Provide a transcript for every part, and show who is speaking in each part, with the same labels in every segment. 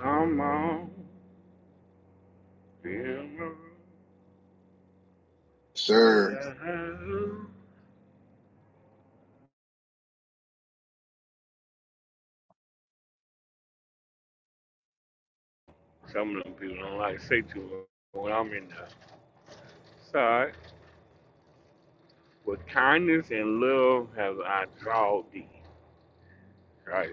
Speaker 1: Come on, feel my
Speaker 2: Sure.
Speaker 1: love. Some of them people don't like to say too much when I'm in the side. With kindness and love have I draw thee. Right.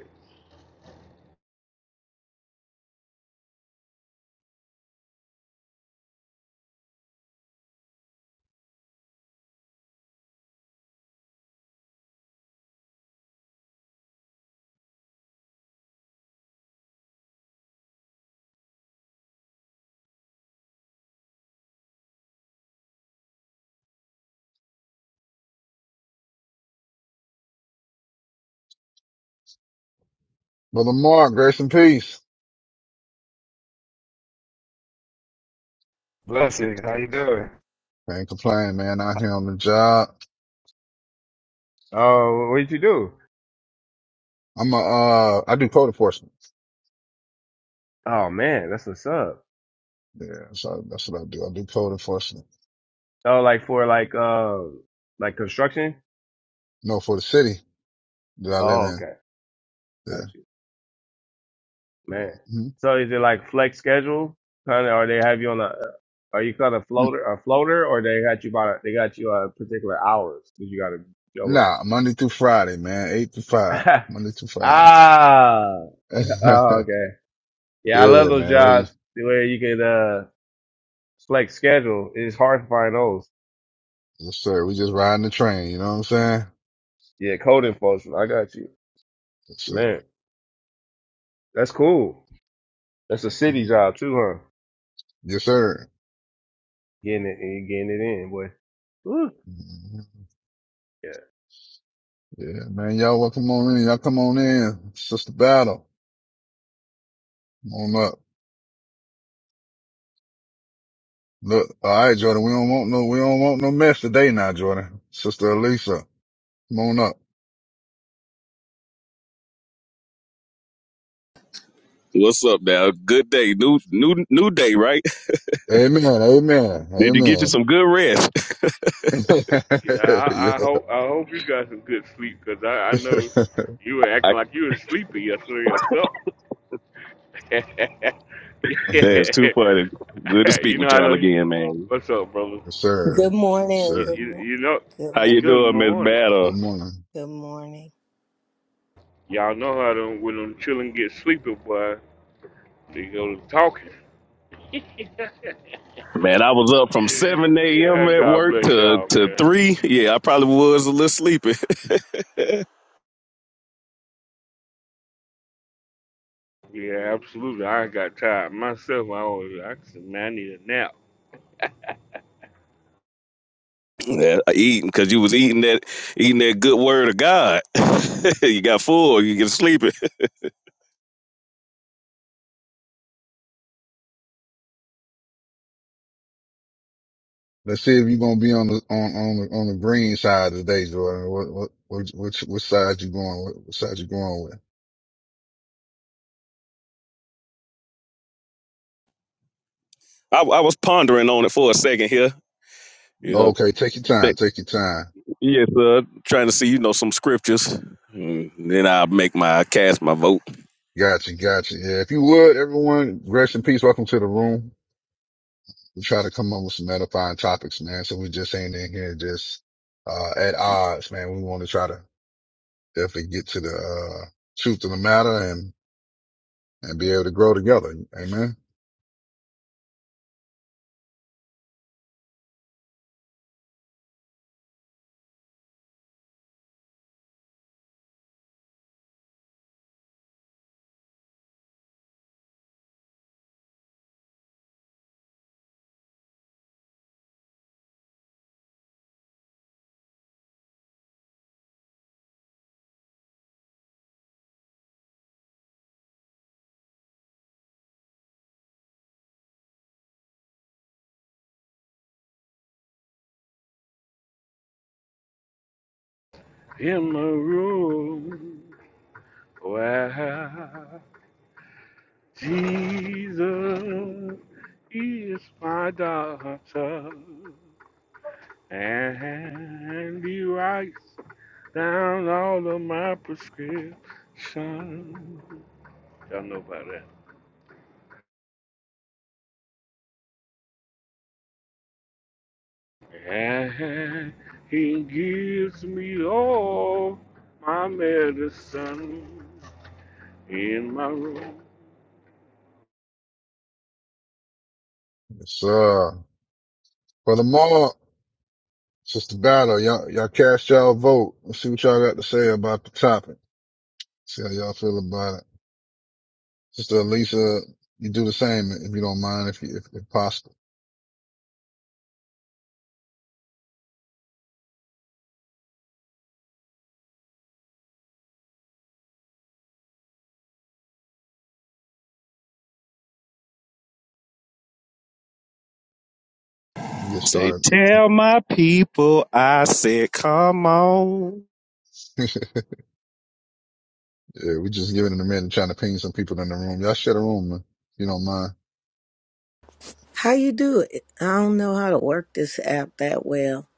Speaker 2: Brother Mark, grace and peace.
Speaker 3: Blessings, how you doing?
Speaker 2: Can't complain, man. Out here on the job.
Speaker 3: Oh, what did you do?
Speaker 2: I'm a, uh, I do code enforcement.
Speaker 3: Oh man, that's what's up.
Speaker 2: Yeah. So that's what I do. I do code enforcement.
Speaker 3: Oh, like for like uh like construction?
Speaker 2: No, for the city that I live
Speaker 3: Oh,
Speaker 2: in.
Speaker 3: okay, got
Speaker 2: Yeah.
Speaker 3: you, man.
Speaker 2: Mhm.
Speaker 3: So is it like flex schedule? Kind of, or they have you on a? uh, Are you kind of
Speaker 2: mm
Speaker 3: floater a floater, or they got you by they got you uh particular hours that you got to
Speaker 2: Nah,
Speaker 3: show
Speaker 2: Monday through Friday, man. Eight to five.
Speaker 3: up?
Speaker 2: Monday through Friday.
Speaker 3: ah, oh, okay. Yeah, I love
Speaker 2: yeah,
Speaker 3: those
Speaker 2: man. We,
Speaker 3: jobs where you can uh flex schedule. It's hard to find those.
Speaker 2: yes, sir. We just riding the train. You know what I'm saying?
Speaker 3: Yeah, code enforcement. I got you.
Speaker 2: Yes, sir.
Speaker 3: Man, that's cool. That's a city
Speaker 2: Mhm.
Speaker 3: job too, huh?
Speaker 2: Yes, sir.
Speaker 3: Getting it, getting it in, boy. Woo.
Speaker 2: Mhm.
Speaker 3: Yeah.
Speaker 2: Yeah, man. Y'all welcome on in. Y'all come on in. Sister Battle. Come on up. Look, all right, Jordan. We don't want no, we don't want no mess today, now, Jordan. Sister Elisa, come on up.
Speaker 4: What's up now? Good day. New new new day, right?
Speaker 2: Amen. Amen.
Speaker 4: Did you get you
Speaker 2: Amen.
Speaker 4: some good rest?
Speaker 1: Yeah,
Speaker 2: yeah.
Speaker 1: I, I hope I hope you got some good sleep because I, I know
Speaker 2: yes,
Speaker 1: you were acting
Speaker 4: I,
Speaker 1: like you were sleepy yesterday yourself. yeah.
Speaker 4: man, it's too funny. Good to
Speaker 1: you
Speaker 4: speak
Speaker 1: know
Speaker 4: with
Speaker 1: how
Speaker 4: y'all
Speaker 1: to.
Speaker 4: again, man.
Speaker 1: What's up, brother?
Speaker 2: sir.
Speaker 5: Good
Speaker 2: Yes,
Speaker 5: morning.
Speaker 1: You,
Speaker 2: sir.
Speaker 5: Good
Speaker 1: you
Speaker 5: mo-
Speaker 1: you know.
Speaker 5: good
Speaker 4: How you
Speaker 5: morning.
Speaker 1: Good
Speaker 4: doing, Miss
Speaker 1: morning.
Speaker 4: Battle?
Speaker 2: Good morning.
Speaker 5: Good morning.
Speaker 1: Y'all know how them when them children get sleepy, boy, they go to talking.
Speaker 4: Man, I was up from seven
Speaker 1: yeah,
Speaker 4: AM at
Speaker 1: God
Speaker 4: work
Speaker 1: bless
Speaker 4: to
Speaker 1: y'all,
Speaker 4: to
Speaker 1: man.
Speaker 4: three. Yeah, I probably was a little sleepy.
Speaker 1: Yeah, absolutely. I got tired myself. I was, I said, man, I need a nap.
Speaker 4: yeah, I eating because you was eating that eating that good word of God. you got full, you get sleepy.
Speaker 2: Let's see if you're gonna be on the on on the, on the green side today, Jordan. What what what which which side you going? With? What side you going with?
Speaker 4: I, I was pondering on it for a second here. You know,
Speaker 2: Okay, take your time. Take your time.
Speaker 4: Yes, sir. Trying to see, you know, some scriptures. Mm, Then I'll make my cast my vote.
Speaker 2: Gotcha. Gotcha. Yeah. If you would, everyone, rest in peace. Welcome to the room. We try to come up with some edifying topics, man. So we just ain't in here just, uh, at odds, man. We want to try to definitely get to the, uh, truth of the matter and, and be able to grow together. Amen.
Speaker 1: In my room, where Jesus is my doctor, and He writes down all of my prescriptions. Y'all know about that. And he gives me all my medicine in my room.
Speaker 2: It's, uh, furthermore, it's just a battle. Y'all, y'all cast y'all vote. Let's see what y'all got to say about the topic. See how y'all feel about it. Sister Elisa, you do the same if you don't mind, if you, if, if possible. You get
Speaker 4: Say,
Speaker 2: started.
Speaker 4: tell my people I said, come on.
Speaker 2: yeah, we just giving it a minute, and trying to ping some people in the room. Y'all share the room, man. If you don't mind.
Speaker 5: How you do it? I don't know how to work this app that well.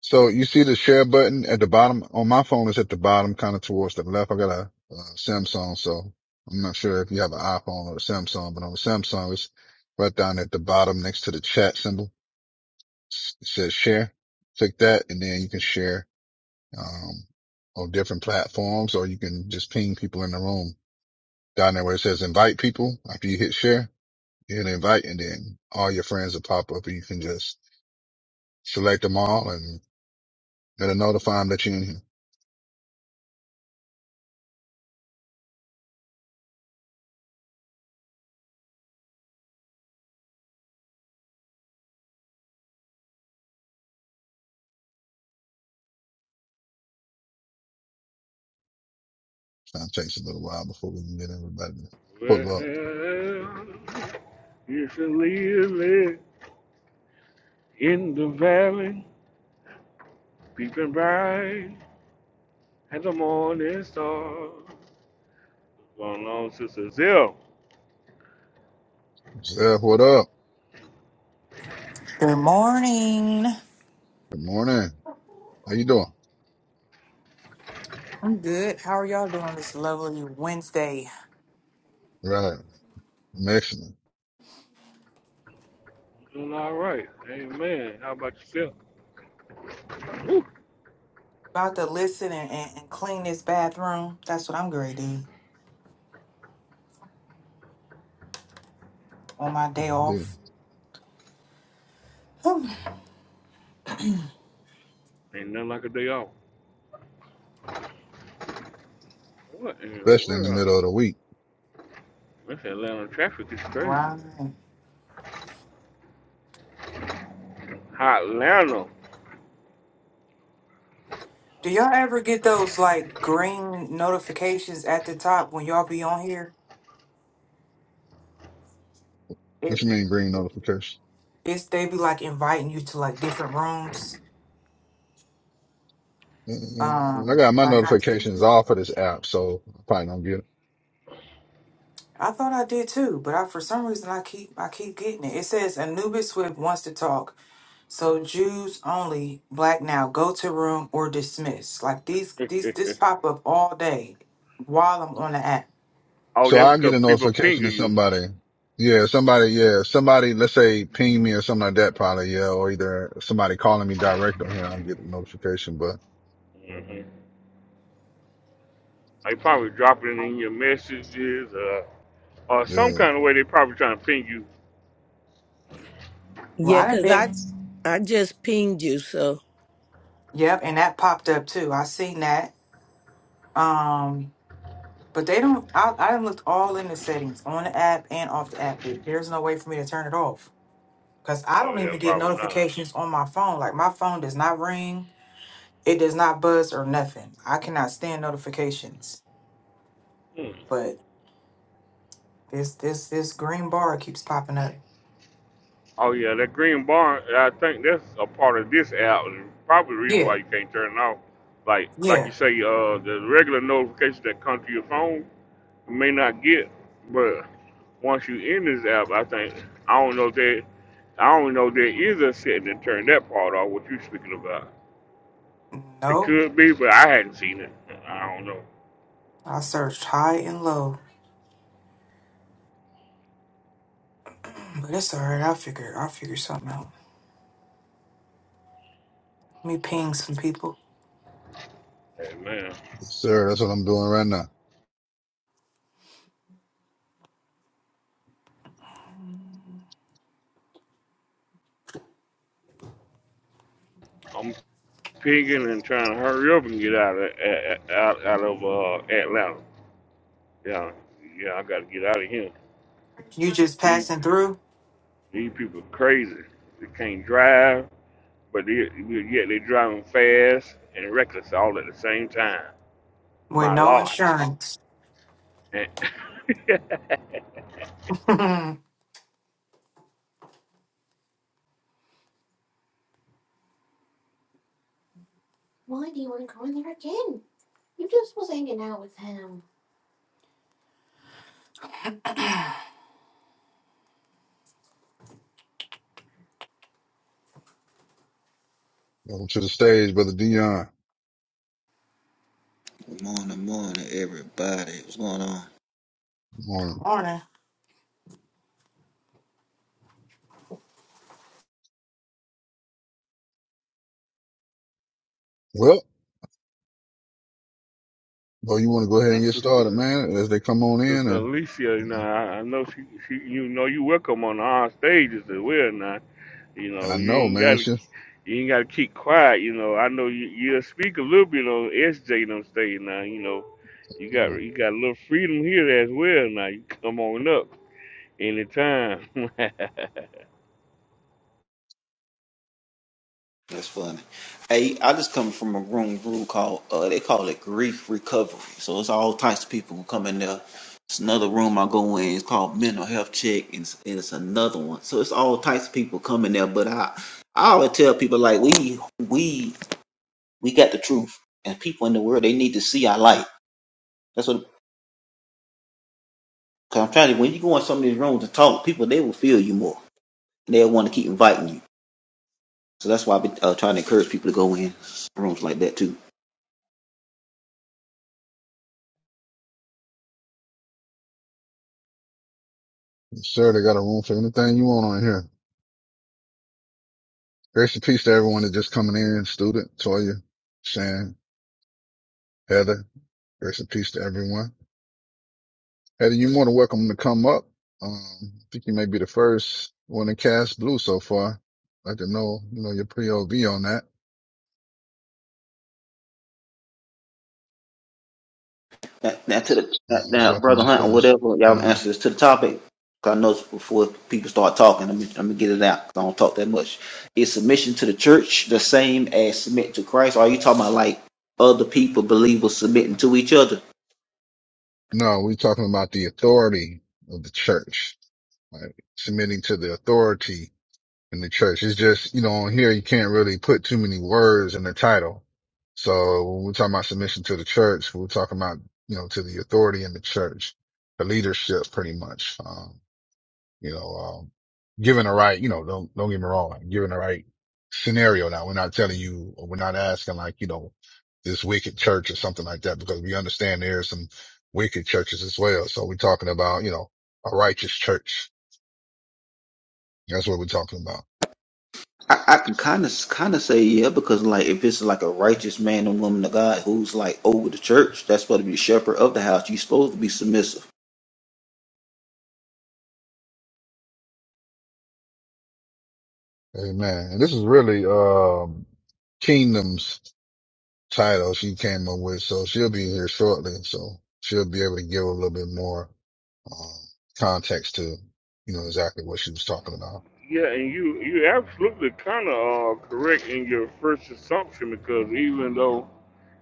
Speaker 2: So you see the share button at the bottom on my phone it's at the bottom, kind of towards the left. I got a, uh Samsung, so I'm not sure if you have an iPhone or a Samsung, but on the Samsung, it's right down at the bottom next to the chat symbol. S- It says share. Click that and then you can share, um, on different platforms or you can just ping people in the room down there where it says invite people. After you hit share, you hit invite and then all your friends will pop up and you can just select them all and it'll notify them that you're in here. Time takes a little while before we can get everybody to
Speaker 1: Well,
Speaker 2: pull up.
Speaker 1: you should leave it in the valley, peeping bright at the morning star. Going on, Sister Zell.
Speaker 2: Zeph, what up?
Speaker 6: Good morning.
Speaker 2: Good morning. How you doing?
Speaker 6: I'm good. How are y'all doing on this lovely Wednesday?
Speaker 2: Right. I'm excellent.
Speaker 1: Doing all right. Amen. How about yourself? Whew.
Speaker 6: About to listen and, and, and clean this bathroom. That's what I'm going to do on my day
Speaker 2: Yeah.
Speaker 6: off. Hmm.
Speaker 1: Ain't nothing like a day off. What in the
Speaker 2: Especially in the
Speaker 1: world?
Speaker 2: middle of the week.
Speaker 1: This Atlanta traffic is crazy.
Speaker 6: right.
Speaker 1: Hot Atlanta.
Speaker 6: Do y'all ever get those like green notifications at the top when y'all be on here? It,
Speaker 2: What you mean green notification?
Speaker 6: it's they be like inviting you to like different rooms.
Speaker 2: Mm, I
Speaker 6: Um,
Speaker 2: got my
Speaker 6: like I,
Speaker 2: notifications off of this app, so I probably don't get it.
Speaker 6: I thought I did too, but I for some reason I keep I keep getting it. It says Anubis Swift wants to talk. So Jews only, black now, go to room or dismiss. Like these these this pop up all day while I'm on the app.
Speaker 1: Oh,
Speaker 2: So
Speaker 1: that's
Speaker 2: I get
Speaker 1: because
Speaker 2: a
Speaker 1: people ping
Speaker 2: notification that
Speaker 1: you.
Speaker 2: somebody, yeah, somebody, yeah, somebody, let's say ping me or something like that, probably, yeah, or either somebody calling me direct on here, I'll get a notification, but
Speaker 1: hmm They probably dropping it in your messages uh, or some
Speaker 2: yeah,
Speaker 1: kind of way. They probably trying to ping you.
Speaker 6: Well,
Speaker 5: Yeah,
Speaker 6: I done
Speaker 5: cause
Speaker 6: been
Speaker 5: I I just pinged you. So
Speaker 6: Yep, and that popped up too. I seen that. Um but they don't I I done looked all in the settings on the app and off the app. There- There's no way for me to turn it off. Cause I don't
Speaker 1: Oh yeah,
Speaker 6: even get
Speaker 1: probably not.
Speaker 6: notifications on my phone. Like my phone does not ring, it does not buzz or nothing. I cannot stand notifications.
Speaker 1: Hmm.
Speaker 6: But this this this green bar keeps popping up.
Speaker 1: Oh yeah, that green bar. I think that's a part of this app. Probably the reason
Speaker 6: Yeah.
Speaker 1: why you can't turn it off. Like like you
Speaker 6: Yeah.
Speaker 1: say, uh, the regular notifications that come to your phone you may not get, but once you in this app, I think I don't know that I don't know there is a setting to turn that part off. What you speaking about? It
Speaker 6: Nope.
Speaker 1: could be, but I hadn't seen it. I don't know.
Speaker 6: I searched high and low. But it's alright, I'll figure I'll figure something out. Let me ping some people.
Speaker 1: Hey, man,
Speaker 2: yes, sir, that's what I'm doing right now.
Speaker 1: I'm pinging and trying to hurry up and get out of out, out of uh, Atlanta. Yeah, yeah, I got to get out of here.
Speaker 6: You just
Speaker 1: These
Speaker 6: passing through
Speaker 1: these people crazy. They can't drive, but they, yet they driving fast and reckless all at the same time.
Speaker 6: with
Speaker 1: My
Speaker 6: no
Speaker 1: lord.
Speaker 6: insurance.
Speaker 1: And-
Speaker 6: Good Why do you want to go in there again? You just was hanging out with him.
Speaker 2: Welcome to the stage, brother Dion.
Speaker 7: Good Morning, morning, everybody. What's going on?
Speaker 2: Morning.
Speaker 6: morning.
Speaker 2: Well, well, you want to go ahead
Speaker 1: My
Speaker 2: and get started,
Speaker 1: sister
Speaker 2: man, as they come on in
Speaker 1: Sister
Speaker 2: and
Speaker 1: Alicia, you
Speaker 2: you
Speaker 1: know,
Speaker 2: know,
Speaker 1: I, I know she, she, you know, you welcome on our stages as well. Now, you know,
Speaker 2: I
Speaker 1: you
Speaker 2: know,
Speaker 1: ain't
Speaker 2: man.
Speaker 1: gotta,
Speaker 2: It's just,
Speaker 1: you ain't gotta keep quiet. You know, I know you, you speak a little bit on SJ and them stage now. You know, you got,
Speaker 2: mm,
Speaker 1: you got a little freedom here as well. Now, you come on up anytime.
Speaker 7: That's funny. Hey, I just come from a room group called uh, they call it grief recovery. So it's all types of people who come in there. It's another room I go in. It's called mental health check, and it's, and it's another one. So it's all types of people coming there. But I, I always tell people like we, we, we got the truth, and people in the world they need to see our light. That's what. Cause I'm trying to. When you go in some of these rooms and talk, people they will feel you more. They'll want to keep inviting you. So that's why I've been uh, trying to encourage people to go in rooms like that too.
Speaker 2: Yes, sir, they got a room for anything you want on here. Grace and peace to everyone that's just coming in, student, Toya, Shan, Heather. Grace and peace to everyone. Heather, you're more than welcome to come up. Um, I think you may be the first one to cast blue so far. I can know, you know, your POV on that.
Speaker 7: Now, now to the
Speaker 2: Uh,
Speaker 7: now,
Speaker 2: just
Speaker 7: now,
Speaker 2: welcome
Speaker 7: brother
Speaker 2: on
Speaker 7: Hunt or
Speaker 2: stage.
Speaker 7: whatever, y'all
Speaker 2: Come on.
Speaker 7: answer this to the topic. 'Cause I know before people start talking, I'm, I'm gonna get it out. 'cause I don't talk that much. Is submission to the church the same as submit to Christ? Or are you talking about like other people, believers submitting to each other?
Speaker 2: No, we're talking about the authority of the church like submitting to the authority in the church. It's just, you know, on here, you can't really put too many words in the title. So when we're talking about submission to the church, we're talking about, you know, to the authority in the church, the leadership pretty much. Um, you know, um, given the right, you know, don't, don't get me wrong, like, given the right scenario. Now we're not telling you, or we're not asking like, you know, this wicked church or something like that, because we understand there are some wicked churches as well. So we're talking about, you know, a righteous church that's what we're talking about.
Speaker 7: I, I can kind of kind of say yeah, because like if it's like a righteous man and woman of God who's like over the church, that's supposed to be the shepherd of the house. You're supposed to be submissive.
Speaker 2: Amen. And this is really um Kingdom's title she came up with, so she'll be here shortly, so she'll be able to give a little bit more um context to you know exactly what she was talking about.
Speaker 1: Yeah, and you you absolutely kind of uh, correct in your first assumption because even though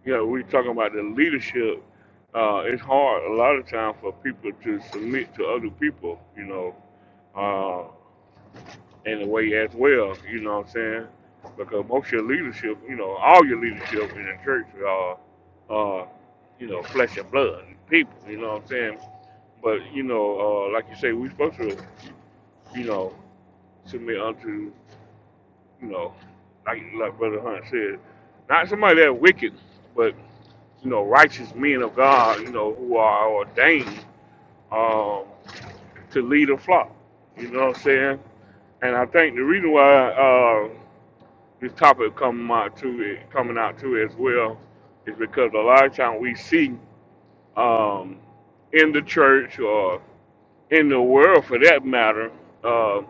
Speaker 1: you know we're talking about the leadership, uh, it's hard a lot of time for people to submit to other people, you know, uh, in a way as well. You know what I'm saying? Because most of your leadership, you know, all your leadership in the church are, uh, you know, flesh and blood people. You know what I'm saying? But you know, uh, like you say, we're supposed to, you know, submit unto you know, like like Brother Hunt said, not somebody that wicked, but you know, righteous men of God, you know, who are ordained um, to lead a flock. You know what I'm saying? And I think the reason why uh, this topic coming out to it, coming out to it as well is because a lot of time we see um, in the church or in the world for that matter, uh,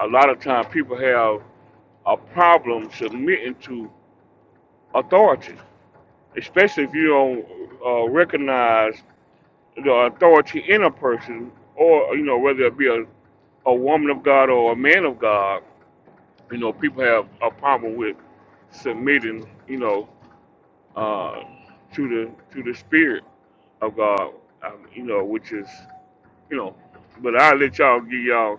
Speaker 1: a lot of time people have a problem submitting to authority, especially if you don't uh, recognize the authority in a person, or you know whether it be a, a woman of God or a man of God. You know, people have a problem with submitting. You know, uh, to the to the spirit of God. Um, you know, which is you know, but I'll let y'all give y'all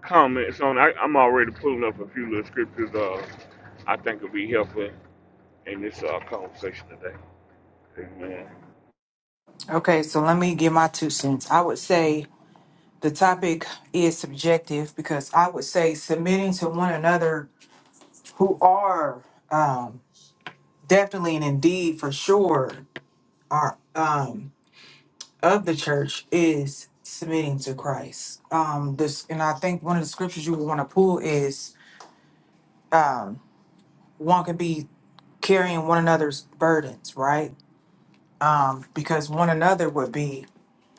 Speaker 1: comments on. I, I'm already pulling up a few little scriptures. Uh, I think will be helpful in this uh, conversation today. Amen.
Speaker 6: Okay, so let me give my two cents. I would say the topic is subjective because I would say submitting to one another who are um definitely and indeed for sure are um of the church is submitting to Christ. Um, this, and I think one of the scriptures you would want to pull is um, one could be carrying one another's burdens, right? Um, because one another would be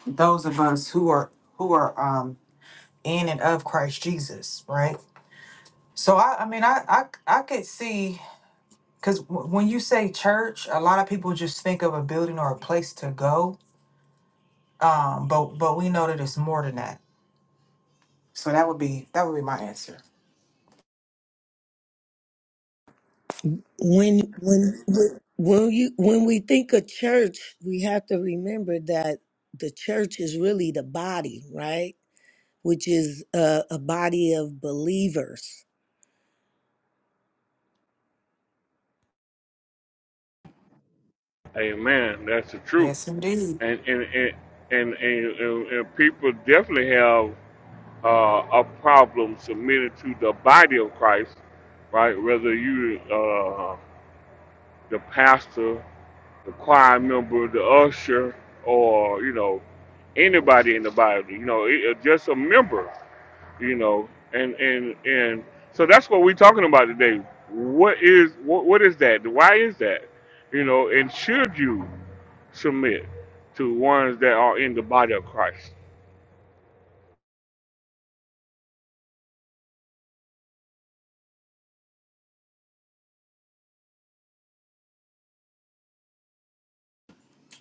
Speaker 6: those of us who are who are um, in and of Christ Jesus, right? So I, I mean, I, I, I could see because w- when you say church, a lot of people just think of a building or a place to go. Um, but but we know that it's more than that. So that would be that would be my answer.
Speaker 5: when when when when you when we think of church, we have to remember that the church is really the body, right? Which is uh, a body of believers.
Speaker 1: Amen. That's the truth.
Speaker 6: Yes, indeed.
Speaker 1: And and and and, and, and, and people definitely have uh, a problem submitting to the body of Christ, right? Whether you uh, the pastor, the choir member, the usher, or you know anybody in the body, you know, it, uh, just a member you know and and and so that's what we're talking about today what is what, what is that why is that you know and should you submit to ones that are in the body of christ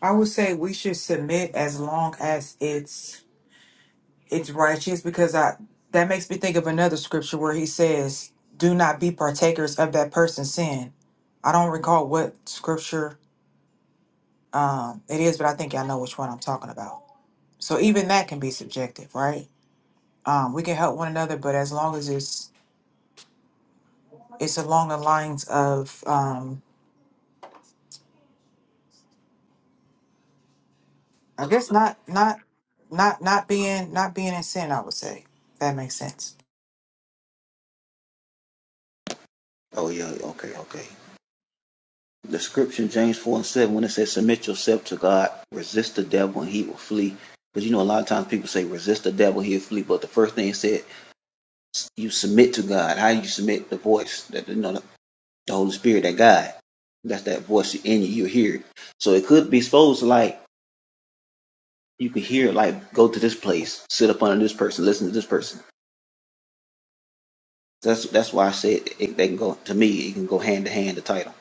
Speaker 6: I would say we should submit as long as it's it's righteous because I that makes me think of another scripture where he says, "Do not be partakers of that person's sin." I don't recall what scripture um, it is, but I think I know which one I'm talking about. So even that can be subjective, right? Um, we can help one another, but as long as it's it's along the lines of, um, I guess not not not not being not being in sin, I would say If that makes sense.
Speaker 7: Oh yeah, okay, okay. The scripture, James 4 and 7, when it says, Submit yourself to God, resist the devil, and he will flee. Because you know, a lot of times people say, Resist the devil, he'll flee. But the first thing it said, You submit to God. How do you submit the voice, that you know, the, the Holy Spirit, that God, that's that voice in you, you hear it. So it could be supposed to like, you could hear, like, go to this place, sit up under this person, listen to this person. That's that's why I said it, they can go, to me, it can go hand to hand, the title.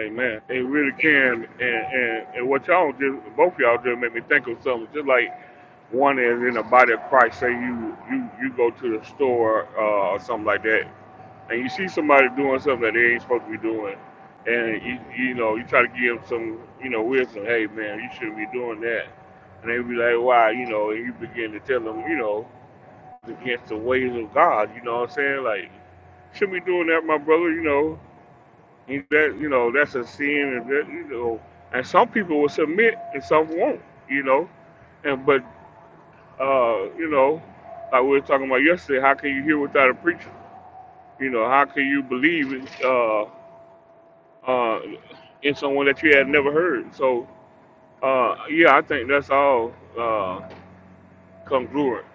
Speaker 1: amen It really can and and, and what y'all just both y'all just made me think of something just like one is in the body of christ say you you you go to the store uh, or something like that and you see somebody doing something that they ain't supposed to be doing, and you you know you try to give them some you know wisdom. Hey man, you shouldn't be doing that. And they be like, why? You know, and you begin to tell them, you know, it's against the ways of God. You know what I'm saying? Like, shouldn't be doing that, my brother. You know, and that you know that's a sin, and that you know, and some people will submit and some won't. You know, and but uh, you know, like we were talking about yesterday, how can you hear without a preacher? You know, how can you believe it? uh, uh, in someone that you had never heard. So, uh, yeah, I think that's all uh, congruent.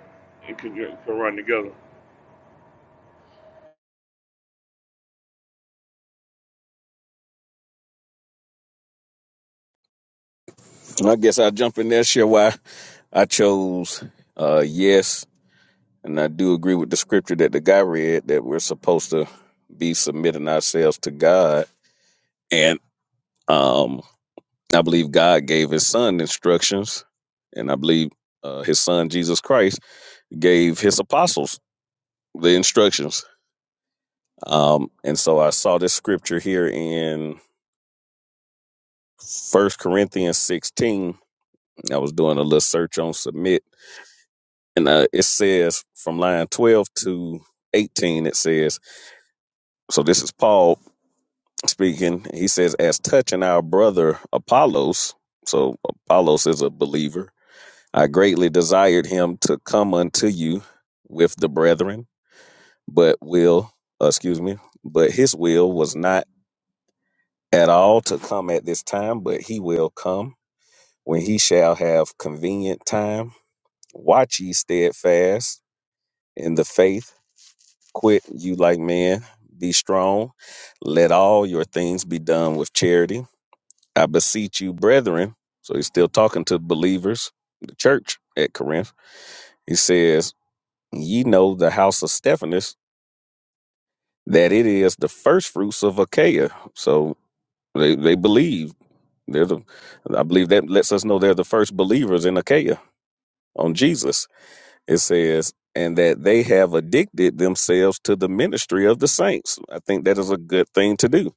Speaker 1: It can, it can run together.
Speaker 4: I guess I'll jump in there, share why I chose uh yes. And I do agree with the scripture that the guy read that we're supposed to be submitting ourselves to God. And um I believe God gave his son instructions, and I believe uh, his son Jesus Christ gave his apostles the instructions Um, and so I saw this scripture here in First Corinthians 16. I was doing a little search on submit, and uh, it says from line 12 to 18, it says, so this is Paul speaking. He says, as touching our brother Apollos, so Apollos is a believer, I greatly desired him to come unto you with the brethren, but will, uh, excuse me, but his will was not at all to come at this time, but he will come when he shall have convenient time. Watch ye steadfast in the faith, quit you like men, be strong, let all your things be done with charity. I beseech you, brethren. So he's still talking to believers, the church at Corinth. He says, Ye know the house of Stephanus, that it is the first fruits of Achaia. So they, they believe. They're the I believe that lets us know they're the first believers in Achaia on Jesus It says, and that they have addicted themselves to the ministry of the saints. I think that is a good thing to do.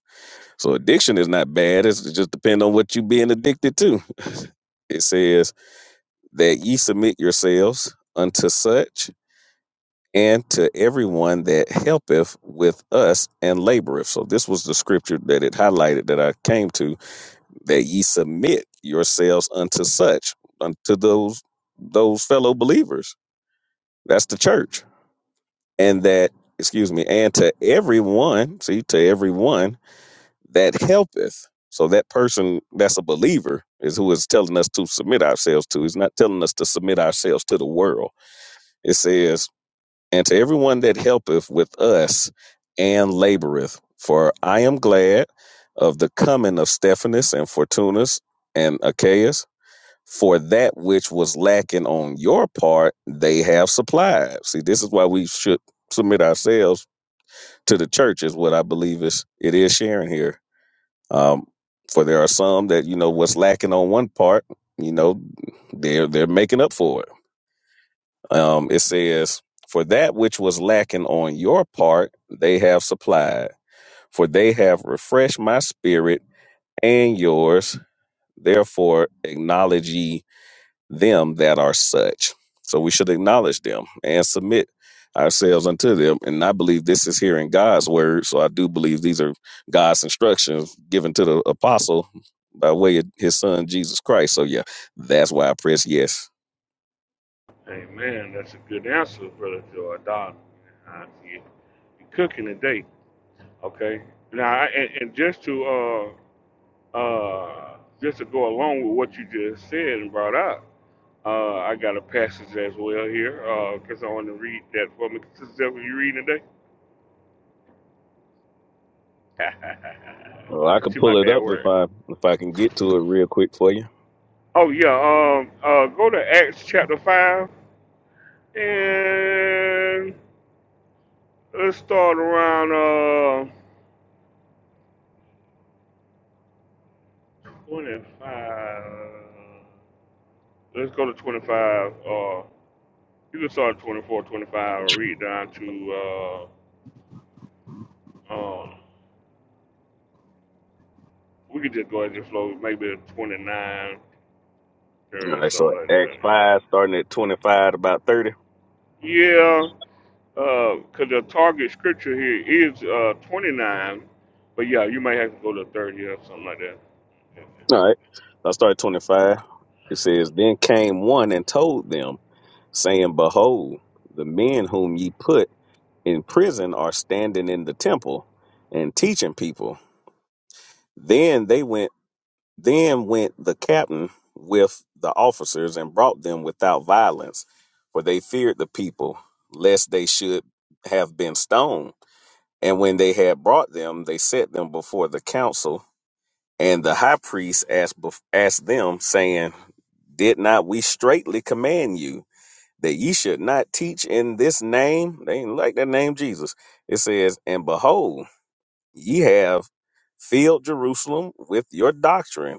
Speaker 4: So addiction is not bad. It's, it just depends on what you're being addicted to. It says that ye submit yourselves unto such and to everyone that helpeth with us and laboreth. So this was the scripture that it highlighted that I came to that ye submit yourselves unto such unto those those fellow believers. That's the church and that excuse me and to everyone see to everyone that helpeth so that person that's a believer is who is telling us to submit ourselves to he's not telling us to submit ourselves to the world it says and to everyone that helpeth with us and laboreth for i am glad of the coming of stephanus and fortunus and achaeus for that which was lacking on your part they have supplied see this is why we should submit ourselves to the church is what I believe is it is sharing here. Um, for there are some that you know what's lacking on one part, you know, they're they're making up for it. Um, it says, "For that which was lacking on your part, they have supplied. For they have refreshed my spirit and yours. Therefore, acknowledge ye." them that are such. So we should acknowledge them and submit ourselves unto them. And I believe this is here in God's word. So I do believe these are God's instructions given to the apostle by way of his son Jesus Christ. So yeah, that's why I press yes.
Speaker 1: Hey, man, that's a good answer, Brother Joe. I see you you cooking today. Okay. Now, I- and, and just to uh, uh, just to go along with what you just said and brought up, uh, I got a passage as well here because I want to read that for me. Sister, Zephyr, you reading today?
Speaker 4: Well, I can
Speaker 1: She my
Speaker 4: pull it
Speaker 1: bad
Speaker 4: up if
Speaker 1: word.
Speaker 4: I if I can get to it real quick for you.
Speaker 1: Oh yeah, um, uh, go to Acts chapter five, and let's start around uh twenty-five. Let's go to twenty-five. Uh, you can start at 24, twenty-five, and read down to uh, um, we could just go ahead and just flow maybe 29,
Speaker 4: All
Speaker 1: 30, or
Speaker 4: right, so
Speaker 1: something like
Speaker 4: Acts
Speaker 1: that.
Speaker 4: five starting at twenty five about thirty.
Speaker 1: Yeah, uh, cause the target scripture here is uh twenty-nine, but yeah, you might have to go to thirty or something like that.
Speaker 4: All right. I started 25. It says, Then came one and told them, saying, Behold, the men whom ye put in prison are standing in the temple and teaching people. Then they went, then went the captain with the officers and brought them without violence, for they feared the people, lest they should have been stoned. And when they had brought them, they set them before the council. And the high priest asked, bef- asked them, saying, did not we straightly command you that ye should not teach in this name? They ain't like that name, Jesus. It says, And behold, ye have filled Jerusalem with your doctrine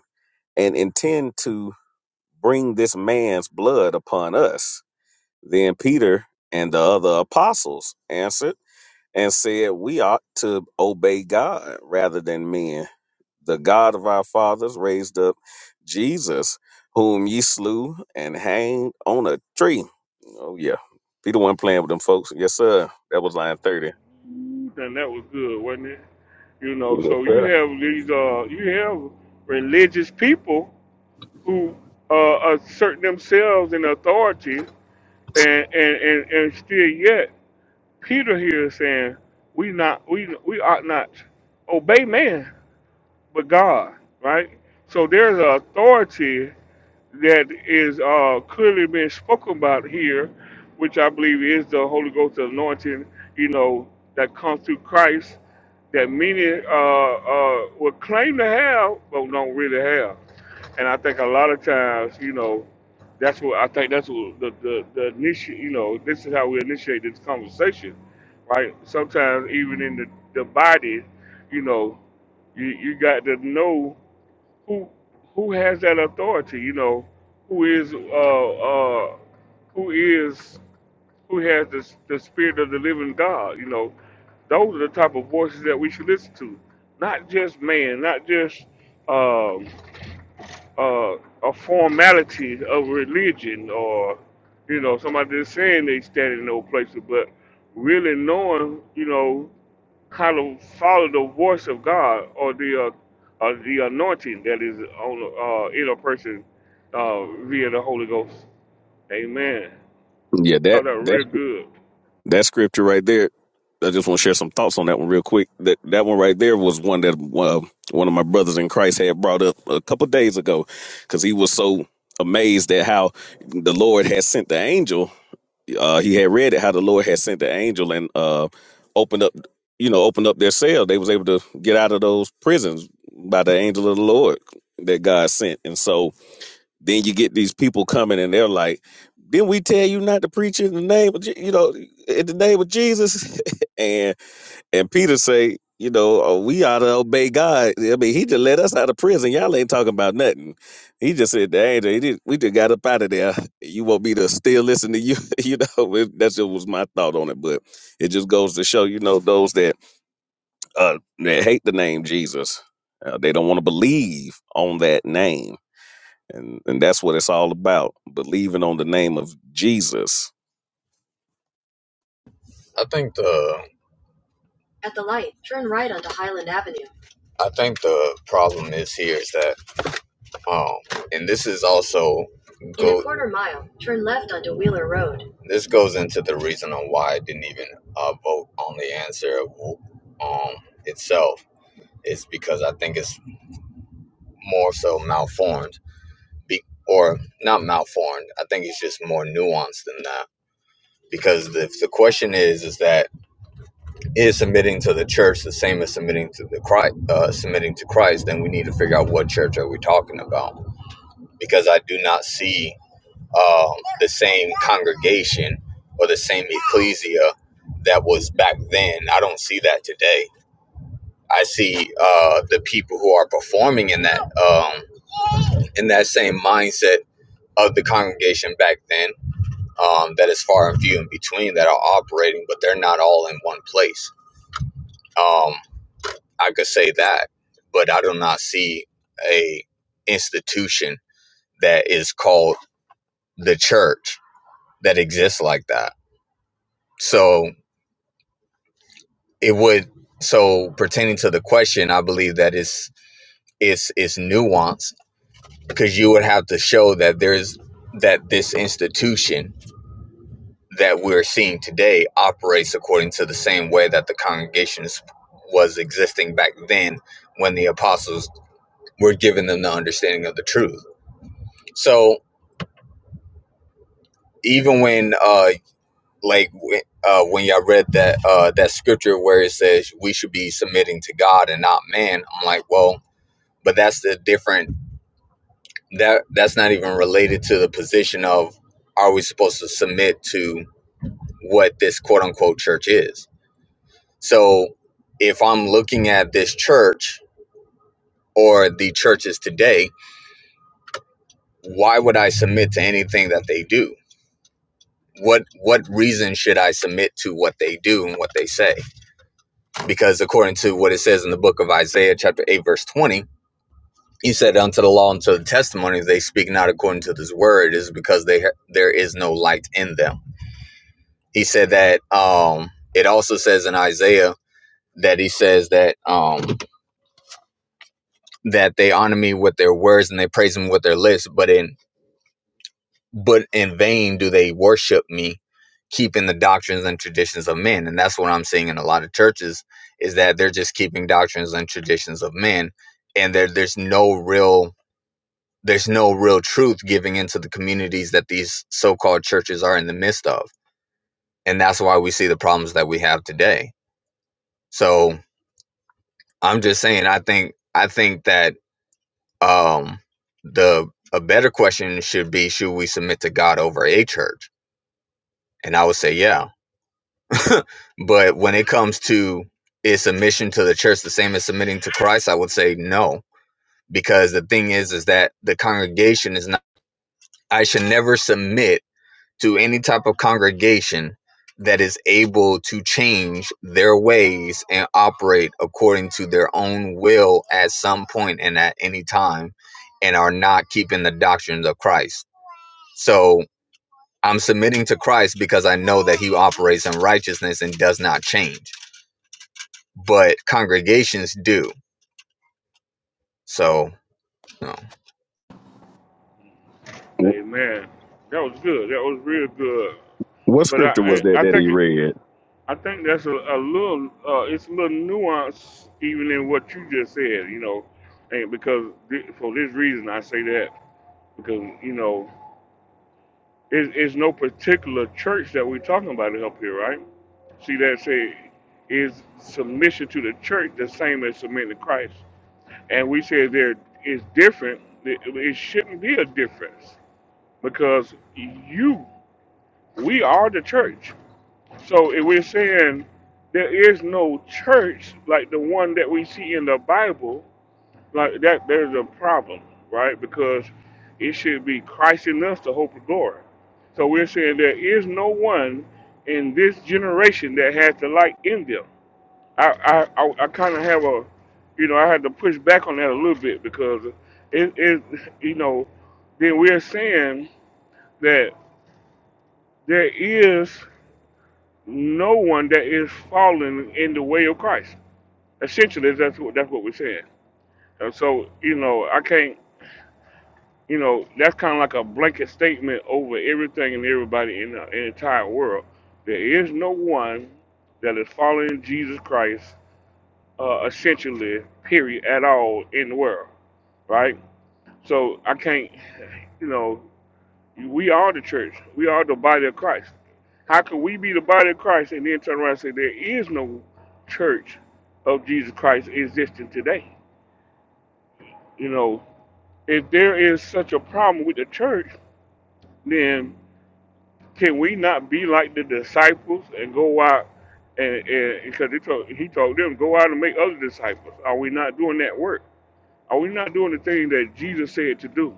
Speaker 4: and intend to bring this man's blood upon us. Then Peter and the other apostles answered and said, We ought to obey God rather than men the God of our fathers raised up Jesus, whom ye slew and hanged on a tree. Oh yeah, be the one playing with them folks. Yes, sir. That was line thirty.
Speaker 1: Then that was good, wasn't it? You know,
Speaker 4: Yes,
Speaker 1: so you
Speaker 4: sir.
Speaker 1: have these, uh, you have religious people who uh, assert themselves in authority, and and and, and still yet Peter here is saying we not we we ought not obey man but God, right? So there's an authority that is uh, clearly being spoken about here, which I believe is the Holy Ghost anointing, you know, that comes through Christ, that many uh, uh, would claim to have, but don't really have. And I think a lot of times, you know, that's what I think that's what the, the, the initiate, you know, this is how we initiate this conversation, right? Sometimes even in the, the body, you know, you, you got to know who who has that authority? You know, who is uh uh who is who has the the spirit of the living God? You know, those are the type of voices that we should listen to, not just man, not just um uh, a formality of religion or you know somebody just saying they stand in no places, but really knowing you know how to follow the voice of God or the uh, uh, the anointing that is on uh, in a person uh, via the Holy Ghost. Amen.
Speaker 4: Yeah, that
Speaker 1: Thought that was
Speaker 4: that's
Speaker 1: real good.
Speaker 4: that scripture right there. I just want to share some thoughts on that one real quick. That that one right there was one that uh, one of my brothers in Christ had brought up a couple days ago, because he was so amazed at how the Lord had sent the angel uh, he had read it how the Lord had sent the angel and uh, opened up, you know, opened up their cell. They was able to get out of those prisons by the angel of the Lord that God sent. And so then you get these people coming and they're like, "Didn't we tell you not to preach in the name of Je- you know in the name of Jesus?" And and Peter say, you know, oh, we ought to obey God. I mean, he just let us out of prison. Y'all ain't talking about nothing. He just said, the angel, he just, we just got up out of there. You want me to still listen to you? you know, it, that's just was my thought on it. But it just goes to show, you know, those that uh that hate the name Jesus, uh, they don't want to believe on that name, and and that's what it's all about, believing on the name of Jesus.
Speaker 8: I think the At the light, turn right onto Highland Avenue. I think the problem is here is that um and this is also Go, In a quarter mile, turn left onto Wheeler Road. this goes into the reason on why I didn't even uh, vote on the answer um itself It's because I think it's more so malformed be, or not malformed. I think it's just more nuanced than that because if the question is is that is submitting to the church the same as submitting to the Christ, uh, submitting to Christ, then we need to figure out what church are we talking about because I do not see um, the same congregation or the same ecclesia that was back then. I don't see that today. I see uh, the people who are performing in that um, in that same mindset of the congregation back then. Um, that is far and few in between that are operating, but they're not all in one place. Um, I could say that, but I do not see a institution that is called the church that exists like that. So it would so pertaining to the question, I believe that it's it's it's nuanced because you would have to show that there's that this institution that we're seeing today operates according to the same way that the congregation was existing back then when the apostles were giving them the understanding of the truth. So even when uh like when- uh when y'all read that uh that scripture where it says we should be submitting to God and not man, I'm like, well, but that's the different that that's not even related to the position of are we supposed to submit to what this quote unquote church is. So if I'm looking at this church or the churches today, why would I submit to anything that they do? What what reason should I submit to what they do and what they say? because according to what it says in the book of Isaiah, chapter 8, verse 20, he said, Unto the law and to the testimony, they speak not according to this word, is because they ha- there is no light in them. He said that um, it also says in Isaiah that he says that um, that they honor me with their words and they praise him with their lips, but in but in vain do they worship me keeping the doctrines and traditions of men and that's what i'm seeing in a lot of churches is that they're just keeping doctrines and traditions of men and there there's no real there's no real truth giving into the communities that these so-called churches are in the midst of and that's why we see the problems that we have today so i'm just saying i think i think that um the a better question should be should we submit to god over a church and i would say yeah But when it comes to is submission to the church the same as submitting to Christ, I would say no. Because the thing is, is that the congregation is not, I should never submit to any type of congregation that is able to change their ways and operate according to their own will at some point and at any time and are not keeping the doctrines of Christ. So I'm submitting to Christ because I know that he operates in righteousness and does not change but congregations do. So, you know,
Speaker 4: Wh-
Speaker 1: Amen. That was good. That was real good.
Speaker 4: What
Speaker 1: But I
Speaker 4: scripture was that
Speaker 1: I I
Speaker 4: that he
Speaker 1: think it,
Speaker 4: read?
Speaker 1: I think that's a, a little uh, it's a little nuance even in what you just said. You know, and because thi- for this reason I say that because you know. It's, it's no particular church that we're talking about up here, right? See that say is submission to the church the same as submitting to Christ? And we say there is different. It it shouldn't be a difference because you, we are the church. So if we're saying there is no church like the one that we see in the Bible, like that, there's a problem, right? Because it should be Christ in us, the hope of glory. So we're saying there is no one in this generation that has the light in them. I, I, I, I kind of have a, you know, I had to push back on that a little bit because it, it, you know, then we're saying that there is no one that is falling in the way of Christ. Essentially, that's what that's what we're saying. And so, you know, I can't. you know, that's kind of like a blanket statement over everything and everybody in the, in the entire world. There is no one that is following Jesus Christ, uh, essentially, period, at all in the world, right? So I can't, you know, we are the church. We are the body of Christ. How can we be the body of Christ and then turn around and say there is no church of Jesus Christ existing today? You know, if there is such a problem with the church, then can we not be like the disciples and go out and because he told he told them go out and make other disciples? Are we not doing that work? Are we not doing the thing that Jesus said to do?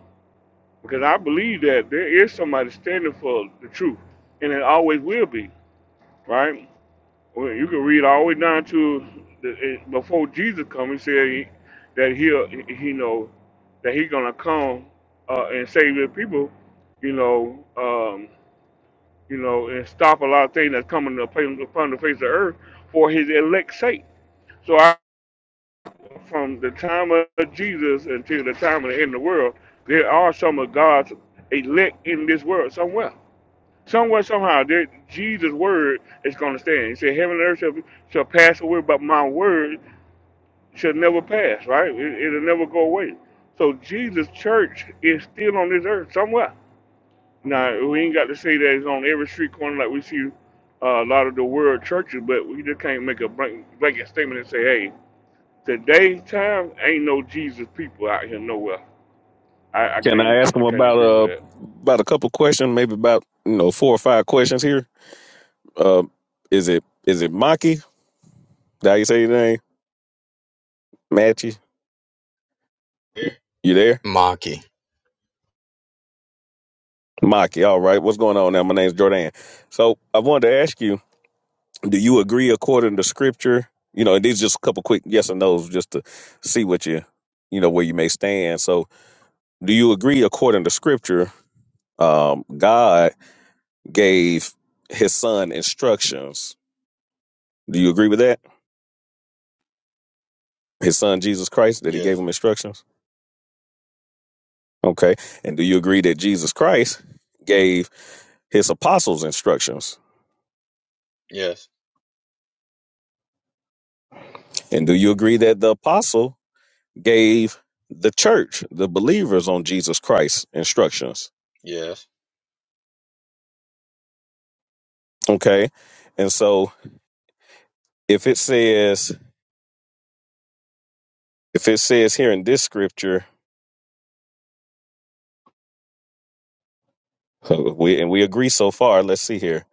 Speaker 1: Because I believe that there is somebody standing for the truth, and it always will be right. Well, you can read all the way down to the, eh, before Jesus come. He said he- that he'll he know that he's gonna come uh, and save the people. You know. Um, you know, and stop a lot of things that's coming upon upon the face of the earth for his elect's sake. So I, from the time of Jesus until the time of the end of the world, there are some of God's elect in this world somewhere. Somewhere, somehow, there, Jesus' word is going to stand. He said, heaven and earth shall, shall pass away, but my word shall never pass, right? It, it'll never go away. So Jesus' church is still on this earth somewhere. Now we ain't got to say that it's on every street corner like we see uh, a lot of the world churches, but we just can't make a blank, blanket statement and say, "Hey, today time ain't no Jesus people out here nowhere." I, I
Speaker 4: Can
Speaker 1: can't
Speaker 4: I ask him
Speaker 1: I can't
Speaker 4: about
Speaker 1: agree with
Speaker 4: uh
Speaker 1: that.
Speaker 4: about a couple questions, maybe about you know four or five questions here? Uh, is it is it Maki? Did you say your name? Matchy? You
Speaker 8: Yeah.
Speaker 4: you there?
Speaker 8: Maki.
Speaker 4: Maki. All right. What's going on now? My name's Jordan. So I wanted to ask you: Do you agree according to Scripture? You know, and these just a couple quick yes and nos just to see what you you know where you may stand. So, do you agree according to Scripture? Um, God gave His Son instructions. Do you agree with that? His son Jesus Christ that he gave
Speaker 8: Yes.
Speaker 4: him instructions? Okay. And do you agree that Jesus Christ gave his apostles instructions?
Speaker 8: Yes.
Speaker 4: And do you agree that the apostle gave the church, the believers on Jesus Christ instructions?
Speaker 8: Yes.
Speaker 4: Okay. And so if it says, if it says here in this scripture, uh, we, and we agree so far, let's see here.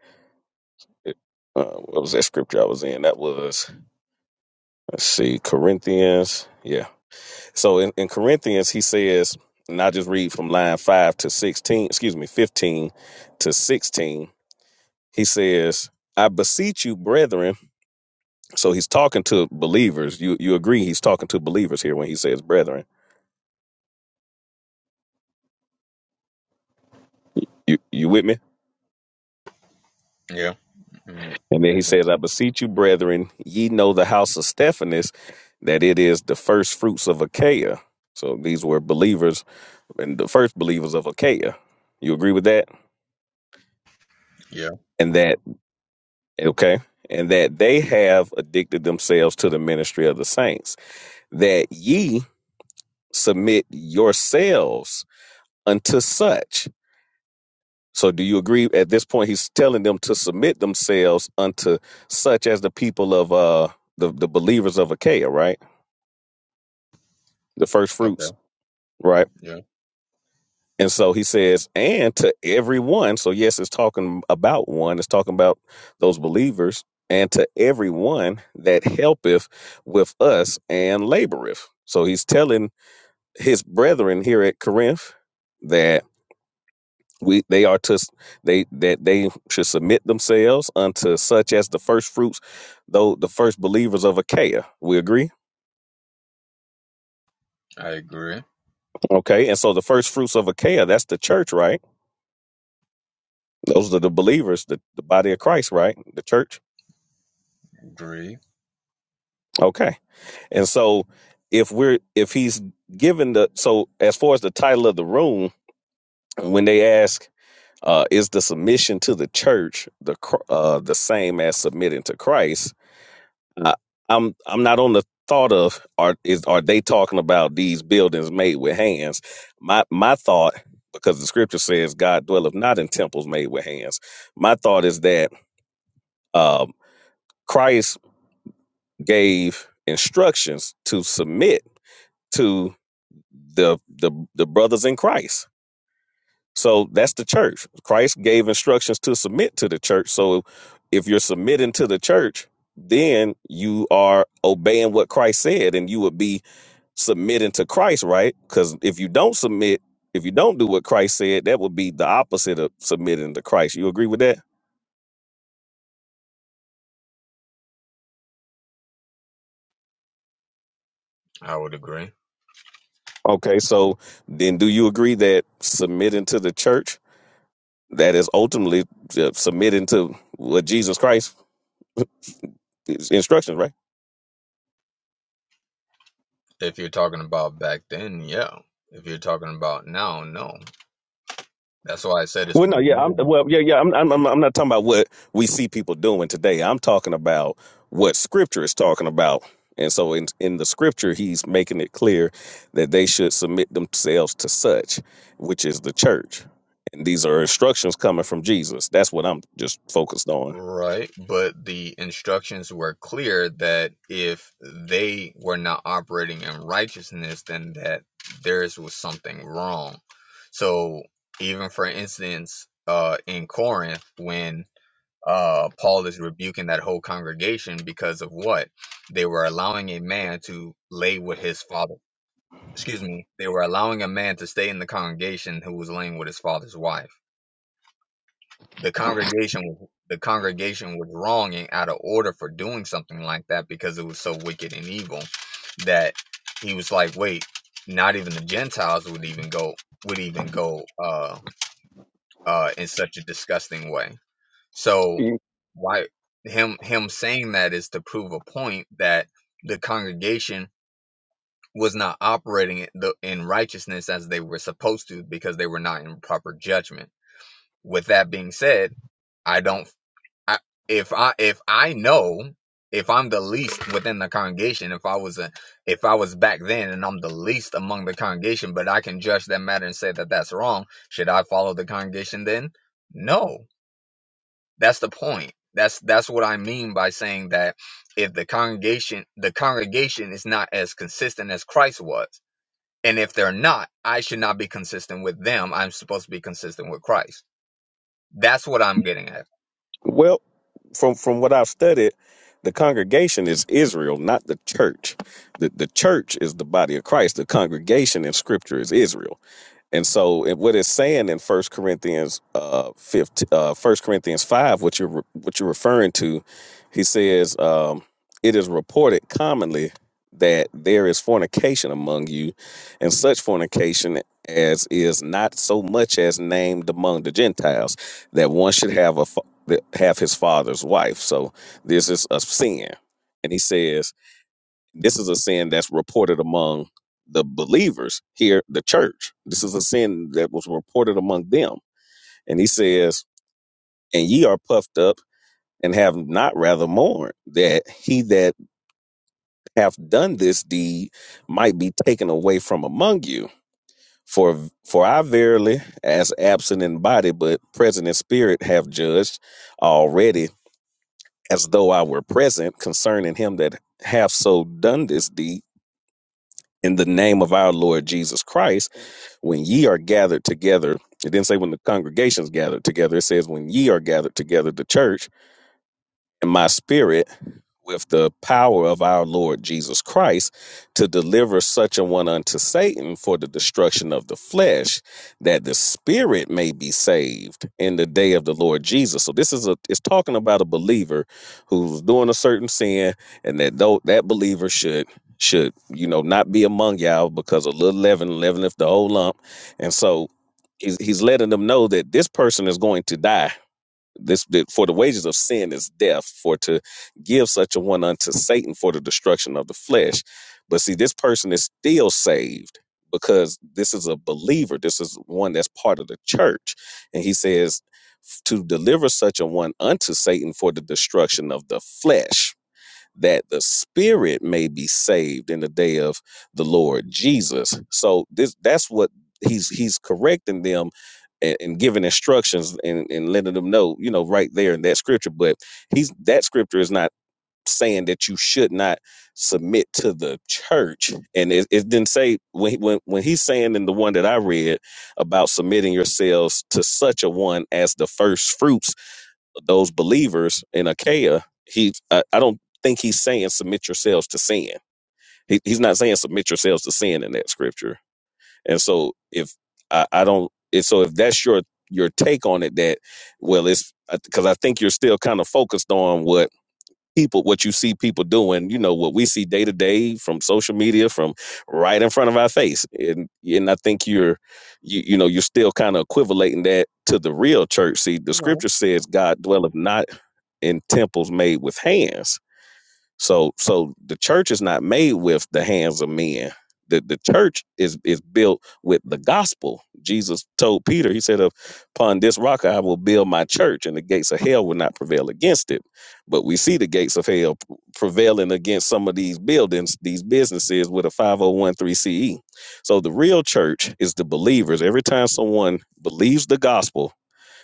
Speaker 4: Uh, what was that scripture I was in? That was, let's see, Corinthians. Yeah. So in, in Corinthians, he says, and I'll just read from line 5 to 16, excuse me, 15 to 16. He says, I beseech you, brethren. So he's talking to believers. You you agree he's talking to believers here when he says brethren. You you with me?
Speaker 8: Yeah. Mm,
Speaker 4: And then he
Speaker 8: mm,
Speaker 4: says, I beseech you, brethren, ye know the house of Stephanus, that it is the first fruits of Achaia. So these were believers and the first believers of Achaia. You agree with that?
Speaker 8: Yeah.
Speaker 4: And that okay, and that they have addicted themselves to the ministry of the saints, that ye submit yourselves unto such. So, do you agree? At this point, he's telling them to submit themselves unto such as the people of uh the, the believers of Achaia, right? The first fruits,
Speaker 8: Okay.
Speaker 4: right?
Speaker 8: Yeah.
Speaker 4: And so he says, and to everyone. So, yes, it's talking about one, it's talking about those believers, and to everyone that helpeth with us and laboreth. So he's telling his brethren here at Corinth that we they are to they that they should submit themselves unto such as the first fruits though the first believers of achaia we agree
Speaker 8: I agree.
Speaker 4: okay and so the first fruits of achaia that's the church right those are the believers the, the body of christ right the church
Speaker 8: Agree.
Speaker 4: Okay. And so if we're if he's given the so as far as the title of the room, when they ask uh is the submission to the church the cr- uh the same as submitting to Christ? I, I'm I'm not on the thought of are is are they talking about these buildings made with hands? My my thought because the scripture says God dwelleth not in temples made with hands. My thought is that um Christ gave instructions to submit to. the the the brothers in Christ. So that's the church. Christ gave instructions to submit to the church. So if you're submitting to the church, then you are obeying what Christ said and you would be submitting to Christ, right? Cuz if you don't submit, if you don't do what Christ said, that would be the opposite of submitting to Christ. You agree with that?
Speaker 8: I would agree.
Speaker 4: Okay, so then do you agree that submitting to the church that is ultimately uh, submitting to what Jesus Christ instructions, right?
Speaker 8: If you're talking about back then, yeah. If you're talking about now, no. That's why I said it's
Speaker 4: Well, no,
Speaker 8: more.
Speaker 4: yeah, I'm well, yeah,
Speaker 8: moving.
Speaker 4: yeah. I'm, I'm, I'm I'm not talking about what we see people doing today. I'm talking about what Scripture is talking about. And so, in in the Scripture, he's making it clear that they should submit themselves to such, which is the church. And these are instructions coming from Jesus. That's what I'm just focused on.
Speaker 8: Right, but the instructions were clear that if they were not operating in righteousness, then that theirs was something wrong. So, even for instance, uh, in Corinth, when uh, Paul is rebuking that whole congregation because of what they were allowing a man to lay with his father. Excuse me, they were allowing a man to stay in the congregation who was laying with his father's wife the congregation the congregation was wrong and out of order for doing something like that because it was so wicked and evil that he was like wait not even the gentiles would even go would even go uh uh in such a disgusting way so
Speaker 4: Mm.
Speaker 8: why him him saying that is to prove a point that the congregation was not operating in the- in righteousness as they were supposed to because they were not in proper judgment with that being said I don't. I, if I if I know if I'm the least within the congregation, if I was a if I was back then and I'm the least among the congregation, but I can judge that matter and say that that's wrong, should I follow the congregation then? No, that's the point. That's that's what I mean by saying that if the congregation the congregation is not as consistent as Christ was, and if they're not, I should not be consistent with them. I'm supposed to be consistent with Christ. That's what I'm getting at.
Speaker 4: Well, from from what I've studied, the congregation is Israel, not the church. The the church is the body of Christ. The congregation in Scripture is Israel. And so it, what it's saying in First Corinthians uh, 15, uh, 1 Corinthians 5, what you're, re- what you're referring to, he says, um, it is reported commonly that there is fornication among you and such fornication as is not so much as named among the Gentiles that one should have a fa- that have his father's wife. So this is a sin. And he says, this is a sin that's reported among the believers here, the church. This is a sin that was reported among them. And he says, And ye are puffed up and have not rather mourned that he that hath done this deed might be taken away from among you. For for I verily, as absent in body, but present in spirit, have judged already as though I were present concerning him that hath so done this deed in the name of our Lord Jesus Christ when ye are gathered together, it didn't say when the congregations gathered together. It says when ye are gathered together, the church in my spirit with the power of our Lord Jesus Christ to deliver such a one unto Satan for the destruction of the flesh, that the spirit may be saved in the day of the Lord Jesus. So this is a it's talking about a believer who's doing a certain sin, and that though that believer should should you know not be among y'all because a little leaven leaveneth the whole lump, and so. He's, he's letting them know that this person is going to die this that for the wages of sin is death. For to give such a one unto Satan for the destruction of the flesh. But see, this person is still saved because this is a believer. This is one that's part of the church, and he says to deliver such a one unto Satan for the destruction of the flesh that the spirit may be saved in the day of the Lord Jesus. So this that's what he's he's correcting them and, and giving instructions and, and letting them know, you know, right there in that scripture. But he's that scripture is not saying that you should not submit to the church. And it, it didn't say when, he- when when he's saying in the one that I read about submitting yourselves to such a one as the first fruits those believers in Achaia, he I, I don't think he's saying submit yourselves to sin. He, he's not saying submit yourselves to sin in that scripture. And so if I, I don't, if, so if that's your your take on it, that well, it's because I think you're still kind of focused on what people what you see people doing you know what we see day to day from social media from right in front of our face and and i think you're you, you know you're still kind of equivalating that to the real church see the scripture says god dwelleth not in temples made with hands. So so the church is not made with the hands of men. The the church is is built with the gospel. Jesus told Peter, he said, Upon this rock I will build my church, and the gates of hell will not prevail against it. But we see the gates of hell p- prevailing against some of these buildings, these businesses with a 5013 CE. So the real church is the believers. Every time someone believes the gospel,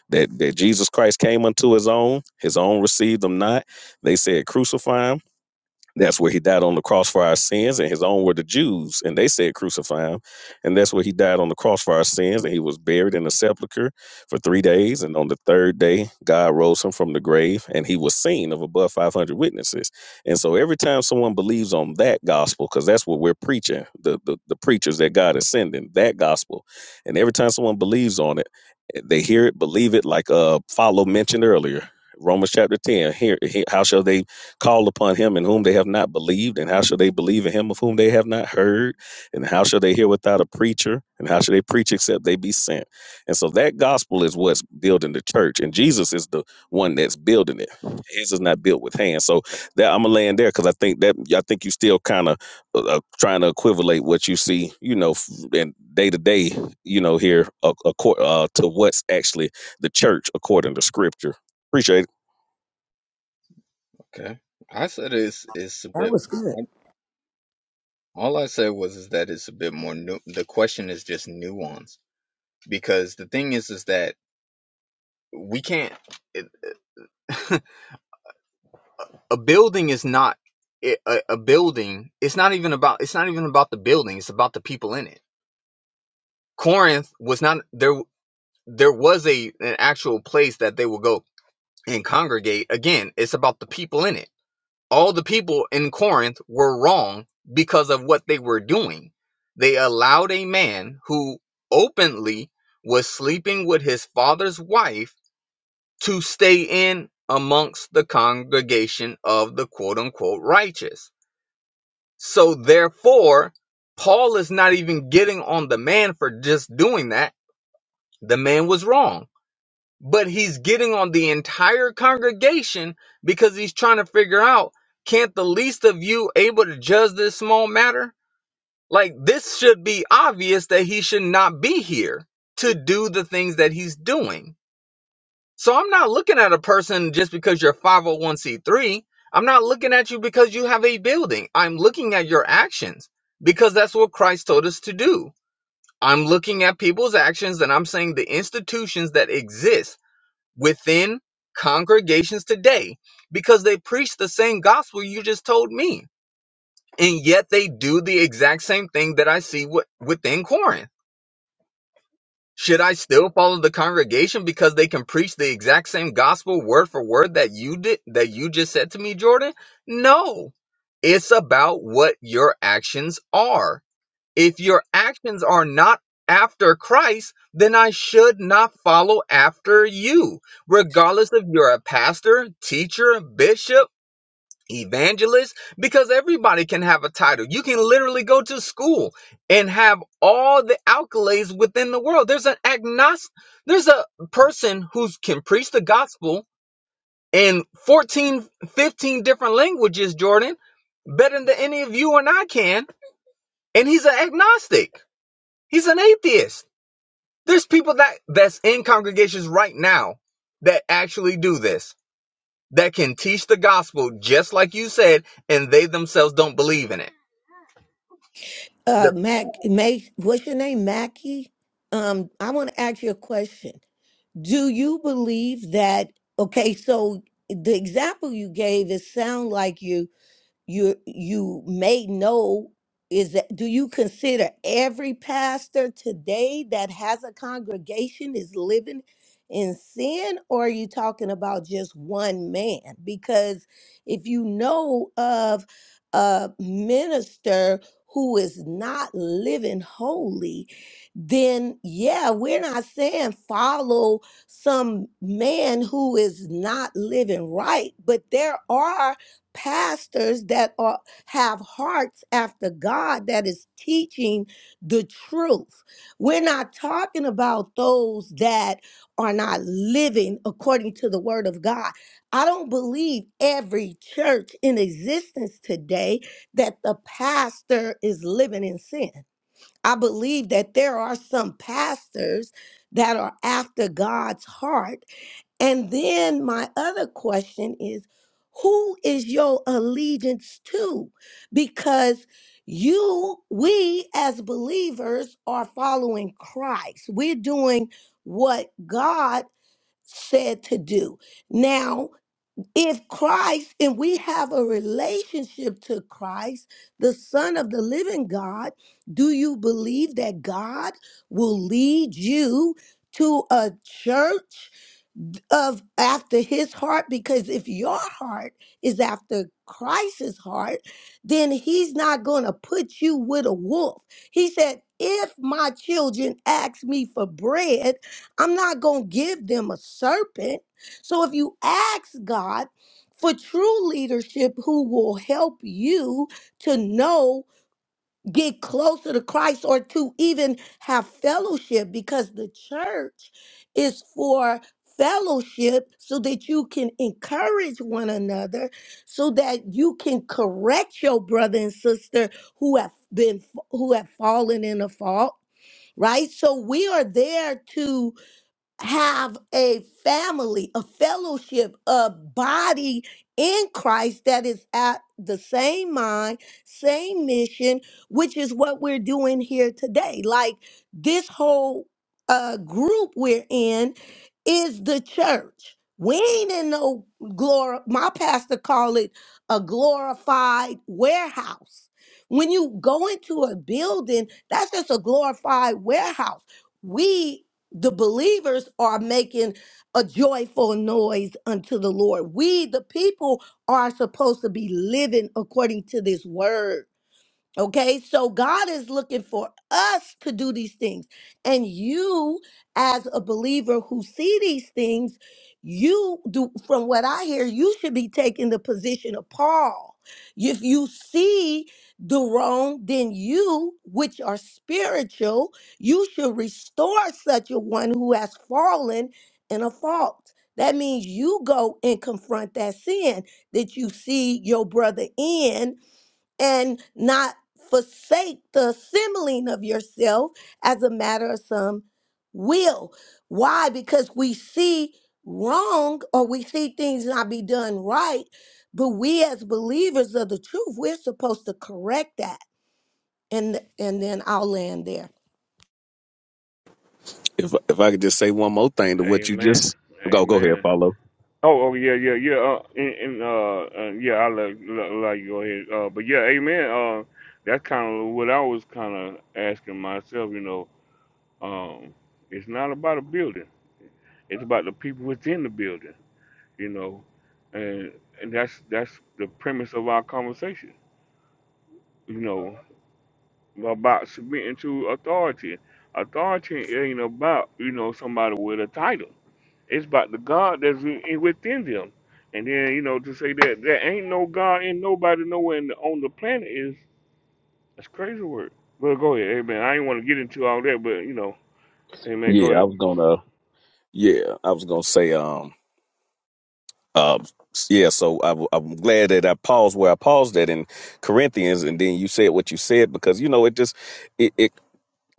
Speaker 4: that, that Jesus Christ came unto his own, his own received him not. They said, Crucify him. That's where he died on the cross for our sins, and his own were the Jews, and they said crucify him. And that's where he died on the cross for our sins, and he was buried in a sepulchre for three days. And on the third day, God rose him from the grave, and he was seen of above 500 witnesses. And so every time someone believes on that gospel, because that's what we're preaching, the, the, the preachers that God is sending, that gospel, and every time someone believes on it, they hear it, believe it, like uh, Follow mentioned earlier. Romans chapter 10, here, he- how shall they call upon him in whom they have not believed? And how shall they believe in him of whom they have not heard? And how shall they hear without a preacher? And how shall they preach except they be sent? And so that gospel is what's building the church. And Jesus is the one that's building it. His is not built with hands. So that I'm gonna land there because I think that I think you still kind of uh, uh, trying to equivalate what you see, you know, f- and day to day, you know, here uh, acco- uh, to what's actually the church according to Scripture. Appreciate it.
Speaker 8: Okay. I said it's it's a
Speaker 5: That
Speaker 8: bit.
Speaker 5: was good.
Speaker 8: All I said was is that it's a bit more nu- the question is just nuance because the thing is is that we can't it, a building is not it, a, a building it's not even about it's not even about the building it's about the people in it. Corinth was not there there was a an actual place that they would go and congregate. Again, it's about the people in it. All the people in Corinth were wrong because of what they were doing. They allowed a man who openly was sleeping with his father's wife to stay in amongst the congregation of the quote unquote righteous. So, therefore, Paul is not even getting on the man for just doing that. The man was wrong but he's getting on the entire congregation because he's trying to figure out can't the least of you able to judge this small matter like this should be obvious that he should not be here to do the things that he's doing so i'm not looking at a person just because you're 501c3 i'm not looking at you because you have a building i'm looking at your actions because that's what christ told us to do i'm looking at people's actions and i'm saying the institutions that exist within congregations today because they preach the same gospel you just told me. And yet they do the exact same thing that I see wi- within Corinth. Should I still follow the congregation because they can preach the exact same gospel word for word that you did that you just said to me, Jordan? No. It's about what your actions are if your actions are not after Christ, then I should not follow after you, regardless if you're a pastor, teacher, bishop, evangelist, because everybody can have a title. You can literally go to school and have all the accolades within the world. There's an agnostic, there's a person who can preach the gospel in 14, 15 different languages, Jordan, better than any of you and I can, and he's an agnostic. He's an atheist. There's people that that's in congregations right now that actually do this, that can teach the gospel just like you said, and they themselves don't believe in it.
Speaker 5: Uh,
Speaker 8: The-
Speaker 5: Mac, Mac, what's your name, Mackie? Um, I want to ask you a question. Do you believe that? Okay, so the example you gave, it sound like you you you may know is that do you consider every pastor today that has a congregation is living in sin or are you talking about just one man because if you know of a minister who is not living holy then yeah we're not saying follow some man who is not living right but there are pastors that are have hearts after God that is teaching the truth. We're not talking about those that are not living according to the word of God. I don't believe every church in existence today that the pastor is living in sin. I believe that there are some pastors that are after God's heart and then my other question is who is your allegiance to? Because you, we as believers are following Christ. We're doing what God said to do. Now, if Christ and we have a relationship to Christ, the Son of the living God, do you believe that God will lead you to a church? of after his heart because if your heart is after Christ's heart, then he's not going to put you with a wolf. He said, if my children ask me for bread, I'm not going to give them a serpent. So if you ask God for true leadership who will help you to know get closer to Christ or to even have fellowship because the church is for fellowship so that you can encourage one another so that you can correct your brother and sister who have been who have fallen in a fault right so we are there to have a family, a fellowship, a body in Christ that is at the same mind, same mission, which is what we're doing here today. Like this whole uh, group we're in is the church. We ain't in no glor. My pastor call it a glorified warehouse. When you go into a building, that's just a glorified warehouse We the believers are making a joyful noise unto the Lord. We, the people, are supposed to be living according to this word. Okay, so God is looking for us to do these things. And you, as a believer who see these things, you do, from what I hear, you should be taking the position of Paul. If you see the wrong, then you, which are spiritual, you should restore such a one who has fallen in a fault. That means you go and confront that sin that you see your brother in and not forsake the assembling of yourself as a matter of some will. Why? Because we see wrong or we see things not be done right, but we as believers of the truth, we're supposed to correct that. And and then I'll land there.
Speaker 4: If if I could just say one more thing to what you
Speaker 1: Amen.
Speaker 4: just go go ahead,
Speaker 1: Amen.
Speaker 4: follow.
Speaker 1: Oh, oh yeah, yeah, yeah. Uh, and, and uh, uh, yeah, I let, let, let you go ahead. Uh, but yeah, amen. Uh, that's kind of what I was kind of asking myself. You know, um, it's not about a building; it's about the people within the building. you know, and and that's that's the premise of our conversation, you know, about submitting to authority. Authority ain't about you know somebody with a title. It's about the God that's in- within them. And then you know to say that there ain't no God and nobody nowhere in the, on the planet is that's crazy word. But go ahead, amen. I ain't want to get into all that, but you know, amen. Go
Speaker 4: Yeah, I
Speaker 1: ahead.
Speaker 4: was gonna. Yeah, I was gonna say. Um. Um. Yeah. So I, am glad that I paused where I paused at in Corinthians, and then you said what you said because you know it just it, it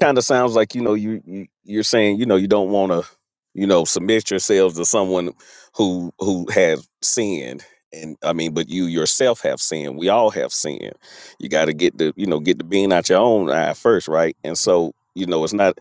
Speaker 4: kind of sounds like you know you, you you're saying you know you don't want to you know submit yourselves to someone who who has sinned and i mean but you yourself have sinned we all have sinned you got to get the you know get the bean out your own eye first right and so you know it's not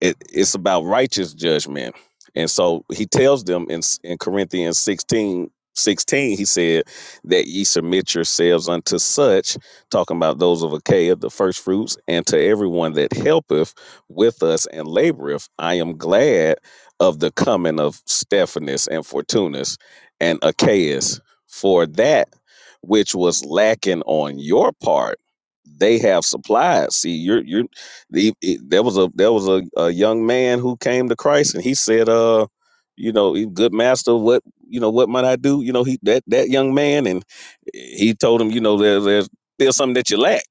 Speaker 4: it, it's about righteous judgment and so he tells them in s- in corinthians 16 16 he said that ye submit yourselves unto such talking about those of Achaia, the first fruits, and to everyone that helpeth with us and laboreth, I am glad of the coming of Stephanus and Fortunus and Achaeus, for that which was lacking on your part, they have supplied. See, you're you're the, it- there was a there was a, a young man who came to Christ and he said, uh, you know, "You good master, what you know, what might I do? You know, he that that young man and he told him, you know, there, there's there's something that you lack.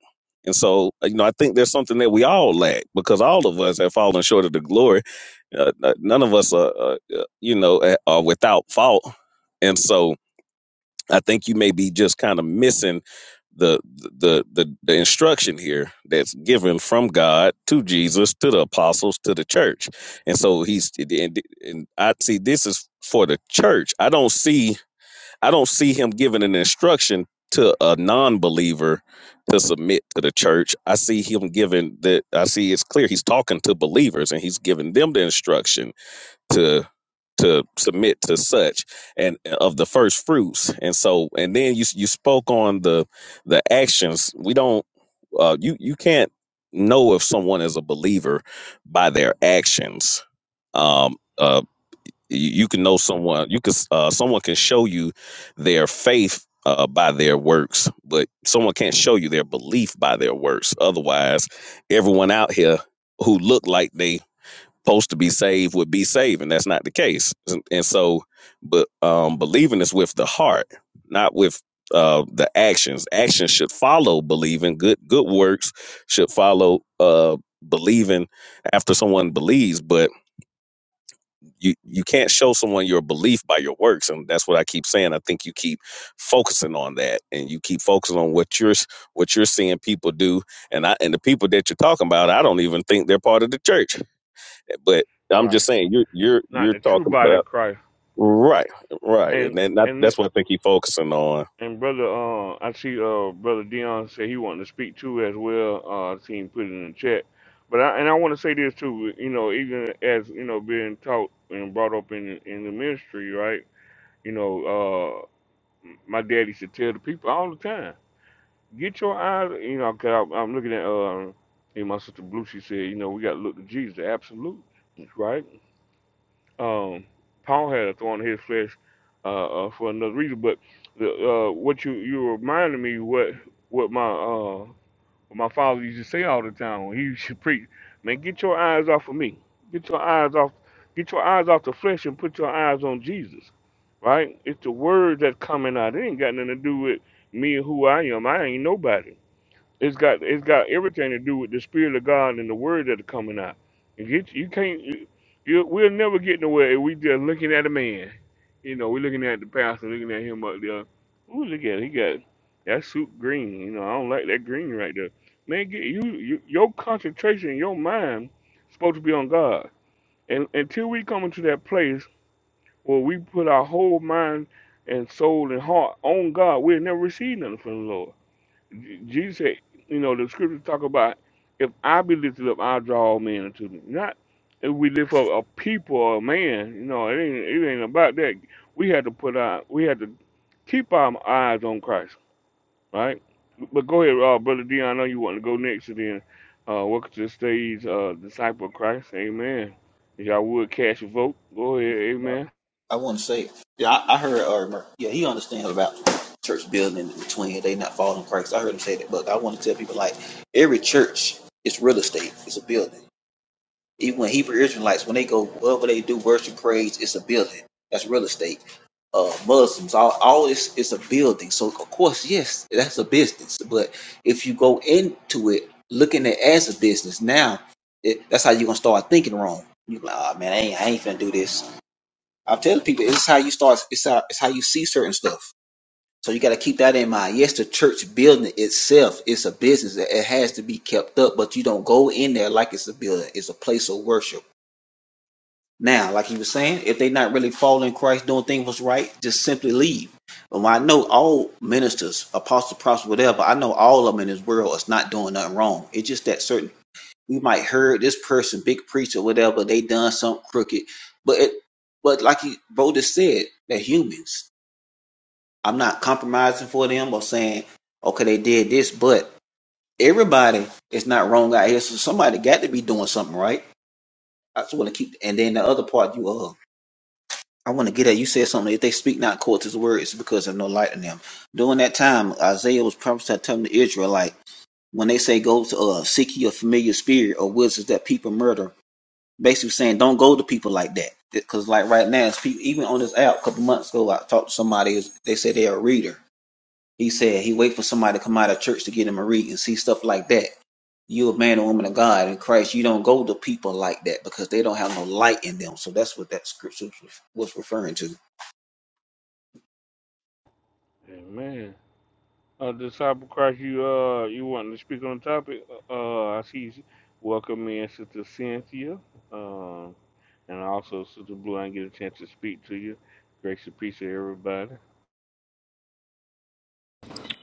Speaker 4: And so, uh, you know, I think there's something that we all lack because all of us have fallen short of the glory. Uh, uh, none of us are, uh, uh, you know, uh, are without fault. And so, I think you may be just kind of missing the the the the instruction here that's given from God to Jesus to the apostles to the church. And so he's and, and I see this is for the church. I don't see I don't see him giving an instruction to a non-believer to submit to the church. I see him giving that. I see it's clear he's talking to believers and he's giving them the instruction to to submit to such and of the first fruits. And so, and then you you spoke on the the actions. We don't. Uh, you you can't know if someone is a believer by their actions. Um, uh, you, you can know
Speaker 1: hmm
Speaker 4: someone you can s- uh, someone can show you their faith uh, by their works but someone can't show you their belief by their works otherwise everyone out here who look like they supposed to be saved would be saved and that's not the case and, and so but um believing is with the heart not with uh the actions actions should follow believing good good works should follow uh believing after someone believes but you you can't show someone your belief by your works and that's what i keep saying i think you keep focusing on that and you keep focusing on what you're what you're seeing people do and i and the people that you're talking about i don't even think they're part of the church but i'm
Speaker 1: Right,
Speaker 4: just saying you're you're
Speaker 1: not
Speaker 4: you're
Speaker 1: the true
Speaker 4: talking
Speaker 1: body of
Speaker 4: about
Speaker 1: Christ,
Speaker 4: right right and
Speaker 1: and.
Speaker 4: then that,
Speaker 1: and
Speaker 4: that's what i think he's focusing on
Speaker 1: And brother, uh, I see uh, brother Dion said he wanted to speak too as well. Uh, I seen put it in the chat, but I and I want to say this too. You know, even as you know, being taught and brought up in in the ministry, right? You know, uh, my daddy used to tell the people all the time, get your eyes. You know, cause I, I'm looking at uh, and my sister Blue. She said, you know, we got to look to Jesus, the absolute, right? um, Paul had a thorn in his flesh uh, uh, for another reason. But the, uh, what you you reminded me what what my uh, my father used to say all the time when he used to preach, man, get your eyes off of me, get your eyes off, get your eyes off the flesh and put your eyes on Jesus, right? It's the word that's coming out. It ain't got nothing to do with me and who I am. I ain't nobody. It's got it's got everything to do with the spirit of God and the word that are coming out. You get you can't you we'll never get nowhere if we just looking at a man. You know, we're looking at the pastor, looking at him up there. Ooh, look at it, he got that suit green. You know, I don't like that green right there. Man, get you, you your concentration, your mind supposed to be on God. And until we come into that place where we put our whole mind and soul and heart on God, we'll never receive nothing from the Lord. J- Jesus said, you know, the scriptures talk about if I be lifted up, I'll draw all men unto me. Not if we lift up a people or a man, you know, it ain't it ain't about that. We had to put our we had to keep our eyes on Christ, right? But go ahead, uh, brother Dion, I know you want to go next, and then uh, welcome to the stage, uh, disciple of Christ. Amen. If y'all would cast your vote, go ahead. Amen.
Speaker 7: I want to say, yeah, I, I heard, or yeah, he understands about church building in between. They not following Christ. I heard him say that, but I want to tell people like every church is real estate. It's a building. Even when Hebrew Israelites, when they go whatever they do, worship, praise, it's a building. That's real estate. Uh, Muslims, all, all this is a building. So of course, yes, that's a business. But if you go into it looking at it as a business now, it, that's how you're gonna start thinking wrong. You like, oh man, I ain't, I ain't finna do this. I tell people it's how you start. It's how it's how you see certain stuff. So you got to keep that in mind. Yes, the church building itself is a business. It it has to be kept up, but you don't go in there like it's a building. It's a place of worship. Now, like you were saying, if they not really following Christ, doing things was right, just simply leave. But I know all ministers, apostles, prophets, whatever, I know all of them in this world is not doing nothing wrong. It's just that certain we might heard this person, big preacher, whatever, they done something crooked. But it, but like you Bo just said, they're humans. I'm not compromising for them or saying, okay, they did this, but everybody is not wrong out here. So somebody got to be doing something right. I just want to keep, and then the other part you uh, I want to get at. You said something. If they speak not according to his word, it's because of no light in them. During that time, Isaiah was prophesied telling the Israelite when they say go to uh, seek ye a familiar spirit or wizards that people murder basically saying don't go to people like that because like right now it's people even on this app a couple months ago i talked to somebody who's- they said they're a reader he said he wait for somebody to come out of church to get him a read and see stuff like that you a man and woman of god in christ you don't go to people like that because they don't have no light in them so that's what that scripture was referring to
Speaker 1: Amen. Uh, disciple Christ, you uh, you wanting to speak on the topic? Uh, I see. You welcome in Sister Cynthia, um, and also Sister Blue. I didn't get a chance to speak to you. Grace and peace to everybody.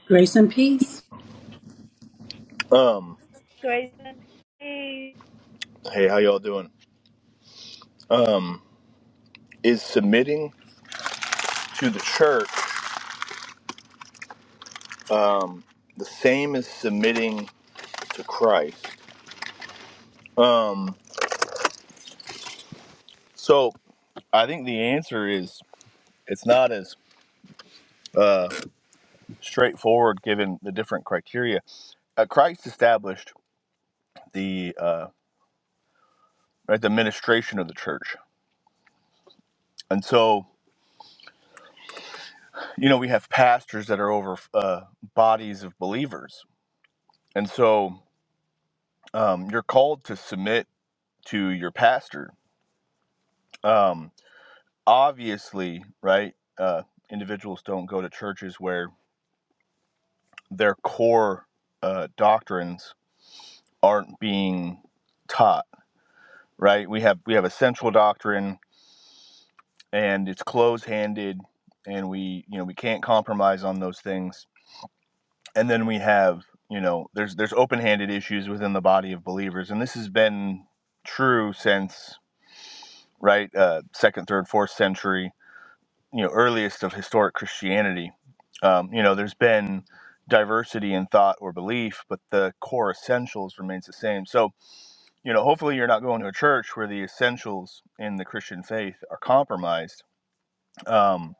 Speaker 9: Grace and peace.
Speaker 10: Um,
Speaker 11: Grace
Speaker 10: hey, how y'all doing? Um, is submitting to the church um the same as submitting to Christ? Um, so I think the answer is it's not as uh straightforward given the different criteria. Uh, Christ established the uh right the administration of the church. And so, you know, we have pastors that are over uh bodies of believers. And so, um you're called to submit to your pastor. Um obviously, right, uh, individuals don't go to churches where their core uh, doctrines aren't being taught, right? We have we have a central doctrine, and it's close-handed, and we you know we can't compromise on those things. And then we have you know there's there's open-handed issues within the body of believers, and this has been true since right uh, second, third, fourth century you know earliest of historic Christianity. Um, you know, there's been diversity in thought or belief, but the core essentials remains the same. So, you know, hopefully you're not going to a church where the essentials in the Christian faith are compromised. Um,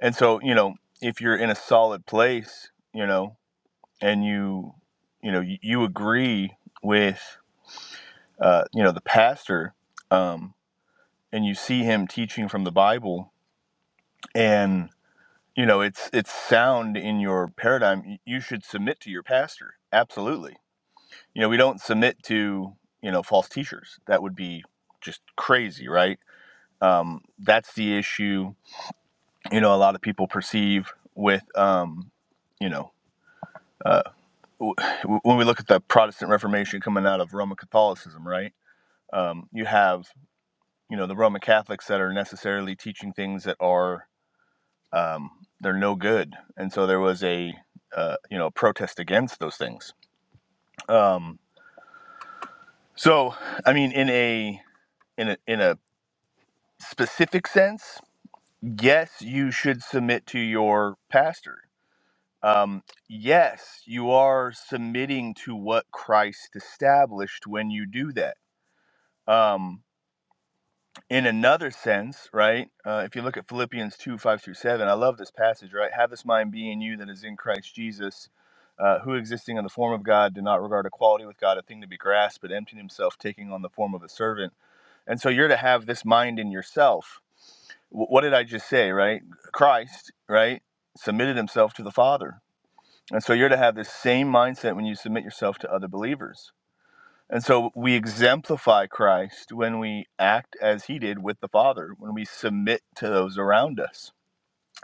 Speaker 10: and so, you know, if you're in a solid place, you know, and you, you know, you, you agree with, uh, you know, the pastor, um, and you see him teaching from the Bible, you know it's it's sound in your paradigm you should submit to your pastor absolutely you know we don't submit to you know false teachers that would be just crazy right um, that's the issue you know a lot of people perceive with um, you know uh, w- when we look at the protestant reformation coming out of roman catholicism right um, you have you know the roman catholics that are necessarily teaching things that are um, they're no good and so there was a uh, you know protest against those things um, so i mean in a in a in a specific sense yes you should submit to your pastor um, yes you are submitting to what christ established when you do that um, in another sense, right? Uh, if you look at Philippians 2 5 through 7, I love this passage, right? Have this mind be in you that is in Christ Jesus, uh, who existing in the form of God did not regard equality with God a thing to be grasped, but emptied himself, taking on the form of a servant. And so you're to have this mind in yourself. W- what did I just say, right? Christ, right, submitted himself to the Father. And so you're to have this same mindset when you submit yourself to other believers and so we exemplify Christ when we act as he did with the Father, when we submit to those around us,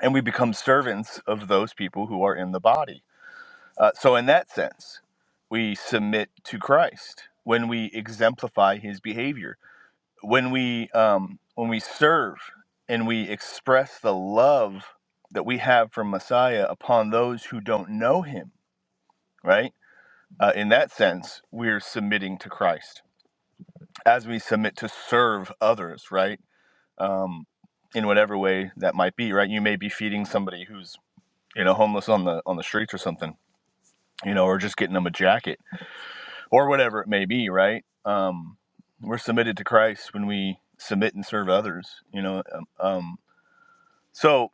Speaker 10: and we become servants of those people who are in the body. Uh, so, in that sense, we submit to Christ when we exemplify his behavior, when we, um, when we serve and we express the love that we have for Messiah upon those who don't know him, right? Uh, in that sense, we're submitting to Christ. as we submit to serve others, right? Um, in whatever way that might be, right? You may be feeding somebody who's you know homeless on the on the streets or something, you know, or just getting them a jacket or whatever it may be, right? Um, we're submitted to Christ when we submit and serve others, you know. Um, um, so,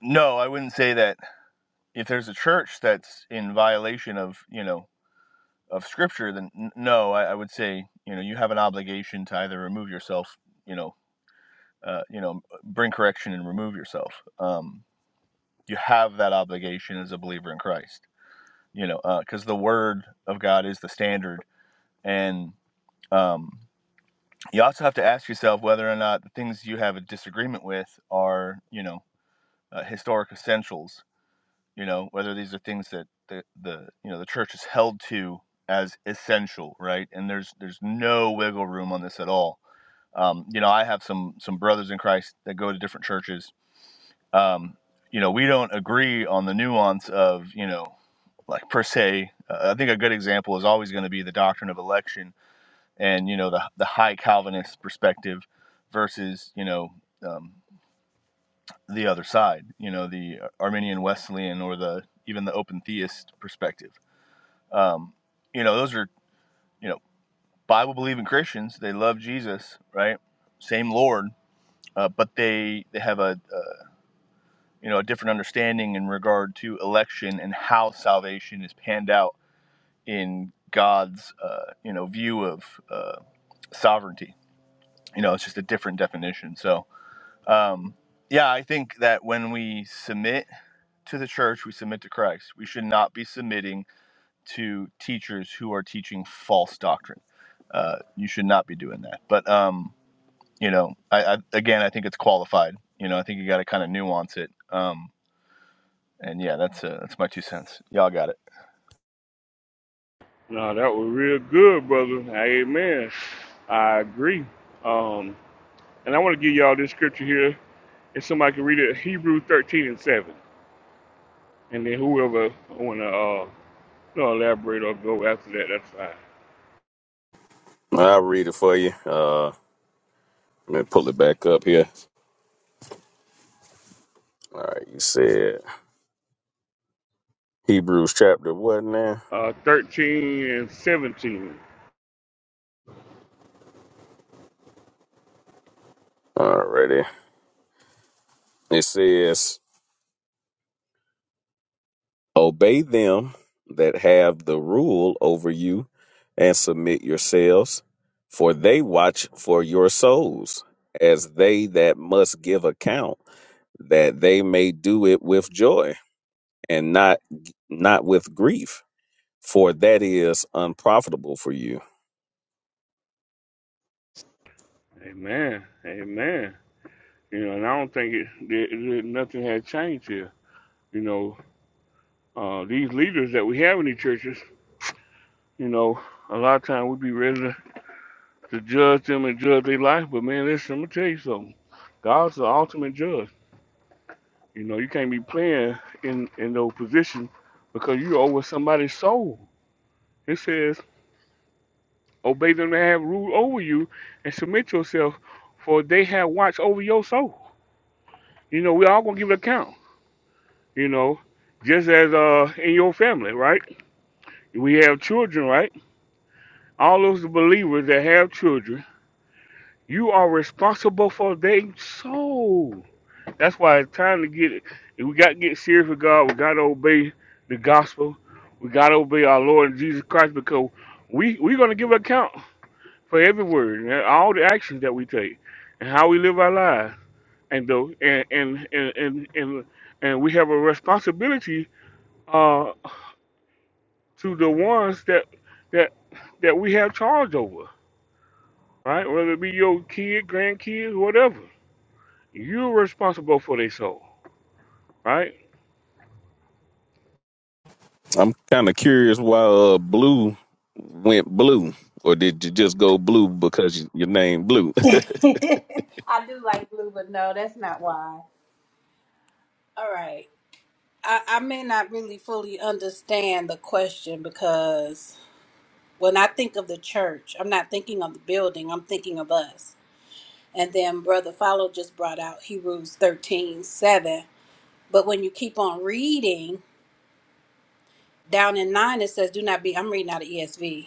Speaker 10: no, I wouldn't say that if there's a church that's in violation of you know of Scripture, then n- no, I, I would say you know you have an obligation to either remove yourself, you know uh, you know, bring correction and remove yourself. Um, you have that obligation as a believer in Christ, you know, because uh, the word of God is the standard. And um, you also have to ask yourself whether or not the things you have a disagreement with are, you know, uh, historic essentials, you know, whether these are things that the, the, you know, the church is held to as essential, right? And there's, there's no wiggle room on this at all. Um, you know, I have some, some brothers in Christ that go to different churches um, you know, we don't agree on the nuance of, you know, like per se. Uh, I think a good example is always going to be the doctrine of election and, you know, the, the high Calvinist perspective versus, you know, um, the other side, you know, the Arminian Wesleyan or the even the open theist perspective. Um, you know, those are, you know, Bible believing Christians. They love Jesus, right? Same Lord, uh, but they, they have a, a you know, a different understanding in regard to election and how salvation is panned out in God's, uh, you know, view of uh, sovereignty. You know, it's just a different definition. So, um, yeah, I think that when we submit to the church, we submit to Christ. We should not be submitting to teachers who are teaching false doctrine. Uh, you should not be doing that. But, um, you know, I, I again, I think it's qualified. You know, I think you got to kind of nuance it. Um, And yeah, that's uh, that's my two cents. Y'all got it.
Speaker 1: No, that was real good, brother. Amen. I agree. Um, and I want to give y'all this scripture here. If somebody can read it, Hebrew 13 and 7. And then whoever want to uh, you know, elaborate or go after that, that's fine.
Speaker 4: i'll read it for you uh let me pull it back up here all right you said hebrews chapter what now
Speaker 1: Uh, 13 and 17.
Speaker 4: Alrighty. It says Obey them that have the rule over you and submit yourselves, for they watch for your souls, as they that must give account, that they may do it with joy and not not with grief, for that is unprofitable for you.
Speaker 1: Amen. Amen. You know, and I don't think it, there, there- nothing had changed here. You know, uh, these leaders that we have in these churches, you know, a lot of time we be ready to, to judge them and judge their life. But man, listen, I'm gonna tell you something. God's the ultimate judge. You know, you can't be playing in in those positions because you're over somebody's soul. It says, obey them that have rule over you, and submit yourself, for they have watch over your soul. You know, we all gonna give an account you know, just as uh in your family, right? We have children, right? All those believers that have children, you are responsible for their soul. That's why it's time to get it. We got to get serious with God. We got to obey the gospel. We got to obey our Lord Jesus Christ because we we're gonna give account for every word and all the actions that we take and how we live our lives. And though and and and and and, and we have a responsibility uh to the ones that that that we have charge over, right? Whether it be your kid, grandkids, whatever. You're responsible for their soul, right?
Speaker 4: I'm kind of curious why uh, blue went blue, or did you just go blue because y- your name blue?
Speaker 9: I do like blue, but no, that's not why. All right. I, I may not really fully understand the question because when I think of the church, I'm not thinking of the building, I'm thinking of us. And then Brother Follow just brought out Hebrews 13 7. But when you keep on reading, down in 9, it says, Do not be, I'm reading out of ESV.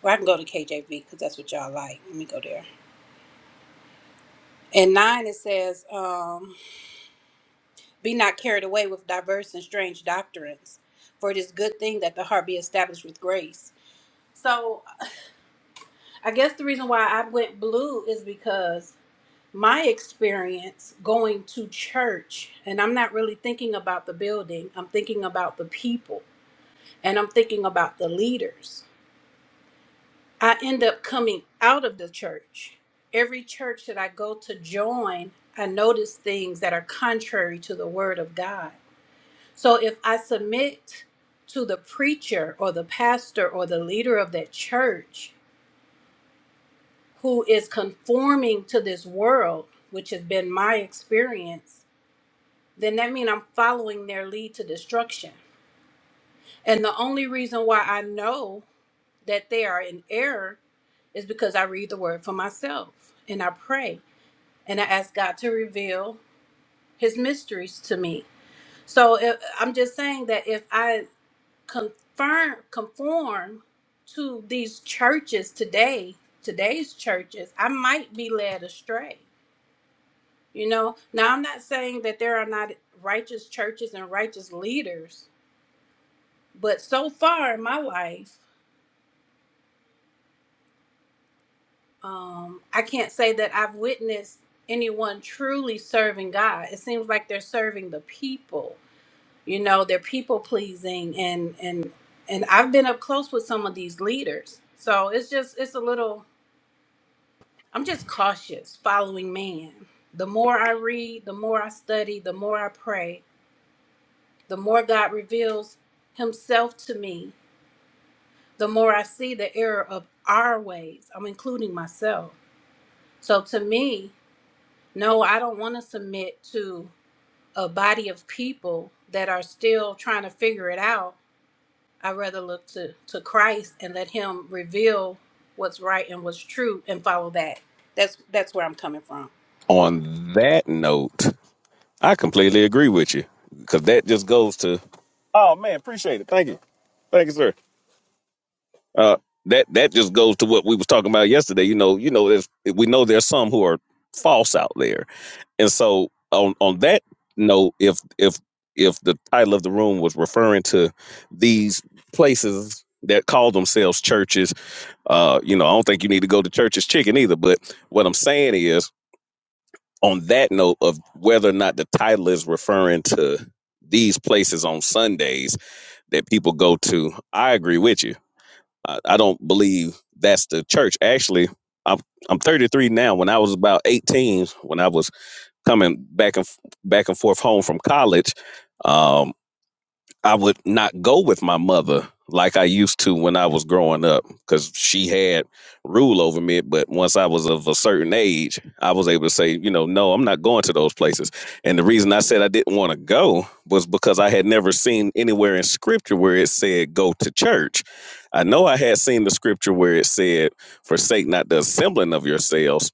Speaker 9: Or I can go to KJV because that's what y'all like. Let me go there. In 9, it says, um, Be not carried away with diverse and strange doctrines, for it is good thing that the heart be established with grace. So, I guess the reason why I went blue is because my experience going to church, and I'm not really thinking about the building, I'm thinking about the people, and I'm thinking about the leaders. I end up coming out of the church. Every church that I go to join, I notice things that are contrary to the word of God So if I submit to the preacher or the pastor or the leader of that church who is conforming to this world, which has been my experience, then that means I'm following their lead to destruction. And the only reason why I know that they are in error is because I read the word for myself and I pray and I ask God to reveal his mysteries to me. So if, I'm just saying that if I confirm conform to these churches today today's churches i might be led astray you know now i'm not saying that there are not righteous churches and righteous leaders but so far in my life um i can't say that i've witnessed anyone truly serving god it seems like they're serving the people you know they're people pleasing and and and i've been up close with some of these leaders so it's just it's a little I'm just cautious following man. The more I read, the more I study, the more I pray, the more God reveals himself to me, the more I see the error of our ways. I'm including myself. So to me, no, I don't want to submit to a body of people that are still trying to figure it out. I'd rather look to, to Christ and let him reveal what's right and what's true and follow that. That's that's where I'm coming from.
Speaker 4: On that note, I completely agree with you because that just goes to. Oh man, appreciate it. Thank you, thank you, sir. Uh, that that just goes to what we was talking about yesterday. You know, you know, there's we know there's some who are false out there, and so on on that note, if if if the title of the room was referring to these places that call themselves churches, uh, you know, I don't think you need to go to church's chicken either. But what I'm saying is, on that note of whether or not the title is referring to these places on Sundays that people go to, I agree with you. I, I don't believe that's the church. Actually, I'm I'm 33 now. When I was about 18, when I was coming back and f- back and forth home from college, um. I would not go with my mother like I used to when I was growing up because she had rule over me. But once I was of a certain age, I was able to say, you know, no, I'm not going to those places. And the reason I said I didn't want to go was because I had never seen anywhere in scripture where it said go to church. I know I had seen the scripture where it said, forsake not the assembling of yourselves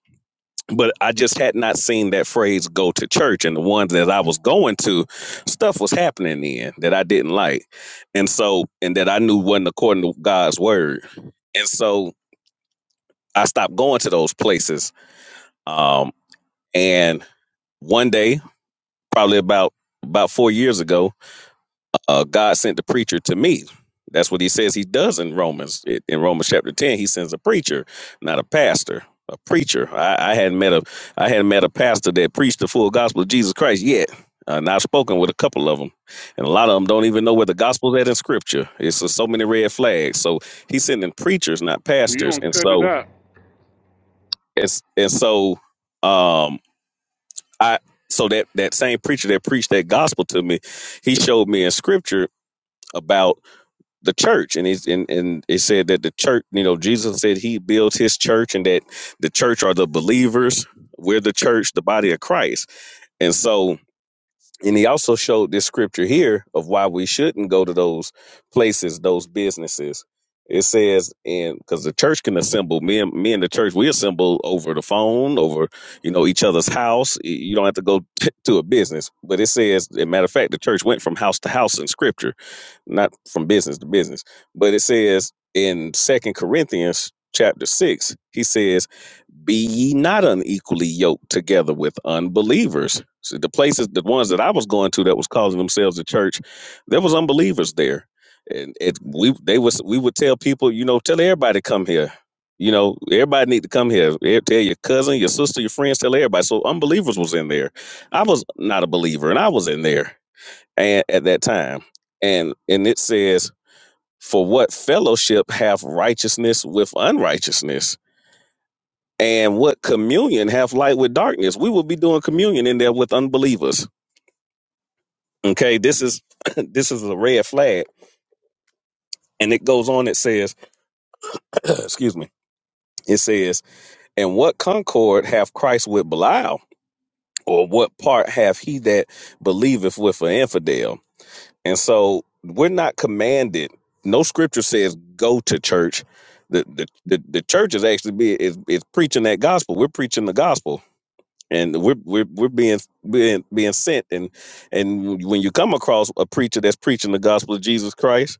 Speaker 4: but I just had not seen that phrase go to church. And the ones that I was going to, stuff was happening in that I didn't like. And so, and that I knew wasn't according to God's word. And so I stopped going to those places. Um, and one day, probably about about four years ago, uh, God sent the preacher to me. That's what he says he does in Romans. It, in Romans chapter 10, he sends a preacher, not a pastor, a preacher. I, I hadn't met a I hadn't met a pastor that preached the full gospel of Jesus Christ yet. Uh, and I've spoken with a couple of them, and a lot of them don't even know where the gospel's at in Scripture. It's just so many red flags. So he's sending preachers, not
Speaker 1: You
Speaker 4: pastors.
Speaker 1: don't
Speaker 4: And
Speaker 1: cut it
Speaker 4: so
Speaker 1: up.
Speaker 4: it's and so um I so that that same preacher that preached that gospel to me, he showed me in Scripture about the church and he's and, and it said that the church you know jesus said he built his church and that the church are the believers we're the church the body of christ and so and he also showed this scripture here of why we shouldn't go to those places those businesses it says and because the church can assemble me and me and the church we assemble over the phone over you know each other's house you don't have to go t- to a business but it says as a matter of fact the church went from house to house in scripture not from business to business, but it says in Second Corinthians chapter six, he says, "Be ye not unequally yoked together with unbelievers." So the places, the ones that I was going to, that was calling themselves a church, there was unbelievers there, and it we they was we would tell people, you know, tell everybody to come here. You know, everybody need to come here. Eh, Tell your cousin, your sister, your friends, tell everybody. So unbelievers was in there. I was not a believer, and I was in there and at that time and and it says for what fellowship hath righteousness with unrighteousness and what communion hath light with darkness we will be doing communion in there with unbelievers okay this is this is a red flag and it goes on it says excuse me it says and what concord hath christ with belial or what part hath he that believeth with an infidel And so we're not commanded. No scripture says go to church. The the the, the church is actually be is, is preaching that gospel. We're preaching the gospel. And we're we're we're being being being sent and and when you come across a preacher that's preaching the gospel of Jesus Christ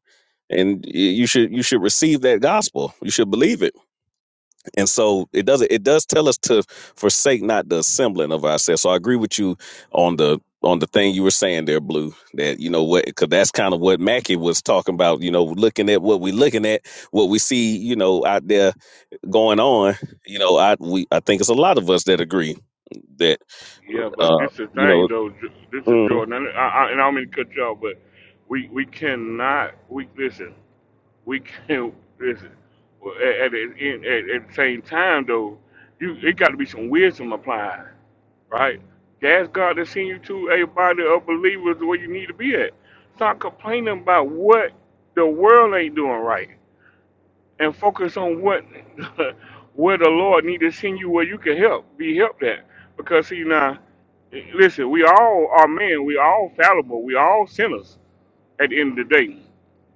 Speaker 4: and y- you should you should receive that gospel. You should believe it and so it does it does tell us to forsake not the assembling of ourselves so i agree with you on the on the thing you were saying there blue that you know what because that's kind of what mackey was talking about you know looking at what we're looking at what we see you know out there going on you know i we i think it's a lot of us that agree that
Speaker 1: Yeah, but
Speaker 4: uh
Speaker 1: this is the
Speaker 4: you
Speaker 1: thing
Speaker 4: know
Speaker 1: though. J- This is
Speaker 4: mm,
Speaker 1: Jordan, and I, I, and I don't mean to cut y'all, but we we cannot. We listen. We can't listen. Well, At, at, the end- at, at the same time though, you it got to be some wisdom applied right? That's God that's send you to a body of believers where you need to be at. Stop complaining about what the world ain't doing right, and focus on what where the Lord need to send you where you can help, be helped at. Because see now, listen, we all are men, we all fallible, we all sinners at the end of the day.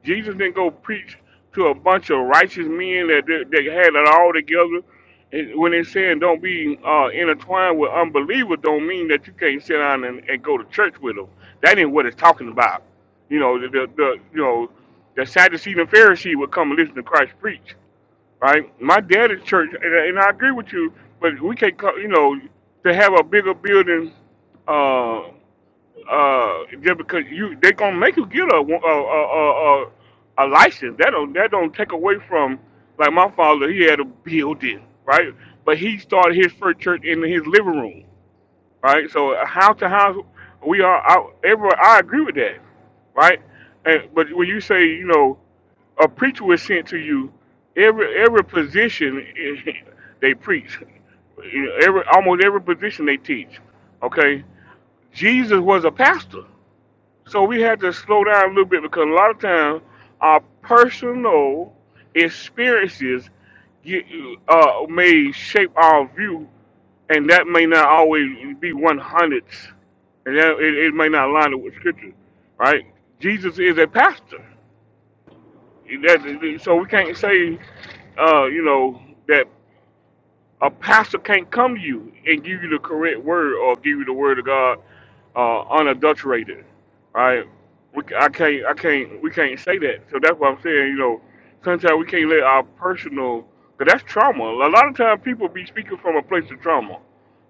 Speaker 1: Jesus didn't go preach to a bunch of righteous men that that had it all together. And When they're saying don't be uh, intertwined with unbelievers, don't mean that you can't sit down and, and go to church with them. That ain't what it's talking about. You know, the, the, the you know the Sadducee and Pharisee would come and listen to Christ preach, right? My dad at church, and, and I agree with you, but we can't, co- you know, to have a bigger building uh, uh, just because you they gonna make you get a a a, a, a license. That don't that don't take away from like my father. He had a building, right? But he started his first church in his living room, right? So house to house, we are out. Everyone, I agree with that, right? And, but when you say you know a preacher was sent to you, every every position they preach, You know, every almost every position they teach. Okay, Jesus was a pastor. So we had to slow down a little bit because a lot of times our personal experiences get, uh, may shape our view, and that may not always be one hundredths, and that, it, it may not line up with scripture, right? Jesus is a pastor, That- so we can't say, uh, you know, that a pastor can't come to you and give you the correct word or give you the word of God uh, unadulterated, right? We, c- I can't, I can't, we can't say that. So that's what I'm saying. You know, sometimes we can't let our personal, cause that's trauma. A lot of times people be speaking from a place of trauma,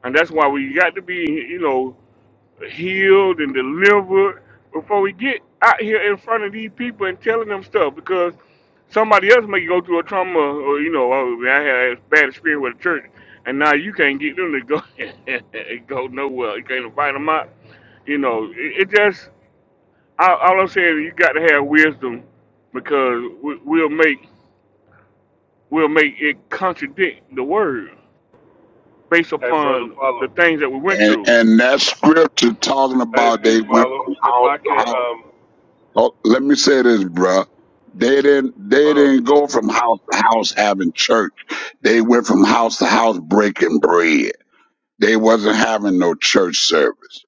Speaker 1: and that's why we got to be, you know healed and delivered before we get out here in front of these people and telling them stuff because somebody else may go through a trauma or you know oh, I had a bad experience with the church and now you can't get them to go go nowhere you can't invite them out you know it, it just all, all I'm saying is you got to have wisdom because we, we'll make we'll make it contradict the word based
Speaker 12: Hey, brother,
Speaker 1: upon the
Speaker 12: follow.
Speaker 1: things that we went
Speaker 13: And
Speaker 1: through
Speaker 13: and that scripture talking
Speaker 12: Hey,
Speaker 13: about they
Speaker 12: peace,
Speaker 13: went from
Speaker 12: follow. If
Speaker 13: house
Speaker 12: I could,
Speaker 13: to house.
Speaker 12: um,
Speaker 13: Oh, let me say this, bruh. They didn't they
Speaker 12: hold on,
Speaker 13: didn't
Speaker 12: stop.
Speaker 13: go from house to house having church. They went from house to house breaking bread. They wasn't having no church service.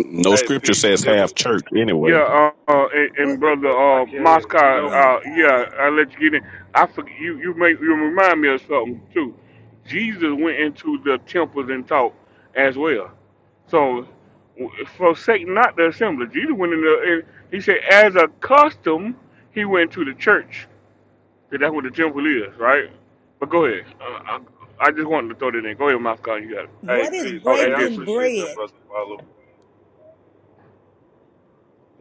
Speaker 4: no
Speaker 12: Hey,
Speaker 4: scripture
Speaker 12: peace.
Speaker 4: says
Speaker 12: If,
Speaker 4: have church anyway
Speaker 1: Yeah, uh, uh and,
Speaker 5: What
Speaker 1: and
Speaker 12: if
Speaker 1: brother
Speaker 12: if I
Speaker 1: uh
Speaker 12: can,
Speaker 1: Moscow,
Speaker 12: you know,
Speaker 5: my
Speaker 1: uh
Speaker 5: God.
Speaker 1: yeah, I let you get in. I forget you you make you remind me of something too. Jesus went into the temples and taught as well. So w- forsake not the assembly. Jesus went in the and he said as a custom he went to the church. 'Cause That's what the temple is, right? But go ahead. Uh, I, I just wanted to throw that in. Go ahead, Moscow. You got it.
Speaker 12: hey,
Speaker 5: What is
Speaker 12: peace.
Speaker 1: Oh,
Speaker 12: Hey,
Speaker 1: and
Speaker 12: I
Speaker 1: this
Speaker 5: breaking
Speaker 12: appreciate that,
Speaker 5: bread?
Speaker 12: brother, follow.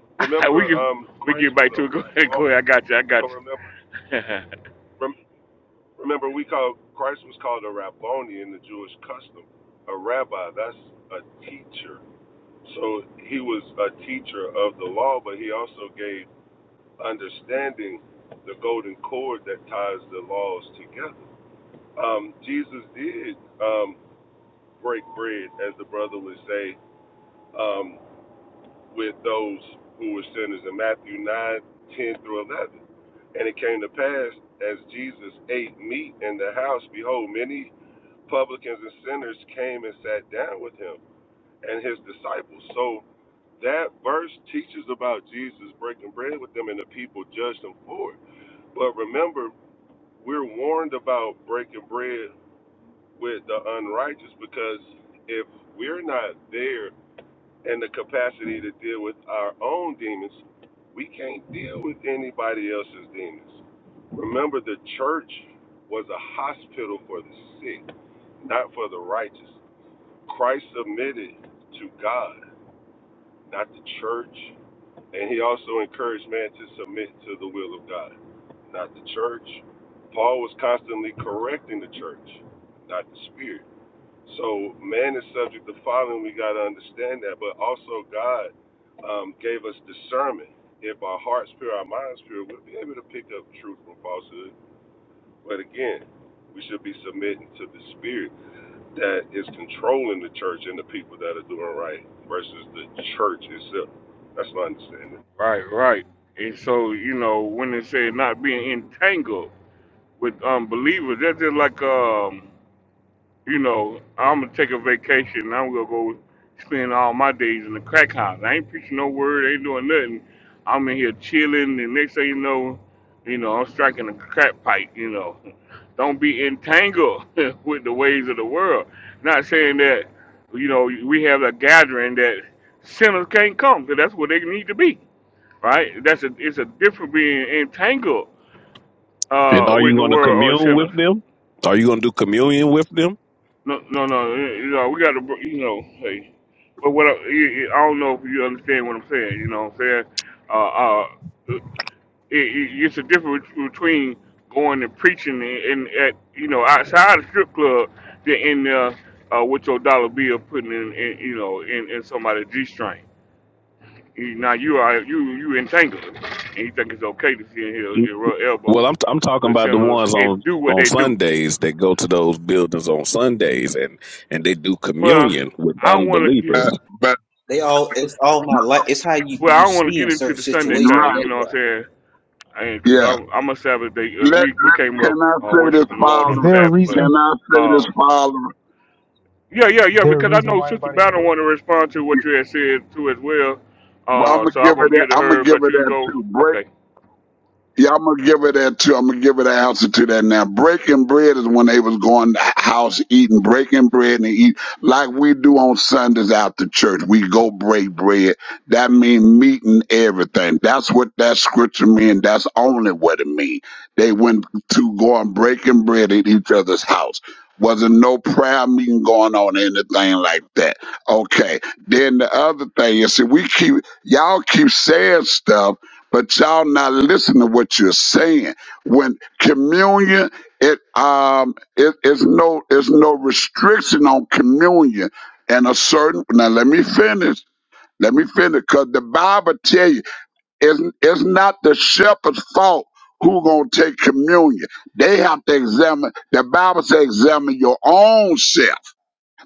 Speaker 12: Remember,
Speaker 1: we can
Speaker 12: um,
Speaker 1: we
Speaker 12: Christ
Speaker 1: get
Speaker 12: was
Speaker 1: back
Speaker 12: a
Speaker 1: to it. Go ahead, go
Speaker 12: Rabboni.
Speaker 1: ahead. I got you. I got
Speaker 12: So remember,
Speaker 1: you.
Speaker 12: rem, remember, we call Christ was called a Rabboni in the Jewish custom. A rabbi, that's a teacher. So he was a teacher of the law, but he also gave understanding the golden cord that ties the laws together. um, Jesus did um, break bread, as the brother would say, um, with those who were sinners in Matthew 9 10 through 11. And it came to pass, as Jesus ate meat in the house, behold, many publicans and sinners came and sat down with him and his disciples. So that verse teaches about Jesus breaking bread with them, and the people judged him for it. But remember, we're warned about breaking bread with the unrighteous because if we're not there in the capacity to deal with our own demons, we can't deal with anybody else's demons. Remember, the church was a hospital for the sick, not for the righteous. Christ submitted to God, not the church. And he also encouraged man to submit to the will of God, not the church. Paul was constantly correcting the church, not the spirit. So man is subject to falling. We got to understand that. But also God um, gave us discernment. If our hearts pure, our minds pure, we'll be able to pick up truth from falsehood. But again, we should be submitting to the spirit that is controlling the church and the people that are doing right versus the church itself. That's my understanding.
Speaker 1: Right, right. And so, you know, when they say not being entangled with unbelievers, that's just like, um, you know, I'm going to take a vacation and I'm going to go spend all my days in the crack house. I ain't preaching no word, ain't doing nothing. I'm in here chilling, and next thing you know, you know, I'm striking a crack pipe, you know. Don't be entangled with the ways of the world. Not saying that, you know, we have a gathering that sinners can't come, 'cause that's where they need to be right? That's a it's a different being entangled
Speaker 4: and
Speaker 1: uh,
Speaker 4: are
Speaker 1: with
Speaker 4: you
Speaker 1: the
Speaker 4: going to
Speaker 1: world or
Speaker 4: commune
Speaker 1: sinners.
Speaker 4: with them are you going to do communion with them
Speaker 1: No, no, no. You know, we got to, you know, hey. But what I, I I don't know if you understand what I'm saying. You know, what I'm saying, uh, uh, it, it, it's a difference between going and preaching and, and at you know outside the strip club than in uh, uh, with your dollar bill putting in, in you know in, in somebody's g string. He, now you are you you entangled, and you think it's okay to sit here and rub
Speaker 4: Well,
Speaker 1: elbows
Speaker 4: I'm I'm talking
Speaker 1: with
Speaker 4: about the
Speaker 1: sinners
Speaker 4: ones on
Speaker 1: and do what
Speaker 4: on
Speaker 1: they do.
Speaker 4: Sundays that go to those buildings on Sundays and and they do
Speaker 1: Well,
Speaker 4: communion with
Speaker 1: I don't want to get
Speaker 4: unbelievers.
Speaker 13: Uh, but
Speaker 7: they all it's all my light it's how you
Speaker 1: well. I
Speaker 7: you
Speaker 1: don't want to
Speaker 7: see
Speaker 1: get
Speaker 7: in
Speaker 1: into
Speaker 7: certain
Speaker 1: the Sunday
Speaker 13: you're
Speaker 7: situations
Speaker 1: thing. You
Speaker 7: that's
Speaker 13: right.
Speaker 1: know
Speaker 7: why
Speaker 1: what I'm saying? Because
Speaker 13: Yeah.
Speaker 1: I'm I'm a Sabbath day. Uh,
Speaker 13: Let,
Speaker 1: we we came
Speaker 13: let
Speaker 1: up
Speaker 13: can I
Speaker 1: uh,
Speaker 13: say this,
Speaker 1: worshiping the Lord
Speaker 14: Is
Speaker 1: on the
Speaker 13: Father?
Speaker 14: there a
Speaker 1: Sabbath, but
Speaker 14: reason?
Speaker 13: Can I say this,
Speaker 1: uh,
Speaker 13: Father?
Speaker 1: yeah, yeah,
Speaker 14: Is
Speaker 1: yeah.
Speaker 14: there a
Speaker 1: Because I
Speaker 14: reason
Speaker 1: know
Speaker 14: why
Speaker 1: Sister
Speaker 14: everybody
Speaker 1: Battle want to
Speaker 14: interrupted?
Speaker 1: respond to what you had said too as well.
Speaker 13: Well, I'm
Speaker 1: Uh,
Speaker 13: gonna
Speaker 1: so
Speaker 13: give
Speaker 1: I'm
Speaker 13: it.
Speaker 1: gonna give
Speaker 13: That,
Speaker 1: it to
Speaker 13: I'm gonna
Speaker 1: her,
Speaker 13: give
Speaker 1: but
Speaker 13: it
Speaker 1: you can
Speaker 13: that
Speaker 1: go.
Speaker 13: too.
Speaker 1: Okay.
Speaker 13: Yeah, I'm gonna give it that too. I'm gonna give it an answer to that now. Breaking bread is when they was going to house eating, breaking bread and eat like we do on Sundays after church. We go break bread. That mean meeting everything. That's what that scripture mean. That's only what it mean. They went to go and breaking bread at each other's house. Wasn't no prayer meeting going on, anything like that. Okay. Then the other thing is, see, we keep y'all keep saying stuff but y'all not listen to what you're saying. When communion, it um, it is no it's no restriction on communion and a certain. Now let me finish. Let me finish, cause the Bible tell you it's it's not the shepherd's fault who gonna take communion. They have to examine. The Bible says examine your own self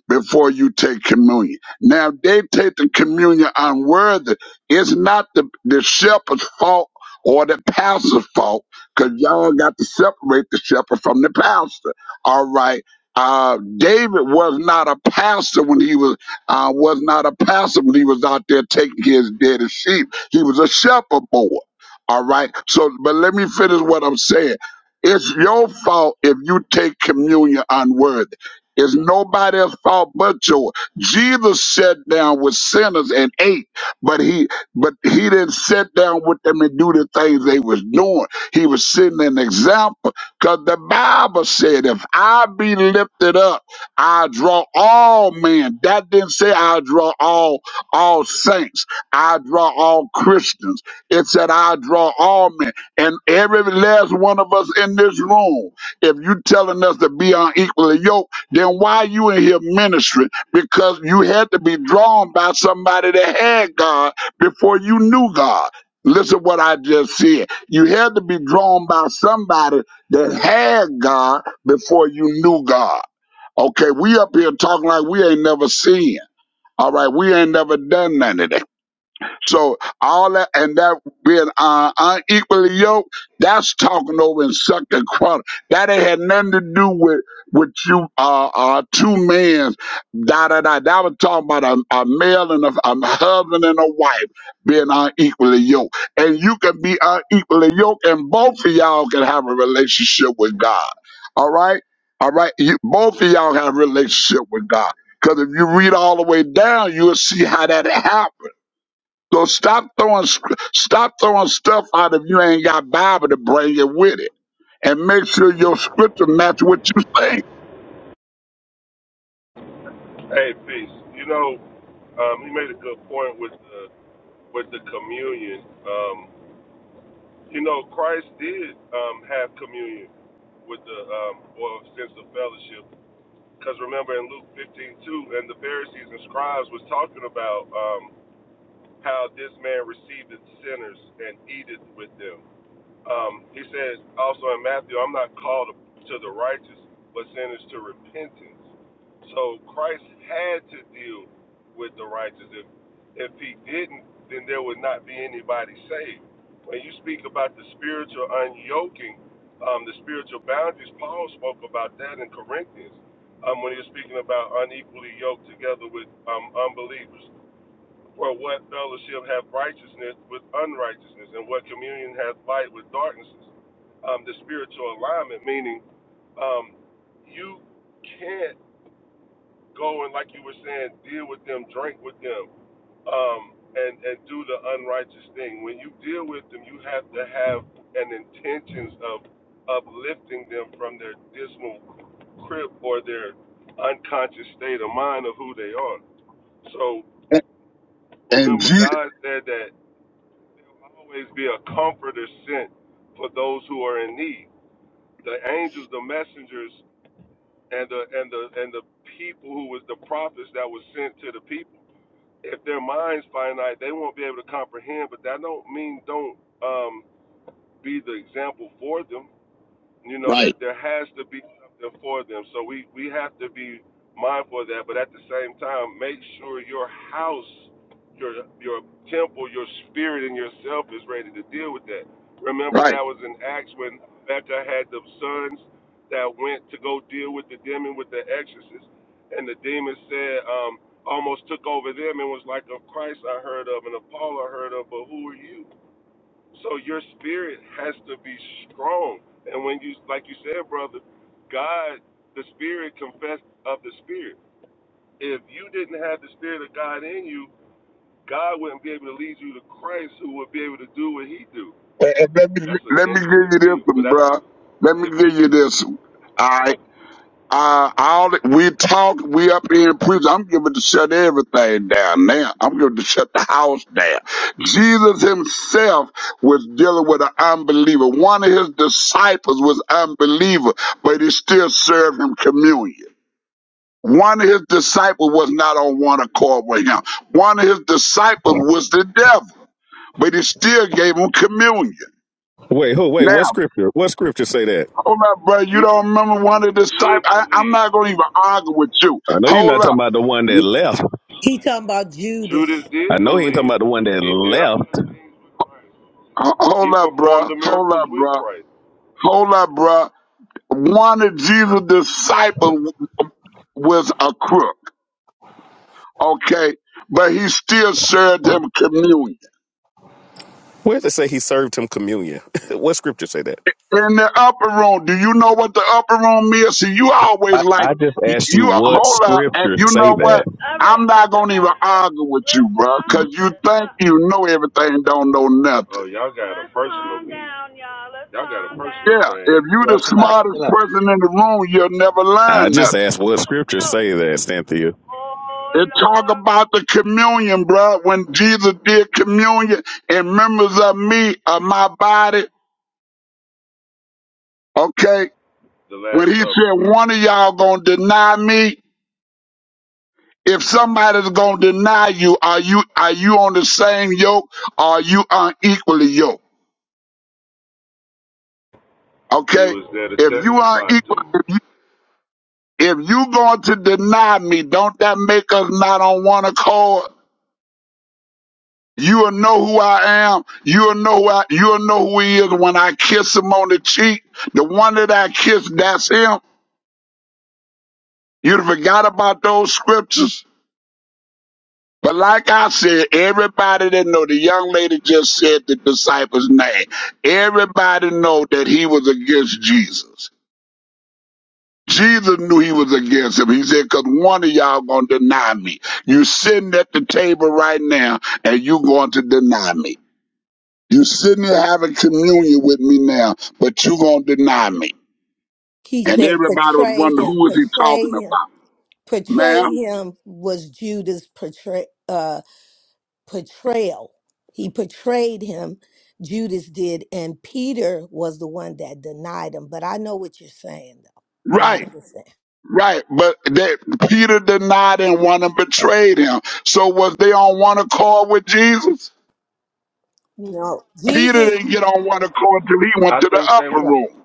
Speaker 13: before you take communion. Now, if they take the communion unworthy. It's not the, the shepherd's fault or the pastor's fault, because y'all got to separate the shepherd from the pastor. All right. Uh, David was not a pastor when he was uh, was not a pastor when he was out there taking his dead sheep. He was a shepherd boy. All right. So, but let me finish what I'm saying. It's your fault if you take communion unworthy. It's nobody else's fault but yours. Jesus sat down with sinners and ate, but he but he didn't sit down with them and do the things they was doing. He was setting an example because the Bible said, "If I be lifted up, I draw all men." That didn't say I draw all all saints. I draw all Christians. It said I draw all men, and every last one of us in this room if you telling us to be unequally yoked, then why you in here ministering? Because you had to be drawn by somebody that had God before you knew God. Listen what I just said. You had to be drawn by somebody that had God before you knew God. Okay, we up here talking like we ain't never seen. All right, we ain't never done none of that. So all that and that being uh, unequally yoked, that's talking over and sucking quarter. That ain't had nothing to do with with you uh, uh two men. Da da da. That was talking about a, a male and a, a husband and a wife being unequally yoked. And you can be unequally yoked, and both of y'all can have a relationship with God. All right, all right. You, both of y'all have a relationship with God. Because if you read all the way down, you'll see how that happened so stop throwing stop throwing stuff out if you ain't got Bible to bring it with it, and make sure your scripture match what you saying.
Speaker 12: Hey, peace. You know, um, he made a good point with the with the communion. Um, You know, Christ did um, have communion with the, um, or sense of fellowship. Because remember in Luke 15 2, and the Pharisees and scribes was talking about um, how this man received sinners and eateth with them. Um, he says also in Matthew, I'm not called to the righteous, but sinners to repentance. So Christ had to deal with the righteous. If if he didn't, then there would not be anybody saved. When you speak about the spiritual unyoking, um, the spiritual boundaries, Paul spoke about that in Corinthians um, when he was speaking about unequally yoked together with um, unbelievers. For what fellowship hath righteousness with unrighteousness, and what communion hath light with darknesses? Um, the spiritual alignment, meaning um, you can't go and, like you were saying, deal with them, drink with them, um, and and do the unrighteous thing. When you deal with them, you have to have an intentions of uplifting them from their dismal crib or their unconscious state of mind of who they are. So
Speaker 13: And, and
Speaker 12: remember,
Speaker 13: Je-
Speaker 12: God said that. always be a comforter sent for those who are in need. The angels, the messengers, and the and the and the people who was the prophets that was sent to the people. If their minds finite, they won't be able to comprehend. But that don't mean don't um, be the example for them you know
Speaker 13: Right.
Speaker 12: that there has to be something for them so we we have to be mindful of that but at the same time make sure your house your your temple your spirit and yourself is ready to deal with that remember
Speaker 13: right.
Speaker 12: that was in acts when becca had the sons that went to go deal with the demon with the exorcist and the demon said um almost took over them and was like of christ i heard of and of paul i heard of but who are you so your spirit has to be strong. And when you, like you said, brother, God, the spirit confessed of the spirit. If you didn't have the spirit of God in you, God wouldn't be able to lead you to Christ, who would be able to do what He do.
Speaker 13: And, and let me
Speaker 12: That's an
Speaker 13: let me give
Speaker 12: interesting
Speaker 13: you this
Speaker 12: bill, but
Speaker 13: one,
Speaker 12: that's
Speaker 13: bruh. Let
Speaker 12: if
Speaker 13: me give you this one. All right. Uh, all that- we talk, we up here in prison. I'm giving to shut everything down now. I'm giving to shut the house down. Jesus himself was dealing with an unbeliever. One of his disciples was unbeliever, but he still served him communion. One of his disciples was not on one accord with him. One of his disciples was the devil, but he still gave him communion.
Speaker 4: Wait, who? Wait,
Speaker 13: Now,
Speaker 4: what scripture? What scripture say that?
Speaker 13: hold up, brother. You don't
Speaker 12: Judas.
Speaker 13: remember one of
Speaker 12: Judas
Speaker 13: the disciples?
Speaker 12: did
Speaker 13: I, I'm
Speaker 12: believe.
Speaker 13: not going to even argue with you.
Speaker 4: I know you're not
Speaker 13: Hold up.
Speaker 4: talking about the one that left.
Speaker 5: He talking about
Speaker 12: Judas
Speaker 5: Judas.
Speaker 4: I
Speaker 12: did
Speaker 4: know he ain't talking
Speaker 12: believe.
Speaker 4: about the one that
Speaker 12: He did all the
Speaker 4: left.
Speaker 12: things with Christ.
Speaker 13: Ho-
Speaker 12: He
Speaker 13: Hold up,
Speaker 12: performed
Speaker 13: bruh.
Speaker 12: the
Speaker 13: Hold
Speaker 12: miracles
Speaker 13: up,
Speaker 12: with
Speaker 13: bruh.
Speaker 12: Christ.
Speaker 13: Hold up, bruh. One of Jesus' disciples was a crook, okay? But he still served him communion.
Speaker 4: Where does it say he served him communion? what scripture say that?
Speaker 13: In the upper room, do you know what the upper room is? See, you always
Speaker 4: I,
Speaker 13: like,
Speaker 4: I just
Speaker 13: you,
Speaker 4: asked you
Speaker 13: you
Speaker 4: what
Speaker 13: hold up, and you
Speaker 4: scriptures say
Speaker 13: know what?
Speaker 4: that.
Speaker 11: All
Speaker 13: I'm
Speaker 11: right,
Speaker 13: not
Speaker 11: all
Speaker 13: gonna even
Speaker 11: right. Let's
Speaker 13: argue with you,
Speaker 11: let's
Speaker 13: bruh,
Speaker 11: calm
Speaker 13: because you
Speaker 11: let's
Speaker 13: think
Speaker 11: calm
Speaker 13: you know everything, and don't know
Speaker 12: Oh,
Speaker 13: nothing.
Speaker 12: y'all got a
Speaker 11: let's
Speaker 12: personal
Speaker 11: calm
Speaker 12: beef.
Speaker 11: down, y'all. Let's
Speaker 12: Y'all got a
Speaker 11: calm
Speaker 12: personal
Speaker 13: Yeah,
Speaker 11: down.
Speaker 13: if
Speaker 12: thing
Speaker 13: you
Speaker 7: you
Speaker 12: going.
Speaker 7: know,
Speaker 13: the
Speaker 7: chill out, chill
Speaker 13: smartest
Speaker 7: out.
Speaker 13: person in the room, you'll never
Speaker 4: I
Speaker 13: learn nothing.
Speaker 4: just asked what scriptures
Speaker 11: So,
Speaker 4: say that, Cynthia.
Speaker 11: oh
Speaker 13: It talk
Speaker 11: Lord.
Speaker 13: about the communion, bruh. When Jesus did communion and members of me of my body, okay.
Speaker 12: the
Speaker 13: When
Speaker 12: Last
Speaker 13: he said
Speaker 12: Supper.
Speaker 13: one of y'all gonna deny me, if somebody's gonna deny you, are you are you on the same yoke? Or are you unequally yoked?
Speaker 12: He
Speaker 13: Okay.
Speaker 12: was there to
Speaker 13: If you
Speaker 12: testify to
Speaker 13: unequal,
Speaker 12: him.
Speaker 13: if you going to deny me, don't that make us not on one accord? You'll know who I am. You'll know who I, you'll know who he is when I kiss him on the cheek. The one that I kissed, that's him. You forgot about those scriptures. But like I said, everybody that know the young lady just said the disciples' name. Everybody know that he was against Jesus. Jesus knew he was against him. He said, "Cause one of y'all gonna deny me. You sitting at the table right now, and you going to deny me." You sitting here having communion with me now, but you gonna deny me.
Speaker 5: He
Speaker 13: And
Speaker 5: said,
Speaker 13: everybody was
Speaker 5: "Betray
Speaker 13: wondering
Speaker 5: him,
Speaker 13: who is he talking
Speaker 5: Betray him.
Speaker 13: about,
Speaker 5: portrayed
Speaker 13: ma'am?
Speaker 5: him was Judas' portray, uh, portrayal. He portrayed him, Judas did, and Peter was the one that denied him. But I know what you're saying, though. I
Speaker 13: Right,
Speaker 5: understand.
Speaker 13: right. But that Peter denied and one and betrayed him. So was they on one accord with Jesus?
Speaker 5: You know,
Speaker 13: Peter
Speaker 5: Jesus,
Speaker 13: didn't get on one accord till he went
Speaker 12: I
Speaker 13: to the
Speaker 12: think they
Speaker 13: upper
Speaker 12: was
Speaker 13: room.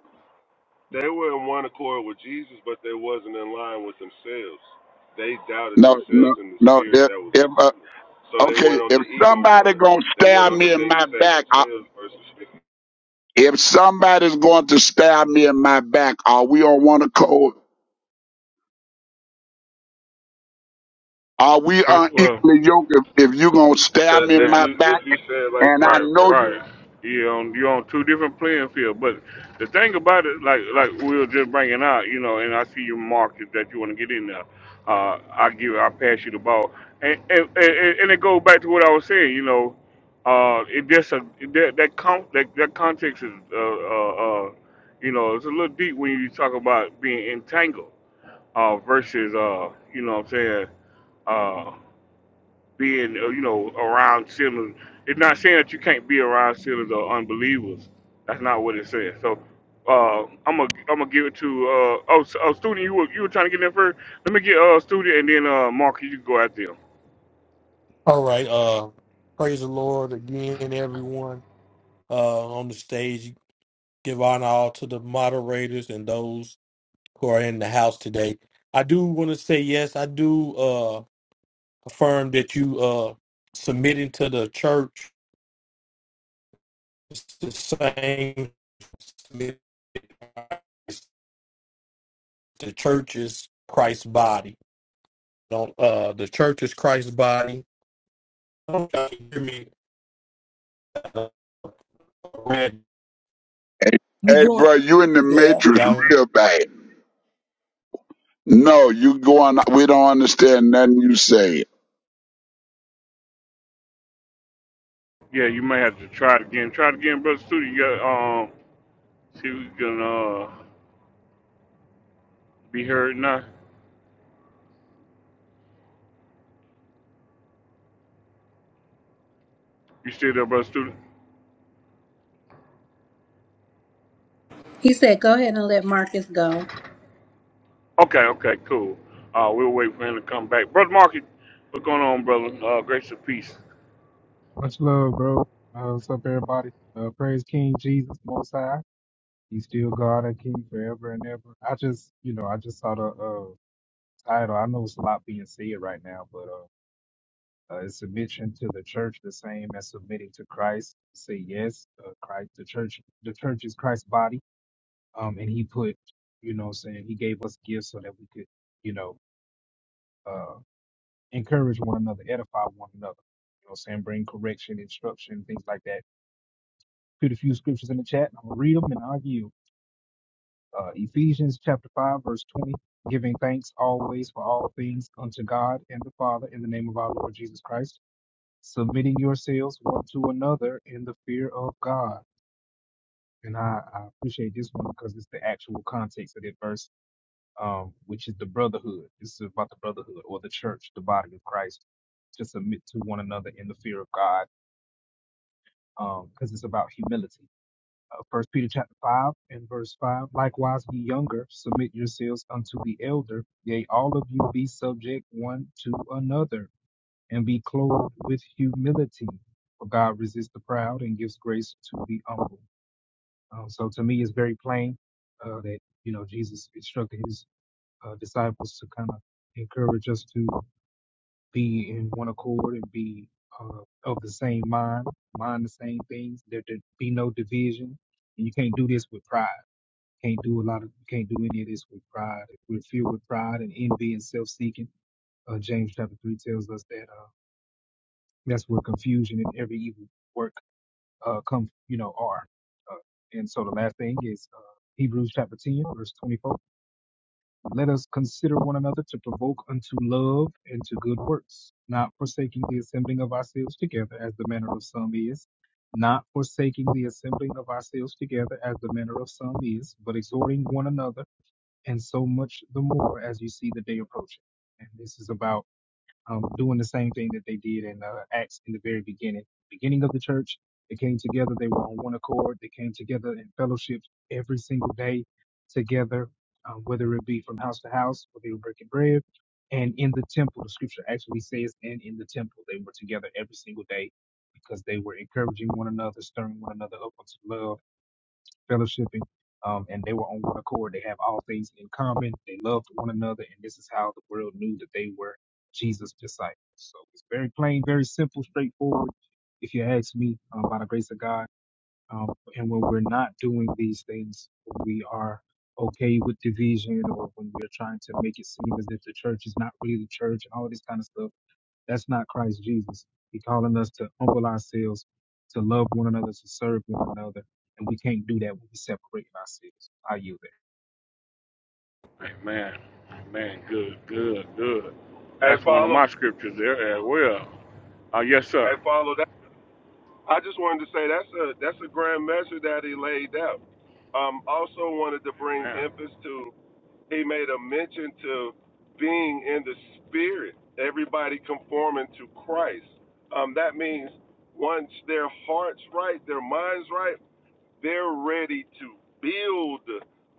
Speaker 12: they were in one accord with Jesus, but they wasn't in line with themselves. They doubted
Speaker 13: No, no,
Speaker 12: themselves and the
Speaker 13: no.
Speaker 12: spirit
Speaker 13: If
Speaker 12: that was
Speaker 13: if uh,
Speaker 12: within them. So they
Speaker 13: okay,
Speaker 12: went on the
Speaker 13: if
Speaker 12: ego
Speaker 13: somebody
Speaker 12: run.
Speaker 13: gonna
Speaker 12: They went
Speaker 13: stab
Speaker 12: on the
Speaker 13: me in
Speaker 12: thing to
Speaker 13: my
Speaker 12: save
Speaker 13: back, I,
Speaker 12: themselves versus to,
Speaker 13: if somebody's going to stab me in my back, are we on one accord? Are we
Speaker 1: Well, well,
Speaker 13: unequally yoked if, if you gonna stab me in
Speaker 12: if
Speaker 1: man.
Speaker 13: my
Speaker 12: you if
Speaker 13: back
Speaker 12: you say it like
Speaker 13: and I
Speaker 12: that,
Speaker 1: Right,
Speaker 13: know
Speaker 12: that's
Speaker 13: you
Speaker 1: right.
Speaker 12: the
Speaker 1: You on you are on two different playing field. But the thing about it, like like we were just bringing out, you know, and I see your market that you want to get in there. Uh, I give, I pass you the ball, and and, and and it goes back to what I was saying. You know, uh, it just a that that con that, that context is uh, uh uh you know it's a little deep when you talk about being entangled uh versus uh you know what I'm saying uh, being uh, you know around sinners. It's not saying that you can't be around sinners or unbelievers. That's not what it says. So uh, I'm gonna I'm gonna give it to uh, oh, s- oh student you were you were trying to get in there first. Let me get uh student and then uh Mark you can go out there.
Speaker 15: All right. Uh, praise the Lord again, everyone uh, on the stage. Give honor all to the moderators and those who are in the house today. I do want to say yes. I do uh, affirm that you uh, submitting to the church is the same. submit to Christ. The church is Christ's body. Don't uh, the church is Christ's body. don't y'all hear me. Uh, red.
Speaker 13: hey,
Speaker 5: you
Speaker 13: hey
Speaker 5: going?
Speaker 13: bro, you in the
Speaker 5: yeah.
Speaker 13: matrix real bad. No, you going we don't understand nothing you say.
Speaker 1: Yeah, you may have to try it again. Try it again, brother student. You got um see if we can uh be heard now. You still there, brother student?
Speaker 9: He said, go ahead and let Marcus go.
Speaker 1: Okay, okay, cool. Uh, we'll wait for him to come back. Brother Market. what's going on, brother? Uh, grace and peace.
Speaker 14: Much love, bro. Uh, what's up, everybody? Uh, praise King Jesus Most High. He's still God and King forever and ever. I just, you know, I just saw the uh, title. I know it's a lot being said right now, but uh, uh, it's submission to the church the same as submitting to Christ. Say yes, uh, Christ. The church, the church is Christ's body. Um, and He put, you know, what I'm saying He gave us gifts so that we could, you know. uh, encourage one another, edify one another. You know what I'm saying? Bring correction, instruction, things like that. Put a few scriptures in the chat. and I'm going to read them and argue. Uh, Ephesians chapter 5, verse 20, giving thanks always for all things unto God and the Father in the name of our Lord Jesus Christ, submitting yourselves one to another in the fear of God. And I, I appreciate this one because it's the actual context of that verse, um, which is the brotherhood. This is about the brotherhood or the church, the body of Christ, to submit to one another in the fear of God um, because it's about humility. Uh, First Peter chapter five and verse five. Likewise, ye younger, submit yourselves unto the elder. Yea, all of you be subject one to another, and be clothed with humility. For God resists the proud and gives grace to the humble. Um, so to me, it's very plain uh, that you know Jesus instructed his uh, disciples to kind of encourage us to be in one accord and be uh, of the same mind, mind the same things. There to be no division. And you can't do this with pride. Can't do a lot of. Can't do any of this with pride. If we're filled with pride and envy and self-seeking, uh, James chapter three tells us that uh, that's where confusion and every evil work uh, come. You know, are. Uh, and so the last thing is uh, Hebrews chapter ten, verse twenty-four. Let us consider one another to provoke unto love and to good works, not forsaking the assembling of ourselves together as the manner of some is, not forsaking the assembling of ourselves together as the manner of some is, but exhorting one another, and so much the more as you see the day approaching. And this is about um, doing the same thing that they did in uh, Acts in the very beginning. Beginning of the church, they came together. They were on one accord. They came together in fellowship every single day together, um, whether it be from house to house, where they were breaking bread, and in the temple. The scripture actually says, "And in the temple, they were together every single day." Because they were encouraging one another, stirring one another up unto love, fellowshipping, um, and they were on one accord. They have all things in common. They loved one another, and this is how the world knew that they were Jesus' disciples. So it's very plain, very simple, straightforward. If you ask me, um, by the grace of God, um, and when we're not doing these things, when we are okay with division, or when we're trying to make it seem as if the church is not really the church, and all this kind of stuff that's not Christ Jesus. He's calling us to humble ourselves, to love one another, to serve one another. And we can't do that when we separate ourselves. I yield there.
Speaker 1: Amen. Amen. Good, good, good.
Speaker 12: hey
Speaker 1: That's one of
Speaker 12: follow
Speaker 1: my scriptures there as well. Uh, yes,
Speaker 12: hey
Speaker 1: sir.
Speaker 12: follow that. I just wanted to say that's a that's a grand measure that he laid out. Um, also wanted to bring
Speaker 1: Amen.
Speaker 12: emphasis to he made a mention to being in the spirit, everybody conforming to Christ. Um, that means once their hearts right, their minds right, they're ready to build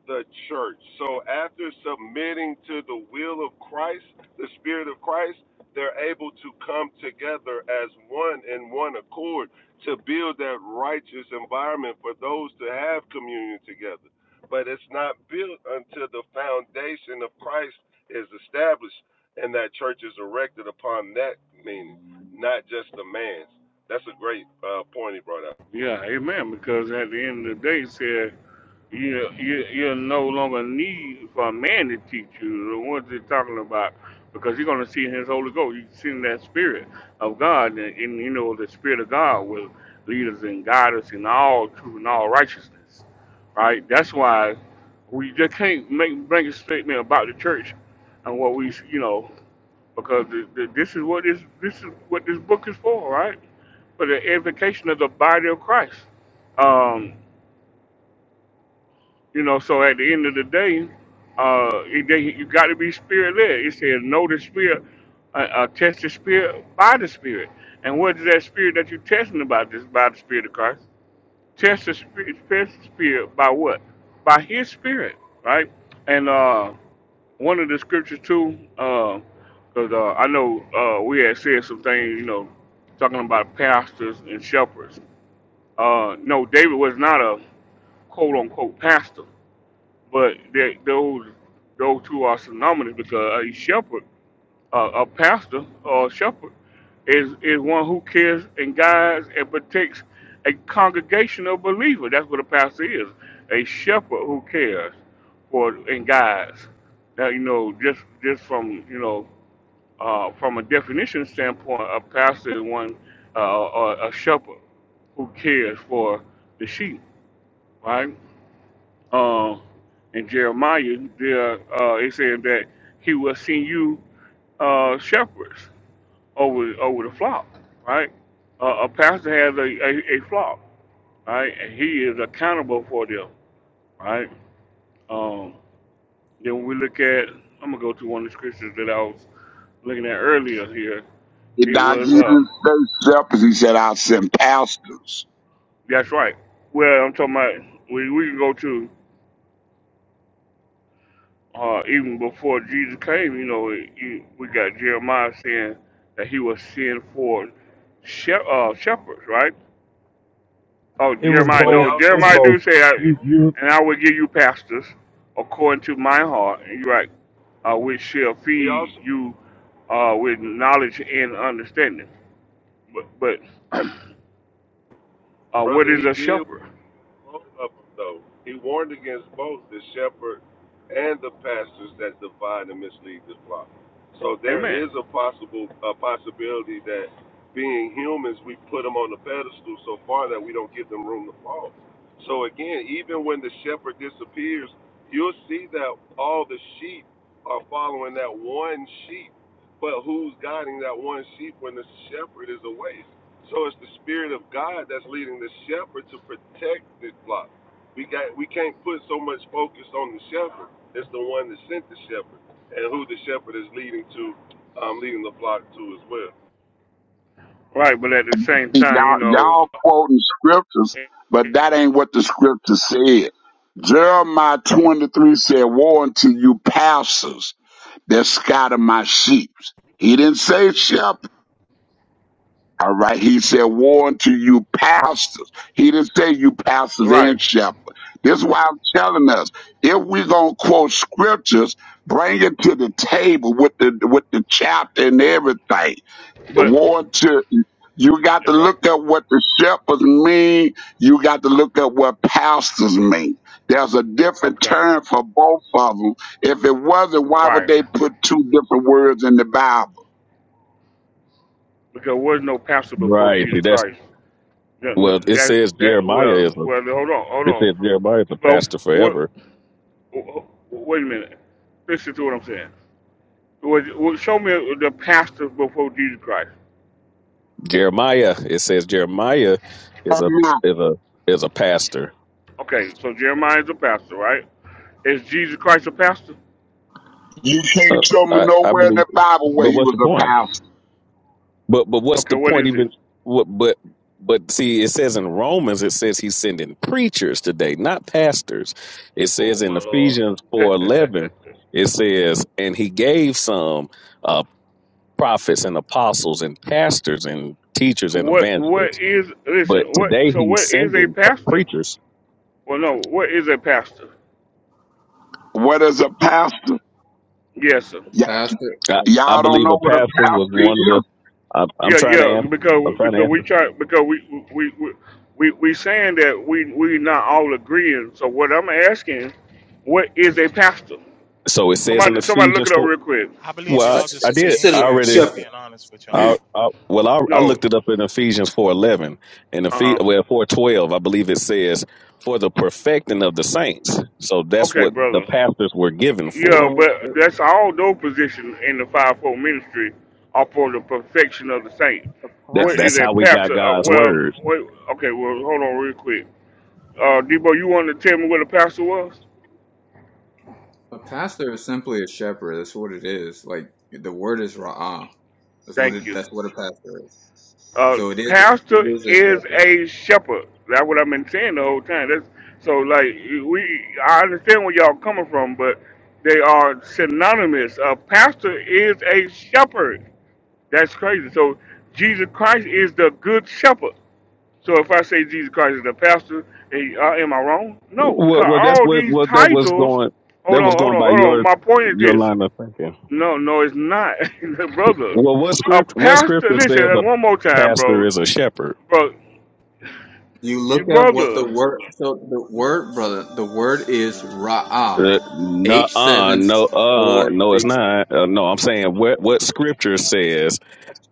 Speaker 12: the church. So after submitting to the will of Christ, the Spirit of Christ, they're able to come together as one in one accord to build that righteous environment for those to have communion together. But it's not built until the foundation of Christ is established and that church is erected upon that meaning, not just the man's. That's a great uh, point he brought up.
Speaker 1: Yeah, amen. Because at the end of the day, it said you you you no longer need for a man to teach you the ones they're talking about because you're going to see his holy ghost you see that spirit of god and, and you know the spirit of god will lead us and guide us in all truth and all righteousness right that's why we just can't make make a statement about the church and what we you know because the, the, this is what this this is what this book is for right for the edification of the body of christ Um, you know, so at the end of the day, uh, it- they, you got to be spirit led. It says, know the spirit, uh, uh, test the spirit by the spirit. And what is that spirit that you're testing about? This by the spirit of Christ. Test the spirit, test the spirit by what? By His spirit, right? And uh, one of the scriptures too, because uh, I know uh, we had said some things, you know, talking about pastors and shepherds. Uh, no, David was not a quote unquote pastor but they, those those two are synonymous because a shepherd, uh, a pastor or a shepherd, is is one who cares and guides and protects a congregation of believers. That's what a pastor is, a shepherd who cares for and guides. Now you know just just from you know uh, from a definition standpoint, a pastor is one uh, or a shepherd who cares for the sheep, right? Um, in Jeremiah, there uh, it said that he will send you uh, shepherds over over the flock, right? Uh, a a pastor has a, a, a flock, right? And he is accountable for them, right? Um, then when we look at, I'm gonna go to one of the scriptures that I was looking at earlier here.
Speaker 13: He-
Speaker 1: It
Speaker 13: Doc,
Speaker 1: was,
Speaker 13: he
Speaker 1: uh,
Speaker 13: didn't say shepherds, he said I sent pastors.
Speaker 1: that's right. Well, I'm talking about. We we can go to. uh, even before Jesus came, you know, it- you, we got Jeremiah saying that he was sent for she- uh, shepherds, right? Oh,
Speaker 14: It was
Speaker 1: Jeremiah,
Speaker 12: But he
Speaker 1: no,
Speaker 14: both. It's
Speaker 12: also
Speaker 1: Jeremiah do
Speaker 14: both.
Speaker 1: say, I,
Speaker 14: You you
Speaker 1: and I will give you pastors according to my heart, and you're right, uh, which shall
Speaker 12: He
Speaker 1: feed
Speaker 12: also,
Speaker 1: you uh, with knowledge and understanding. But, but uh, what
Speaker 12: brother,
Speaker 1: is
Speaker 12: he
Speaker 1: a
Speaker 12: did warn
Speaker 1: shepherd?
Speaker 12: both of them, though. He warned against both the shepherd and the pastors that divide and mislead the flock. So there
Speaker 1: Amen.
Speaker 12: is a possible a possibility that being humans, we put them on the pedestal so far that we don't give them room to fall. So again, even when the shepherd disappears, you'll see that all the sheep are following that one sheep. But who's guiding that one sheep when the shepherd is away? So it's the spirit of God that's leading the shepherd to protect the flock. We got we can't put so much focus on the shepherd. It's the one that sent the shepherd and who the shepherd is leading to, um, leading the flock to as well.
Speaker 1: Right, but at the same
Speaker 13: See,
Speaker 1: time, you
Speaker 13: Y'all
Speaker 1: know,
Speaker 13: y'all quoting scriptures, but that ain't what the scripture said. Jeremiah twenty three said, Woe unto you pastors that scatter my sheep. He didn't say shepherds. All right. He said, warn to you pastors. He didn't say you pastors
Speaker 1: right,
Speaker 13: and shepherds. This is why I'm telling us. If we're going to quote scriptures, bring it to the table with the, with the chapter and everything.
Speaker 1: but
Speaker 13: Warn to, you got to
Speaker 1: that's right.
Speaker 13: look up what the shepherds mean. You got to look up what pastors mean. There's a different
Speaker 1: Okay.
Speaker 13: term for both of them. If it wasn't, why would
Speaker 1: Right.
Speaker 13: they put two different words in the Bible?
Speaker 1: Because there was no pastor before
Speaker 4: Right.
Speaker 1: Jesus
Speaker 4: See,
Speaker 1: Christ. That,
Speaker 4: Well, it
Speaker 1: that,
Speaker 4: says
Speaker 1: that
Speaker 4: Jeremiah
Speaker 1: well,
Speaker 4: is a
Speaker 1: well, hold on, hold
Speaker 4: it
Speaker 1: on.
Speaker 4: says Jeremiah is a
Speaker 1: Both,
Speaker 4: pastor
Speaker 1: what,
Speaker 4: forever.
Speaker 1: wait a minute. Listen to what I'm saying. Was, was, show me the pastors before Jesus Christ.
Speaker 4: Jeremiah it says Jeremiah is a is a is a pastor.
Speaker 1: Okay, so Jeremiah is a pastor, right? Is Jesus Christ a pastor?
Speaker 13: You can't
Speaker 4: Uh,
Speaker 13: show me
Speaker 4: I I
Speaker 13: nowhere in
Speaker 4: believe,
Speaker 13: the Bible where
Speaker 4: but
Speaker 13: he
Speaker 4: what's
Speaker 13: was
Speaker 4: the
Speaker 13: a
Speaker 4: point?
Speaker 13: pastor.
Speaker 4: But but what's
Speaker 1: Okay,
Speaker 4: the
Speaker 1: what
Speaker 4: point
Speaker 1: is it?
Speaker 4: even? What but but see, it says in Romans, it says he's sending preachers today, not pastors. It
Speaker 1: Oh
Speaker 4: says in
Speaker 1: my lord.
Speaker 4: Ephesians four eleven, it says, and he gave some uh, prophets and apostles and pastors and teachers and
Speaker 1: what
Speaker 4: evangelists.
Speaker 1: what is
Speaker 4: But
Speaker 1: listen, what
Speaker 4: today
Speaker 1: so
Speaker 4: he's
Speaker 1: what is a
Speaker 4: sending pe-
Speaker 1: pastor?
Speaker 4: preachers.
Speaker 1: Well no, what is a pastor?
Speaker 13: What is a pastor?
Speaker 1: Yes, sir.
Speaker 13: Y-
Speaker 8: Pastor,
Speaker 4: I, I
Speaker 13: y'all don't
Speaker 4: believe
Speaker 13: know
Speaker 4: a
Speaker 13: what a
Speaker 4: pastor was
Speaker 13: pastor
Speaker 4: one of the.
Speaker 13: is?
Speaker 4: I'm, I'm
Speaker 1: Yeah,
Speaker 4: trying to
Speaker 1: yeah,
Speaker 4: answer. I'm
Speaker 1: because
Speaker 4: trying to
Speaker 1: because we
Speaker 4: answer.
Speaker 1: try because we we we we, we saying that we we not all agreeing. So what I'm asking, what is a pastor?
Speaker 4: So it says in
Speaker 1: Somebody somebody look
Speaker 4: Ephesians
Speaker 1: it up
Speaker 4: four.
Speaker 1: real quick.
Speaker 16: I believe
Speaker 7: It's,
Speaker 4: Well,
Speaker 16: y'all
Speaker 7: it's,
Speaker 16: just
Speaker 4: I, I
Speaker 7: it's
Speaker 4: did.
Speaker 16: splitting
Speaker 7: considered
Speaker 4: I
Speaker 7: like a
Speaker 16: hairs.
Speaker 4: already.
Speaker 16: If I'm
Speaker 7: shepherd
Speaker 16: being honest with
Speaker 4: I,
Speaker 16: y'all,
Speaker 4: I, well, I, I
Speaker 1: No,
Speaker 4: looked it up in Ephesians four eleven and Ephes
Speaker 1: uh,
Speaker 4: well four twelve. I believe it says for the perfecting of the saints. So that's
Speaker 1: okay,
Speaker 4: what the
Speaker 1: brother.
Speaker 4: pastors were given
Speaker 1: Yeah,
Speaker 4: for.
Speaker 8: no,
Speaker 1: but that's all those positions in the fivefold ministry are for the perfection of the saint.
Speaker 8: a,
Speaker 4: That
Speaker 1: What
Speaker 8: pastor,
Speaker 1: is
Speaker 4: that's
Speaker 1: a
Speaker 4: how we got
Speaker 1: pastor? Uh,
Speaker 4: God's
Speaker 1: well,
Speaker 4: word.
Speaker 1: wait, okay, well, hold on real quick. Uh, Debo, you want to tell me what a pastor was?
Speaker 8: a pastor is simply a shepherd. That's what it is. Like the word is ra'ah. That's what
Speaker 1: Thank
Speaker 8: it.
Speaker 1: you.
Speaker 8: That's what a pastor is.
Speaker 1: uh,
Speaker 8: So it is. It
Speaker 1: pastor
Speaker 8: is a
Speaker 1: is
Speaker 8: shepherd.
Speaker 1: a shepherd. That's what I've been saying the whole time. That's so like we. I understand where y'all coming from, but they are synonymous. A pastor is a shepherd. That's crazy. So Jesus Christ is the good shepherd. So if I say Jesus Christ is the pastor, eh, uh, am I wrong? No,
Speaker 4: Well,
Speaker 1: because
Speaker 4: well, that's
Speaker 1: all
Speaker 4: what
Speaker 1: these
Speaker 4: well that was
Speaker 1: titles.
Speaker 4: going
Speaker 1: Hold
Speaker 4: that
Speaker 1: on,
Speaker 4: was
Speaker 1: hold
Speaker 4: going
Speaker 1: on,
Speaker 4: by
Speaker 1: hold on.
Speaker 4: your
Speaker 1: My point is
Speaker 4: your
Speaker 1: this.
Speaker 4: line of thinking.
Speaker 1: No, no, it's not, brother.
Speaker 4: Well, what
Speaker 1: A
Speaker 4: script? What
Speaker 1: pastor.
Speaker 4: scripture
Speaker 1: Listen
Speaker 4: says a
Speaker 1: one more time,
Speaker 4: pastor
Speaker 1: bro.
Speaker 4: is a shepherd?
Speaker 1: Bro,
Speaker 8: You
Speaker 1: Your
Speaker 8: look at what
Speaker 1: brother.
Speaker 8: the word so the word, brother, the word is
Speaker 4: Uh,
Speaker 8: Ra'ah.
Speaker 4: no,
Speaker 8: H
Speaker 4: uh,
Speaker 8: seven
Speaker 4: no, uh,
Speaker 8: four
Speaker 4: no, it's
Speaker 8: six
Speaker 4: not. Uh, no, I'm saying what what scripture says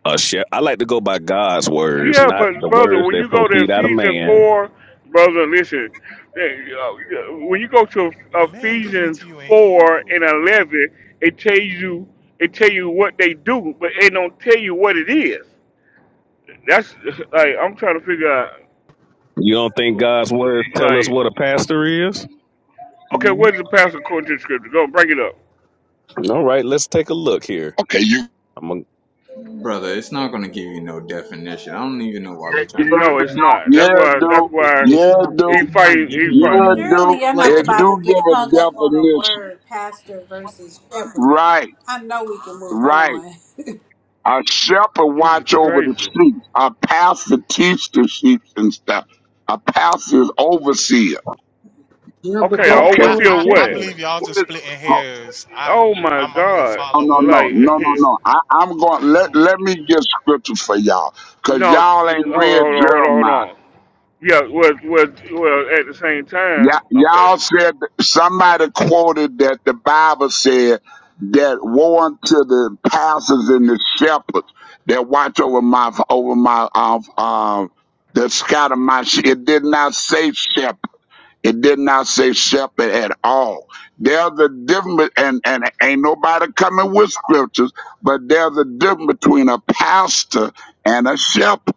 Speaker 4: a shepherd. I like to go by God's words,
Speaker 1: Yeah,
Speaker 4: not
Speaker 1: but
Speaker 4: the
Speaker 1: brother,
Speaker 4: words
Speaker 1: when
Speaker 4: that
Speaker 1: you go to
Speaker 4: proceed out of
Speaker 1: Ephesians
Speaker 4: man.
Speaker 1: four, brother, listen. hey, uh, When you go to
Speaker 16: the man giving it
Speaker 1: Ephesians
Speaker 16: to you in
Speaker 1: four
Speaker 16: Hebrew.
Speaker 1: and eleven, it tells you it tell you what they do, but it don't tell you what it is. That's like I'm trying to figure out.
Speaker 4: You don't think God's words tell us what
Speaker 1: Like,
Speaker 4: a pastor is?
Speaker 1: okay, where's the passage according to the scripture? Go bring it up.
Speaker 4: All right, let's take a look here.
Speaker 13: Okay, you
Speaker 4: I'm gonna-
Speaker 8: brother, it's not gonna give you no definition. I don't even know why we're trying to play
Speaker 13: yeah
Speaker 1: no, it's
Speaker 8: that.
Speaker 13: do,
Speaker 1: not.
Speaker 13: yeah
Speaker 1: That's why. That's
Speaker 13: do,
Speaker 8: It's
Speaker 1: why
Speaker 8: it's
Speaker 13: yeah
Speaker 8: not
Speaker 13: do,
Speaker 1: he
Speaker 8: it's not giving
Speaker 1: fight. He
Speaker 8: you
Speaker 1: fight.
Speaker 13: yeah
Speaker 8: no
Speaker 13: do.
Speaker 9: Surely I'm
Speaker 8: like
Speaker 9: not
Speaker 13: It
Speaker 8: you,
Speaker 9: about
Speaker 13: do
Speaker 9: to get
Speaker 13: give
Speaker 9: hung
Speaker 13: a
Speaker 9: up on a
Speaker 13: definition.
Speaker 9: word, pastor versus shepherd.
Speaker 13: Right,
Speaker 9: I know we can move
Speaker 13: right.
Speaker 9: on.
Speaker 13: A shepherd
Speaker 1: This is
Speaker 13: watch over the
Speaker 1: crazy.
Speaker 13: sheep. A pastor teach the sheep and stuff. A pastor is overseer.
Speaker 8: you know, but
Speaker 1: Okay,
Speaker 16: I
Speaker 1: an
Speaker 8: that's
Speaker 16: don't.
Speaker 13: Okay.
Speaker 16: I
Speaker 8: still a
Speaker 1: overseer of
Speaker 16: I, I
Speaker 1: what?
Speaker 8: shaker.
Speaker 16: believe y'all
Speaker 12: Where
Speaker 16: just splitting hairs. I
Speaker 12: the
Speaker 1: Oh
Speaker 12: sheep?
Speaker 1: my
Speaker 16: I'm I'm with
Speaker 1: God!
Speaker 13: No,
Speaker 16: Follow and
Speaker 13: no, no,
Speaker 1: Like,
Speaker 16: Maki
Speaker 13: no,
Speaker 16: on
Speaker 13: no,
Speaker 16: this.
Speaker 13: no. I, I'm going. Let Let me get scripture for y'all, cause
Speaker 1: no, hold
Speaker 13: y'all
Speaker 1: on,
Speaker 13: ain't read
Speaker 1: hold on, hold
Speaker 13: Jeremiah.
Speaker 1: on, hold on. Yeah, was was well at the same
Speaker 13: Y-
Speaker 1: time. Okay,
Speaker 13: y'all said that- somebody quoted that the Bible said that woe unto the pastors and the shepherds that watch over my over my um um that scatter my sheep. It did not say shepherds. It did not say shepherd at all. There's a difference, and, and ain't nobody coming with scriptures, but there's a difference between a pastor and a shepherd.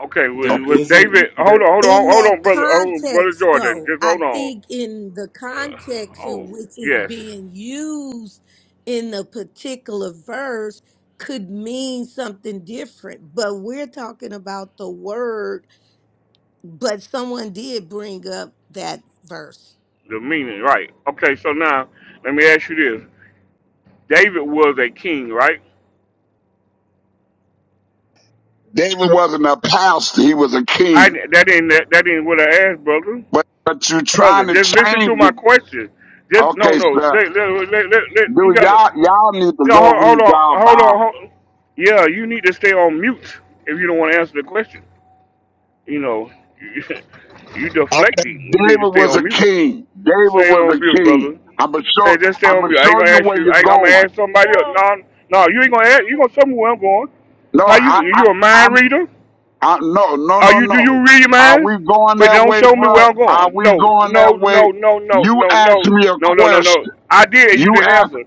Speaker 1: okay.
Speaker 8: There
Speaker 1: Was, was
Speaker 8: isn't
Speaker 1: David?
Speaker 8: there
Speaker 1: Hold on, hold
Speaker 5: In
Speaker 1: on, hold
Speaker 5: that
Speaker 1: on, brother, hold on, brother
Speaker 5: context,
Speaker 1: Jordan.
Speaker 5: though,
Speaker 1: Just
Speaker 5: I
Speaker 1: hold on.
Speaker 5: think in the
Speaker 1: Uh,
Speaker 5: context in
Speaker 1: oh
Speaker 5: which it's
Speaker 1: yes,
Speaker 5: being used in a particular verse could mean something different. But we're talking about the word, but someone did bring up that verse.
Speaker 1: the meaning right. Okay, so now let me ask you this: David was a king, right?
Speaker 13: David wasn't a pastor, he was a
Speaker 1: I
Speaker 13: king.
Speaker 1: that ain't that, that ain't what I asked, brother.
Speaker 13: But but you're
Speaker 1: brother.
Speaker 13: trying to
Speaker 1: Just listen
Speaker 13: change
Speaker 1: to my
Speaker 13: it.
Speaker 1: question. Just no,
Speaker 13: Okay,
Speaker 1: no.
Speaker 13: sir.
Speaker 1: Let, let, let, let, let- you
Speaker 13: Do
Speaker 1: gotta.
Speaker 13: y'all y'all need to
Speaker 1: No,
Speaker 13: go
Speaker 1: hold, hold
Speaker 13: read
Speaker 1: on,
Speaker 13: y'all
Speaker 1: hold on.
Speaker 13: Bible.
Speaker 1: Hold, yeah, you need to stay on mute if you don't want to answer the question. You know, you, you
Speaker 13: Okay.
Speaker 1: deflecting. You need
Speaker 13: David
Speaker 1: to stay
Speaker 13: was
Speaker 1: on
Speaker 13: a
Speaker 1: mute.
Speaker 13: king. David
Speaker 1: Stay
Speaker 13: was
Speaker 1: on
Speaker 13: a
Speaker 1: mute,
Speaker 13: king.
Speaker 1: brother.
Speaker 13: I'ma
Speaker 1: Say
Speaker 13: show
Speaker 1: just stay on
Speaker 13: I'ma
Speaker 1: mute. I ain't
Speaker 13: show
Speaker 1: gonna
Speaker 13: you
Speaker 1: ask
Speaker 13: where
Speaker 1: you.
Speaker 13: you're
Speaker 1: I ain't, I'm gonna
Speaker 13: going.
Speaker 1: ask somebody else.
Speaker 11: So,
Speaker 1: No, no, you ain't gonna ask. You gonna tell me where I'm going?
Speaker 13: No,
Speaker 1: How you?
Speaker 13: I,
Speaker 11: hold
Speaker 1: You a
Speaker 11: on.
Speaker 13: I
Speaker 1: mind reader?
Speaker 13: I, no, no,
Speaker 1: Are
Speaker 13: no,
Speaker 1: you? Do
Speaker 13: no.
Speaker 1: you read your
Speaker 13: Are
Speaker 1: minds?
Speaker 13: we going
Speaker 1: Wait,
Speaker 13: that
Speaker 1: don't
Speaker 13: way,
Speaker 1: show me
Speaker 13: bro?
Speaker 1: where I'm
Speaker 13: Are
Speaker 1: going.
Speaker 13: we
Speaker 1: No,
Speaker 13: going
Speaker 1: no,
Speaker 13: that way?
Speaker 1: no, no, no,
Speaker 13: You
Speaker 1: no,
Speaker 13: asked
Speaker 1: no,
Speaker 13: me a
Speaker 1: no, no, no, no.
Speaker 13: question.
Speaker 1: I did. You
Speaker 13: You
Speaker 1: didn't
Speaker 13: asked,
Speaker 1: answer.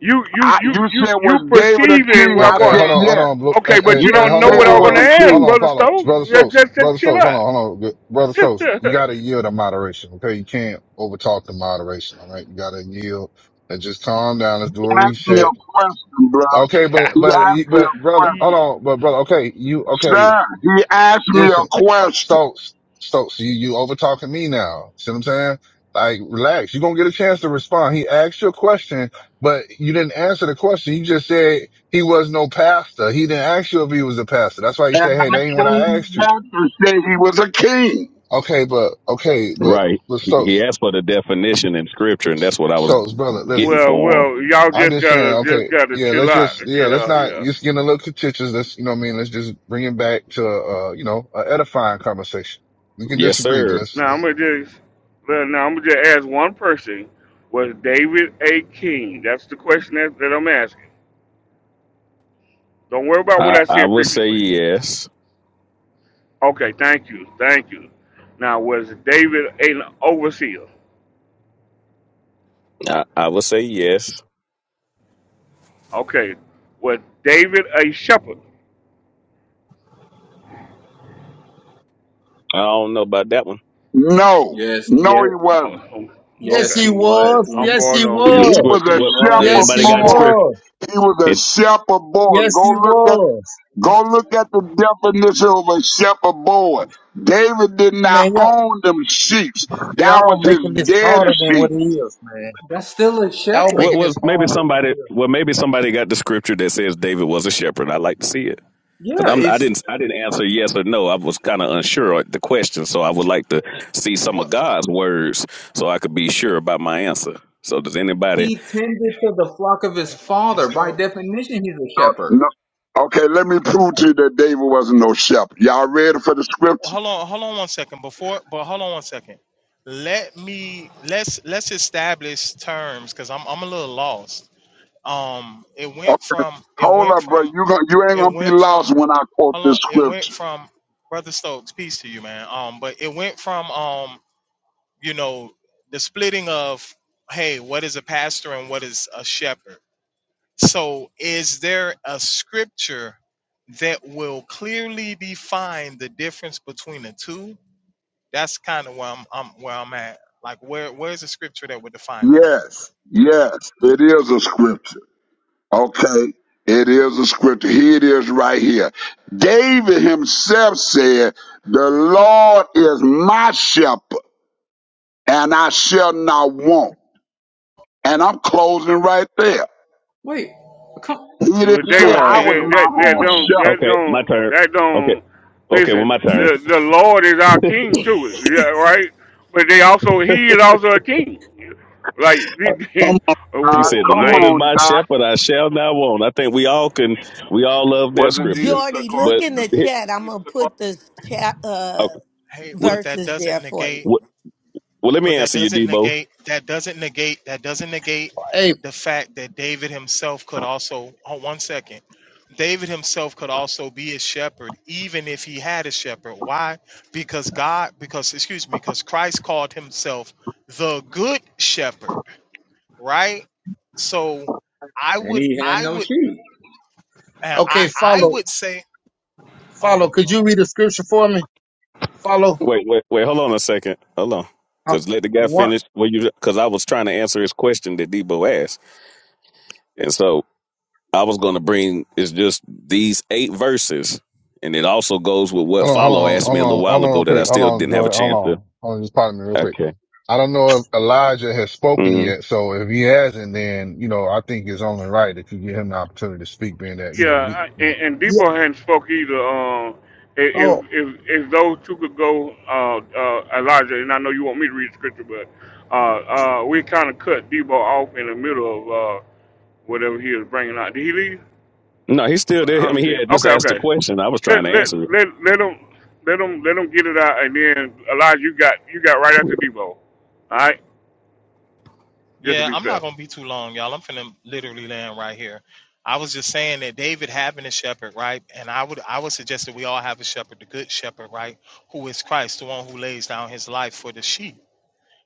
Speaker 1: You, you,
Speaker 13: I,
Speaker 1: you,
Speaker 13: you
Speaker 1: you,
Speaker 13: said,
Speaker 1: you
Speaker 13: was David a
Speaker 1: perceiving
Speaker 13: king?
Speaker 1: where
Speaker 2: Hey,
Speaker 1: I'm
Speaker 13: I
Speaker 2: hey,
Speaker 1: going.
Speaker 13: said,
Speaker 2: hold on, hold
Speaker 13: yes.
Speaker 2: on, Blue- hey,
Speaker 1: Okay, but
Speaker 2: hey,
Speaker 1: you
Speaker 2: hey,
Speaker 13: Yes,
Speaker 1: don't
Speaker 2: hold
Speaker 1: know
Speaker 2: on,
Speaker 13: David
Speaker 1: what I'm going
Speaker 13: was
Speaker 1: to
Speaker 2: uh,
Speaker 13: a
Speaker 1: ask,
Speaker 2: hold
Speaker 13: king.
Speaker 2: on,
Speaker 1: brother
Speaker 2: Paulo,
Speaker 1: Stokes.
Speaker 2: brother
Speaker 1: Just,
Speaker 2: Stokes,
Speaker 1: just,
Speaker 2: brother
Speaker 1: just chill
Speaker 2: Stokes, hold on, hold on, Good- brother
Speaker 1: out.
Speaker 2: Stokes, you gotta yield to moderation, okay? You can't overtalk the moderation, all right? You gotta yield and just calm down. Let's do
Speaker 13: He
Speaker 2: a
Speaker 13: asked me
Speaker 2: reset
Speaker 13: a question, bro.
Speaker 2: Okay, but
Speaker 13: He
Speaker 2: but
Speaker 13: asked me
Speaker 2: but
Speaker 13: a
Speaker 2: brother,
Speaker 13: question.
Speaker 2: hold
Speaker 1: Yeah.
Speaker 2: on, but brother, okay, you okay?
Speaker 13: Sir, he asked me
Speaker 2: Listen,
Speaker 13: a
Speaker 2: uh,
Speaker 13: question.
Speaker 2: Stokes, Stokes, you you over talking me now. See what I'm saying? Like, relax. You're gonna get a chance to respond. He asked your question, but you didn't answer the question. You just said he was no pastor. He didn't ask you if he was a pastor. That's why you
Speaker 13: And
Speaker 2: said, hey, that ain't
Speaker 13: I
Speaker 2: what I
Speaker 13: came
Speaker 2: asked you.
Speaker 13: back to say he was a king.
Speaker 2: Okay, but okay, but
Speaker 4: right.
Speaker 2: but
Speaker 4: He he
Speaker 2: Stokes,
Speaker 4: asked for the definition in scripture, and that's what I was
Speaker 2: Stokes, brother, listen.
Speaker 4: getting
Speaker 1: Well,
Speaker 4: for
Speaker 1: well, y'all
Speaker 2: I'm
Speaker 1: just
Speaker 2: just saying,
Speaker 1: gotta, just
Speaker 2: okay,
Speaker 1: gotta
Speaker 2: yeah,
Speaker 1: chill
Speaker 2: let's
Speaker 1: out.
Speaker 2: just, yeah, let's
Speaker 1: Yeah,
Speaker 2: not,
Speaker 1: yeah.
Speaker 2: it's getting a little contentious. Let's, you know what I mean? Let's just bring it back to, uh, you know, an edifying conversation. We
Speaker 4: him.
Speaker 2: can
Speaker 4: Yes,
Speaker 2: disagree, but
Speaker 4: sir.
Speaker 2: let's,
Speaker 1: Now I'm gonna just well, now I'm gonna just ask one person: Was David a king? That's the question that, that I'm asking. Don't worry about what
Speaker 4: I
Speaker 1: I
Speaker 4: I
Speaker 1: said
Speaker 4: would say
Speaker 1: previously.
Speaker 4: yes.
Speaker 1: Okay, thank you, thank you. Now was David an overseer?
Speaker 4: I, I would say yes.
Speaker 1: Okay, was David a shepherd?
Speaker 4: I don't know about that one.
Speaker 13: No,
Speaker 8: yes,
Speaker 13: no,
Speaker 8: yes,
Speaker 13: he wasn't.
Speaker 1: Oh,
Speaker 17: Yes,
Speaker 8: yes
Speaker 1: okay,
Speaker 17: he
Speaker 8: he was.
Speaker 17: was.
Speaker 1: I'm
Speaker 8: When
Speaker 17: Yes,
Speaker 1: going
Speaker 17: he
Speaker 1: on
Speaker 8: he
Speaker 4: The
Speaker 1: mute.
Speaker 13: He
Speaker 17: was.
Speaker 13: was
Speaker 4: script.
Speaker 13: a
Speaker 8: he
Speaker 4: What? did
Speaker 8: was,
Speaker 13: shepherd
Speaker 17: Yes,
Speaker 4: Anybody
Speaker 17: he
Speaker 4: got
Speaker 8: man.
Speaker 13: boy.
Speaker 4: script?
Speaker 17: was.
Speaker 13: He was a
Speaker 4: It,
Speaker 13: shepherd boy.
Speaker 17: Yes, he
Speaker 13: Go look at
Speaker 17: was.
Speaker 8: That's
Speaker 13: Go look at the definition of a shepherd boy. David did not
Speaker 17: Man, y'all,
Speaker 13: own them sheep; That
Speaker 17: y'all
Speaker 13: was
Speaker 17: making
Speaker 13: his
Speaker 17: this
Speaker 13: daddy
Speaker 17: harder than what
Speaker 13: sheep.
Speaker 17: it is, man.
Speaker 8: that's still a
Speaker 17: Y'all
Speaker 8: shepherd.
Speaker 4: what
Speaker 17: making
Speaker 4: was
Speaker 17: this
Speaker 4: maybe
Speaker 17: harder than what
Speaker 4: somebody?
Speaker 17: it
Speaker 4: Well, maybe somebody got the scripture that says David was a shepherd. I would like to see it
Speaker 8: Yeah,
Speaker 4: because I'm.
Speaker 8: it's
Speaker 4: I didn't. I didn't answer yes or no. I was kind of unsure of the question, so I would like to see some of
Speaker 16: What
Speaker 4: God's words so I could be sure about my answer. So does anybody?
Speaker 8: He tended to the flock of his
Speaker 16: if
Speaker 8: father.
Speaker 16: it's there?
Speaker 8: By
Speaker 16: well,
Speaker 8: definition, he's a
Speaker 13: No,
Speaker 8: shepherd.
Speaker 13: no. Okay, let me prove to you that David wasn't no shepherd. Y'all ready for the scripture?
Speaker 16: Hold on, hold on one second. Before, but hold on one second. Let me let's let's establish terms because I'm I'm a little lost. Um, it
Speaker 13: Oh,
Speaker 16: went from it
Speaker 13: hold
Speaker 16: went
Speaker 13: up, bro.
Speaker 16: from
Speaker 13: You gon- you ain't
Speaker 16: it
Speaker 13: gonna be
Speaker 16: went
Speaker 13: lost
Speaker 16: from
Speaker 13: when I quote
Speaker 16: hold
Speaker 13: this
Speaker 16: on. It went
Speaker 13: scripture.
Speaker 16: from Brother Stokes, peace to you, man. Um, but it went from um you know the splitting of hey what is a pastor and what is a shepherd so is there a scripture that will clearly define the difference between the two that's kind of where I'm, I'm where i'm at like where where's the scripture that would define that
Speaker 13: Yes, yes, it is a scripture. Okay, it is a scripture. Here it is, right here. David himself said, "The Lord is my shepherd." and I shall not want. And I'm closing right there.
Speaker 8: Wait, come,
Speaker 13: He
Speaker 1: Well,
Speaker 13: didn't
Speaker 1: they,
Speaker 13: say I
Speaker 16: okay
Speaker 1: they
Speaker 13: was
Speaker 8: no,
Speaker 1: that,
Speaker 13: my
Speaker 8: come
Speaker 1: that don't
Speaker 8: on.
Speaker 13: own
Speaker 1: that
Speaker 4: Okay, my
Speaker 1: don't
Speaker 4: turn.
Speaker 1: that
Speaker 4: Okay.
Speaker 1: don't
Speaker 4: Okay, well,
Speaker 1: listen.
Speaker 4: my turn.
Speaker 1: The the Lord is our King too, yeah, right? But they also He is also a King, like
Speaker 4: Uh,
Speaker 1: like
Speaker 13: shepherd. Come on,
Speaker 4: He
Speaker 13: Doc.
Speaker 4: said, "The
Speaker 13: Come
Speaker 4: Lord is
Speaker 13: on,
Speaker 4: my
Speaker 13: Doc.
Speaker 4: shepherd; I shall not want." I think we all can. We all love that
Speaker 12: Wasn't
Speaker 4: scripture,
Speaker 12: Jesus a
Speaker 5: Jordy, look
Speaker 4: but
Speaker 5: in the
Speaker 12: carpenter?
Speaker 4: okay.
Speaker 5: chat.
Speaker 12: Wasn't
Speaker 5: I'm going
Speaker 12: Jesus
Speaker 5: to
Speaker 12: a
Speaker 5: put
Speaker 12: carpenter
Speaker 5: the
Speaker 12: too?
Speaker 5: chat uh,
Speaker 16: hey but
Speaker 4: well,
Speaker 16: that
Speaker 5: verses there
Speaker 16: doesn't
Speaker 5: for
Speaker 16: negate
Speaker 5: you.
Speaker 4: Well, let me
Speaker 16: But that
Speaker 4: answer you,
Speaker 16: doesn't
Speaker 4: Debo.
Speaker 16: negate that doesn't negate that doesn't negate
Speaker 17: is. Hey,
Speaker 16: the fact that David himself could also oh one second. David himself could also be a shepherd, even if he had a shepherd. Why? Because God, because excuse me, because Christ called himself the good shepherd, right? So I
Speaker 8: And
Speaker 16: would
Speaker 8: he had
Speaker 16: I
Speaker 8: no
Speaker 16: would
Speaker 8: sheep.
Speaker 16: uh, I
Speaker 17: okay,
Speaker 16: I
Speaker 17: follow,
Speaker 16: would say, oh my
Speaker 17: follow. Could
Speaker 16: god.
Speaker 17: you read the scripture for me? Follow.
Speaker 4: Wait, wait, wait. Hold on a second. Hold on,
Speaker 17: Uh,
Speaker 4: because let the guy
Speaker 17: one,
Speaker 4: finish. Well, you because I was trying to answer his question that Debo asked, and so I was going to bring it's just these eight verses, and it also goes with what
Speaker 2: hold on, hold
Speaker 4: follow
Speaker 2: on, hold
Speaker 4: asked me a little
Speaker 2: on, hold
Speaker 4: while
Speaker 2: on, real
Speaker 4: ago that I
Speaker 2: quick. Hold
Speaker 4: still
Speaker 2: on,
Speaker 4: didn't have a
Speaker 2: Jordan, hold
Speaker 4: chance to.
Speaker 2: on. Hold on, just pardon me real quick.
Speaker 4: Okay.
Speaker 2: I don't know if Elijah has spoken
Speaker 4: hmm
Speaker 2: yet, so if he hasn't, then, you know, I think it's only right that you give him the opportunity to speak, being that, you know, we,
Speaker 1: yeah.
Speaker 2: you know,
Speaker 1: And, and
Speaker 17: yeah.
Speaker 1: Debo hadn't spoke either. Um, if
Speaker 17: Oh,
Speaker 1: if if those two could go, uh, uh, Elijah, and I know you want me to read the scripture, but uh, uh, we kind of cut Debo off in the middle of uh, whatever he was bringing out. Did he leave?
Speaker 4: No, he's still
Speaker 1: I
Speaker 4: there. I
Speaker 1: don't
Speaker 4: mean, he
Speaker 1: understand.
Speaker 4: had just
Speaker 1: Okay,
Speaker 4: asked a
Speaker 1: okay.
Speaker 4: question. I was trying
Speaker 1: Let
Speaker 4: to
Speaker 1: let
Speaker 4: answer it.
Speaker 1: let let them let them let them get it out, and then Elijah, you got you got right after Debo. All right, just to
Speaker 16: Yeah,
Speaker 1: be
Speaker 16: I'm
Speaker 1: fair.
Speaker 16: not gonna be too long, y'all. I'm finna literally land right here. I was just saying that David having a shepherd, right? And I would I would suggest that we all have a shepherd, the good shepherd, right? Who is Christ, the one who lays down his life for the sheep,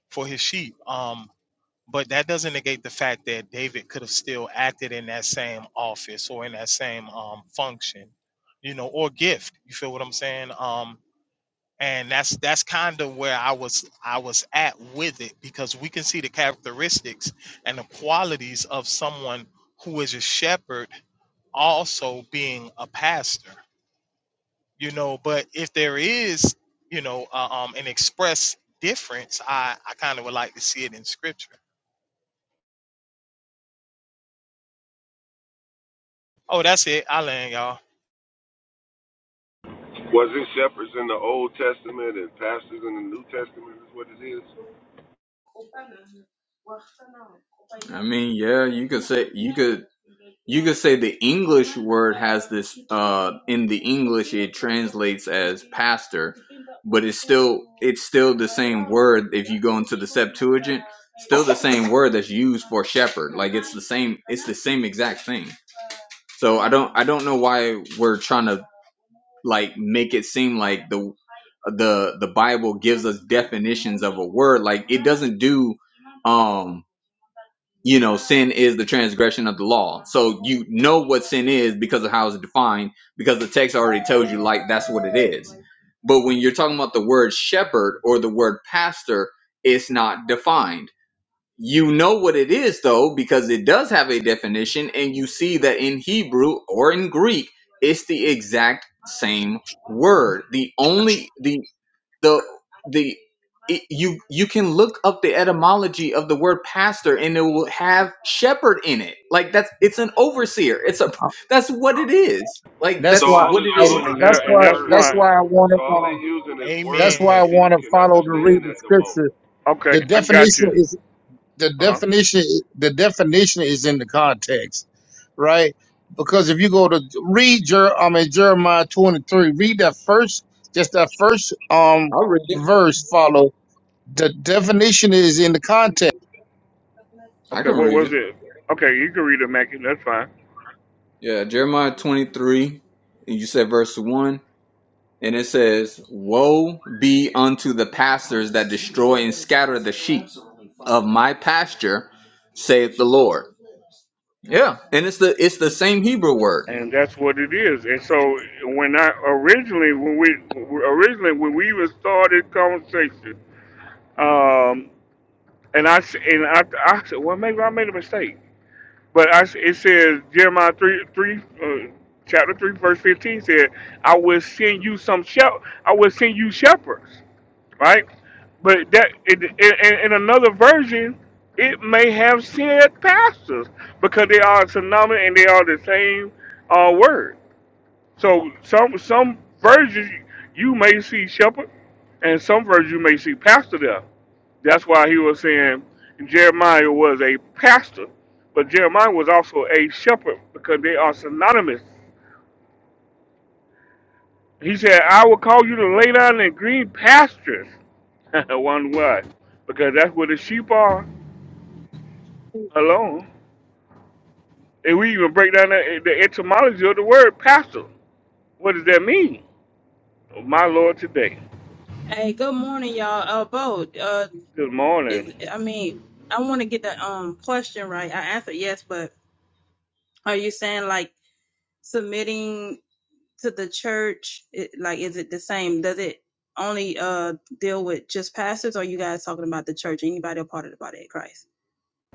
Speaker 16: for his sheep. Um, but that doesn't negate the fact that David could have still acted in that same office or in that same um function, you know, or gift. You feel what I'm saying? Um, and that's that's kind of where I was I was at with it because we can see the characteristics and the qualities of someone who is a shepherd also being a pastor you know but if there is you know uh, um an express difference I I kind of would like to see it in scripture oh that's it I land y'all
Speaker 12: Wasn't shepherds in the Old Testament and pastors in the New Testament is what it is.
Speaker 8: I mean, yeah, you could say you could you could say the English word has this. Uh, in the English, it translates as pastor, but it's still it's still the same word. If you go into the Septuagint, still the same word that's used for shepherd. Like it's the same. It's the same exact thing. So I don't I don't know why we're trying to like make it seem like the the the Bible gives us definitions of a word. Like it doesn't do um you know sin is the transgression of the law. So you know what sin is because of how it's defined because the text already tells you like that's what it is. But when you're talking about the word shepherd or the word pastor, it's not defined. You know what it is though, because it does have a definition, and you see that in Hebrew or in Greek, it's the exact same word. The only the the the it, you you can look up the etymology of the word pastor, and it will have shepherd in it. Like that's it's an overseer. It's a
Speaker 17: uh,
Speaker 8: that's what it is. Like
Speaker 17: that's
Speaker 12: So
Speaker 8: that's
Speaker 17: why.
Speaker 12: all
Speaker 8: what
Speaker 12: it's
Speaker 17: I,
Speaker 8: it is.
Speaker 17: wa-
Speaker 12: doing is
Speaker 1: And
Speaker 17: that's
Speaker 1: that and
Speaker 12: using
Speaker 17: why.
Speaker 1: that's
Speaker 12: words.
Speaker 17: That's
Speaker 1: my
Speaker 17: why I
Speaker 12: So
Speaker 17: wanted.
Speaker 12: all
Speaker 17: Uh,
Speaker 12: they're using is
Speaker 17: that's
Speaker 12: words
Speaker 17: why I
Speaker 12: that
Speaker 16: amen
Speaker 12: people
Speaker 17: wanted
Speaker 12: can
Speaker 17: follow to read
Speaker 12: understand
Speaker 17: the
Speaker 12: at the moment.
Speaker 17: scripture.
Speaker 1: okay.
Speaker 17: The
Speaker 1: I got
Speaker 17: definition
Speaker 1: you.
Speaker 17: is the
Speaker 1: Uh huh.
Speaker 17: definition the definition is in the context, right? Because if you go to read Jer, I mean Jeremiah twenty three, read that first, just that first um
Speaker 8: I'll read it.
Speaker 17: verse. Follow the definition is in the context.
Speaker 8: I
Speaker 1: Okay,
Speaker 8: can
Speaker 1: what
Speaker 8: read
Speaker 1: was
Speaker 8: it.
Speaker 1: it? Okay, you can read it, Mackie. That's fine.
Speaker 8: Yeah, Jeremiah twenty three. and You said verse one. And it says, Woe be unto the pastors that destroy and scatter the sheep of my pasture, saith the Lord. Yeah. And it's the it's the same Hebrew word.
Speaker 1: And that's what it is. And so when I originally when we originally when we even started conversation, um, and I s- and I I said, well, maybe I made a mistake. But I, it says Jeremiah three three uh, chapter three verse fifteen said, "I will send you some shep- I will send you shepherds." Right, but that in, in, in another version, it may have said pastors because they are synonymous and they are the same uh, word. So some some versions you may see shepherd, and some versions you may see pastor there. That's why he was saying Jeremiah was a pastor, but Jeremiah was also a shepherd because they are synonymous. He said, I will call you to lay down in green pastures. One why? Because that's where the sheep are alone. And we even break down the, the etymology of the word pastor. What does that mean? Oh, My Lord, today,
Speaker 18: Hey, good morning, y'all. Uh, Bo, uh,
Speaker 1: this
Speaker 18: is
Speaker 1: morning.
Speaker 18: I mean, I want to get the um question right. I answered yes, but are you saying like submitting to the church? It, like, is it the same? Does it only uh deal with just pastors, or you guys talking about the church? Anybody a part of the body of Christ?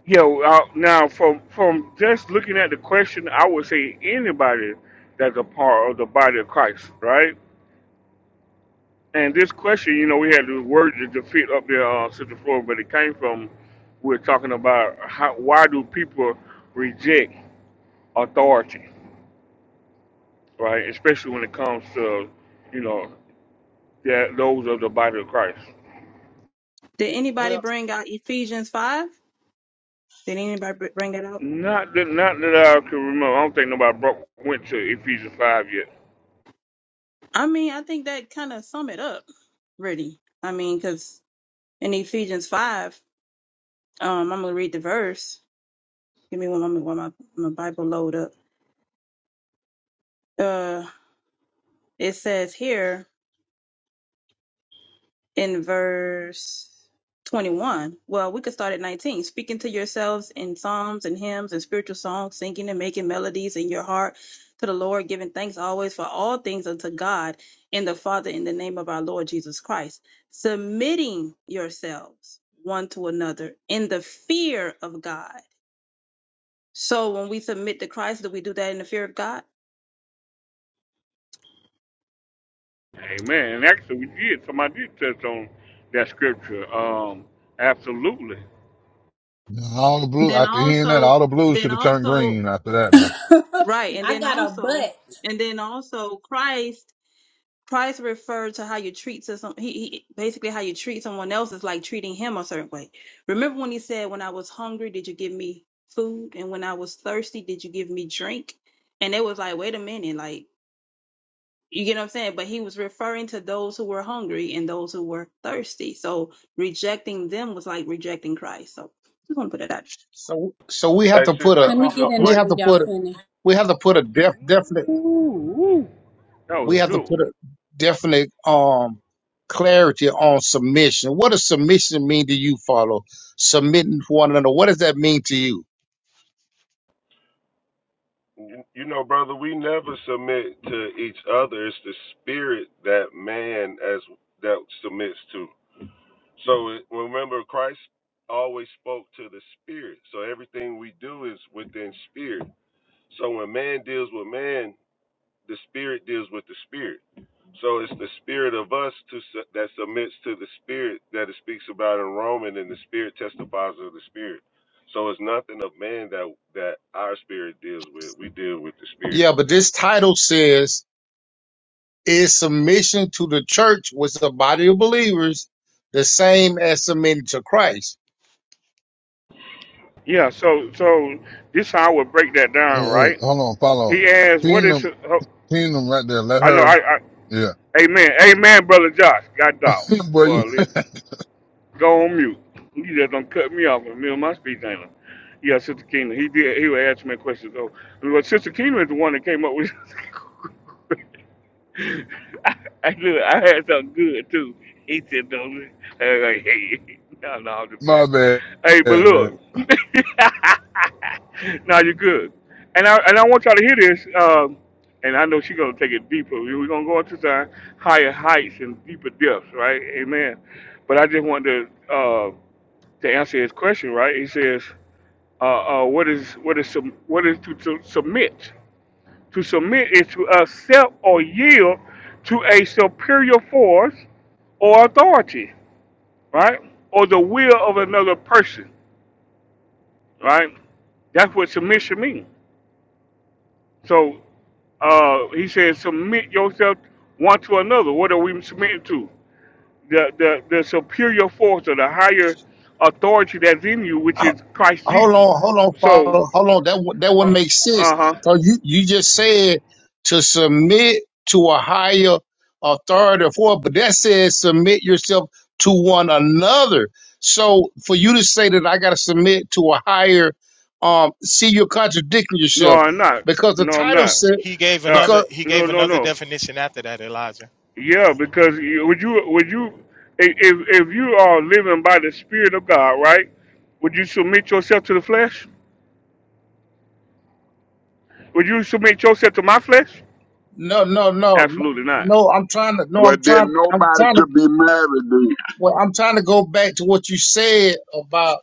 Speaker 1: Yeah, uh, now from from just looking at the question, I would say anybody that's a part of the body of Christ, right? And this question, you know, we had the word to to fit up there, uh, Central Florida, but it came from we're talking about how, why do people reject authority, right? Especially when it comes to, you know, that those of the body of Christ.
Speaker 18: Did anybody
Speaker 17: Well,
Speaker 18: bring out Ephesians five? Did anybody br- bring that up?
Speaker 1: Not that, not that I can remember. I don't think nobody broke, went to Ephesians five yet.
Speaker 18: I mean, I think that kind of sum it up, really. I mean, because in Ephesians 5, um, I'm going to read the verse. Give me one moment while my, my Bible load up. Uh, it says here, in verse 21. Well, we could start at 19. Speaking to yourselves in psalms and hymns and spiritual songs, singing and making melodies in your heart to the Lord, giving thanks always for all things unto God and the Father in the name of our Lord Jesus Christ, submitting yourselves one to another in the fear of God. So when we submit to Christ, do we do that in the fear of God?
Speaker 1: Amen. And actually, we did. Somebody did touch on that scripture. Um, absolutely.
Speaker 2: all the blue,
Speaker 18: Then
Speaker 2: after hearing that,
Speaker 18: also,
Speaker 2: all the blues
Speaker 18: then
Speaker 2: should have turned
Speaker 18: also,
Speaker 2: green after that, man.
Speaker 18: right. And
Speaker 9: I
Speaker 18: then
Speaker 9: got a
Speaker 18: also,
Speaker 9: butt.
Speaker 18: and then also Christ Price referred to how you treat to some. He, he basically how you treat someone else is like treating him a certain way. Remember when he said, "When I was hungry, did you give me food? And when I was thirsty, did you give me drink?" And it was like, wait a minute, like you get what I'm saying. But he was referring to those who were hungry and those who were thirsty. So rejecting them was like rejecting Christ. So just want to put it out
Speaker 17: so so we
Speaker 12: Hey,
Speaker 17: have to
Speaker 12: sis,
Speaker 17: put a
Speaker 12: that's
Speaker 9: Let
Speaker 12: a
Speaker 9: me
Speaker 17: uh,
Speaker 9: get
Speaker 17: uh,
Speaker 12: good
Speaker 9: in
Speaker 17: we
Speaker 9: there
Speaker 12: point.
Speaker 17: have to
Speaker 9: when y'all
Speaker 17: put
Speaker 9: finish.
Speaker 17: we have to put a def, definite
Speaker 1: Ooh, ooh. that was
Speaker 17: we have to
Speaker 1: good.
Speaker 17: put a definite um clarity on submission. What does submission mean to you? Follow submitting to one another. What does that mean to you?
Speaker 12: You you know, brother, we never submit to each other. It's the spirit that man as that submits to. So it, remember, Christ always spoke to the spirit. So everything we do is within spirit. So when man deals with man, the spirit deals with the spirit. So it's the spirit of us to that submits to the spirit that it speaks about in Romans, and the spirit testifies of the spirit. So it's nothing of man that that our spirit deals with. We deal with the spirit.
Speaker 17: Yeah, but this title says is submission to the church was the body of believers the same as submitting to Christ.
Speaker 1: Yeah, so so this how I would break that
Speaker 2: Hey,
Speaker 1: down,
Speaker 2: hey,
Speaker 1: right?
Speaker 2: hold on,
Speaker 1: He
Speaker 2: follow.
Speaker 1: asked, "What is?"
Speaker 2: Kingdom
Speaker 1: ho-
Speaker 2: Kingdom right there. Let
Speaker 1: I know,
Speaker 2: her.
Speaker 1: I, I,
Speaker 2: Yeah.
Speaker 1: Amen, Amen, brother Josh, God dog,
Speaker 2: Boy, you,
Speaker 1: boy, listen, go on mute. You just don't cut me off in the middle of my speech, ain't it? Yeah, Sister Kingdom, he did. He would ask me questions though. But Sister Kingdom is the one that came up with. I knew I had something good too. He said, "No, I was like, hey, no, no, I'm just playing."
Speaker 2: my bad,
Speaker 1: Hey, but
Speaker 2: Yeah,
Speaker 1: look,
Speaker 2: man.
Speaker 1: now you're good, and I and I want y'all to hear this. Um, and I know she's gonna take it deeper. We- We're gonna go into some higher heights and deeper depths, right? Amen. But I just wanted to uh, to answer his question, right? He says, uh, uh, "What is what is sub- what is to, to submit?" To submit is to accept or yield to a superior force or authority, right? Or the will of another person, right? That's what submission means. So uh, he says, submit yourself one to another. What are we submitting to? The, the, the superior force or the higher authority that's in you, which
Speaker 17: Ho-
Speaker 1: is Christ
Speaker 17: Hold
Speaker 1: Jesus.
Speaker 17: on, hold on,
Speaker 1: So,
Speaker 17: Father. hold on. That would- that would
Speaker 1: uh
Speaker 17: make sense.
Speaker 1: huh.
Speaker 17: Cause you you just said to submit to a higher authority for, but that says submit yourself to one another. So for you to say that I got to submit to a higher, um, see, you're contradicting
Speaker 1: No,
Speaker 17: yourself
Speaker 1: I'm not.
Speaker 17: because the
Speaker 1: No, I'm
Speaker 17: title
Speaker 1: not.
Speaker 17: said
Speaker 16: he gave
Speaker 1: Uh,
Speaker 16: another
Speaker 17: because.
Speaker 16: he
Speaker 1: no,
Speaker 16: gave
Speaker 1: no,
Speaker 16: another
Speaker 1: no.
Speaker 16: definition after that Elijah
Speaker 1: Yeah, because you- would you would you if if if you are living by the Spirit of God, right? Would you submit yourself to the flesh? Would you submit yourself to my flesh?
Speaker 17: No, no, no, no.
Speaker 1: Absolutely not.
Speaker 17: no, I'm trying to. No,
Speaker 13: Well,
Speaker 17: I'm
Speaker 13: then
Speaker 17: trying. I'm
Speaker 13: nobody
Speaker 17: trying to.
Speaker 13: should be married
Speaker 17: Well, I'm trying to go back to what you said about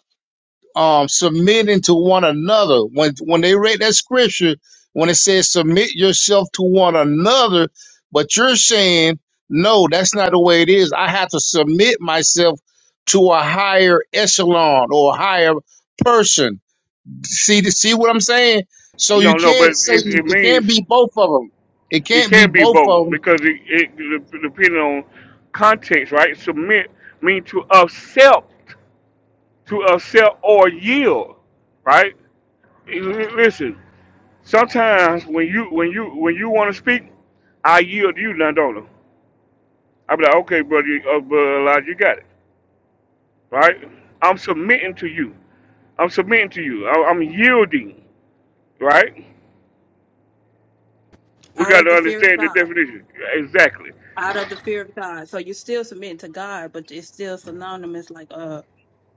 Speaker 17: um submitting to one another. When when they read that scripture, when it says submit yourself to one another, but you're saying no, that's not the way it is. I have to submit myself to a higher echelon or a higher person. See, see what I'm saying? So
Speaker 1: You
Speaker 17: you
Speaker 1: don't know, but
Speaker 17: can't say
Speaker 1: it, it
Speaker 17: it can't
Speaker 1: means
Speaker 17: be both of them. It
Speaker 1: it
Speaker 17: can't be
Speaker 1: can be
Speaker 17: both
Speaker 1: both
Speaker 17: of them.
Speaker 1: because it, it de- depending on context, right? Submit means to accept, to accept or yield, right? L- Listen, sometimes when you when you when you want to speak, I yield to you, Landona. I'll be like, okay, brother, you- uh, brother Elijah, you got it, right? I'm submitting to you. I'm submitting to you. I- I'm yielding, right? We
Speaker 18: out
Speaker 1: got
Speaker 18: of
Speaker 1: to
Speaker 18: the fear of
Speaker 1: understand the
Speaker 18: God.
Speaker 1: definition exactly,
Speaker 18: Out of the fear of God. So you're still submitting to God, but it's still synonymous, like uh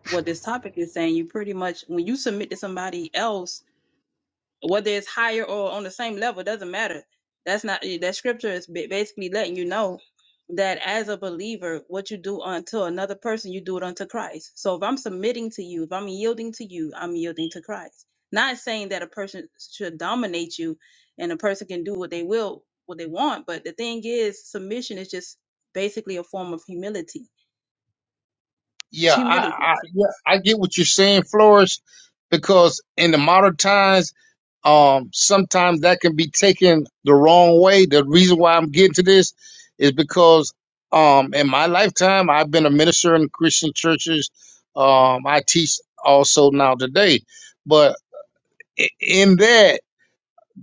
Speaker 18: what this topic is saying. You pretty much when you submit to somebody else, whether it's higher or on the same level, doesn't matter. That's not eh, that scripture is ba- basically letting you know that as a believer, what you do unto another person, you do it unto Christ. So if I'm submitting to you, if I'm yielding to you, I'm yielding to Christ. Not saying that a person should dominate you and a person can do what they will, what they want. But the thing is, submission is just basically a form of humility. It's
Speaker 17: Yeah,
Speaker 18: humility.
Speaker 17: I, I yeah, I get what you're saying, Flores, because in the modern times, um, sometimes that can be taken the wrong way. The reason why I'm getting to this is because um, in my lifetime, I've been a minister in Christian churches. Um, I teach also now today, but i- in that,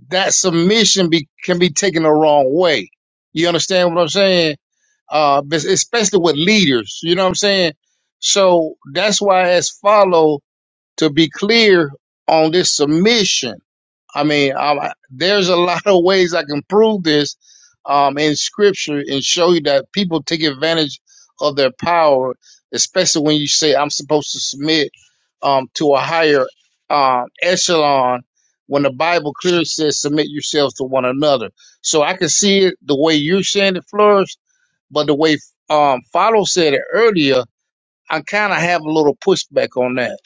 Speaker 17: that submission be, can be taken the wrong way. You understand what I'm saying? uh, especially with leaders. You know what I'm saying? So that's why as follow to be clear on this submission. I mean, I, there's a lot of ways I can prove this um, in scripture and show you that people take advantage of their power, especially when you say I'm supposed to submit um, to a higher um, echelon. When the Bible clearly says submit yourselves to one another, so I can see it the way you're saying it, Flourish but the way um Follow said it earlier, I kind of have a little pushback on that.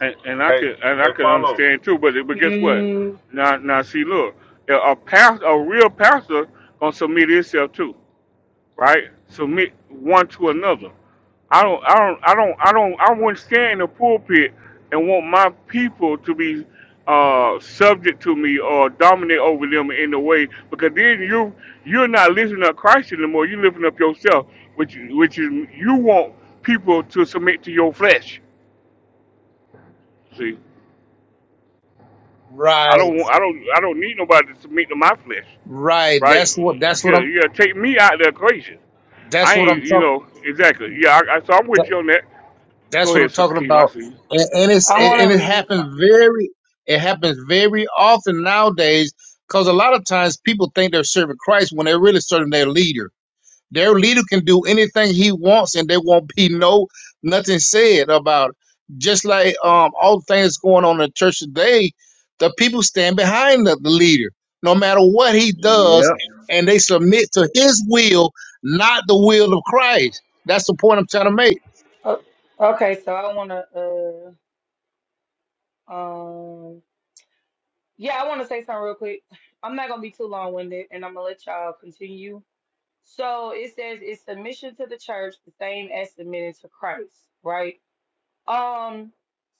Speaker 1: and, and I
Speaker 12: Hey,
Speaker 1: could and I
Speaker 12: hey,
Speaker 1: could
Speaker 12: follow
Speaker 1: understand too. But but guess what?
Speaker 19: Mm,
Speaker 1: Now now see, look, a a pastor, a real pastor, gonna submit himself too. right? Submit one to another. I don't, I don't, I don't, I don't, I wouldn't stand in the pulpit and want my people to be uh, subject to me or dominate over them in a way because then you you're not lifting up Christ anymore. You're lifting up yourself, which which is you want people to submit to your flesh. See, I
Speaker 17: Right,
Speaker 1: don't want, I don't, I don't need nobody to submit to my flesh,
Speaker 17: right.
Speaker 1: right?
Speaker 17: That's what that's what
Speaker 1: Yeah,
Speaker 17: I'm
Speaker 1: yeah, take me out of the equation.
Speaker 17: that's
Speaker 1: I
Speaker 17: what
Speaker 1: ain't,
Speaker 17: I'm
Speaker 1: you
Speaker 17: talking
Speaker 1: know, exactly. Yeah, I, I, so I'm with you on that.
Speaker 17: that's
Speaker 1: Go
Speaker 17: what
Speaker 1: ahead,
Speaker 17: I'm
Speaker 1: Sister
Speaker 17: talking
Speaker 1: Keaton. I
Speaker 17: about.
Speaker 1: see you.
Speaker 17: And, and it's
Speaker 19: I
Speaker 17: and
Speaker 19: want to
Speaker 17: and it
Speaker 19: read
Speaker 17: happens
Speaker 19: something.
Speaker 17: very it happens very often nowadays because a lot of times people think they're serving Christ when they're really serving their leader Their leader can do anything he wants, and there won't be no nothing said about it. Just like um, all the things going on in the church today, the people stand behind the, the leader, no matter what he does, and they submit to his will, not the will of Christ. That's the point I'm trying to make.
Speaker 19: Oh, okay, so I want to. Uh, um, yeah, I want to say something real quick. I'm not gonna be too long-winded, and I'm gonna let y'all continue. So it says it's submission to the church, the same as submitting to Christ, right? Um,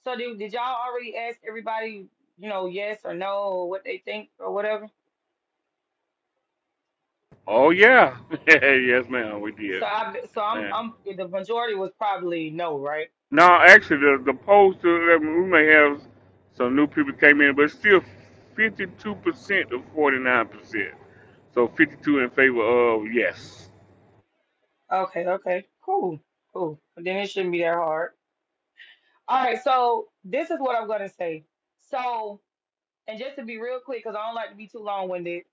Speaker 19: so did, did y'all already ask everybody, you know, yes or no, or what they think or whatever?
Speaker 1: Oh yeah, yes, ma'am. We did,
Speaker 19: So I, so I'm,
Speaker 1: man.
Speaker 19: I'm the majority was probably no, right?
Speaker 1: Now, actually, the the polls that we may have some new people came in, but it's still fifty two percent of forty nine percent. So fifty two in favor of yes.
Speaker 19: Okay, okay, cool, cool. Then it shouldn't be that hard. All right, so this is what I'm going to say. So, and just to be real quick because i don't like to be too long-winded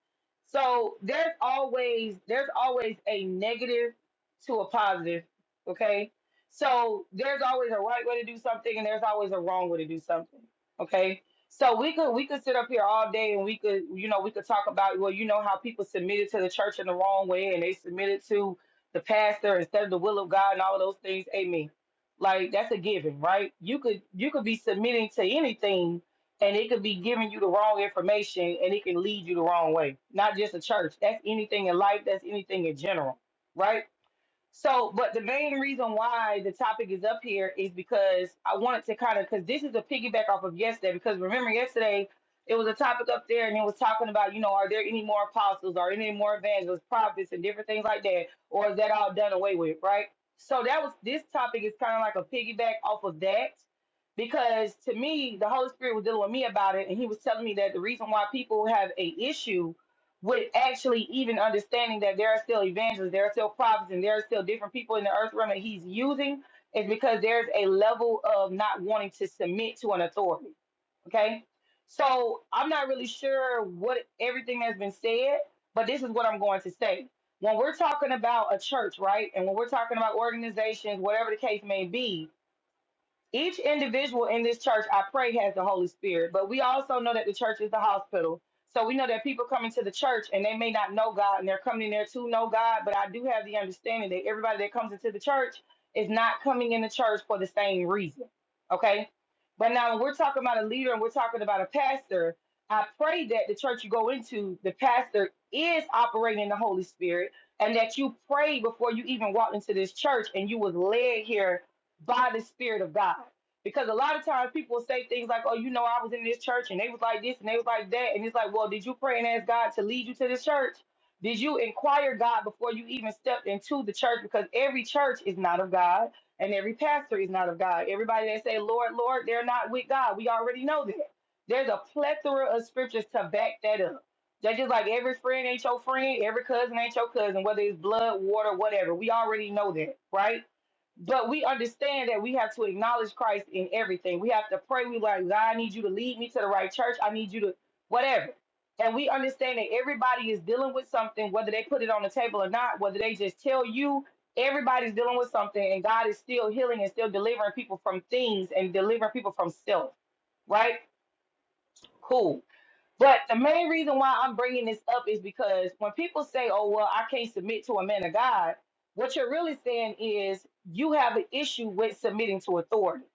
Speaker 19: so there's always there's always a negative to a positive okay so there's always a right way to do something and there's always a wrong way to do something okay so we could we could sit up here all day and we could you know we could talk about well you know how people submitted to the church in the wrong way and they submitted to the pastor instead of the will of god and all of those things amen like that's a given right you could you could be submitting to anything and it could be giving you the wrong information and it can lead you the wrong way. Not just a church. That's anything in life, that's anything in general, right? So, but the main reason why the topic is up here is because I wanted to kind of because this is a piggyback off of yesterday. Because remember yesterday it was a topic up there and it was talking about you know are there any more apostles, are any more evangelists, prophets, and different things like that, or is that all done away with, right? So that was this topic is kind of like a piggyback off of that because to me the Holy Spirit was dealing with me about it and he was telling me that the reason why people have a issue with actually even understanding that there are still evangelists, there are still prophets, and there are still different people in the earth realm that he's using is because there's a level of not wanting to submit to an authority. Okay. So I'm not really sure what everything has been said, but this is what I'm going to say. When we're talking about a church, right? And when we're talking about organizations, whatever the case may be, each individual in this church, I pray, has the Holy Spirit, but we also know that the church is the hospital. So we know that people come into the church and they may not know God and they're coming in there to know God, but I do have the understanding that everybody that comes into the church is not coming in the church for the same reason. Okay? But now when we're talking about a leader and we're talking about a pastor, I pray that the church you go into, the pastor is operating in the Holy Spirit and that you prayed before you even walked into this church and you was led here by the Spirit of God. Because a lot of times people say things like, oh, you know, I was in this church and they was like this and they was like that. And it's like, well, did you pray and ask God to lead you to this church? Did you inquire God before you even stepped into the church? Because every church is not of God and every pastor is not of God. Everybody that say, Lord, Lord, they're not with God. We already know that. There's a plethora of scriptures to back that up. That's just like every friend ain't your friend, every cousin ain't your cousin, whether it's blood, water, whatever. We already know that, right? But we understand that we have to acknowledge Christ in everything. We have to pray. We like, God, I need you to lead me to the right church. I need you to whatever. And we understand that everybody is dealing with something, whether they put it on the table or not, whether they just tell you, everybody's dealing with something, and God is still healing and still delivering people from things and delivering people from self, right? Cool. But the main reason why I'm bringing this up is because when people say, "Oh well, I can't submit to a man of God," what you're really saying is you have an issue with submitting to authority.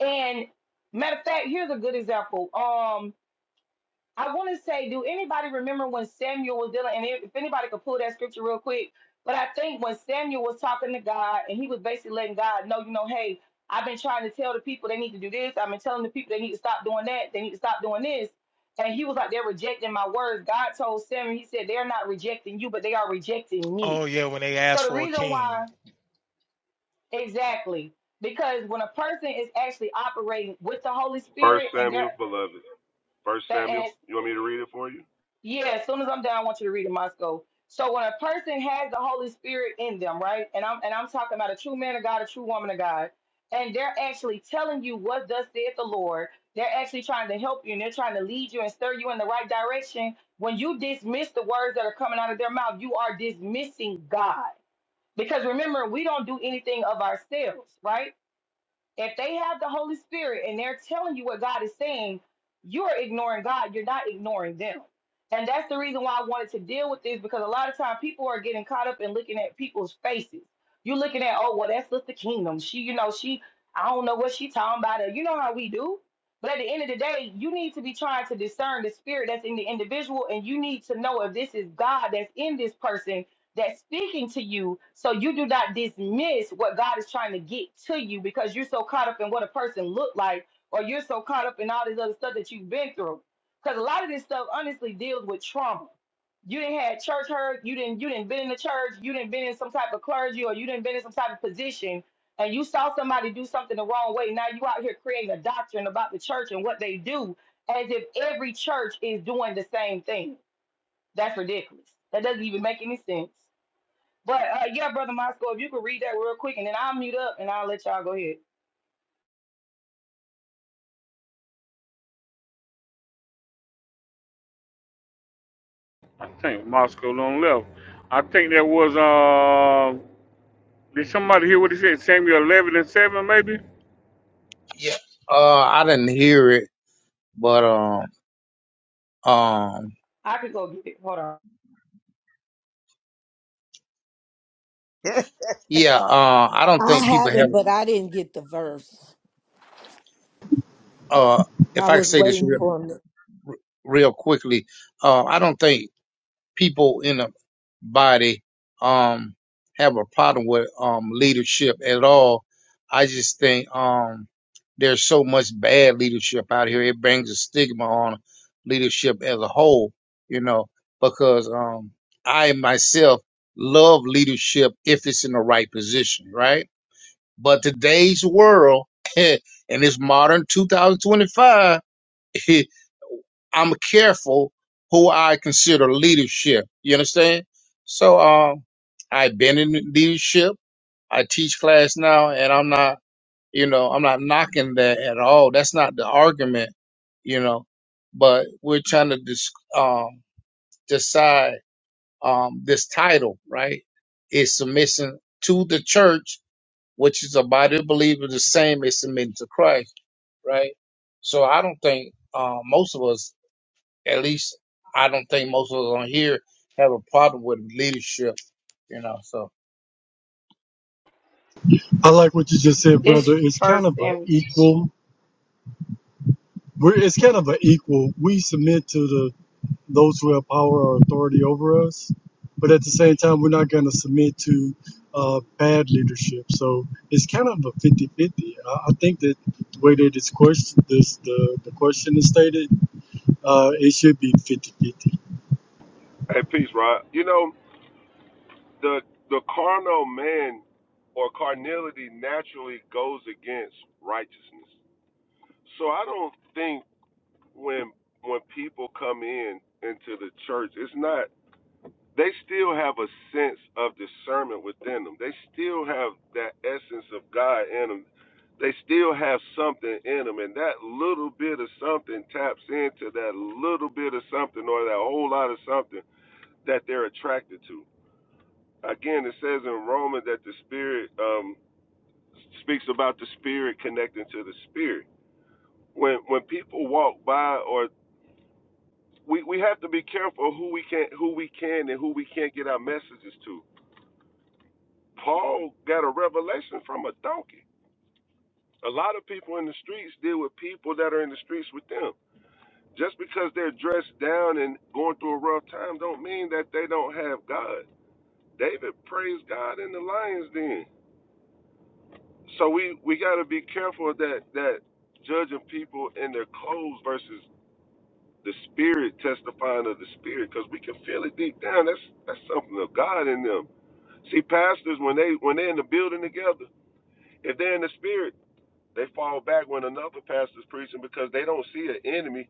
Speaker 19: And matter of fact, here's a good example. Um, I want to say, do anybody remember when Samuel was dealing? And if if anybody could pull that scripture real quick, but I think when Samuel was talking to God and he was basically letting God know, you know, hey, I've been trying to tell the people they need to do this. I've been telling the people they need to stop doing that. They need to stop doing this. And he was like, they're rejecting my words. God told Samuel, he said, they're not rejecting you, but they are rejecting me.
Speaker 16: oh yeah when they
Speaker 19: So
Speaker 16: asked
Speaker 19: the
Speaker 16: for a
Speaker 19: reason
Speaker 16: king
Speaker 19: why, exactly, because when a person is actually operating with the Holy
Speaker 12: First
Speaker 19: Spirit and
Speaker 12: Samuel,
Speaker 19: they're,
Speaker 12: beloved. First
Speaker 19: and.
Speaker 12: Samuel. You want me to read it for you?
Speaker 19: Yeah, as soon as I'm done, I want you to read in Moscow. So when a person has the Holy Spirit in them, right? And I'm and I'm talking about a true man of God, a true woman of God, and they're actually telling you what thus saith the Lord. They're actually trying to help you and they're trying to lead you and stir you in the right direction. When you dismiss the words that are coming out of their mouth, you are dismissing God. Because remember, we don't do anything of ourselves, right? If they have the Holy Spirit and they're telling you what God is saying, you're ignoring God. You're not ignoring them. And that's the reason why I wanted to deal with this because a lot of time people are getting caught up in looking at people's faces. You're looking at, oh, well, that's just the kingdom. She, you know, she, I don't know what she talking about. Or you know how we do. But at the end of the day, you need to be trying to discern the spirit that's in the individual, and you need to know if this is God that's in this person that's speaking to you so you do not dismiss what God is trying to get to you because you're so caught up in what a person looked like or you're so caught up in all this other stuff that you've been through. Because a lot of this stuff honestly deals with trauma. You didn't had church hurt, you didn't you didn't been in the church, you didn't been in some type of clergy or you didn't been in some type of position and you saw somebody do something the wrong way. Now you out here creating a doctrine about the church and what they do as if every church is doing the same thing. That's ridiculous. That doesn't even make any sense. But uh, yeah, brother Moscow, if you could read that real quick, and then I'll mute up and I'll let y'all go ahead.
Speaker 1: I think Moscow long left. I think that was uh. Did somebody hear what he said? Samuel eleven and seven, maybe.
Speaker 17: Yeah, uh, I didn't hear it, but um, um,
Speaker 19: I could go get it. Hold on.
Speaker 17: yeah, uh, I don't
Speaker 5: I
Speaker 17: think people
Speaker 5: have
Speaker 17: have.
Speaker 5: it, but I didn't get the verse.
Speaker 17: Uh,
Speaker 5: I
Speaker 17: if I could
Speaker 5: was
Speaker 17: say this
Speaker 5: waiting
Speaker 17: real,
Speaker 5: for him. to-
Speaker 17: real quickly, uh, I don't think people in a body um have a problem with um leadership at all. I just think um there's so much bad leadership out here. It brings a stigma on leadership as a whole, you know, because um I myself love leadership if it's in the right position, right? But today's world in this modern 2025 I'm careful who I consider leadership. You understand? So um, I've been in leadership. I teach class now, and I'm not, you know, I'm not knocking that at all. That's not the argument, you know. But we're trying to dis- um, decide um, this title, right? Is submission to the church, which is a body of believers, the same as submitting to Christ, right? So I don't think uh, most of us at least I don't think most of us on here have a problem with leadership, you know. So
Speaker 20: I like what you just said, brother.
Speaker 19: It's
Speaker 20: It's kind
Speaker 19: First
Speaker 20: of an
Speaker 19: Samuel.
Speaker 20: equal. We're it's kind of an equal. We submit to the those who have power or authority over us, but at the same time, we're not going to submit to uh, bad leadership. So it's kind of a fifty-fifty. I, I think that the way that it's question this the, the question is stated, uh, it should be fifty-fifty.
Speaker 12: Hey, peace, Rod. You know the the carnal man or carnality naturally goes against righteousness. So I don't think when when people come in into the church, it's not they still have a sense of discernment within them. They still have that essence of God in them. They still have something in them, and that little bit of something taps into that little bit of something or that whole lot of something that they're attracted to. Again, it says in Romans that the spirit um, speaks about the spirit connecting to the spirit when when people walk by or we, we have to be careful who we can who we can and who we can't get our messages to. Paul got a revelation from a donkey. A lot of people in the streets deal with people that are in the streets with them. Just because they're dressed down and going through a rough time don't mean that they don't have God. David praised God in the lion's den. So we, we gotta be careful that that judging people in their clothes versus the spirit testifying of the spirit because we can feel it deep down. That's that's something of God in them See, pastors when they when they're in the building together, if they're in the spirit, they fall back when another pastor's preaching because they don't see an enemy.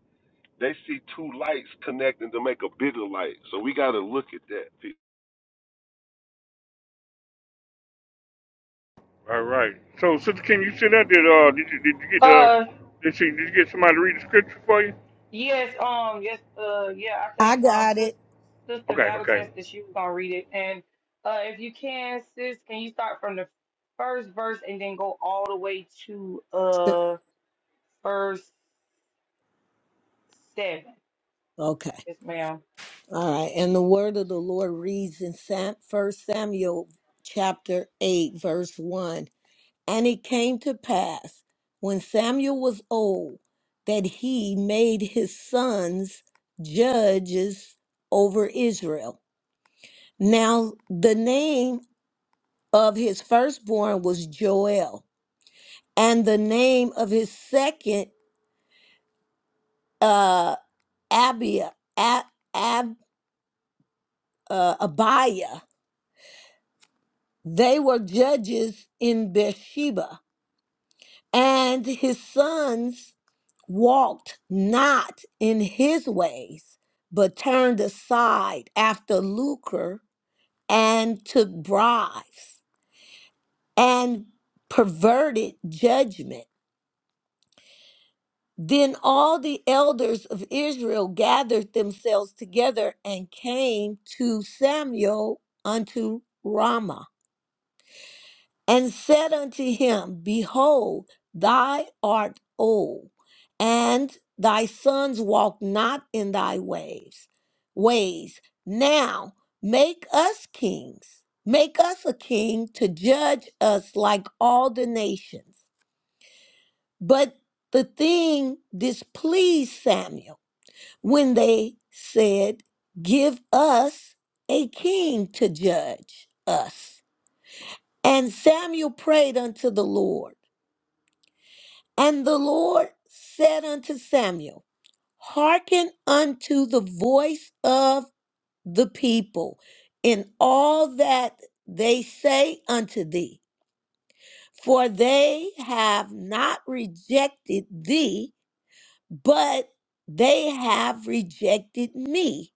Speaker 12: They see two lights connecting to make a bigger light. So we got to look at that. people.
Speaker 1: All right. So, Sister King, you said that did uh did you, did you get the
Speaker 19: Uh,
Speaker 1: did she did you get somebody to read the scripture for you?
Speaker 19: yes, um, yes, uh, yeah. I
Speaker 5: I
Speaker 19: think um,
Speaker 5: got
Speaker 19: sis,
Speaker 5: it.
Speaker 19: sister
Speaker 1: Okay,
Speaker 19: Battle
Speaker 1: okay.
Speaker 19: Tested, she was gonna read it, and uh, if you can, sis, can you start from the first verse and then go all the way to uh verse seven?
Speaker 5: Okay.
Speaker 19: Yes, ma'am.
Speaker 5: All right. And the word of the Lord reads in Sam, First Samuel chapter 8, verse 1. And it came to pass when Samuel was old that he made his sons judges over Israel. Now, the name of his firstborn was Joel, and the name of his second, uh, Abia, Ab, Ab, uh, Abiah They were judges in Beersheba, and his sons walked not in his ways, but turned aside after lucre and took bribes and perverted judgment. Then all the elders of Israel gathered themselves together and came to Samuel unto Ramah. and said unto him, Behold, thou art old, and thy sons walk not in thy ways. Ways. Now make us kings, make us a king to judge us like all the nations. But the thing displeased Samuel when they said, Give us a king to judge us. And Samuel prayed unto the Lord. And the Lord said unto Samuel, Hearken unto the voice of the people in all that they say unto thee, for they have not rejected thee, but they have rejected me,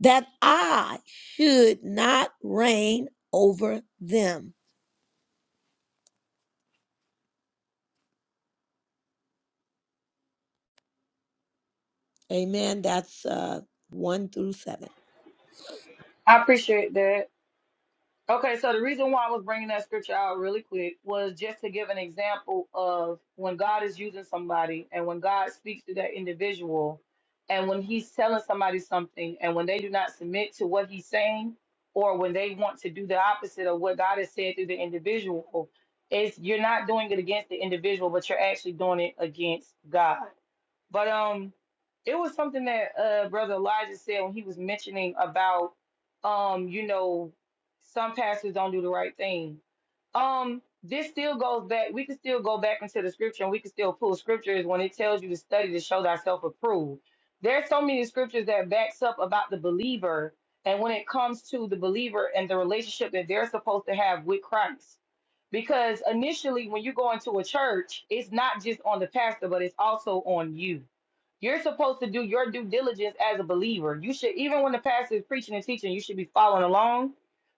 Speaker 5: that I should not reign over them. Amen. That's uh, 1 through 7.
Speaker 19: I appreciate that. Okay, so the reason why I was bringing that scripture out really quick was just to give an example of when God is using somebody and when God speaks to that individual and when he's telling somebody something and when they do not submit to what he's saying or when they want to do the opposite of what God has said through the individual, it's you're not doing it against the individual, but you're actually doing it against God. But um, it was something that uh brother Elijah said when he was mentioning about um, you know, some pastors don't do the right thing. Um, this still goes back. We can still go back into the scripture, and we can still pull scriptures when it tells you to study to show thyself approved. There's so many scriptures that backs up about the believer, and when it comes to the believer and the relationship that they're supposed to have with Christ. Because initially, when you go into a church, it's not just on the pastor, but it's also on you. You're supposed to do your due diligence as a believer. You should, even when the pastor is preaching and teaching, you should be following along.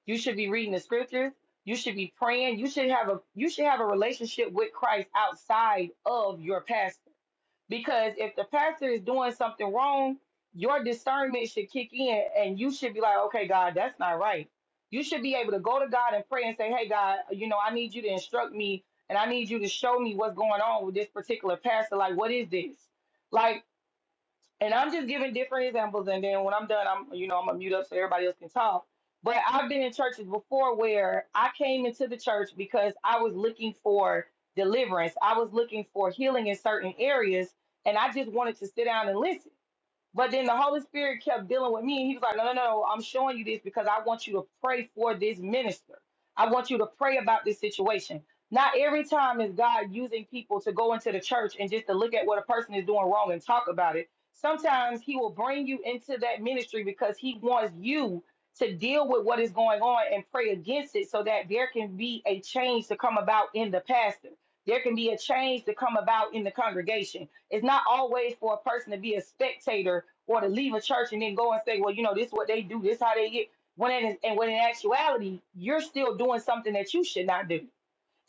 Speaker 19: You should be reading the scriptures. You should be praying. You should have a you should have a relationship with Christ outside of your pastor because if the pastor is doing something wrong, your discernment should kick in and you should be like, okay, God, that's not right. You should be able to go to God and pray and say, hey, God, you know, I need you to instruct me and I need you to show me what's going on with this particular pastor. Like, what is this? Like, and I'm just giving different examples. And then when I'm done, I'm you know I'm gonna mute up so everybody else can talk. But I've been in churches before where I came into the church because I was looking for deliverance. I was looking for healing in certain areas, and I just wanted to sit down and listen. But then the Holy Spirit kept dealing with me, and He was like, "No, no, no! I'm showing you this because I want you to pray for this minister. I want you to pray about this situation. Not every time is God using people to go into the church and just to look at what a person is doing wrong and talk about it. Sometimes He will bring you into that ministry because He wants you to deal with what is going on and pray against it, so that there can be a change to come about in the pastor. There can be a change to come about in the congregation it's not always for a person to be a spectator or to leave a church and then go and say, well, you know, this is what they do, this how they get. When it is, and when in actuality, you're still doing something that you should not do.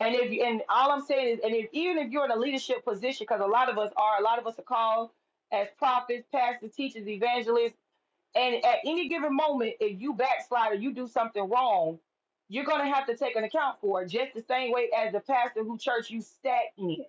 Speaker 19: And if you- and all I'm saying is, and if even if you're in a leadership position, because a lot of us are, a lot of us are called as prophets, pastors, teachers, evangelists, and at any given moment, if you backslide or you do something wrong, you're gonna have to take an account for it, just the same way as the pastor who church you sat in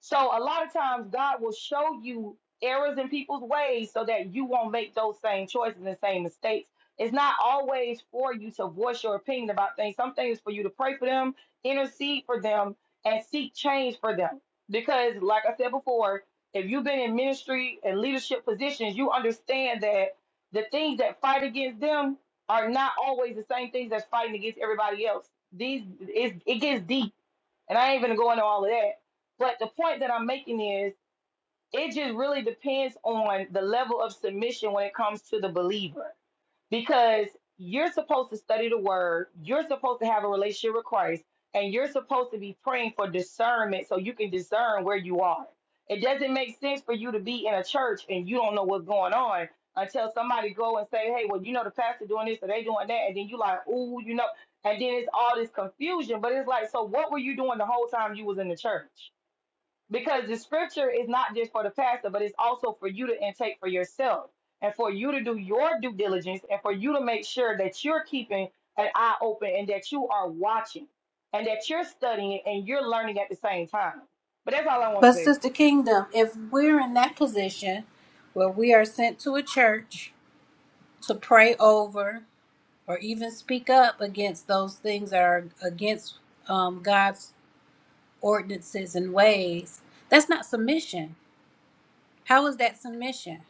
Speaker 19: so a lot of times God will show you errors in people's ways so that you won't make those same choices and same mistakes. It's not always for you to voice your opinion about things. Some things for you to pray for them, intercede for them, and seek change for them. Because like I said before, if you've been in ministry and leadership positions, you understand that the things that fight against them are not always the same things that's fighting against everybody else. These it, it gets deep and I ain't gonna go into all of that. But the point that I'm making is it just really depends on the level of submission when it comes to the believer because you're supposed to study the word, you're supposed to have a relationship with Christ, and you're supposed to be praying for discernment so you can discern where you are. It doesn't make sense for you to be in a church and you don't know what's going on until somebody go and say, "Hey, well, you know the pastor doing this or they doing that," and then you like, "Ooh, you know," and then it's all this confusion. But it's like, so what were you doing the whole time you was in the church? because the scripture is not just for the pastor, but it's also for you to intake for yourself and for you to do your due diligence and for you to make sure that you're keeping an eye open and that you are watching and that you're studying and you're learning at the same time. But that's all I want to
Speaker 9: But,
Speaker 19: say.
Speaker 9: Sister Kingdom, if we're in that position where we are sent to a church to pray over or even speak up against those things that are against um, God's ordinances and ways, that's not submission. How is that submission?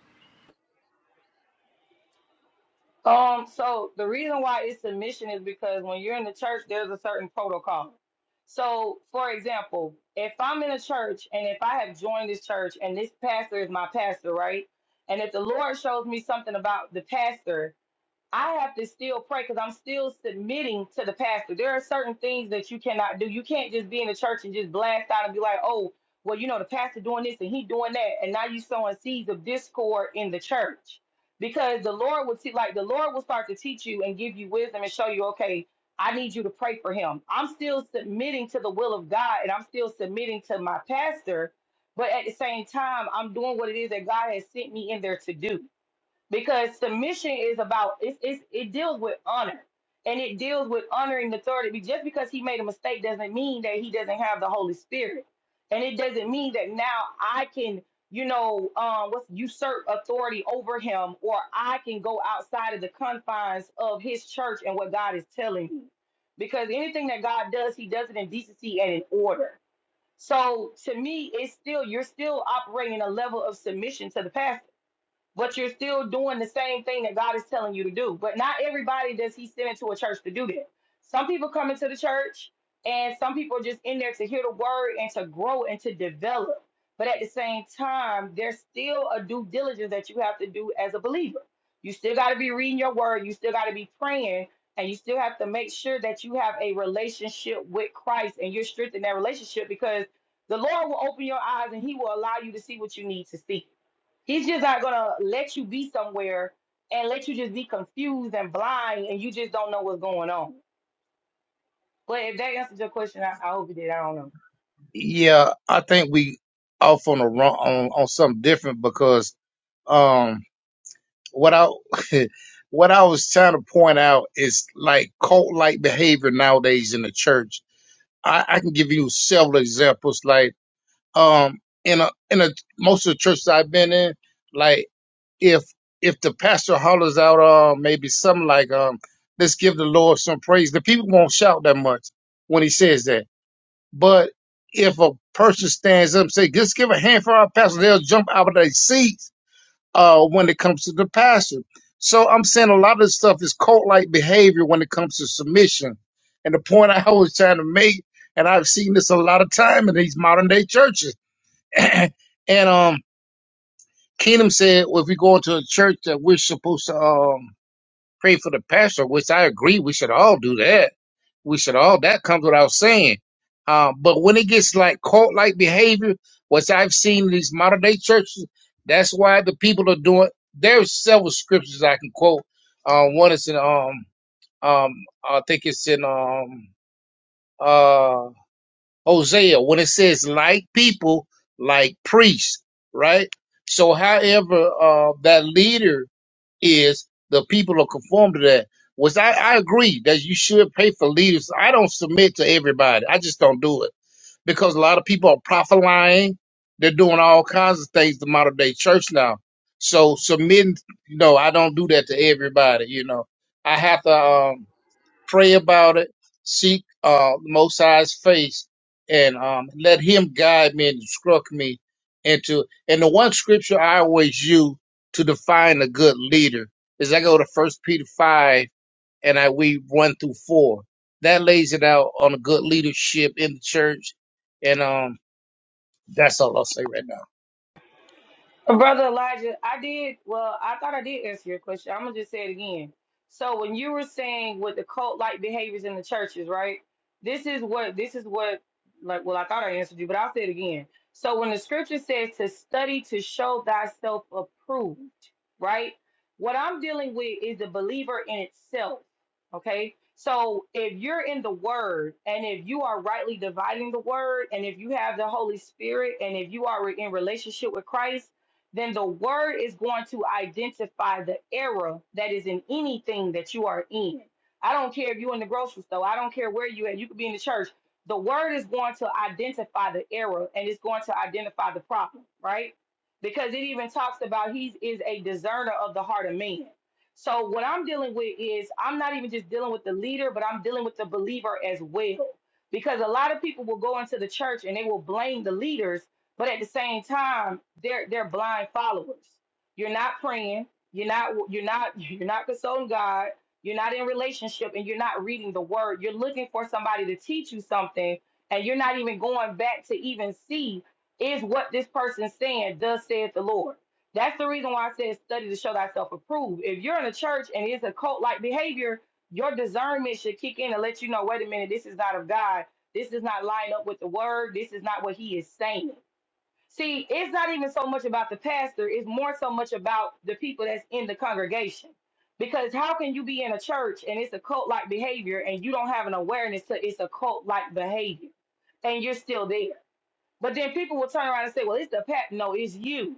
Speaker 19: Um, so the reason why it's submission is because when you're in the church, there's a certain protocol. So, for example, if I'm in a church and if I have joined this church and this pastor is my pastor, right? And if the Lord shows me something about the pastor, I have to still pray because I'm still submitting to the pastor. There are certain things that you cannot do. You can't just be in the church and just blast out and be like, oh, well, you know, the pastor doing this and he doing that. And now you sowing seeds of discord in the church. Because the Lord will see, like the Lord will start to teach you and give you wisdom and show you, okay, I need you to pray for him. I'm still submitting to the will of God and I'm still submitting to my pastor, but at the same time, I'm doing what it is that God has sent me in there to do because submission is about it's, it's it deals with honor and it deals with honoring the authority just because he made a mistake doesn't mean that he doesn't have the holy spirit and it doesn't mean that now i can you know um what's usurp authority over him or i can go outside of the confines of his church and what god is telling me because anything that god does he does it in decency and in order so to me it's still you're still operating a level of submission to the pastor but you're still doing the same thing that God is telling you to do. But not everybody does He send into a church to do that. Some people come into the church, and some people are just in there to hear the word and to grow and to develop. But at the same time, there's still a due diligence that you have to do as a believer. You still got to be reading your word, you still got to be praying, and you still have to make sure that you have a relationship with Christ and you're strengthening that relationship because the Lord will open your eyes and He will allow you to see what you need to see He's just not gonna let you be somewhere and let you just be confused and blind and you just don't know what's going on. But if that answers your question, I, I hope it did. I don't know.
Speaker 17: yeah, I think we off on a wrong on, on something different because um what I what I was trying to point out is like cult like behavior nowadays in the church. I, I can give you several examples like um in a in a most of the churches I've been in, like. if if the pastor hollers out uh maybe something like um let's give the Lord some praise, the people won't shout that much when he says that. But if a person stands up and say, just give a hand for our pastor, they'll jump out of their seats uh when it comes to the pastor. So I'm saying a lot of this stuff is cult like behavior when it comes to submission. And the point I was trying to make, and I've seen this a lot of time in these modern day churches. and um Kingdom said, well, if we go into a church that we're supposed to um, pray for the pastor, which I agree, we should all do that. We should all, that comes without saying. Um, but when it gets like cult like behavior, which I've seen in these modern day churches, that's why the people are doing. There's several scriptures I can quote. Um, one is in, um, um, I think it's in um, uh." Hosea when it says like people, like priests, right? So however uh, that leader is, the people are conformed to that. Which I, I agree that you should pay for leaders. I don't submit to everybody. I just don't do it because a lot of people are prophet lying. They're doing all kinds of things to modern day church now. So submitting, you know, I don't do that to everybody. You know, I have to. Um, pray about it, seek uh, the Most High's face, and um, let Him guide me and instruct me into. And the one scripture I always use to define a good leader is I go to First Peter five and I read one through four. That lays it out on a good leadership in the church, and um, that's all I'll say right now.
Speaker 19: Brother Elijah, I did. Well, I thought I did answer your question. I'm gonna just say it again. So when you were saying with the cult-like behaviors in the churches, right? This is what this is what like. Well, I thought I answered you, but I'll say it again. So when the scripture says to study to show thyself approved, right? What I'm dealing with is the believer in itself. Okay. So if you're in the word and if you are rightly dividing the word and if you have the Holy Spirit and if you are in relationship with Christ then the word is going to identify the error that is in anything that you are in. I don't care if you're in the grocery store, I don't care where you at, you could be in the church. The word is going to identify the error and it's going to identify the problem, right? Because it even talks about he is a discerner of the heart of man. So what I'm dealing with is I'm not even just dealing with the leader, but I'm dealing with the believer as well. Because a lot of people will go into the church and they will blame the leaders but at the same time, they're they're blind followers. You're not praying. You're not you're not you're not consulting God. You're not in relationship, and you're not reading the Word. You're looking for somebody to teach you something, and you're not even going back to even see is what this person's saying. Does saith the Lord. That's the reason why I said study to show thyself approved. If you're in a church and it's a cult like behavior, your discernment should kick in and let you know, wait a minute, this is not of God. This does not line up with the word. This is not what he is saying. See, it's not even so much about the pastor, it's more so much about the people that's in the congregation. Because how can you be in a church and it's a cult like behavior and you don't have an awareness to it's a cult like behavior and you're still there? But then people will turn around and say, Well, it's the pat. No, it's you.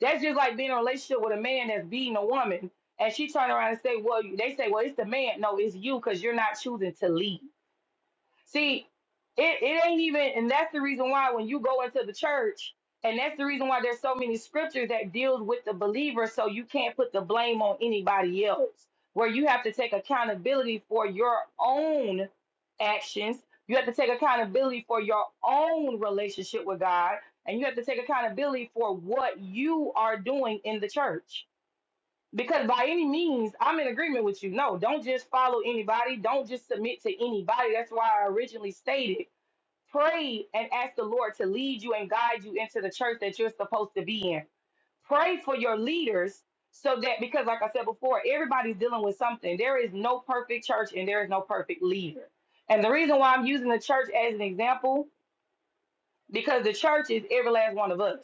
Speaker 19: That's just like being in a relationship with a man that's beating a woman and she turn around and say, Well, you-" they say, Well, it's the man. No, it's you because you're not choosing to leave. See, it, it ain't even, and that's the reason why when you go into the church, and that's the reason why there's so many scriptures that deals with the believer, so you can't put the blame on anybody else. Where you have to take accountability for your own actions, you have to take accountability for your own relationship with God, and you have to take accountability for what you are doing in the church because by any means, I'm in agreement with you. No, don't just follow anybody. Don't just submit to anybody. That's why I originally stated pray and ask the Lord to lead you and guide you into the church that you're supposed to be in. Pray for your leaders so that, because like I said before, everybody's dealing with something. There is no perfect church and there is no perfect leader. And the reason why I'm using the church as an example, because the church is every last one of us.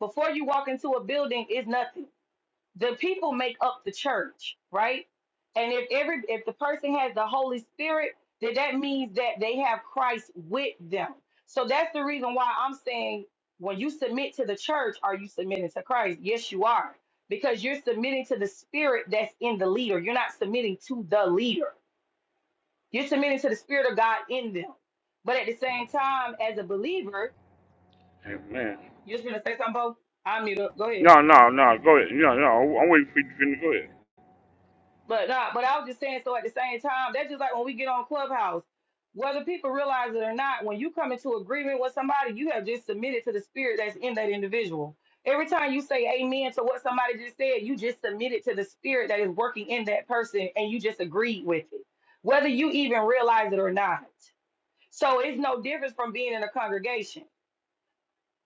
Speaker 19: Before you walk into a building, is nothing the people make up the church, right? And if every if the person has the Holy Spirit, then that means that they have Christ with them. So that's the reason why I'm saying when you submit to the church, are you submitting to Christ? Yes, you are. Because you're submitting to the spirit that's in the leader. You're not submitting to the leader. You're submitting to the spirit of God in them. But at the same time, as a believer,
Speaker 1: Amen.
Speaker 19: you're just gonna say something, Bo? I'm gonna Go ahead.
Speaker 1: No, no, no. Go ahead. No, no. I'm waiting for you to finish. Go ahead.
Speaker 19: But nah, but I was just saying. So at the same time, that's just like when we get on Clubhouse, whether people realize it or not. When you come into agreement with somebody, you have just submitted to the spirit that's in that individual. Every time you say amen to what somebody just said, you just submitted to the spirit that is working in that person, and you just agreed with it, whether you even realize it or not. So it's no difference from being in a congregation.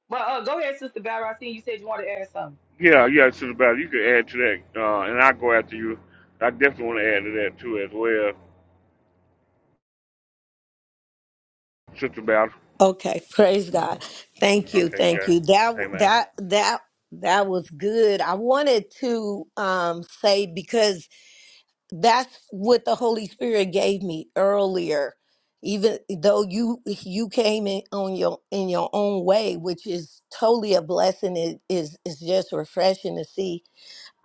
Speaker 19: But uh, go ahead, Sister Valerie. I seen you said you wanted to add something.
Speaker 1: Yeah, yeah, Sister Battle. You can add to that, uh, and I'll go after you. I definitely want to add to that too as well, Sister Battle.
Speaker 5: Okay, praise God. Thank you,
Speaker 1: Okay,
Speaker 5: thank
Speaker 1: God.
Speaker 5: you. That
Speaker 1: Amen.
Speaker 5: that that that was good. I wanted to um say because that's what the holy spirit gave me earlier even though you you came in on your in your own way which is totally a blessing it is is just refreshing to see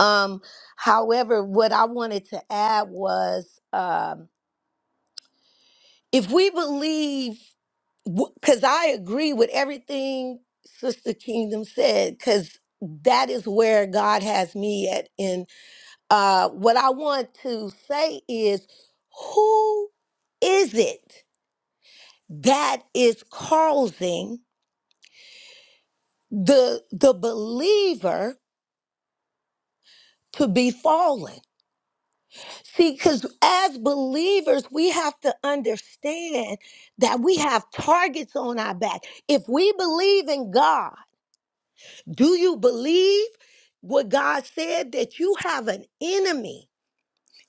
Speaker 5: um however what i wanted to add was um if we believe because i agree with everything sister kingdom said because that is where god has me at uh, what I want to say is who is it that is causing the the believer to be fallen? See, because as believers, we have to understand that we have targets on our back. If we believe in God, do you believe what God said that you have an enemy?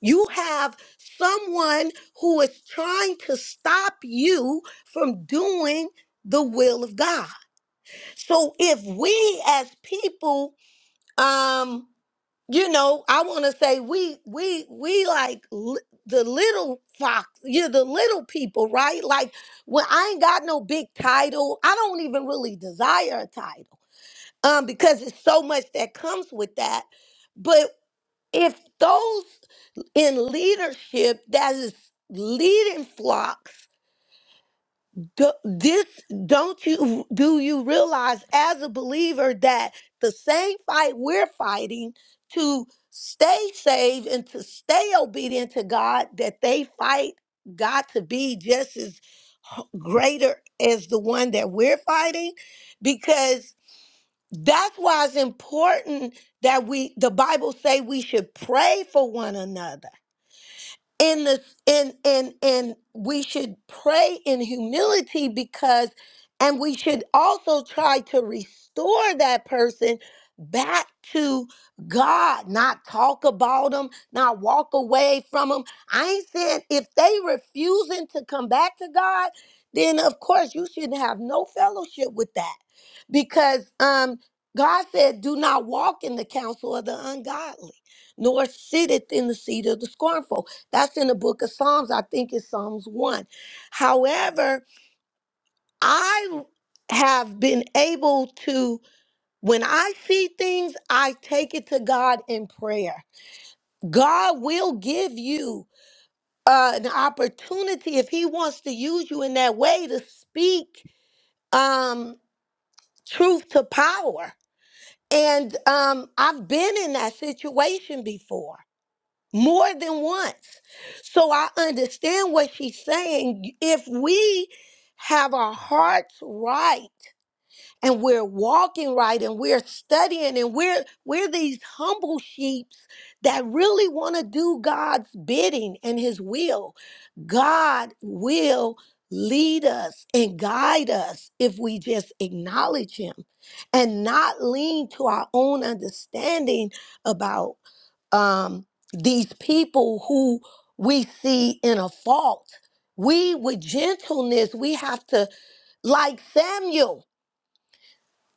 Speaker 5: You have someone who is trying to stop you from doing the will of God. So if we as people, um, you know, I want to say we we we like li- the little fox, you know, the little people, right? Like when I ain't got no big title, I don't even really desire a title, um, because it's so much that comes with that. But if those in leadership that is leading flocks do- this don't you do you realize as a believer that the same fight we're fighting to stay saved and to stay obedient to god that they fight god to be just as h- greater as the one that we're fighting because that's why it's important that we the bible say we should pray for one another in the in in in we should pray in humility because and we should also try to restore that person back to God, not talk about them, not walk away from them. I ain't saying if they refusing to come back to God, then of course you shouldn't have no fellowship with that. Because um God said, do not walk in the counsel of the ungodly, nor sitteth in the seat of the scornful that's in the book of Psalms. I think it's Psalms 1. However, I have been able to, when I see things, I take it to God in prayer. God will give you uh, an opportunity if He wants to use you in that way to speak um, truth to power. And um, I've been in that situation before. more than once. So I understand what she's saying. If we have our hearts right, and we're walking right and we're studying and we're we're these humble sheeps that really want to do God's bidding and his will. God will lead us and guide us if we just acknowledge him and not lean to our own understanding about um, these people who we see in a fault. We, with gentleness, we have to, like Samuel.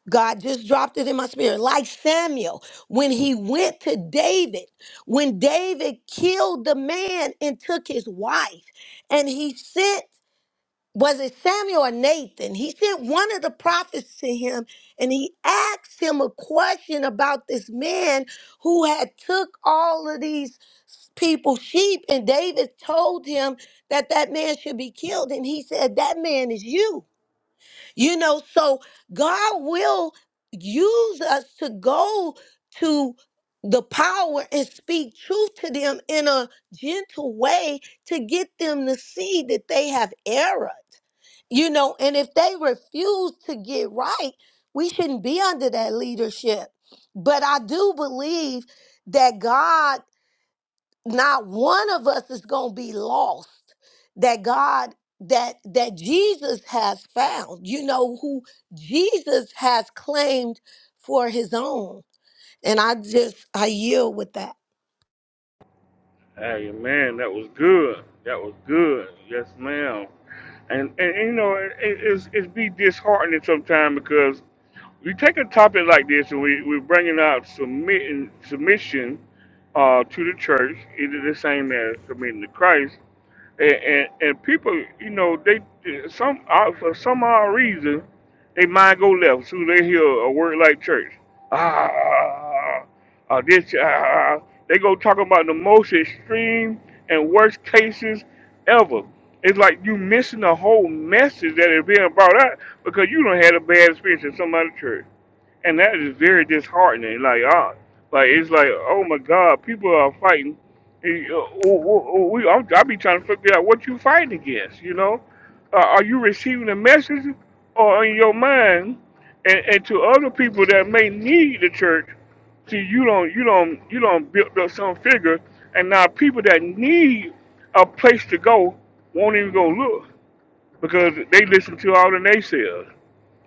Speaker 5: God just dropped it in my spirit. Like Samuel, when he went to David, when David killed the man and took his wife, and he sent, was it Samuel or Nathan? He sent one of the prophets to him and he asked him a question about this man who had took all of these people's sheep and David told him that that man should be killed and he said that man is you you know, so God will use us to go to the power and speak truth to them in a gentle way to get them to see that they have erred. You know, and if they refuse to get right, we shouldn't be under that leadership. But I do believe that God not one of us is going to be lost that god that that jesus has found you know who jesus has claimed for his own and i just i yield with that
Speaker 1: Hey, man, that was good. That was good. Yes, ma'am. And, and, you know, it, it's it's be disheartening sometimes because we take a topic like this and we, we're bringing out submitting submission uh, to the church, either the same as submitting to Christ. and, and, and people, you know, they some uh, for some odd reason, they mind go left. So they hear a word like church, ah, ah this, ah, they go talking about the most extreme and worst cases ever. It's like you missing the whole message that is being brought out because you don't had a bad experience in some other church and that is very disheartening. Like, uh, like it's like, oh my God, people are fighting. And, uh, w- w- we, I'm, I be trying to figure out what you fighting against. You know, uh, are you receiving a message or in your mind? And, and to other people that may need the church, see, you don't, you don't, you don't build up some figure, and now people that need a place to go won't even go look because they listen to all the naysayers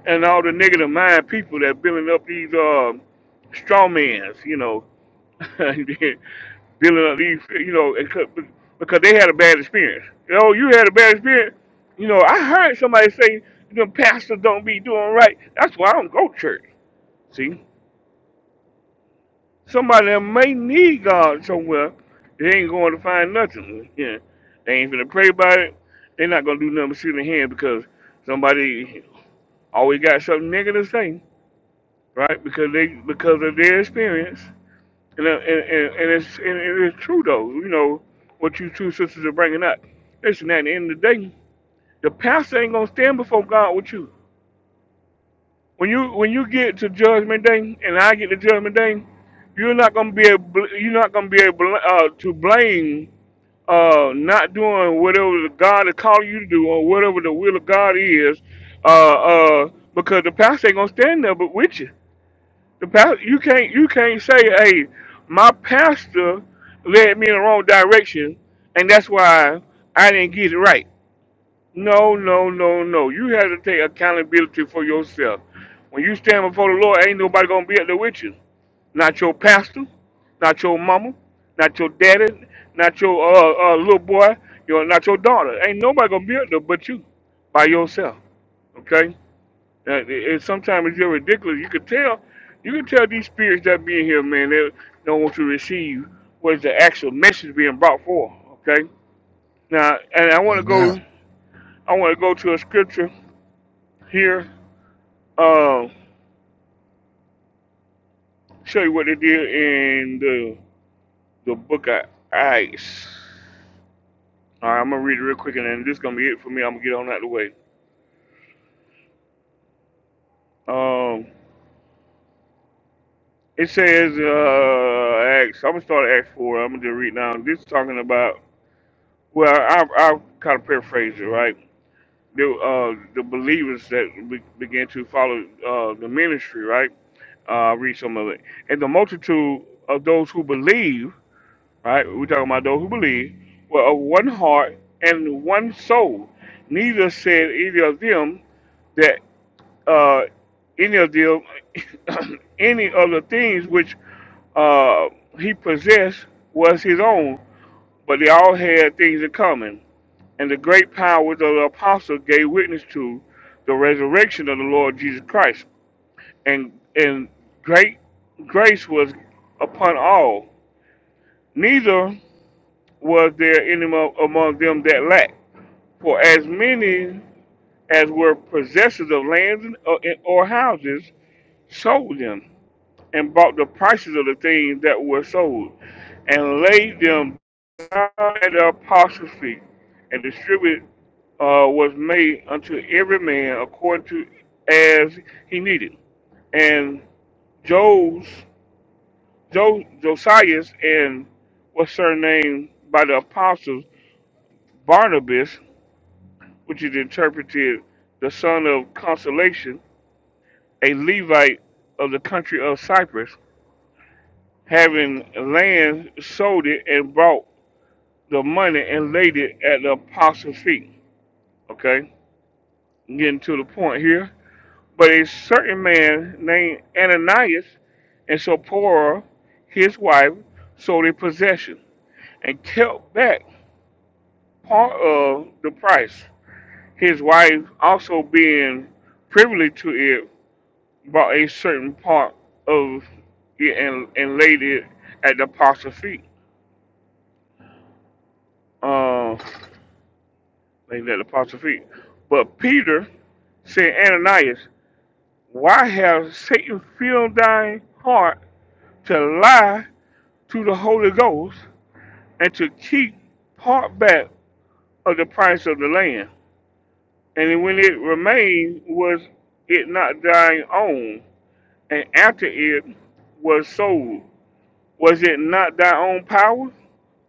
Speaker 1: and all the negative mind people that building up these uh, straw mans, you know, building up these, you know, and co- because they had a bad experience. Oh, you had a bad experience. You know, I heard somebody say the pastor don't be doing right. That's why I don't go to church. See, somebody that may need God somewhere, they ain't going to find nothing. Yeah, they ain't gonna pray about it. They're not gonna do nothing but sit in hand because somebody always got something negative to say. right? Because they because of their experience, and uh, and, and, and it's and it is true though. You know what you two sisters are bringing up. Listen, at the end of the day, the pastor ain't gonna stand before God with you. When you when you get to judgment day, and I get to judgment day, you're not gonna be able you're not gonna be able uh, to blame uh, not doing whatever God is calling you to do or whatever the will of God is, uh, uh, because the pastor ain't gonna stand there but with you. The pastor, you can't you can't say, "Hey, my pastor led me in the wrong direction, and that's why I didn't get it right." No, no, no, no. You have to take accountability for yourself. When you stand before the Lord, ain't nobody gonna be up there with you. Not your pastor, not your mama, not your daddy, not your uh, uh, little boy, your not your daughter. Ain't nobody gonna be up there but you, by yourself. Okay. Uh, and sometimes it's just ridiculous. You could tell, you could tell these spirits that be in here, man, they don't want to receive what is the actual message being brought forth. Okay. Now, and I want to
Speaker 2: Yeah.
Speaker 1: go, I want to go to a scripture here. Uh, show you what they did in the the book of Acts. All right, I'm gonna read it real quick, and then this is gonna be it for me. I'm gonna get on out of the way. Um, it says uh, Acts. I'm gonna start at Acts four. I'm gonna just read now. This is talking about Well, I'll, I'll kind of paraphrase it, right? The uh, the believers that be, began to follow uh, the ministry, right? Uh, read some of it. And the multitude of those who believe, right? We're talking about those who believe, were of one heart and one soul. Neither said either of them that uh, any of them, any of the things which uh, he possessed was his own, but they all had things in common and the great power of the apostle gave witness to the resurrection of the Lord Jesus Christ, and and great grace was upon all. Neither was there any among them that lacked, for as many as were possessors of lands or houses sold them, and bought the prices of the things that were sold, and laid them At the apostles' feet, and distributed uh, was made unto every man according to as he needed. And Jos, jo, Josias and was surnamed by the apostles Barnabas, which is interpreted the son of consolation, a Levite of the country of Cyprus, having land sold it and brought the money and laid it at the apostles' feet. Okay I'm getting to the point here. But a certain man named Ananias and Sapphira, his wife, sold a possession and kept back part of the price. His wife, also being privy to it, bought a certain part of it and, and laid it at the apostles' feet. Uh, laid it at the apostles' feet. But Peter said, Ananias, why has Satan filled thy heart to lie to the Holy Ghost and to keep part back of the price of the land. And when it remained, was it not thine own? And after it was sold, was it not thy own power?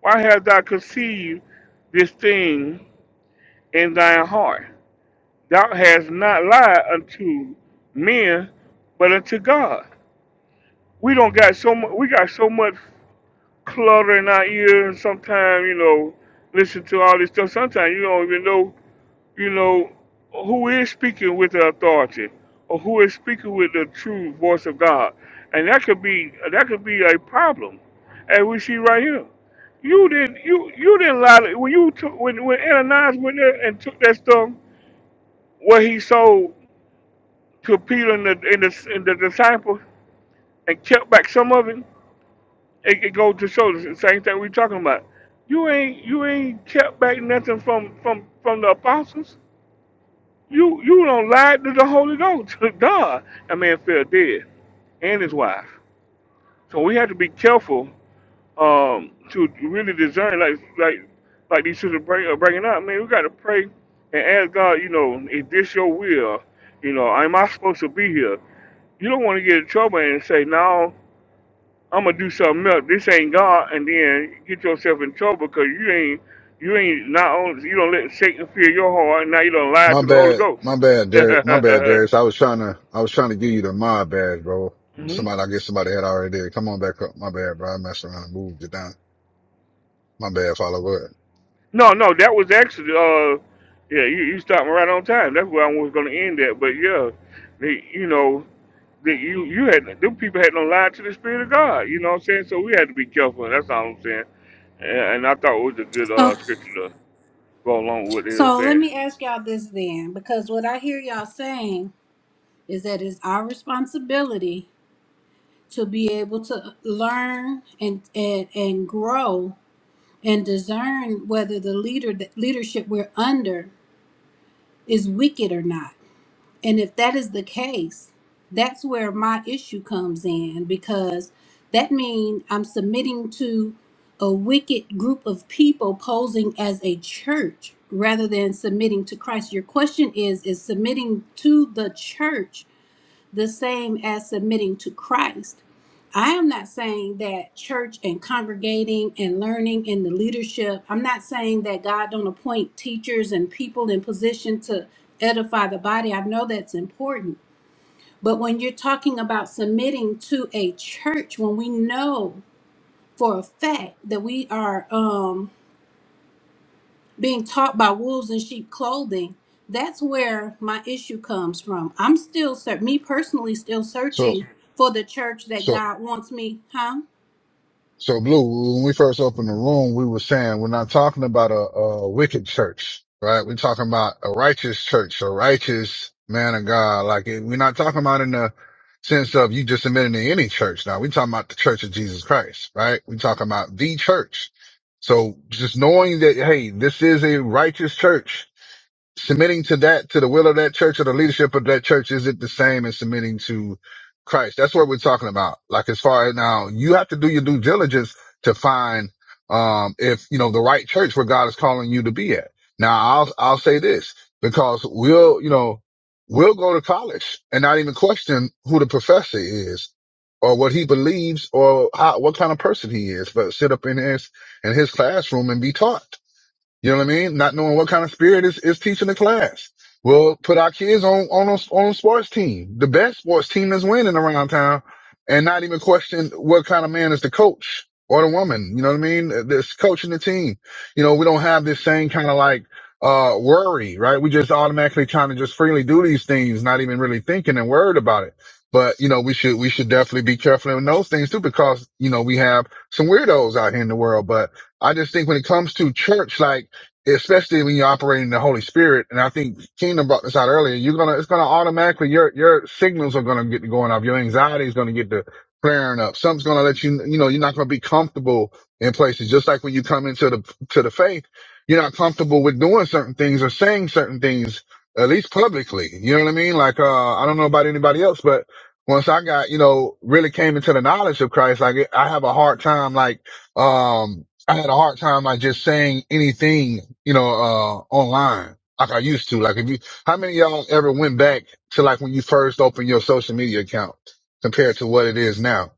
Speaker 1: Why hast thou conceived this thing in thine heart? Thou hast not lied unto men, but unto God. We don't got so much. We got so much clutter in our ears. Sometimes you know, listen to all this stuff. Sometimes you don't even know you know, who is speaking with the authority or who is speaking with the true voice of God. And that could be that could be a problem. as we see right here. You didn't you you didn't lie to, when you took when when Ananias went there and took that stuff what he sold to Peter and the and the, and the disciples and kept back some of it, it, it goes to show the same thing we're talking about. You ain't you ain't kept back nothing from from from the apostles. You you don't lie to the Holy Ghost, to God. That man fell dead and his wife. So we have to be careful um, to really discern, like like like these sisters bring, are bringing up. Man, we got to pray and ask God. You know, is this your will? You know, am I supposed to be here? You don't want to get in trouble and say, no, I'm gonna do something else. This ain't God, and then get yourself in trouble because you ain't you ain't not only you don't let Satan fear your heart, and now you don't lie
Speaker 2: My
Speaker 1: to the Holy
Speaker 2: bad. My bad, Darius. My bad,
Speaker 1: Ghost.
Speaker 2: Darius. I was trying to, I was trying to give you the my bad, bro.
Speaker 1: hmm
Speaker 2: Somebody, I guess somebody had already did. Come on back up. My bad, bro. I messed around and moved it down. My bad, follow up.
Speaker 1: No, no, that was actually uh, yeah, you you stopped me right on time. That's where I was going to end that. But yeah, the, you know that you you had them people had no lie to the spirit of God. You know what I'm saying? So we had to be careful. That's all I'm saying. And, and I thought it was a good
Speaker 9: So,
Speaker 1: uh scripture to go along with what they were
Speaker 9: so let
Speaker 1: saying.
Speaker 9: me ask y'all this then, because what I hear y'all saying is that it's our responsibility to be able to learn and and, and grow and discern whether the leader the leadership we're under is wicked or not. And if that is the case, that's where my issue comes in because that means I'm submitting to a wicked group of people posing as a church rather than submitting to Christ. Your question is is submitting to the church the same as submitting to Christ. I am not saying that church and congregating and learning and the leadership, I'm not saying that God don't appoint teachers and people in position to edify the body. I know that's important. But when you're talking about submitting to a church, when we know for a fact that we are um being taught by wolves in sheep clothing that's where my issue comes from i'm still ser- me personally still
Speaker 2: So,
Speaker 9: searching for the church that
Speaker 2: so
Speaker 9: god wants me huh
Speaker 2: So Blue, when we first opened the room, we were saying we're not talking about a, a wicked church, right? We're talking about a righteous church, a righteous man of God. Like it- we're not talking about in the sense of you just admitting to any church. Now we're talking about the church of Jesus Christ, right? We're talking about the church. So just knowing that, hey, this is a righteous church submitting to that, to the will of that church or the leadership of that church is it the same as submitting to Christ. That's what we're talking about. Like as far as now, you have to do your due diligence to find, um, if, you know, the right church where God is calling you to be at. Now I'll, I'll say this because we'll, you know, we'll go to college and not even question who the professor is or what he believes or how, what kind of person he is, but sit up in his, in his classroom and be taught. You know what I mean? Not knowing what kind of spirit is, is teaching the class. We'll put our kids on, on a, on a sports team, the best sports team that's winning around town and not even question what kind of man is the coach or the woman. You know what I mean? This coaching the team. You know, we don't have this same kind of like, uh, worry, right? We just automatically trying to just freely do these things, not even really thinking and worried about it. But, you know, we should, we should definitely be careful in those things too, because, you know, we have some weirdos out here in the world, but I just think when it comes to church, like, especially when you're operating in the Holy Spirit. And I think Kingdom brought this out earlier. You're gonna, it's gonna automatically your your signals are gonna get to going off. Your anxiety is gonna get to flaring up. Something's gonna let you, you know, you're not gonna be comfortable in places. Just like when you come into the to the faith, you're not comfortable with doing certain things or saying certain things, at least publicly. You know what I mean? Like, uh, I don't know about anybody else, but once I got, you know, really came into the knowledge of Christ, like I have a hard time, like, um, I had a hard time like just saying anything, you know, uh, online like I used to. Like if you, how many of y'all ever went back to like when you first opened your social media account compared to what it is now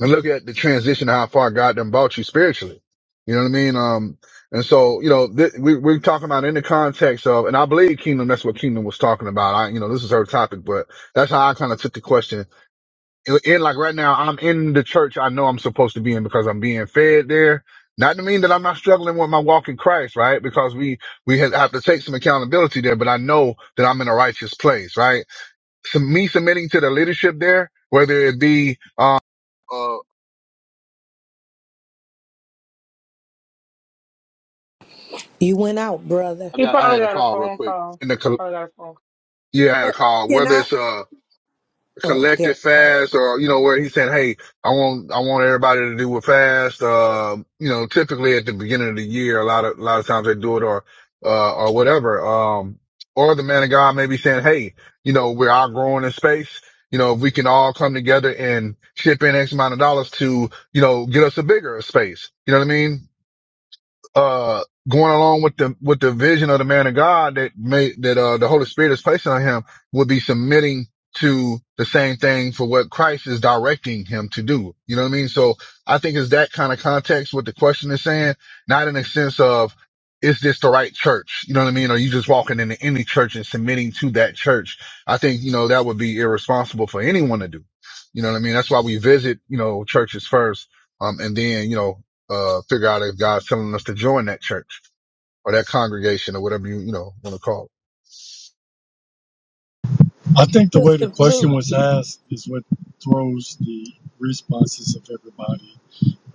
Speaker 2: and look at the transition, how far God done brought you spiritually. You know what I mean? Um, and so, you know, th- we, we're talking about in the context of, and I believe kingdom, that's what kingdom was talking about. I, you know, this is her topic, but that's how I kind of took the question and and, like right now, I'm in the church I know I'm supposed to be in because I'm being fed there. Not to mean that I'm not struggling with my walk in Christ, right? Because we, we have have to take some accountability there, but I know that I'm in a righteous place, right? So me submitting to the leadership there, whether it be, uh, uh,
Speaker 5: You went out, brother.
Speaker 2: I
Speaker 19: He
Speaker 2: got, I
Speaker 19: probably
Speaker 2: had a
Speaker 19: got a
Speaker 2: call real
Speaker 19: phone
Speaker 2: quick
Speaker 19: call.
Speaker 2: in the, col-
Speaker 19: Probably got a phone call.
Speaker 2: yeah, I had
Speaker 5: Uh,
Speaker 2: a call,
Speaker 5: Can
Speaker 2: whether
Speaker 5: I?
Speaker 2: it's, uh,
Speaker 5: Oh,
Speaker 2: collective
Speaker 5: there.
Speaker 2: fast or, you know, where he's saying, Hey, I want, I want everybody to do a fast. Uh, you know, typically at the beginning of the year, a lot of, a lot of times they do it or, uh, or whatever. Um, or the man of God may be saying, Hey, you know, we're outgrowing in space. You know, if we can all come together and ship in X amount of dollars to, you know, get us a bigger space. You know what I mean? uh going along with the with the vision of the man of God that made that uh the Holy Spirit is placing on him would be submitting to the same thing for what Christ is directing him to do. You know what I mean? So I think it's that kind of context what the question is saying, not in the sense of is this the right church? You know what I mean? Or you just walking into any church and submitting to that church. I think, you know, that would be irresponsible for anyone to do. You know what I mean? That's why we visit, you know, churches first. Um, and then, you know, uh, figure out if God's telling us to join that church or that congregation or whatever you, you know, want to call
Speaker 20: I think the way the
Speaker 5: Sister Blue.
Speaker 20: question was asked is what throws the responses of everybody.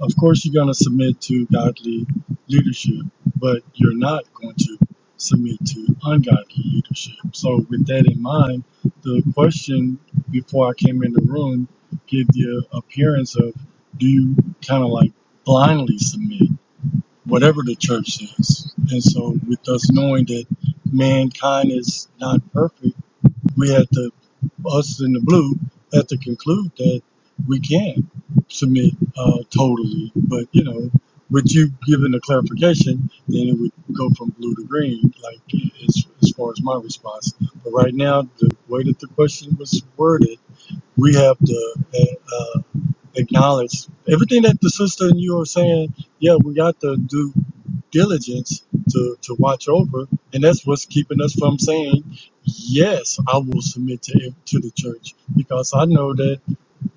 Speaker 20: of course you're going to submit to godly leadership but you're not going to submit to ungodly leadership so with that in mind the question before i came in the room gave the appearance of do you kind of like blindly submit whatever the church says and so with us knowing that mankind is not perfect we have to, us in the blue, have to conclude that we can submit uh, totally. But you know, with you giving the clarification, then it would go from blue to green, like as, as far as my response. But right now, the way that the question was worded, we have to uh, uh, acknowledge everything that the sister and you are saying. Yeah, we got to do diligence to, to watch over. And that's what's keeping us from saying, yes, I will submit to, to the church because I know that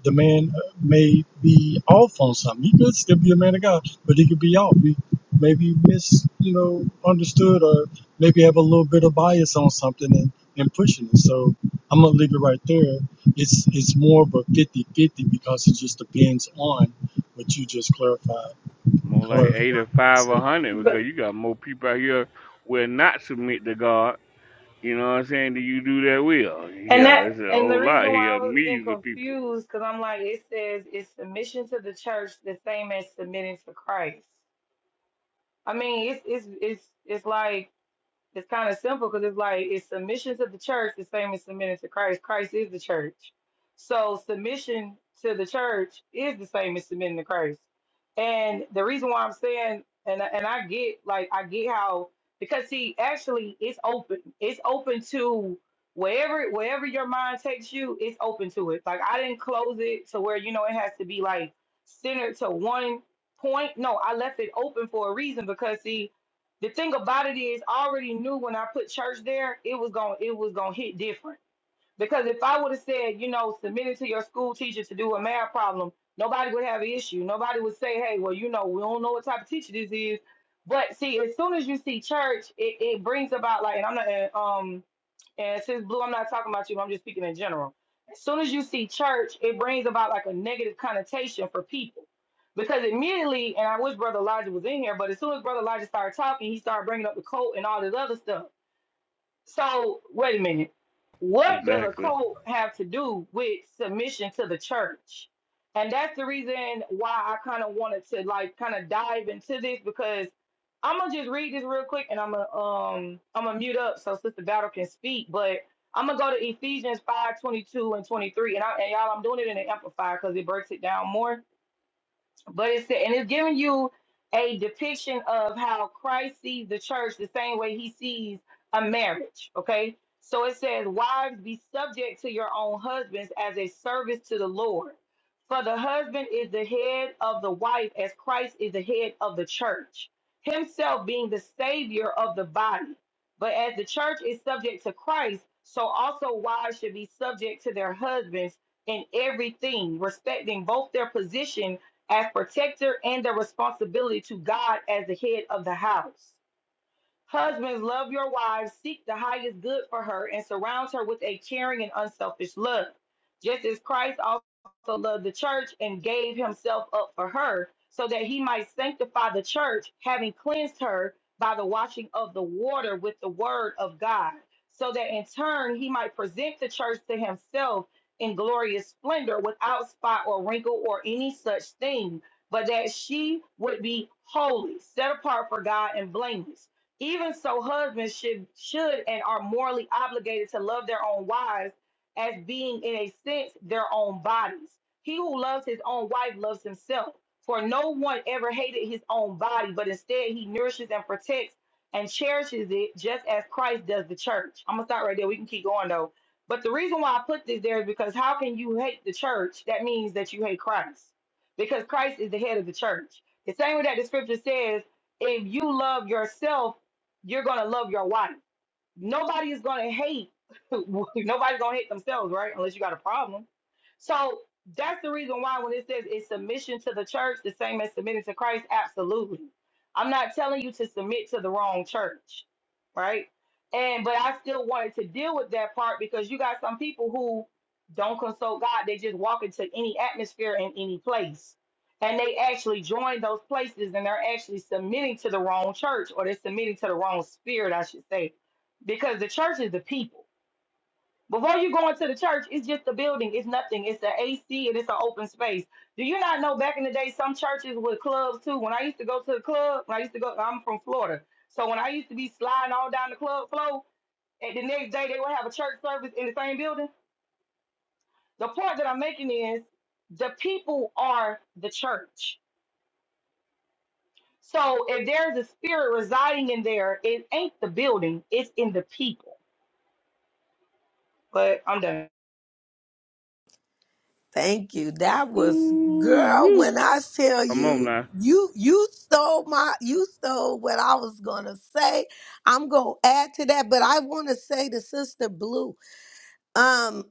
Speaker 20: the man uh, may be off on something. He could still be a man of God, but he could be off. He maybe mis, you know, understood or maybe have a little bit of bias on something and, and pushing it. So I'm going to leave it right there. It's, it's more of a 50 50 because it just depends on what you just clarified.
Speaker 1: More like eighty-five
Speaker 20: clarified.
Speaker 1: or one hundred
Speaker 19: But
Speaker 1: because you got more people out here will not submit to God. You know what I'm saying? Do you do that will?
Speaker 19: And
Speaker 1: Yeah, there's
Speaker 19: that
Speaker 1: a
Speaker 19: and the
Speaker 1: whole lot
Speaker 19: reason why I
Speaker 1: here,
Speaker 19: was getting
Speaker 1: millions of people.
Speaker 19: confused because I'm like it says it's submission to the church the same as submitting to Christ. I mean it's it's it's it's like it's kind of simple because it's like it's submission to the church the same as submitting to Christ. Christ is the church. So submission to the church is the same as submitting to Christ. And the reason why I'm saying and and I get like I get how because see actually it's open. It's open to wherever wherever your mind takes you, it's open to it. Like I didn't close it to where you know it has to be like centered to one point. No, I left it open for a reason because see the thing about it is I already knew when I put church there, it was going to it was gonna hit different. Because if I would have said, you know, submit it to your school teacher to do a math problem, nobody would have an issue. Nobody would say, hey, well, you know, we don't know what type of teacher this is. But see, as soon as you see church, it, it brings about like, and I'm not, uh, um, and since Blue, I'm not talking about you, I'm just speaking in general. As soon as you see church, it brings about like a negative connotation for people. Because immediately, and I wish Brother Elijah was in here, but as soon as Brother Elijah started talking, he started bringing up the coat and all this other stuff. So wait a minute. What does a
Speaker 1: Exactly.
Speaker 19: cult have to do with submission to the church? And that's the reason why I kind of wanted to like kind of dive into this because I'm gonna just read this real quick and I'm gonna um I'm gonna mute up so Sister Battle can speak. But I'm gonna go to Ephesians 5:22 and 23. And, I, and y'all, I'm doing it in the amplifier because it breaks it down more. But it's and it's giving you a depiction of how Christ sees the church the same way he sees a marriage. Okay. So it says, Wives, be subject to your own husbands as a service to the Lord. For the husband is the head of the wife, as Christ is the head of the church, himself being the savior of the body. But as the church is subject to Christ, so also wives should be subject to their husbands in everything, respecting both their position as protector and their responsibility to God as the head of the house. Husbands, love your wives, seek the highest good for her, and surround her with a caring and unselfish love. Just as Christ also loved the church and gave himself up for her, so that he might sanctify the church, having cleansed her by the washing of the water with the word of God, so that in turn he might present the church to himself in glorious splendor, without spot or wrinkle or any such thing, but that she would be holy, set apart for God and blameless. Even so, husbands should should and are morally obligated to love their own wives as being in a sense their own bodies. He who loves his own wife loves himself, for no one ever hated his own body, but instead he nourishes and protects and cherishes it just as Christ does the church. I'm gonna start right there. We can keep going though. But the reason why I put this there is because how can you hate the church? That means that you hate Christ. Because Christ is the head of the church. The same way that the scripture says, if you love yourself, you're going to love your wife nobody is going to hate nobody's going to hate themselves right unless you got a problem so that's the reason why when it says it's submission to the church the same as submitting to christ absolutely i'm not telling you to submit to the wrong church right and but i still wanted to deal with that part because you got some people who don't consult god they just walk into any atmosphere in any place and they actually join those places and they're actually submitting to the wrong church or they're submitting to the wrong spirit i should say because the church is the people. Before you go into the church, it's just a building, it's nothing. It's an AC and it's an open space. Do you not know back in the day, some churches with clubs too? When I used to go to the club, when I used to go, I'm from Florida. So when I used to be sliding all down the club floor, and the next day they would have a church service in the same building. The point that I'm making is the people are the church. So if there's a spirit residing in there, it ain't the building, it's in the people. But I'm done.
Speaker 5: thank you that was girl
Speaker 1: ooh
Speaker 5: when i tell
Speaker 1: Come on
Speaker 5: you
Speaker 1: now.
Speaker 5: you you stole my you stole what i was gonna say i'm gonna add to that but i want to say to sister blue Um,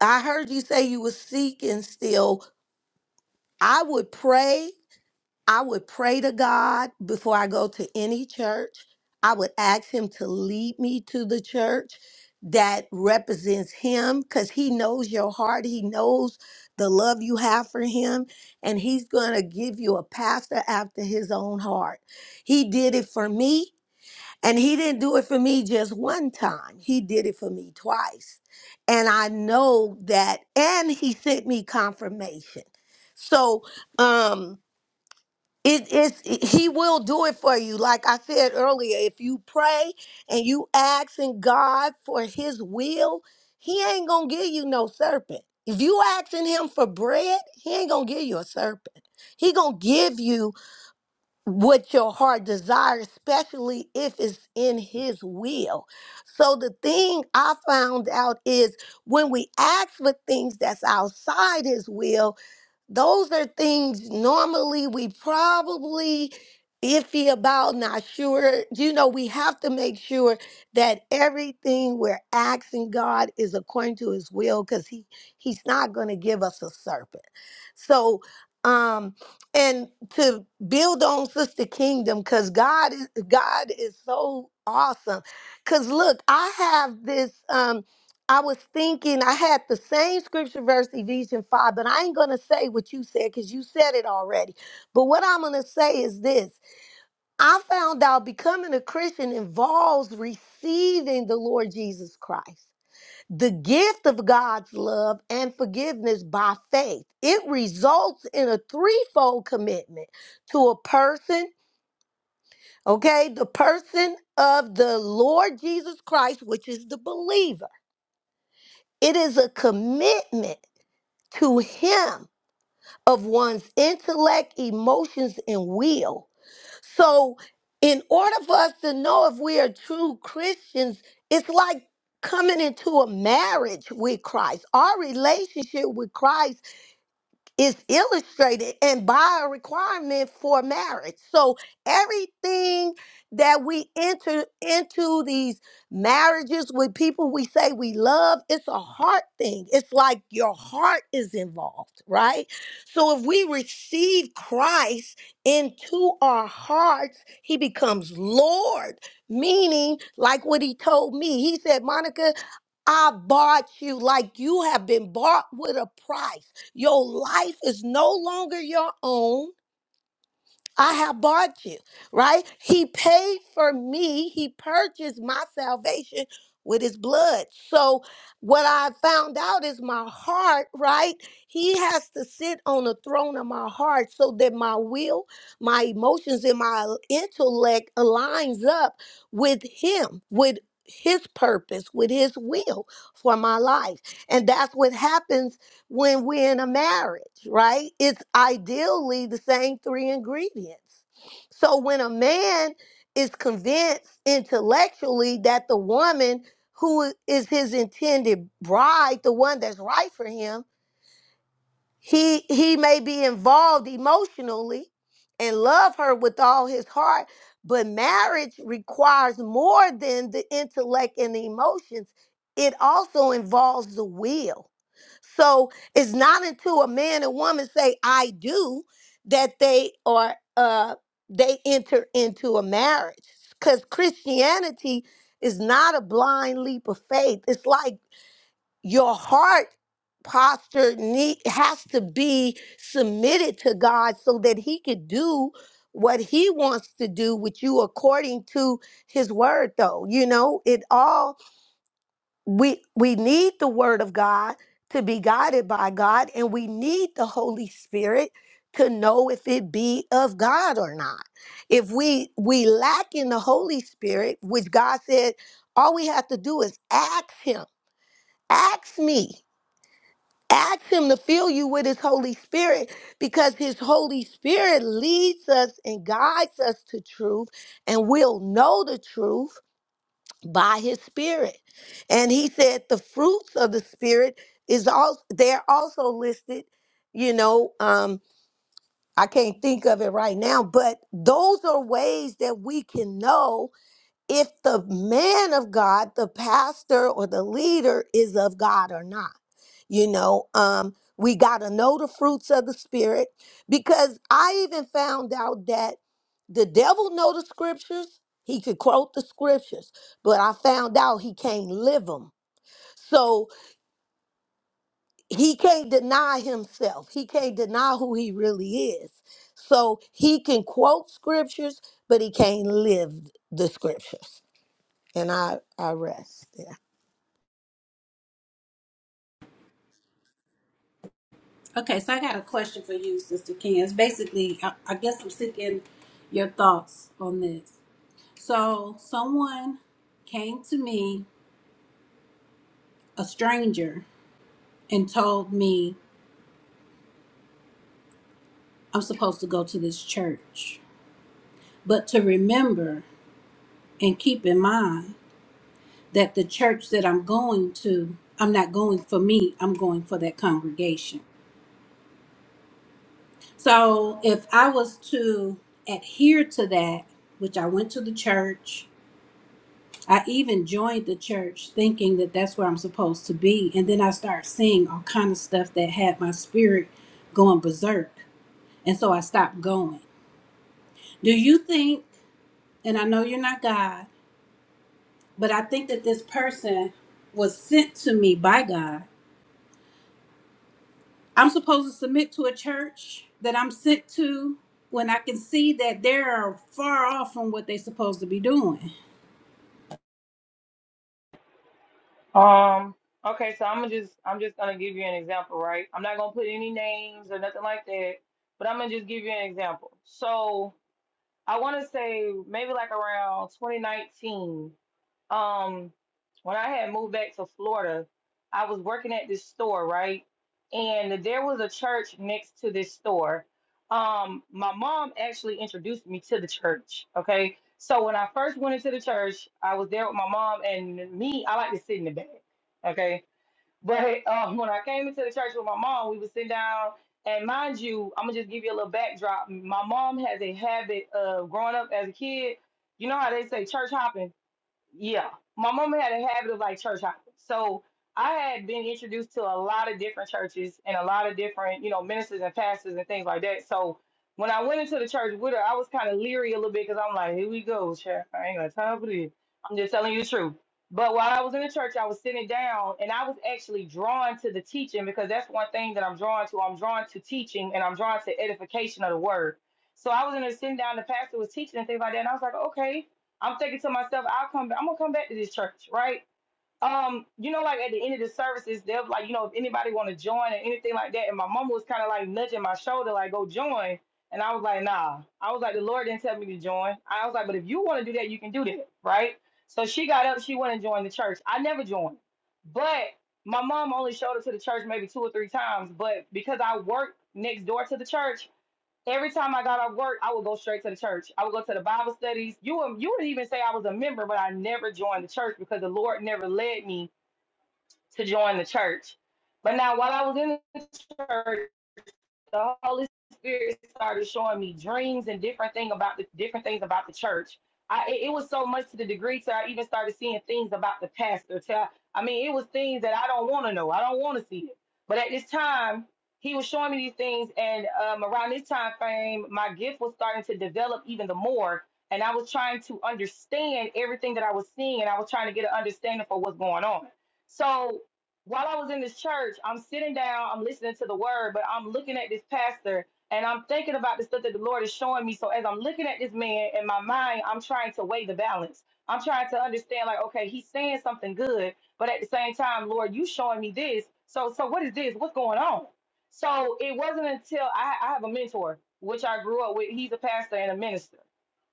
Speaker 5: I heard you say you were seeking still. I would pray. I would pray to God before I go to any church. I would ask Him to lead me to the church that represents Him because He knows your heart. He knows the love you have for Him. And He's going to give you a pastor after His own heart. He did it for me. And he didn't do it for me just one time. He did it for me twice. And I know that and he sent me confirmation. So um it is he will do it for you. Like I said earlier, if you pray and you asking God for his will, he ain't gonna give you no serpent. If you asking him for bread, he ain't gonna give you a serpent. He gonna give you what your heart desires, especially if it's in His will. So, the thing I found out is when we ask for things that's outside His will, those are things normally we probably iffy about, not sure. You know, we have to make sure that everything we're asking God is according to his will because he he's not going to give us a serpent. So um and to build on sister kingdom because god is god is so awesome because look i have this Um, I was thinking I had the same scripture verse Ephesians 5, but I ain't gonna say what you said because you said it already. But what I'm gonna say is this I found out becoming a Christian involves receiving the Lord Jesus Christ, the gift of God's love and forgiveness by faith. It results in a threefold commitment to a person, okay, the person of the Lord Jesus Christ, which is the believer. It is a commitment to him of one's intellect, emotions, and will. So, in order for us to know if we are true Christians, it's like coming into a marriage with Christ. Our relationship with Christ is illustrated and by a requirement for marriage. So everything that we enter into these marriages with people we say we love, it's a heart thing. It's like your heart is involved, right? So if we receive Christ into our hearts, he becomes Lord, meaning like what he told me. He said, "Monica, I bought you like you have been bought with a price. Your life is no longer your own. I have bought you, right? He paid for me. He purchased my salvation with his blood. So, what I found out is my heart, right? He has to sit on the throne of my heart so that my will, my emotions, and my intellect aligns up with him, with his purpose, with his will for my life. And that's what happens when we're in a marriage, right? It's ideally the same three ingredients. So when a man is convinced intellectually that the woman who is his intended bride, the one that's right for him, he he may be involved emotionally and love her with all his heart but marriage requires more than the intellect and the emotions it also involves the will so it's not until a man and woman say i do that they are uh they enter into a marriage because christianity is not a blind leap of faith it's like your heart posture need, has to be submitted to God so that he could do what he wants to do with you according to his word though you know it all we we need the word of God to be guided by God and we need the holy spirit to know if it be of God or not if we we lack in the holy spirit which God said all we have to do is ask him ask me Ask him to fill you with his Holy Spirit because his Holy Spirit leads us and guides us to truth, and we'll know the truth by his Spirit. And he said the fruits of the Spirit is also they're also listed, you know. Um, I can't think of it right now, but those are ways that we can know if the man of God, the pastor or the leader is of God or not. You know, um, we got to know the fruits of the spirit because I even found out that the devil know the scriptures. He could quote the scriptures, but I found out he can't live them. So he can't deny himself. He can't deny who he really is. So he can quote scriptures, but he can't live the scriptures and I I rest there.
Speaker 9: okay so i got a question for you sister ken it's basically i, I guess i'm seeking your thoughts on this so someone came to me a stranger and told me i'm supposed to go to this church but to remember and keep in mind that the church that I'm going to, I'm not going for me, I'm going for that congregation. So if I was to adhere to that, which I went to the church, I even joined the church thinking that that's where I'm supposed to be. And then I started seeing all kind of stuff that had my spirit going berserk. And so I stopped going. Do you think, and I know you're not God, but I think that this person was sent to me by God I'm supposed to submit to a church that I'm sent to when I can see that they're far off from what they're supposed to be doing.
Speaker 19: Um. Okay, so I'm just I'm just gonna give you an example, right? I'm not gonna put any names or nothing like that, but I'm gonna just give you an example. So I want to say maybe like around 2019 um when I had moved back to Florida, I was working at this store, right? And there was a church next to this store. Um, my mom actually introduced me to the church. Okay. So when I first went into the church, I was there with my mom and me, I like to sit in the back. Okay. But um when I came into the church with my mom, we would sit down and mind you, I'm gonna just give you a little backdrop. My mom has a habit of growing up as a kid, you know how they say church hopping? Yeah, my mama had a habit of like church hopping. So I had been introduced to a lot of different churches and a lot of different, you know, ministers and pastors and things like that. So when I went into the church with her, I was kind of leery a little bit because I'm like, here we go, church. I ain't got time for this. I'm just telling you the truth. But while I was in the church, I was sitting down and I was actually drawn to the teaching because that's one thing that I'm drawn to. I'm drawn to teaching and I'm drawn to edification of the word. So I was in there sitting down, the pastor was teaching and things like that. And I was like, okay I'm thinking to myself, I'll come back, I'm gonna come back to this church, right? Um, you know, like at the end of the services, they'll like, you know, if anybody wanna join or anything like that. And my mom was kinda like nudging my shoulder, like, go join. And I was like, nah. I was like, the Lord didn't tell me to join. I was like, but if you wanna do that, you can do that, right? So she got up, she went and joined the church. I never joined. But my mom only showed up to the church maybe two or three times. But because I worked next door to the church, Every time I got off work, I would go straight to the church. I would go to the Bible studies. You would- you would even say I was a member, but I never joined the church because the Lord never led me to join the church. But now, while I was in the church, the Holy Spirit started showing me dreams and different thing about the different things about the church. I it was so much to the degree to I even started seeing things about the pastor. To, I mean, it was things that I don't want to know. I don't want to see it. But at this time, he was showing me these things, and um, around this time frame, my gift was starting to develop even the more. And I was trying to understand everything that I was seeing, and I was trying to get an understanding for what's going on. So while I was in this church, I'm sitting down, I'm listening to the word, but I'm looking at this pastor and I'm thinking about the stuff that the Lord is showing me. So as I'm looking at this man in my mind, I'm trying to weigh the balance. I'm trying to understand, like, okay, he's saying something good, but at the same time, Lord, you showing me this. So, so what is this? What's going on? So it wasn't until I, I have a mentor, which I grew up with. He's a pastor and a minister.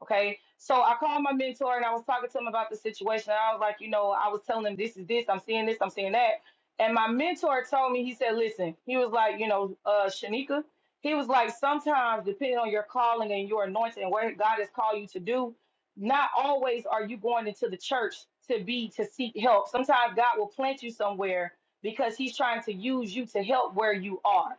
Speaker 19: Okay. So I called my mentor and I was talking to him about the situation. And I was like, you know, I was telling him this is this, I'm seeing this, I'm seeing that. And my mentor told me, he said, listen, he was like, you know, uh, Shanika, he was like, sometimes depending on your calling and your anointing, where God has called you to do, not always are you going into the church to be to seek help. Sometimes God will plant you somewhere because he's trying to use you to help where you are.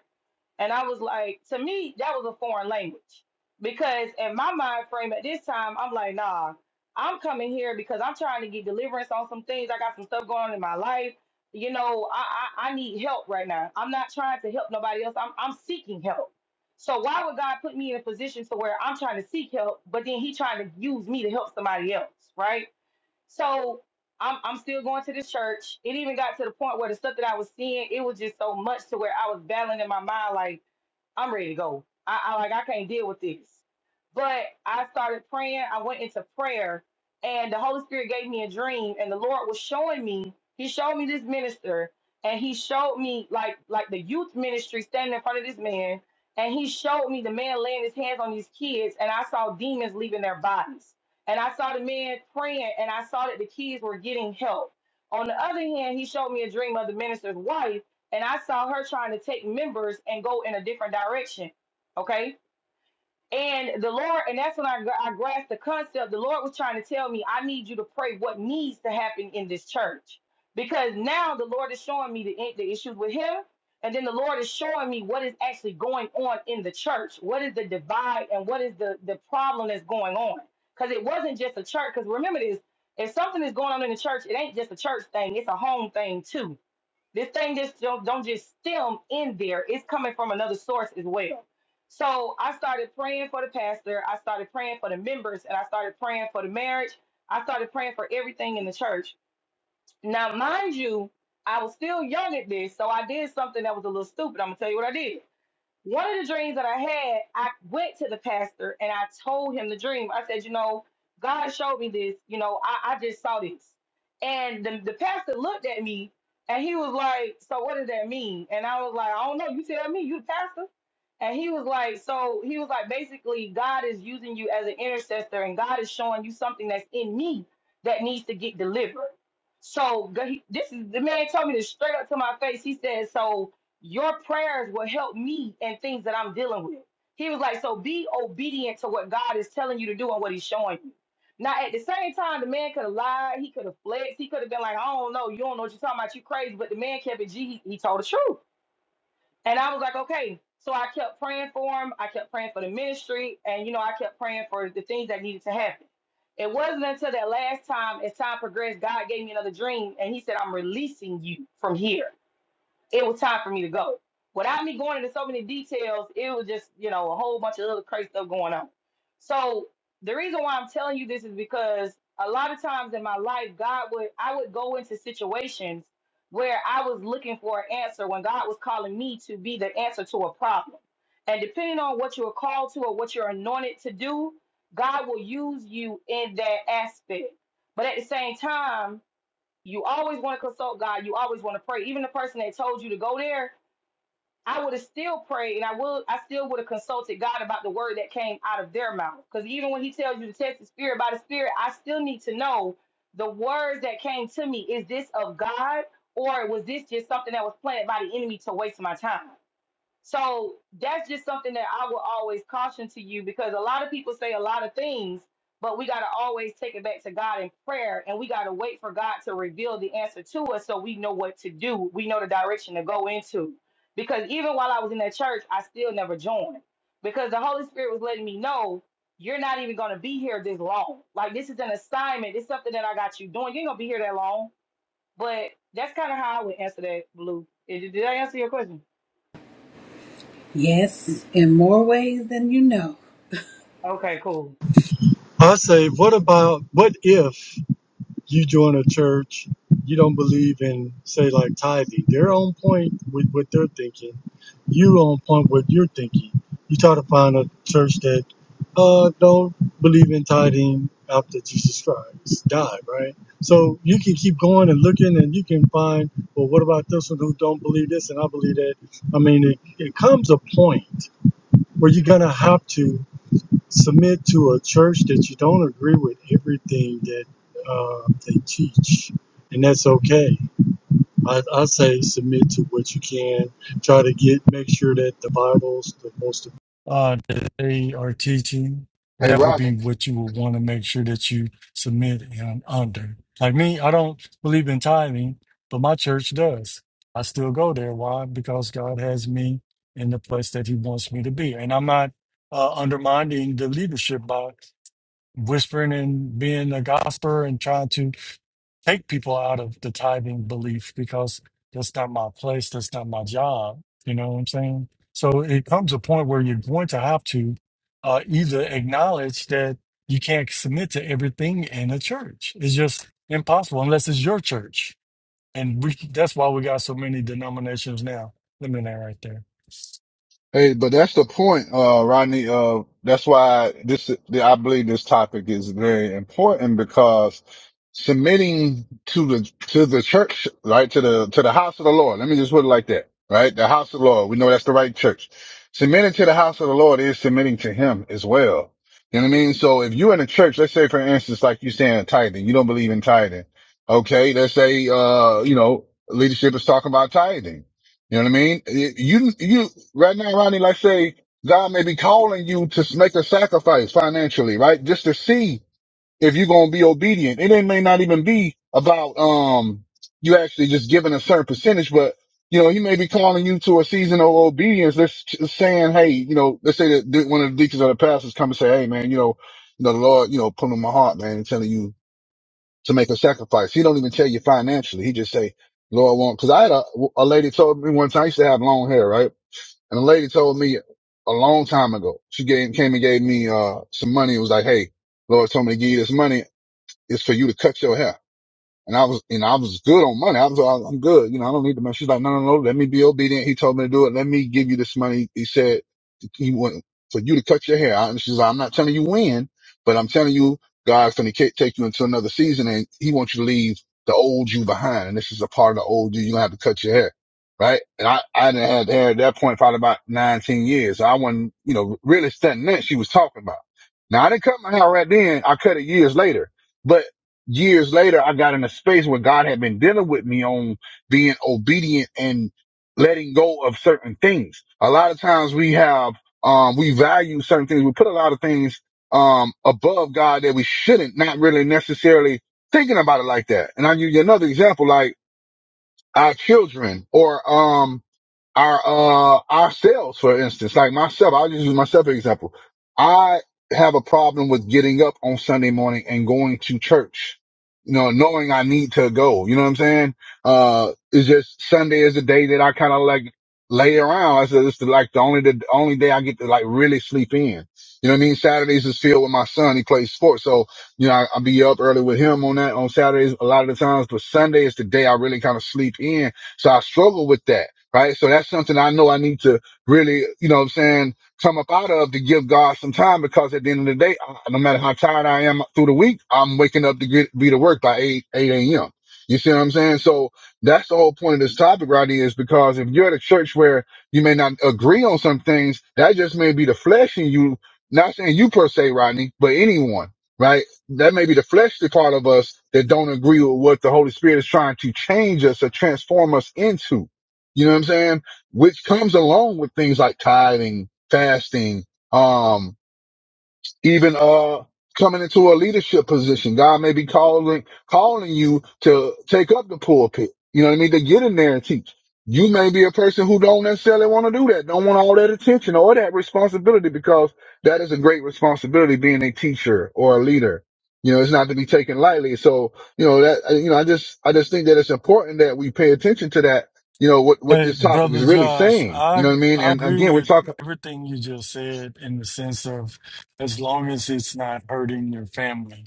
Speaker 19: And I was like, to me, that was a foreign language. Because in my mind frame at this time, I'm like, nah, I'm coming here because I'm trying to get deliverance on some things. I got some stuff going on in my life. You know, I, I, I need help right now. I'm not trying to help nobody else. I'm, I'm seeking help. So why would God put me in a position to where I'm trying to seek help, but then he trying to use me to help somebody else, right? So I'm, I'm still going to this church. It even got to the point where the stuff that I was seeing, it was just so much to where I was battling in my mind, like, I'm ready to go. I, I like I can't deal with this. But I started praying. I went into prayer, and the Holy Spirit gave me a dream, and the Lord was showing me. He showed me this minister, and he showed me like like the youth ministry standing in front of this man, and he showed me the man laying his hands on these kids, and I saw demons leaving their bodies, and I saw the man praying, and I saw that the kids were getting help. On the other hand, he showed me a dream of the minister's wife and I saw her trying to take members and go in a different direction. Okay. And the Lord, and that's when I, I grasped the concept. The Lord was trying to tell me, I need you to pray what needs to happen in this church. Because now the Lord is showing me the, the issues with him. And then the Lord is showing me what is actually going on in the church. What is the divide and what is the, the problem that's going on? Because it wasn't just a church. Because remember this, if something is going on in the church, it ain't just a church thing, it's a home thing too this thing just don't, don't just stem in there. It's coming from another source as well. So I started praying for the pastor. I started praying for the members, and I started praying for the marriage. I started praying for everything in the church. Now, mind you, I was still young at this, so I did something that was a little stupid. I'm gonna tell you what I did. One of the dreams that I had, I went to the pastor and I told him the dream. I said, you know, God showed me this. You know, I, I just saw this. And the, the pastor looked at me and he was like, so what does that mean? And I was like, I don't know. You tell me, you the pastor. And he was like, so he was like, basically, God is using you as an intercessor and God is showing you something that's in me that needs to get delivered. So g- he- this is the man told me this straight up to my face. He said, "So your prayers will help me and things that I'm dealing with." He was like, "So be obedient to what God is telling you to do and what He's showing you." Now, at the same time, the man could have lied. He could have flexed. He could have been like, "I don't know. You don't know what you're talking about. You crazy." But the man kept it G. He, he told the truth. And I was like, okay. So I kept praying for him. I kept praying for the ministry. And, you know, I kept praying for the things that needed to happen. It wasn't until that last time, as time progressed, God gave me another dream. And he said, I'm releasing you from here it was time for me to go. Without me going into so many details, it was just, you know, a whole bunch of other crazy stuff going on. So the reason why I'm telling you this is because a lot of times in my life, God would I would go into situations where I was looking for an answer when God was calling me to be the answer to a problem. And depending on what you are called to or what you're anointed to do, God will use you in that aspect. But at the same time, you always want to consult God. You always want to pray. Even the person that told you to go there, I would have still prayed, and I would, I still would have consulted God about the word that came out of their mouth. Because even when He tells you to test the spirit by the spirit, I still need to know the words that came to me. Is this of God, or was this just something that was planted by the enemy to waste my time? So that's just something that I will always caution to you because a lot of people say a lot of things, but we got to always take it back to God in prayer and we got to wait for God to reveal the answer to us so we know what to do. We know the direction to go into. Because even while I was in that church, I still never joined because the Holy Spirit was letting me know you're not even going to be here this long. Like, this is an assignment, it's something that I got you doing. You ain't going to be here that long. But that's kind of how I would answer that, Blue. Did did I answer your question?
Speaker 9: Yes, in more ways than you know.
Speaker 19: Okay, cool.
Speaker 20: I say, what about what if you join a church you don't believe in, say, like tithing? They're on point with what they're thinking. You on point with your thinking. You try to find a church that uh, don't believe in tithing after Jesus Christ died, right? So you can keep going and looking, and you can find. Well, what about this one who don't believe this and I believe that? I mean, it, it comes a point where you're gonna have to submit to a church that you don't agree with everything that uh, they teach, and that's okay. I, I say submit to what you can. Try to get make sure that the Bible's the most uh, that they are teaching.
Speaker 2: it. Hey,
Speaker 20: That would be
Speaker 2: Rodney,
Speaker 20: what you would want to make sure that you submit and under. Like me, I don't believe in tithing, but my church does. I still go there. Why? Because God has me in the place that He wants me to be, and I'm not uh, undermining the leadership by whispering and being a gossiper and trying to take people out of the tithing belief because that's not my place, that's not my job. You know what I'm saying? So it comes a point where you're going to have to uh, either acknowledge that you can't submit to everything in a church. It's just impossible unless it's your church, and we, that's why we got so many denominations now. Let me know right there.
Speaker 2: Hey, but that's the point, uh, Rodney. Uh, that's why this, I believe this topic is very important because submitting to the, to the church, right? To the, to the house of the Lord. Let me just put it like that, right? The house of the Lord. We know that's the right church. Submitting to the house of the Lord is submitting to him as well. You know what I mean? So if you're in a church, let's say, for instance, like you're saying tithing, you don't believe in tithing. Okay. Let's say, uh, you know, leadership is talking about tithing you know what I mean? You, you, right now, Ronnie, like say, God may be calling you to make a sacrifice financially, right? Just to see if you're going to be obedient. And it may not even be about, um, you actually just giving a certain percentage, but you know, he may be calling you to a season of obedience. That's t- saying, Hey, you know, let's say that one of the deacons or the pastors come and say, Hey, man, you know, you know, the Lord, you know, put in my heart, man, and telling you, to make a sacrifice. He don't even tell you financially. He just say, Lord, I want, cause I had a, a lady told me one time, I used to have long hair, right? And a lady told me a long time ago, she gave, came and gave me, uh, some money. It was like, Hey, Lord told me to give you this money. It's for you to cut your hair. And I was, you know, I was good on money. I was, I, I'm good. You know, I don't need the money. She's like, no, no, no, let me be obedient. He told me to do it. Let me give you this money. He said, he want for you to cut your hair. out. And she's like, I'm not telling you when, but I'm telling you, God's going to take you into another season and he wants you to leave the old you behind. And this is a part of the old you. You're going to have to cut your hair. Right. And I, I didn't have hair at that point, probably about 19 years. I wasn't, you know, really studying that she was talking about. Now I didn't cut my hair right then. I cut it years later. but years later, I got in a space where God had been dealing with me on being obedient and letting go of certain things. A lot of times we have, um, we value certain things. We put a lot of things, um, above God that we shouldn't, not really necessarily thinking about it like that. And I'll give you another example, like our children or, um, our uh ourselves for instance like myself i'll just use myself as an example i have a problem with getting up on sunday morning and going to church you know knowing i need to go you know what i'm saying uh it's just sunday is the day that i kind of like lay around i said it's the, like the only the only day i get to like really sleep in you know what i mean saturdays is filled with my son he plays sports so you know I, i'll be up early with him on that on saturdays a lot of the times but sunday is the day i really kind of sleep in so i struggle with that right? So that's something I know I need to really, you know what I'm saying, come up out of to give God some time because at the end of the day, I, no matter how tired I am through the week, I'm waking up to get be to work by 8, 8 a.m. You see what I'm saying? So that's the whole point of this topic right here is because if you're at a church where you may not agree on some things, that just may be the flesh in you, not saying you per se, Rodney, but anyone, right? That may be the fleshly part of us that don't agree with what the Holy Spirit is trying to change us or transform us into you know what I'm saying? Which comes along with things like tithing, fasting, um, even uh coming into a leadership position. God may be calling calling you to take up the pulpit. You know what I mean? To get in there and teach. You may be a person who don't necessarily want to do that, don't want all that attention or that responsibility because that is a great responsibility being a teacher or a leader. You know, it's not to be taken lightly. So, you know, that, you know, I just, I just think that it's important that we pay attention to that, you know, what, what
Speaker 20: Hey,
Speaker 2: this topic
Speaker 20: brother
Speaker 2: is really
Speaker 20: Josh,
Speaker 2: saying. You
Speaker 20: I
Speaker 2: know what I mean?
Speaker 20: I
Speaker 2: And
Speaker 20: agree
Speaker 2: again, we're
Speaker 20: with
Speaker 2: talking.
Speaker 20: everything you just said in the sense of as long as it's not hurting your family.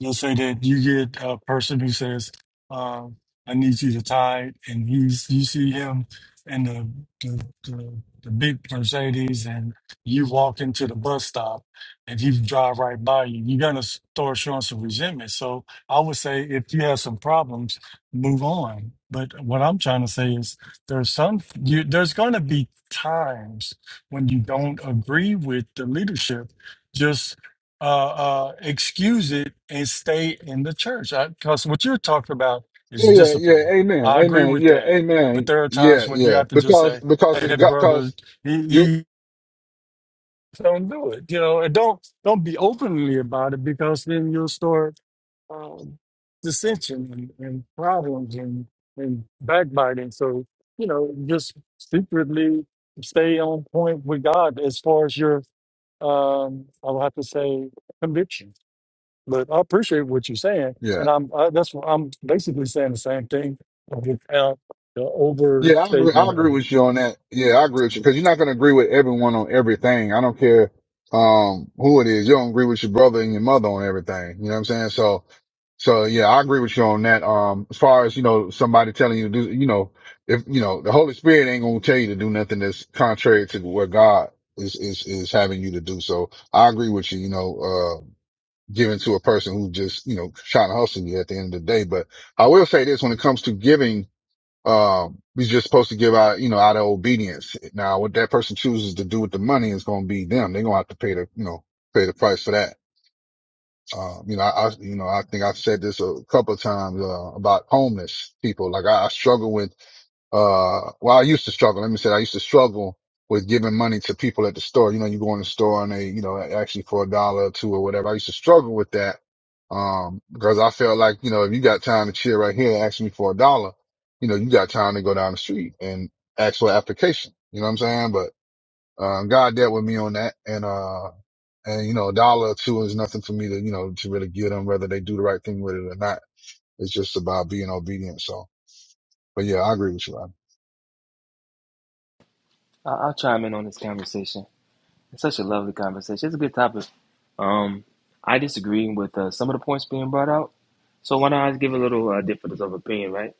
Speaker 20: You'll say that you get a person who says, um, "I need you to tithe," and he's you see him in the the, the the big Mercedes, and you walk into the bus stop, and he drive right by you. You're gonna start showing some resentment. So I would say if you have some problems, move on. But what I'm trying to say is there's some you there's gonna be times when you don't agree with the leadership. Just uh, uh, excuse it and stay in the church. Because what you're talking about is
Speaker 2: Yeah, yeah, yeah.
Speaker 20: discipline.
Speaker 2: Amen.
Speaker 20: I agree
Speaker 2: Amen.
Speaker 20: with
Speaker 2: Yeah,
Speaker 20: that. But
Speaker 2: amen.
Speaker 20: there are
Speaker 2: Yeah,
Speaker 20: times when you
Speaker 2: yeah.
Speaker 20: have to just
Speaker 2: Because
Speaker 20: say,
Speaker 2: because
Speaker 20: "Hey,
Speaker 2: it
Speaker 20: that
Speaker 2: got
Speaker 20: brother,
Speaker 2: because
Speaker 20: he,
Speaker 2: you
Speaker 20: he don't do it," you know, and don't don't be openly about it because then you'll start um, dissension and, and problems and, and backbiting. So, you know, just secretly stay on point with God as far as your, um, I'll have to say, conviction. But I appreciate what you're saying.
Speaker 2: yeah.
Speaker 20: And I'm, I, that's what I'm basically saying the same thing without the
Speaker 2: Yeah, I agree I
Speaker 20: overstatement
Speaker 2: agree
Speaker 20: of
Speaker 2: with you on that. Yeah, I agree with you. Because you're
Speaker 20: it.
Speaker 2: not gonna agree with everyone on everything. I don't care um who it is. You don't agree with your brother and your mother on everything. You know what I'm saying? So so yeah, I agree with you on that. Um as far as, you know, somebody telling you to do you know, if you know, the Holy Spirit ain't gonna tell you to do nothing that's contrary to what God is is is having you to do. So I agree with you, you know, uh, given to a person who just, you know, trying to hustle you at the end of the day. But I will say this when it comes to giving, um, we're just supposed to give out, you know, out of obedience. Now, what that person chooses to do with the money is going to be them. They're going to have to pay the, you know, pay the price for that. Um, you know, I, I- you know, I think I've said this a couple of times, uh, about homeless people. Like I, I struggle with uh well i used to struggle let me say i used to struggle with giving money to people at the store you know you go in the store and they you know actually for a dollar or two or whatever i used to struggle with that um because i felt like you know if you got time to chill right here and ask me for a dollar you know you got time to go down the street and ask for an application you know what i'm saying but uh, god dealt with me on that and uh and you know a dollar or two is nothing for me to you know to really give them whether they do the right thing with it or not it's just about being obedient so but yeah i agree with you
Speaker 21: I- I'll chime in on this conversation. It's such a lovely conversation. It's a good topic. Um, I disagree with uh, some of the points being brought out. So why do not I give a little uh, difference of opinion, right?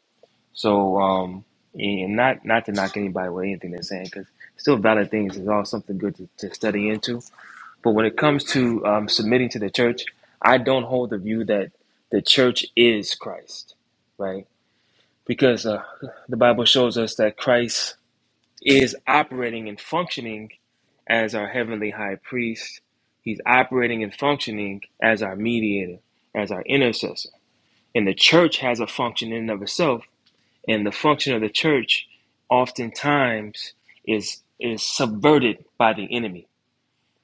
Speaker 21: So um, and not not to knock anybody with anything they're saying, because still valid things is all something good to, to study into. But when it comes to um, submitting to the church, I don't hold the view that the church is Christ, right? Because uh, the Bible shows us that Christ is operating and functioning as our heavenly high priest. He's operating and functioning as our mediator, as our intercessor. And the church has a function in and of itself. And the function of the church oftentimes is is subverted by the enemy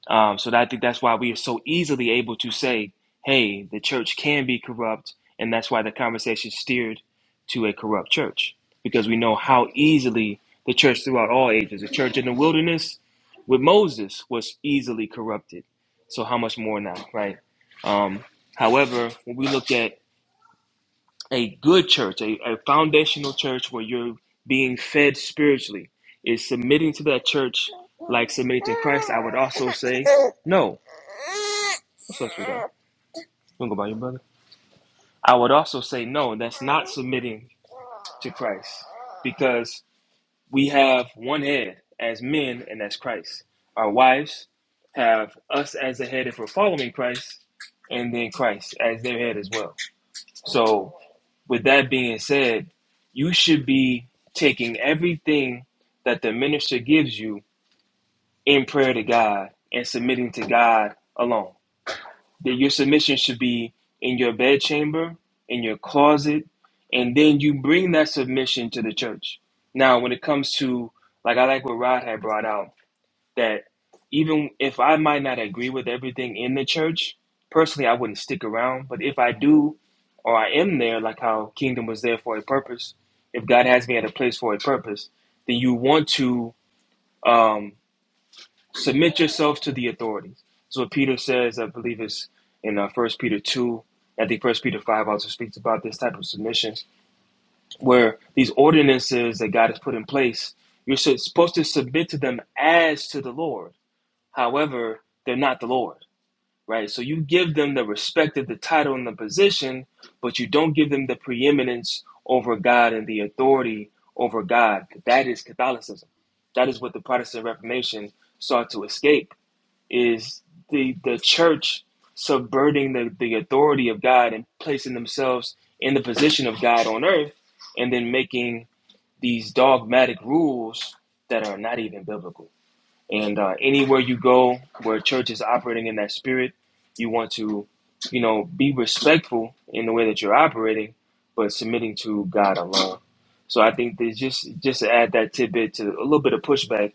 Speaker 21: um, so that, I think that's why we are so easily able to say, hey, the church can be corrupt. And that's why the conversation steered to a corrupt church, because we know how easily the church throughout all ages, the church in the wilderness with Moses was easily corrupted. So how much more now, right? Um, however, when we look at a good church, a, a foundational church where you're being fed spiritually, is submitting to that church like submitting to Christ. I would also say no. What's up, sweetheart? You want to go by your brother? I would also say no. That's not submitting to Christ because we have one head as men, and that's Christ. Our wives have us as the head if we're following Christ, and then Christ as their head as well. So with that being said, you should be taking everything that the minister gives you in prayer to God and submitting to God alone. That your submission should be in your bedchamber, in your closet, and then you bring that submission to the church. Now, when it comes to like I like what Rod had brought out that even if I might not agree with everything in the church, personally, I wouldn't stick around. But if I do, or I am there, like how kingdom was there for a purpose, if God has me at a place for a purpose, then you want to um, submit yourself to the authorities. So what Peter says, I believe it's in uh, 1 Peter 2, I think First Peter 5 also speaks about this type of submission, where these ordinances that God has put in place, you're supposed to submit to them as to the Lord However, they're not the Lord, right? So you give them the respect of the title and the position, but you don't give them the preeminence over God and the authority over God. That is Catholicism. That is what the Protestant Reformation sought to escape is the the church subverting the, the authority of God and placing themselves in the position of God on earth and then making these dogmatic rules that are not even biblical. And uh, anywhere you go where church is operating in that spirit, you want to, you know, be respectful in the way that you're operating, but submitting to God alone. So I think that just just to add that tidbit to a little bit of pushback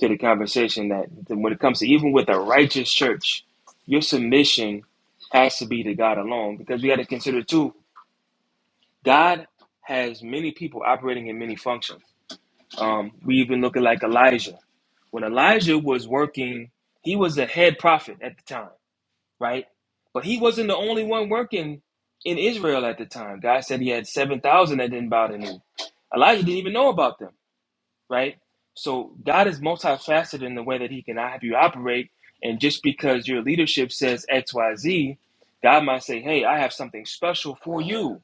Speaker 21: to the conversation that that when it comes to even with a righteous church, your submission has to be to God alone because we got to consider too, God has many people operating in many functions. Um, we even look at like Elijah. When Elijah was working, he was a head prophet at the time, right? But he wasn't the only one working in Israel at the time. God said he had 7,000 that didn't bow the knee. Elijah didn't even know about them, right? So God is multifaceted in the way that he can have you operate. And just because your leadership says X, Y, Z, God might say, hey, I have something special for you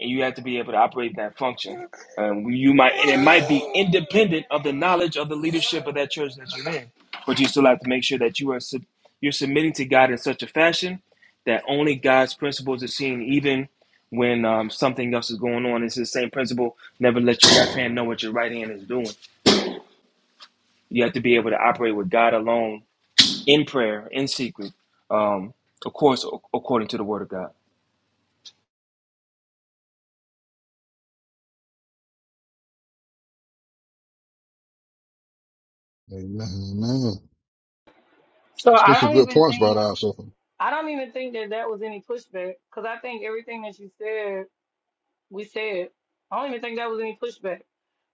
Speaker 21: and you have to be able to operate that function. Um, you might, and it might be independent of the knowledge of the leadership of that church that you're in, but you still have to make sure that you are sub- you're submitting to God in such a fashion that only God's principles are seen, even when um, something else is going on. It's the same principle: never let your left hand know what your right hand is doing. You have to be able to operate with God alone in prayer, in secret, um, of course, according to the Word of God.
Speaker 2: Amen. Amen.
Speaker 19: So
Speaker 2: It's been
Speaker 19: I
Speaker 2: some
Speaker 19: don't
Speaker 2: good
Speaker 19: even
Speaker 2: points brought
Speaker 19: think
Speaker 2: out, so
Speaker 19: I don't even think that that was any pushback because I think everything that you said we said. I don't even think that was any pushback.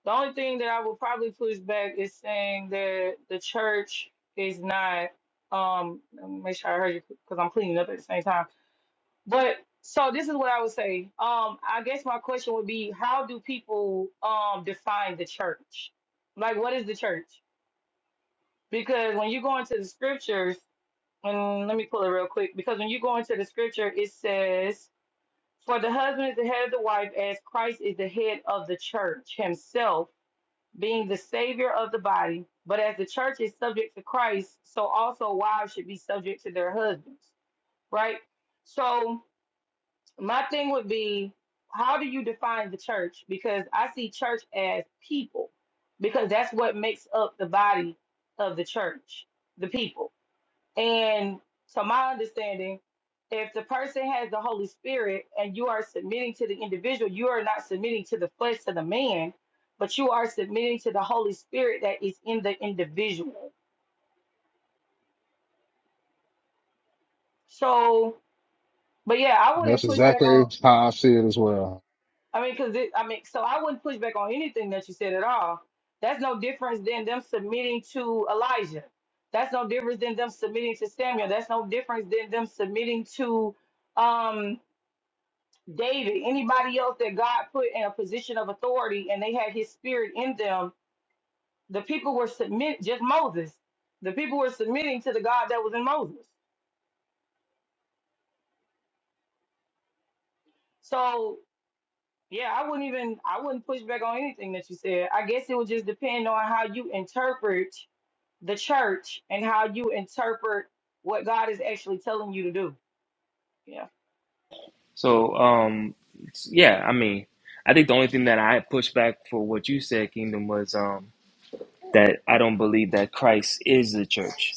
Speaker 19: The only thing that I would probably push back is saying that the church is not. Um, let me make sure I heard you because I'm cleaning up at the same time. But so this is what I would say. Um, I guess my question would be, how do people um define the church? Like, what is the church? Because when you go into the scriptures, and let me pull it real quick because when you go into the scripture, it says, For the husband is the head of the wife, as Christ is the head of the church himself, being the savior of the body. But as the church is subject to Christ, so also wives should be subject to their husbands, right? So, my thing would be, how do you define the church? Because I see church as people, because that's what makes up the body of the church, the people and to my understanding, if the person has the Holy Spirit and you are submitting to the individual, you are not submitting to the flesh, to the man, but you are submitting to the Holy Spirit that is in the individual. So, but yeah, I
Speaker 2: that's
Speaker 19: wouldn't push back
Speaker 2: exactly
Speaker 19: on,
Speaker 2: how I see it as well.
Speaker 19: I mean, because I mean, so I wouldn't push back on anything that you said at all. That's no difference than them submitting to Elijah. That's no difference than them submitting to Samuel. That's no difference than them submitting to um David, anybody else that God put in a position of authority and they had his spirit in them, the people were submit just Moses. The people were submitting to the God that was in Moses. So yeah, I wouldn't even I wouldn't push back on anything that you said. I guess it would just depend on how you interpret the church and how you interpret what God is actually telling you to do. Yeah.
Speaker 21: So, um, yeah, I mean, I think the only thing that I pushed back for what you said, Kingdom, was um, that I don't believe that Christ is the church.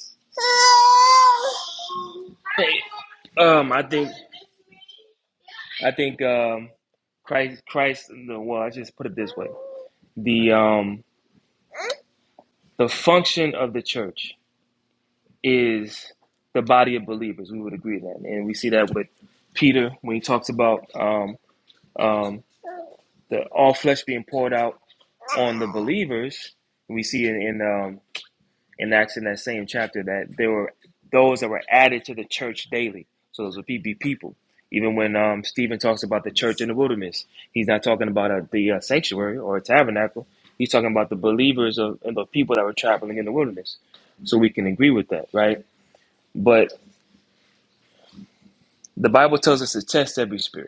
Speaker 21: Hey, Um, I think I think um, Christ Christ. no, Well, I just put it this way: the um, the function of the church is the body of believers. We would agree that, and we see that with Peter when he talks about. um, um, the all flesh being poured out on the believers. We see in in, um, in Acts in that same chapter that there were those that were added to the church daily. So those would be people. Even when um, Stephen talks about the church in the wilderness, he's not talking about uh the uh, sanctuary or a tabernacle. He's talking about the believers of, and the people that were traveling in the wilderness. So we can agree with that, right? But the Bible tells us to test every spirit.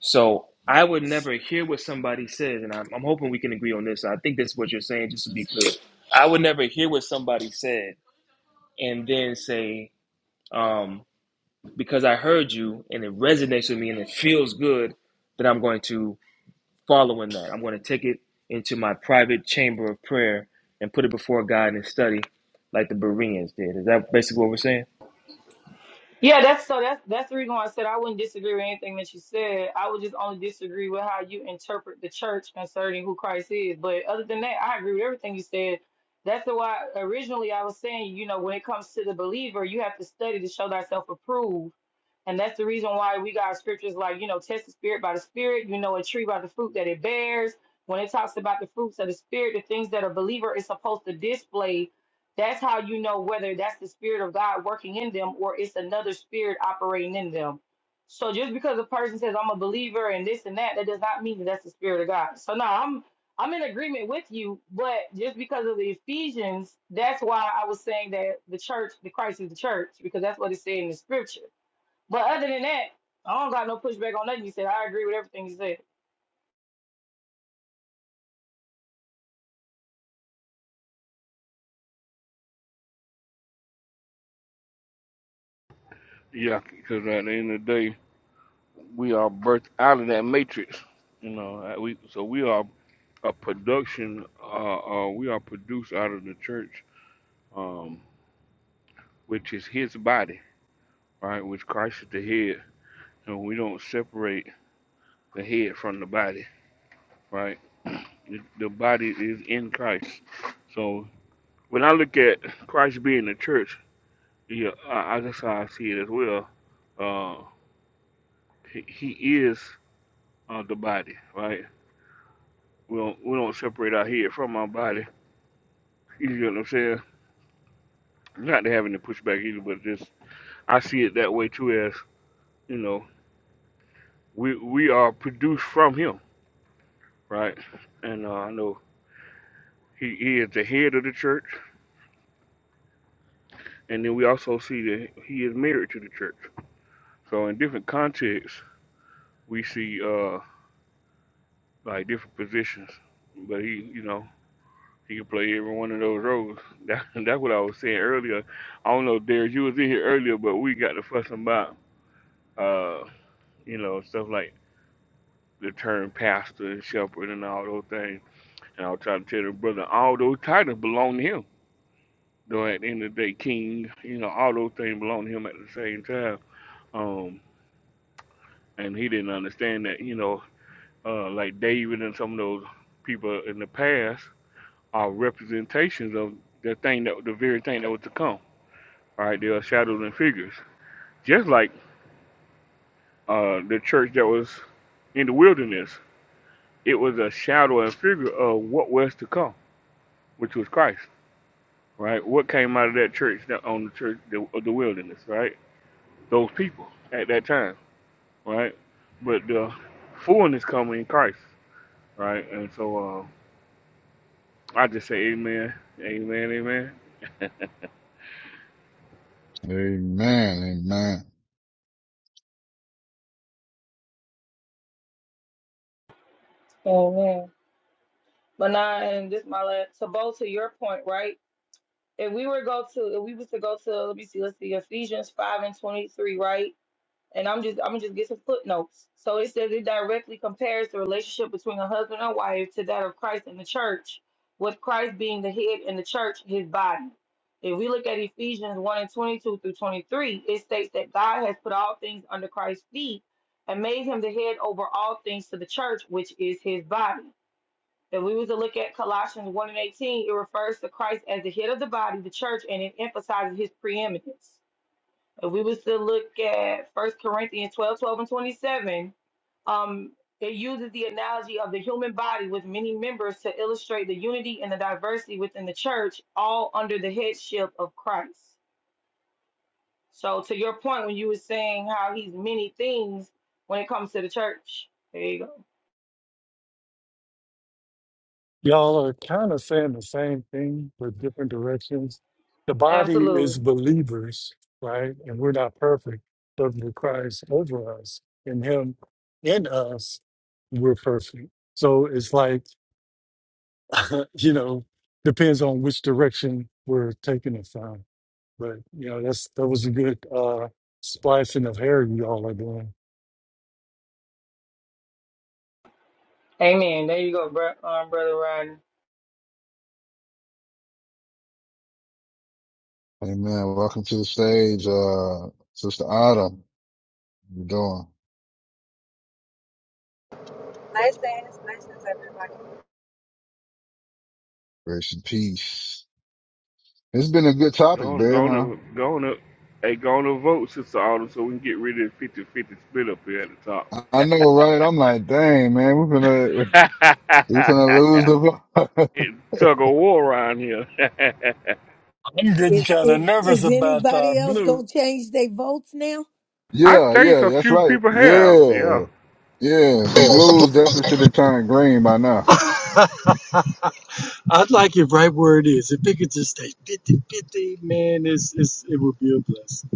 Speaker 21: So I would never hear what somebody says, and I'm, I'm hoping we can agree on this. I think that's what you're saying, just to be clear. I would never hear what somebody said and then say, um, because I heard you and it resonates with me and it feels good, that I'm going to follow in that. I'm going to take it into my private chamber of prayer and put it before God and study like the Bereans did. Is that basically what we're saying?
Speaker 19: Yeah, that's so that's that's the reason why I said I wouldn't disagree with anything that you said. I would just only disagree with how you interpret the church concerning who Christ is. But other than that, I agree with everything you said. That's the why originally I was saying, you know, when it comes to the believer, you have to study to show thyself approved. And that's the reason why we got scriptures like, you know, test the spirit by the spirit, you know, a tree by the fruit that it bears. When it talks about the fruits of the spirit, the things that a believer is supposed to display, that's how you know whether that's the spirit of God working in them or it's another spirit operating in them. So just because a person says I'm a believer and this and that, that does not mean that that's the spirit of God. So no, I'm I'm in agreement with you, but just because of the Ephesians, that's why I was saying that the church, the Christ is the church, because that's what it said in the scripture. But other than that, I don't got no pushback on nothing you said. I agree with everything you said.
Speaker 1: Yeah, because at the end of the day, we are birthed out of that matrix. You know, uh, we so we are a production. Uh, uh, we are produced out of the church, um, which is His body, right? Which Christ is the head, and we don't separate the head from the body, right? The the body is in Christ. So when I look at Christ being the church, yeah, I, I that's how I see it as well. Uh, he, he is. uh, the body, right? We don't we don't separate our head from our body. You get what I'm saying? Not to have any pushback either, but just I see it that way too. As you know, we we are produced from Him, right? And uh, I know He He is the head of the church, and then we also see that He is married to the church. So in different contexts, we see uh like different positions, but He, you know. He can play every one of those roles. That, that's what I was saying earlier. I don't know, Derek, you was in here earlier, but we got to fuss about, uh, you know, stuff like the term pastor and shepherd and all those things. And I was trying to tell the brother, all those titles belong to him. Though at the end of the day, king, you know, all those things belong to him at the same time. Um, and he didn't understand that, you know, uh, like David and some of those people in the past are representations of the thing that the very thing that was to come All right, they are shadows and figures. Just like uh, the church that was in the wilderness, it was a shadow and figure of what was to come, which was Christ, right? What came out of that church that on the church the, of the wilderness, right? Those people at that time, right? But the fullness coming in Christ, right? And so uh, I just say, Amen, Amen, Amen.
Speaker 2: Amen. Amen.
Speaker 19: Amen. But now, and this my last. To both to your point, right? If we were go to, if we was to go to, let me see, let's see, Ephesians five and twenty three, right? And I'm just, I'm gonna just get some footnotes. So it says it directly compares the relationship between a husband and wife to that of Christ and the church, with Christ being the head and the church his body. If we look at Ephesians 1 and 22 through 23, it states that God has put all things under Christ's feet and made him the head over all things to the church, which is his body. If we were to look at Colossians 1 and 18, it refers to Christ as the head of the body, the church, and it emphasizes his preeminence. If we was to look at First Corinthians 12, 12 and 27, um, it uses the analogy of the human body with many members to illustrate the unity and the diversity within the church, all under the headship of Christ. So to your point, when you were saying how he's many things when it comes to the church, there you go.
Speaker 20: Y'all are kind of saying the same thing with different directions. The body
Speaker 19: Absolutely.
Speaker 20: is believers, right? And we're not perfect, but the Christ over us and Him in us, we're perfect. So it's like, you know, depends on which direction we're taking it from. But you know, that's that was a good uh splicing of hair you all are doing.
Speaker 19: Amen. There you go, bro, um, brother Rodney.
Speaker 2: Amen. Welcome to the stage, uh, Sister Autumn. How you doing?
Speaker 22: Nice things, nice things everybody.
Speaker 2: Grace and peace. It's been a good topic,
Speaker 1: Go on, go
Speaker 2: man.
Speaker 1: on, and-
Speaker 2: Uh,
Speaker 1: go on. Up. Hey, go on and vote, Sister Autumn, so we can get rid of the fifty-fifty split up here
Speaker 2: I I know, right? I'm like, dang, man, we're gonna,
Speaker 1: at the
Speaker 2: we're
Speaker 1: top.
Speaker 2: gonna lose the,
Speaker 1: it tug of war around here.
Speaker 20: I'm getting
Speaker 5: Is
Speaker 20: kind of
Speaker 5: is,
Speaker 20: nervous
Speaker 5: is
Speaker 20: about our
Speaker 5: anybody else
Speaker 20: blue.
Speaker 5: gonna change their votes now
Speaker 1: I
Speaker 2: yeah,
Speaker 1: think
Speaker 2: yeah,
Speaker 1: a
Speaker 2: that's
Speaker 1: few
Speaker 2: right.
Speaker 1: people have, yeah.
Speaker 2: Yeah, yeah. Some blues definitely should have turned green by now.
Speaker 20: I'd like it right where it is. If it could just stay fifty-fifty, man, it's, it's, it would be a blessing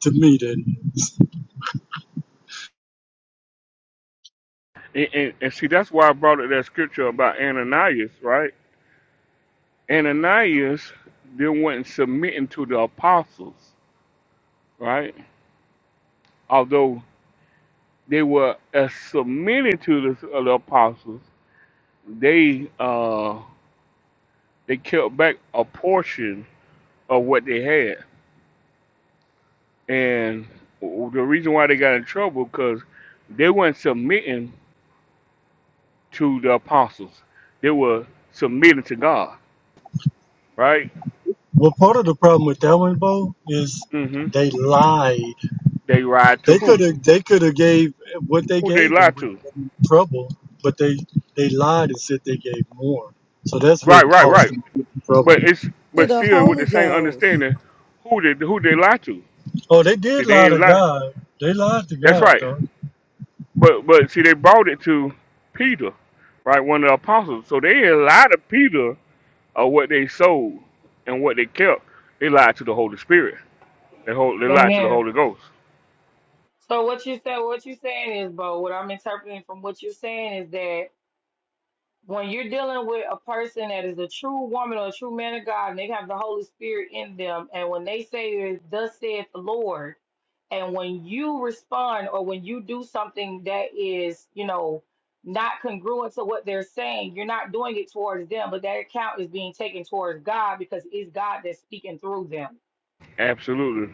Speaker 20: to me. Then,
Speaker 1: And, and, and see, that's why I brought up that scripture about Ananias, right? Ananias, they weren't submitting to the apostles, right? Although they were uh, submitting to the, uh, the apostles, they uh, they kept back a portion of what they had, and the reason why they got in trouble because they weren't submitting to the apostles. They were submitting to God, right?
Speaker 20: well, part of the problem with that one, Bo, is
Speaker 1: hmm
Speaker 20: they lied.
Speaker 1: They lied to
Speaker 20: They could
Speaker 1: who?
Speaker 20: have they could have gave what they
Speaker 1: Who they
Speaker 20: gave and
Speaker 1: lied
Speaker 20: with
Speaker 1: to?
Speaker 20: trouble, but they they lied and said they gave more. So that's
Speaker 1: Right,
Speaker 20: what
Speaker 1: right,
Speaker 20: caused
Speaker 1: right.
Speaker 20: them
Speaker 1: But
Speaker 20: trouble.
Speaker 1: it's
Speaker 5: to
Speaker 1: but
Speaker 5: the
Speaker 1: still with the
Speaker 5: Holy
Speaker 1: same
Speaker 5: Ghost?
Speaker 1: understanding, who they who they lied to?
Speaker 20: Oh, they
Speaker 1: See,
Speaker 20: did
Speaker 1: they
Speaker 20: lie
Speaker 1: ain't
Speaker 20: to
Speaker 1: lie.
Speaker 20: God. They lied to
Speaker 1: That's
Speaker 20: God,
Speaker 1: right.
Speaker 20: though.
Speaker 1: But but see, they brought it to Peter, right? One of the apostles. So they ain't lied to Peter of what they sold and what they kept. They lied to the Holy Spirit. They hold, they lied to the
Speaker 19: Amen.
Speaker 1: Holy Ghost.
Speaker 19: So what you said, what you saying is, Bo. What I'm interpreting from what you're saying is that when you're dealing with a person that is a true woman or a true man of God and they have the Holy Spirit in them, and when they say, Thus saith the Lord, and when you respond or when you do something that is, you know, not congruent to what they're saying, you're not doing it towards them, but that account is being taken towards God because it's God that's speaking through them.
Speaker 1: Absolutely.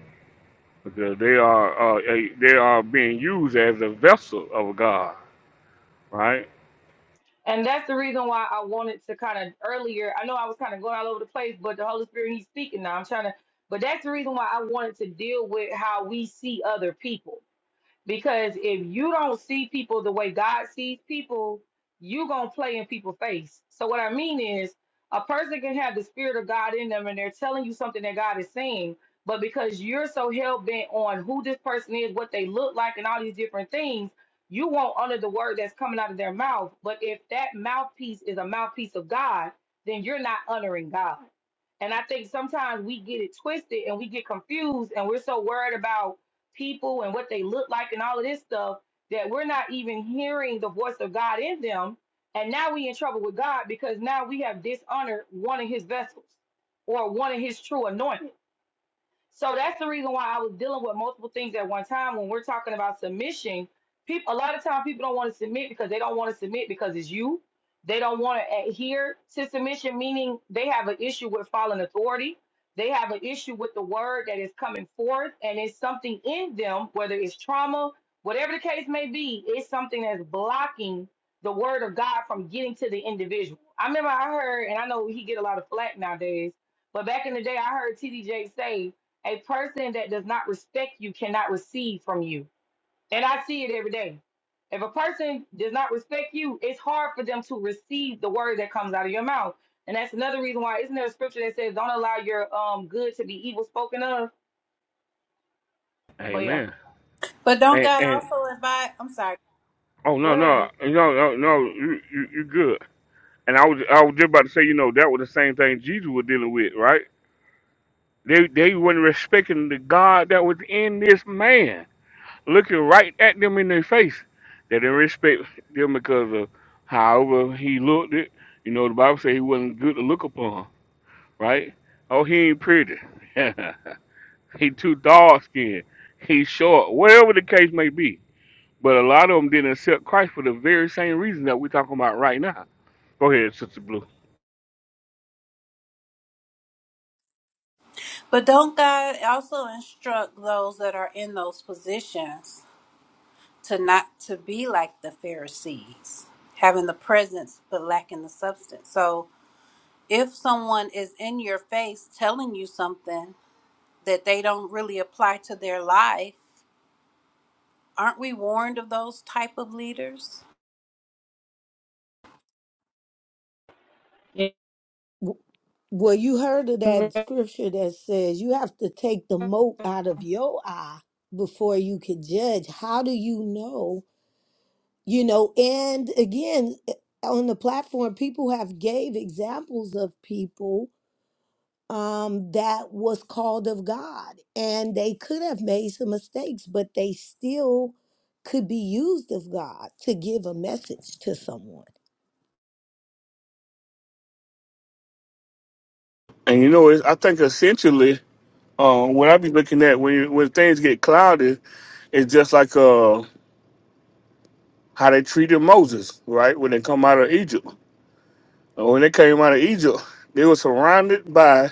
Speaker 1: because they are uh, a- they are being used as a vessel of God, right?
Speaker 19: And that's the reason why I wanted to kind of earlier. I know I was kind of going all over the place, but the Holy Spirit He's speaking now. I'm trying to, but that's the reason why I wanted to deal with how we see other people because if you don't see people the way God sees people, you gonna play in people's face. So what I mean is a person can have the spirit of God in them and they're telling you something that God is saying, but because you're so hell bent on who this person is, what they look like, and all these different things, you won't honor the word that's coming out of their mouth. But if that mouthpiece is a mouthpiece of God, then you're not honoring God. And I think sometimes we get it twisted and we get confused and we're so worried about people and what they look like and all of this stuff that we're not even hearing the voice of God in them. And now we in trouble with God because now we have dishonored one of his vessels or one of his true anointed. So that's the reason why I was dealing with multiple things at one time. When we're talking about submission, people a lot of time people don't want to submit because they don't want to submit because it's you. They don't want to adhere to submission, meaning they have an issue with following authority. They have an issue with the word that is coming forth, and it's something in them, whether it's trauma, whatever the case may be, it's something that's blocking the word of God from getting to the individual. I remember I heard, and I know he get a lot of flack nowadays, but back in the day, I heard TD Jakes say a person that does not respect you cannot receive from you. And I see it every day. If a person does not respect you, it's hard for them to receive the word that comes out of your mouth. And that's another reason why, isn't there a scripture that says, don't allow your um good to be evil spoken of? But yeah,
Speaker 1: Amen.
Speaker 9: But don't
Speaker 1: And
Speaker 9: God
Speaker 1: and
Speaker 9: also invite? I'm sorry.
Speaker 1: oh
Speaker 19: go
Speaker 1: no no
Speaker 19: ahead.
Speaker 1: no no no you you you good. And I was I was just about to say you know that was the same thing Jesus was dealing with, right? They they weren't respecting the God that was in this man, looking right at them in their face. They didn't respect them because of however he looked it. You know the Bible said he wasn't good to look upon, right? Oh, he ain't pretty. He too dark skinned. He's short, whatever the case may be. But a lot of them didn't accept Christ for the very same reason that we're talking about right now. Go ahead, Sister Blue.
Speaker 9: But don't God also instruct those that are in those positions to not to be like the Pharisees, having the presence but lacking the substance? So if someone is in your face telling you something that they don't really apply to their life, Aren't we warned of those type of leaders?
Speaker 5: W- Well, you heard of that
Speaker 19: Yeah,
Speaker 5: scripture that says you have to take the mote out of your eye before you can judge. How do you know? You know, and again, eh, on the platform, people have gave examples of people um, that was called of God. And they could have made some mistakes, but they still could be used of God to give a message to someone.
Speaker 1: And you know, it's, I think essentially, um, what I be looking at when you, when things get clouded, it's just like uh, how they treated Moses, right? When they come out of Egypt, Uh, when they came out of Egypt, they were surrounded by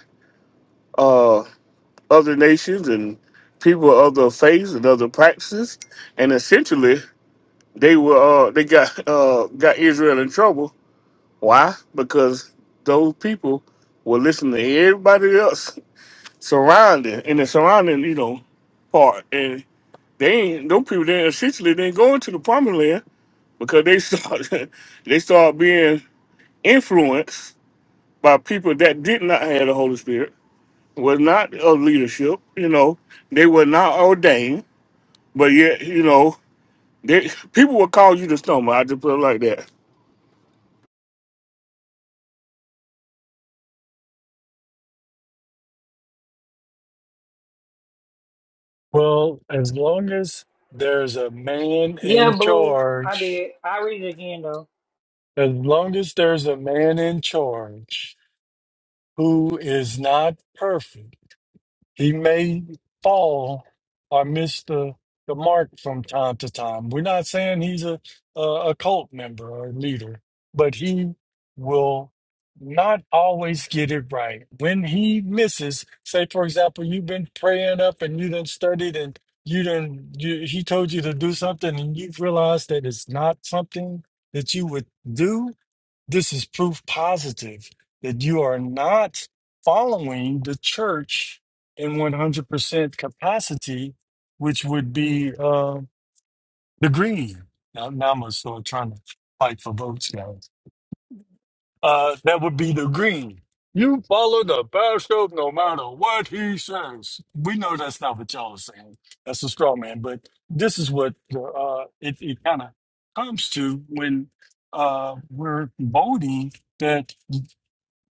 Speaker 1: uh, other nations and people of other faiths and other practices, and essentially They were uh, they got uh, got Israel in trouble. Why? Because those people were listening to everybody else surrounding in the surrounding you know part, and they ain't those people they essentially didn't go into the promised land because they started they started being influenced by people that did not have the Holy Spirit, was not of leadership, you know, they were not ordained, but yet, you know, they people would call you the stumble. I just put it like that
Speaker 20: Well, as long as there's a man
Speaker 19: yeah,
Speaker 20: in
Speaker 19: Blue. I
Speaker 20: charge,
Speaker 19: did. I read it again though.
Speaker 20: As long as there's a man in charge who is not perfect, he may fall or miss the, the mark from time to time. We're not saying he's a, a, a cult member or leader, but he will not always get it right. When he misses, say, for example, you've been praying up and you done studied and you done, you, he told you to do something and you've realized that it's not something that you would do this is proof positive that you are not following the church in 100% capacity, which would be uh, the green. Now, now I'm start trying to fight for votes now. Uh, that would be the green. You follow the bishop no matter what he says. We know that's not what y'all are saying. That's a straw man. But this is what uh, it, it kind of comes to when uh, we're voting. that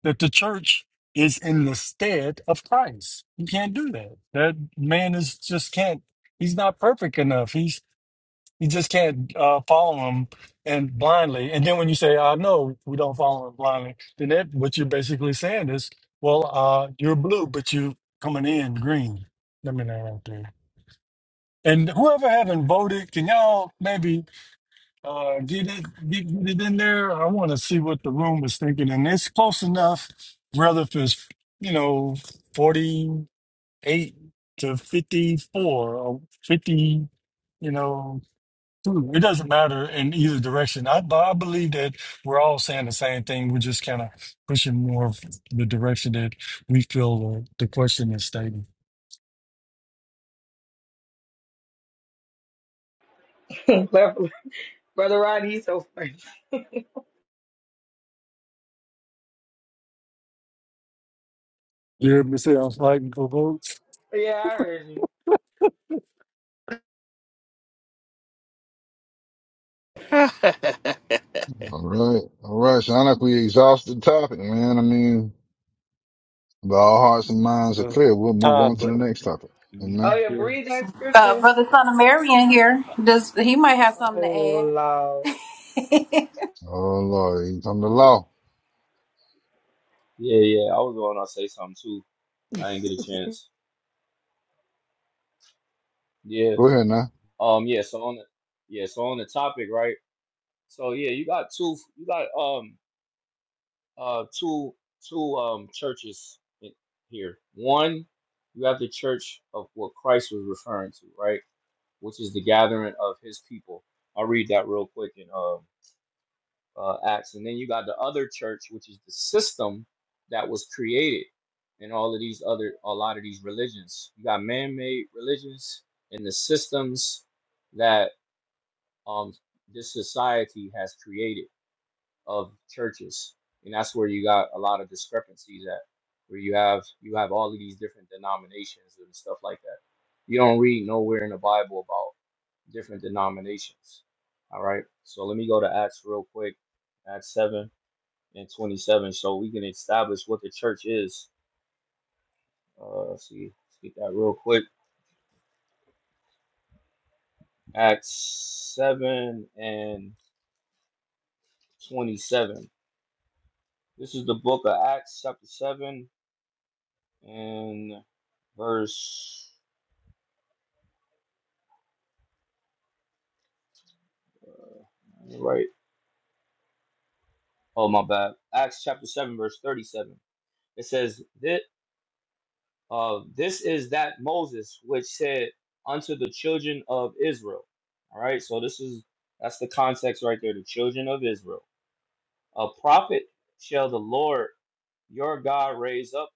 Speaker 20: that the church is in the stead of Christ. You can't do that. That man is just can't. He's not perfect enough. He's he just can't uh, follow him and blindly. And then when you say, "I know we don't follow him blindly," then that what you're basically saying is, "Well, uh, you're blue, but you coming in green." Let me know right there. And whoever haven't voted, can y'all maybe? Uh, get it, get, get it in there. I want to see what the room was thinking, and it's close enough. Whether if it's you know forty-eight to fifty-four or fifty, you know, two, it doesn't matter in either direction. I, but I believe that we're all saying the same thing. We're just kind of pushing more of the direction that we feel uh, the question is stating.
Speaker 19: Brother Rodney, he's so funny.
Speaker 20: Yeah, Michelle, I'm fighting for votes.
Speaker 19: Yeah, I heard you.
Speaker 2: All right. All right. Sound like we exhausted the topic, man. I mean, But our hearts and minds are
Speaker 20: Uh,
Speaker 2: clear. We'll move on to
Speaker 20: Toddler.
Speaker 2: the next topic.
Speaker 19: Oh
Speaker 2: Amen.
Speaker 19: yeah,
Speaker 20: Yeah.
Speaker 19: read that
Speaker 9: Uh,
Speaker 19: scripture.
Speaker 9: Brother Son of Marion here. Does he might have something
Speaker 19: Oh
Speaker 9: to add?
Speaker 19: Lord.
Speaker 2: Oh Lord, he's on the
Speaker 23: Yeah,
Speaker 2: law.
Speaker 23: yeah, yeah. I was going to say something too. I didn't get a chance. Yeah.
Speaker 2: Go ahead now.
Speaker 23: Um. Yeah. So on the yeah. So on the topic, right? So yeah, you got two. You got um uh two two um churches in here. One, you have the church of what Christ was referring to, right? Which is the gathering of His people. I'll read that real quick in um uh, acts. And then you got the other church, which is the system that was created in all of these other, a lot of these religions. You got man-made religions and the systems that um, this society has created of churches, and that's where you got a lot of discrepancies at, where you have you have all of these different denominations and stuff like that. You don't read nowhere in the Bible about different denominations. All right, so let me go to Acts real quick. Acts seven and 27 so we can establish what the church is uh let's see let's get that real quick acts 7 and 27 this is the book of acts chapter 7 and verse right oh my bad acts chapter 7 verse 37 it says that uh this is that moses which said unto the children of israel all right so this is that's the context right there the children of israel A prophet shall the Lord your God raise up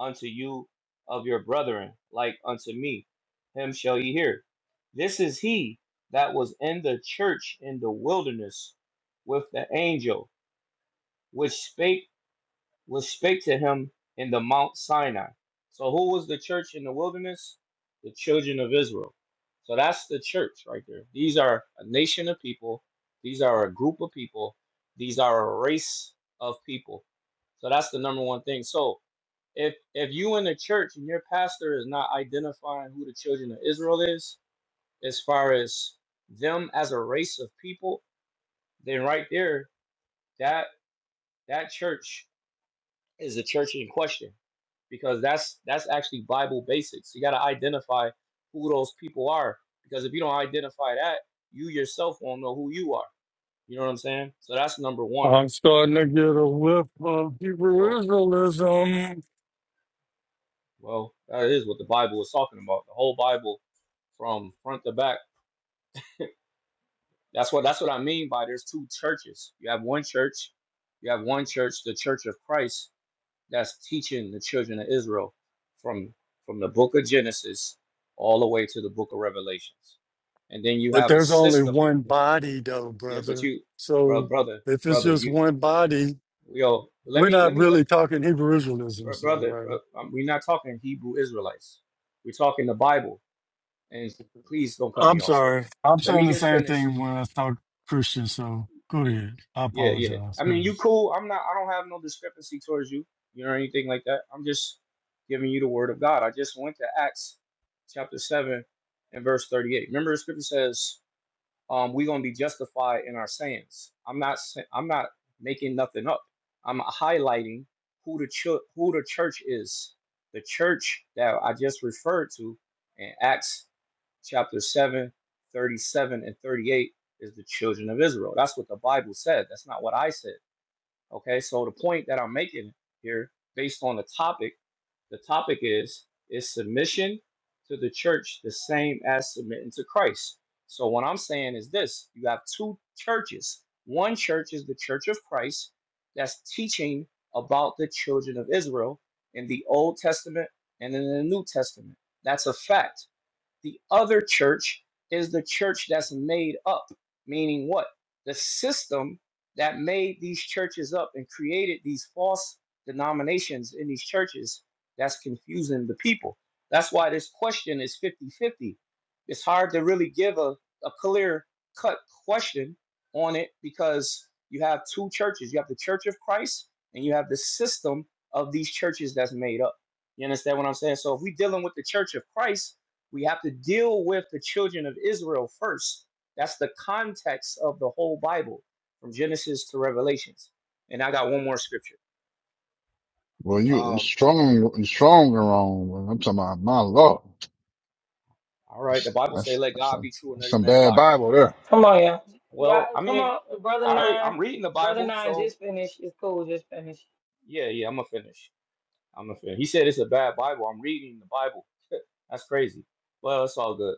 Speaker 23: unto you of your brethren, like unto me. Him shall ye hear. This is he that was in the church in the wilderness with the angel, which spake which spake to him in the Mount Sinai. So, who was the church in the wilderness? The children of Israel. So, that's the church right there. These are a nation of people, these are a group of people, these are a race of people. So, that's the number one thing. So, if, if you in the church and your pastor is not identifying who the children of Israel is, as far as them as a race of people, then right there, that that church is the church in question because that's that's actually Bible basics. You got to identify who those people are because if you don't identify that, you yourself won't know who you are. You know what I'm saying? So that's number one.
Speaker 20: I'm starting to get a whiff of
Speaker 23: So
Speaker 20: Hebrewism.
Speaker 23: well, that is what the Bible is talking about. The whole Bible from front to back. That's what that's what I mean by there's two churches. You have one church, you have one church, the Church of Christ, that's teaching the children of Israel from from the book of Genesis all the way to the book of Revelations. And then you
Speaker 20: But
Speaker 23: have a
Speaker 20: there's only
Speaker 23: system.
Speaker 20: one body, though,
Speaker 23: Yeah, but
Speaker 20: brother.
Speaker 23: you, bro,
Speaker 20: So
Speaker 23: brother,
Speaker 20: if it's
Speaker 23: brother,
Speaker 20: just
Speaker 23: you,
Speaker 20: one body,
Speaker 23: yo, let
Speaker 20: we're
Speaker 23: me, let
Speaker 20: not
Speaker 23: me, let,
Speaker 20: really talking Hebrewism,
Speaker 23: bro-
Speaker 20: so
Speaker 23: brother, bro,
Speaker 20: right?
Speaker 23: um, we're not talking Hebrew Israelites. We're talking the Bible. And please don't cut me
Speaker 20: I'm
Speaker 23: off, sir.
Speaker 20: sorry. I'm
Speaker 23: Let me
Speaker 20: saying the
Speaker 23: just
Speaker 20: same
Speaker 23: finish.
Speaker 20: thing when I talk Christian, so go ahead. I
Speaker 23: Yeah, yeah.
Speaker 20: apologize.
Speaker 23: I
Speaker 20: Go
Speaker 23: mean,
Speaker 20: ahead.
Speaker 23: you cool. I'm not. I don't have no discrepancy towards you, you know, or anything like that. I'm just giving you the word of God. I just went to Acts chapter seven and verse thirty-eight. Remember, the scripture says, um, "We're gonna be justified in our sayings." I'm not. sa- I'm not making nothing up. I'm highlighting who the ch- who the church is. The church that I just referred to in Acts chapter 7, 37 and 38 is the children of Israel. That's what the Bible said. That's not what I said. Okay, so the point that I'm making here, based on the topic, the topic is is submission to the church the same as submitting to Christ. So what I'm saying is this: you have two churches. One church is the Church of Christ that's teaching about the children of Israel in the Old Testament and in the New Testament. That's a fact. The other church is the church that's made up, meaning what? The system that made these churches up and created these false denominations in these churches that's confusing the people. That's why this question is fifty-fifty. It's hard to really give a, a clear cut question on it because you have two churches you have the church of Christ and you have the system of these churches that's made up. You understand what I'm saying? So if we're dealing with the church of Christ, we have to deal with the children of Israel first. That's the context of the whole Bible, from Genesis to Revelations. And I got one more scripture.
Speaker 2: Well, you
Speaker 23: Um,
Speaker 2: strong, strong and wrong. Well, I'm talking about my law.
Speaker 23: all right, the
Speaker 2: That's,
Speaker 23: Bible say,
Speaker 2: that's,
Speaker 23: "Let
Speaker 2: that's,
Speaker 23: God
Speaker 2: some,
Speaker 23: be true and
Speaker 2: that's
Speaker 23: every
Speaker 2: some
Speaker 23: man a
Speaker 2: bad
Speaker 23: liar."
Speaker 2: Bible there.
Speaker 19: Come on, y'all. Y'all,
Speaker 23: Well, I
Speaker 19: come
Speaker 23: mean,
Speaker 19: on, brother
Speaker 23: all right,
Speaker 19: nine.
Speaker 23: I'm reading the
Speaker 19: Brother
Speaker 23: Bible,
Speaker 19: nine
Speaker 23: so
Speaker 19: just finished. It's cool, just finished.
Speaker 23: yeah, yeah, I'm gonna finish. I'm gonna finish. He said it's a bad Bible. I'm reading the Bible. That's crazy. Well, it's all good.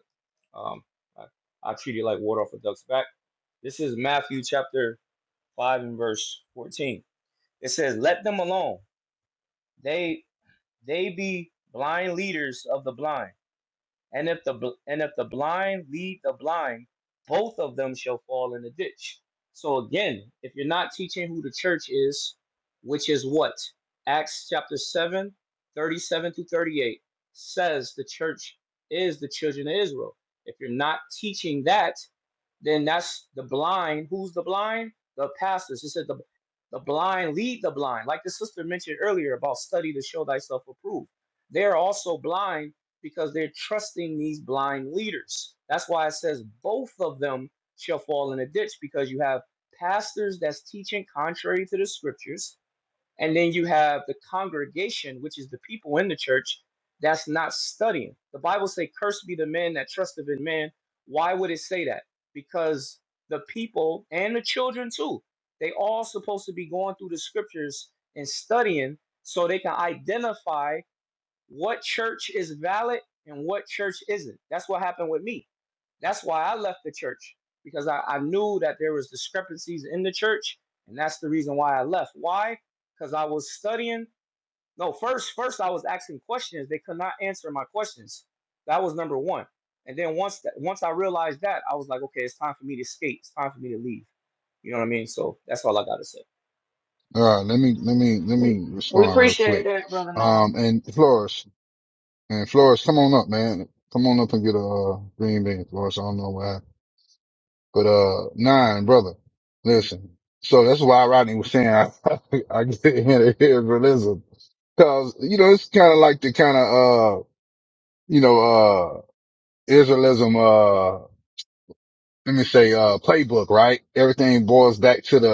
Speaker 23: Um, I, I treat it like water off a duck's back. This is Matthew chapter five and verse fourteen. It says, "Let them alone." they they be blind leaders of the blind and if the and if the blind lead the blind both of them shall fall in the ditch so again if you're not teaching who the church is which is what acts chapter seven, thirty-seven 37 through 38 says the church is the children of israel if you're not teaching that then that's the blind. Who's the blind? The pastors. It said the the blind lead the blind. Like the sister mentioned earlier about study to show thyself approved. They're also blind because they're trusting these blind leaders. That's why it says both of them shall fall in a ditch because you have pastors that's teaching contrary to the scriptures and then you have the congregation, which is the people in the church that's not studying. The Bible say, "Cursed be the men that trusteth in man." Why would it say that? Because the people and the children too, they all supposed to be going through the scriptures and studying so they can identify what church is valid and what church isn't. That's what happened with me. That's why I left the church because I, I knew that there was discrepancies in the church, and that's the reason why I left. Why? Because I was studying. No, first, first I was asking questions. They could not answer my questions. That was number one. And then once that, once I realized that, I was like, okay, it's time for me to escape. It's time for me to leave. You know what I mean? So that's all I gotta say.
Speaker 2: All right. Let me, let me, let me
Speaker 19: We
Speaker 2: respond real
Speaker 19: appreciate
Speaker 2: quick.
Speaker 19: that, brother nine.
Speaker 2: Um, and Flores and Flores, come on up, man. Come on up and get a uh, green bean, Flores. I don't know why, but, uh, nine, brother. Listen. So that's why Rodney was saying I, I get in here for Cause, you know, it's kind of like the kind of, uh, you know, uh, Israelism, uh, let me say, uh, playbook, right? Everything boils back to the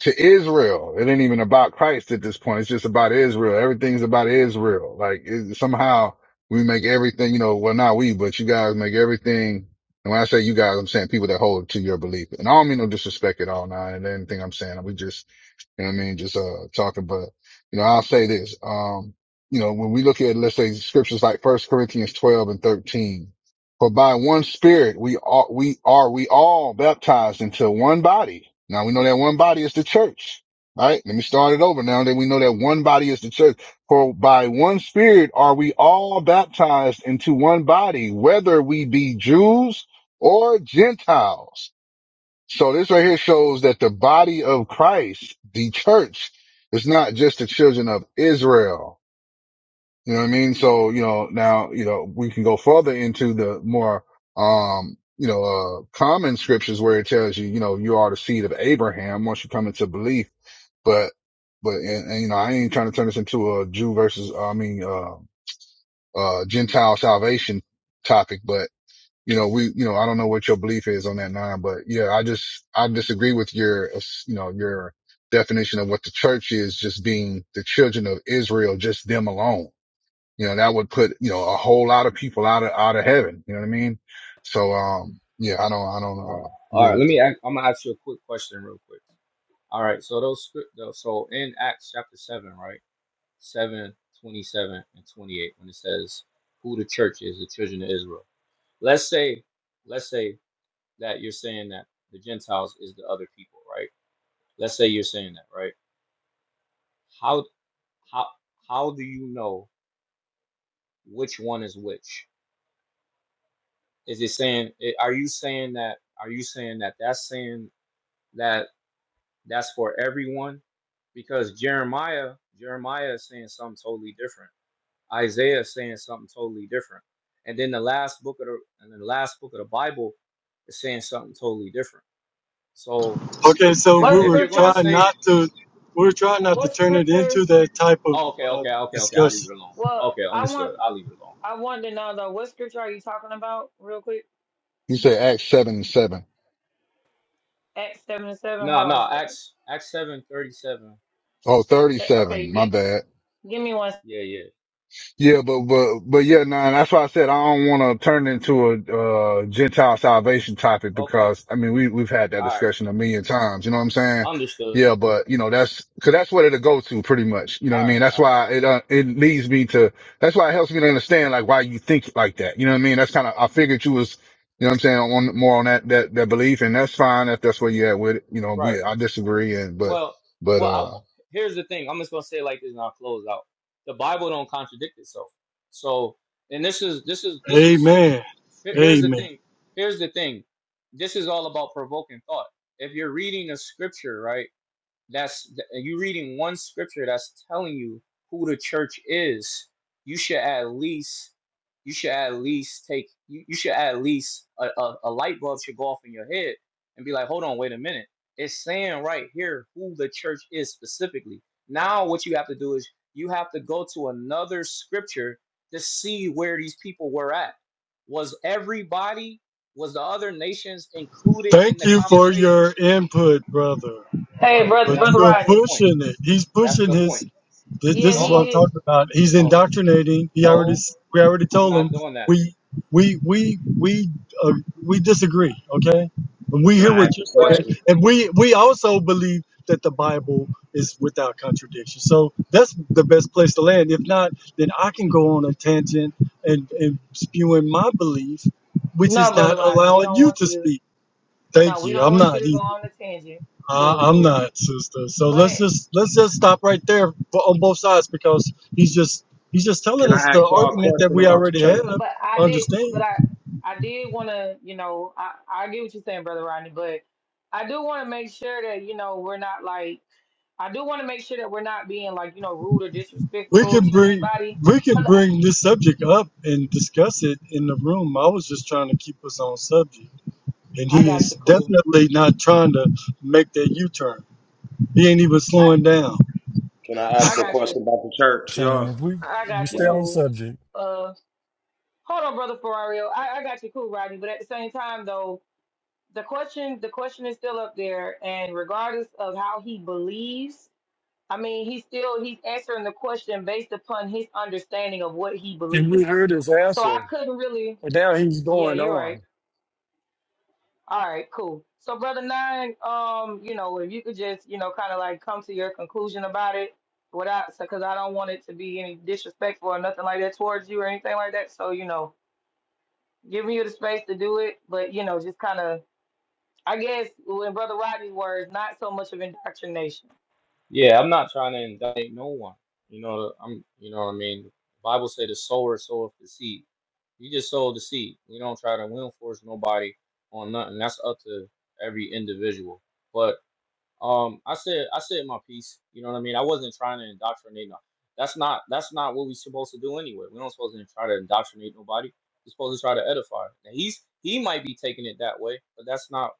Speaker 2: to Israel. It ain't even about Christ at this point. It's just about Israel. Everything's about Israel. Like it, somehow we make everything, you know, well, not we, but you guys make everything. And when I say you guys, I'm saying people that hold to your belief. And I don't mean no disrespect at all now and anything I'm saying. We just, you know what I mean? Just, uh, talking, but you know, I'll say this. Um, you know, when we look at, let's say scriptures like first Corinthians 12 and 13, for by one spirit we are, we are, we all baptized into one body. Now we know that one body is the church, right? Let me start it over now that we know that one body is the church. For by one spirit are we all baptized into one body, whether we be Jews or Gentiles. So this right here shows that the body of Christ, the church, is not just the children of Israel you know what I mean? So, you know, now, you know, we can go further into the more, um, you know, uh, common scriptures where it tells you, you know, you are the seed of Abraham once you come into belief. But, but, and, and you know, I ain't trying to turn this into a Jew versus, uh, I mean, uh, uh, Gentile salvation topic, but, you know, we, you know, I don't know what your belief is on that nine, but yeah, I just, I disagree with your, uh, you know, your definition of what the church is just being the children of Israel, just them alone you know, that would put, you know, a whole lot of people out of, out of heaven. You know what I mean? So, um, yeah, I don't, I don't
Speaker 23: All right,
Speaker 2: uh,
Speaker 23: all
Speaker 2: agree
Speaker 23: right. Let
Speaker 2: with
Speaker 23: me.
Speaker 2: that.
Speaker 23: Ask, I'm gonna ask you a quick question, real quick. All right, so those script so in Acts chapter seven, right? Seven, twenty-seven, and twenty-eight, when it says who the church is, the children of Israel. Let's say, let's say that you're saying that the Gentiles is the other people, right? Let's say you're saying that, right? How how how do you know which one is which? Is it saying i- are you saying that are you saying that that's saying that that's for everyone? Because Jeremiah, Jeremiah is saying something totally different Isaiah is saying something totally different. And then the last book of the and then the last book of the Bible is saying something totally different. So
Speaker 20: Okay, so
Speaker 23: if,
Speaker 20: we
Speaker 19: What
Speaker 23: if
Speaker 20: were
Speaker 23: you're gonna
Speaker 19: scripture?
Speaker 20: trying
Speaker 23: say,
Speaker 20: not to, we were trying not to
Speaker 19: What
Speaker 20: turn it
Speaker 19: scripture?
Speaker 20: into that type of
Speaker 23: oh, okay,
Speaker 20: uh,
Speaker 23: okay, okay, okay, I'll leave
Speaker 20: discussion.
Speaker 23: it alone.
Speaker 19: Well,
Speaker 23: Okay,
Speaker 19: I
Speaker 23: understood.
Speaker 19: want
Speaker 23: I'll leave it alone.
Speaker 19: I want to know though, what scripture are you talking about real quick?
Speaker 2: You said Acts 7 and 7.
Speaker 19: Acts seven and seven.
Speaker 23: No,
Speaker 19: Hold on a
Speaker 23: no,
Speaker 19: second.
Speaker 23: Acts Acts seven thirty seven.
Speaker 2: thirty seven.
Speaker 19: Eh, Okay,
Speaker 2: My
Speaker 19: gi-
Speaker 2: bad.
Speaker 19: give me one.
Speaker 23: Yeah, yeah.
Speaker 2: Yeah, but but but yeah, nah, and that's why I said I don't want to turn into a uh, Gentile salvation topic
Speaker 23: Okay.
Speaker 2: because I mean we we've had that
Speaker 23: All right.
Speaker 2: discussion a million times. You know what I'm saying?
Speaker 23: Understood.
Speaker 2: Yeah, but you know that's because that's what it'll go to pretty much. You know what I
Speaker 23: All right,
Speaker 2: mean? That's
Speaker 23: all right.
Speaker 2: why it uh, it leads me to. That's why it helps me to understand like why you think like that. You know what I mean? That's kind of I figured you was you know what I'm saying on more on that that that belief, and that's fine if that's where you at with it. You know,
Speaker 23: Right.
Speaker 2: we I disagree, and but
Speaker 23: Well
Speaker 2: but
Speaker 23: well I,
Speaker 2: uh.
Speaker 23: here's the thing. I'm just gonna say it like this and I'll close out. The Bible don't contradict itself. So and this is this is this is
Speaker 20: Amen.
Speaker 23: Here- Here's the
Speaker 20: Amen.
Speaker 23: thing. Here's the thing. This is all about provoking thought. If you're reading a scripture, right? that's th- you reading one scripture that's telling you who the church is you should at least you should at least take you, you should at least a, a, a light bulb should go off in your head and be like hold on wait a minute it's saying right here who the church is specifically now what you have to do is you have to go to another scripture to see where these people were at was everybody was the other nations included in
Speaker 20: Thank
Speaker 23: the
Speaker 20: you for
Speaker 23: conversation
Speaker 20: your input, brother.
Speaker 19: Hey,
Speaker 23: right
Speaker 19: brother
Speaker 20: But
Speaker 23: that
Speaker 19: brother
Speaker 20: you're
Speaker 23: that's the
Speaker 19: Rodney.
Speaker 23: point
Speaker 20: pushing it. He's
Speaker 23: that's
Speaker 20: pushing
Speaker 23: the
Speaker 20: his.
Speaker 23: point.
Speaker 20: This,
Speaker 19: Yeah,
Speaker 20: this is
Speaker 23: No,
Speaker 20: what I'm
Speaker 23: I-
Speaker 19: he is.
Speaker 20: talking about. He's
Speaker 23: no,
Speaker 20: indoctrinating. He already
Speaker 23: no.
Speaker 20: we already
Speaker 23: I'm
Speaker 20: told
Speaker 23: not
Speaker 20: him
Speaker 23: doing that.
Speaker 20: we we we we uh, we disagree. Okay, and we
Speaker 24: Can
Speaker 20: hear
Speaker 24: I ask
Speaker 20: what
Speaker 24: a
Speaker 20: you're
Speaker 19: But
Speaker 20: saying,
Speaker 24: question?
Speaker 20: and we we also believe that the Bible is without contradiction. So that's the best place to land. If not, then I can go on a tangent and and spewing my belief, which
Speaker 19: no,
Speaker 20: is
Speaker 19: brother
Speaker 20: not
Speaker 19: Rodney, we
Speaker 20: allowing
Speaker 19: don't
Speaker 20: you
Speaker 19: want
Speaker 20: to
Speaker 19: you.
Speaker 20: speak.
Speaker 19: No,
Speaker 20: Thank
Speaker 19: we
Speaker 20: you.
Speaker 19: don't
Speaker 20: I'm
Speaker 19: want
Speaker 20: not.
Speaker 19: you to
Speaker 20: either.
Speaker 19: go on the tangent.
Speaker 20: Uh,
Speaker 19: Cool,
Speaker 20: I'm
Speaker 19: cool.
Speaker 20: not, sister. So let's
Speaker 19: But.
Speaker 20: just let's just stop right there for, on both sides because he's just he's just
Speaker 24: Can
Speaker 20: telling us
Speaker 24: I ask
Speaker 20: the
Speaker 24: y'all a
Speaker 20: argument that
Speaker 24: question
Speaker 20: we
Speaker 24: about the
Speaker 20: already
Speaker 24: church?
Speaker 20: have.
Speaker 19: But I did, but
Speaker 20: Understand?
Speaker 19: I, I did want to, you know, I, I get what you're saying, brother Rodney, but I do want to make sure that, you know, we're not like, I do want to make sure that we're not being like, you know, rude or
Speaker 20: We
Speaker 19: disrespectful
Speaker 20: can
Speaker 19: to
Speaker 20: bring
Speaker 19: anybody.
Speaker 20: we can
Speaker 19: 'Cause
Speaker 20: bring this subject up and discuss it in the room. I was just trying to keep us on subject, and
Speaker 19: I, I
Speaker 20: he
Speaker 19: got
Speaker 20: is
Speaker 19: you, cool.
Speaker 20: definitely not trying to make that U-turn. He ain't even
Speaker 19: I,
Speaker 20: slowing down. I'm
Speaker 24: Can I ask
Speaker 19: I
Speaker 24: a
Speaker 19: got you.
Speaker 24: question about the church,
Speaker 20: saying
Speaker 24: y'all?
Speaker 20: if we
Speaker 19: I
Speaker 20: we
Speaker 19: got you,
Speaker 20: stay
Speaker 24: Well,
Speaker 20: on
Speaker 19: cool.
Speaker 20: subject
Speaker 19: Uh, hold on, brother Ferrario. I, I got you, cool, Rodney. But at the same time, though, the question, the question is still up there, and regardless of how he believes. I mean, he's still he's answering the question based upon his understanding of what he
Speaker 20: and we
Speaker 19: believes.
Speaker 20: heard his
Speaker 19: So I
Speaker 20: answer,
Speaker 19: couldn't really.
Speaker 20: and now he's
Speaker 19: Yeah,
Speaker 20: going
Speaker 19: you're
Speaker 20: on.
Speaker 19: right. All right, cool. So brother nine, um, you know, if you could just you know kind of like come to your conclusion about it without, because I don't want it to be any disrespectful or nothing like that towards you or anything like that. So you know, giving you the space to do it, but you know, just kind of, I guess, in brother Rodney's words, not so much of indoctrination.
Speaker 23: Yeah, I'm not trying to indict no one. You know, I'm. You know what I mean. Bible say the sower soweth the seed. You just sow the seed. We don't try to win force nobody on nothing. That's up to every individual. But um, I said I said my piece. You know what I mean. I wasn't trying to indoctrinate. No, that's not that's not what we're supposed to do anyway. We're not supposed to try to indoctrinate nobody. We're supposed to try to edify. Now he's he might be taking it that way, but that's not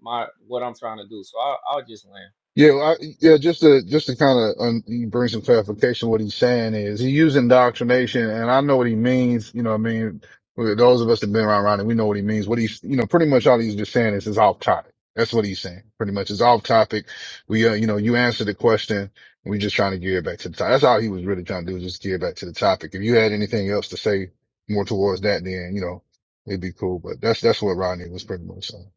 Speaker 23: my what I'm trying to do. So I'll, I'll just land.
Speaker 2: Yeah, well, I, yeah. Just to just to kind of un, bring some clarification, what he's saying is he used indoctrination, and I know what he means. You know, what I mean, Well, those of us that have been around, around it, we know what he means. What he's, you know, pretty much all he's just saying is it's off topic. That's what he's saying. Pretty much, it's off topic. We, uh, you know, you answer the question, and we're just trying to gear it back to the topic. That's all he was really trying to do, is just gear back to the topic. If you had anything else to say more towards that, then you know it'd be cool. But that's that's what Rodney was pretty much saying.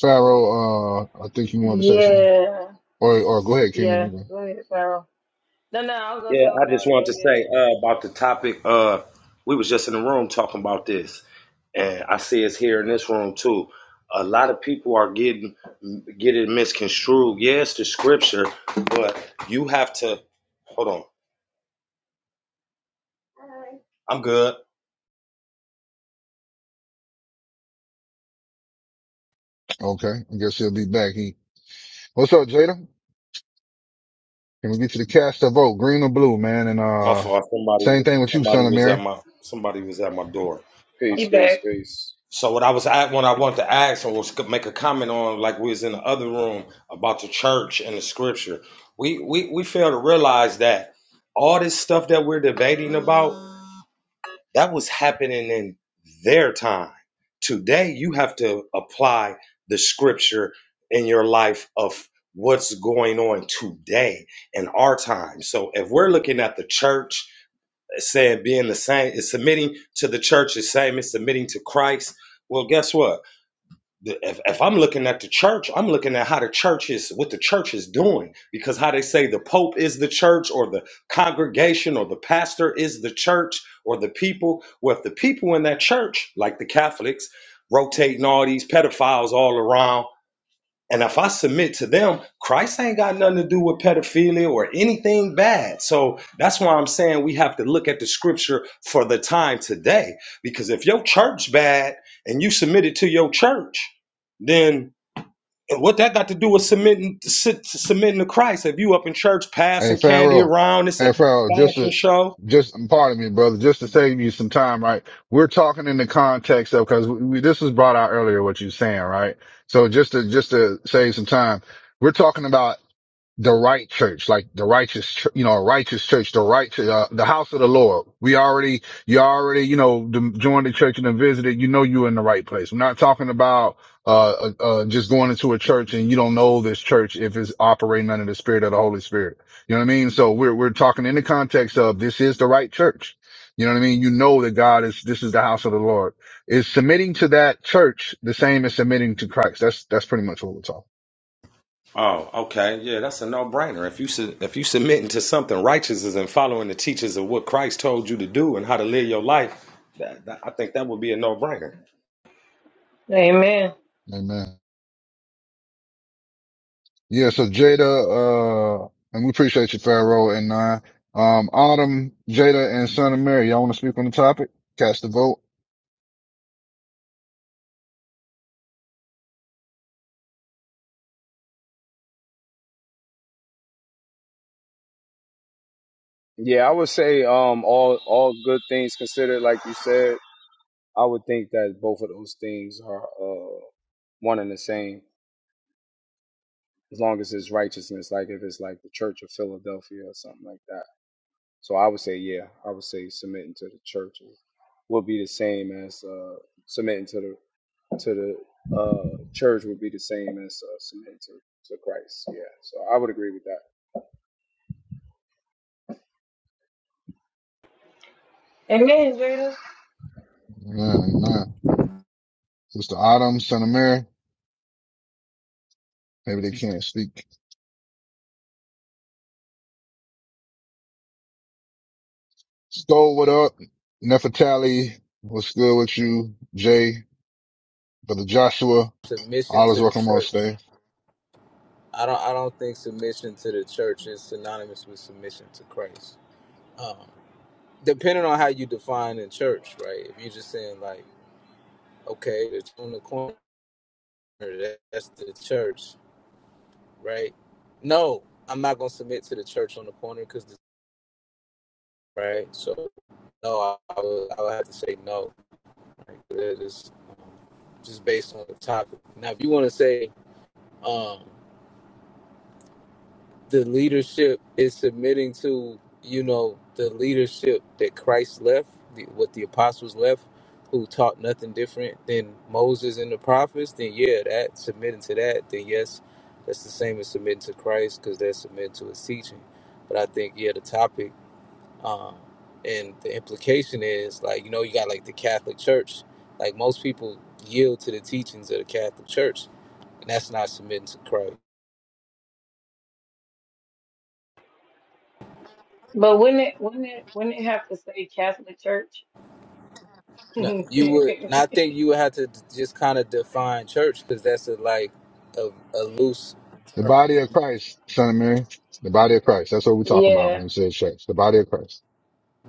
Speaker 2: Pharaoh, uh, I think you wanted to say something.
Speaker 19: Yeah,
Speaker 2: Or, or go ahead, Kingdom. you
Speaker 19: yeah.
Speaker 2: go.
Speaker 19: Go ahead, Sarah. No, no, I was
Speaker 24: I-
Speaker 19: gonna
Speaker 24: yeah,
Speaker 19: tell
Speaker 24: I
Speaker 19: Farrah
Speaker 24: just
Speaker 19: to go
Speaker 24: wanted to say
Speaker 19: ahead.
Speaker 24: uh, about the topic. Uh, we was just in the room talking about this, and I see it's here in this room too. A lot of people are getting getting misconstrued. Yes, the scripture, but you have to hold on. I'm good.
Speaker 2: Okay. I guess he'll be back. He, what's up, Jada? Can we get you to cast a vote? Green or blue, man? And,
Speaker 24: My
Speaker 2: uh,
Speaker 24: fault. Somebody
Speaker 2: same
Speaker 24: was
Speaker 2: thing with you,
Speaker 24: somebody
Speaker 2: son of
Speaker 24: was at
Speaker 2: Mary.
Speaker 24: my somebody was at my door.
Speaker 19: He
Speaker 25: Peace, peace,
Speaker 19: back.
Speaker 25: peace.
Speaker 24: So what I was at what I wanted to ask and was to make a comment on, like we was in the other room about the church and the scripture. We we we fail to realize that all this stuff that we're debating about that was happening in their time. Today you have to apply the scripture in your life of what's going on today in our time. So if we're looking at the church uh, saying being the same is submitting to the church is same as submitting to Christ, well guess what? the, if, if I'm looking at the church, I'm looking at how the church is, what the church is doing, because how they say the Pope is the church or the congregation or the pastor is the church or the people. Well, if the people in that church, like the Catholics, rotating all these pedophiles all around, and if I submit to them, Christ ain't got nothing to do with pedophilia or anything bad. So that's why I'm saying we have to look at the scripture for the time today. Because if your church bad and you submit it to your church, then what that got to do with submitting su- submitting to Christ? If you up in church
Speaker 2: Hey,
Speaker 24: passing candy
Speaker 2: Pharaoh.
Speaker 24: around, it's a
Speaker 2: Hey, Pharaoh, just
Speaker 24: fashion
Speaker 2: to,
Speaker 24: show.
Speaker 2: just, pardon me, brother, just to save you some time, right? We're talking in the context of, cause we, we- this was brought out earlier, what you're saying, right? So just to, just to save some time, we're talking about the right church, like the righteous, ch- you know, a righteous church, the right, uh, the house of the Lord. We already, you already, you know, the, joined the church and then visited. You know, you're in the right place. We're not talking about, uh, uh, uh, just going into a church and you don't know this church if it's operating under the spirit of the Holy Spirit. You know what I mean? So we're, we're talking in the context of this is the right church. You know what I mean? You know that God is, this is the house of the Lord. Is submitting to that church the same as submitting to Christ? That's, that's pretty much what we're talking.
Speaker 24: Oh, okay. Yeah, that's a no-brainer. If you su- if you submitting to something righteous and following the teachings of what Christ told you to do and how to live your life, that, that- I think that would be a no-brainer.
Speaker 19: Amen.
Speaker 2: Amen. Yeah, so Jada, uh, and we appreciate you, Pharaoh and Nine. Um, Autumn, Jada, and Son of Mary, y'all want to speak on the topic? Cast the vote.
Speaker 25: Yeah, I would say um all all good things considered, like you said, I would think that both of those things are uh one and the same, as long as it's righteousness, like if it's like the Church of Philadelphia or something like that. So I would say, yeah, I would say submitting to the church would be the same as uh submitting to the to the uh church would be the same as uh, submitting to, to Christ. Yeah. So I would agree with that.
Speaker 19: Amen, Jada.
Speaker 2: Man, man. Sister Autumn, Son of Mary, maybe they can't speak. Stole, what up? Nefertali, what's good with you? Jay, Brother Joshua,
Speaker 26: submission
Speaker 2: all is
Speaker 26: to the
Speaker 2: welcome on
Speaker 26: church.
Speaker 2: stage.
Speaker 26: I don't I don't think submission to the church is synonymous with submission to Christ. Um, depending on how you define the church, right? If you're just saying like, okay, it's on the corner, that, that's the church, right? No, I'm not gonna submit to the church on the corner because right. So no, I, I, would, I would have to say no. Right? That is um, just based on the topic. Now, if you want to say, um, the leadership is submitting to you know the leadership that christ left the, what the apostles left who taught nothing different than moses and the prophets then yeah that submitting to that then yes that's the same as submitting to christ because they're submitting to his teaching but i think yeah the topic um and the implication is like you know you got like the catholic church like most people yield to the teachings of the catholic church and that's not submitting to christ
Speaker 19: But wouldn't it wouldn't it wouldn't it have to say Catholic Church?
Speaker 26: No, you would, and I think you would have to d- just kind of define church because that's a like a, a loose.
Speaker 2: The body of Christ, Son of Mary. The body of Christ. That's what we're talking about when
Speaker 19: yeah.
Speaker 2: we say church. The body of Christ.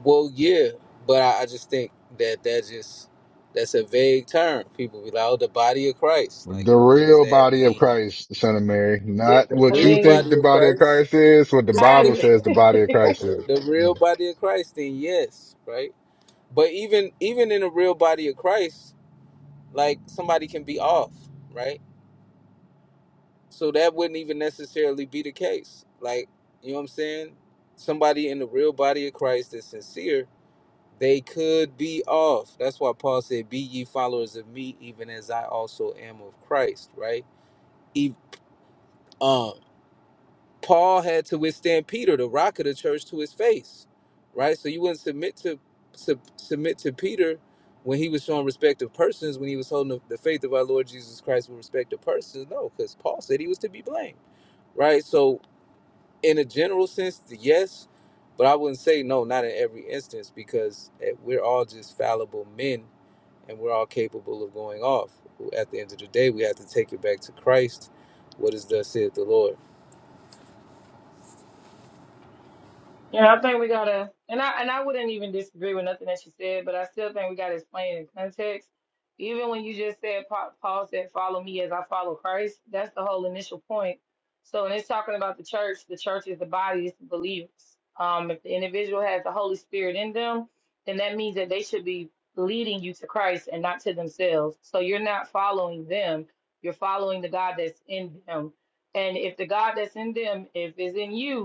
Speaker 26: Well, yeah, but I, I just think that that just that's a vague term. People be like, "Oh, the body of Christ." Like,
Speaker 2: The
Speaker 26: wh- what does
Speaker 2: real
Speaker 26: that
Speaker 2: body of
Speaker 26: mean?
Speaker 2: Christ, the son of Mary,
Speaker 26: Yeah,
Speaker 2: not
Speaker 26: the
Speaker 19: I
Speaker 2: what you
Speaker 26: real
Speaker 2: think
Speaker 19: mean
Speaker 26: body
Speaker 2: the
Speaker 26: of
Speaker 2: body of
Speaker 26: Christ.
Speaker 2: Christ is, what the Bible
Speaker 19: I
Speaker 2: says the body of Christ
Speaker 26: Okay,
Speaker 2: is.
Speaker 26: the
Speaker 2: Yeah.
Speaker 26: real body of Christ. Then yes, right. But even even in the real body of Christ, like somebody can be off, right? So that wouldn't even necessarily be the case. Like, you know what I'm saying? Somebody in the real body of Christ that's sincere, they could be off. That's why Paul said, Be ye followers of me, even as I also am of Christ, right? Ev- um, Paul had to withstand Peter, the rock of the church, to his face, right? So you wouldn't submit to sub, submit to Peter when he was showing respect of persons, when he was holding the, the faith of our Lord Jesus Christ with respect to persons. No, because Paul said he was to be blamed right? So in a general sense, the yes, but I wouldn't say no, not in every instance, because eh, we're all just fallible men and we're all capable of going off. At the end of the day, we have to take it back to Christ. What is thus saith the Lord?
Speaker 19: Yeah, I think we gotta, and I and I wouldn't even disagree with nothing that she said, but I still think we gotta explain in context. Even when you just said Pa- Paul said, "Follow me as I follow Christ," that's the whole initial point. So when it's talking about the church, the church is the body, it's the believers. Um, if the individual has the Holy Spirit in them, then that means that they should be leading you to Christ and not to themselves. So you're not following them; you're following the God that's in them. And if the God that's in them, if is in you,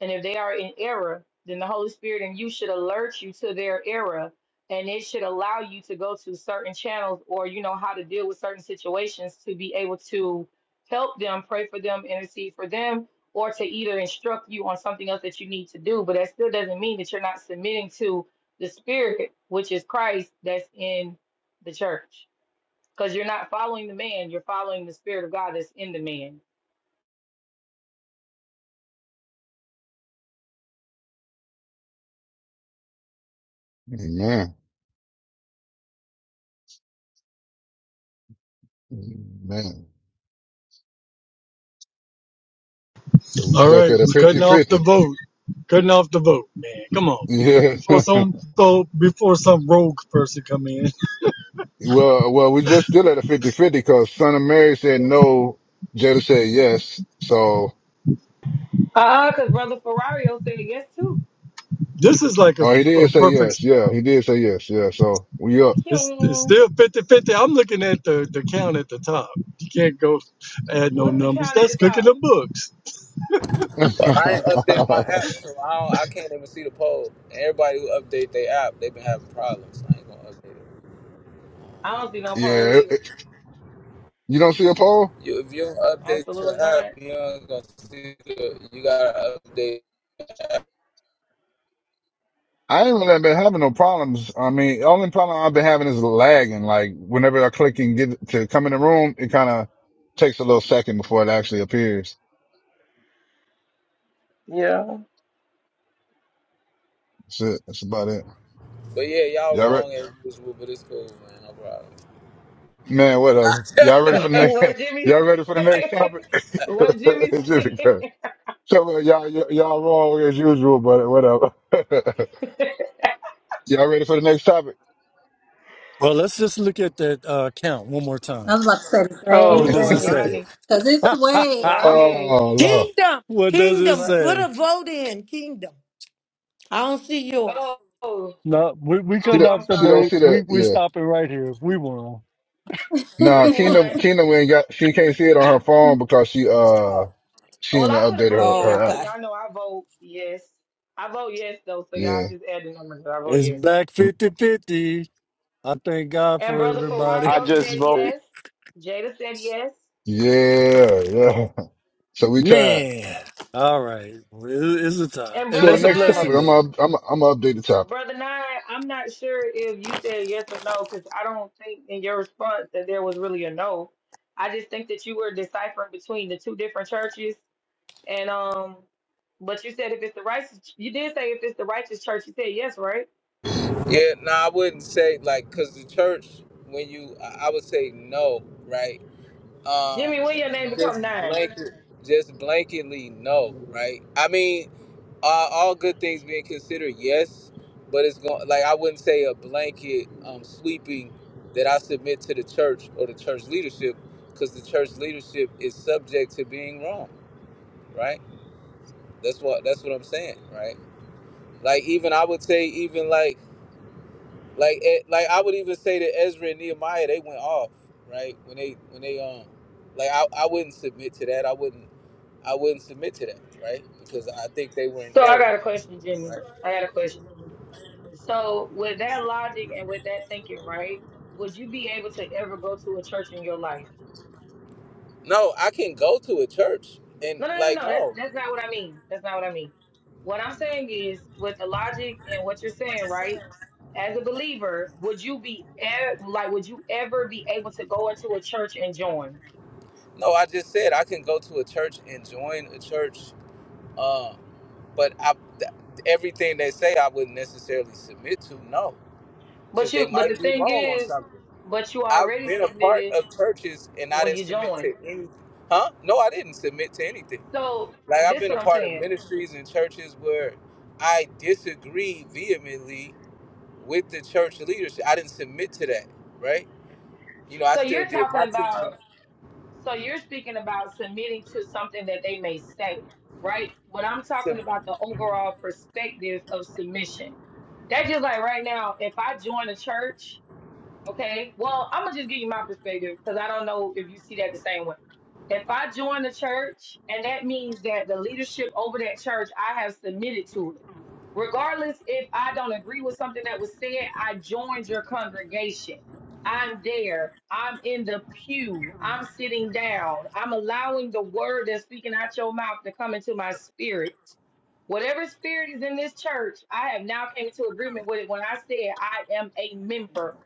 Speaker 19: and if they are in error, then the Holy Spirit and you should alert you to their error and it should allow you to go to certain channels or you know how to deal with certain situations to be able to help them, pray for them, intercede for them, or to either instruct you on something else that you need to do. But that still doesn't mean that you're not submitting to the spirit, which is Christ that's in the church. Because you're not following the man, you're following the spirit of God that's in the man.
Speaker 2: Amen. Amen. So we
Speaker 20: All
Speaker 2: stuck
Speaker 20: right,
Speaker 2: at a
Speaker 20: we're cutting off the
Speaker 2: fifty-fifty.
Speaker 20: vote. Cutting off the vote, man. Come on, man.
Speaker 2: Yeah.
Speaker 20: Before some so before some rogue person come in.
Speaker 2: well, well, we just still at a fifty-fifty because son of Mary said no. Jada said yes. So,
Speaker 19: Ah, because Brother Ferrario said yes too.
Speaker 20: This is like a,
Speaker 2: oh, he did
Speaker 20: a
Speaker 2: say
Speaker 20: perfect
Speaker 2: yes. Yeah. He did say yes. Yeah. So we up.
Speaker 20: it's, it's still 5050 I'm looking at the, the count at the top. You can't go add no
Speaker 19: What's the
Speaker 20: numbers.
Speaker 19: count at
Speaker 20: That's
Speaker 19: the
Speaker 20: cooking
Speaker 19: top?
Speaker 20: the books.
Speaker 2: yeah.
Speaker 26: I ain't update my app, so I don't, I can't even see the poll. And everybody who update their app, they've been having problems. I ain't gonna update it.
Speaker 19: I don't see no poll
Speaker 2: it-
Speaker 19: either.
Speaker 2: it- You don't see a poll?
Speaker 26: You, if you don't update
Speaker 19: Absolutely
Speaker 26: your app,
Speaker 19: not.
Speaker 26: you ain't gonna see the. You gotta update.
Speaker 2: I ain't really been having no problems. I mean, the only problem I've been having is lagging. Like whenever I click and get to come in the room, it kind of takes a little second before it actually appears.
Speaker 19: Yeah.
Speaker 2: That's it. That's about it.
Speaker 26: But yeah, y'all
Speaker 2: Y'all ready?
Speaker 26: wrong as usual, but it's cool, man. No problem.
Speaker 2: Man, whatever. Y'all ready for the next?
Speaker 19: what Jimmy?
Speaker 2: Y'all ready for the next topic?
Speaker 19: what Jimmy
Speaker 2: It's just incredible.
Speaker 19: said?
Speaker 2: so uh, y'all y'all y'all wrong as usual, but whatever. y'all ready for the next topic?
Speaker 20: Well, let's just look at that uh, count one more
Speaker 9: I
Speaker 20: time.
Speaker 9: was about to say the
Speaker 19: Oh
Speaker 20: What does
Speaker 9: same
Speaker 20: it
Speaker 19: Lord,
Speaker 9: thing.
Speaker 20: say?
Speaker 19: Ronnie,
Speaker 9: Cause it's way.
Speaker 19: Ronnie.
Speaker 2: Oh no,
Speaker 5: Kingdom,
Speaker 20: what does it
Speaker 19: Ro-
Speaker 5: kingdom, put
Speaker 20: say?
Speaker 5: a vote in, kingdom. I don't see yours.
Speaker 19: Oh, oh,
Speaker 20: No, we, we
Speaker 2: she
Speaker 20: cutting
Speaker 19: oh,
Speaker 2: don't,
Speaker 19: I'm
Speaker 20: off the
Speaker 2: she don't
Speaker 19: sorry.
Speaker 2: see
Speaker 20: votes. We
Speaker 2: that.
Speaker 20: we
Speaker 2: Yeah.
Speaker 20: stopping right here. We won.
Speaker 2: Nah,
Speaker 19: We won.
Speaker 2: Kingdom Kingdom ain't got. She can't see it on her phone because she uh.
Speaker 5: Oh,
Speaker 2: She
Speaker 19: Well,
Speaker 2: even
Speaker 19: I put a
Speaker 2: updated
Speaker 19: vote
Speaker 2: her,
Speaker 19: in,
Speaker 5: oh
Speaker 2: her
Speaker 19: y'all.
Speaker 2: app.
Speaker 5: okay.
Speaker 19: Y'all know I vote yes. I vote yes though, so
Speaker 2: Yeah.
Speaker 19: y'all just add the numbers. But I vote
Speaker 20: It's
Speaker 19: yes.
Speaker 20: back
Speaker 2: Mm,
Speaker 20: fifty-fifty. I thank God
Speaker 19: And
Speaker 20: for
Speaker 19: brother
Speaker 20: everybody.
Speaker 25: I
Speaker 19: Ferrario
Speaker 25: just
Speaker 19: said
Speaker 25: voted.
Speaker 19: yes. Jada said yes.
Speaker 2: Yeah. Yeah. So we tied.
Speaker 20: Man. All right. Well, It- It's a time.
Speaker 19: And
Speaker 20: And
Speaker 2: So the
Speaker 19: brother
Speaker 20: that's a
Speaker 2: next
Speaker 19: Nine
Speaker 2: topic,
Speaker 20: blessing,
Speaker 2: I'm
Speaker 20: though.
Speaker 2: gonna, I'm gonna, I'm gonna update the topic.
Speaker 19: Brother Nye, I'm not sure if you said yes or no, because I don't think in your response that there was really a no. I just think that you were deciphering between the two different churches, and um, but you said if it's the righteous, you did say if it's the righteous church, you said yes, right?
Speaker 26: Yeah, no, I wouldn't say like because the church, when you, I I would say no, right? Um,
Speaker 19: Jimmy, when your name
Speaker 26: just
Speaker 19: become nine?
Speaker 26: blanket, just blanketly no, right? I mean, uh, all good things being considered, yes, but it's going like I wouldn't say a blanket um, sweeping that I submit to the church or the church leadership because the church leadership is subject to being wrong, right? That's what that's what I'm saying, right? Like even I would say even like. Like it, like I would even say that Ezra and Nehemiah they went off right when they when they um like I, I wouldn't submit to that. I wouldn't I wouldn't submit to that right because I think they were in
Speaker 19: So I
Speaker 26: error.
Speaker 19: got a question, Jimmy.
Speaker 26: Right?
Speaker 19: I got a question. So with that logic and with that thinking, right? Would you be able to ever go to a church in your life?
Speaker 26: No, I can go to a church and
Speaker 19: No, no, no,
Speaker 26: like
Speaker 19: no. That's
Speaker 26: no
Speaker 19: that's not what I mean. That's not what I mean. What I'm saying is, with the logic and what you're saying, right? As a believer, would you be e- like, would you ever be able to go into a church and join?
Speaker 26: no I just said I can go to a church and join a church. Um, but I th- everything they say I wouldn't necessarily submit to. No,
Speaker 19: But
Speaker 26: because they
Speaker 19: you, but the
Speaker 26: might be
Speaker 19: thing
Speaker 26: wrong on
Speaker 19: is,
Speaker 26: something.
Speaker 19: but you
Speaker 26: I've
Speaker 19: already
Speaker 26: been a part
Speaker 19: submitted
Speaker 26: of churches and I
Speaker 19: when
Speaker 26: didn't
Speaker 19: you
Speaker 26: submit
Speaker 19: joined.
Speaker 26: to any. Huh? No, I didn't submit to anything.
Speaker 19: So
Speaker 26: Like I've
Speaker 19: this is
Speaker 26: been a
Speaker 19: what I'm
Speaker 26: part of
Speaker 19: saying.
Speaker 26: ministries and churches where I disagree vehemently with the church leadership. I didn't submit to that, right? You know, I
Speaker 19: So
Speaker 26: still
Speaker 19: you're
Speaker 26: did
Speaker 19: talking
Speaker 26: my
Speaker 19: about.
Speaker 26: teaching.
Speaker 19: So you're speaking about submitting to something that they may say, right? But I'm
Speaker 26: To,
Speaker 19: talking about the
Speaker 26: mm-hmm.
Speaker 19: overall perspective of submission. That just like right now, if I join a church Okay. Well, I'm gonna just give you my perspective because I don't know if you see that the same way. If I join the church, and that means that the leadership over that church, I have submitted to it. Regardless if I don't agree with something that was said, I joined your congregation. I'm there. I'm in the pew. I'm sitting down. I'm allowing the word that's speaking out your mouth to come into my spirit. Whatever spirit is in this church, I have now came into agreement with it when I said I am a member.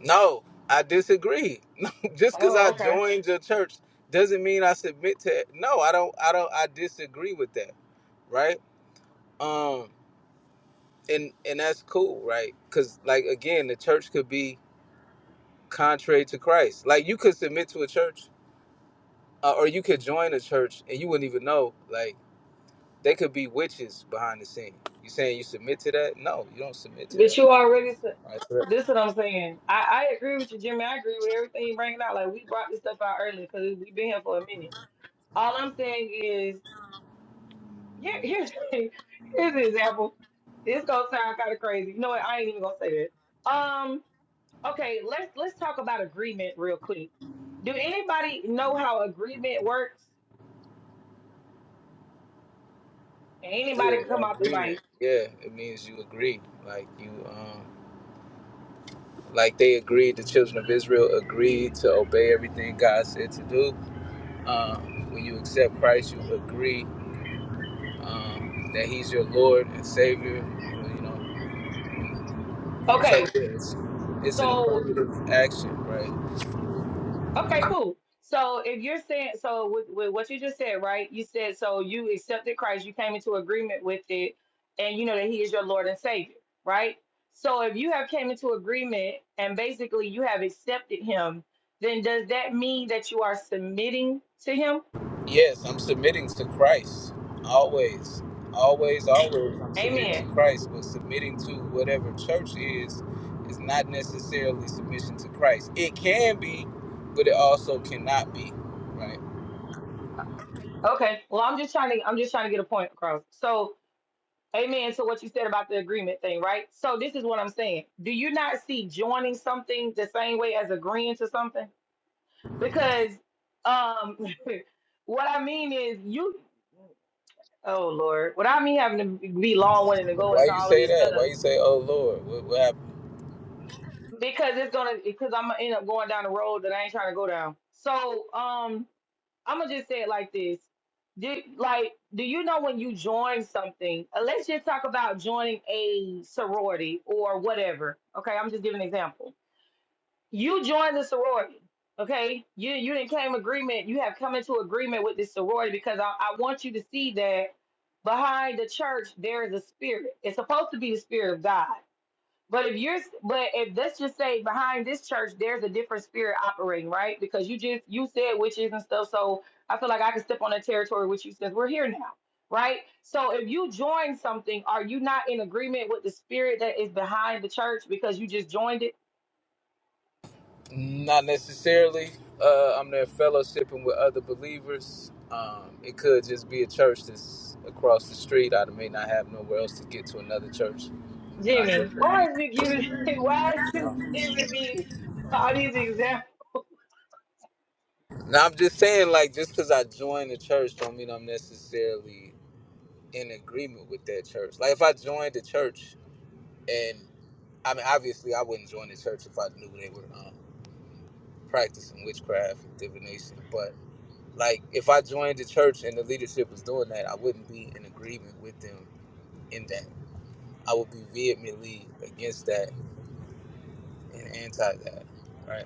Speaker 26: no, I disagree. Just because
Speaker 19: Oh,
Speaker 26: I
Speaker 19: okay.
Speaker 26: joined your church doesn't mean I submit to. it. No, I don't. I don't. I disagree with that, right? Um, and and that's cool, right? Because like again, the church could be contrary to Christ. Like you could submit to a church, uh, or you could join a church, and you wouldn't even know. Like they could be witches behind the scene. You saying you submit to that? No, you don't submit to
Speaker 19: But
Speaker 26: that.
Speaker 19: you already said
Speaker 26: Right? So that-
Speaker 19: this is what I'm saying. I, I agree with you, Jimmy. I agree with everything you bringing out. Like we brought this stuff out earlier because we've been here for a minute. All I'm saying is, yeah, here's here's an example. This gonna sound kind of crazy. You know what? I ain't even gonna say that. Um, okay, let's let's talk about agreement real quick. Do anybody know how agreement works? And anybody can
Speaker 26: Yeah,
Speaker 19: come out the
Speaker 26: agreement.
Speaker 19: mic.
Speaker 26: Yeah, it means you agree. Like you, um, like they agreed. The children of Israel agreed to obey everything God said to do. Um, when you accept Christ, you agree um, that He's your Lord and Savior. You know, so
Speaker 19: Okay,
Speaker 26: it's it's an
Speaker 19: so
Speaker 26: affirmative action, right?
Speaker 19: Okay, cool. So if you're saying so with, with what you just said, right? You said so you accepted Christ, you came into agreement with it, and you know that He is your Lord and Savior, right? So if you have came into agreement and basically you have accepted Him, then does that mean that you are submitting to Him?
Speaker 26: Yes, I'm submitting to Christ always, always, always. I'm submitting to
Speaker 19: Amen.
Speaker 26: Christ, but submitting to whatever church is is not necessarily submission to Christ. It can be, but it also cannot be, right?
Speaker 19: Okay. Well, I'm just trying to I'm just trying to get a point across. So Amen to what you said about the agreement thing, right? So this is what I'm saying. Do you not see joining something the same way as agreeing to something? because um what I mean is you oh Lord, what I mean having to be long winded to go
Speaker 26: Why
Speaker 19: into
Speaker 26: you
Speaker 19: all of
Speaker 26: say
Speaker 19: this stuff
Speaker 26: that? Why you say, "Oh Lord, what, what happened?"
Speaker 19: because it's gonna because I'm gonna end up going down the road that I ain't trying to go down. So um I'm gonna just say it like this. Do, like, do you know when you join something? uh, Let's just talk about joining a sorority or whatever. Okay, I'm just giving an example you joined the sorority okay you you didn't claim agreement you have come into agreement with this sorority because I, I want you to see that behind the church there is a spirit it's supposed to be the spirit of god but if you're but if let's just say behind this church there's a different spirit operating right because you just you said witches and stuff so i feel like i can step on that territory with you since we're here now right so if you join something are you not in agreement with the spirit that is behind the church because you just joined it
Speaker 26: Not necessarily. Uh, I'm there fellowshipping with other believers. Um, it could just be a church that's across the street. I may not have nowhere else to get to another church, and I could
Speaker 19: Jimmy,
Speaker 26: just be.
Speaker 19: why is you giving why is you giving me all these examples?
Speaker 26: Now I'm just saying, like, just because I joined the church, don't mean I'm necessarily in agreement with that church. Like, if I joined the church, and I mean, obviously, I wouldn't join the church if I knew they were um, practicing witchcraft and divination, but Like if I joined the church and the leadership was doing that, I wouldn't be in agreement with them in that. I would be vehemently against that and anti that, right?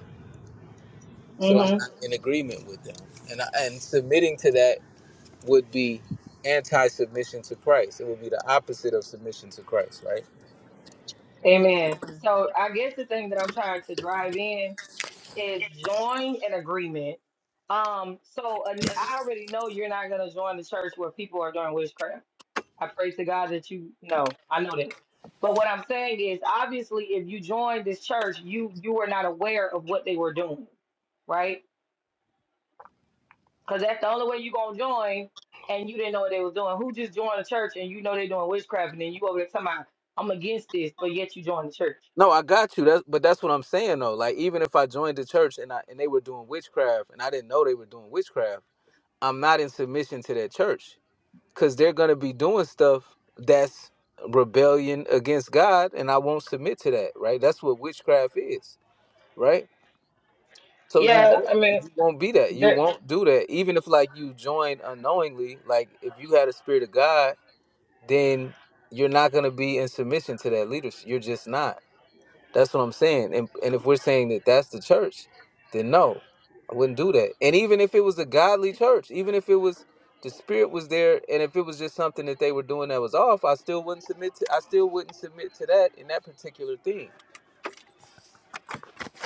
Speaker 26: So I'm
Speaker 19: hmm
Speaker 26: not in agreement with them, and I, and submitting to that would be anti-submission to Christ. It would be the opposite of submission to Christ, right?
Speaker 19: Amen. So I guess the thing that I'm trying to drive in is join an agreement. Um, so an- I already know you're not gonna join the church where people are doing witchcraft. I pray to God that you know. I know that. But what I'm saying is obviously if you joined this church, you you were not aware of what they were doing, right? Cause that's the only way you gonna join. And you didn't know what they was doing. Who just joined the church and you know they doing witchcraft and then you over there talking about I'm against this, but yet you joined the church.
Speaker 26: No, I got you. That's but that's what I'm saying though. Like even if I joined the church and I and they were doing witchcraft and I didn't know they were doing witchcraft, I'm not in submission to that church because they're going to be doing stuff that's rebellion against God, and I won't submit to that, right? That's what witchcraft is, right? So you
Speaker 19: Yeah,
Speaker 26: won't
Speaker 19: I mean,
Speaker 26: you won't be that. You
Speaker 19: there,
Speaker 26: won't do that. Even if like you join unknowingly, like if you had a spirit of God, then you're not gonna be in submission to that leadership. You're just not. That's what I'm saying. And and if we're saying that that's the church, then no, I wouldn't do that. And even if it was a godly church, even if it was the spirit was there, and if it was just something that they were doing that was off, I still wouldn't submit to. I still wouldn't submit to that in that particular thing.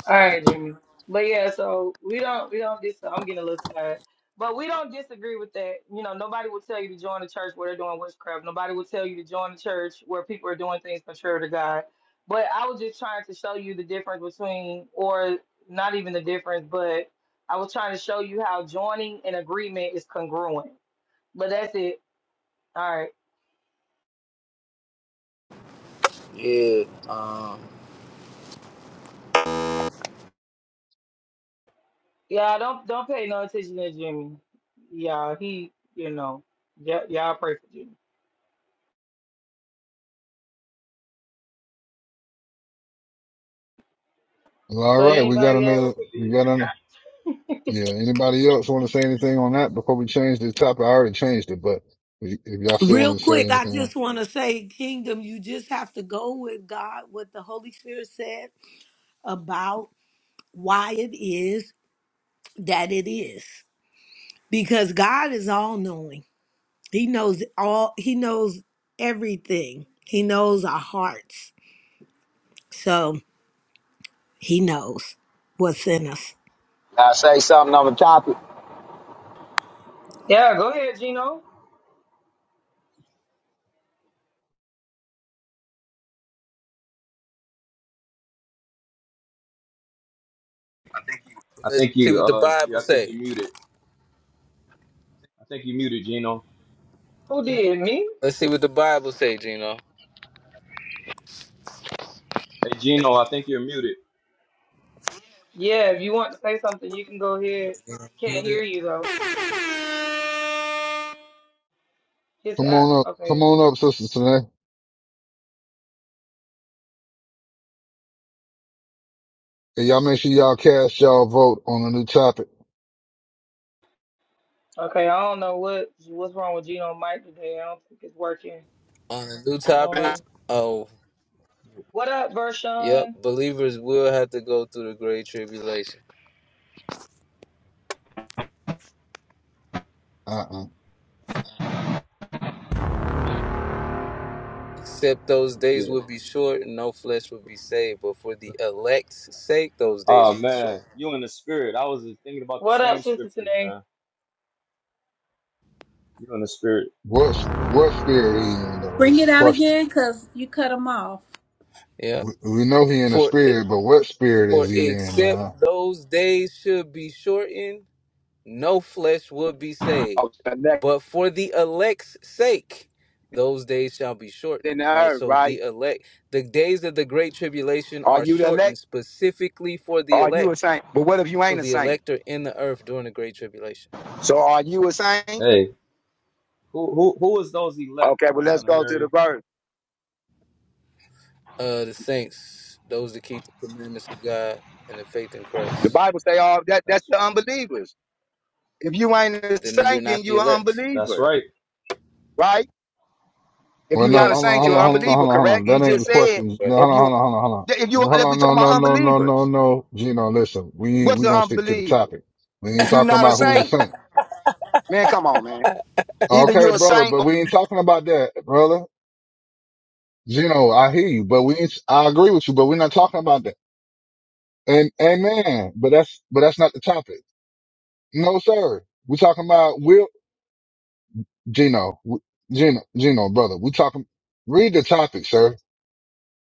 Speaker 19: All right, Jimmy. But yeah, so we don't we don't dis I'm getting a little tired. But we don't disagree with that. You know, nobody will tell you to join the church where they're doing witchcraft. Nobody will tell you to join the church where people are doing things contrary to God. But I was just trying to show you the difference between or not even the difference, but I was trying to show you how joining an agreement is congruent. But that's it. All right.
Speaker 26: Yeah. Um.
Speaker 19: Yeah, don't don't pay no attention to Jimmy. Yeah, he, you know, y- y'all pray for Jimmy.
Speaker 2: All
Speaker 19: But
Speaker 2: right. We got
Speaker 19: anybody else?
Speaker 2: another, we got another. Yeah. Anybody else want to say anything on that before we change the topic? I already changed it, but if if y'all still
Speaker 5: Real
Speaker 2: want to say
Speaker 5: quick, I
Speaker 2: anything on,
Speaker 5: just want to say, Kingdom, you just have to go with God, what the Holy Spirit said about why it is. that it is because God is all knowing. He knows all he knows everything. He knows our hearts. So he knows what's in us.
Speaker 27: I say something on the topic
Speaker 19: Yeah, go ahead, Gino.
Speaker 23: I
Speaker 26: Let's
Speaker 23: think
Speaker 26: see
Speaker 23: you,
Speaker 26: what the
Speaker 23: uh,
Speaker 26: Bible
Speaker 23: yeah, I think
Speaker 26: say.
Speaker 23: you muted. I think you muted, Gino.
Speaker 19: Who did me?
Speaker 26: Let's see what the Bible say, Gino.
Speaker 23: Hey, Gino, I think you're muted.
Speaker 19: Yeah, if you want to say something, you can go ahead. Can't hear
Speaker 26: Muted
Speaker 19: you though. His
Speaker 2: come
Speaker 19: app.
Speaker 2: on up, come
Speaker 19: Okay,
Speaker 2: on up, sisters today. And y'all make sure y'all cast y'all vote on a new topic.
Speaker 19: okay. I don't know what what's wrong with Gino Mike today. I don't think it's working.
Speaker 26: on a new
Speaker 19: I don't
Speaker 26: topic.
Speaker 19: know.
Speaker 26: Oh,
Speaker 19: What up,
Speaker 26: yep.
Speaker 19: Vershawn?
Speaker 26: Believers will have to go through the great tribulation.
Speaker 2: Uh-uh.
Speaker 26: Except those days
Speaker 23: Yeah.
Speaker 26: would be short and no flesh would be saved. But for the elect's sake, those days
Speaker 23: Oh
Speaker 26: would be
Speaker 23: man,
Speaker 26: short.
Speaker 23: you in the spirit. I was just thinking about the
Speaker 19: What up,
Speaker 23: same
Speaker 19: Sister
Speaker 23: scripture,
Speaker 19: Tanae?
Speaker 23: man. You in the spirit.
Speaker 2: What, what spirit he in though
Speaker 9: Bring
Speaker 2: is
Speaker 9: it
Speaker 2: the
Speaker 9: out
Speaker 2: question.
Speaker 9: again, cause you cut them off.
Speaker 26: Yeah.
Speaker 2: We, we know he in a
Speaker 26: For
Speaker 2: spirit, but what spirit is
Speaker 26: for
Speaker 2: he in?
Speaker 26: except
Speaker 2: uh?
Speaker 26: those days should be shortened, no flesh would be saved.
Speaker 27: of elect
Speaker 26: But for the elect's sake, those days shall be shortened.
Speaker 27: in the
Speaker 26: Right.
Speaker 27: earth,
Speaker 26: So
Speaker 27: right?
Speaker 26: the elect, the days of the great tribulation
Speaker 27: Are
Speaker 26: are
Speaker 27: you the
Speaker 26: shortened
Speaker 27: elect?
Speaker 26: specifically for the
Speaker 27: Are you a
Speaker 26: elect.
Speaker 27: saint? But what if you
Speaker 26: So
Speaker 27: ain't a
Speaker 26: the
Speaker 27: saint?
Speaker 26: elect are in the earth during the great tribulation.
Speaker 27: So are you a saint?
Speaker 23: Hey, who who who is those elect,
Speaker 27: Okay,
Speaker 23: uh,
Speaker 27: well let's
Speaker 23: son of
Speaker 27: go to the
Speaker 23: Mary?
Speaker 27: verse.
Speaker 26: Uh, the saints, those that keep the commandments of God and the faith in
Speaker 27: The
Speaker 26: Christ.
Speaker 27: Bible say all that that's
Speaker 23: That's
Speaker 27: the unbelievers. If you ain't a
Speaker 26: Then you're
Speaker 27: saint, then
Speaker 26: not the
Speaker 27: you an
Speaker 26: elect.
Speaker 23: that's
Speaker 27: unbeliever,
Speaker 23: right.
Speaker 27: right? If
Speaker 2: Well,
Speaker 27: you're
Speaker 2: no,
Speaker 27: not a
Speaker 2: hold
Speaker 26: Yes,
Speaker 2: on,
Speaker 27: saint,
Speaker 2: hold
Speaker 27: you're
Speaker 26: yep,
Speaker 2: on,
Speaker 27: an
Speaker 26: I
Speaker 2: hold on,
Speaker 26: keep
Speaker 27: unbeliever,
Speaker 2: hold on, hold
Speaker 27: correct?
Speaker 2: on.
Speaker 27: He
Speaker 2: That ain't
Speaker 26: God
Speaker 27: just
Speaker 2: the
Speaker 26: and the faith
Speaker 27: said
Speaker 2: question.
Speaker 26: in Christ.
Speaker 2: No,
Speaker 27: if
Speaker 2: hold
Speaker 27: you
Speaker 2: on, hold on, hold on, hold on.
Speaker 27: if you
Speaker 2: Well, Hold
Speaker 27: if we
Speaker 2: on,
Speaker 27: talking
Speaker 2: no,
Speaker 27: about
Speaker 2: no, no, no, no,
Speaker 27: unbelievers,
Speaker 2: no. Gino, listen, we ain't,
Speaker 27: what's
Speaker 2: we
Speaker 27: an
Speaker 2: gonna stick to the
Speaker 27: unbeliever?
Speaker 2: topic. We ain't
Speaker 27: You are
Speaker 2: talking
Speaker 27: not a
Speaker 2: about who's the
Speaker 27: saint.
Speaker 2: saint.
Speaker 27: Man, come on, man. Either
Speaker 2: Okay,
Speaker 27: you a
Speaker 2: brother,
Speaker 27: saint
Speaker 2: but we ain't talking about that, brother. Gino, I hear you, but we ain't, I agree with you, but we're not talking about that. And, amen, but that's, but that's not the topic. No, sir. we talking about, will Gino, w- Gino, Gino, brother, we talking, read the topic, sir.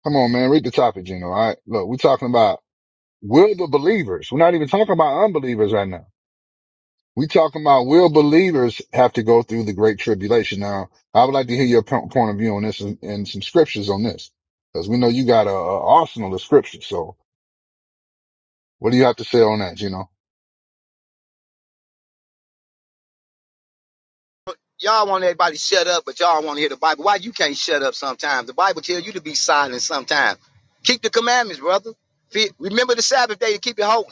Speaker 2: Come on, man, read the topic, Gino. All right, look, we talking about Will the believers, we're not even talking about unbelievers right now. we are talking about will believers have to go through the great tribulation. Now, I would like to hear your po- point of view on this and, and some scriptures on this because we know you got a, a arsenal of scriptures. So what do you have to say on that, Gino?
Speaker 27: Y'all want everybody shut up, but y'all want to hear the Bible. Why you can't shut up sometimes? The Bible tells you to be silent sometimes. Keep the commandments, brother. Fe- Remember the Sabbath day to keep it holy.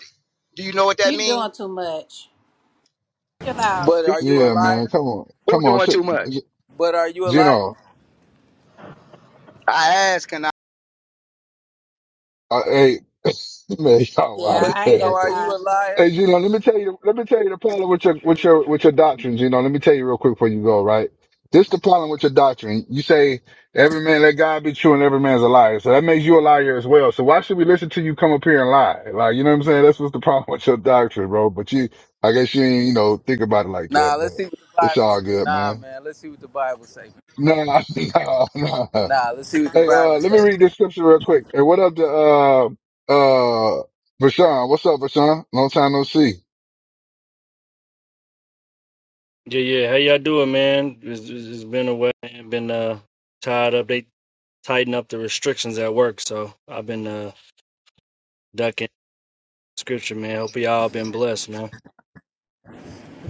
Speaker 27: Do you know what that
Speaker 9: You're
Speaker 27: means?
Speaker 9: doing too much. Chill out.
Speaker 26: But are you a
Speaker 2: Yeah, man.
Speaker 26: liar?
Speaker 2: Come on.
Speaker 27: Who
Speaker 2: Come on.
Speaker 27: doing
Speaker 2: Sit.
Speaker 27: too much?
Speaker 26: But are you a liar?
Speaker 2: Gino,
Speaker 27: I ask, and I.
Speaker 2: uh, hey, man, y'all
Speaker 9: Yeah,
Speaker 26: But
Speaker 9: I ain't
Speaker 26: you
Speaker 2: wow.
Speaker 26: know,
Speaker 9: got
Speaker 26: are you
Speaker 9: time.
Speaker 26: a
Speaker 2: Hey,
Speaker 26: liar?
Speaker 2: you know, let me tell you, let me tell you the problem with your, with your, with your doctrines. You know, let me tell you real quick before you go, right? This the problem with your doctrine. You say every man let God be true and every man's a liar. So that makes you a liar as well. So why should we listen to you come up here and lie? Like, you know what I'm saying? That's what's the problem with your doctrine, bro. But you, I guess you ain't, you know, think about it like
Speaker 26: Nah,
Speaker 2: that, but
Speaker 26: let's see what the
Speaker 2: it's
Speaker 26: Bible says.
Speaker 2: all good,
Speaker 26: Nah,
Speaker 2: man.
Speaker 26: man, let's see what the Bible says.
Speaker 2: No, no, no, no.
Speaker 26: Nah, let's see what the
Speaker 2: Hey, uh,
Speaker 26: Bible
Speaker 2: let me
Speaker 26: says.
Speaker 2: read this scripture real quick. And what up to, uh, uh, Vashawn? What's up, Vashawn? Long time no see.
Speaker 28: Yeah, yeah. How y'all doing, man? It's, it's it's been a while. I've been uh tied up. They tighten up the restrictions at work, so I've been uh ducking scripture, man. Hope y'all been blessed, man.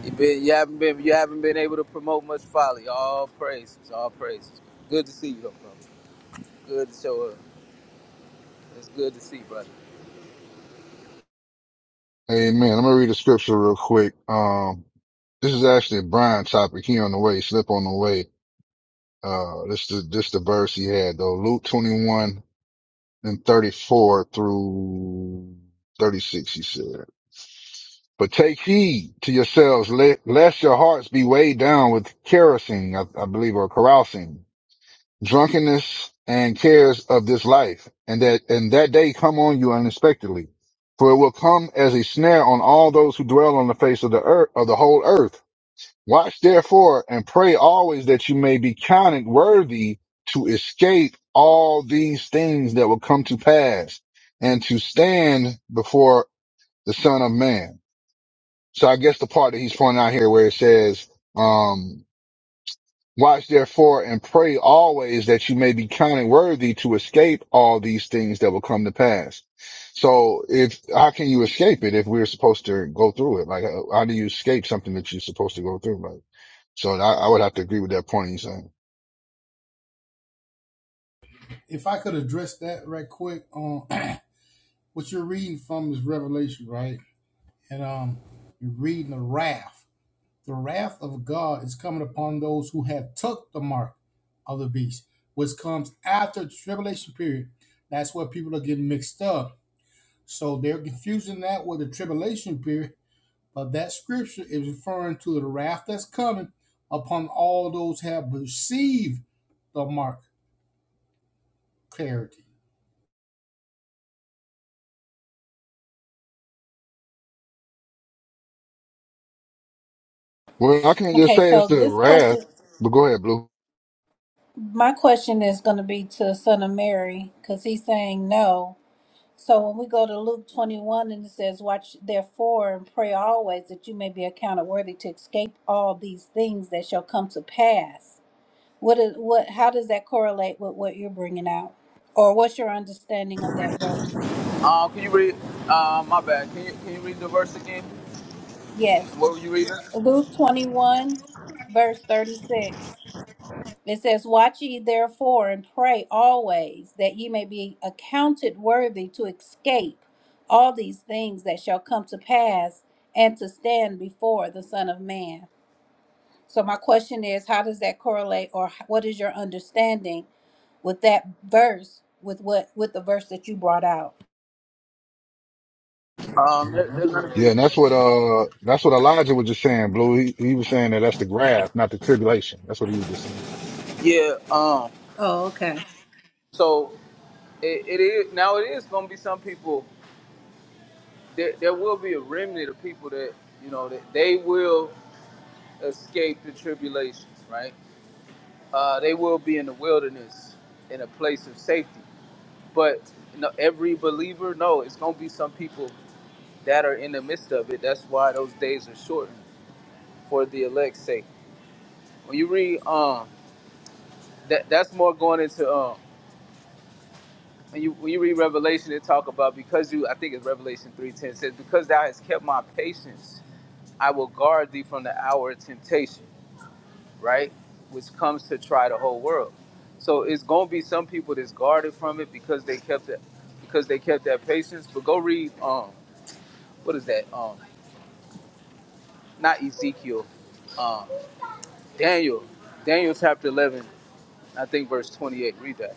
Speaker 26: You been, you haven't been, you haven't been able to promote much folly. All praises, all praises. Good to see you, though, brother. Good to show up. It's good to see, brother.
Speaker 2: Amen. I'm gonna read the scripture real quick. Um, this is actually a Brian topic. He on the way, slip on the way. Uh, this is this the verse he had though. Luke 21 and 34 through 36. He said, "But take heed to yourselves, le- lest your hearts be weighed down with kerosene, I, I believe, or carousing." drunkenness and cares of this life, and that and that day come on you unexpectedly, for it will come as a snare on all those who dwell on the face of the earth of the whole earth. Watch therefore and pray always that you may be counted worthy to escape all these things that will come to pass and to stand before the Son of Man. So I guess the part that he's pointing out here where it says, um, Watch therefore and pray always that you may be counted worthy to escape all these things that will come to pass. So if, how can you escape it if we're supposed to go through it? Like, how, how do you escape something that you're supposed to go through? Like, so I, I would have to agree with that point you're saying.
Speaker 17: If I could address that right quick on what you're reading from is Revelation, right? And um, you're reading the wrath. The wrath of God is coming upon those who have took the mark of the beast, which comes after the tribulation period. That's where people are getting mixed up. So they're confusing that with the tribulation period, but that scripture is referring to the wrath that's coming upon all those who have received the mark clarity.
Speaker 2: Well, I can just
Speaker 9: Okay,
Speaker 2: say
Speaker 9: so
Speaker 2: it's the
Speaker 9: this
Speaker 2: wrath,
Speaker 9: question,
Speaker 2: but go ahead, Blue.
Speaker 9: my question is going to be to Son of Mary, cause he's saying no. So when we go to Luke 21 and it says, Watch therefore and pray always that you may be accounted worthy to escape all these things that shall come to pass. What is what? How does that correlate with what you're bringing out, or what's your understanding of that verse?
Speaker 26: Uh, can you read? Uh, my bad. Can you can you read the verse again? What were
Speaker 9: Yes,
Speaker 26: you reading?
Speaker 9: Luke 21, verse 36. It says, Watch ye therefore and pray always that ye may be accounted worthy to escape all these things that shall come to pass and to stand before the Son of Man. So, my question is, how does that correlate, or h- what is your understanding with that verse, with what, with the verse that you brought out?
Speaker 26: Um, there, there's gonna
Speaker 2: Yeah. And
Speaker 26: be
Speaker 2: that's what, uh, that's what Elijah was just saying, Blue. He, he was saying that that's the wrath, not the tribulation. That's what he was just saying.
Speaker 26: yeah. Um,
Speaker 9: Oh, okay.
Speaker 26: so it, it is now. It is gonna be some people. There, there will be a remnant of people that you know that they will escape the tribulations, right? Uh, they will be in the wilderness in a place of safety. But you know, every believer, no, it's gonna be some people that are in the midst of it. That's why those days are shortened for the elect's sake. When you read, um. that that's more going into um when you when you read Revelation it talk about because you I think it's Revelation three ten says because thou hast kept my patience I will guard thee from the hour of temptation right which comes to try the whole world so it's gonna be some people that's guarded from it because they kept it because they kept that patience but go read um what is that um not Ezekiel um Daniel Daniel chapter eleven I think verse twenty eight read that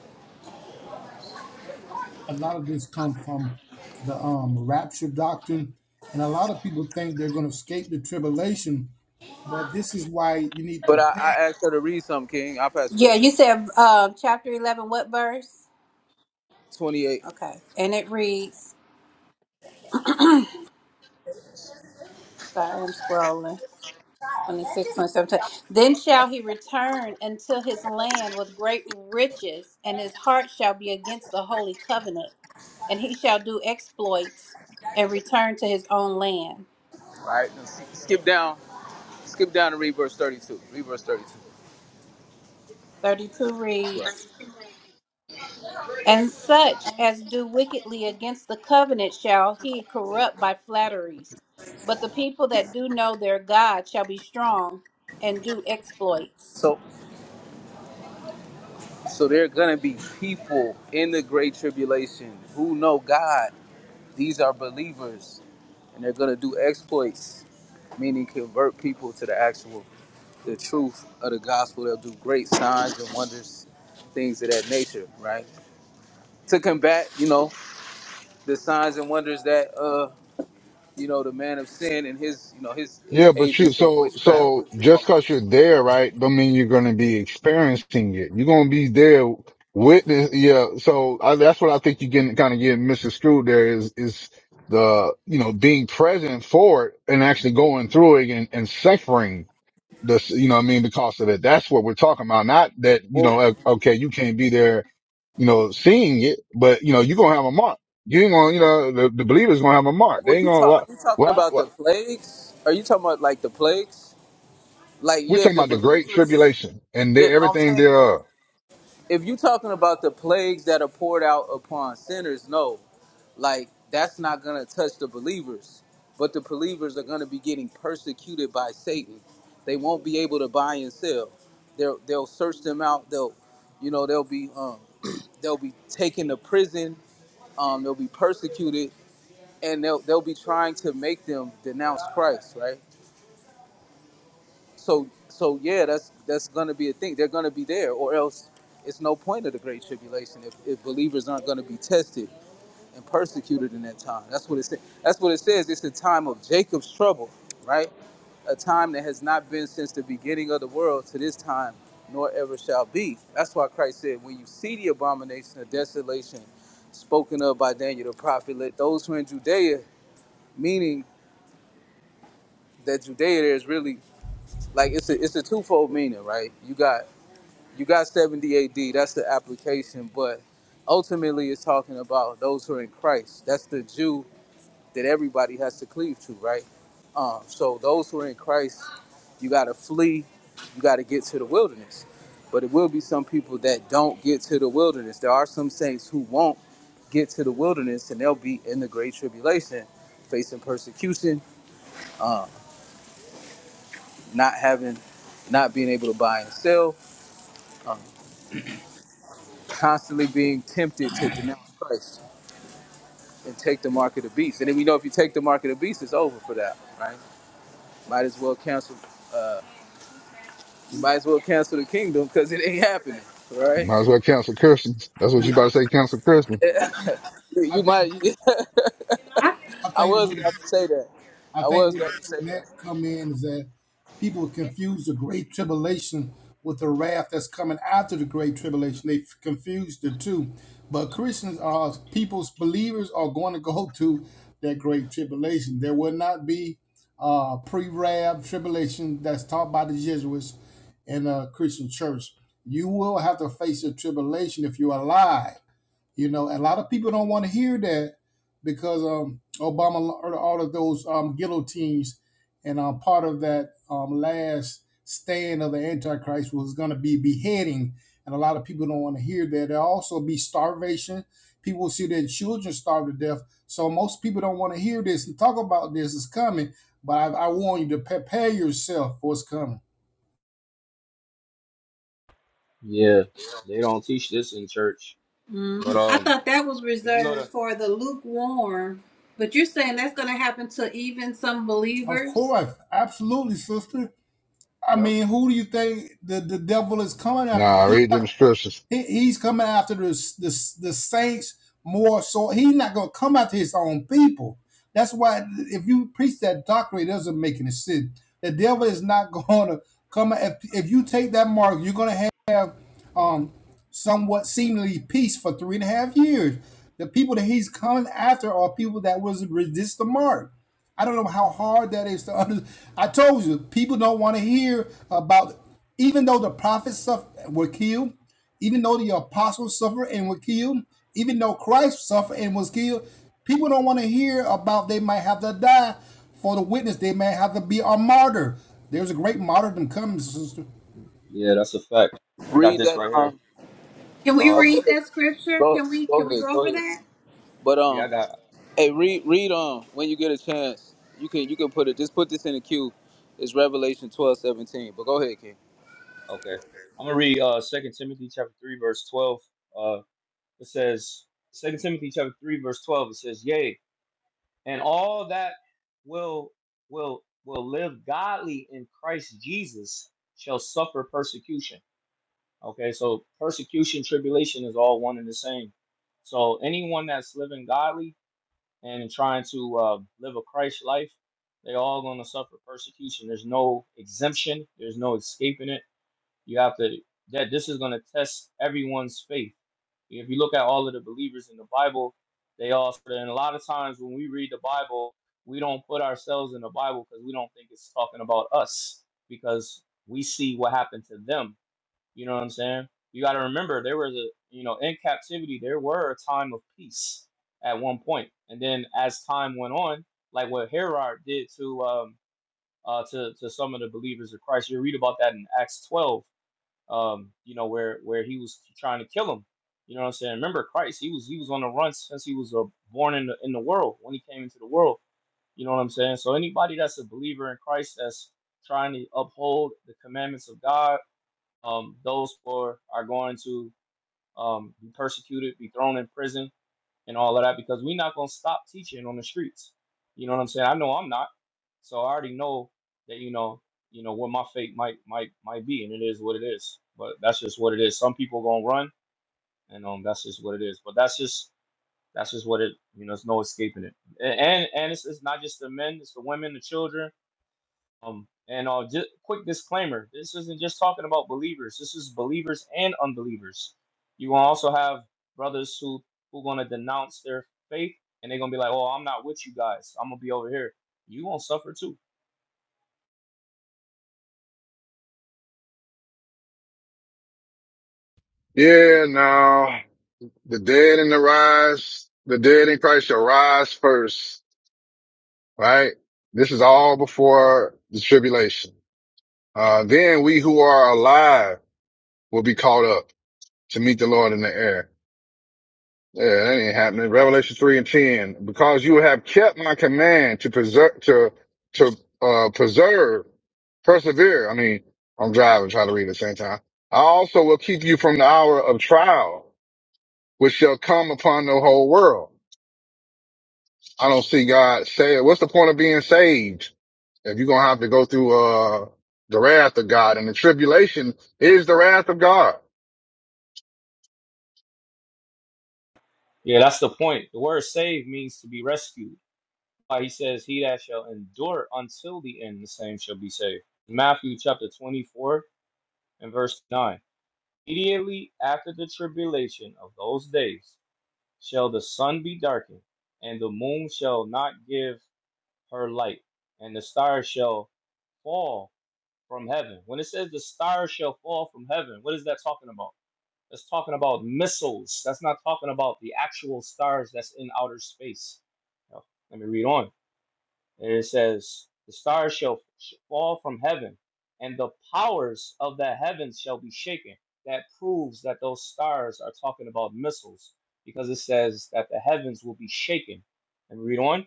Speaker 17: A lot of this comes from the um, rapture doctrine, and a lot of people think they're going to escape the tribulation but this is why you need to
Speaker 26: but I, I
Speaker 17: prepare.
Speaker 26: asked her to read something King I'll pass it
Speaker 9: Yeah,
Speaker 26: right to you.
Speaker 9: you said um, chapter 11, what verse?
Speaker 26: 28.
Speaker 9: Okay. And it reads, sorry, I'm scrolling. 26, twenty-seven. Then shall he return unto his land with great riches, and his heart shall be against the holy covenant, and he shall do exploits and return to his own land.
Speaker 26: All right. now Skip down. Skip down to read verse 32. Read verse 32.
Speaker 9: 32
Speaker 26: That's right.
Speaker 9: reads, And such as do wickedly against the covenant shall he corrupt by flatteries. But the people that do know their God shall be strong and do exploits.
Speaker 26: So, so there are gonna be people in the great tribulation who know God. These are believers, and they're gonna do exploits, meaning convert people to the actual, the truth of the gospel. They'll do great signs and wonders, things of that nature, right? To combat, you know, the signs and wonders that, uh, you know, the man of sin and his, you know, his his
Speaker 2: Yeah, but you
Speaker 26: agents of
Speaker 2: so
Speaker 26: witchcraft
Speaker 2: so just cause you're there, right, don't mean you're gonna be experiencing it. You're gonna be there witness yeah, so I, that's what I think you're getting kind of getting misconstrued there is is the you know, being present for it and actually going through it and, and suffering this you know what I mean, because of it. That's what we're talking about. Not that, you
Speaker 26: Well,
Speaker 2: know, uh, okay, you can't be there, you know, seeing it, but you know, you're gonna have a mark. You ain't gonna, you know, the, the believer's gonna have a mark. They
Speaker 26: well,
Speaker 2: ain't
Speaker 26: you talk. Are
Speaker 2: gonna,
Speaker 26: you talking
Speaker 2: why?
Speaker 26: about the plagues? Are you talking about like the plagues? Like,
Speaker 2: We're
Speaker 26: yeah,
Speaker 2: talking
Speaker 26: the
Speaker 2: about the great
Speaker 26: believers.
Speaker 2: tribulation and
Speaker 26: Yeah,
Speaker 2: there,
Speaker 26: no, I'm
Speaker 2: everything
Speaker 26: saying
Speaker 2: thereof.
Speaker 26: if you talking about the plagues that are poured out upon sinners, no, like that's not gonna touch the believers. But the believers are gonna be getting persecuted by Satan. They won't be able to buy and sell. They'll they'll search them out. They'll, you know, they'll be um, they'll be taken to prison. Um, they'll be persecuted and they'll they'll be trying to make them denounce Christ, right? So so yeah, that's that's going to be a thing. They're going to be there, or else it's no point of the great tribulation if, if believers aren't going to be tested and persecuted in that time. That's what it says. That's what it says. It's a time of Jacob's trouble, right? A time that has not been since the beginning of the world to this time, nor ever shall be. That's why Christ said, when you see the abomination of desolation spoken of by Daniel the prophet, let those who are in Judea, meaning that Judea there is really like it's a it's a twofold meaning, right? You got you got 70 AD, that's the application, but ultimately it's talking about those who are in Christ. That's the Jew that everybody has to cleave to, right? Um, so those who are in Christ, you gotta flee, you gotta get to the wilderness. But it will be some people that don't get to the wilderness. There are some saints who won't get to the wilderness and they'll be in the great tribulation, facing persecution. um, not having, not being able to buy and sell, um, constantly being tempted to denounce Christ and take the mark of the beast. And then we know if you take the mark of the beast, it's over for that, right? Might as well cancel. Uh, you might as well cancel the kingdom because it ain't happening, right?
Speaker 2: Might as well cancel Christians. That's what you
Speaker 17: Yeah,
Speaker 2: about to say, cancel Christians.
Speaker 17: I
Speaker 26: you
Speaker 17: think
Speaker 26: might.
Speaker 17: I
Speaker 26: I
Speaker 17: think
Speaker 26: was
Speaker 17: what
Speaker 26: about to say that.
Speaker 17: I
Speaker 26: I
Speaker 17: think
Speaker 26: was
Speaker 17: what
Speaker 26: about to say
Speaker 17: that
Speaker 26: that.
Speaker 17: come in is that people confuse the great tribulation with the wrath that's coming after the great tribulation. They confuse the two. But Christians are people's believers are going to go through that great tribulation. There will not be uh, pre-rab tribulation that's taught by the Jesuits in a Christian church. You will have to face a tribulation if you're alive you know, and a lot of people don't want to hear that because um, Obama ordered all of those um, guillotines, and um, part of that um, last stand of the Antichrist was going to be beheading, and a lot of people don't want to hear that. There'll also be starvation. People will see their children starve to death. So most people don't want to hear this and talk about this. It's coming, but I, I warn you to prepare yourself for what's coming.
Speaker 23: Yeah, they don't teach this in church.
Speaker 9: Mm,
Speaker 23: But
Speaker 9: I
Speaker 23: um,
Speaker 9: thought that was
Speaker 23: if you go
Speaker 9: reserved
Speaker 23: to,
Speaker 9: for the lukewarm, but you're saying that's going to happen to even some
Speaker 17: Of
Speaker 9: believers.
Speaker 17: course, absolutely, sister. I
Speaker 23: yep,
Speaker 17: mean, who do you think the, the devil is coming after?
Speaker 2: Nah, read them scriptures.
Speaker 17: He, he's coming after the, the the saints more so. He's not going to come after his own people. That's why if you preach that doctrine, it doesn't make any sense. The devil is not going to come. If, if you take that mark, you're going to have um, somewhat seemingly peace for three and a half years. The people that he's coming after are people that was resist the mark. I don't know how hard that is to understand. I told you, people don't want to hear about even though the prophets suff- were killed, even though the apostles suffered and were killed, even though Christ suffered and was killed, people don't want to hear about they might have to die for the witness. They may have to be a martyr. There's a great martyrdom coming, sister.
Speaker 23: yeah, that's a fact. I got
Speaker 26: Read
Speaker 23: this
Speaker 26: that.
Speaker 23: right here.
Speaker 26: Um,
Speaker 9: Can we
Speaker 26: oh,
Speaker 23: Um,
Speaker 26: go
Speaker 9: read
Speaker 26: ahead.
Speaker 9: that scripture?
Speaker 26: Go,
Speaker 9: Can we can
Speaker 26: go
Speaker 9: we go
Speaker 26: ahead. Go
Speaker 9: over
Speaker 26: ahead.
Speaker 9: that?
Speaker 26: But
Speaker 23: yeah,
Speaker 26: um,
Speaker 23: I got.
Speaker 26: Hey, read read on when you get a chance. You can you can put it. Just put this in the queue. It's Revelation twelve seventeen. But go ahead, King.
Speaker 23: Okay. I'm gonna read uh Second Timothy chapter three verse twelve. Uh it says Second Timothy chapter three verse twelve, it says, Yea, and all that will will will live godly in Christ Jesus shall suffer persecution. Okay, so persecution, tribulation is all one and the same. So anyone that's living godly and trying to uh, live a Christ life, they all gonna suffer persecution. There's no exemption, there's no escaping it you have to that this is going to test everyone's faith. If you look at all of the believers in the Bible, they all and a lot of times when we read the Bible, we don't put ourselves in the Bible because we don't think it's talking about us because we see what happened to them. You know what I'm saying? You got to remember there was a you know in captivity there were a time of peace at one point, and then as time went on, like what Herod did to um, uh, to to some of the believers of Christ, you read about that in Acts 12 um, you know, where where he was trying to kill him. You know what I'm saying? Remember Christ, he was he was on the run since he was uh, born in the in the world when he came into the world. You know what I'm saying? So anybody that's a believer in Christ that's trying to uphold the commandments of God, um, those four are going to um, be persecuted, be thrown in prison and all of that because we're not gonna stop teaching on the streets. You know what I'm saying? I know I'm not. So I already know that you know, you know what my fate might might might be, and it is what it is. But that's just what it is. Some people gonna run, and um, that's just what it is. But that's just that's just what it. You know, there's no escaping it. A- And and it's, it's not just the men, it's the women, the children um, and uh, just quick disclaimer: this isn't just talking about believers. This is believers and unbelievers. You will also have brothers who who gonna denounce their faith, and they're gonna be like, "Oh, I'm not with you guys. I'm gonna be over here. You won't suffer too."
Speaker 2: Yeah, no. The dead in the rise, the dead in Christ shall rise first, right? This is all before the tribulation. Uh, then we who are alive will be caught up to meet the Lord in the air. Yeah, that ain't happening. Revelation three and ten. Because you have kept my command to preserve, to to uh, preserve, persevere. I mean, I'm driving, trying to read at the same time. I also will keep you from the hour of trial, which shall come upon the whole world. I don't see God say What's the point of being saved if you're gonna have to go through uh the wrath of God and the tribulation is the wrath of God.
Speaker 23: Yeah, that's the point. The word "saved" means to be rescued. Why he says, "He that shall endure until the end, the same shall be saved." Matthew chapter 24 and verse 9. Immediately after the tribulation of those days. shall the sun be darkened, and the moon shall not give her light, and the stars shall fall from heaven. When it says the stars shall fall from heaven, what is that talking about? That's talking about missiles. That's not talking about the actual stars that's in outer space. Now, let me read on. And it says, The stars shall sh- fall from heaven, and the powers of the heavens shall be shaken. That proves that those stars are talking about missiles, because it says that the heavens will be shaken. And read on.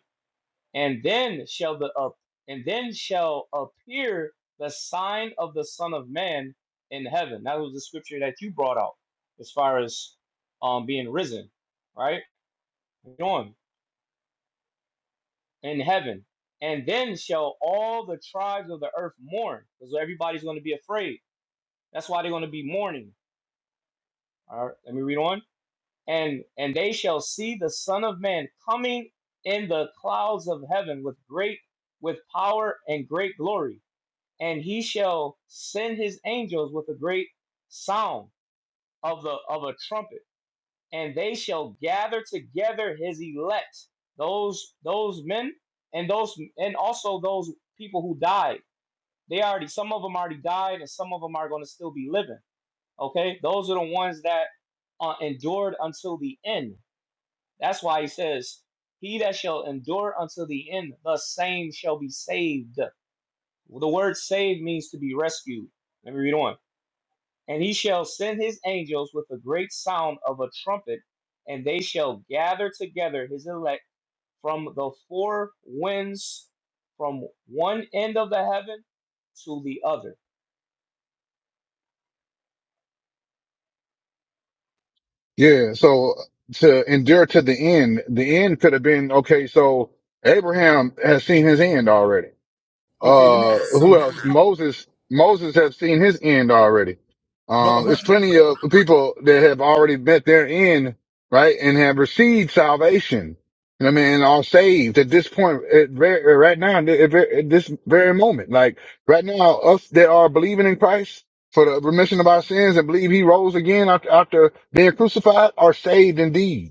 Speaker 23: And then shall the up and then shall appear the sign of the Son of Man in heaven. That was the scripture that you brought out as far as um being risen, right? Read on in heaven. And then shall all the tribes of the earth mourn, because everybody's going to be afraid. That's why they're going to be mourning. All right, let me read on. And and they shall see the Son of Man coming in the clouds of heaven with great with power and great glory. And he shall send his angels with a great sound of the of a trumpet and they shall gather together his elect those those men and those and also those people who died they already some of them already died and some of them are going to still be living okay those are the ones that uh, endured until the end that's why he says he that shall endure until the end the same shall be saved the word saved means to be rescued let me read on and he shall send his angels with a great sound of a trumpet, and they shall gather together his elect from the four winds, from one end of the heaven to the other.
Speaker 2: Yeah, so to endure to the end, the end could have been okay, so Abraham has seen his end already.
Speaker 17: Okay, let me ask
Speaker 2: Uh,
Speaker 17: you
Speaker 2: who
Speaker 17: something,
Speaker 2: else? Moses. Moses has seen his end already.
Speaker 17: brother,
Speaker 2: Um,
Speaker 17: brother
Speaker 2: there's
Speaker 17: Hunt.
Speaker 2: plenty of people that have already met their end, right, and have received salvation. You know what I mean? And are saved at this point, at very, right now, at ver- at this very moment. Like right now, us that are believing in Christ for the remission of our sins and believe He rose again after, after being crucified are saved indeed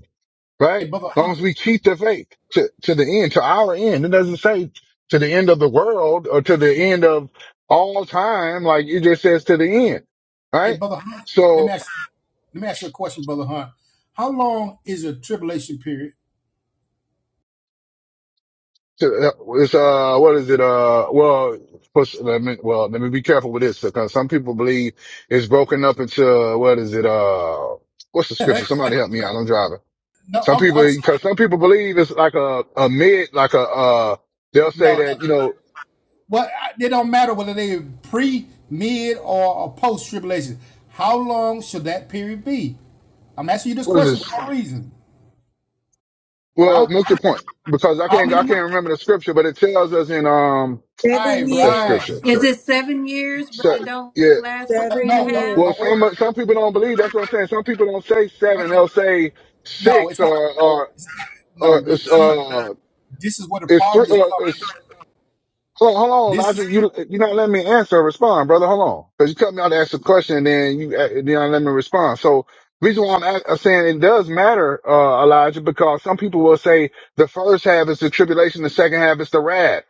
Speaker 17: Hey,
Speaker 2: right?
Speaker 17: brother
Speaker 2: As long
Speaker 17: Hunt.
Speaker 2: as we keep the faith to, to the end, to our end. It doesn't say to the end of the world or to the end of all time. Like it just says to the end,
Speaker 17: Hey,
Speaker 2: right?
Speaker 17: brother Hunt. Let me
Speaker 2: So
Speaker 17: ask. Let me ask you a question, brother Hunt. How long is your tribulation period?
Speaker 2: to, uh, it's, uh, what is it? Uh, well, push, let me, well, let me be careful with this because some people believe it's broken up into, uh, what is it? Uh, what's the scripture? Somebody help me out. I'm driving.
Speaker 17: No,
Speaker 2: Some
Speaker 17: I'm,
Speaker 2: people,
Speaker 17: I'm sorry.
Speaker 2: because some people believe it's like a, a mid, like a, uh, they'll say
Speaker 17: no.
Speaker 2: that, you know,
Speaker 17: Well, it don't matter whether they pre, mid, or, or post tribulation. How long should that period be? I'm asking you this
Speaker 2: what is
Speaker 17: question for
Speaker 2: this?
Speaker 17: a reason,
Speaker 2: Well,
Speaker 17: huh?
Speaker 2: make your point because I
Speaker 17: How
Speaker 2: can't
Speaker 17: many
Speaker 2: I can't
Speaker 17: months?
Speaker 2: remember the scripture, but it tells us in um
Speaker 17: Right,
Speaker 5: Seven
Speaker 2: what's that
Speaker 17: right.
Speaker 2: scripture?
Speaker 5: years,
Speaker 9: Is
Speaker 2: So,
Speaker 9: it seven years, but
Speaker 2: so
Speaker 9: it don't
Speaker 2: yeah.
Speaker 9: last but three and a
Speaker 17: No,
Speaker 5: seven
Speaker 17: no,
Speaker 9: half?
Speaker 2: Well,
Speaker 5: years,
Speaker 17: no. Wait,
Speaker 2: some some people don't believe. That's what I'm saying. Some people don't say
Speaker 17: wait,
Speaker 2: seven;
Speaker 17: wait.
Speaker 2: they'll say
Speaker 17: No,
Speaker 2: six
Speaker 17: it's not gonna.
Speaker 2: or or
Speaker 17: It's not,
Speaker 2: or
Speaker 17: no, you
Speaker 2: it's
Speaker 17: see,
Speaker 2: uh
Speaker 17: this is where the
Speaker 2: it's
Speaker 17: problem is
Speaker 2: three.
Speaker 17: coming.
Speaker 2: Hold on, hold on.
Speaker 17: This
Speaker 2: I
Speaker 17: is
Speaker 2: just, you, you're not letting me answer or respond, brother. Hold on. Cause you cut me out to ask the question and then you, uh, you're not me respond. So reason why I'm a- uh, saying it does matter, uh, Elijah, because some people will say the first half is the tribulation, the second half is the wrath.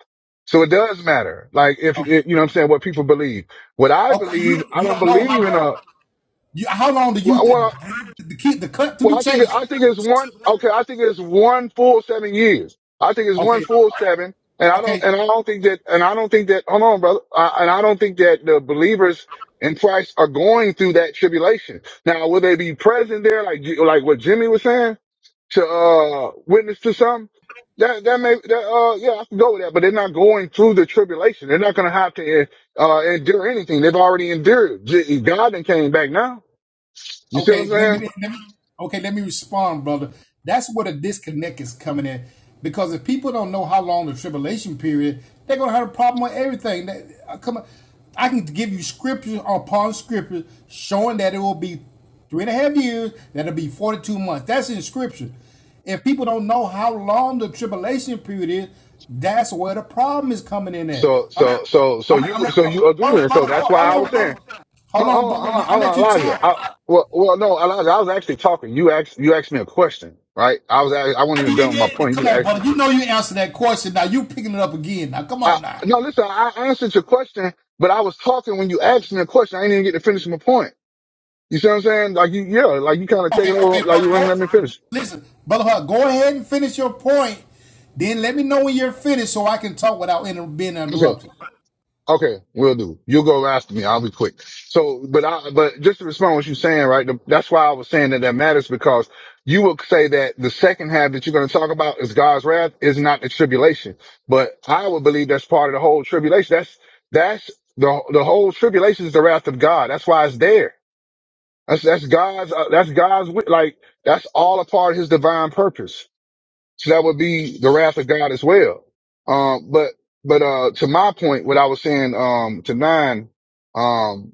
Speaker 2: So it does matter. Like if,
Speaker 17: okay.
Speaker 2: if you know what I'm saying, what people believe. What I
Speaker 17: okay
Speaker 2: believe,
Speaker 17: you
Speaker 2: I
Speaker 17: you
Speaker 2: don't
Speaker 17: don't know how
Speaker 2: believe in
Speaker 17: long.
Speaker 2: a,
Speaker 17: You, how long do you th-
Speaker 2: well,
Speaker 17: the, the, the cut to
Speaker 2: well,
Speaker 17: the
Speaker 2: I think
Speaker 17: chase?
Speaker 2: I think it's one. Okay, I think it's one full seven years. I think it's one
Speaker 17: Okay,
Speaker 2: full seven, and I
Speaker 17: okay.
Speaker 2: don't and I don't think that and I don't think that. Hold on, brother. I, and I don't think that the believers in Christ are going through that tribulation. Now, will they be present there, like J- like what Jimmy was saying, to uh witness to some? That that may that uh yeah I can go with that, but they're not going through the tribulation. They're not going to have to uh endure anything. They've already endured. J- God then came back now. You see what I'm
Speaker 17: Okay, let
Speaker 2: saying?
Speaker 17: me, let me okay, let me respond, brother. That's where the disconnect is coming in. Because if people don't know how long the tribulation period, they're gonna have a problem with everything. That, uh, come on. I can give you scripture upon scripture showing that it will be three and a half years, that'll be forty-two months. That's in scripture. If people don't know how long the tribulation period is, that's where the problem is coming in at.
Speaker 2: So,
Speaker 17: I'm,
Speaker 2: so, so, so
Speaker 17: I'm,
Speaker 2: you,
Speaker 17: I'm,
Speaker 2: so
Speaker 17: I'm,
Speaker 2: you
Speaker 17: hold on,
Speaker 2: again. So
Speaker 17: brother.
Speaker 2: that's why
Speaker 17: hold
Speaker 2: I was
Speaker 17: on,
Speaker 2: saying,
Speaker 17: brother. Hold
Speaker 2: hold
Speaker 17: on,
Speaker 2: hold on,
Speaker 17: brother.
Speaker 2: hold on,
Speaker 17: I
Speaker 2: hold
Speaker 17: let
Speaker 2: on,
Speaker 17: you
Speaker 2: Elijah. I,
Speaker 17: talk.
Speaker 2: well, well, no, Elijah, I was actually talking. You asked, you asked me a question, right? I was, act- I wasn't
Speaker 17: I
Speaker 2: even
Speaker 17: mean,
Speaker 2: done with my point. You
Speaker 17: come
Speaker 2: just
Speaker 17: on,
Speaker 2: asked.
Speaker 17: brother. You know you answered that question. Now you picking it up again. Now come
Speaker 2: I,
Speaker 17: on now.
Speaker 2: no, listen, I answered your question, but I was talking when you asked me a question. I didn't even get to finish my point. You see what I'm saying? Like you, yeah, like you kind of
Speaker 17: Okay,
Speaker 2: taking
Speaker 17: okay,
Speaker 2: over, like you
Speaker 17: brother.
Speaker 2: wouldn't
Speaker 17: Go,
Speaker 2: let me finish.
Speaker 17: listen, brother. Hart, Go ahead and finish your point. Then let me know when you're finished so I can talk without inter- being
Speaker 2: Okay.
Speaker 17: interrupted.
Speaker 2: Okay, will do. You'll go after me. I'll be quick. So, but I, but just to respond to what you're saying, right? the- That's why I was saying that that matters because you will say that the second half that you're going to talk about is God's wrath is not the tribulation, but I would believe that's part of the whole tribulation. That's, that's the, the whole tribulation is the wrath of God. That's why it's there. That's, that's God's, uh, that's God's, wi- like, that's all a part of his divine purpose. So that would be the wrath of God as well. Um, but, but, uh, to my point, what I was saying, um, to nine, um,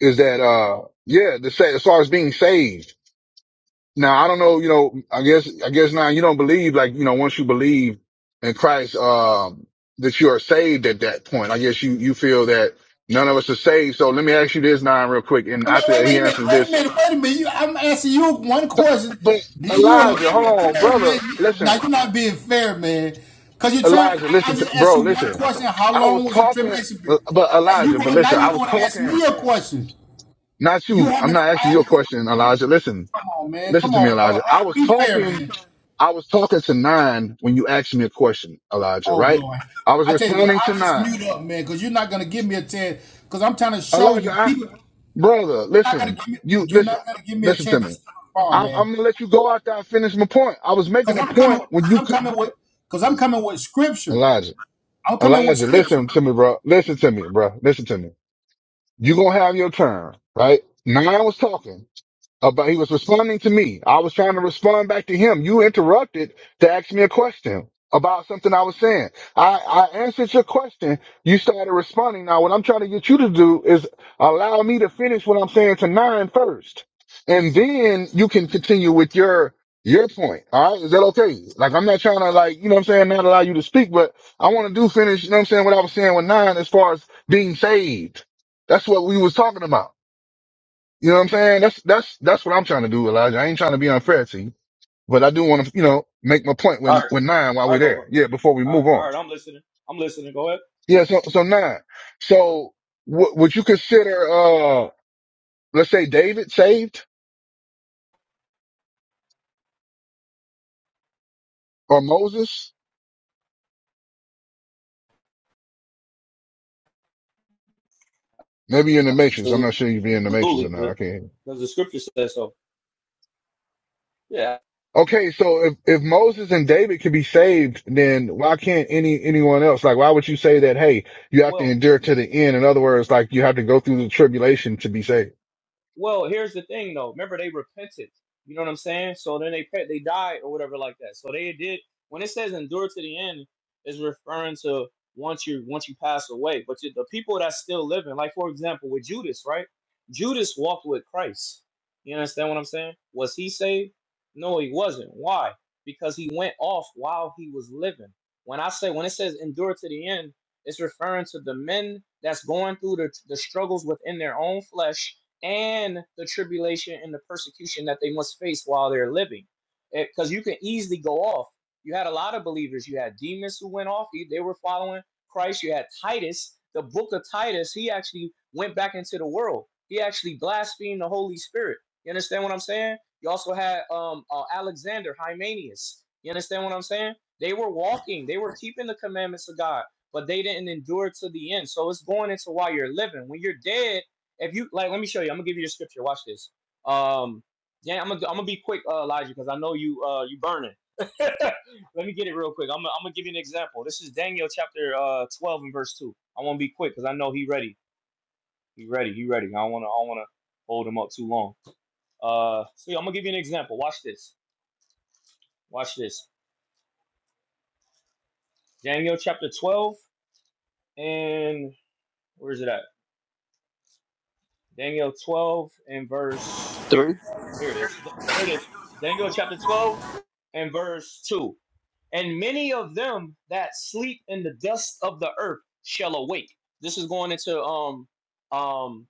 Speaker 2: is that, uh, yeah, the sa- as far as being saved. Now, I don't know, you know, I guess, I guess now you don't believe, like, you know, once you believe in Christ, um, that you are saved at that point. I guess you, you feel that none of us are saved. So let me ask you this nine real quick. And
Speaker 17: No, no, wait,
Speaker 2: after he
Speaker 17: wait a minute,
Speaker 2: answers
Speaker 17: wait a
Speaker 2: this,
Speaker 17: minute, wait a minute. You, I'm asking you one question.
Speaker 2: but
Speaker 17: Then you
Speaker 23: Oh,
Speaker 2: Elijah, hold
Speaker 17: elaborate. Come
Speaker 2: on,
Speaker 17: on,
Speaker 2: brother.
Speaker 17: man.
Speaker 2: Listen,
Speaker 17: Now you're not being fair, man. Cause you're trying.
Speaker 2: Elijah,
Speaker 17: I
Speaker 2: listen,
Speaker 17: I
Speaker 2: to,
Speaker 17: just asked
Speaker 2: bro,
Speaker 17: you one
Speaker 2: listen.
Speaker 17: question. How
Speaker 2: I was
Speaker 17: long was the
Speaker 2: talking,
Speaker 17: tribulation
Speaker 2: uh,
Speaker 17: period?
Speaker 2: but
Speaker 17: And
Speaker 2: Elijah,
Speaker 17: you
Speaker 2: but
Speaker 17: going now?
Speaker 2: listen, I
Speaker 17: You're
Speaker 2: was
Speaker 17: going to ask
Speaker 2: talking,
Speaker 17: me a question.
Speaker 2: not
Speaker 17: You
Speaker 2: you. I'm
Speaker 17: haven't.
Speaker 2: not
Speaker 17: I
Speaker 2: asking your
Speaker 17: haven't.
Speaker 2: question, Elijah. Listen,
Speaker 17: Come on, man.
Speaker 2: listen
Speaker 17: Come
Speaker 2: to me,
Speaker 17: on,
Speaker 2: Elijah. I
Speaker 17: Oh,
Speaker 2: was
Speaker 17: Be fair,
Speaker 2: talking,
Speaker 17: man.
Speaker 2: I was talking to nine when you asked me a question, Elijah,
Speaker 17: Oh
Speaker 2: right?
Speaker 17: Lord.
Speaker 2: I was
Speaker 17: I tell you what,
Speaker 2: responding to
Speaker 17: I'll just
Speaker 2: nine.
Speaker 17: mute up, man, because you're not gonna give me a chance. Cause I'm trying to show
Speaker 2: Elijah,
Speaker 17: you
Speaker 2: I,
Speaker 17: people
Speaker 2: brother,
Speaker 17: not gonna
Speaker 2: listen,
Speaker 17: give me
Speaker 2: you,
Speaker 17: you're
Speaker 2: listen,
Speaker 17: not gonna give me a
Speaker 2: listen to
Speaker 17: chance
Speaker 2: me.
Speaker 17: to respond,
Speaker 2: I'm,
Speaker 17: man.
Speaker 2: I'm gonna let you go after I finish my point. I was
Speaker 17: Cause
Speaker 2: making a
Speaker 17: I'm
Speaker 2: point
Speaker 17: coming
Speaker 2: when
Speaker 17: cause
Speaker 2: you,
Speaker 17: I'm
Speaker 2: co-
Speaker 17: coming with cause I'm coming with scripture.
Speaker 2: Elijah,
Speaker 17: I'm coming with
Speaker 2: Elijah,
Speaker 17: scripture.
Speaker 2: listen to me, bro. Listen to me, bro. Listen to me. You're going to have your turn, right? Nine was talking about he was responding to me. I was trying to respond back to him. You interrupted to ask me a question about something I was saying. I, I answered your question. You started responding. Now what I'm trying to get you to do is allow me to finish what I'm saying to nine first. And then you can continue with your your point. All right. Is that okay? Like I'm not trying to like, you know what I'm saying, not allow you to speak, but I want to do finish, you know what I'm saying, what I was saying with nine as far as being saved. That's what we was talking about. You know what I'm saying? That's that's that's what I'm trying to do, Elijah. I ain't trying to be unfair to you, but I do want to, you know, make my point
Speaker 23: all
Speaker 2: when
Speaker 23: right,
Speaker 2: when nine while
Speaker 23: all right,
Speaker 2: we're
Speaker 23: go, bro.
Speaker 2: there. Yeah, before we
Speaker 23: All right,
Speaker 2: move
Speaker 23: all
Speaker 2: on.
Speaker 23: right, I'm listening. I'm listening. Go ahead.
Speaker 2: Yeah, so so nine. So w- would you consider, uh, let's say David saved or Moses? Maybe you're in the matrix. I'm
Speaker 23: Absolutely,
Speaker 2: not sure you'd be in the matrix or not. I can't. hear you.
Speaker 23: because the scripture says so. Yeah.
Speaker 2: Okay, so if if Moses and David can be saved, then why can't any anyone else? Like, why would you say that? Hey, you have to
Speaker 23: Well,
Speaker 2: endure to the end. In other words, like you have to go through the tribulation to be saved.
Speaker 23: Well, here's the thing though. Remember, they repented. You know what I'm saying? So then they pe- they died or whatever like that. So they did. When it says endure to the end, is referring to once you once you pass away. But you- the people that's still living, like for example with Judas, right? Judas walked with Christ. You understand what I'm saying? Was he saved? No, he wasn't. Why? Because he went off while he was living. When I say when it says endure to the end, it's referring to the men that's going through the, the struggles within their own flesh and the tribulation and the persecution that they must face while they're living. Because you can easily go off. You had a lot of believers. You had Demas who went off. He- They were following Christ. You had Titus, the book of Titus. He actually went back into the world. He actually blasphemed the Holy Spirit. You understand what I'm saying? You also had um, uh, Alexander, Hymenius. You understand what I'm saying? They were walking. They were keeping the commandments of God, but they didn't endure to the end. So it's going into while you're living. When you're dead, if you like, let me show you. I'm gonna give you the scripture. Watch this. Um, yeah, I'm gonna I'm gonna be quick, uh, Elijah, because I know you uh you burning. let me get it real quick. I'm gonna, I'm gonna give you an example. This is Daniel chapter uh 12 and verse two. I want to be quick because I know he ready. He ready. He ready. I don't wanna I don't wanna hold him up too long. Uh, so yeah, I'm gonna give you an example. Watch this. Watch this. Daniel chapter 12 and where is it at? Daniel 12 and verse. Here it is. Here it is. Daniel chapter 12 and verse 2. And many of them that sleep in the dust of the earth shall awake. This is going into um um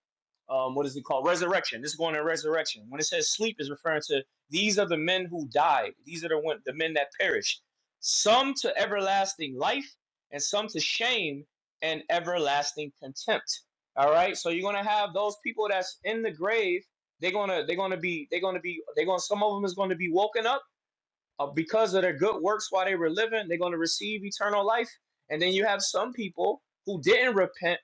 Speaker 23: um what is it called? Resurrection. This is going to resurrection. When it says sleep is referring to these are the men who died. These are the one, the men that perished. Some to everlasting life and some to shame and everlasting contempt. All right? So you're going to have those people that's in the grave, they're going to they're going to be they're going to be they're going to some of them is going to be woken up uh, because of their good works while they were living, they're going to receive eternal life. And then you have some people who didn't repent;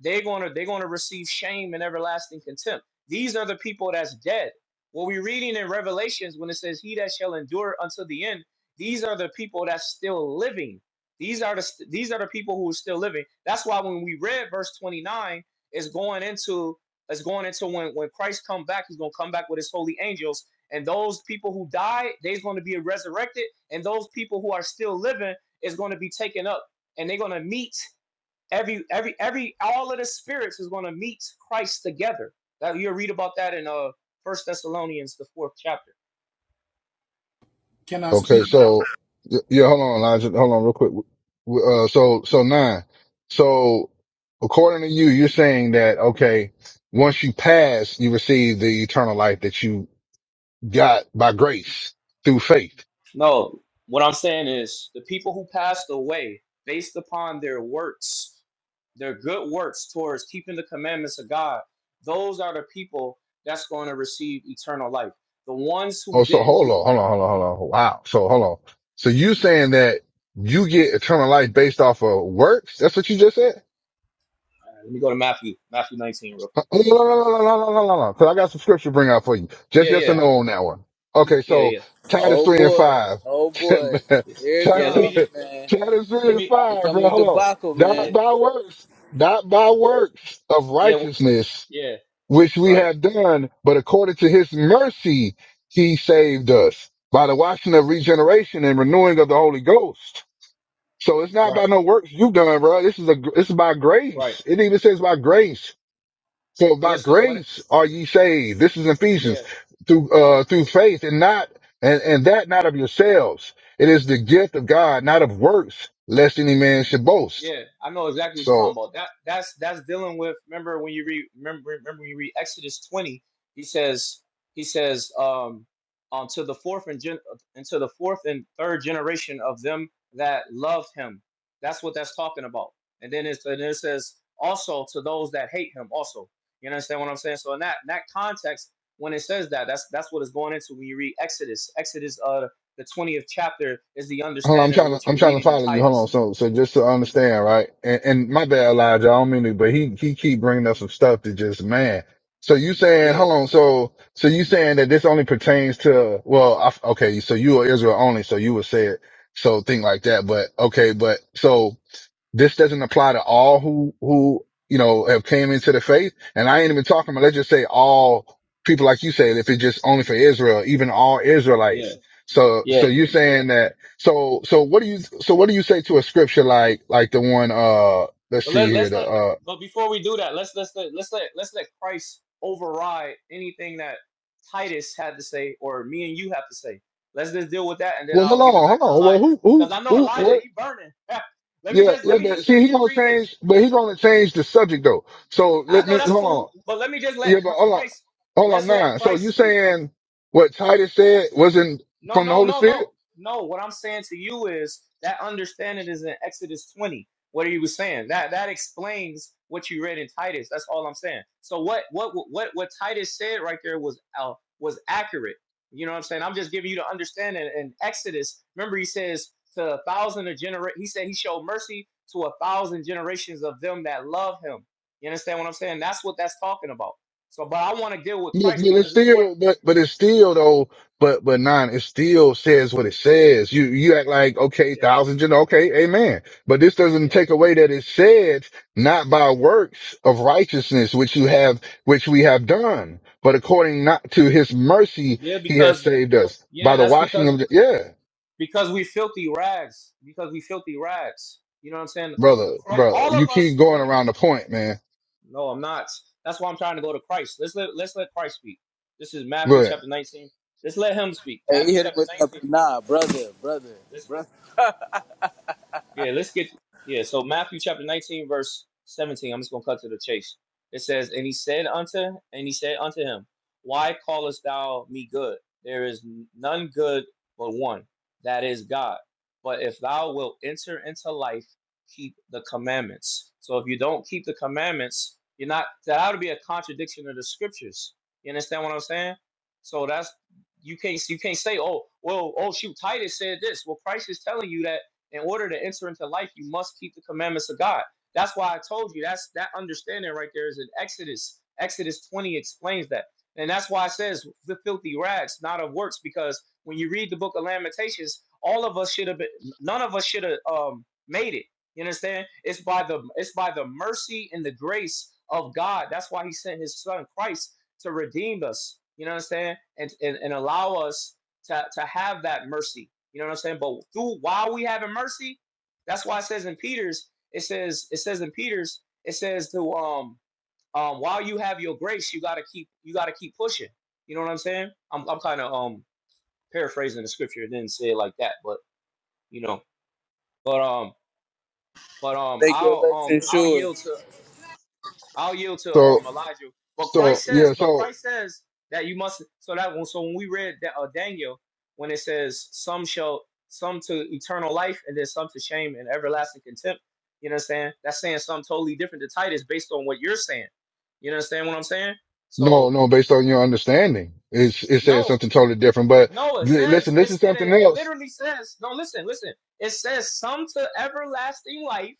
Speaker 23: they're going to they're going to receive shame and everlasting contempt. These are the people that's dead. What we're reading in Revelations when it says, "He that shall endure until the end," these are the people that's still living. These are the these are the people who are still living. That's why when we read verse twenty nine, it's going into it's going into when when Christ come back, he's going to come back with his holy angels and those people who died, they're going to be resurrected. And those people who are still living is going to be taken up. And they're going to meet every every every all of the spirits is going to meet Christ together. That you'll read about that in uh First Thessalonians, the fourth chapter.
Speaker 17: Can I
Speaker 2: Okay,
Speaker 17: speak
Speaker 2: so y- yeah, hold on, Elijah, hold on, real quick. W- Uh, so so nine. So according to you, you're saying that okay, once you pass, you receive the eternal life that you got by grace through faith.
Speaker 23: No, what I'm saying is the people who passed away based upon their works, their good works towards keeping the commandments of God, those are the people that's going to receive eternal life. The ones who
Speaker 2: Oh, so
Speaker 23: didn't
Speaker 2: hold
Speaker 23: do
Speaker 2: on, hold on, hold on, hold on. Wow. So hold on. So you saying that you get eternal life based off of works? That's what you just said.
Speaker 23: Let me go to Matthew, Matthew 19 real quick.
Speaker 2: Oh, no, no, no, no, no, no, no, no. Because I got some scripture to bring out for you. Just
Speaker 23: Yeah,
Speaker 2: yes or
Speaker 23: yeah,
Speaker 2: no on that one. Okay,
Speaker 23: yeah,
Speaker 2: so
Speaker 23: yeah,
Speaker 2: Titus
Speaker 26: Oh
Speaker 2: 3 and
Speaker 26: boy,
Speaker 2: 5.
Speaker 26: oh boy,
Speaker 2: Man,
Speaker 23: yeah.
Speaker 26: here it
Speaker 23: Yeah, let
Speaker 2: Titus
Speaker 23: me
Speaker 26: comes,
Speaker 23: just,
Speaker 26: man.
Speaker 2: Titus
Speaker 23: let
Speaker 2: 3 and
Speaker 23: me,
Speaker 26: Here
Speaker 2: 5, bro.
Speaker 26: comes the
Speaker 2: Hold on.
Speaker 26: debacle,
Speaker 23: yeah,
Speaker 2: Not
Speaker 26: man.
Speaker 2: by works, not by works of
Speaker 23: yeah, w-
Speaker 2: righteousness,
Speaker 23: yeah,
Speaker 2: which we
Speaker 23: right,
Speaker 2: have done, but according to his mercy, he saved us by the washing of regeneration and renewing of the Holy Ghost. So it's not
Speaker 23: right,
Speaker 2: by no works you've done, bro. This is a, it's by
Speaker 23: right.
Speaker 2: grace. It even says by grace. So by
Speaker 23: Listen, when, it,
Speaker 2: grace are ye saved. This is
Speaker 23: yeah,
Speaker 2: Ephesians through, uh, through faith and not, and, and that not of yourselves. It is the gift of God, not of works, lest any man should boast.
Speaker 23: Yeah, I know exactly what you're
Speaker 2: So
Speaker 23: talking about. That that's that's dealing with. Remember when you read remember remember when you read Exodus 20, he says he says um um to the fourth and gen, unto the fourth and third generation of them that loved him. That's what that's talking about. And then it's and then it says also to those that hate him also. You understand what I'm saying? So in that in that context, when it says that, that's that's what it's going into when you read Exodus. Exodus uh the 20th chapter is the
Speaker 2: hold on, I'm
Speaker 23: understanding of
Speaker 2: trying to,
Speaker 23: what
Speaker 2: I'm
Speaker 23: you're
Speaker 2: trying to
Speaker 23: reading in
Speaker 2: follow you. Hold on.
Speaker 23: Titus.
Speaker 2: So, so just to understand, right? And, and my bad, Elijah. I don't mean to, but he, he keep bringing up some stuff that just, man. So you saying,
Speaker 23: Yeah.
Speaker 2: hold on. So, so you saying that this only pertains to, well, I, okay. So you are Israel only. So you would say it. So think like that. But okay. But so this doesn't apply to all who who you know have came into the faith. And I ain't even talking about let's just say all people like you said, if it's just only for Israel, even all
Speaker 23: Yeah.
Speaker 2: Israelites. So so
Speaker 23: Yeah.
Speaker 2: you're saying that so so what do you so what do you say to a scripture like like the one uh let's
Speaker 23: But
Speaker 2: see
Speaker 23: let
Speaker 2: here
Speaker 23: let's
Speaker 2: the
Speaker 23: let
Speaker 2: uh
Speaker 23: but before we do that, let's let's let let's let let's let Christ override anything that Titus had to say or me and you have to say. Let's just deal with that and then
Speaker 2: well hold
Speaker 23: I'll
Speaker 2: on
Speaker 23: give it back
Speaker 2: hold
Speaker 23: to
Speaker 2: on well
Speaker 23: Elijah.
Speaker 2: who
Speaker 23: Because
Speaker 2: who
Speaker 23: I know
Speaker 2: who
Speaker 23: Elijah,
Speaker 2: what
Speaker 23: he burning. let me
Speaker 2: yeah
Speaker 23: just let
Speaker 2: yeah
Speaker 23: me
Speaker 2: but
Speaker 23: just let
Speaker 2: see
Speaker 23: me
Speaker 2: he's
Speaker 23: just
Speaker 2: gonna
Speaker 23: read this.
Speaker 2: change but he's gonna change the subject though so
Speaker 23: I
Speaker 2: let
Speaker 23: know
Speaker 2: me
Speaker 23: that's
Speaker 2: hold on
Speaker 23: cool, but let me just let
Speaker 2: Yeah, but hold on,
Speaker 23: Christ
Speaker 2: hold on
Speaker 23: let's let
Speaker 2: now. So you
Speaker 23: Christ speak.
Speaker 2: saying what Titus said wasn't
Speaker 23: No,
Speaker 2: from the
Speaker 23: no,
Speaker 2: Holy
Speaker 23: no,
Speaker 2: Spirit?
Speaker 23: no. No, what I'm saying to you is that understanding is in Exodus 20, what he was saying. That that explains what you read in Titus. That's all I'm saying. So what what what what Titus said right there was uh, was accurate. You know what I'm saying? I'm just giving you the understanding in Exodus. Remember he says to a thousand of genera he said he showed mercy to a thousand generations of them that love him. You understand what I'm saying? That's what that's talking about. So but I want to deal with
Speaker 2: Yeah,
Speaker 23: Christ
Speaker 2: but it's
Speaker 23: because it's more
Speaker 2: still, but but it's still though. But but nine, it still says what it says. You you act like okay,
Speaker 23: yeah,
Speaker 2: thousand gen, okay, amen. But this doesn't
Speaker 23: yeah.
Speaker 2: take away that it said not by works of righteousness which you have, which we have done, but according not to His mercy
Speaker 23: Yeah,
Speaker 2: he has
Speaker 23: because
Speaker 2: saved us by
Speaker 23: Yeah,
Speaker 2: the
Speaker 23: that's
Speaker 2: washing
Speaker 23: because
Speaker 2: of the yeah,
Speaker 23: because we filthy rags. Because we filthy rags. You know what I'm saying? The
Speaker 2: brother,
Speaker 23: Christ,
Speaker 2: brother.
Speaker 23: all
Speaker 2: You
Speaker 23: of
Speaker 2: keep
Speaker 23: us. When
Speaker 2: going
Speaker 23: you re-
Speaker 2: around the point, man.
Speaker 23: no, I'm not. That's why I'm trying to go to Christ. Let's let let's let Christ speak. This is
Speaker 2: Go
Speaker 23: Matthew
Speaker 2: ahead.
Speaker 23: chapter 19. Let's let him speak.
Speaker 26: Hey, he
Speaker 23: Matthew
Speaker 26: hit him
Speaker 23: chapter
Speaker 26: with that nah, brother, brother,
Speaker 23: 19.
Speaker 26: brother.
Speaker 23: Yeah, let's get yeah. So Matthew chapter nineteen, verse seventeen. I'm just gonna cut to the chase. It says, "And he said unto, and he said unto him, Why callest thou me good? There is none good but one, that is God. But if thou wilt enter into life, keep the commandments. So if you don't keep the commandments, you're not. That ought to be a contradiction of the scriptures. You understand what I'm saying? So that's you can't you can't say, oh well, oh shoot, Titus said this. Well, Christ is telling you that." In order to enter into life, you must keep the commandments of God. That's why I told you that's that understanding right there is in Exodus. Exodus 20 explains that. And that's why it says the filthy rags, not of works, because when you read the book of Lamentations, all of us should have been none of us should have um made it. You understand? It's by the it's by the mercy and the grace of God. That's why he sent his son Christ to redeem us. You know what I'm saying? And and, and allow us to, to have that mercy. You know what I'm saying? But through while we having mercy, that's why it says in Peter's, it says, it says in Peter's, it says to um um while you have your grace, you gotta keep you gotta keep pushing. You know what I'm saying? I'm I'm kind of um paraphrasing the scripture, It didn't say it like that, but you know, but um but um
Speaker 26: Make your
Speaker 23: I'll um
Speaker 26: election
Speaker 23: I'll
Speaker 26: sure.
Speaker 23: yield to. I'll yield to
Speaker 2: So
Speaker 23: um Elijah. But
Speaker 2: So
Speaker 23: Christ
Speaker 2: yeah,
Speaker 23: says, but
Speaker 2: so
Speaker 23: Christ says that you must. So that when so when we read that, uh, Daniel, when it says some shall some to eternal life and then some to shame and everlasting contempt. You know what I'm saying? That's saying something totally different to Titus based on what you're saying. You understand what I'm saying?
Speaker 2: no,
Speaker 23: So
Speaker 2: no, based on your understanding, it's it says
Speaker 23: no,
Speaker 2: something totally different. But
Speaker 23: no, it
Speaker 2: li-
Speaker 23: says
Speaker 2: listen, this
Speaker 23: it's
Speaker 2: is
Speaker 23: it,
Speaker 2: something
Speaker 23: it
Speaker 2: else,
Speaker 23: literally says no. Listen, listen. It says some to everlasting life,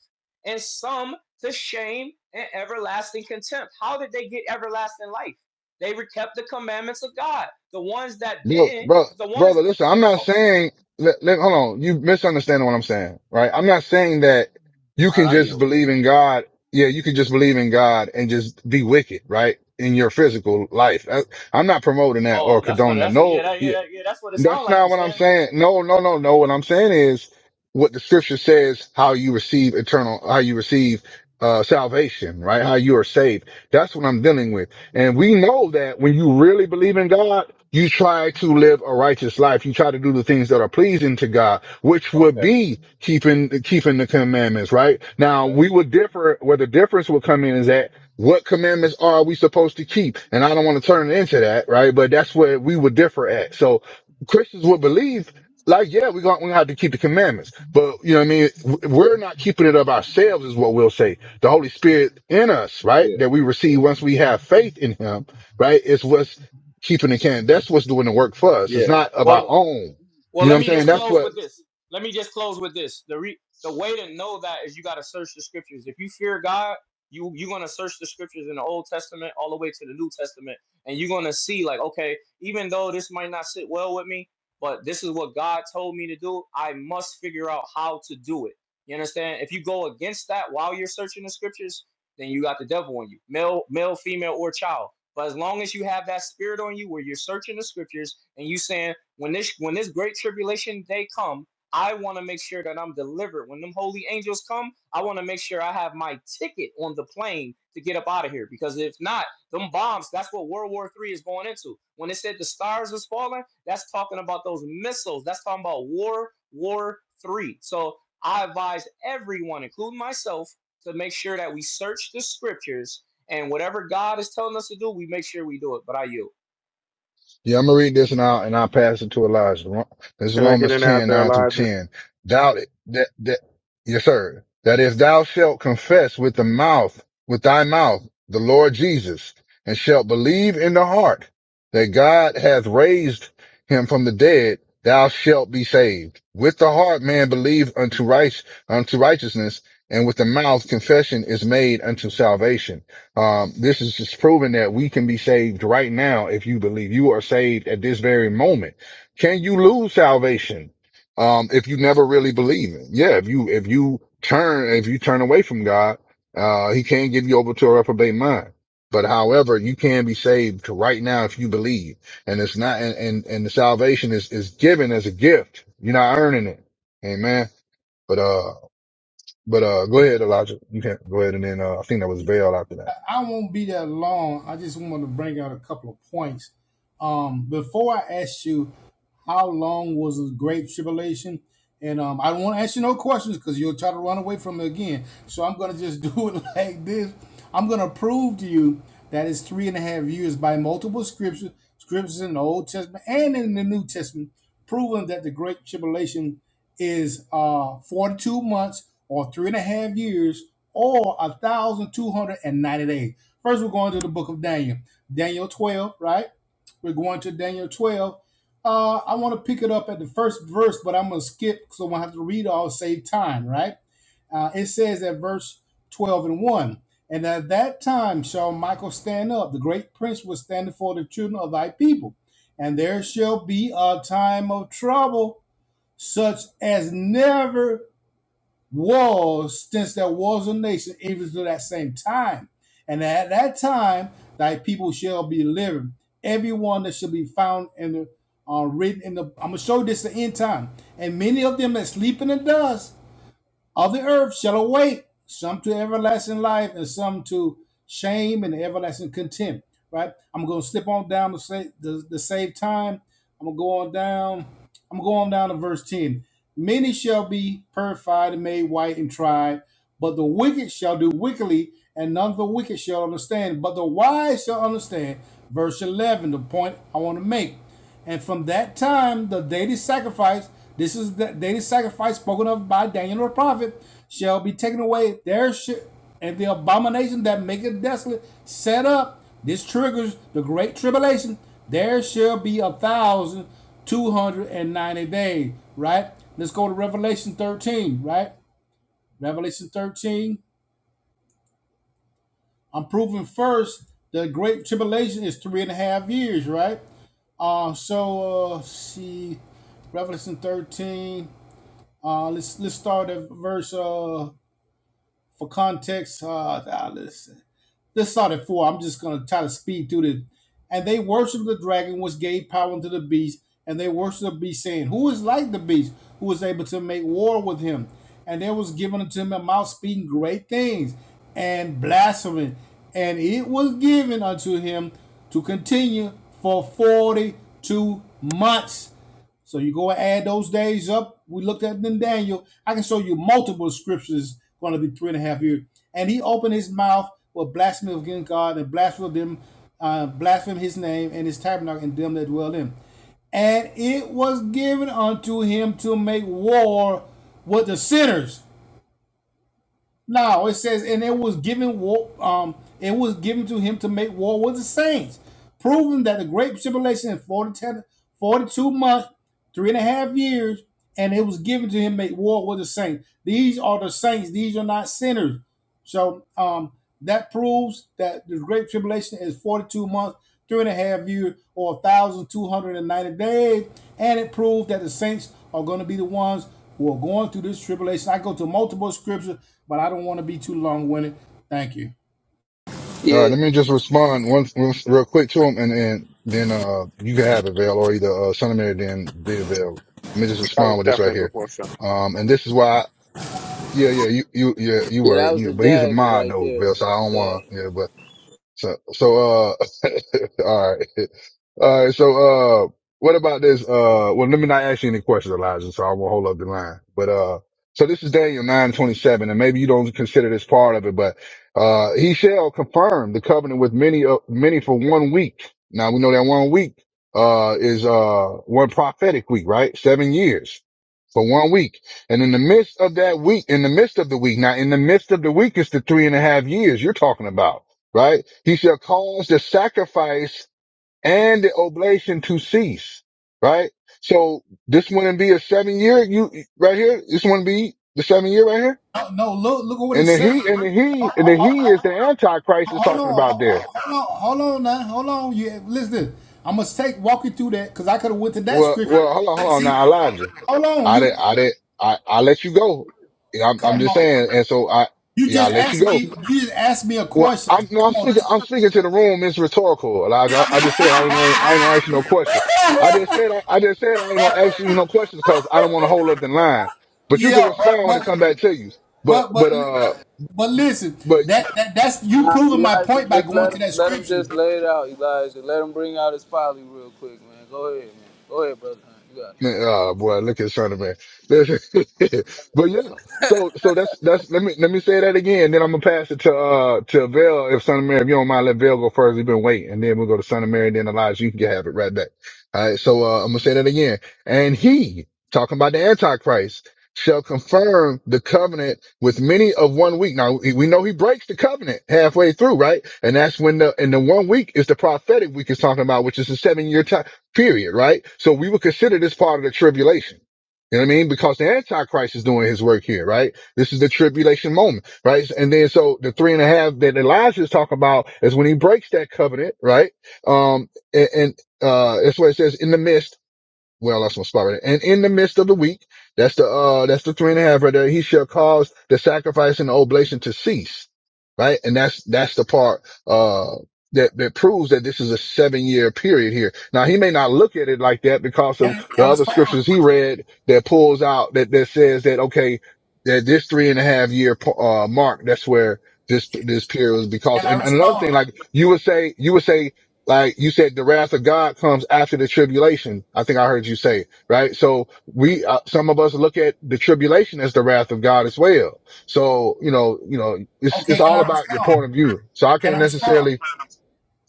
Speaker 23: and some to shame and everlasting contempt. How did they get everlasting life? They kept the commandments of God. The ones that
Speaker 2: look,
Speaker 23: didn't,
Speaker 2: bro,
Speaker 23: the ones
Speaker 2: brother. Listen, I'm
Speaker 23: that.
Speaker 2: not
Speaker 23: Oh,
Speaker 2: saying. Let, let, hold on, you misunderstanding what I'm saying, right? I'm not saying that you
Speaker 23: all
Speaker 2: can
Speaker 23: right, I
Speaker 2: just
Speaker 23: yield.
Speaker 2: believe in God. Yeah, you can just believe in God and just be wicked, right? In your physical life, I, I'm not promoting that or
Speaker 23: Oh, that's what.
Speaker 2: condoning that.
Speaker 23: That's yeah,
Speaker 2: No,
Speaker 23: that, yeah, that, yeah. That's what it sounds
Speaker 2: That's
Speaker 23: like
Speaker 2: not
Speaker 23: you
Speaker 2: what I'm
Speaker 23: saying.
Speaker 2: saying. No, no, no, no. What I'm saying is what the scripture says, how you receive eternal, how you receive uh salvation, right? How you are saved. That's what I'm dealing with. And we know that when you really believe in God, you try to live a righteous life. You try to do the things that are pleasing to God, which would be keeping keeping the commandments, right? Now we would differ where the difference will come in is that what commandments are we supposed to keep? And I don't want to turn into that, right? But that's where we would differ at. So Christians would believe, like, yeah, we're going to have to keep the commandments. But, you know what I mean? We're not keeping it of ourselves, is what we'll say. The Holy Spirit in us, right? That we receive once we have faith in Him, right? Is what's keeping the can. That's what's doing the work for us. It's not of
Speaker 23: Well.
Speaker 2: our own.
Speaker 23: Well,
Speaker 2: You know what
Speaker 23: let
Speaker 2: I'm
Speaker 23: me
Speaker 2: saying?
Speaker 23: just
Speaker 2: That's
Speaker 23: close
Speaker 2: what
Speaker 23: with this. Let me just close with this. The re- the way to know that is you got to search the scriptures. If you fear God, you you're gonna search the scriptures in the Old Testament all the way to the New Testament, and you're gonna see like, okay, even though this might not sit well with me, but this is what God told me to do. I must figure out how to do it. You understand? If you go against that while you're searching the scriptures, then you got the devil on you, male, male, female, or child. But as long as you have that spirit on you, where you're searching the scriptures and you saying when this when this great tribulation day come, I want to make sure that I'm delivered. When them holy angels come, I want to make sure I have my ticket on the plane to get up out of here. Because if not, them bombs, that's what World War Three is going into. When it said the stars was falling, that's talking about those missiles. That's talking about war, war three. So I advise everyone, including myself, to make sure that we search the scriptures and whatever God is telling us to do, we make sure we do it. But I yield.
Speaker 2: Yeah, I'm gonna read this and I'll and I'll pass it to Elijah. Ro- This is
Speaker 29: Can I get
Speaker 2: Romans
Speaker 29: in there out
Speaker 2: 10
Speaker 29: there,
Speaker 2: 9 through
Speaker 29: Elijah?
Speaker 2: 10. Doubt it. That that yes, sir. That is, thou shalt confess with the mouth, with thy mouth, the Lord Jesus, and shalt believe in the heart that God hath raised him from the dead, thou shalt be saved. With the heart man believe unto right unto righteousness, and with the mouth confession is made unto salvation. Um, this is just proving that we can be saved right now if you believe you are saved at this very moment. Can you lose salvation? Um, if you never really believe it? Yeah, if you if you turn if you turn away from God, uh, he can give you over to a reprobate mind. But however, you can be saved right now if you believe. And it's not and and, and the salvation is is given as a gift. You're not earning it. Amen. But uh but uh go ahead, Elijah. You can go ahead and then uh I think that was Veil after that.
Speaker 17: I won't be that long. I just want to bring out a couple of points. Um, before I ask you, how long was the Great Tribulation? And um, I don't want to ask you no questions because you'll try to run away from it again. So I'm going to just do it like this. I'm going to prove to you that it's three and a half years by multiple scriptures, scriptures in the Old Testament and in the New Testament, proving that the Great Tribulation is uh 42 months or three and a half years or a thousand two hundred and ninety days. First, we're going to the book of Daniel, Daniel 12, right? We're going to Daniel 12. Uh, I want to pick it up at the first verse, but I'm going to skip because I'm going to have to read all, save time, right? Uh, it says at verse 12 and 1 And at that time shall Michael stand up, the great prince was standing for the children of thy people. And there shall be a time of trouble such as never was since there was a nation, even to that same time. And at that time, thy people shall be living. Everyone that shall be found in the uh, written in the. I'm gonna show you this the end time. And many of them that sleep in the dust all the earth shall awake, some to everlasting life and some to shame and everlasting contempt. Right? I'm gonna slip on down to save the, the save time. I'm gonna go on down. I'm gonna go on down to verse 10. Many shall be purified and made white and tried, but the wicked shall do wickedly, and none of the wicked shall understand, but the wise shall understand. Verse 11, the point I want to make. And from that time, the daily sacrifice, this is the daily sacrifice spoken of by Daniel the prophet, shall be taken away. There should, and the abomination that maketh desolate set up, this triggers the great tribulation. There shall be a thousand two hundred and ninety days, right? Let's go to Revelation 13, right? Revelation 13. I'm proving first the great tribulation is three and a half years, right? Um, so uh, see, Revelation thirteen. Uh, let's let's start at verse uh for context. Uh, ah, listen. Let's start at four. I'm just going to try to speed through the. And they worshiped the dragon, which gave power unto the beast. And they worshiped the beast, saying, Who is like the beast, who is able to make war with him? And there was given unto him a mouth speaking great things and blasphemy. And it was given unto him to continue for 42 months. So you go and add those days up. We looked at in Daniel. I can show you multiple scriptures going to be three and a half years. And he opened his mouth with blasphemy against God and blasphemed them, uh, blasphemed his name and his tabernacle and them that dwell in. And it was given unto him to make war with the sinners no, it says, and it was given war. Um, it was given to him to make war with the saints, proving that the great tribulation in 42 months, three and a half years, and it was given to him to make war with the saints. These are the saints. These are not sinners. So um, that proves that the Great Tribulation is 42 months, three and a half years, or 1,290 days. And it proves that the saints are going to be the ones who are going through this tribulation. I go to multiple scriptures, but I don't want to be too long winded. Thank you.
Speaker 2: All right,
Speaker 26: Yeah,
Speaker 2: let me just respond once, once real quick to him, and then then uh you can have it, Vail, or either uh, Son of Mary, then the Vail. Let me just
Speaker 29: That
Speaker 2: respond
Speaker 29: was
Speaker 2: with this right
Speaker 29: definitely
Speaker 2: here.
Speaker 29: before sun.
Speaker 2: Um, and this is why, yeah, yeah, you you yeah you
Speaker 26: yeah,
Speaker 2: were,
Speaker 26: that was
Speaker 2: you,
Speaker 26: the
Speaker 2: but he's a
Speaker 26: dagger
Speaker 2: mod
Speaker 26: right
Speaker 2: though,
Speaker 26: there.
Speaker 2: Vail, so
Speaker 26: That
Speaker 2: I
Speaker 26: was the
Speaker 2: don't wanna,
Speaker 26: dagger.
Speaker 2: yeah, so, so, uh, all right. All right. So, uh, what about this? Uh, well, let me not ask you any questions, Elijah. So I won't hold up the line, but, uh, so this is Daniel 927, and maybe you don't consider this part of it, but, uh, he shall confirm the covenant with many, uh, many for one week. Now we know that one week, uh, is, uh, one prophetic week, right? Seven years for one week. And in the midst of that week, in the midst of the week, now in the midst of the week is the three and a half years you're talking about right? He shall cause the sacrifice and the oblation to cease, right? So this wouldn't be a seven year, you right here. This wouldn't be the seven year right here.
Speaker 17: No, no, look, look at what it
Speaker 2: And the
Speaker 17: says.
Speaker 2: he, and the he, and the he is the antichrist is
Speaker 17: Hold
Speaker 2: talking
Speaker 17: on,
Speaker 2: about there.
Speaker 17: hold on, hold on now, hold on. You listen, to this. I must take walk you through that because I could have went to that
Speaker 2: Well,
Speaker 17: scripture.
Speaker 2: well, hold on, hold on
Speaker 17: See,
Speaker 2: now, Elijah.
Speaker 17: hold on,
Speaker 2: I did,
Speaker 17: you
Speaker 2: I did, I, I let you go. Yeah, I'm, I'm
Speaker 17: come
Speaker 2: just
Speaker 17: on.
Speaker 2: saying. And so I,
Speaker 17: You
Speaker 2: yeah, I
Speaker 17: just
Speaker 2: let you
Speaker 17: asked
Speaker 2: go
Speaker 17: me. You just asked me a
Speaker 2: Well,
Speaker 17: question.
Speaker 2: I'm no, I'm
Speaker 17: Come on.
Speaker 2: speaking. I'm speaking to the room. It's rhetorical, Elijah. I, I just said I ain't gonna. I ain't gonna ask you no question. I just said. I, I just said I ain't gonna ask you no questions because I don't want to hold up the line. But you can
Speaker 17: Yeah, but
Speaker 2: respond when it
Speaker 17: but
Speaker 2: come back to you. But
Speaker 17: but but
Speaker 2: but uh.
Speaker 17: but, but listen.
Speaker 2: but.
Speaker 17: That, that that's you
Speaker 26: Nah,
Speaker 17: proving my
Speaker 26: Elijah,
Speaker 17: point by
Speaker 26: just
Speaker 17: going
Speaker 26: let
Speaker 17: to
Speaker 26: him
Speaker 17: that
Speaker 26: let him
Speaker 17: scripture.
Speaker 26: just lay it out, Elijah. Let him bring out his folly real quick, man. Go ahead, man. Go ahead, brother. You got it.
Speaker 2: Ah, boy, look at Son of Man. but yeah, so so that's that's let me let me say that again. Then I'm gonna pass it to uh to Vail if Son Mary, if you don't mind, let Vail go first. He's been waiting, and then we'll go to Son Mary, and then Elijah. You can have it right back. All right, so uh, I'm gonna say that again. And he talking about the Antichrist shall confirm the covenant with many of one week. Now we we know he breaks the covenant halfway through, right? And that's when the and the one week is the prophetic week is talking about, which is the seven year time period, right? So we would consider this part of the tribulation. You know what I mean? Because the Antichrist is doing his work here, right? This is the tribulation moment, right? And then so the three and a half that Elijah is talking about is when he breaks that covenant, right? Um, and, and uh, that's what it says in the midst. Well, that's my spot right there. And in the midst of the week, that's the uh that's the three and a half right there. He shall cause the sacrifice and the oblation to cease. Right? And that's that's the part uh that, that proves that this is a seven year period here. Now he may not look at it like that because of
Speaker 17: Can I,
Speaker 2: the
Speaker 17: can I
Speaker 2: other
Speaker 17: respond?
Speaker 2: scriptures he read that pulls out that, that says that okay, that this three and a half year uh mark, that's where this this period was because
Speaker 17: Can I
Speaker 2: and, and another
Speaker 17: respond?
Speaker 2: thing, like you would say, you would say like you said, the wrath of God comes after the tribulation. I think I heard you say, right? So we, uh, some of us look at the tribulation as the wrath of God as well. So, you know, you know, it's, it's
Speaker 17: Okay. Can
Speaker 2: all
Speaker 17: I
Speaker 2: about your point
Speaker 17: respond?
Speaker 2: of view. So I
Speaker 17: Can I
Speaker 2: can't
Speaker 17: respond?
Speaker 2: necessarily,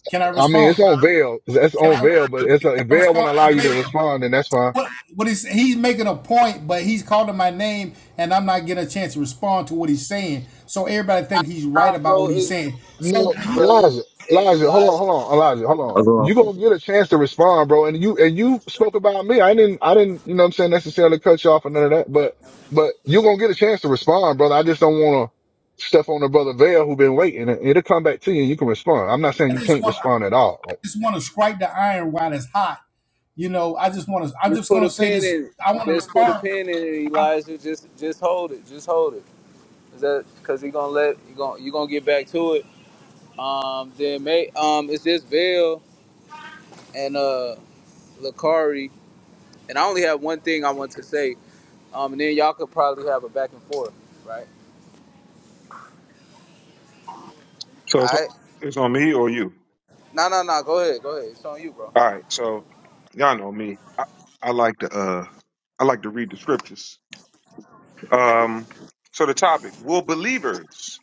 Speaker 17: Can I
Speaker 2: I mean, it's
Speaker 17: respond?
Speaker 2: on veil. That's
Speaker 17: Can I,
Speaker 2: on
Speaker 17: can
Speaker 2: veil, but it's a, if
Speaker 17: I
Speaker 2: veil won't
Speaker 17: respond?
Speaker 2: allow you to respond, then that's fine.
Speaker 17: What what is he's making a point, but he's calling my name, and I'm not getting a chance to respond to what he's saying. So everybody think he's right
Speaker 26: Nah,
Speaker 17: about what
Speaker 26: bro.
Speaker 17: he's
Speaker 26: it,
Speaker 17: saying. So
Speaker 2: No,
Speaker 17: when
Speaker 26: brother.
Speaker 2: Elijah,
Speaker 26: Hey,
Speaker 2: Elijah, hold on,
Speaker 26: Elijah,
Speaker 2: hold on, Elijah, hold
Speaker 30: I'll
Speaker 2: on.
Speaker 30: go off.
Speaker 2: You gonna get a chance to respond, bro. And you and you spoke about me. I didn't, I didn't, you know what I'm saying, necessarily cut you off or none of that. But but you gonna get a chance to respond, brother. I just don't wanna step on the brother Vail who been waiting. It- It'll come back to you and you can respond. I'm not saying
Speaker 17: I
Speaker 2: you
Speaker 17: just
Speaker 2: can't
Speaker 17: want to
Speaker 2: respond at all. Like
Speaker 17: just want to strike the iron while it's hot. You know, I just want to. I'm
Speaker 26: just
Speaker 17: just
Speaker 26: put
Speaker 17: gonna
Speaker 26: a
Speaker 17: say
Speaker 26: pin
Speaker 17: this.
Speaker 26: in it.
Speaker 17: I want to
Speaker 26: Just put a
Speaker 17: respond.
Speaker 26: pin in it,
Speaker 17: I-
Speaker 26: Elijah. Just just hold it. Just hold it. Is that because he gonna let you gonna you gonna get back to it? Um, then may um, it's just Vail and uh Lakari, and I only have one thing I want to say. Um, and then y'all could probably have a back and forth, right?
Speaker 29: So it's,
Speaker 26: All right.
Speaker 29: it's on me or you.
Speaker 26: No, no, no. Go ahead. Go ahead. It's on you, bro.
Speaker 29: All right. So y'all know me. I, I like to uh I like to read the scriptures. Um. So the topic: Will believers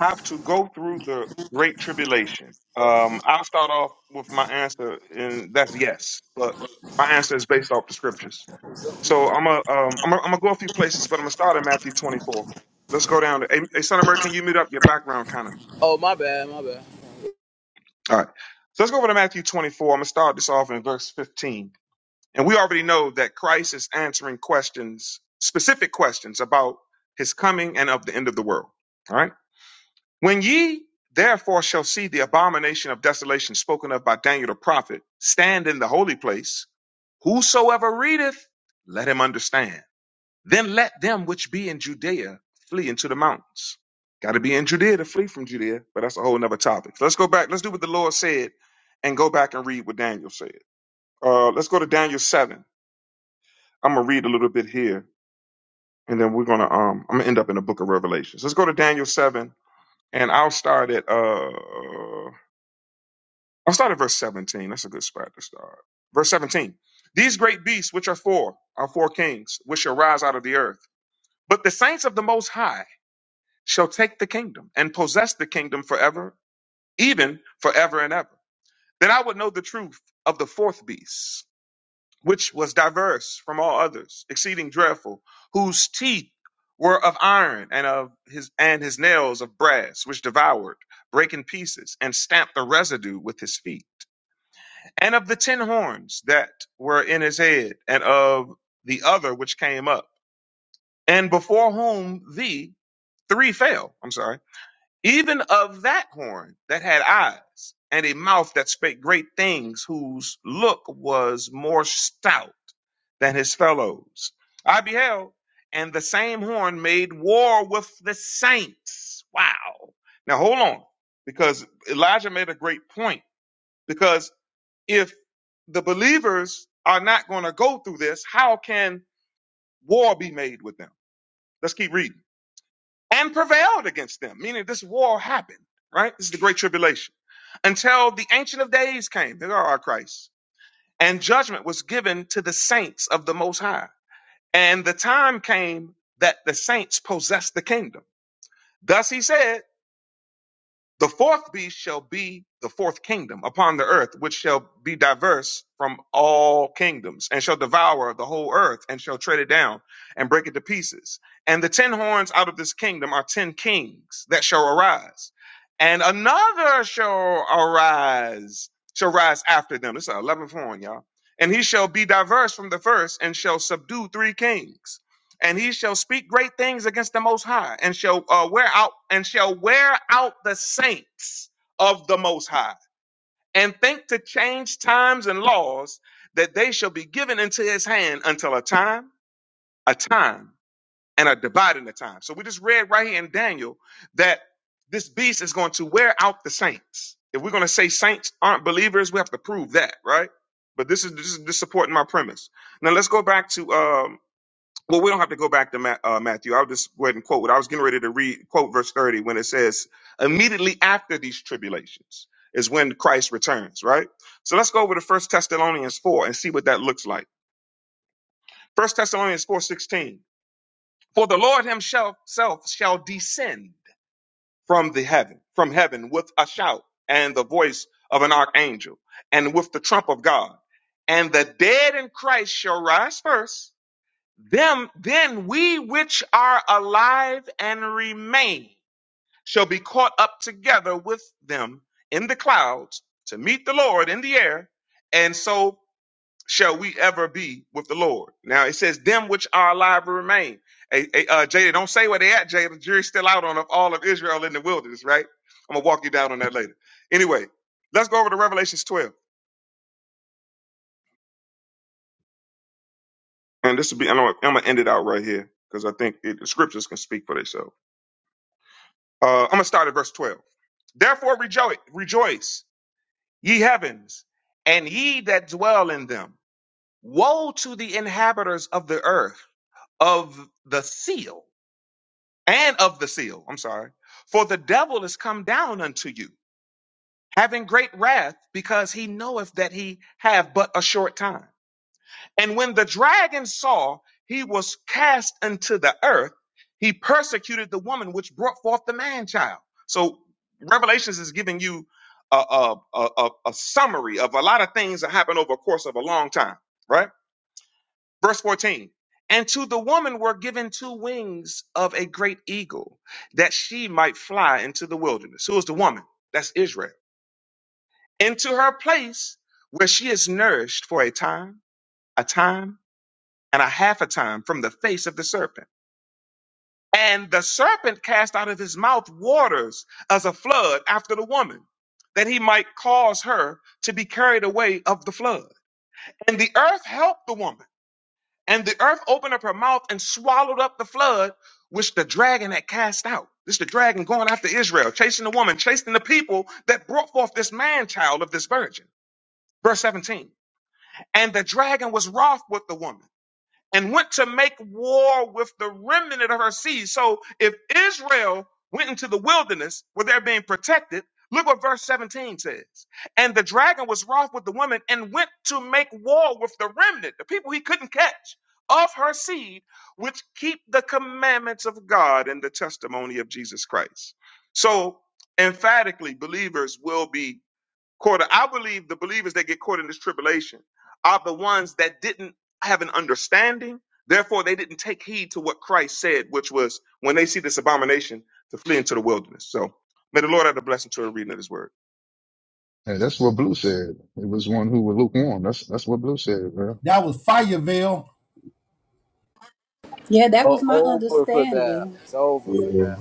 Speaker 29: have to go through the great tribulation? Um. I'll start off with my answer, and that's yes. But my answer is based off the scriptures. So I'm a um I'm a, I'm gonna go a few places, but I'm gonna start in Matthew 24. Let's go down to. Hey, hey Son of Mary, can you mute up your background, kind of?
Speaker 26: Oh, my bad. My bad.
Speaker 29: All right. So let's go over to Matthew 24. I'm going to start this off in verse 15. And we already know that Christ is answering questions, specific questions about his coming and of the end of the world. All right. When ye therefore shall see the abomination of desolation spoken of by Daniel the prophet stand in the holy place, whosoever readeth, let him understand. Then let them which be in Judea flee into the mountains. Got to be in Judea to flee from Judea, but that's a whole nother topic. Let's go back. Let's do what the Lord said and go back and read what Daniel said. Uh, let's go to Daniel 7. I'm going to read a little bit here and then we're going to, um, I'm going to end up in the book of Revelations. Let's go to Daniel 7 and I'll start at, uh, I'll start at verse 17. That's a good spot to start. Verse 17. These great beasts, which are four, are four kings, which shall rise out of the earth. But the saints of the Most High, shall take the kingdom and possess the kingdom forever, even forever and ever. Then I would know the truth of the fourth beast, which was diverse from all others, exceeding dreadful, whose teeth were of iron and of his and his nails of brass, which devoured, brake in pieces, and stamped the residue with his feet, and of the ten horns that were in his head, and of the other which came up, and before whom the three fell. I'm sorry even of that horn that had eyes and a mouth that spake great things, whose look was more stout than his fellows. I beheld, and the same horn made war with the saints. Wow. Now hold on, because Elijah made a great point. Because if the believers are not going to go through this, how can war be made with them? Let's keep reading and prevailed against them, meaning this war happened, right? This is the Great Tribulation. Until the Ancient of Days came, there are our Christ, and judgment was given to the saints of the Most High. And the time came that the saints possessed the kingdom. Thus he said, the fourth beast shall be the fourth kingdom upon the earth, which shall be diverse from all kingdoms, and shall devour the whole earth, and shall tread it down, and break it to pieces. And the ten horns out of this kingdom are ten kings that shall arise, and another shall arise, shall rise after them. This is our eleventh horn, y'all. And he shall be diverse from the first, and shall subdue three kings and he shall speak great things against the most high and shall uh, wear out and shall wear out the saints of the most high and think to change times and laws that they shall be given into his hand until a time a time and a dividing the time so we just read right here in daniel that this beast is going to wear out the saints if we're going to say saints aren't believers we have to prove that right but this is this is this supporting my premise now let's go back to um, well, we don't have to go back to Ma- uh, Matthew. I'll just go ahead and quote what I was getting ready to read, quote verse 30, when it says, immediately after these tribulations is when Christ returns, right? So let's go over to First Thessalonians 4 and see what that looks like. First Thessalonians 4:16. For the Lord himself self shall descend from the heaven, from heaven with a shout and the voice of an archangel and with the trump of God. And the dead in Christ shall rise first them then we which are alive and remain shall be caught up together with them in the clouds to meet the lord in the air and so shall we ever be with the lord now it says them which are alive and remain hey, hey, uh, jada don't say where they at jada the jury's still out on all of israel in the wilderness right i'm gonna walk you down on that later anyway let's go over to revelations 12 and this will be i'm gonna I'm gonna end it out right here because i think it, the scriptures can speak for themselves uh, i'm gonna start at verse 12 Therefore rejoice, rejoice, ye heavens, and ye that dwell in them. Woe to the inhabitants of the earth, of the seal, and of the seal, I'm sorry. For the devil is come down unto you, having great wrath, because he knoweth that he have but a short time. And when the dragon saw he was cast into the earth, he persecuted the woman which brought forth the man child. So Revelations is giving you a, a, a, a a summary of a lot of things that happened over a course of a long time, right? Verse 14. And to the woman were given two wings of a great eagle that she might fly into the wilderness. Who is the woman? That's Israel. Into her place where she is nourished for a time, a time and a half a time from the face of the serpent. And the serpent cast out of his mouth waters as a flood after the woman, that he might cause her to be carried away of the flood. And the earth helped the woman, and the earth opened up her mouth and swallowed up the flood which the dragon had cast out. This is the dragon going after Israel, chasing the woman, chasing the people that brought forth this man child of this virgin. Verse 17. And the dragon was wroth with the woman and went to make war with the remnant of her seed. So if Israel went into the wilderness where they're being protected, look what verse 17 says. And the dragon was wroth with the woman and went to make war with the remnant, the people he couldn't catch of her seed, which keep the commandments of God and the testimony of Jesus Christ. So emphatically, believers will be Caught, I believe the believers that get caught in this tribulation are the ones that didn't have an understanding. Therefore, they didn't take heed to what Christ said, which was when they see this abomination to flee into the wilderness. So may the Lord add a blessing to the reading of his word.
Speaker 2: Hey, that's what Blue said. It was one who was lukewarm. That's that's what Blue said, bro.
Speaker 17: that was Fireville.
Speaker 9: Yeah, that was
Speaker 26: Oh,
Speaker 9: my
Speaker 26: over for that.
Speaker 9: understanding.
Speaker 26: It's over
Speaker 30: Yeah,
Speaker 26: for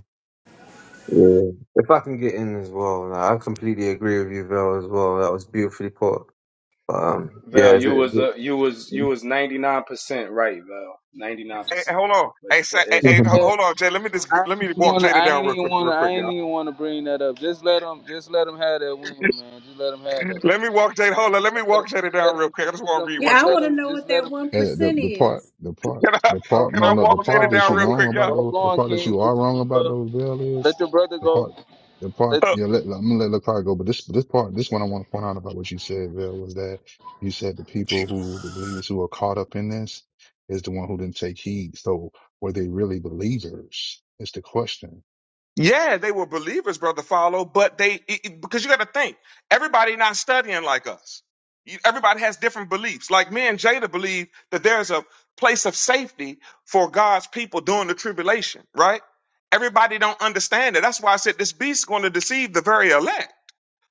Speaker 30: yeah. If I can get in as well, like, I completely agree with you, Vel, as well. That was beautifully put. But, um,
Speaker 25: Val,
Speaker 30: yeah, is it,
Speaker 25: you was
Speaker 30: is
Speaker 25: uh, you was you
Speaker 30: it-
Speaker 25: was ninety nine percent right, Val. Ninety nine
Speaker 29: Hey, hey,
Speaker 25: percent
Speaker 29: hold
Speaker 25: right.
Speaker 29: on.
Speaker 25: But
Speaker 29: Hey, say,
Speaker 25: the
Speaker 29: hey, hey,
Speaker 25: Israel,
Speaker 29: ho-
Speaker 26: that.
Speaker 29: hold on, Jay. Let me just
Speaker 26: I
Speaker 29: let
Speaker 26: ain't
Speaker 29: me
Speaker 26: even
Speaker 29: walk
Speaker 26: wanna.
Speaker 29: Jada
Speaker 26: I
Speaker 29: down
Speaker 26: ain't
Speaker 29: real
Speaker 26: even
Speaker 29: quick,
Speaker 26: wanna.
Speaker 29: real
Speaker 26: I
Speaker 29: quick,
Speaker 26: ain't
Speaker 29: y'all.
Speaker 26: even wanna bring that up. Just let them. Just let them have that woman, man. Just let them have that.
Speaker 29: Let me walk Jada. Hold on. Let
Speaker 26: Now
Speaker 29: me
Speaker 26: let
Speaker 29: walk Jada
Speaker 26: 'em- Just let
Speaker 29: down
Speaker 26: them.
Speaker 29: real quick. I just
Speaker 26: Just let
Speaker 29: want to
Speaker 26: them.
Speaker 29: read one
Speaker 26: Just
Speaker 9: Yeah, I
Speaker 26: let
Speaker 9: want to
Speaker 29: scripture.
Speaker 26: them.
Speaker 9: know
Speaker 26: Just
Speaker 9: what
Speaker 26: let
Speaker 9: that
Speaker 26: him.
Speaker 9: one
Speaker 2: And the
Speaker 9: percent
Speaker 2: the
Speaker 9: is.
Speaker 2: part the part
Speaker 29: Can I
Speaker 2: the
Speaker 26: Oh,
Speaker 2: part
Speaker 29: can
Speaker 2: no
Speaker 29: I
Speaker 26: hold
Speaker 2: no
Speaker 26: on,
Speaker 29: walk
Speaker 2: the
Speaker 29: Jada
Speaker 2: part
Speaker 26: hold on,
Speaker 2: that
Speaker 29: down
Speaker 2: you're
Speaker 26: but
Speaker 29: real
Speaker 26: wait,
Speaker 2: wrong
Speaker 29: quick,
Speaker 2: about
Speaker 29: y'all?
Speaker 26: but hold
Speaker 2: those the
Speaker 26: on,
Speaker 2: part that
Speaker 26: King.
Speaker 2: you are
Speaker 26: It's
Speaker 2: wrong about
Speaker 26: uh,
Speaker 2: those veil is
Speaker 26: let your brother
Speaker 2: the
Speaker 26: go.
Speaker 2: part the part
Speaker 26: Let,
Speaker 2: yeah let, I'm gonna let Lakar go but this this part this one I want to point out about what you said Veil was that you said the people who the believers who are caught up in this is the one who didn't take heed so were they really believers It's the question
Speaker 29: Yeah, they were believers, brother Follow, but they it, it- because you got to think everybody not studying like us. You, everybody has different beliefs. Like me and Jada believe that there's a place of safety for God's people during the tribulation, right? Everybody don't understand it. That's why I said this beast's going to deceive the very elect.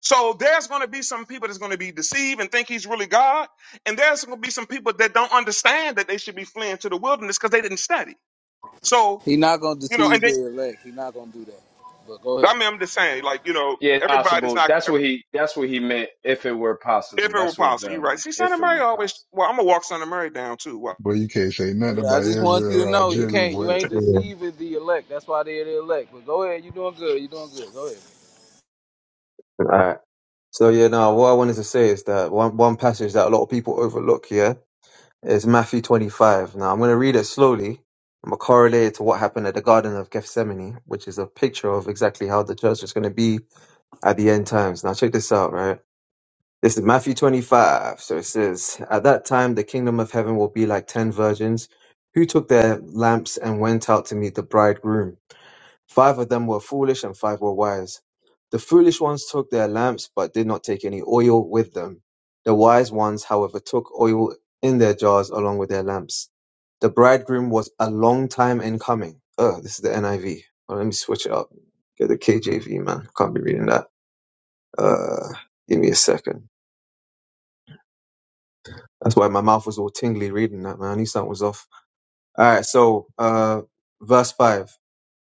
Speaker 29: So there's going to be some people that's going to be deceived and think he's really God, and there's going to be some people that don't understand that they should be fleeing to the wilderness because they didn't study. So
Speaker 26: he not gonna
Speaker 29: you know,
Speaker 26: deceive
Speaker 29: and then
Speaker 26: the elect. He not gonna do that. But go ahead.
Speaker 29: I mean, I'm just saying, like, you know,
Speaker 25: yeah,
Speaker 29: everybody's
Speaker 25: possible.
Speaker 29: not,
Speaker 25: That's what he. That's what he meant. If it were possible,
Speaker 29: if it were
Speaker 25: that's what
Speaker 29: possible, you're
Speaker 25: Val
Speaker 29: right.
Speaker 25: meant.
Speaker 29: See, Son
Speaker 25: If
Speaker 29: of
Speaker 25: it
Speaker 29: Mary
Speaker 25: were
Speaker 29: always,
Speaker 25: possible.
Speaker 29: well, I'm going to walk Son of Mary down too. Why?
Speaker 2: but you can't say
Speaker 26: I,
Speaker 2: nothing
Speaker 26: I
Speaker 2: about
Speaker 26: just want
Speaker 2: Israel
Speaker 26: you to
Speaker 2: or
Speaker 26: know you
Speaker 30: yeah.
Speaker 2: Algeria
Speaker 26: can't. You
Speaker 2: where
Speaker 26: ain't
Speaker 30: All
Speaker 26: deceiving the elect. That's why they're the elect. But go ahead. You doing good. You doing good. Go ahead.
Speaker 30: right. So yeah, no. What I wanted to say is that one one passage that a lot of people overlook here is Matthew twenty five. Now I'm going to read it slowly. I'm going to correlate it to what happened at the Garden of Gethsemane, which is a picture of exactly how the church is going to be at the end times. Now check this out, right? This is Matthew 25. So it says, At that time, the kingdom of heaven will be like ten virgins who took their lamps and went out to meet the bridegroom. Five of them were foolish and five were wise. The foolish ones took their lamps but did not take any oil with them. The wise ones, however, took oil in their jars along with their lamps. The bridegroom was a long time in coming. Oh, this is the NIV. Oh, let me switch it up. Get the KJV, man. Can't be reading that. Uh, give me a second. That's why my mouth was all tingly reading that, man. I knew something was off. All right, so uh, verse 5.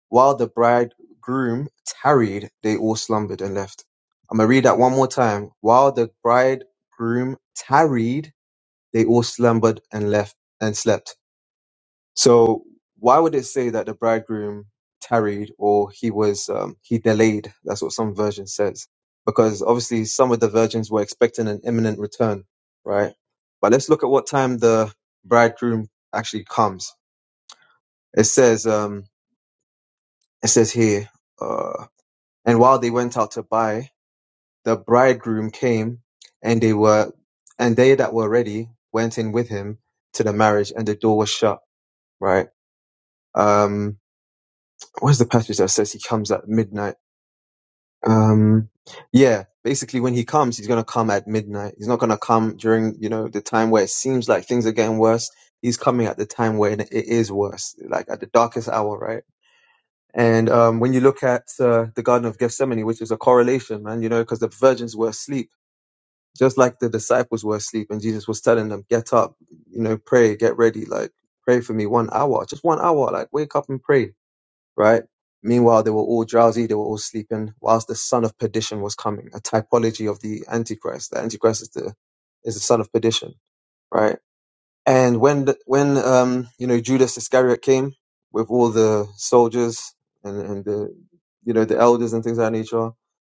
Speaker 30: While the bridegroom tarried, they all slumbered and left. I'm going to read that one more time. While the bridegroom tarried, they all slumbered and left and slept. So why would it say that the bridegroom tarried or he was um, he delayed? That's what some version says, because obviously some of the virgins were expecting an imminent return, right? But let's look at what time the bridegroom actually comes. It says um, it says here, uh, and while they went out to buy, the bridegroom came, and they were and they that were ready went in with him to the marriage, and the door was shut, right? Um, where's the passage that says he comes at midnight? Um, yeah, basically when he comes, he's gonna come at midnight. He's not gonna come during, you know, the time where it seems like things are getting worse. He's coming at the time when it is worse, like at the darkest hour, right? And um, when you look at uh, the Garden of Gethsemane, which is a correlation, man, you know, because the virgins were asleep, just like the disciples were asleep, and Jesus was telling them, "Get up, you know, pray, get ready, like pray for me one hour, just one hour, like wake up and pray." right? Meanwhile, they were all drowsy, they were all sleeping, whilst the son of perdition was coming, a typology of the Antichrist. The Antichrist is the, is the son of perdition, right? And when the, when um, you know Judas Iscariot came with all the soldiers and, and the you know the elders and things of that nature,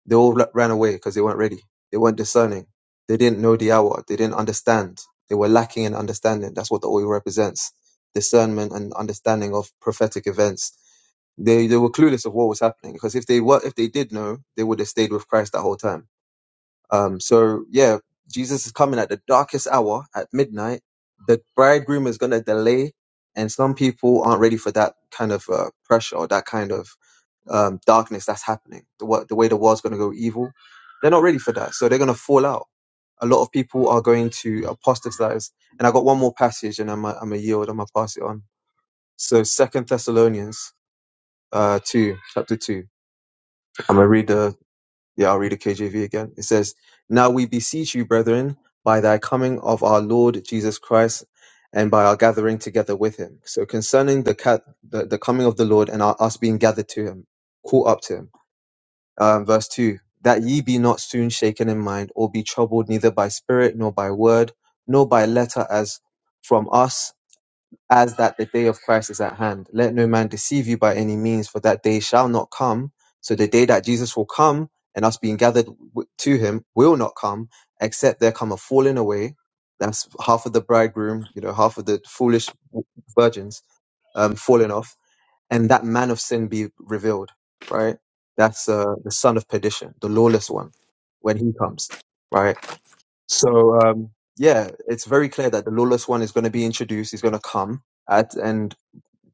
Speaker 30: they all ra- ran away because they weren't ready. They weren't discerning. They didn't know the hour. They didn't understand. They were lacking in understanding. That's what the oil represents: discernment and understanding of prophetic events. They they were clueless of what was happening because if they were if they did know, they would have stayed with Christ that whole time um, so yeah, Jesus is coming at the darkest hour at midnight. The bridegroom is going to delay, and some people aren't ready for that kind of uh, pressure or that kind of um, darkness that's happening. The, wa- the way the world's going to go evil, they're not ready for that, so they're going to fall out. A lot of people are going to apostatize, and I got one more passage, and I'm a, I'm a yield. I'm gonna pass it on. So Second Thessalonians uh, two, chapter two. I'm gonna read the yeah, I'll read the KJV again. It says, Now we beseech you, brethren, by thy coming of our Lord Jesus Christ and by our gathering together with him. So concerning the, ca- the, the coming of the Lord and our, us being gathered to him, caught up to him. Um, verse 2 That ye be not soon shaken in mind, or be troubled neither by spirit, nor by word, nor by letter as from us, as that the day of Christ is at hand. Let no man deceive you by any means, for that day shall not come. So the day that Jesus will come and us being gathered w- to him will not come, except there come a falling away. That's half of the bridegroom, you know, half of the foolish w- virgins um, falling off, and that man of sin be revealed, right? That's uh, the son of perdition, the lawless one, when he comes, right? So um, yeah, it's very clear that the lawless one is going to be introduced. He's going to come at, and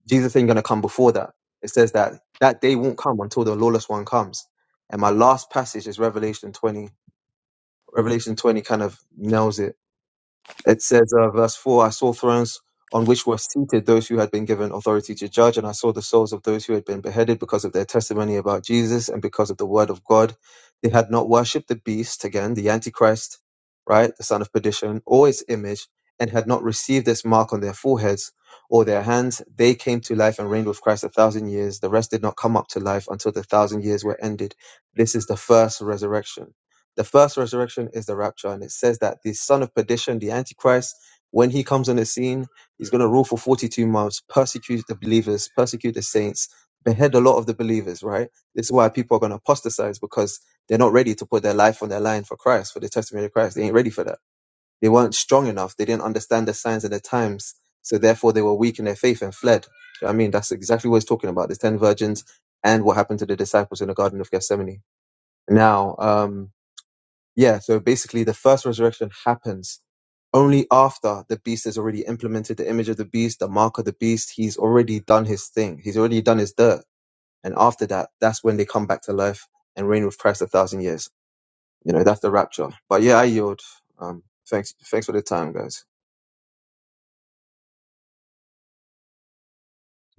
Speaker 30: Jesus ain't going to come before that. It says that that day won't come until the lawless one comes. And my last passage is Revelation 20. Revelation 20 kind of nails it it says, uh, verse 4 I saw thrones on which were seated those who had been given authority to judge, and I saw the souls of those who had been beheaded because of their testimony about Jesus and because of the word of God. They had not worshipped the beast, again, the Antichrist, right, the son of perdition, or his image, and had not received this mark on their foreheads or their hands. They came to life and reigned with Christ a thousand years. The rest did not come up to life until the thousand years were ended. This is the first resurrection the first resurrection is the rapture, and it says that the son of perdition, the antichrist, when he comes on the scene, he's going to rule for 42 months, persecute the believers, persecute the saints, behead a lot of the believers, right? This is why people are going to apostatize because they're not ready to put their life on their line for Christ, for the testimony of Christ. They ain't ready for that. They weren't strong enough. They didn't understand the signs and the times. So therefore, they were weak in their faith and fled. Do you know what I mean? That's exactly what he's talking about. The 10 virgins and what happened to the disciples in the Garden of Gethsemane. Now, um, yeah, so basically the first resurrection happens only after the beast has already implemented the image of the beast, the mark of the beast. He's already done his thing. He's already done his dirt. And after that, that's when they come back to life and reign with Christ a thousand years. You know, that's the rapture. But yeah, I yield. Um, thanks, thanks for the time, guys.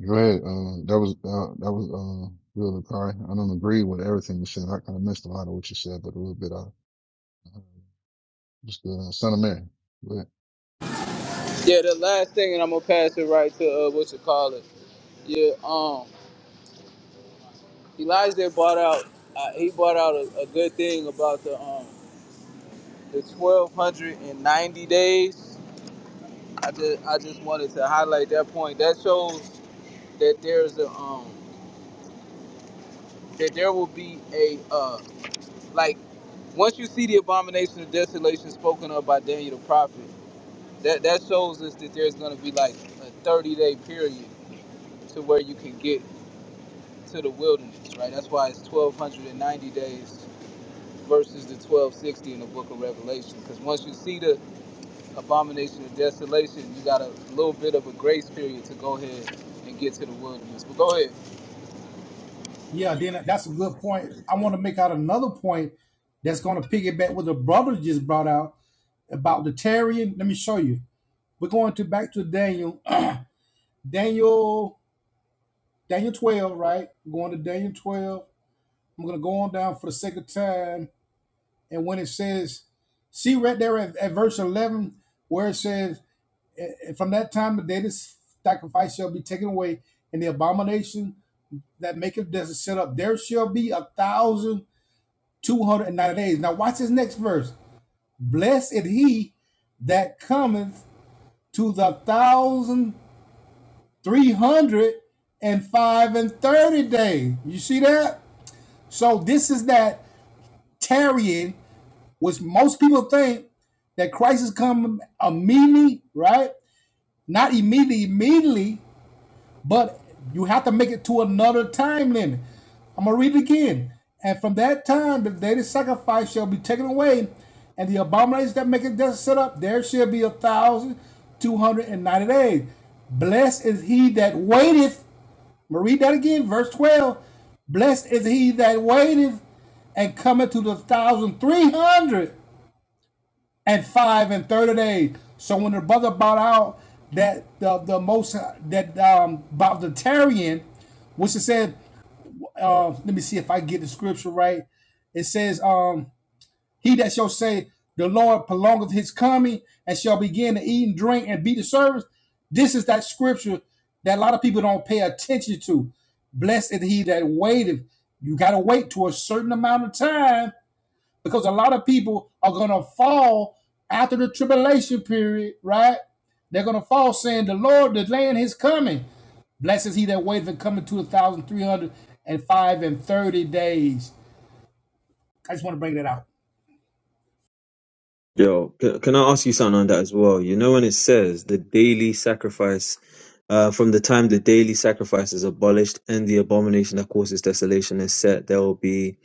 Speaker 2: Go ahead. Uh, that was uh, that was uh, good, Kai. I don't agree with everything you said. I kind of missed a lot of what you said, but a little bit. I uh, just uh, son of Mary. But,
Speaker 26: Yeah, the last thing, and I'm gonna pass it right to uh, what you call it. Yeah. Elijah brought out uh, he brought out a, a good thing about the um the twelve hundred and ninety days. I just I just wanted to highlight that point. That shows that there's a um that there will be a uh like once you see the abomination of desolation spoken of by Daniel the prophet, that that shows us that there's gonna be like a thirty day period to where you can get to the wilderness, right? That's why it's twelve hundred and ninety days versus the 1260 in the book of Revelation. Because once you see the abomination of desolation, you got a little bit of a grace period to go ahead and get to the wilderness. But go ahead.
Speaker 17: Yeah, then that's a good point. I want to make out another point that's going to piggyback what the brother just brought out about the Tarian. Let me show you. We're going to back to Daniel, Daniel, Daniel 12, right? We're going to Daniel 12. I'm going to go on down for the sake of time. And when it says, see right there at at verse 11, where it says, And from that time, the day this sacrifice shall be taken away, and the abomination that maketh desolate set up, there shall be a thousand two hundred and ninety days. Now, watch this next verse. Blessed is he that cometh to the thousand three hundred and five and thirty day. You see that? So this is that tarrying, which most people think that Christ is coming immediately, right? Not immediately, immediately, But you have to make it to another time limit. I'm gonna read it again. And from that time, the daily sacrifice shall be taken away, and the abominations that make it death set up, there shall be a thousand two hundred and ninety days. Blessed is he that waiteth. I'm gonna read that again, verse 12. Blessed is he that waiteth and cometh to the thousand three hundred and five and thirty days. So when the brother brought out that the the most that um about the Tarian, which it said, uh, let me see if I get the scripture right. It says, um, he that shall say the Lord prolongeth his coming and shall begin to eat and drink and be the servants." This is that scripture that a lot of people don't pay attention to. Blessed is he that waiteth. You gotta wait to a certain amount of time because a lot of people are going to fall after the tribulation period, right? They're going to fall saying, The Lord, the land is coming. Blessed is he that waiteth and coming to 1,305 and 30 days. I just want to bring that out.
Speaker 30: Yo, c- can I ask you something on that as well? You know, when it says the daily sacrifice, uh, from the time the daily sacrifice is abolished and the abomination that causes desolation is set, there will be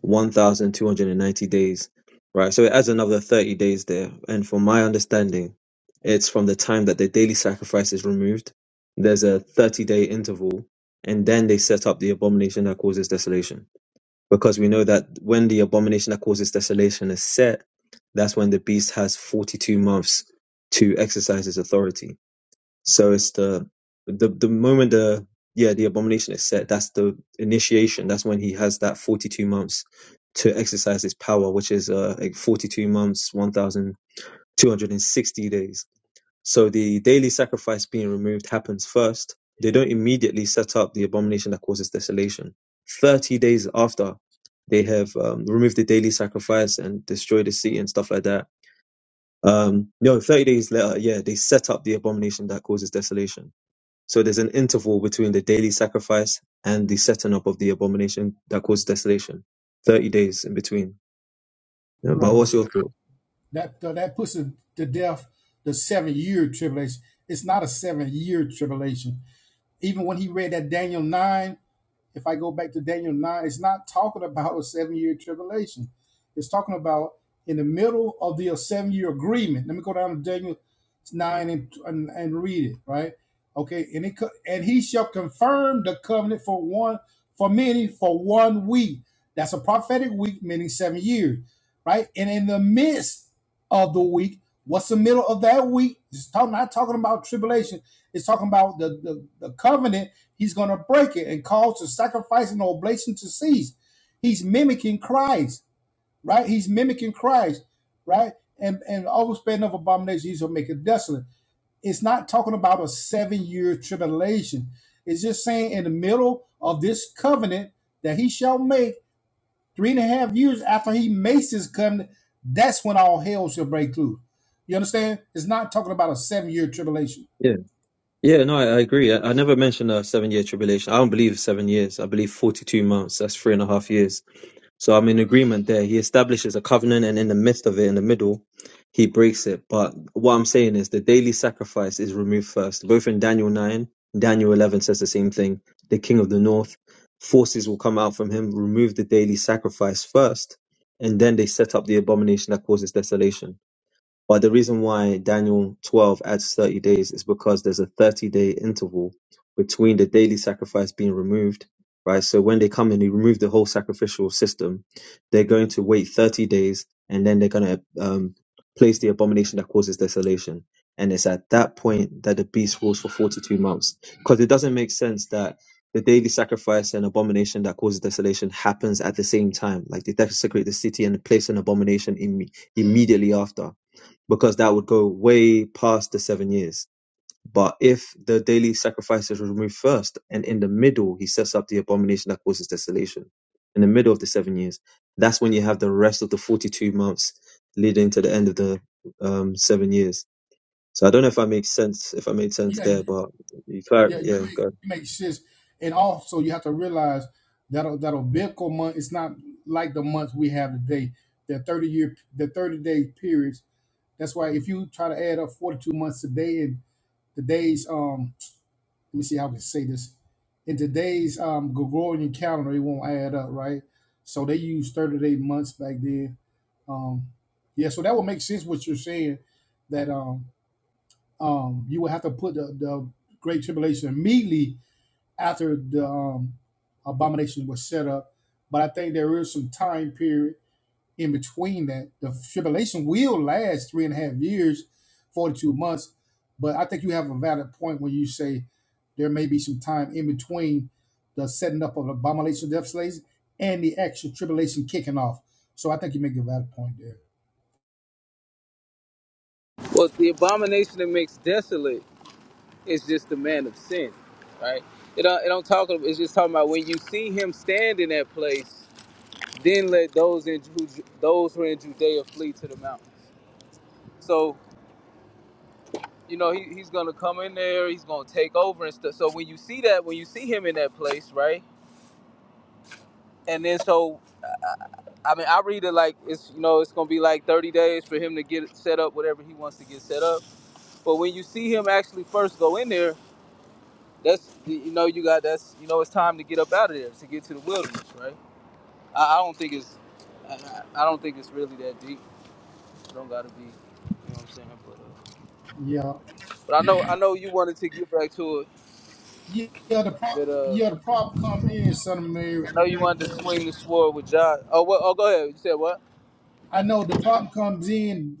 Speaker 30: 1,290 days, right? So it adds another 30 days there. And from my understanding, it's from the time that the daily sacrifice is removed, there's a 30 day interval, and then they set up the abomination that causes desolation because we know that when the abomination that causes desolation is set, that's when the beast has 42 months to exercise his authority. So it's the the the moment the yeah the abomination is set, that's the initiation. That's when he has that 42 months to exercise his power, which is uh like 42 months, 1,260 days. So the daily sacrifice being removed happens first. They don't immediately set up the abomination that causes desolation. 30 days after they have um, removed the daily sacrifice and destroyed the city and stuff like that. Um, no, 30 days later, yeah, they set up the abomination that causes desolation. So there's an interval between the daily sacrifice and the setting up of the abomination that causes desolation. 30 days in between. Yeah, but
Speaker 17: Right.
Speaker 30: what's
Speaker 17: So
Speaker 30: your thought?
Speaker 17: that, that, that puts to to death the seven year tribulation. It's not a seven year tribulation. Even when he read that Daniel 9, if I go back to Daniel 9, it's not talking about a seven year tribulation. It's talking about in the middle of the seven year agreement. Let me go down to Daniel 9 and, and, and read it, right? Okay. And, it, and he shall confirm the covenant for one, for many, for one week. That's a prophetic week, meaning seven years, right? And in the midst of the week, what's the middle of that week? It's talking, not talking about tribulation. It's talking about the, the, the covenant He's going to break it and cause the sacrifice and oblation to cease. He's mimicking Christ, right? He's mimicking Christ, right? And and overspending of abominations shall make it desolate. It's not talking about a seven year tribulation. It's just saying in the middle of this covenant that he shall make three and a half years after he makes his covenant, that's when all hell shall break loose. You understand? It's not talking about a seven year tribulation.
Speaker 30: Yeah, no, I, I agree. I, I never mentioned a seven year tribulation. I don't believe seven years. I believe 42 months. That's three and a half years. So I'm in agreement there. He establishes a covenant, and in the midst of it, in the middle, he breaks it. But what I'm saying is the daily sacrifice is removed first. Both in Daniel 9, Daniel 11 says the same thing. The king of the north, forces will come out from him, remove the daily sacrifice first, and then they set up the abomination that causes desolation. But the reason why Daniel 12 adds 30 days is because there's a 30 day interval between the daily sacrifice being removed, right? So when they come and they remove the whole sacrificial system, they're going to wait 30 days and then they're going to um, place the abomination that causes desolation. And it's at that point that the beast rules for 42 months. Because it doesn't make sense that the daily sacrifice and abomination that causes desolation happens at the same time. Like they desecrate the city and place an abomination imme- immediately after because that would go way past the seven years. But if the daily sacrifices were removed first, and in the middle he sets up the abomination that causes desolation, in the middle of the seven years, that's when you have the rest of the forty-two months leading to the end of the um, seven years. So I don't know if I make sense, if I made sense
Speaker 17: Yeah.
Speaker 30: there, but you clar-
Speaker 17: Yeah, you
Speaker 30: yeah,
Speaker 17: make
Speaker 30: go. ahead.
Speaker 17: you make sense, and also you have to realize that a- that a biblical month is not like the month we have today. The thirty year, the thirty day periods. That's why if you try to add up forty two months today and today's um, let me see how I can say this, in today's um Gregorian calendar, it won't add up, right? So they use thirty day months back then. Um, yeah, so that would make sense what you're saying that um um you would have to put the, the great tribulation immediately after the um, abomination was set up. But I think there is some time period in between that. The tribulation will last three and a half years, 42 months. But I think you have a valid point when you say there may be some time in between the setting up of the abomination of death slaves and the actual tribulation kicking off. So I think you make a valid point there.
Speaker 26: Well, the abomination that makes desolate is just the man of sin, right? It don't, it don't talk. It's just talking about when you see him stand in that place, then let those in Ju- those who are in Judea flee to the mountains. So you know he, he's gonna come in there. He's gonna take over and stuff. So when you see that, when you see him in that place, right? And then so I mean, I read it like it's you know it's gonna be like 30 days for him to get set up whatever he wants to get set up. But when you see him actually first go in there, that's you know you got that's you know it's time to get up out of there to get to the wilderness, right? I, I don't think it's I, I I don't think it's really that deep. It don't gotta be, you know what I'm saying? But, uh,
Speaker 17: Yeah.
Speaker 26: but I know I know you wanted to get back to it
Speaker 17: Yeah, the pro-
Speaker 26: with uh
Speaker 17: yeah, the problem come in, son of Mary,
Speaker 26: I know you wanted to swing the sword with John. Oh what? Oh go ahead. You said what?
Speaker 17: I know the problem comes in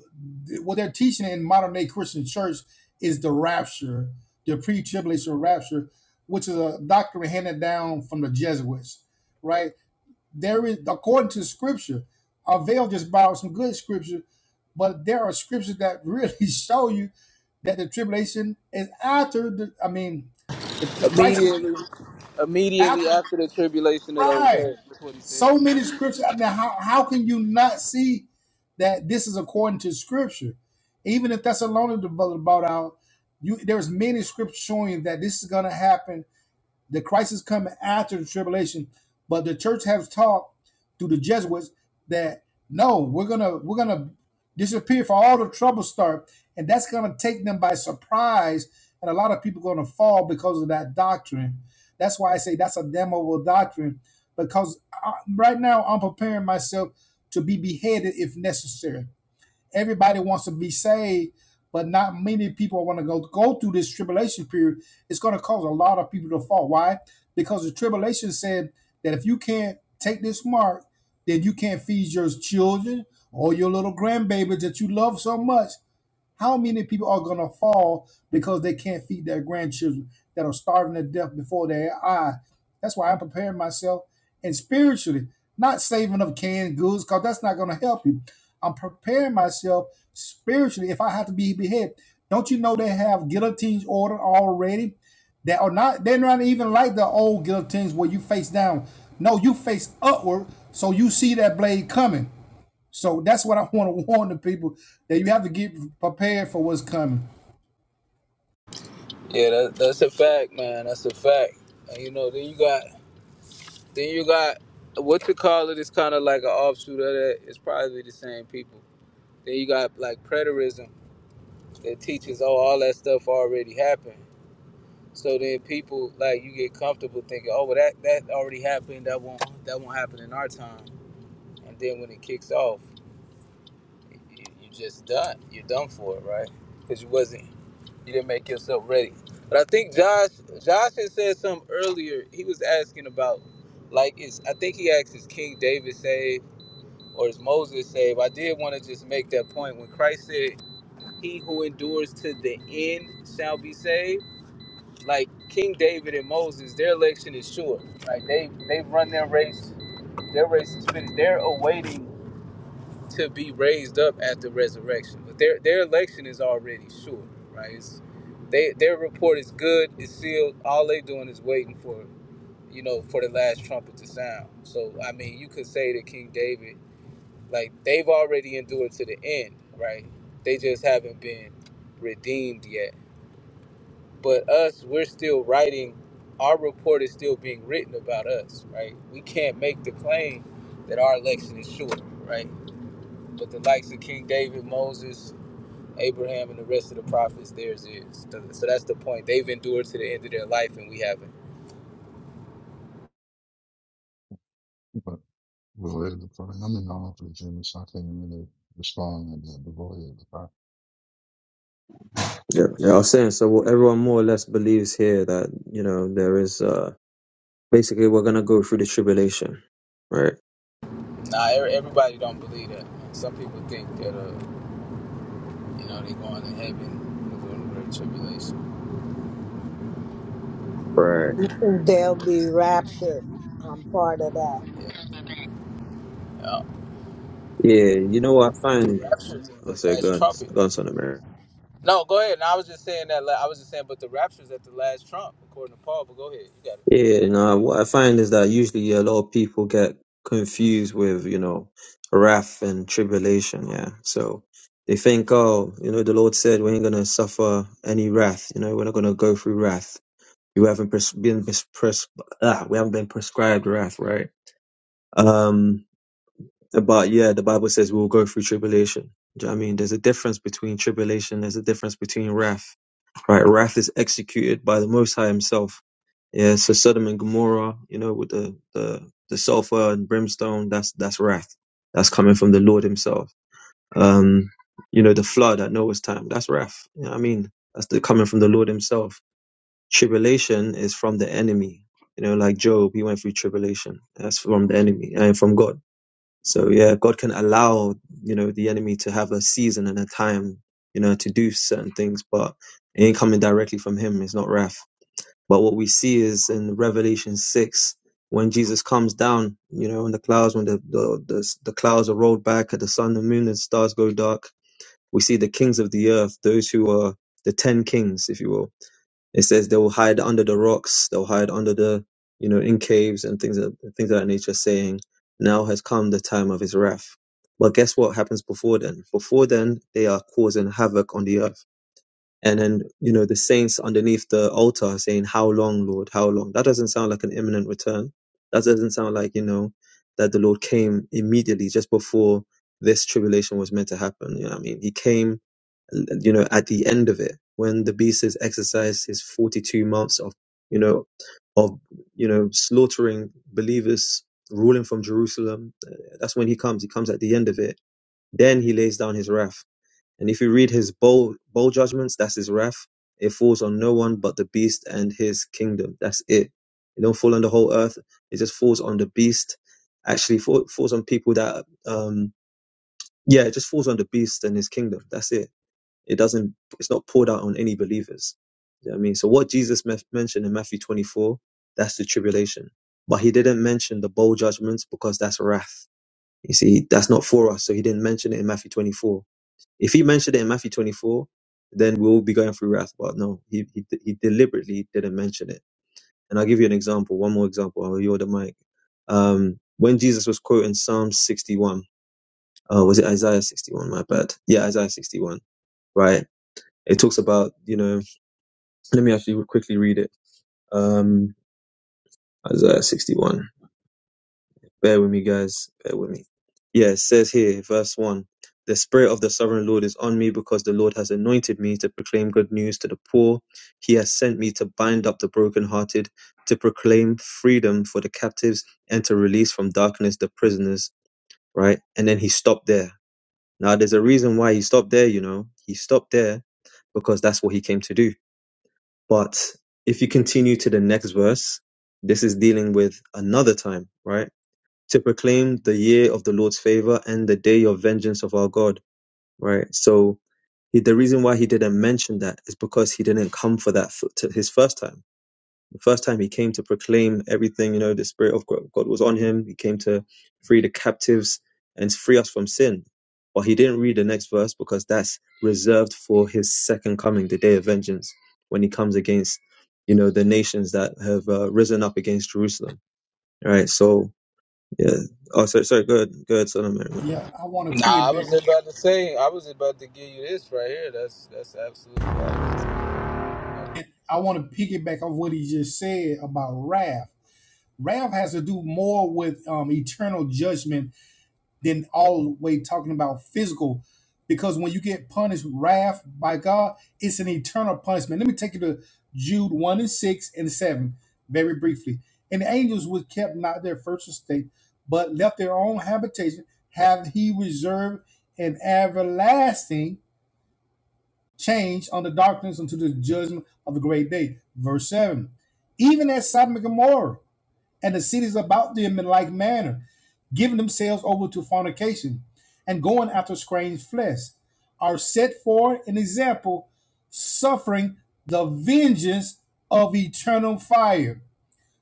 Speaker 17: what they're teaching in modern day Christian church is the rapture, the pre tribulation rapture, which is a doctrine handed down from the Jesuits, right? There is, according to scripture, uh, Vale just borrowed some good scripture, but there are scriptures that really show you that the tribulation is after the, I mean, the, the crisis
Speaker 26: Immediately, immediately
Speaker 17: after
Speaker 26: after the tribulation of those
Speaker 17: Right.
Speaker 26: days. That's what he
Speaker 17: So
Speaker 26: says.
Speaker 17: many scriptures. I mean, how, how can you not see that this is according to scripture? Even if Thessalonians the brother brought out, you there's many scriptures showing that this is gonna happen the crisis coming after the tribulation, but the church has taught through the Jesuits that no, we're gonna we're gonna disappear for all the trouble start, and that's gonna take them by surprise, and a lot of people gonna fall because of that doctrine. That's why I say that's a damnable doctrine, because I, right now I'm preparing myself to be beheaded if necessary. Everybody wants to be saved, but not many people want to go go through this tribulation period. It's going to cause a lot of people to fall. Why? Because the tribulation said that if you can't take this mark, then you can't feed your children or your little grandbabies that you love so much. How many people are gonna fall because they can't feed their grandchildren that are starving to death before their eye? That's why I'm preparing myself and spiritually, not saving up canned goods, because that's not gonna help you. I'm preparing myself spiritually if I have to be beheaded. Don't you know they have guillotines ordered already? That are not they're not even like the old guillotines where you face down. No, you face upward, so you see that blade coming. So that's what I want to warn the people that you have to get prepared for what's coming.
Speaker 26: Yeah, that, that's a fact, man. That's a fact. And you know, then you got then you got what you call it is kind of like an offshoot of that. It's probably the same people. Then you got like preterism that teaches, oh, all that stuff already happened. So then people like you get comfortable thinking, oh, well that that already happened. That won't that won't happen in our time. And then when it kicks off, you, you just done. You're done for it, right? Because you wasn't You didn't make yourself ready. But I think Josh Josh had said something earlier. He was asking about like is I think he asked is King David saved or is Moses saved? I did want to just make that point when Christ said, He who endures to the end shall be saved. Like King David and Moses, their election is sure. Like they they've run their race, their race is finished. They're awaiting to be raised up at the resurrection. But their their election is already sure, right? It's, they their report is good, it's sealed. All they doing is waiting for, you know, for the last trumpet to sound. So I mean, you could say that King David, like they've already endured to the end, right? They just haven't been redeemed yet. But us, we're still writing. Our report is still being written about us, right? We can't make the claim that our election is sure, right? But the likes of King David, Moses, Abraham, and the rest of the prophets, theirs is. So so that's the point. They've endured to the end of their life, and we haven't.
Speaker 2: but well, it is fine. I'm in the office, Jimmy, so I can't really respond and that. But go ahead, Kai.
Speaker 30: Yeah, yeah. I was saying so. What everyone more or less believes here that you know there is uh basically we're gonna go through the tribulation, right?
Speaker 26: Nah, e- everybody don't believe that. Some people think that, uh, you know, they're going to heaven, they're going to great tribulation.
Speaker 30: Right.
Speaker 5: they'll be raptured. I'm part of that.
Speaker 26: Yeah. Uh,
Speaker 30: Yeah, you know what I
Speaker 26: The
Speaker 30: find
Speaker 26: rapture is at
Speaker 30: I
Speaker 26: the
Speaker 30: say
Speaker 26: last
Speaker 30: guns,
Speaker 26: trumpet.
Speaker 30: guns on America.
Speaker 26: No, go ahead. No, I was just saying that. la- I was just saying, but the rapture is at the last trump, according to Paul. But go ahead, you got it.
Speaker 30: Yeah, no, what I find is that usually a lot of people get confused with, you know, wrath and tribulation. Yeah. So they think, oh, you know, the Lord said we ain't going to suffer any wrath. You know, we're not going to go through wrath. You haven't pres- been pres- pres- ah, we haven't been prescribed wrath, right? Um, but yeah, the Bible says we'll go through tribulation. Do you know what I mean? There's a difference between tribulation. There's a difference between wrath, right? Wrath is executed by the Most High Himself Yeah, so Sodom and Gomorrah, you know, with the, the, the sulfur and brimstone, that's, that's wrath. That's coming from the Lord himself. Um, you know, the flood at Noah's time, that's wrath. You know what I mean? That's the, coming from the Lord himself. Tribulation is from the enemy. You know, like Job, he went through tribulation. That's from the enemy and from God. So yeah, God can allow, you know, the enemy to have a season and a time, you know, to do certain things, but it ain't coming directly from him. It's not wrath but what we see is in Revelation 6, when Jesus comes down, you know, in the clouds, when the, the, the, the clouds are rolled back at the sun, the moon, and stars go dark, we see the kings of the earth, those who are the 10 kings, if you will. It says they will hide under the rocks, they'll hide under the, you know, in caves and things of, things of that nature, saying, Now has come the time of his wrath. But guess what happens before then? Before then, they are causing havoc on the earth and then you know the saints underneath the altar are saying how long lord how long that doesn't sound like an imminent return that doesn't sound like you know that the lord came immediately just before this tribulation was meant to happen you know what i mean he came you know at the end of it when the beast has exercised his 42 months of you know of you know slaughtering believers ruling from jerusalem uh, that's when he comes he comes at the end of it then he lays down his wrath and if you read his bowl bowl judgments, that's his wrath. It falls on no one but the beast and his kingdom. That's it. It don't fall on the whole earth. It just falls on the beast. Actually, fall, falls on people that um yeah, it just falls on the beast and his kingdom. That's it. It doesn't. It's not poured out on any believers. You know what I mean, so what Jesus me- mentioned in Matthew 24, that's the tribulation. But he didn't mention the bowl judgments because that's wrath. You see, that's not for us. So he didn't mention it in Matthew 24 if he mentioned it in Matthew 24, then we'll be going through wrath. But no, he, he, he deliberately didn't mention it. And I'll give you an example, one more example. I'll yield the mic. Um, when Jesus was quoting Psalm 61, uh, was it Isaiah 61? My bad. Yeah, Isaiah 61, right? It talks about, you know, let me actually quickly read it. Um, Isaiah 61. Bear with me, guys. Bear with me. Yeah, it says here, verse 1 The Spirit of the Sovereign Lord is on me because the Lord has anointed me to proclaim good news to the poor. He has sent me to bind up the brokenhearted, to proclaim freedom for the captives, and to release from darkness the prisoners, right? And then he stopped there. Now, there's a reason why he stopped there, you know. He stopped there because that's what he came to do. But if you continue to the next verse, this is dealing with another time, right? to proclaim the year of the Lord's favor and the day of vengeance of our God, right? So he, the reason why he didn't mention that is because he didn't come for that f- to his first time. The first time he came to proclaim everything, you know, the Spirit of God God was on him. He came to free the captives and free us from sin. But he didn't read the next verse because that's reserved for his second coming, the day of vengeance, when he comes against, you know, the nations that have uh, risen up against Jerusalem. Right. So yeah. Oh, sorry, sorry. Go ahead. Go ahead, Son of Mary. man.
Speaker 17: Yeah, I want to
Speaker 26: Nah, I
Speaker 17: piggyback.
Speaker 26: was about to say. I was about to give you this right here. That's that's absolutely right.
Speaker 17: I want to piggyback off what he just said about wrath. Wrath has to do more with um, eternal judgment than all the way talking about physical. Because when you get punished, wrath by God, it's an eternal punishment. Let me take you to Jude 1 and 6 and 7 very briefly. And the angels were kept not their first estate, but left their own habitation, have he reserved an everlasting change under darkness unto the judgment of the great day. Verse 7. Even as Sodom and Gomorrah and the cities about them in like manner, giving themselves over to fornication and going after strange flesh, are set for an example, suffering the vengeance of eternal fire.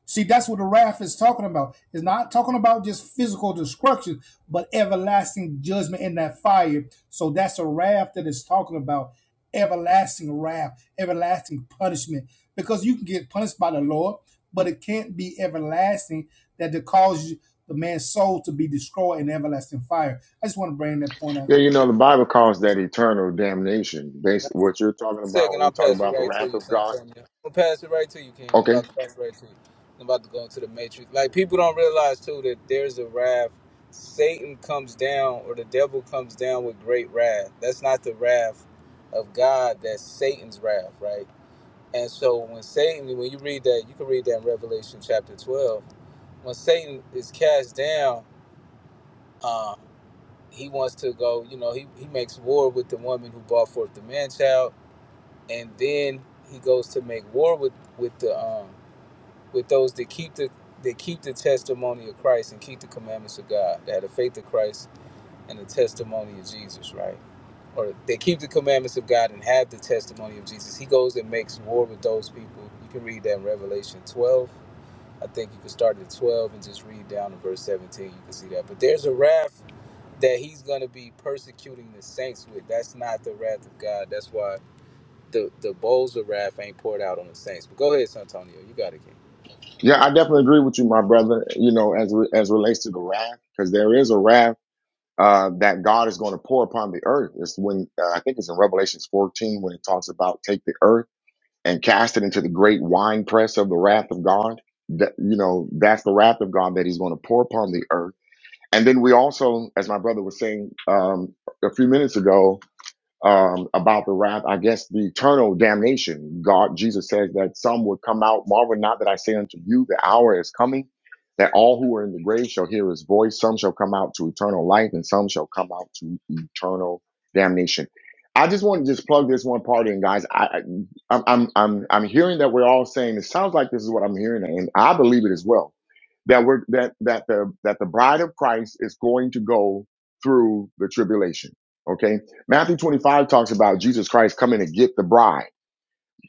Speaker 17: See, that's what the wrath is talking about. It's not talking about just physical destruction, but everlasting judgment in that fire. So that's a wrath that it's talking about. Everlasting wrath, everlasting punishment. Because you can get punished by the Lord, but it can't be everlasting that it causes the man's soul to be destroyed in everlasting fire. I just want to bring that point out.
Speaker 31: Yeah, you know, the Bible calls that eternal damnation. Basically, what you're talking about
Speaker 26: Second,
Speaker 31: when you
Speaker 26: I'll
Speaker 31: talk
Speaker 26: pass it
Speaker 31: about the
Speaker 26: right to
Speaker 31: wrath
Speaker 26: you,
Speaker 31: of God.
Speaker 26: Santonio. I'm gonna pass it right to you, King. I'm
Speaker 31: Okay.
Speaker 26: about to pass it right to you. I'm about to go into the matrix. Like people don't realize too that there's a wrath. Satan comes down, or the devil comes down with great wrath. That's not the wrath of God. That's Satan's wrath, right? And so when Satan, when you read that, you can read that in Revelation chapter 12. When Satan is cast down, uh, he wants to go. You know, he he makes war with the woman who brought forth the man child and then he goes to make war with with the um with those that keep the that keep the testimony of Christ and keep the commandments of God, that have the faith of Christ and the testimony of Jesus, right? Or they keep the commandments of God and have the testimony of Jesus. He goes and makes war with those people. You can read that in Revelation 12. I think you can start at 12 and just read down to verse 17. You can see that. But there's a wrath that he's going to be persecuting the saints with. That's not the wrath of God. That's why the the bowls of wrath ain't poured out on the saints. But go ahead, Santonio. You got it, King.
Speaker 31: Yeah, I definitely agree with you, my brother. You know, as re- as relates to the wrath, because there is a wrath uh, that God is going to pour upon the earth. It's when uh, I think it's in Revelations 14 when it talks about take the earth and cast it into the great wine press of the wrath of God. That you know, that's the wrath of God that He's going to pour upon the earth. And then we also, as my brother was saying um, a few minutes ago, um, about the wrath, I guess the eternal damnation. God, Jesus says that some would come out. Marvel not that I say unto you, the hour is coming that all who are in the grave shall hear his voice. Some shall come out to eternal life, and some shall come out to eternal damnation. I just want to just plug this one part in, guys. I, I I'm I'm I'm I'm hearing that we're all saying it sounds like this is what I'm hearing, and I believe it as well that we're that that the that the bride of Christ is going to go through the tribulation. Okay. Matthew 25 talks about Jesus Christ coming to get the bride.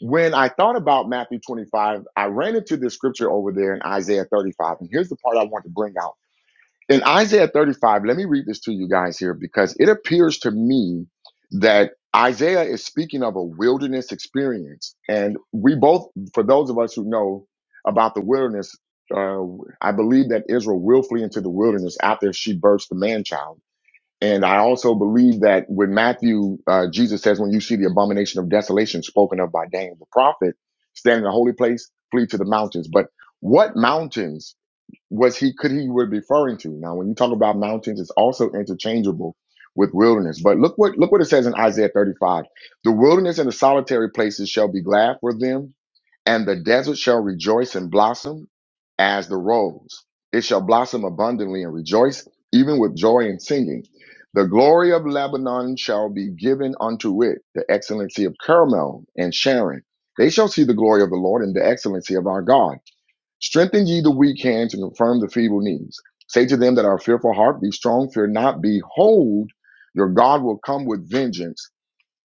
Speaker 31: When I thought about Matthew 25, I ran into this scripture over there in Isaiah 35. And here's the part I want to bring out in Isaiah 35, let me read this to you guys here because it appears to me that Isaiah is speaking of a wilderness experience. And we both, for those of us who know about the wilderness, uh, I believe that Israel will flee into the wilderness after she births the man child. And I also believe that when Matthew, uh, Jesus says, when you see the abomination of desolation spoken of by Daniel the prophet, stand in the holy place, flee to the mountains. But what mountains? was he could he were referring to now when you talk about mountains it's also interchangeable with wilderness but look what look what it says in isaiah 35 the wilderness and the solitary places shall be glad for them and the desert shall rejoice and blossom as the rose it shall blossom abundantly and rejoice even with joy and singing the glory of lebanon shall be given unto it the excellency of carmel and sharon they shall see the glory of the lord and the excellency of our god Strengthen ye the weak hands and confirm the feeble knees. Say to them that are fearful heart, Be strong, fear not. Behold, your God will come with vengeance,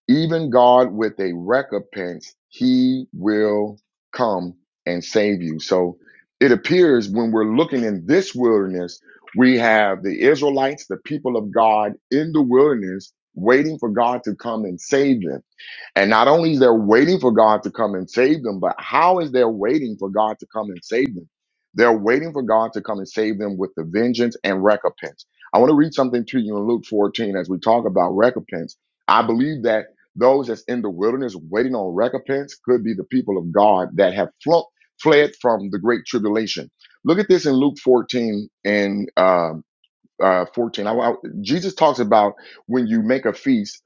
Speaker 31: even God with a recompense. He will come and save you. So it appears when we're looking in this wilderness, we have the Israelites, the people of God in the wilderness, waiting for God to come and save them and not only is they're waiting for God to come and save them, but how is they're waiting for God to come and save them? They're waiting for God to come and save them with the vengeance and recompense. I want to read something to you in Luke 14 as we talk about recompense. I believe that those that's in the wilderness waiting on recompense could be the people of God that have flunked, fled from the great tribulation. Look at this in Luke 14 and uh, uh, 14. I, I- Jesus talks about when you make a feast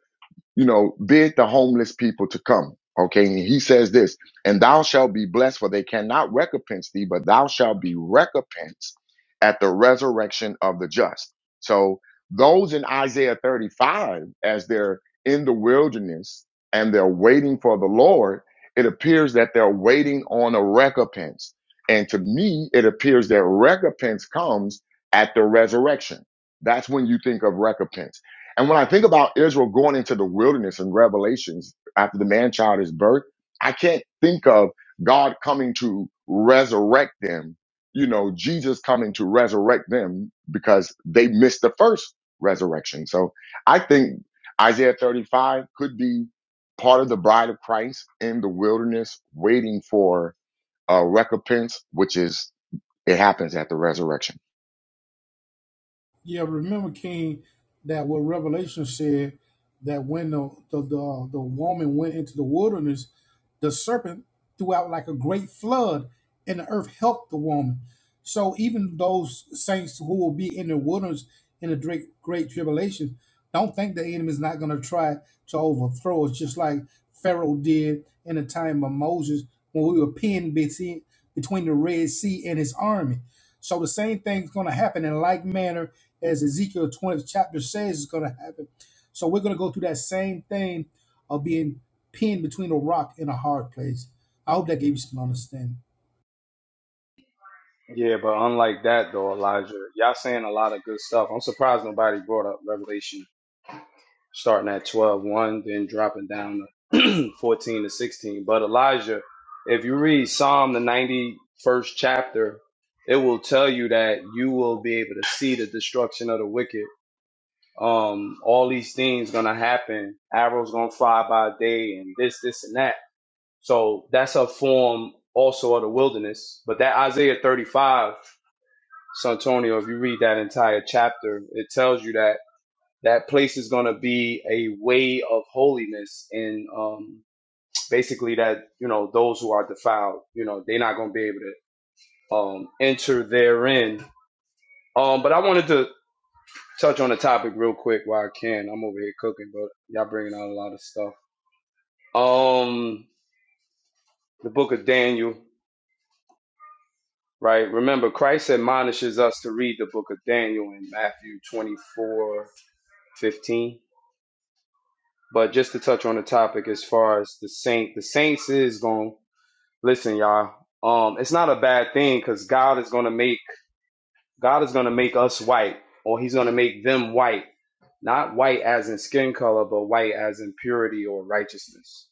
Speaker 31: you know, bid the homeless people to come. Okay. And he says this, and thou shalt be blessed, for they cannot recompense thee, but thou shalt be recompensed at the resurrection of the just. So those in Isaiah 35, as they're in the wilderness and they're waiting for the Lord, it appears that they're waiting on a recompense. And to me, it appears that recompense comes at the resurrection. That's when you think of recompense and when I think about Israel going into the wilderness in Revelations after the man child is birthed, I can't think of God coming to resurrect them, you know, Jesus coming to resurrect them because they missed the first resurrection. So I think Isaiah 35 could be part of the bride of Christ in the wilderness waiting for a recompense, which is it happens at the resurrection.
Speaker 17: Yeah, remember King that what Revelation said that when the the the, the woman went into the wilderness, the serpent threw out like a great flood, and the earth helped the woman. So even those saints who will be in the wilderness in the great great tribulation, don't think the enemy is not going to try to overthrow us, just like Pharaoh did in the time of Moses when we were pinned between between the Red Sea and his army. So the same thing's going to happen in like manner as Ezekiel 20 chapter says is going to happen. So we're going to go through that same thing of being pinned between a rock and a hard place. I hope that gave you some understanding.
Speaker 25: Yeah, but unlike that though, Elijah, y'all saying a lot of good stuff. I'm surprised nobody brought up Revelation starting at twelve, one, then dropping down to 14 to 16. But Elijah, if you read Psalm, the 91st chapter, it will tell you that you will be able to see the destruction of the wicked. Um, all these things gonna happen. Arrows gonna fly by day, and this, this, and that. So that's a form also of the wilderness. But that Isaiah 35, Santonio, if you read that entire chapter, it tells you that that place is going to be a way of holiness and um, basically that you know those who are defiled you know they're not going to be able to um, enter therein um, but i wanted to touch on the topic real quick while i can i'm over here cooking but y'all bringing out a lot of stuff um, the book of daniel right remember christ admonishes us to read the book of daniel in matthew 24 15. but just to touch on the topic as far as the saint the saints is going listen y'all um it's not a bad thing because god is gonna make god is gonna make us white or he's gonna make them white not white as in skin color but white as in purity or righteousness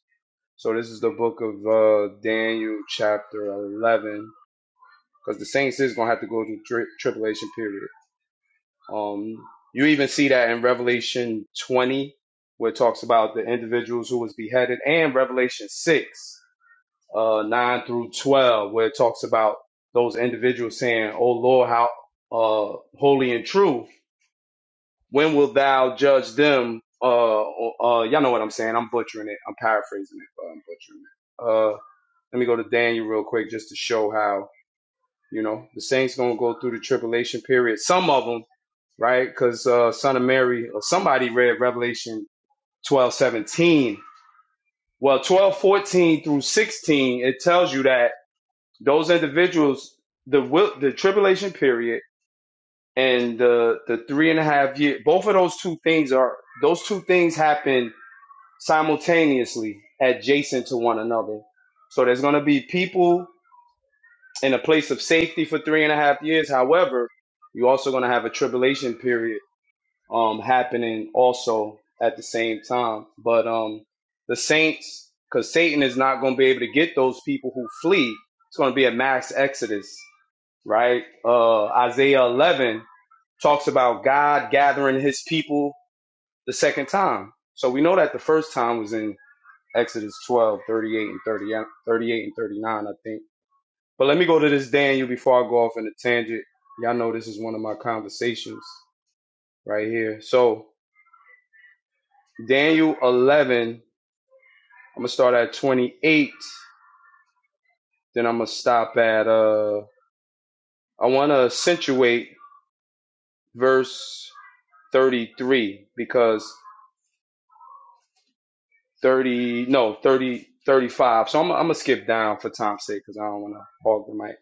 Speaker 25: so this is the book of uh daniel chapter 11 because the saints is gonna have to go through tri- tribulation period um you even see that in revelation 20 where it talks about the individuals who was beheaded and revelation 6 uh, 9 through 12, where it talks about those individuals saying, Oh Lord, how uh, holy and true, when will thou judge them? Uh, uh, y'all know what I'm saying. I'm butchering it. I'm paraphrasing it, but I'm butchering it. Uh, let me go to Daniel real quick just to show how, you know, the saints going to go through the tribulation period. Some of them, right? Because uh, Son of Mary, or somebody read Revelation 12 17. Well, 12 14 through 16, it tells you that Those individuals, the the tribulation period and the the three and a half year, both of those two things are those two things happen simultaneously, adjacent to one another. So there's going to be people in a place of safety for three and a half years. However, you're also going to have a tribulation period um, happening also at the same time. But um, the saints, because Satan is not going to be able to get those people who flee. It's going to be a mass exodus, right? Uh, Isaiah 11 talks about God gathering his people the second time. So we know that the first time was in Exodus 12 38 and 30 38 and 39, I think. But let me go to this Daniel before I go off in a tangent. Y'all know this is one of my conversations right here. So Daniel 11. I'm gonna start at 28. Then I'm gonna stop at uh. I want to accentuate verse 33 because 30 no thirty thirty five. So I'm I'm gonna skip down for time's sake because I don't want to hog the mic.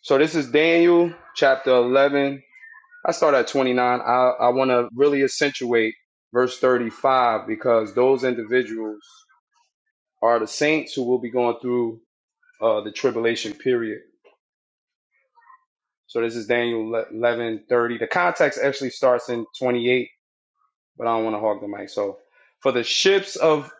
Speaker 25: So this is Daniel chapter 11. I start at 29. I I want to really accentuate verse 35 because those individuals are the saints who will be going through uh, the tribulation period. So this is Daniel 11:30. The context actually starts in 28, but I don't want to hog the mic. So, for the ships of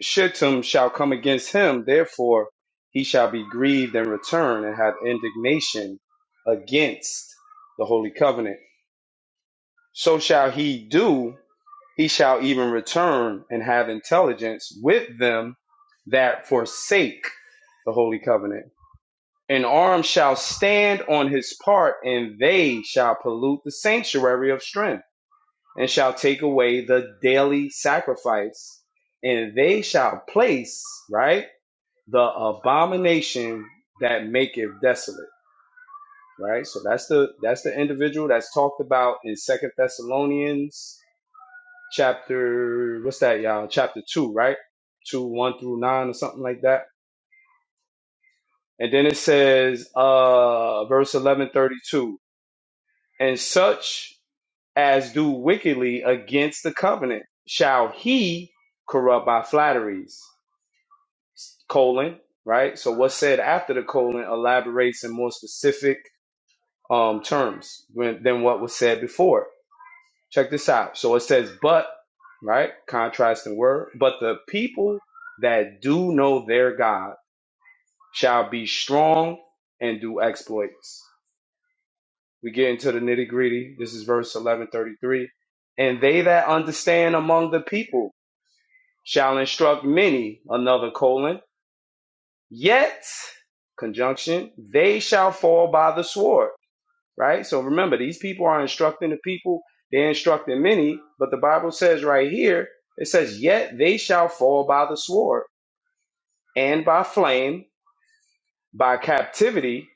Speaker 25: Shittim shall come against him, therefore he shall be grieved and return and have indignation against the holy covenant. So shall he do, he shall even return and have intelligence with them that forsake the holy covenant An arm shall stand on his part, and they shall pollute the sanctuary of strength, and shall take away the daily sacrifice, and they shall place, right, the abomination that maketh desolate. Right? So that's the that's the individual that's talked about in Second Thessalonians chapter what's that, y'all? Chapter two, right? Two, one through nine or something like that. And then it says uh verse eleven thirty two. and such as do wickedly against the covenant shall he corrupt by flatteries colon right so what's said after the colon elaborates in more specific um, terms when, than what was said before check this out so it says but right contrasting word but the people that do know their god shall be strong and do exploits we get into the nitty gritty. This is verse 1133. And they that understand among the people shall instruct many, another colon, yet, conjunction, they shall fall by the sword, right? So remember, these people are instructing the people, they're instructing many, but the Bible says right here, it says, yet they shall fall by the sword and by flame, by captivity,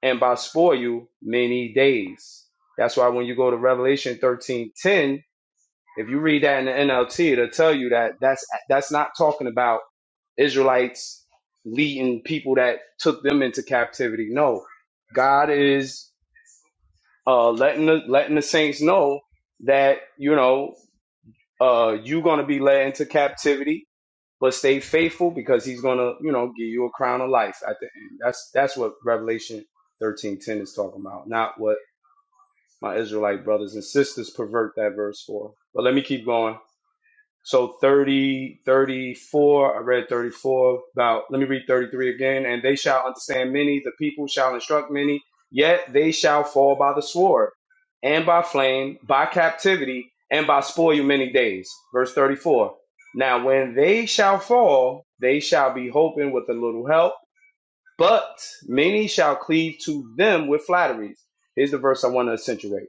Speaker 25: and by spoil many days. That's why when you go to Revelation 13:10 If you read that in the NLT, it'll tell you that that's that's not talking about Israelites leading people that took them into captivity. No, God is uh, letting the, letting the saints know that you know uh, you're gonna be led into captivity, but stay faithful because He's gonna you know give you a crown of life at the end. That's that's what Revelation thirteen ten is talking about, not what my Israelite brothers and sisters pervert that verse for. But let me keep going. So 30 34. I read 34 about, let me read 33 again. And they shall understand many, the people shall instruct many, yet they shall fall by the sword and by flame, by captivity, and by spoil many days. Verse 34. Now when they shall fall, they shall be hoping with a little help, but many shall cleave to them with flatteries. Here's the verse I want to accentuate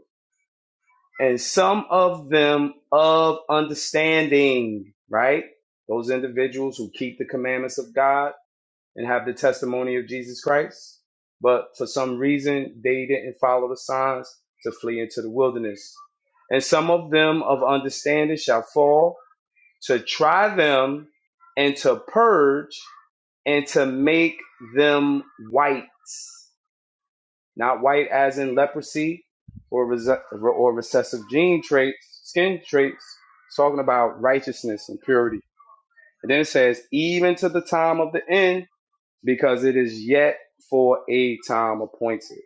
Speaker 25: and some of them of understanding, right? Those individuals who keep the commandments of God and have the testimony of Jesus Christ, but for some reason they didn't follow the signs to flee into the wilderness. And some of them of understanding shall fall to try them and to purge and to make them white not white as in leprosy or res- or recessive gene traits, skin traits. It's talking about righteousness and purity. And then it says, even to the time of the end, because it is yet for a time appointed.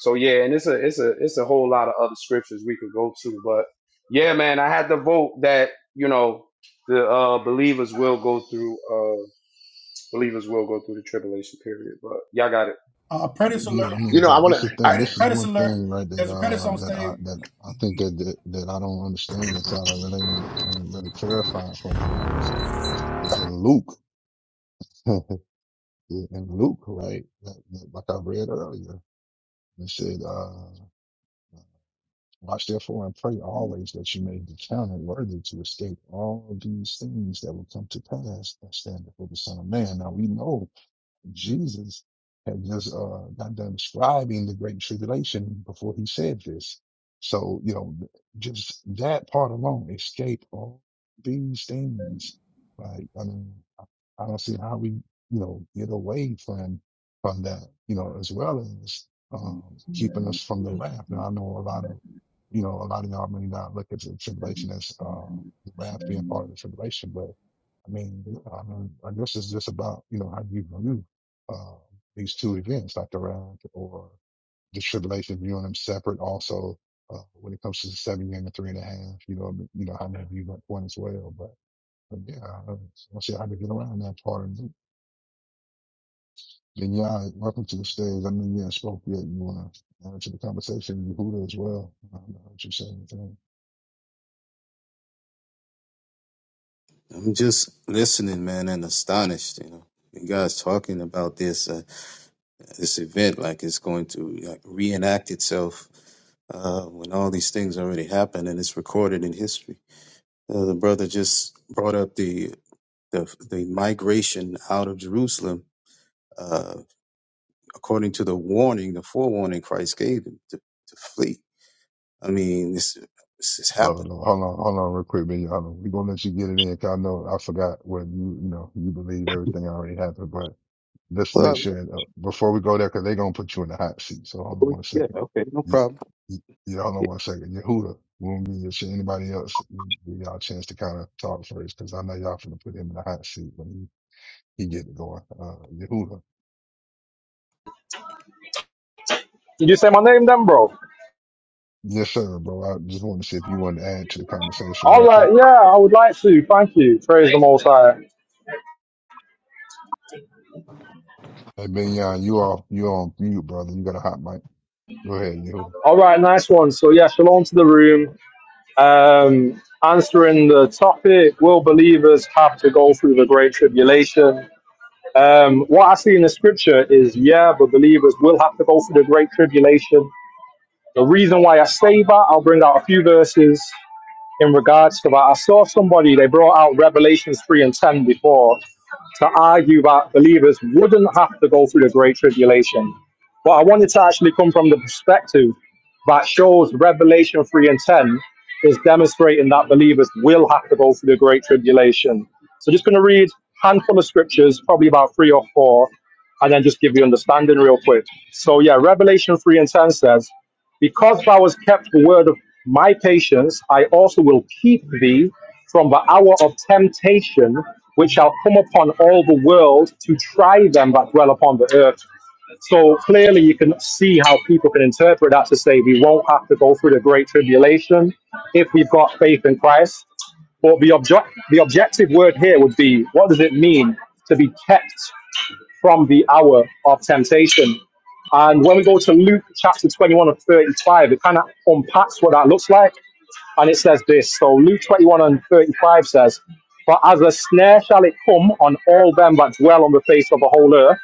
Speaker 25: So yeah, and it's a it's a it's a whole lot of other scriptures we could go to, but yeah, man, I had to vote that you know the uh, believers will go through uh, believers will go through the tribulation period, but y'all got it.
Speaker 17: Uh, Predator
Speaker 2: Yeah,
Speaker 17: alert!
Speaker 2: I
Speaker 31: You
Speaker 2: mean,
Speaker 31: know, I
Speaker 2: but
Speaker 31: want
Speaker 2: this is
Speaker 31: to,
Speaker 2: the thing.
Speaker 31: I,
Speaker 2: This
Speaker 17: Pred-
Speaker 2: is
Speaker 17: Predator
Speaker 2: one
Speaker 17: alert!
Speaker 2: thing, right? That
Speaker 17: There's a Predator
Speaker 2: uh,
Speaker 17: on
Speaker 2: that I
Speaker 17: stage.
Speaker 2: that I think that that, that I don't understand that y'all are really ain't really clarifying for me is is in Luke, in Luke, right? Like like I read earlier, it said. uh. Watch therefore and pray always that you may be counted worthy to escape all of these things that will come to pass and stand before the Son of Man. Now we know Jesus had just uh, got done describing the great tribulation before he said this. So, you know, just that part alone, escape all these things. Like, I mean, I I don't see how we, you know, get away from, from that, you know, as well as, um, keeping us from the wrath. Now, I know a lot of, you know, a lot of y'all may not look at the tribulation as, uh, the wrath being part of the tribulation, but I mean, I mean, I guess it's just about, you know, how you view um, these two events, like the wrath or the tribulation, viewing them separate. Also, uh, when it comes to the seven year and the three and a half, you know, you know, how many of you got one as well. But, but yeah, I don't see how to get around that part of it. Then yeah, welcome to the stage. I mean, yeah, spoke yet. You want to add to the conversation, Yehuda as well. I don't know what you're saying. Anything.
Speaker 32: I'm just listening, man, and astonished. You know, you guys talking about this uh, this event like it's going to like, reenact itself uh, when all these things already happened and it's recorded in history. Uh, the brother just brought up the the, the migration out of Jerusalem uh, according to the warning, the forewarning Christ gave him to, to flee. I mean, this this has
Speaker 2: Love
Speaker 32: happened.
Speaker 2: it, Lord. Hold on, hold on real quick, man. We're going to let you get it in 'cause I know I forgot what you, you know, you believe everything already happened, Let's make
Speaker 32: Well,
Speaker 2: sure uh, before we go there, because they're gonna put you in the hot seat. So hold on one
Speaker 32: yeah,
Speaker 2: second.
Speaker 32: okay, no
Speaker 2: Y-
Speaker 32: problem.
Speaker 2: y- Y'all know one second. Yehuda, will me and anybody else you- give y'all a chance to kind of talk first, because I know y'all finna put him in the hot seat when he, he get it going. Uh, Yehuda,
Speaker 33: Did you say my name then, bro?
Speaker 2: yes sir, bro. I just want to see if you wanted to add to the conversation
Speaker 33: All
Speaker 2: real
Speaker 33: right,
Speaker 2: quick.
Speaker 33: yeah, I would like to. Thank you. Praise the Most High.
Speaker 2: Hey Benyon, you off you on mute, brother. You got a hot mic. Go ahead, Yehuda.
Speaker 33: All right, nice one. So, yeah, shalom to the room. Um, answering the topic Will believers have to go through the Great Tribulation? Um, what I see in the scripture is, yeah, but believers will have to go through the Great Tribulation. The reason why I say that, I'll bring out a few verses in regards to that. I saw somebody, they brought out Revelations 3 and 10 before. to argue that believers wouldn't have to go through the Great Tribulation. But I wanted to actually come from the perspective that shows Revelation 3 and 10 is demonstrating that believers will have to go through the Great Tribulation. So just going to read a handful of scriptures, probably about three or four, and then just give you understanding real quick. So yeah, Revelation 3 and 10 says, because thou hast kept the word of my patience, I also will keep thee from the hour of temptation, which shall come upon all the world to try them that dwell upon the earth. So clearly, you can see how people can interpret that to say we won't have to go through the great tribulation if we've got faith in Christ. But the object, the objective word here would be what does it mean to be kept from the hour of temptation. And when we go to Luke chapter 21 and 35, it kind of unpacks what that looks like. And it says this So Luke 21 and 35 says, For as a snare shall it come on all them that dwell on the face of the whole earth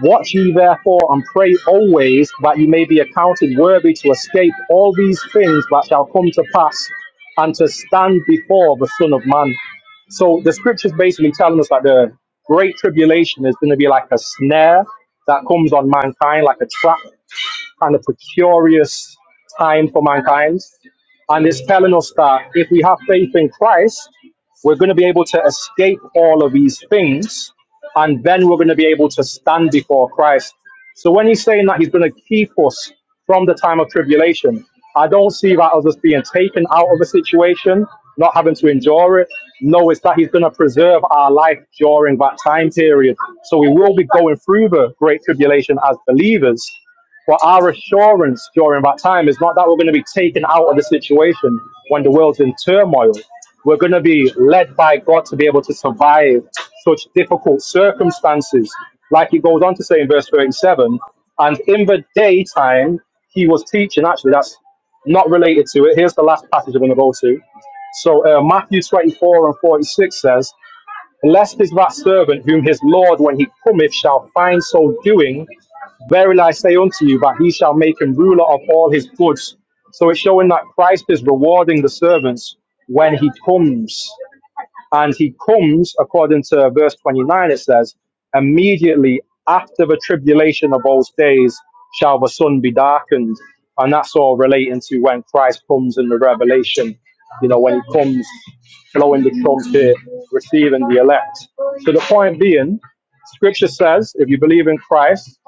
Speaker 33: Watch ye therefore and pray always that ye may be accounted worthy to escape all these things that shall come to pass and to stand before the Son of Man. So the scriptures basically telling us that the great tribulation is going to be like a snare that comes on mankind, like a trap kind of precarious time for mankind. And it's telling us that if we have faith in Christ, we're going to be able to escape all of these things. And then we're going to be able to stand before Christ. So when he's saying that he's going to keep us from the time of tribulation, I don't see that as us being taken out of a situation, not having to endure it. No, it's that he's going to preserve our life during that time period. So we will be going through the great tribulation as believers, but our assurance during that time is not that we're going to be taken out of the situation when the world's in turmoil. We're going to be led by God to be able to survive such difficult circumstances. Like he goes on to say in verse 37 and in the daytime, he was teaching. Actually, that's not related to it. Here's the last passage I'm going to go to. So, uh, Matthew 24 and 46 says, Blessed is that servant whom his Lord, when he cometh, shall find so doing. Verily I say unto you, that he shall make him ruler of all his goods. So it's showing that Christ is rewarding the servants when he comes. And he comes, according to verse 29, it says, immediately after the tribulation of those days shall the sun be darkened. And that's all relating to when Christ comes in the revelation, you know, when he comes blowing the trumpet, receiving the elect. So the point being, Scripture says if you believe in Christ,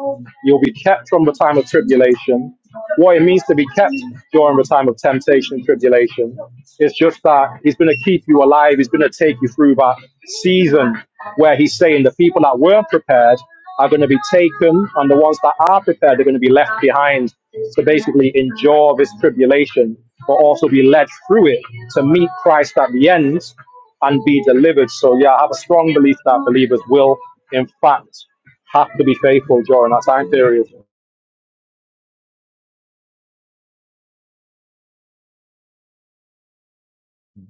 Speaker 33: you'll be kept from the time of tribulation. What it means to be kept during the time of temptation, tribulation, it's just that He's going to keep you alive. He's going to take you through that season where He's saying the people that weren't prepared are going to be taken, and the ones that are prepared are going to be left behind to basically endure this tribulation, but also be led through it to meet Christ at the end and be delivered. So, yeah, I have a strong belief that believers will, in fact, have to be faithful during that time period.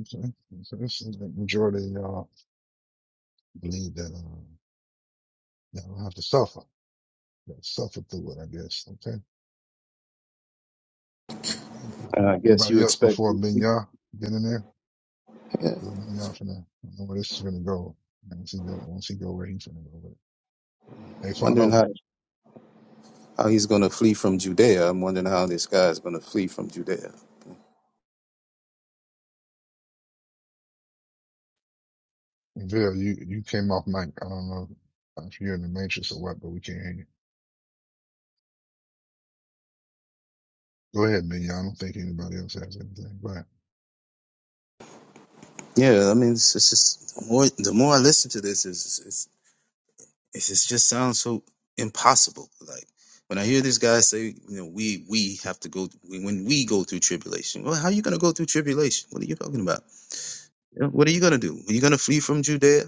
Speaker 2: Okay. So this is the majority of y'all believe that um, y'all don't have to suffer. That suffer through it, I guess. Okay. Right.
Speaker 32: Uh, I guess you
Speaker 2: Anybody else
Speaker 32: expect.
Speaker 2: before Minya Get in there?
Speaker 32: Yeah,
Speaker 2: Little Minya finna, I don't know where this is gonna go. Once he go, once he go where he's gonna go with it. Hey,
Speaker 32: wondering
Speaker 2: follow.
Speaker 32: how. How he's going to flee from Judea? I'm wondering how this guy is going to flee from Judea.
Speaker 2: Bill, you, you came off mic. I don't know if you're in the matrix or what, but we can't hear you. Go ahead, Minya. I don't think anybody else has anything. Go ahead.
Speaker 32: Yeah, I mean, it's, it's just the more the more I listen to this, it's it's it's it's just sounds so impossible. Like when I hear this guy say, you know, we we have to go we, when we go through tribulation. Well, how are you going to go through tribulation? What are you talking about? You know, What are you going to do? Are you going to flee from Judea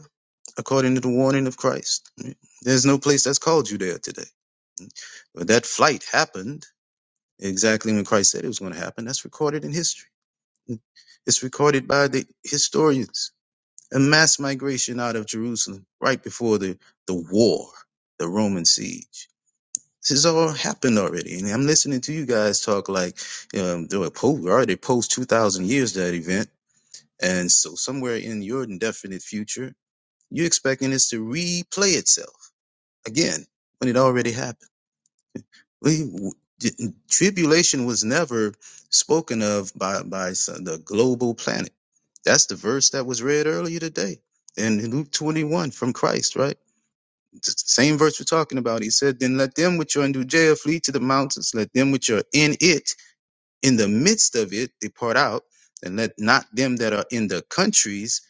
Speaker 32: according to the warning of Christ? There's no place that's called Judea today. But that flight happened exactly when Christ said it was going to happen. That's recorded in history. It's recorded by the historians. A mass migration out of Jerusalem right before the, the war, the Roman siege. This has all happened already. And I'm listening to you guys talk like um, they were po- already post 2,000 years that event. And so somewhere in your indefinite future, you're expecting this to replay itself again when it already happened. We, w- didn't- tribulation was never spoken of by by some- the global planet. That's the verse that was read earlier today in Luke 21 from Christ, right? It's the same verse we're talking about. He said, Then let them which are in Judea flee to the mountains, let them which are in it in the midst of it they part out and let not them that are in the countries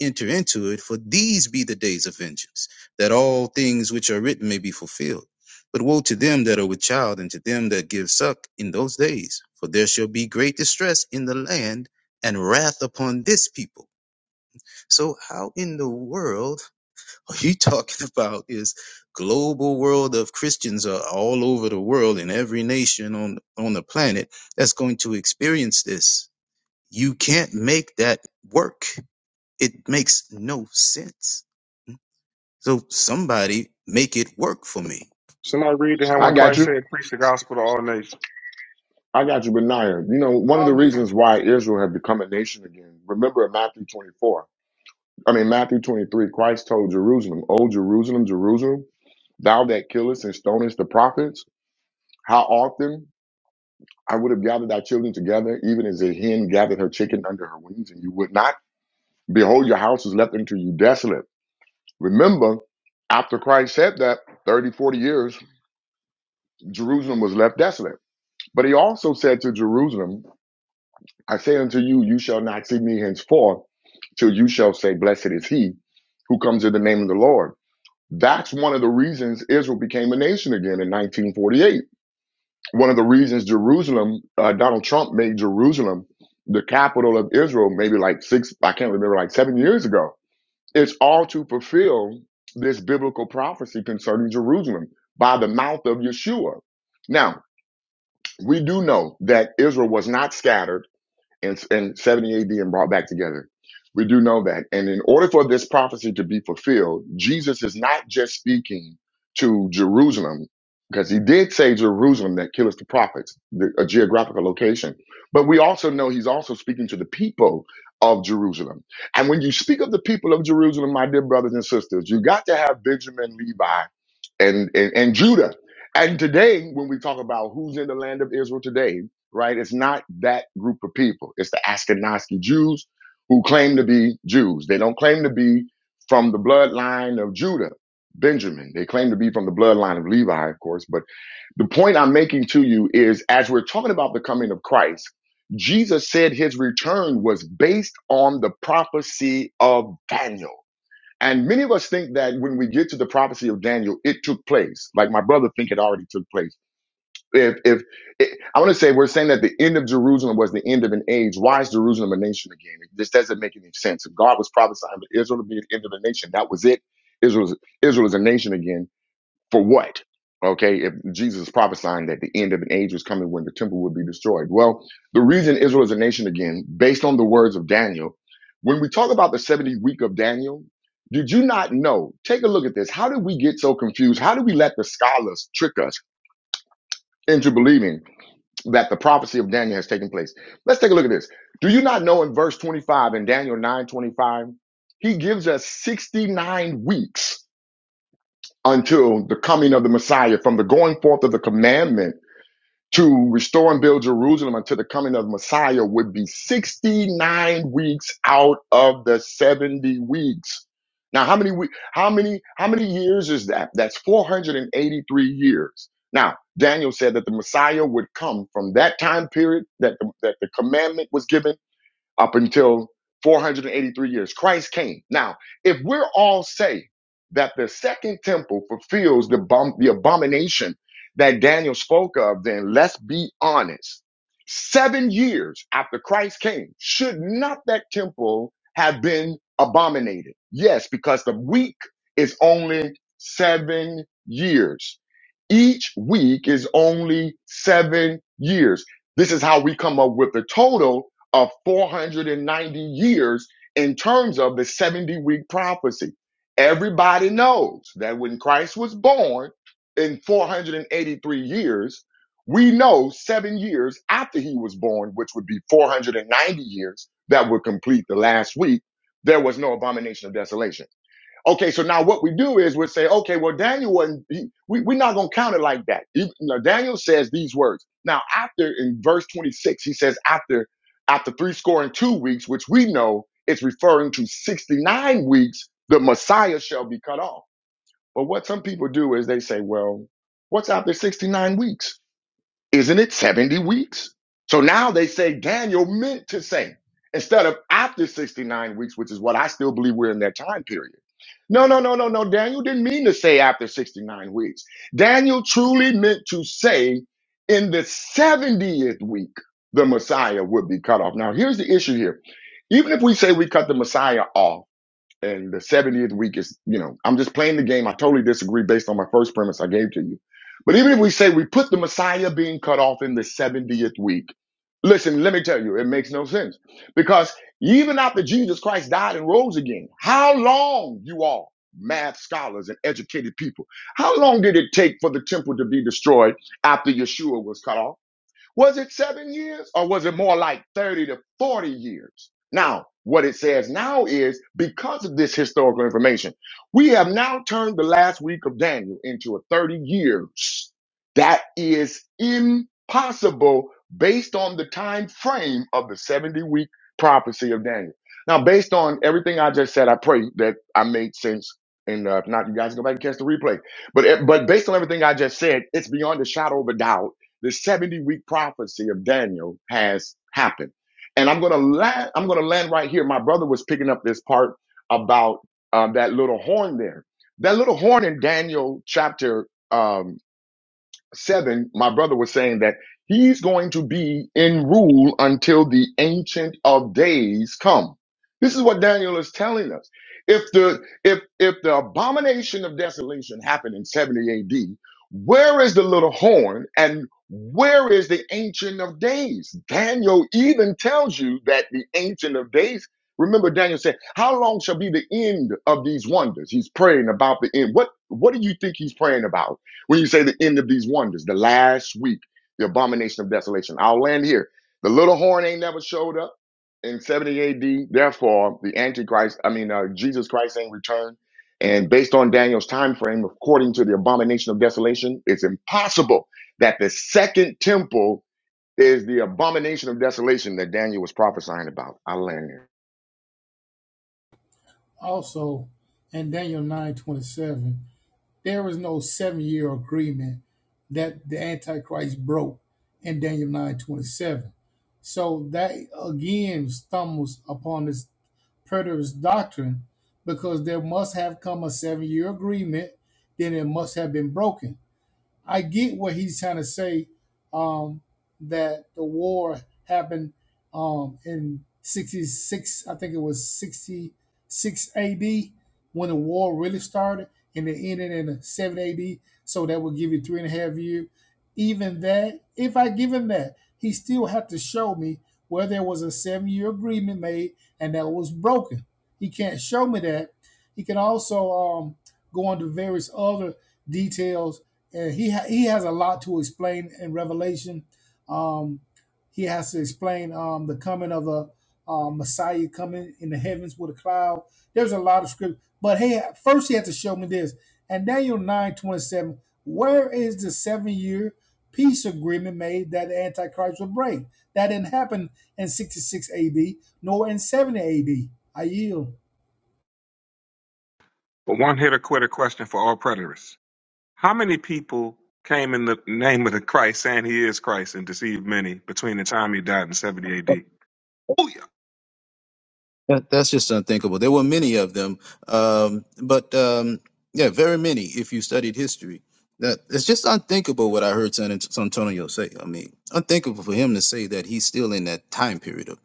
Speaker 32: enter into it for these be the days of vengeance that all things which are written may be fulfilled but woe to them that are with child and to them that give suck in those days for there shall be great distress in the land and wrath upon this people so how in the world what you talking about is global world of Christians are all over the world in every nation on on the planet that's going to experience this. You can't make that work. It makes no sense. So somebody make it work for me.
Speaker 29: Somebody read to him
Speaker 31: I
Speaker 29: when
Speaker 31: got
Speaker 29: Christ
Speaker 17: Um,
Speaker 31: you.
Speaker 29: said, preach the gospel to all nations.
Speaker 31: I got you, Benaiah. You know, one of
Speaker 17: follow
Speaker 31: the
Speaker 17: me
Speaker 31: reasons why Israel had become a nation again, remember in Matthew 24, I mean, Matthew 23, Christ told Jerusalem, O Jerusalem, Jerusalem, thou that killest and stonest the prophets, how often I would have gathered thy children together, even as a hen gathered her chicken under her wings, and you would not. Behold, your house is left unto you desolate. Remember, after Christ said that, 30, 40 years, Jerusalem was left desolate. But he also said to Jerusalem, I say unto you, you shall not see me henceforth till you shall say, Blessed is he who comes in the name of the Lord. That's one of the reasons Israel became a nation again in 1948. One of the reasons Jerusalem, uh, Donald Trump made Jerusalem the capital of Israel maybe like six, I can't remember, like seven years ago. It's all to fulfill this biblical prophecy concerning Jerusalem by the mouth of Yeshua. Now, we do know that Israel was not scattered in, in 70 AD and brought back together. We do know that. And in order for this prophecy to be fulfilled, Jesus is not just speaking to Jerusalem, because he did say Jerusalem that killeth the prophets, the, a geographical location. But we also know he's also speaking to the people of Jerusalem. And when you speak of the people of Jerusalem, my dear brothers and sisters, you got to have Benjamin, Levi, and, and, and Judah. And today, when we talk about who's in the land of Israel today, right? It's not that group of people. It's the Ashkenazi Jews who claim to be Jews. They don't claim to be from the bloodline of Judah, Benjamin. They claim to be from the bloodline of Levi, of course. But the point I'm making to you is as we're talking about the coming of Christ, Jesus said his return was based on the prophecy of Daniel. And many of us think that when we get to the prophecy of Daniel, it took place. Like my brother think it already took place if if it, I want to say we're saying that the end of Jerusalem was the end of an age, why is Jerusalem a nation again? This doesn't make any sense. If God was prophesying that Israel would be the end of a nation, that was it. Israel is, Israel is a nation again for what? Okay, if Jesus is prophesying that the end of an age was coming when the temple would be destroyed. Well, the reason Israel is a nation again, based on the words of Daniel, when we talk about the 70th week of Daniel, did you not know? Take a look at this. How did we get so confused? How did we let the scholars trick us into believing? that the prophecy of Daniel has taken place. Let's take a look at this. Do you not know in verse 25 in Daniel 9:25, he gives us 69 weeks until the coming of the Messiah from the going forth of the commandment to restore and build Jerusalem until the coming of Messiah would be 69 weeks out of the 70 weeks. Now, how many we, how many how many years is that? That's 483 years. Now, Daniel said that the Messiah would come from that time period that the, that the commandment was given up until 483 years. Christ came. Now, if we're all say that the second temple fulfills the, bom- the abomination that Daniel spoke of, then let's be honest. Seven years after Christ came, should not that temple have been abominated? Yes, because the week is only seven years. Each week is only seven years. This is how we come up with the total of 490 years in terms of the 70 week prophecy. Everybody knows that when Christ was born in 483 years, we know seven years after he was born, which would be 490 years, that would complete the last week, there was no abomination of desolation. Okay, so now what we do is we say, okay, well, Daniel wasn't, he, we, we're not going to count it like that. He, now, Daniel says these words. Now, after in verse 26, he says, after after three score and two weeks, which we know is referring to 69 weeks, the Messiah shall be cut off. But what some people do is they say, well, what's after 69 weeks? Isn't it 70 weeks? So now they say Daniel meant to say instead of after 69 weeks, which is what I still believe we're in that time period. No, no, no, no, no. Daniel didn't mean to say after 69 weeks. Daniel truly meant to say in the 70th week, the Messiah would be cut off. Now, here's the issue here. Even if we say we cut the Messiah off, and the 70th week is, you know, I'm just playing the game. I totally disagree based on my first premise I gave to you. But even if we say we put the Messiah being cut off in the 70th week, listen, let me tell you, it makes no sense because even after Jesus Christ died and rose again, how long you all math scholars and educated people, how long did it take for the temple to be destroyed after Yeshua was cut off? Was it seven years or was it more like 30 to 40 years? Now, what it says now is because of this historical information, we have now turned the last week of Daniel into a 30 years. That is impossible based on the time frame of the 70 week prophecy of Daniel. Now, based on everything I just said, I pray that I made sense. And uh, if not, you guys go back and catch the replay. But eh, but based on everything I just said, it's beyond a shadow of a doubt the 70 week prophecy of Daniel has happened. And I'm going to land, I'm going to land right here. My brother was picking up this part about um, that little horn there. That little horn in Daniel chapter um, 7, my brother was saying that he's going to be in rule until the ancient of days come. This is what Daniel is telling us. If the if if the abomination of desolation happened in 70 AD, where is the little horn and where is the ancient of days? Daniel even tells you that the ancient of days Remember, Daniel said, "How long shall be the end of these wonders?" He's praying about the end. What What do you think he's praying about? When you say the end of these wonders, the last week, the abomination of desolation, I'll land here. The little horn ain't never showed up in 70 AD. Therefore, the Antichrist, I mean, uh, Jesus Christ ain't returned. And based on Daniel's time frame, according to the abomination of desolation, it's impossible that the second temple is the abomination of desolation that Daniel was prophesying about. I'll land here.
Speaker 17: also in Daniel nine twenty seven. There is no seven year agreement that the Antichrist broke in Daniel nine twenty seven. So that again stumbles upon this preterist doctrine because there must have come a seven year agreement, then it must have been broken. I get what he's trying to say um, that the war happened um, in 66, I think it was 66 AD when the war really started and it ended in 7 AD. So that would give you three and a half years. Even that, if I give him that, he still had to show me where there was a seven year agreement made and that was broken. He can't show me that. He can also um, go into various other details and he ha- he has a lot to explain in Revelation. Um, he has to explain um, the coming of a uh, Messiah coming in the heavens with a cloud. There's a lot of script, but hey, first he had to show me this. And Daniel nine twenty seven. Where is the seven year peace agreement made that the Antichrist would break? That didn't happen in sixty six A.D. nor in seventy A.D. yield.
Speaker 29: But one hit or quitter question for all preterists. How many people came in the name of the Christ saying he is Christ and deceived many between the time he died and 70 AD? Oh, yeah.
Speaker 32: That, that's just unthinkable. There were many of them, um, but um, yeah, very many. If you studied history, that it's just unthinkable what I heard San, Ant- San Antonio say. I mean, unthinkable for him to say that he's still in that time period of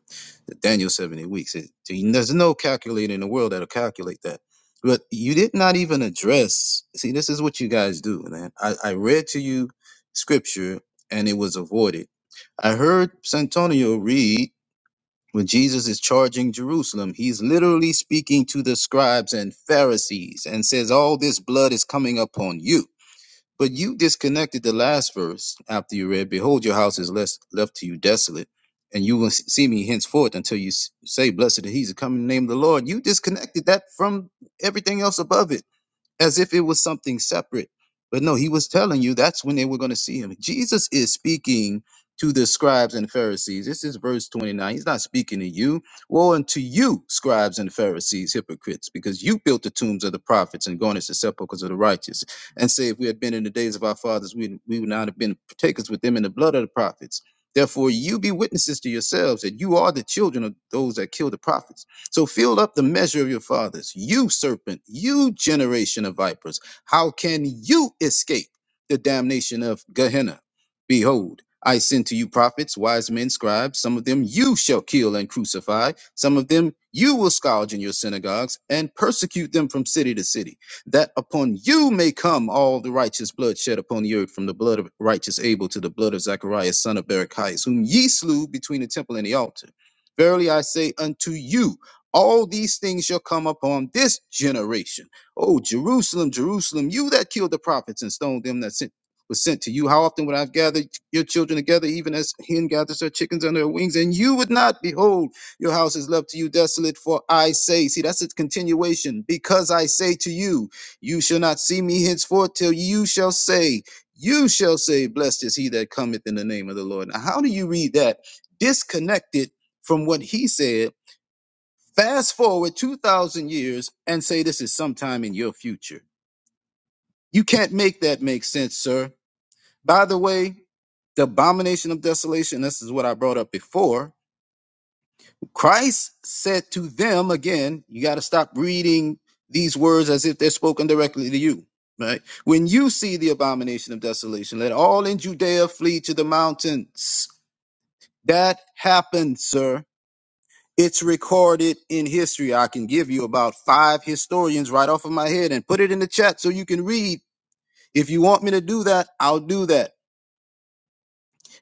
Speaker 32: the Daniel seventy weeks. It, there's no calculator in the world that'll calculate that. But you did not even address. See, this is what you guys do, man. I, I read to you scripture and it was avoided. I heard Santonio read when Jesus is charging Jerusalem, he's literally speaking to the scribes and Pharisees and says, All this blood is coming upon you. But you disconnected the last verse after you read, Behold, your house is less, left to you desolate, and you will s- see me henceforth until you s- say, Blessed is he that come in the name of the Lord. You disconnected that from everything else above it as if it was something separate. But no, he was telling you that's when they were going to see him. Jesus is speaking to the scribes and Pharisees. This is verse 29. He's not speaking to you. Woe unto you, scribes and Pharisees, hypocrites, because you built the tombs of the prophets and garnished the sepulchres of the righteous. And say, if we had been in the days of our fathers, we, we would not have been partakers with them in the blood of the prophets. Therefore, you be witnesses to yourselves that you are the children of those that killed the prophets. So fill up the measure of your fathers, you serpent, you generation of vipers. How can you escape the damnation of Gehenna? Behold, I send to you prophets, wise men, scribes. Some of them you shall kill and crucify. Some of them you will scourge in your synagogues and persecute them from city to city, that upon you may come all the righteous blood shed upon the earth, from the blood of righteous Abel to the blood of Zacharias, son of Berechias, whom ye slew between the temple and the altar. Verily I say unto you, all these things shall come upon this generation. Oh, Jerusalem, Jerusalem, you that killed the prophets and stoned them that sent was sent to you. How often would I have gathered your children together, even as hen gathers her chickens under her wings, and you would not? Behold, your house is left to you desolate, for I say, see, that's its continuation. Because I say to you, you shall not see me henceforth till you shall say, you shall say, blessed is he that cometh in the name of the Lord. Now, how do you read that disconnected from what he said? Fast forward 2,000 years and say this is sometime in your future. You can't make that make sense, sir. By the way, the abomination of desolation, this is what I brought up before. Christ said to them, again, you got to stop reading these words as if they're spoken directly to you, right? When you see the abomination of desolation, let all in Judea flee to the mountains. That happened, sir. It's recorded in history. I can give you about five historians right off of my head and put it in the chat so you can read. If you want me to do that, I'll do that.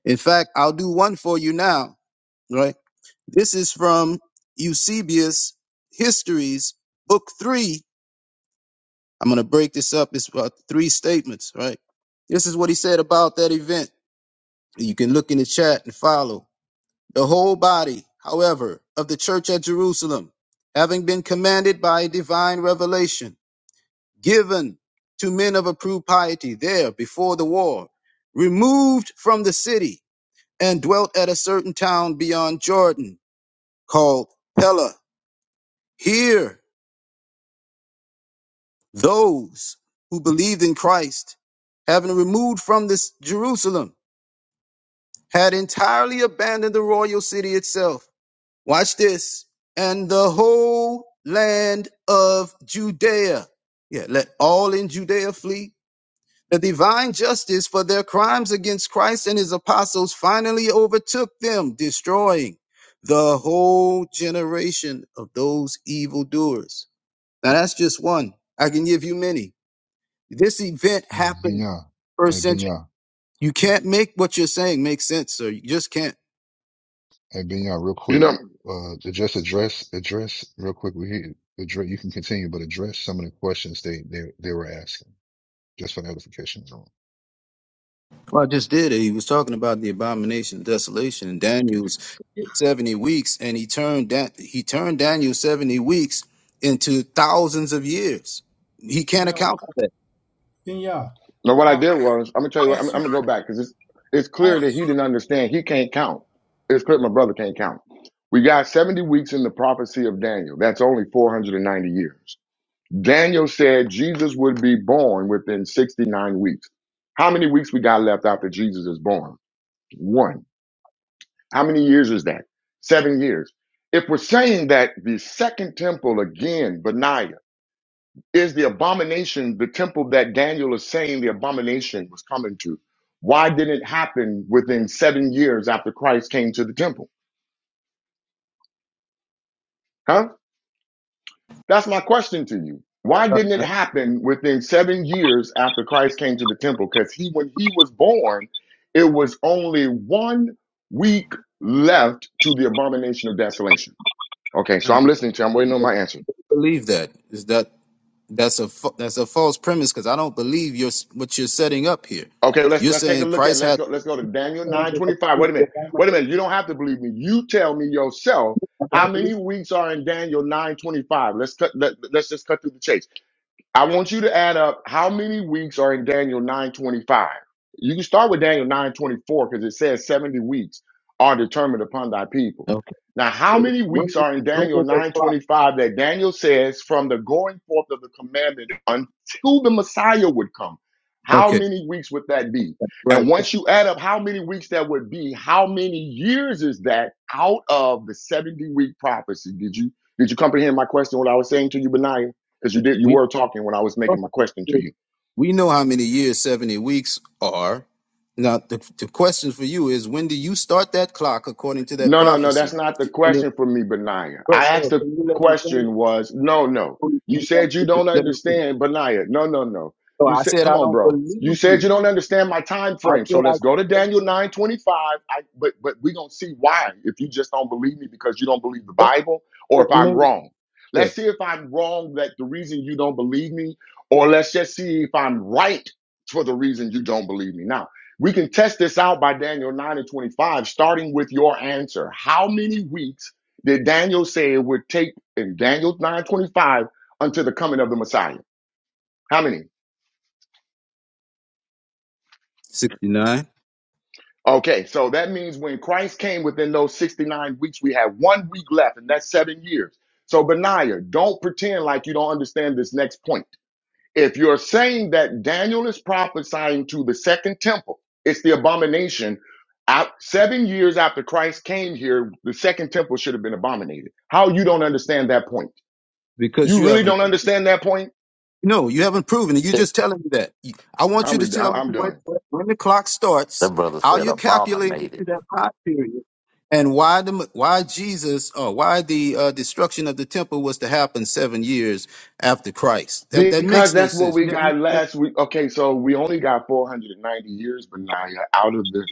Speaker 32: In fact, I'll do one for you now, right? This is from Eusebius Histories, Book 3. I'm going to break this up. It's about three statements, right? This is what he said about that event. You can look in the chat and follow. The whole body, however, of the church at Jerusalem, having been commanded by divine revelation, given to men of approved piety there before the war, removed from the city, and dwelt at a certain town beyond Jordan called Pella. Here, those who believed in Christ, having removed from this Jerusalem, had entirely abandoned the royal city itself. Watch this. And the whole land of Judea. Yeah, let all in Judea flee The divine justice for their crimes against Christ and his apostles finally overtook them, destroying the whole generation of those evildoers. Now, that's just one. I can give you many. This event
Speaker 2: Hey,
Speaker 32: happened
Speaker 2: Minya.
Speaker 32: first
Speaker 2: Hey,
Speaker 32: century.
Speaker 2: Minya.
Speaker 32: You can't make what you're saying make sense, sir. You just can't.
Speaker 2: Hey, Minya, real
Speaker 31: You
Speaker 2: quick.
Speaker 31: know what I'm
Speaker 2: Uh, to just address, address real quick. We hear address, you can continue, but address some of the questions they, they, they were asking just for notification.
Speaker 32: Well, I just did it. He was talking about the abomination of desolation and Daniel's seventy weeks, and he turned that he turned Daniel's seventy weeks into thousands of years. He can't
Speaker 17: No,
Speaker 32: account for that.
Speaker 17: then yeah.
Speaker 31: No, what I
Speaker 17: I I
Speaker 31: did was, I'm gonna tell you what, I'm,
Speaker 17: ask
Speaker 31: I'm
Speaker 17: you.
Speaker 31: gonna go back because it's, it's
Speaker 17: I
Speaker 31: clear that he didn't understand. He can't count. It's clear my brother can't count. We got 70 weeks in the prophecy of Daniel. That's only 490 years. Daniel said Jesus would be born within 69 weeks. How many weeks we got left after Jesus is born? One. How many years is that? Seven years. If we're saying that the second temple again, Benaiah, is the abomination the temple that Daniel is saying the abomination was coming to? Why didn't it happen within seven years after Christ came to the temple? Huh? That's my question to you. Why didn't
Speaker 32: Uh,
Speaker 31: it happen within seven years after Christ came to the temple? Because he, when he was born, it was only one week left to the abomination of desolation. Okay, so
Speaker 32: uh,
Speaker 31: I'm listening to you. I'm waiting on
Speaker 32: I
Speaker 31: my answer.
Speaker 32: believe that is that that's a fa- that's a false premise because I don't believe you're s- what you're setting up here.
Speaker 31: Okay, let's
Speaker 32: You're
Speaker 31: let's take a
Speaker 32: saying
Speaker 31: look at it.
Speaker 32: Christ
Speaker 31: let's
Speaker 32: had.
Speaker 31: go let's go to Daniel
Speaker 32: I
Speaker 31: nine twenty five. Wait a minute, wait a minute. You don't have to believe me. You tell me yourself how
Speaker 32: don't believe.
Speaker 31: many weeks are in Daniel nine twenty five. Let's cut let, let's just cut through the chase. I want you to add up how many weeks are in Daniel 9:25. You can start with Daniel 9:24 because it says 70 weeks are determined upon thy people.
Speaker 32: Okay.
Speaker 31: Now, how many
Speaker 32: When
Speaker 31: weeks
Speaker 32: did
Speaker 31: are in
Speaker 32: he bring
Speaker 31: Daniel
Speaker 32: it to apply?
Speaker 31: 9:25 that Daniel says from the going forth of the commandment until the Messiah would come? How
Speaker 32: Okay.
Speaker 31: many weeks would that be? And
Speaker 32: Right.
Speaker 31: once you add up how many weeks that would be, how many years is that out of the 70 week prophecy? Did you did you comprehend my question what I was saying to you, Benaiah? because you did you
Speaker 32: We.
Speaker 31: were talking when I was making my question to you.
Speaker 32: We know how many years 70 weeks are. Now, the, the question for you is when do you start that clock according to that
Speaker 31: No, no, no, that's
Speaker 32: prophecy?
Speaker 31: not the
Speaker 32: And if,
Speaker 31: question for me, Benaiah.
Speaker 32: bro,
Speaker 31: I asked
Speaker 32: bro,
Speaker 31: the
Speaker 32: can you let me finish?
Speaker 31: question was no, no.
Speaker 32: Please,
Speaker 31: You
Speaker 32: can you let
Speaker 31: said you
Speaker 32: me
Speaker 31: don't
Speaker 32: Let me finish.
Speaker 31: understand, Benaiah. No, no, no.
Speaker 32: So
Speaker 31: You
Speaker 32: I
Speaker 31: said,
Speaker 32: said,
Speaker 31: come
Speaker 32: I
Speaker 31: on,
Speaker 32: don't
Speaker 31: bro. You
Speaker 32: believe
Speaker 31: said
Speaker 32: you.
Speaker 31: you don't understand my time
Speaker 32: I
Speaker 31: frame.
Speaker 32: said,
Speaker 31: So
Speaker 32: I
Speaker 31: let's
Speaker 32: don't
Speaker 31: go to
Speaker 32: believe
Speaker 31: Daniel
Speaker 32: you.
Speaker 31: 9:25. I but but we're gonna see why. If you just don't believe me because you don't believe the
Speaker 32: That's
Speaker 31: Bible, or if
Speaker 32: what
Speaker 31: I'm
Speaker 32: made it.
Speaker 31: wrong.
Speaker 32: Yeah.
Speaker 31: Let's see if I'm wrong that the reason you don't believe me, or let's just see if I'm right for the reason you don't believe me. Now, We can test this out by Daniel 9 and 25, starting with your answer. How many weeks did Daniel say it would take in Daniel 9 25 until the coming of the Messiah? How many?
Speaker 32: 69.
Speaker 31: Okay, so that means when Christ came within those 69 weeks, we have one week left, and that's seven years. So, Benaiah, don't pretend like you don't understand this next point. if you're saying that Daniel is prophesying to the second temple, it's the abomination. Out seven years after Christ came here, the second temple should have been abominated. How you don't understand that point?
Speaker 32: Because
Speaker 31: You
Speaker 32: you
Speaker 31: really
Speaker 32: haven't.
Speaker 31: don't
Speaker 32: proven
Speaker 31: understand that point?
Speaker 32: No, you haven't proven it. You're just telling me that. You- I want
Speaker 31: I'm
Speaker 32: you to
Speaker 31: re- I-
Speaker 32: tell me
Speaker 31: I'm
Speaker 32: when,
Speaker 31: done
Speaker 32: when the clock
Speaker 34: That
Speaker 32: starts,
Speaker 34: brother
Speaker 32: how
Speaker 34: said
Speaker 32: you're calculating it
Speaker 34: abominated.
Speaker 32: to that time period, and why the why Jesus or why the uh, destruction of the temple was to happen seven years after Christ. That that
Speaker 31: because
Speaker 32: makes no
Speaker 31: that's what
Speaker 32: sense.
Speaker 31: we
Speaker 32: You haven't.
Speaker 31: got last week. Okay, so we only got 490 years, Benaiah, out of the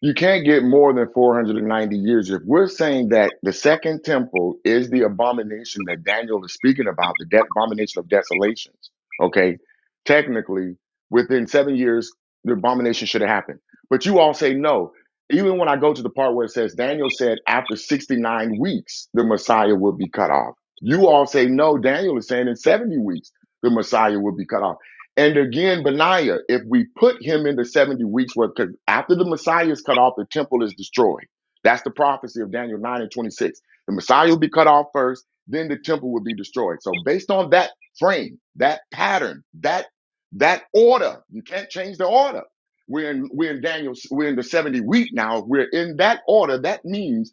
Speaker 31: You can't get more than 490 years. If we're saying that the second temple is the abomination that Daniel is speaking about, the de- abomination of desolations, okay, technically, within seven years, the abomination should have happened. But you all say no. Even when I go to the part where it says, Daniel said, after 69 weeks, the Messiah will be cut off. You all say no. Daniel is saying in 70 weeks, the Messiah will be cut off. And again, Benaiah, if we put him into 70 weeks worth, because after the Messiah is cut off, the temple is destroyed. That's the prophecy of Daniel 9 and 26. The Messiah will be cut off first, then the temple will be destroyed. So based on that frame, that pattern, that that order, you can't change the order. We're in we're in Daniel. we're in the 70 week now. We're in that order. That means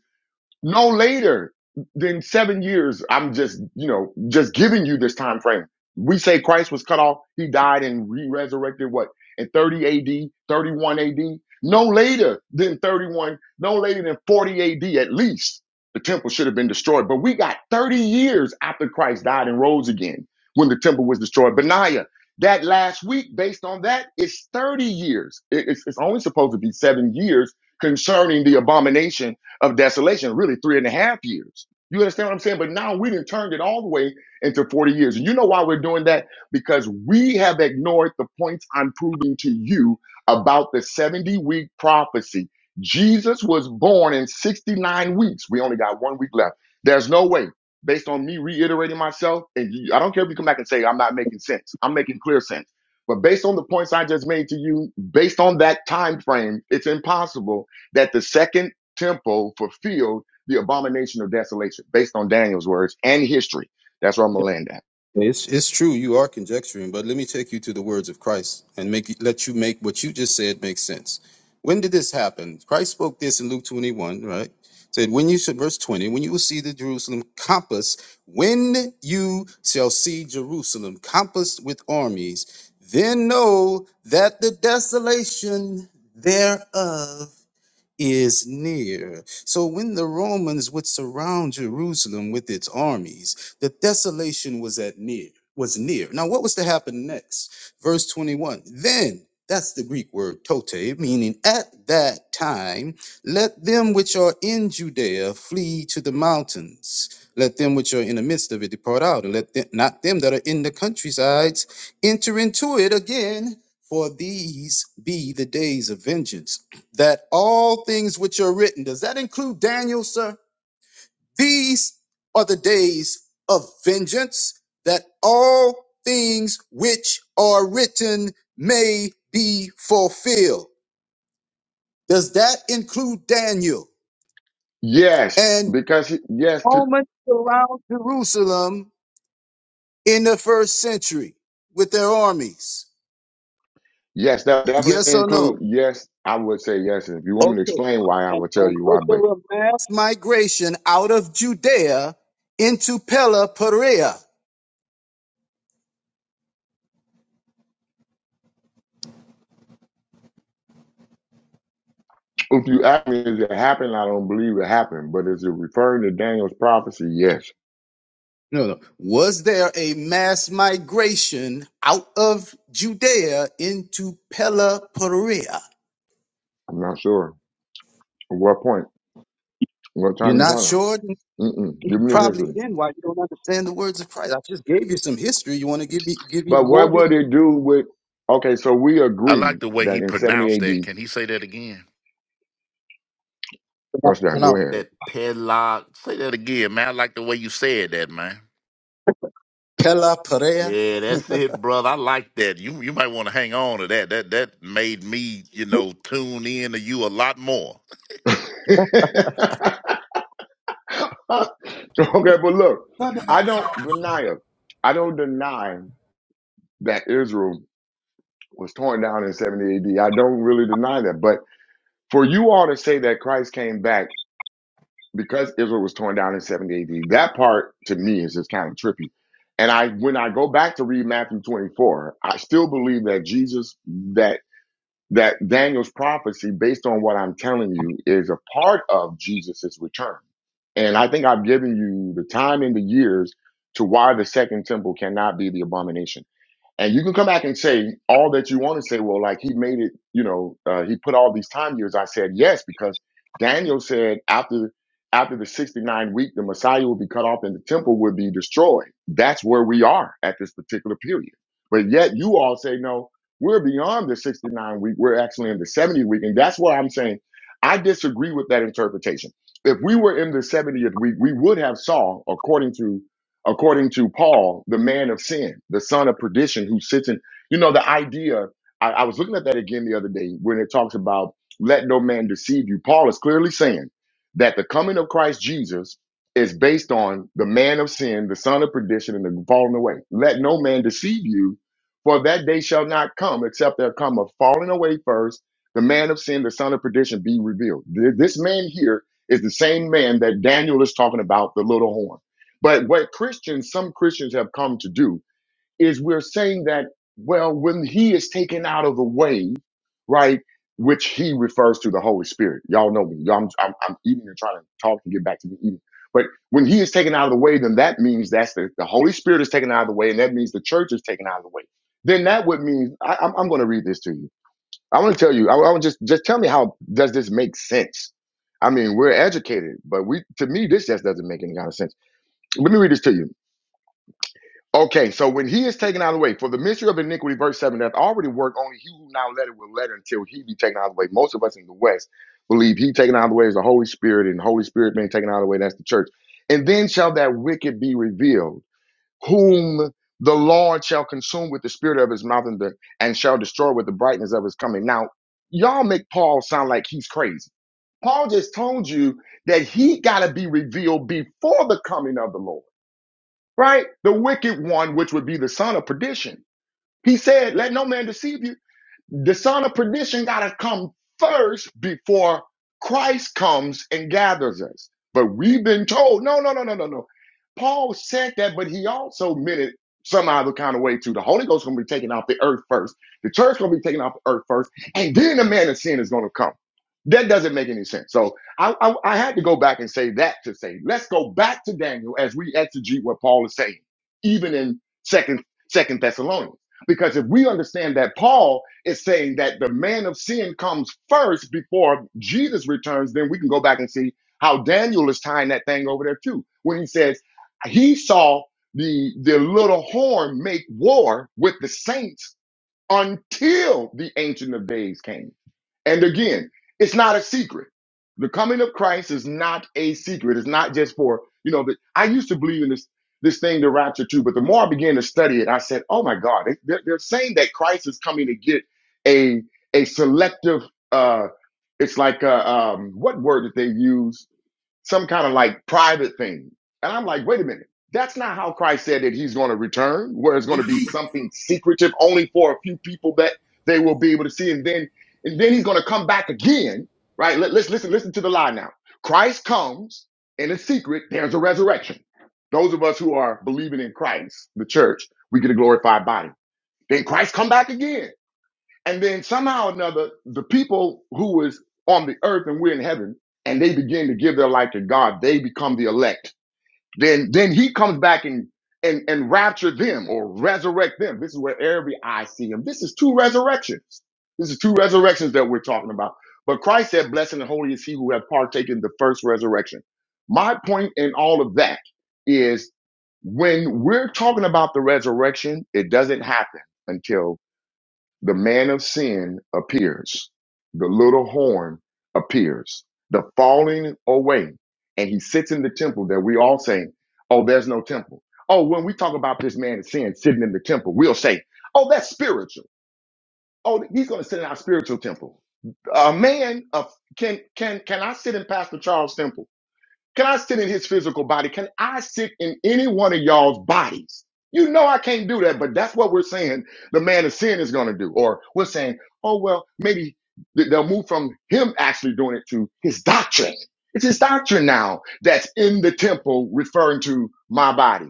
Speaker 31: no later than seven years. I'm just, you know, just giving you this time frame. We say Christ was cut off. He died and re-resurrected what in 30 AD, 31 AD. No later than 31, no later than 40 AD at least. The temple should have been destroyed. But we got 30 years after Christ died and rose again when the temple was destroyed. Benaiah, that last week, based on that, it's 30 years. It- It's, it's only supposed to be seven years concerning the abomination of desolation, really three and a half years. You understand what I'm saying? But now we done turned it all the way into 40 years. And you know why we're doing that? Because we have ignored the points I'm proving to you about the 70 week prophecy. Jesus was born in 69 weeks. We only got one week left. There's no way, based on me reiterating myself, and you, I don't care if you come back and say I'm not making sense. I'm making clear sense. But based on the points I just made to you, based on that time frame, it's impossible that the second temple fulfilled the abomination of desolation based on Daniel's words and history. That's where I'm gonna land at.
Speaker 32: Yeah, It's it's true you are conjecturing, but let me take you to the words of Christ and make let you make what you just said make sense. When did this happen? Christ spoke this in Luke 21, right? Said when you should verse 20, when you will see the Jerusalem compassed, when you shall see Jerusalem compassed with armies, then know that the desolation thereof is near. So when the Romans would surround Jerusalem with its armies, the desolation was at near, was near. Now what was to happen next? Verse 21. Then that's the Greek word tote, meaning at that time, let them which are in Judea flee to the mountains. Let them which are in the midst of it depart out, and let them, not them that are in the countrysides enter into it again, for these be the days of vengeance that all things which are written, does that include Daniel, sir? These are the days of vengeance, that all things which are written may be fulfilled. Does that include Daniel?
Speaker 31: Yes,
Speaker 32: And
Speaker 31: because he- yes, to,
Speaker 32: Romans surround Jerusalem in the first century with their armies.
Speaker 31: yes, that definitely
Speaker 32: Yes or
Speaker 31: include
Speaker 32: no?
Speaker 31: yes. I would say yes. And if you want me to
Speaker 32: Okay.
Speaker 31: explain why, I
Speaker 32: And,
Speaker 31: will tell
Speaker 32: and
Speaker 31: you why.
Speaker 32: with
Speaker 31: But
Speaker 32: the mass migration out of Judea into Pella Perea.
Speaker 31: if you ask me, is it happened? I don't believe it happened. But is it referring to Daniel's prophecy? Yes.
Speaker 32: No, no. Was there a mass migration out of Judea into Peloporea?
Speaker 31: I'm not sure. At what point? What
Speaker 32: You're
Speaker 31: time you
Speaker 32: not
Speaker 31: talking? about?
Speaker 32: sure? You
Speaker 31: Mm-mm. Give me the
Speaker 32: Probably
Speaker 31: history.
Speaker 32: then. Why you don't understand the words of Christ? I just gave you some history. You want to give me give
Speaker 31: But
Speaker 32: you more
Speaker 31: what would
Speaker 32: history?
Speaker 31: it do with? Okay, so we
Speaker 34: I
Speaker 31: agree
Speaker 34: like the way
Speaker 31: that
Speaker 34: he
Speaker 31: in 70
Speaker 34: pronounced that.
Speaker 31: AD.
Speaker 34: Can he say that again?
Speaker 32: Pronoun-
Speaker 31: What's that? Go
Speaker 32: Pronounce
Speaker 31: ahead.
Speaker 34: That padlock. Say that again, man. I like the way you said that, man.
Speaker 32: Peloporea.
Speaker 34: Yeah, that's it, brother. I like that. You you might want to hang on to that. That that made me, you know, tune in to you a lot more.
Speaker 31: okay, but look,
Speaker 17: ask
Speaker 31: I don't
Speaker 17: you.
Speaker 31: deny I don't deny that Israel was torn down in 70 AD. I don't really deny that. But for you all to say that Christ came back because Israel was torn down in 70 AD, that part to me is just kind of trippy. And I, when I go back to read Matthew 24, I still believe that Jesus, that. that Daniel's prophecy, based on what I'm telling you, is a part of Jesus's return. And I think I've given you the time and the years to why the second temple cannot be the abomination. And you can come back and say all that you want to say. Well, like he made it, you know, uh, he put all these time years. I said yes because Daniel said after after the sixty nine week, the Messiah will be cut off and the temple will be destroyed. That's where we are at this particular period. But yet you all say no, we're beyond the sixty nine week. We're actually in the seventy week, and that's why I'm saying I disagree with that interpretation. If we were in the 70th week, we would have saw, according to according to Paul, the man of sin, the son of perdition, who sits in, you know, the idea. I, I was looking at that again the other day when it talks about let no man deceive you. Paul is clearly saying that the coming of Christ Jesus is based on the man of sin, the son of perdition, and the falling away. Let no man deceive you, for that day shall not come except there come a falling away first, the man of sin, the son of perdition be revealed. Th- This man here is the same man that Daniel is talking about, the little horn. But what Christians, some Christians have come to do is we're saying that, well, when he is taken out of the way, right, which he refers to the Holy Spirit. Y'all know me. Y'all, I'm, I'm, I'm eating and trying to talk and get back to the eating. But when he is taken out of the way, then that means that's the, the Holy Spirit is taken out of the way, and that means the church is taken out of the way. Then that would mean I, I'm, I'm going to read this to you. I want to tell you. I, I want just just tell me how does this make sense? I mean, we're educated, but we to me this just doesn't make any kind of sense. Let me read this to you. Okay, so when he is taken out of the way, for the mystery of iniquity, verse 7, that already worked, only he who now let it will let it until he be taken out of the way. Most of us in the West believe he taken out of the way is the Holy Spirit, and the Holy Spirit being taken out of the way, that's the church. And then shall that wicked be revealed, whom the Lord shall consume with the spirit of his mouth and, the, and shall destroy with the brightness of his coming. Now, y'all make Paul sound like he's crazy. Paul just told you that he got to be revealed before the coming of the Lord right? The wicked one, which would be the son of perdition. He said, Let no man deceive you. The son of perdition got to come first before Christ comes and gathers us. But we've been told, no, no, no, no, no, no. Paul said that, but he also meant it some other kind of way too. The Holy Ghost is going to be taken off the earth first. The church going to be taken off the earth first, and then the man of sin is going to come. That doesn't make any sense. So I, I, I had to go back and say that to say, let's go back to Daniel as we exegete what Paul is saying, even in second Second Thessalonians. Because if we understand that Paul is saying that the man of sin comes first before Jesus returns. Then we can go back and see how Daniel is tying that thing over there too. When he says he saw the the little horn make war with the saints until the Ancient of Days came. And again, it's not a secret. The coming of Christ is not a secret. It's not just for, you know, the, I used to believe in this this thing, the rapture too, but the more I began to study it, I said, oh my God, they, they're, they're saying that Christ is coming to get a a selective, uh, it's like, a, um, what word did they use? some kind of like private thing. And I'm like, wait a minute. That's not how Christ said that he's going to return, where it's going to be something secretive only for a few people that they will be able to see. And then, and then he's going to come back again, right? Let, let's listen, listen to the lie now. Christ comes in a secret. There's a resurrection. Those of us who are believing in Christ, the church, we get a glorified body. Then Christ come back again. And then somehow or another, the people who was on the earth and we're in heaven, and they begin to give their life to God, they become the elect. Then then he comes back and and, and rapture them or resurrect them. This is where every eye see him. This is two resurrections. This is two resurrections that we're talking about. But Christ said, Blessed and holy is he who have partaken the first resurrection. My point in all of that is when we're talking about the resurrection, it doesn't happen until the man of sin appears. The little horn appears. The falling away. And he sits in the temple that we all say, oh, there's no temple. Oh, when we talk about this man of sin sitting in the temple, we'll say, oh, that's spiritual. Oh, he's going to sit in our spiritual temple. A man of can can can I sit in Pastor Charles' temple? Can I sit in his physical body? Can I sit in any one of y'all's bodies? You know I can't do that, but that's what we're saying the man of sin is going to do. Or we're saying, oh, well, maybe th- they'll move from him actually doing it to his doctrine. It's his doctrine now that's in the temple referring to my body.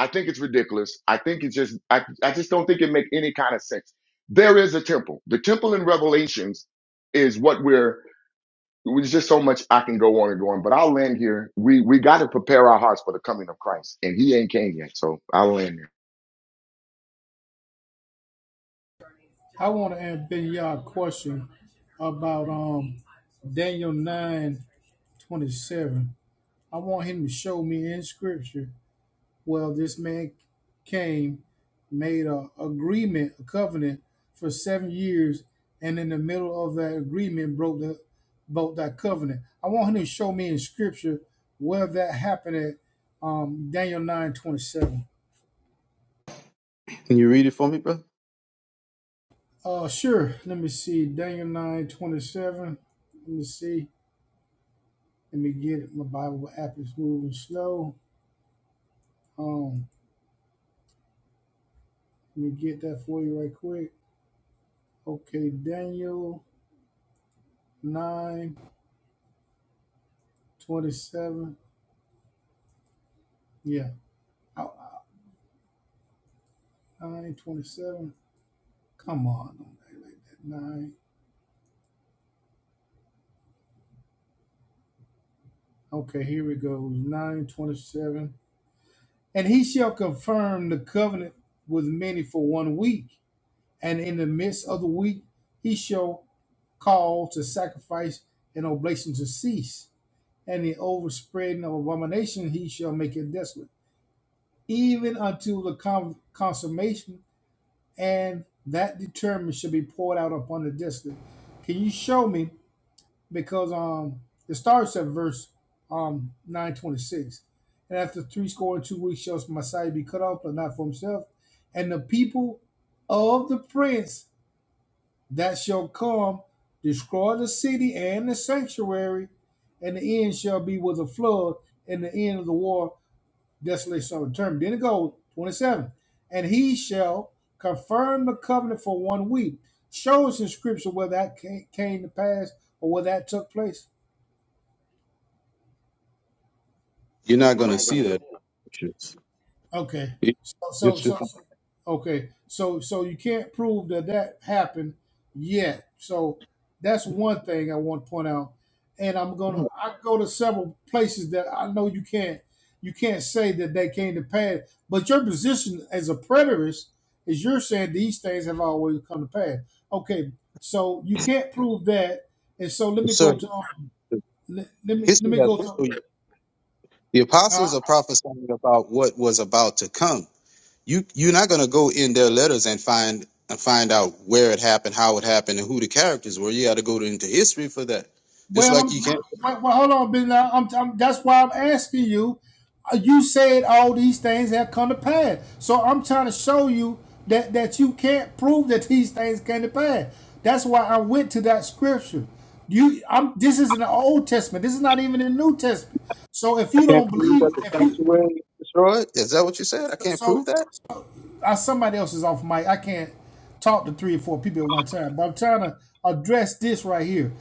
Speaker 31: I think it's ridiculous. I think it's just, I, I just don't think it makes any kind of sense. There is a temple. The temple in Revelations is what we're there's just so much I can go on and go on, but I'll land here. We we got to prepare our hearts for the coming of Christ, and He ain't came yet, so I'll land here.
Speaker 17: I want to ask Ben Yah a question about um Daniel nine twenty seven. I want him to show me in scripture well this man came, made a agreement, a covenant for seven years, and in the middle of that agreement broke the broke that covenant. I want him to show me in scripture where that happened at um Daniel nine twenty seven.
Speaker 32: Can you read it for me, bro?
Speaker 17: Uh sure. Let me see. Daniel nine twenty seven. Let me see. Let me get it. My Bible app is moving slow. Um, let me get that for you right quick. Okay, Daniel nine twenty seven. Yeah, nine twenty seven. Come on, on that nine. Okay, here we go. Nine twenty seven. And he shall confirm the covenant with many for one week, and in the midst of the week he shall call to sacrifice and oblation to cease and the overspreading of abomination he shall make it desolate, even until the con- consummation, and that determined shall be poured out upon the desolate. Can you show me? Because um, it starts at verse um nine twenty six, and after three score and two weeks shall Messiah be cut off, but not for himself, and the people of the prince that shall come, destroy the city and the sanctuary, and the end shall be with a flood, and the end of the war, desolation shall return. Then it goes, 27. And he shall confirm the covenant for one week. Show us in scripture where that came to pass or where that took place.
Speaker 32: You're not going to see that. It's
Speaker 17: Okay. So, so,
Speaker 32: it's just
Speaker 17: so, so- okay. So, so you can't prove that that happened yet. So that's one thing I want to point out. And I'm gonna,
Speaker 32: Mm.
Speaker 17: I go to several places that I know you can't, you can't say that they came to pass. But your position as a preterist is you're saying these things have always come to pass. Okay. So you can't prove that. And so let me
Speaker 32: sir.
Speaker 17: go to, let, let me, let
Speaker 32: History
Speaker 17: me
Speaker 32: has to
Speaker 17: go to, all
Speaker 32: show you. the
Speaker 17: right?
Speaker 32: apostles are prophesying about what was about to come. you you're not gonna go in their letters and find and find out where it happened, how it happened, and who the characters were. You got to go into history for that. Just
Speaker 17: Well,
Speaker 32: like
Speaker 17: I'm,
Speaker 32: you can't.
Speaker 17: well, well, hold on, Ben. Now, I'm, I'm, that's why I'm asking you. Uh, You said all these things have come to pass, so I'm trying to show you that that you can't prove that these things came to pass. That's why I went to that scripture. You, I'm. This is in the Old Testament. This is not even in the New Testament. So if
Speaker 32: I
Speaker 17: you
Speaker 32: can't
Speaker 17: don't
Speaker 32: prove that
Speaker 17: believe,
Speaker 32: the
Speaker 17: if you,
Speaker 32: sanctuary was destroyed. Is that what you said? I can't
Speaker 17: so
Speaker 32: prove that.
Speaker 17: uh, somebody else is off mic. I can't talk to three or four people at one time, but I'm trying to address this right here.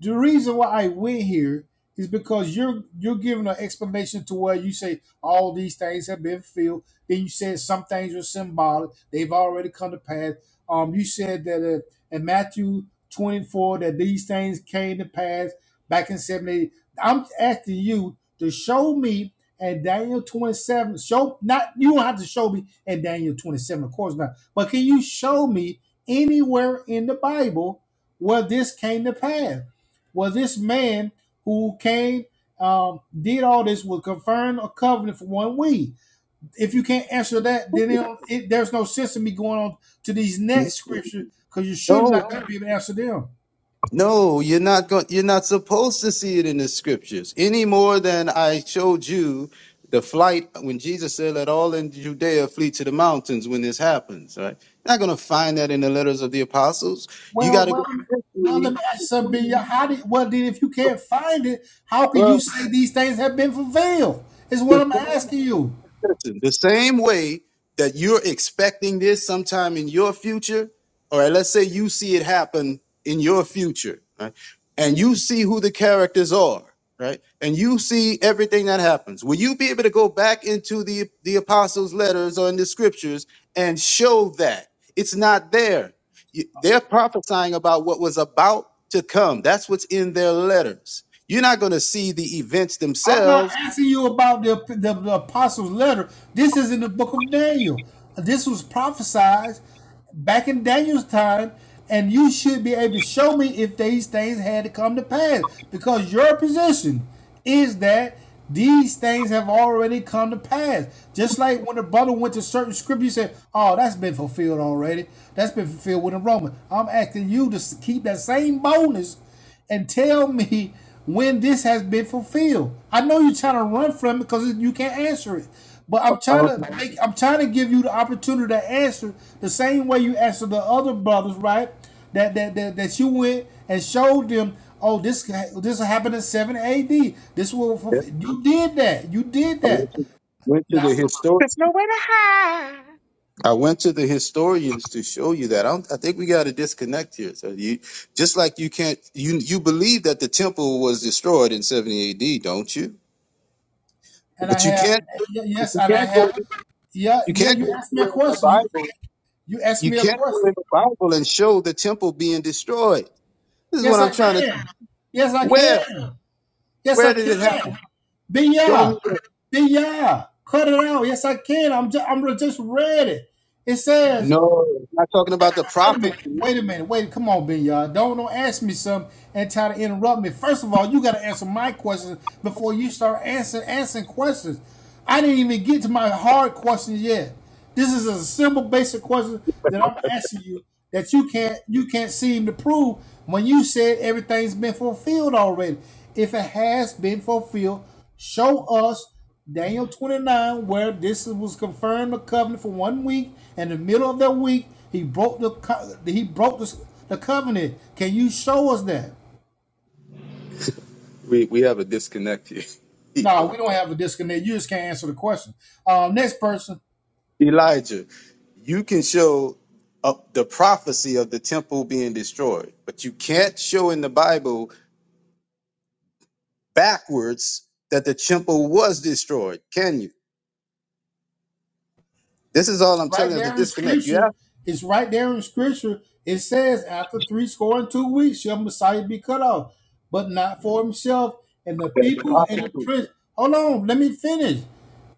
Speaker 17: The reason why I went here is because you're you're giving an explanation to where you say all these things have been fulfilled. Then you said some things are symbolic; they've already come to pass. Um, you said that uh, in Matthew 24 that these things came to pass back in 70. I'm asking you to show me in Daniel 27. Show not you don't have to show me in Daniel 27, of course not. But can you show me anywhere in the Bible where this came to pass? Well, this man who came, um, did all this, will confirm a covenant for one week. If you can't answer that, then it it- there's no sense in me going on to these next scriptures because you should
Speaker 32: No,
Speaker 17: not going to be able to answer them.
Speaker 32: no, you're not going. You're not supposed to see it in the scriptures any more than I showed you the flight when Jesus said, "Let all in Judea flee to the mountains." When this happens, right? You're not going to find that in the letters of the apostles. You got
Speaker 17: Well,
Speaker 32: to go
Speaker 17: well,
Speaker 32: to
Speaker 17: now let
Speaker 32: history
Speaker 17: me ask you something. Ben. How did? Well, then, if you can't find it, how can you
Speaker 32: Well,
Speaker 17: say these things have been fulfilled? Is what
Speaker 32: the
Speaker 17: I'm
Speaker 32: same,
Speaker 17: asking you.
Speaker 32: listen, the same way that you're expecting this sometime in your future, all right, let's say you see it happen in your future, right? And you see who the characters are, right? And you see everything that happens. Will you be able to go back into the, the apostles' letters or in the scriptures and show that it's not there? You- They're prophesying about what was about to come. That's what's in their letters. You're not going to see the events
Speaker 17: I'm not
Speaker 32: themselves.
Speaker 17: asking you about the, the, the apostles' letter. This is in the book of Daniel. This was prophesied back in Daniel's time, and you should be able to show me if these things had to come to pass. Because your position is that these things have already come to pass. Just like when the brother went to certain scripture, you said, Oh, that's been fulfilled already. That's been fulfilled with the Roman. I'm asking you to keep that same boldness and tell me when this has been fulfilled. I know you're trying to run from it because you can't answer it. But I'm
Speaker 32: I
Speaker 17: trying
Speaker 32: don't think
Speaker 17: to make I'm trying to give you the opportunity to answer the same way you answered the other brothers, right? That that that, that you went and showed them, oh, this this happened in seven AD. This will fulfill. you did that. You did
Speaker 32: I went
Speaker 17: that.
Speaker 32: to, went to
Speaker 17: Now
Speaker 32: the historic.
Speaker 29: There's no way to hide.
Speaker 32: I went to the historians to show you that. I, don't, I think we got to disconnect here. So you, just like you can't, you you believe that the temple was destroyed in 70 A.D., don't you?
Speaker 17: and I
Speaker 32: But you
Speaker 17: have
Speaker 32: can't.
Speaker 17: yeah,
Speaker 32: But
Speaker 17: yes,
Speaker 32: you
Speaker 17: and I
Speaker 32: can't go.
Speaker 17: have yeah,
Speaker 32: You
Speaker 17: yeah,
Speaker 32: can't go
Speaker 17: you asked me a
Speaker 32: anywhere in the
Speaker 17: question. You
Speaker 32: Bible.
Speaker 17: you asked
Speaker 32: You
Speaker 17: me a
Speaker 32: can't go
Speaker 17: question.
Speaker 32: in the Bible and show the temple being destroyed. This is what
Speaker 17: Yes,
Speaker 32: I'm
Speaker 17: I
Speaker 32: trying to.
Speaker 17: can. Yes, I
Speaker 32: Where?
Speaker 17: can. Yes, I
Speaker 32: Where did it happen?
Speaker 17: can. Be
Speaker 32: Show me.
Speaker 17: ya.
Speaker 32: Where.
Speaker 17: Be ya. Cut it out. Yes, I can. I'm just, I'm just ready. It says
Speaker 32: No, I'm not talking about the
Speaker 17: Wait a minute.
Speaker 32: prophecy.
Speaker 17: Wait a minute. Wait. Come on, Ben, y'all. Don't don't ask me something and try to interrupt me. First of all, you got to answer my questions before you start answering answering questions. I didn't even get to my hard questions yet. This is a simple, basic question that I'm asking you that you can't you can't seem to prove when you said everything's been fulfilled already. If it has been fulfilled, show us Daniel 29, where this was confirmed the covenant for one week, and in the middle of that week, he broke the he broke the, the covenant. Can you show us that?
Speaker 32: We we have a disconnect here.
Speaker 17: No, we don't have a disconnect. You just can't answer the question. Um, next person.
Speaker 32: Elijah. you can show up the prophecy of the temple being destroyed, but you can't show in the Bible backwards that the temple was destroyed, can you? This is all I'm telling
Speaker 17: right
Speaker 32: you is a
Speaker 17: there in
Speaker 32: disconnect. You have
Speaker 17: scripture. It's right there in scripture. It says, after three score and two weeks, shall Messiah be cut off, but not for himself. And the
Speaker 32: that's
Speaker 17: people and the
Speaker 32: prophecy.
Speaker 17: prince. Hold on, let me finish.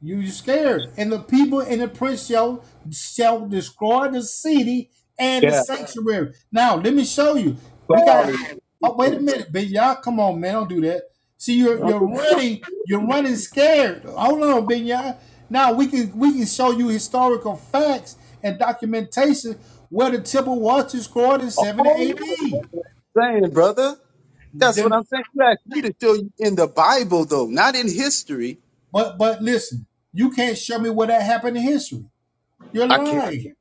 Speaker 17: You you scared. And the people and the prince shall, shall destroy the city and the
Speaker 32: Yeah,
Speaker 17: sanctuary. Now, let me show you. We
Speaker 32: foul
Speaker 17: got.
Speaker 32: is
Speaker 17: Oh, wait a
Speaker 32: different.
Speaker 17: minute, but y'all, come on, man, don't do that. See, you're
Speaker 32: I'm
Speaker 17: you're
Speaker 32: just
Speaker 17: running, you're running scared. Hold on, Ben. y'all. Now we can we can show you historical facts and documentation where the temple was destroyed in 70 AD.
Speaker 32: saying, brother. That's what I'm
Speaker 17: Then,
Speaker 32: saying. You asked me to show you in the Bible, though, not in history.
Speaker 17: but but listen, you can't show me where that happened in history. You're
Speaker 32: I can't.
Speaker 17: lying.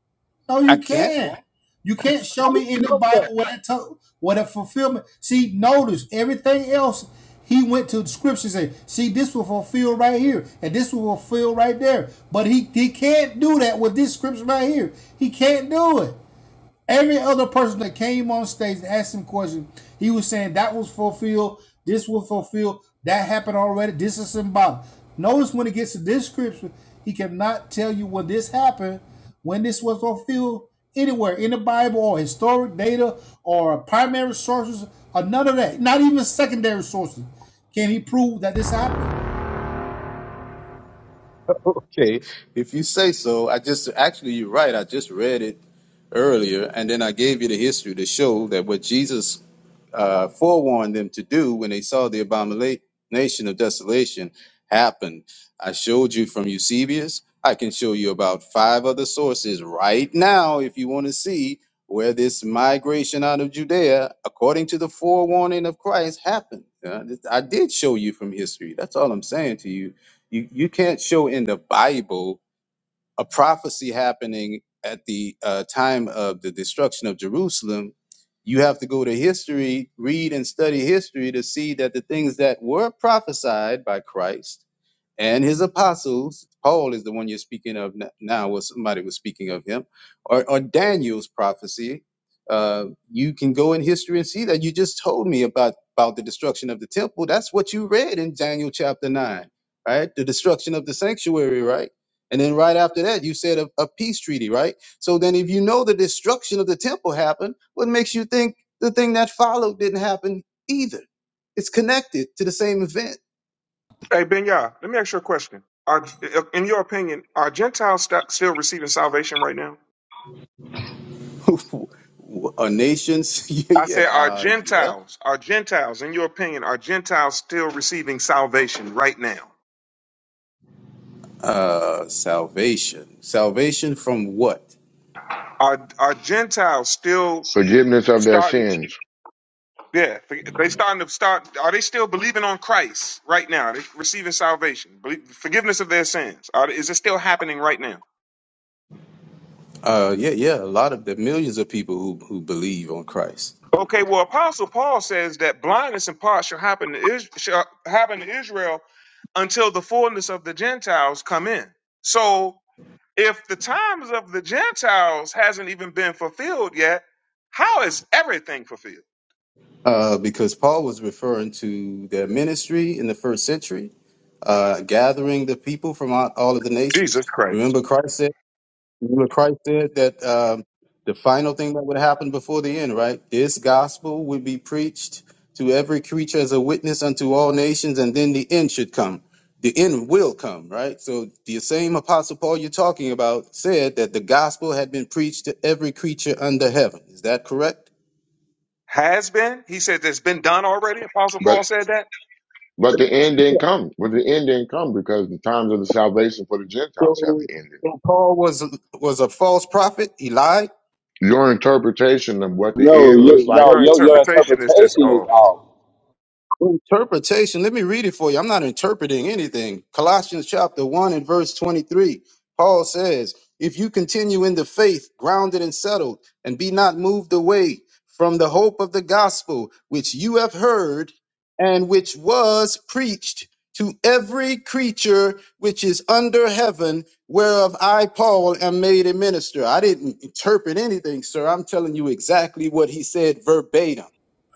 Speaker 17: No,
Speaker 32: I
Speaker 17: you
Speaker 32: can't.
Speaker 17: can't. You can't show me in the Bible where that to, where the fulfillment. See, notice everything else. He went to the scriptures and said, see, this will fulfill right here, and this will fulfill right there. But he, he can't do that with this scripture right here. He can't do it. Every other person that came on stage and asked him questions, he was saying that was fulfilled, this was fulfilled, that happened already, this is symbolic. Notice when it gets to this scripture, he cannot tell you when this happened, when this was fulfilled anywhere in the Bible or historic data or primary sources or none of that, not even secondary sources. Can he prove that this happened?
Speaker 32: Okay, if you say so, I just actually you're right. I just read it earlier, and then I gave you the history to show that what Jesus uh, forewarned them to do when they saw the abomination of desolation happen. I showed you from Eusebius. I can show you about five other sources right now if you want to see where this migration out of Judea, according to the forewarning of Christ, happened. Uh, I did show you from history. That's all I'm saying to you you you can't show in the Bible a prophecy happening at the uh, time of the destruction of Jerusalem, you have to go to history, read and study history to see that the things that were prophesied by Christ and his apostles, Paul is the one you're speaking of n- now, or somebody was speaking of him, or, or Daniel's prophecy. Uh, you can go in history and see that you just told me about about the destruction of the temple. That's what you read in Daniel chapter nine, right? The destruction of the sanctuary, right? And then right after that, you said a, a peace treaty, right? So then, if you know the destruction of the temple happened, what makes you think the thing that followed didn't happen either? It's connected to the same event.
Speaker 29: Hey, Ben Yah, let me ask you a question. Are, in your opinion, are Gentiles st- still receiving salvation right now?
Speaker 32: A nation's, yeah,
Speaker 29: I said,
Speaker 32: yeah,
Speaker 29: are
Speaker 32: uh, yeah.
Speaker 29: Gentiles, are Gentiles, in your opinion, are Gentiles still receiving salvation right now?
Speaker 32: Uh, salvation. Salvation from what?
Speaker 29: Are are Gentiles still
Speaker 31: Forgiveness of their
Speaker 29: starting?
Speaker 31: sins,
Speaker 29: Yeah, they starting to start. Are they still believing on Christ right now? Are they receiving salvation, believe, forgiveness of their sins? Are, is it still happening right now?
Speaker 32: Uh, yeah, yeah. A lot of the millions of people who, who believe on Christ.
Speaker 29: Okay, well, Apostle Paul says that blindness in part shall happen to Is- shall happen to Israel until the fullness of the Gentiles come in. So if the times of the Gentiles hasn't even been fulfilled yet, how is everything fulfilled?
Speaker 32: Uh, because Paul was referring to their ministry in the first century uh, gathering the people from all, all of the nations.
Speaker 29: Jesus Christ
Speaker 32: Remember, Christ said. Remember, Christ said that um, the final thing that would happen before the end, right? This gospel would be preached to every creature as a witness unto all nations, and then the end should come. The end will come, right? So the same Apostle Paul you're talking about said that the gospel had been preached to every creature under heaven. Is that correct?
Speaker 29: has been. He said it's been done already. Apostle
Speaker 31: but
Speaker 29: Paul said that.
Speaker 31: but the end
Speaker 32: Yeah.
Speaker 31: didn't come. But the end didn't come because the times of the salvation for the Gentiles
Speaker 32: So,
Speaker 31: haven't ended.
Speaker 32: so Paul was was a false prophet. He lied.
Speaker 31: Your interpretation of what the
Speaker 35: No,
Speaker 31: end looks
Speaker 35: you,
Speaker 31: like
Speaker 35: no,
Speaker 29: Your
Speaker 35: your, your
Speaker 29: interpretation is just
Speaker 35: interpretation is
Speaker 29: off.
Speaker 35: off.
Speaker 32: Interpretation. Let me read it for you. I'm not interpreting anything. Colossians chapter 1 and verse 23. Paul says, If you continue in the faith, grounded and settled, and be not moved away from the hope of the gospel, which you have heard and which was preached to every creature which is under heaven, whereof I, Paul, am made a minister. I didn't interpret anything, sir. I'm telling you exactly what he said verbatim.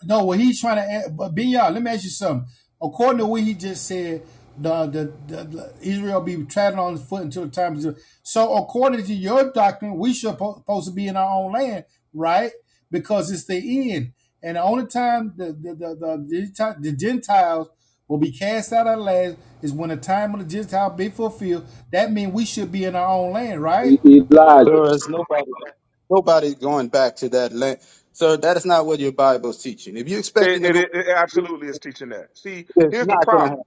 Speaker 17: No, what he's trying to add, but Ben let me ask you something. According to what he just said, the the, the, the Israel be treading on his foot until the time is. So, according to your doctrine, we should po- supposed to be in our own land, right? Because it's the end, and the only time the the the, the, the Gentiles will be cast out of the land is when the time of the Gentile be fulfilled. That means we should be in our own land, right?
Speaker 35: E- Elijah.
Speaker 32: Sir, there's nobody. Nobody going back to that land. So that is not what your Bible's teaching. If you're expecting
Speaker 29: It,
Speaker 32: to
Speaker 29: it,
Speaker 32: go
Speaker 29: it, it
Speaker 32: back,
Speaker 29: absolutely is teaching that. See,
Speaker 32: it's
Speaker 29: here's the
Speaker 32: not going to
Speaker 29: problem.
Speaker 32: happen.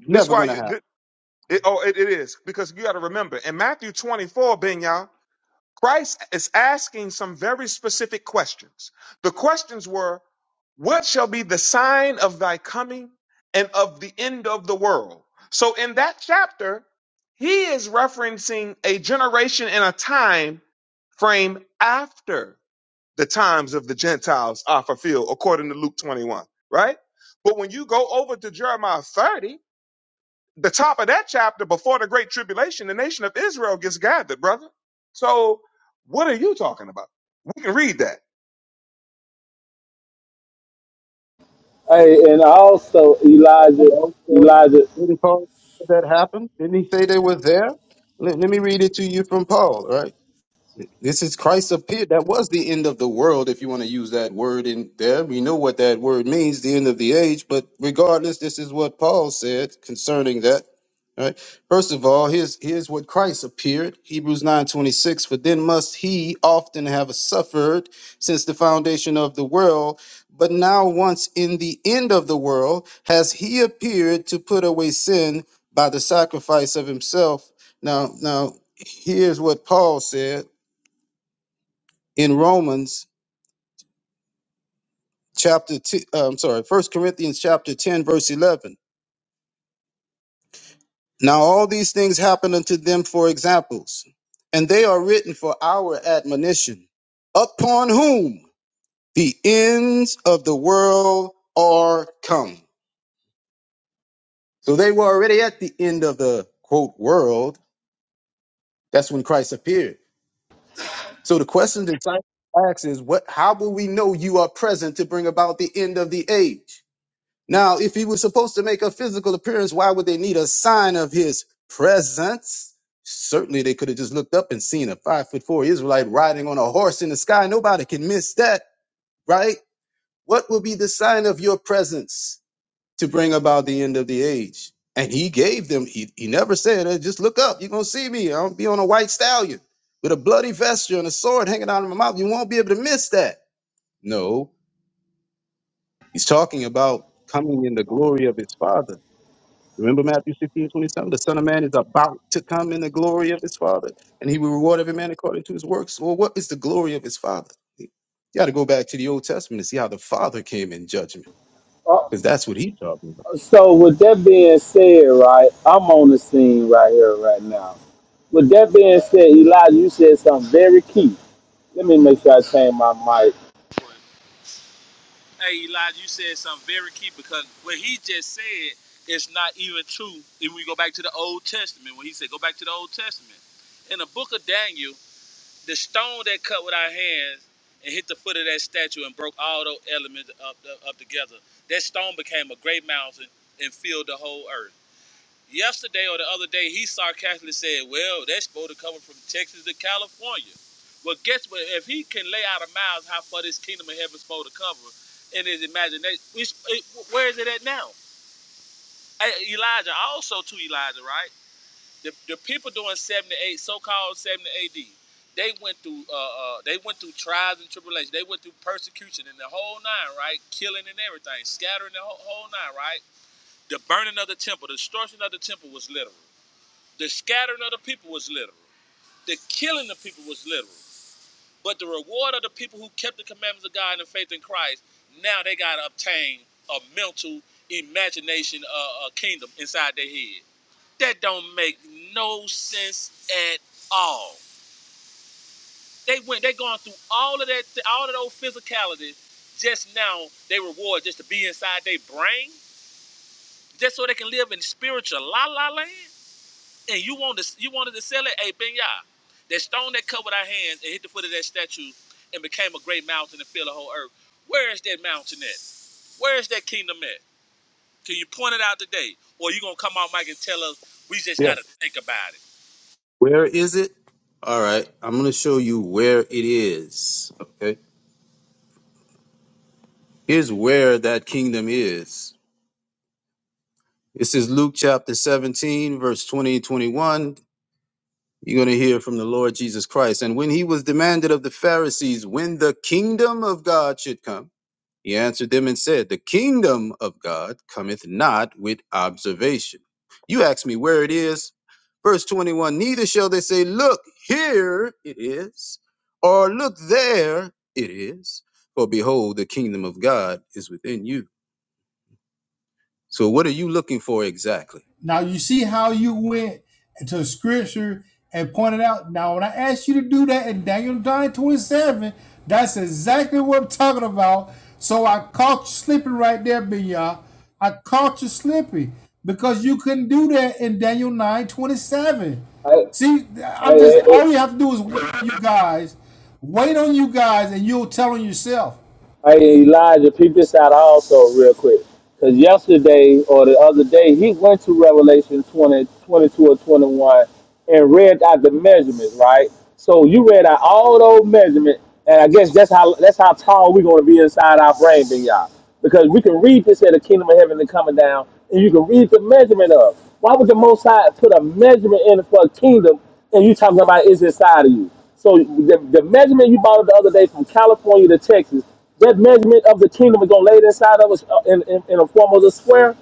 Speaker 29: This
Speaker 32: Never
Speaker 29: why
Speaker 32: going to
Speaker 29: you.
Speaker 32: happen.
Speaker 29: thi- it, oh, it, it is because you got to remember in Matthew 24, Ben Yah, Christ is asking some very specific questions. The questions were, What shall be the sign of thy coming and of the end of the world? So in that chapter, he is referencing a generation and a time frame after the times of the Gentiles are fulfilled, according to Luke 21, right? But when you go over to Jeremiah 30, the top of that chapter before the great tribulation, the nation of Israel gets gathered, brother. So what are you talking about? We can read that.
Speaker 35: Hey, and also Elijah,
Speaker 32: Hello, so
Speaker 35: Elijah.
Speaker 32: Didn't Paul say that happened? Didn't he say they were there? Let, let me read it to you from Paul, right? This is Christ appeared. That was the end of the world, if you want to use that word in there. We know what that word means, the end of the age. But regardless, this is what Paul said concerning that. All Right. First of all, here's here's what Christ appeared. Hebrews 9:26. For then must he often have suffered since the foundation of the world. But now once in the end of the world has he appeared to put away sin by the sacrifice of himself. Now, now here's what Paul said in Romans chapter two, uh, I'm sorry, First Corinthians chapter 10, verse 11. Now all these things happen unto them for examples, and they are written for our admonition, upon whom the ends of the world are come. So they were already at the end of the quote world. That's when Christ appeared. So the question the disciples ask is, what? How will we know you are present to bring about the end of the age? Now, if he was supposed to make a physical appearance, why would they need a sign of his presence? Certainly, they could have just looked up and seen a five foot four Israelite riding on a horse in the sky. Nobody can miss that, right? What will be the sign of your presence to bring about the end of the age? And he gave them, he, he never said, "Uh, just look up, you're going to see me. I'll be on a white stallion with a bloody vesture and a sword hanging out of my mouth. You won't be able to miss that. No, he's talking about coming in the glory of his father. Remember Matthew 16, twenty seven. The Son of Man is about to come in the glory of his Father, and he will reward every man according to his works. Well, what is the glory of his Father? You got to go back to the Old Testament to see how the Father came in judgment,
Speaker 35: Uh,
Speaker 32: because that's what he's talking about.
Speaker 35: so with that being said, right, I'm on the scene right here, right now. With that being said, Elijah, you said something very key. Let me make sure I change my mic.
Speaker 32: Yeah. Where is it? All right. I'm going to show you where it is. Okay. Here's where that kingdom is. This is Luke chapter 17, verse 20 and 21. You're going to hear from the Lord Jesus Christ. And when he was demanded of the Pharisees when the kingdom of God should come, he answered them and said, The kingdom of God cometh not with observation. You ask me where it is. Verse 21 Neither shall they say, Look, here it is, or look, there it is. For behold, the kingdom of God is within you. So, what are you looking for exactly?
Speaker 17: Now you see how you went to scripture and pointed out. Now when I asked you to do that in Daniel 9 27, that's exactly what I'm talking about. So I caught you slipping right there, Binya. I caught you slipping because you couldn't do that in Daniel 9 27.
Speaker 35: I,
Speaker 17: See, I'm just
Speaker 35: I,
Speaker 17: all you have to do is wait on you guys, wait on you guys, and you'll tell on yourself.
Speaker 35: Hey Elijah, peep this out also real quick. Because yesterday or the other day, he went to Revelation 20 22 or 21 and read out the measurements, right? So you read out all those measurements, and I guess that's how that's how tall we're going to be inside our brain, then y'all. Because we can read this at the kingdom of heaven and coming down, and you can read the measurement of. Why would the Most High put a measurement in for a kingdom, and you talking about it's inside of you? So the, the measurement you bought the other day from California to Texas that measurement of the kingdom is gonna lay inside of us uh, in, in, in the form of a square.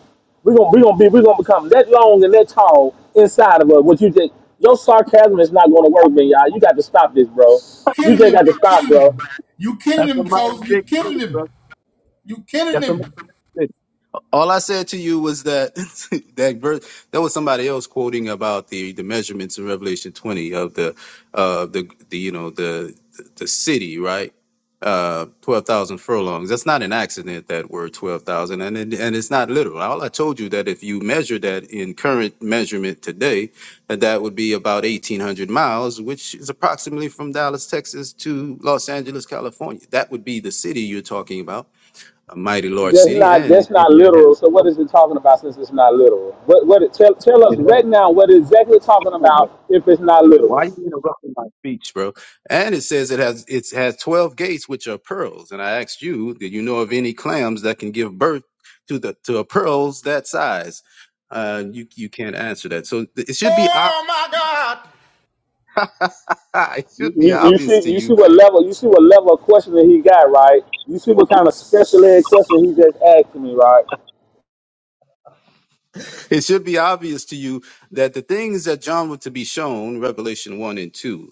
Speaker 35: We're gonna we gonna be we're gonna become that long and that tall inside of us. What you just your sarcasm is not gonna work, man, y'all. You got to stop this, bro. You
Speaker 17: Killing
Speaker 35: just
Speaker 17: him,
Speaker 35: got
Speaker 17: you
Speaker 35: to stop,
Speaker 17: killing
Speaker 35: bro.
Speaker 17: him, you killing him, so you killing him, you killing him.
Speaker 32: All I said to you was that that verse that was somebody else quoting about the the measurements in Revelation 20 of the uh the the you know the the city, right? Uh 12,000 furlongs. That's not an accident that word 12,000 and it, and it's not literal. All I told you that if you measure that in current measurement today, that that would be about 1800 miles, which is approximately from Dallas, Texas to Los Angeles, California. That would be the city you're talking about, a mighty large
Speaker 35: That's
Speaker 32: city
Speaker 35: not
Speaker 32: and
Speaker 35: that's
Speaker 32: it it,
Speaker 35: not
Speaker 32: it has
Speaker 35: literal. So what is it talking about since it's not literal? What what it, tell tell us
Speaker 32: It
Speaker 35: right
Speaker 32: has,
Speaker 35: now what it's exactly talking about if it's not
Speaker 32: Why
Speaker 35: literal.
Speaker 32: you interrupting my speech, bro? And it says it has it has twelve gates which are pearls. And I asked you, did you know of any clams that can give birth to the to a pearls that size? Uh, you you can't answer that. So th- it should be ob- it
Speaker 35: You,
Speaker 32: should be
Speaker 35: you you
Speaker 32: obvious
Speaker 35: see
Speaker 32: to
Speaker 35: you see
Speaker 32: you.
Speaker 35: what level you see what level of question that he got, right? You see what kind of special ed question he just asked me, right?
Speaker 32: It should be obvious to you that the things that John was to be shown, Revelation one and two.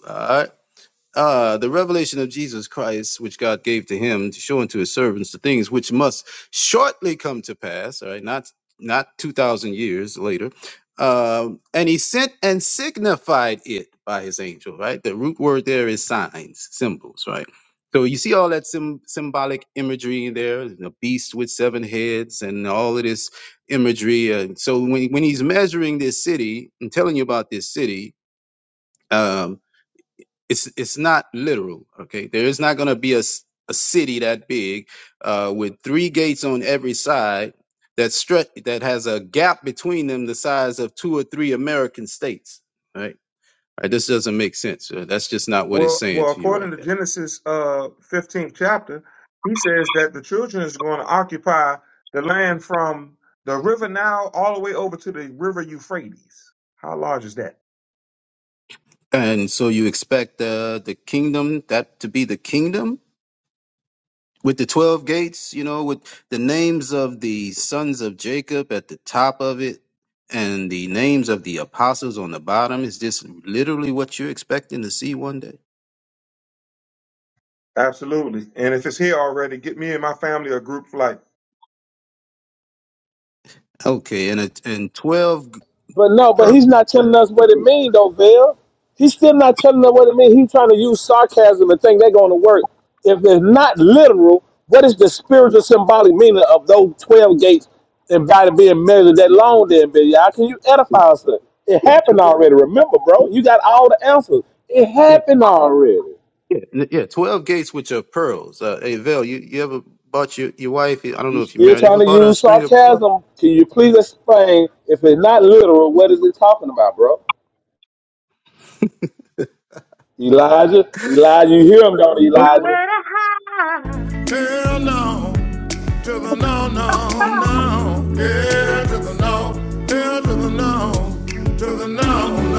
Speaker 32: Ah, the revelation of Jesus Christ, which God gave to him to show unto his servants the things which must shortly come to pass, all right, not not 2,000 years later. Um, and he sent and signified it by his angel, right? The root word there is signs, symbols, right? So you see all that sym symbolic imagery in there, the beast with seven heads and all of this imagery. And so when, when he's measuring this city and telling you about this city, um, it's it's not literal okay there is not going to be a, s- a city that big uh with three gates on every side that stretch that has a gap between them the size of two or three american states right right this doesn't make sense Uh, that's just not what it's
Speaker 29: Well,
Speaker 32: saying
Speaker 29: well,
Speaker 32: to you
Speaker 29: according
Speaker 32: right
Speaker 29: to
Speaker 32: there
Speaker 29: Genesis uh, 15th chapter, he says that the children is going to occupy the land from the river Nile all the way over to the river Euphrates. How large is that?
Speaker 32: and so you expect uh, the kingdom that to be the kingdom with the 12 gates, you know, with the names of the sons of Jacob at the top of it and the names of the apostles on the bottom is this literally what you're expecting to see one day?
Speaker 29: Absolutely. And if it's here already, get me and my family a group flight.
Speaker 32: Okay, and it, and 12 g-
Speaker 35: But no, but
Speaker 32: pearls.
Speaker 35: he's not telling us what it means, though, Bill. He's still not telling us what it means. He's trying to use sarcasm and think they're going to work. If they're not literal, what is the spiritual symbolic meaning of those 12 gates and by the being measured that long then, Bill, How can you edify us? It
Speaker 32: Yeah,
Speaker 35: happened
Speaker 32: 12.
Speaker 35: already. Remember, bro, you got all the answers. It
Speaker 32: Yeah,
Speaker 35: happened already.
Speaker 32: yeah, n- yeah, 12 gates which are pearls. Uh, hey, Vel, you, you ever bought your, your wife, I don't
Speaker 35: You
Speaker 32: know if you're
Speaker 35: still
Speaker 32: married,
Speaker 35: trying
Speaker 32: ever
Speaker 35: to
Speaker 32: bought her a
Speaker 35: use
Speaker 32: string of pearls?
Speaker 35: sarcasm. Can you please explain, if it's not literal, what is it talking about, bro? Elijah, Elijah, you hear him, don't you, Elijah?
Speaker 29: Nowhere to hide.
Speaker 17: Girl, no. to the no, no, no. Yeah, to the no. Yeah, to the no. To the no.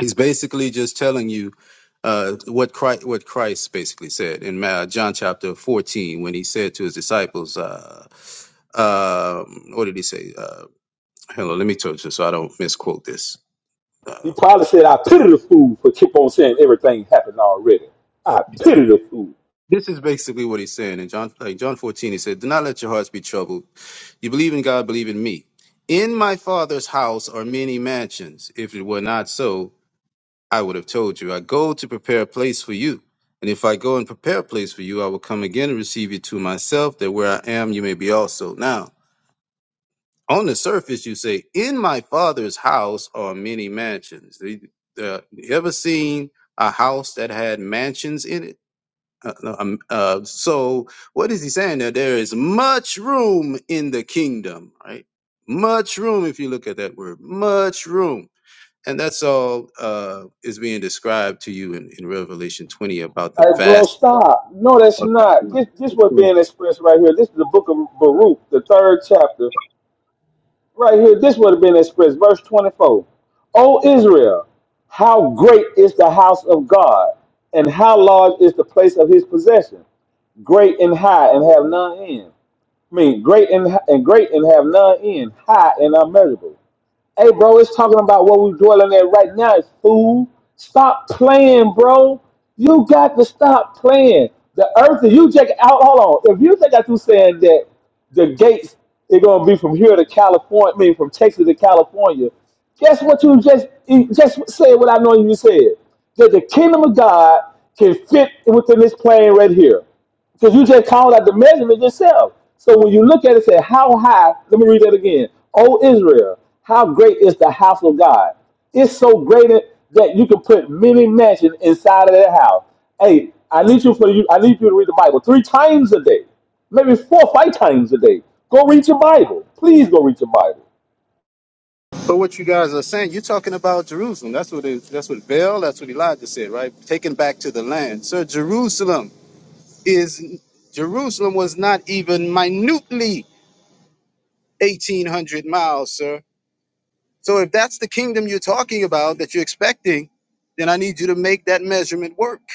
Speaker 32: He's basically just telling you uh, what Christ, what Christ basically said in Ma- John chapter 14 when he said to his disciples, uh, um, what did he say? Uh, hello, let me touch this so I don't misquote this.
Speaker 35: He
Speaker 32: Uh,
Speaker 35: probably said, I pity the fool for keep on saying everything happened already. I pity the fool.
Speaker 32: this is basically what he's saying in John, like John 14. He said, "Do not let your hearts be troubled. You believe in God, believe in me. In my Father's house are many mansions. If it were not so, I would have told you, I go to prepare a place for you. And if I go and prepare a place for you, I will come again and receive you to myself, that where I am, you may be also. Now, on the surface, you say, In my father's house are many mansions. The- the- you ever seen a house that had mansions in it? Uh, no, um, uh, so, what is he saying there? There is much room in the kingdom, right? Much room, if you look at that word, much room. And that's all uh, is being described to you in, in Revelation 20 about the
Speaker 35: Hey, bro,
Speaker 32: vast.
Speaker 35: stop. No, that's not. This this was being expressed right here. This is the book of Baruch, the third chapter. Right here, this would have been expressed. Verse 24. O Israel, how great is the house of God, and how large is the place of his possession. Great and high and have none end. I mean, great and, and great and have none end, high and unmeasurable. Hey, bro, it's talking about what we're dwelling at right now is food. Stop playing, bro. You got to stop playing. The earth, if you check out, hold on. If you think I you saying that the gates are going to be from here to California, I mean, from Texas to California, guess what you just you just said what I know you said? That the kingdom of God can fit within this plane right here. Because you just called out the measurement yourself. So when you look at it, say, How high? Let me read that again. O Israel, how great is the house of God? It's so great that you can put many mansions inside of that house. Hey, I need you for you. I need you to read the Bible three times a day, maybe four, five times a day. Go read your Bible. Please go read your Bible.
Speaker 32: But what you guys are saying, you're talking about Jerusalem. That's what it, that's what Baal, that's what Elijah said, right? Taken back to the land. So Jerusalem is Jerusalem was not even minutely 1,800 miles, sir. So if that's the kingdom you're talking about that you're expecting, then I need you to make that measurement work.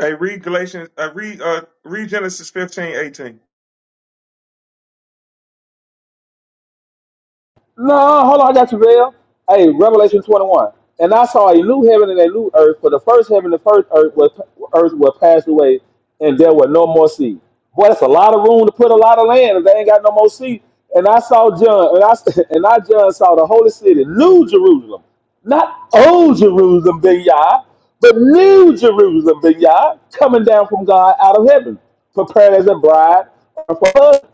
Speaker 29: Hey, read Galatians. Uh, read uh, read Genesis 15:18.
Speaker 35: No, hold on, I got you, Bill. Hey, Revelation 21. And I saw a new heaven and a new earth, for the first heaven and the first earth was, earth was passed away, and there were no more sea. Boy, that's a lot of room to put a lot of land if they ain't got no more sea. And I saw John, and I, and I John saw the holy city, New Jerusalem. Not old Jerusalem, Ben Yah, but New Jerusalem, Ben Yah, coming down from God out of heaven, prepared as a bride for her.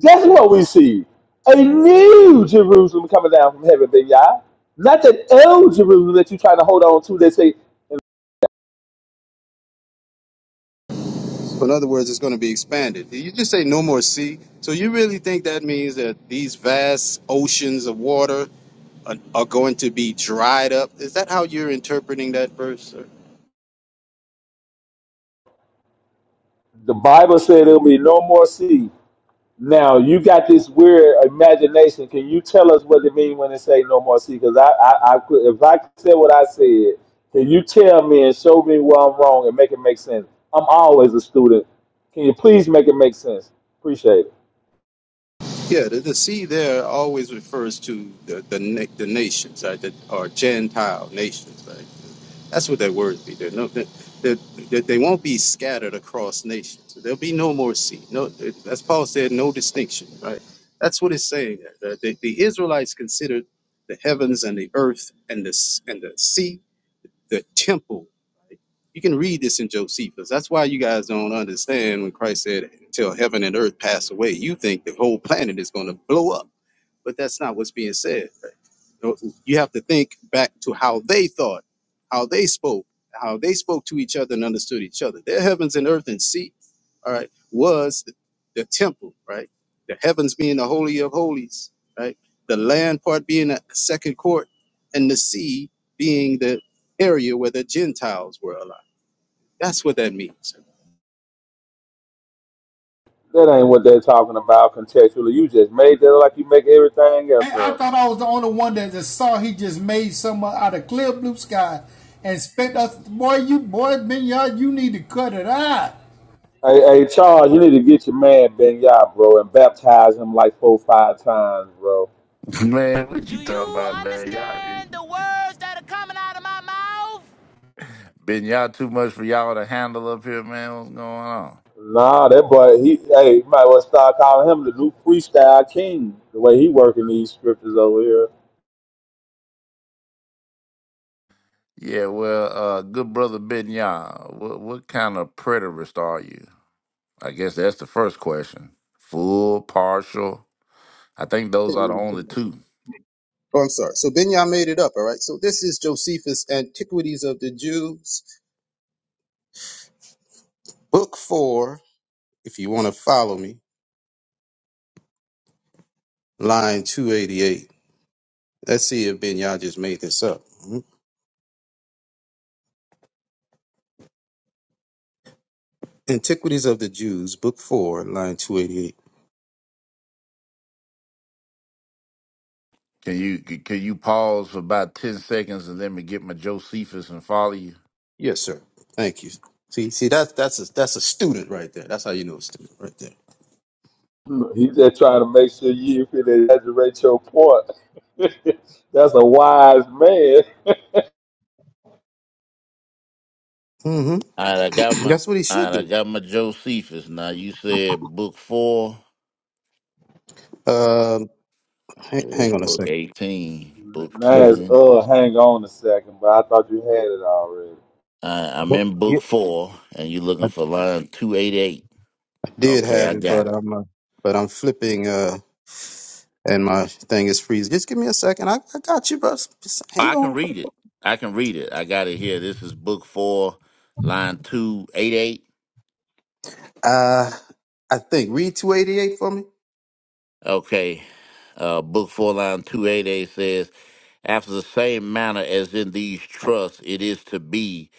Speaker 35: Guess what we see? A new Jerusalem coming down from heaven, baby. y'all. Not that old Jerusalem that you trying to hold on to. They say
Speaker 32: So in other words, it's going to be expanded. You just say no more sea. So you really think that means that these vast oceans of water are, are going to be dried up? Is that how you're interpreting that verse? Sir?
Speaker 35: the Bible said there'll be no more sea. Now you got this weird imagination. Can you tell us what it means when it say no more sea? Because I, I, I could, if I said what I said, can you tell me and show me where I'm wrong and make it make sense? I'm always a student. Can you please make it make sense? Appreciate it.
Speaker 32: Yeah, the, the sea there always refers to the the, na- the nations, right? The, or Gentile nations, right? That's what that word be. There, no, that that that they won't be scattered across nations. So There'll be no more sea. No, as Paul said, no distinction, right? That's what it's saying. There. The, the, the Israelites considered the heavens and the earth and the s- and the sea the temple. right? You can read this in Josephus. That's why you guys don't understand when Christ said, "Till heaven and earth pass away." You think the whole planet is going to blow up but that's not what's being said. You know, you have to think back to how they thought, how they spoke, how they spoke to each other and understood each other. Their heavens and earth and sea, all right, was the, the temple, right? The heavens being the holy of holies, right? The land part being the second court, and the sea being the area where the Gentiles were allowed. That's what that means.
Speaker 35: That ain't what they're talking about contextually. You just made that like you make everything else
Speaker 17: And I
Speaker 35: up.
Speaker 17: thought I was the only one that just saw he just made someone out of clear blue sky and spent us. Boy, you boy, Minyard, you need to cut it out.
Speaker 35: Hey, hey, Charles, you need to get your man Ben Yah, bro, and baptize him like four, five times, bro.
Speaker 34: Man, what you talking about, man? Y'all been y'all too much for y'all to handle up here, man. What's going on?
Speaker 35: Nah, that boy, he, hey, you might well start calling him the new freestyle king. The way he working these scriptures over here,
Speaker 34: Yeah, well, uh, good brother Ben Yah, what what kind of preterist are you? I guess that's the first question. Full, partial. I think those are the
Speaker 32: Oh,
Speaker 34: only two.
Speaker 32: I'm sorry. So Binyah made it up, all right? So this is Josephus' Antiquities of the Jews Book four, if you want to follow me, line 288. Let's see if Ben Yah just made this up. Mhm. Antiquities of the Jews, book four, line 288.
Speaker 34: Can you can you pause for about ten seconds and let me get my Josephus and follow you?
Speaker 32: Yes, sir. Thank you. See, see, that's that's a that's a student right there. That's how you know a student right there.
Speaker 35: he just trying to make sure you can exaggerate your point. That's a wise man.
Speaker 32: hmm
Speaker 34: All right, I got my
Speaker 32: that's what he
Speaker 34: all
Speaker 32: should
Speaker 34: right, I
Speaker 32: do.
Speaker 34: got my Josephus. Now you said book four.
Speaker 32: Um, hang,
Speaker 34: Okay,
Speaker 32: hang
Speaker 34: that's
Speaker 32: on a
Speaker 34: book
Speaker 32: second.
Speaker 34: eighteen. Book
Speaker 35: Now
Speaker 32: Wait,
Speaker 35: it's
Speaker 34: ten.
Speaker 35: uh, hang on a second, but I thought you had it already.
Speaker 34: All right, I'm
Speaker 32: what?
Speaker 34: in
Speaker 32: Yeah,
Speaker 34: book four, and you're
Speaker 32: I
Speaker 34: looking
Speaker 32: I
Speaker 34: for line two eight eight.
Speaker 32: did
Speaker 34: Okay,
Speaker 32: have
Speaker 34: I
Speaker 32: it,
Speaker 34: got
Speaker 32: but
Speaker 34: it.
Speaker 32: I'm uh, but I'm flipping uh, and my thing is freezing. Just give me a second. I, I got you, bro. Just
Speaker 34: Oh,
Speaker 32: hang
Speaker 34: I can
Speaker 32: on.
Speaker 34: read it. I can read it. I got it here. This is book four, line two eight eight.
Speaker 32: Uh, I think read two eighty eight for me.
Speaker 34: Okay. Uh, book 4, line 288 says, After the same manner as in these trusts, it is to be.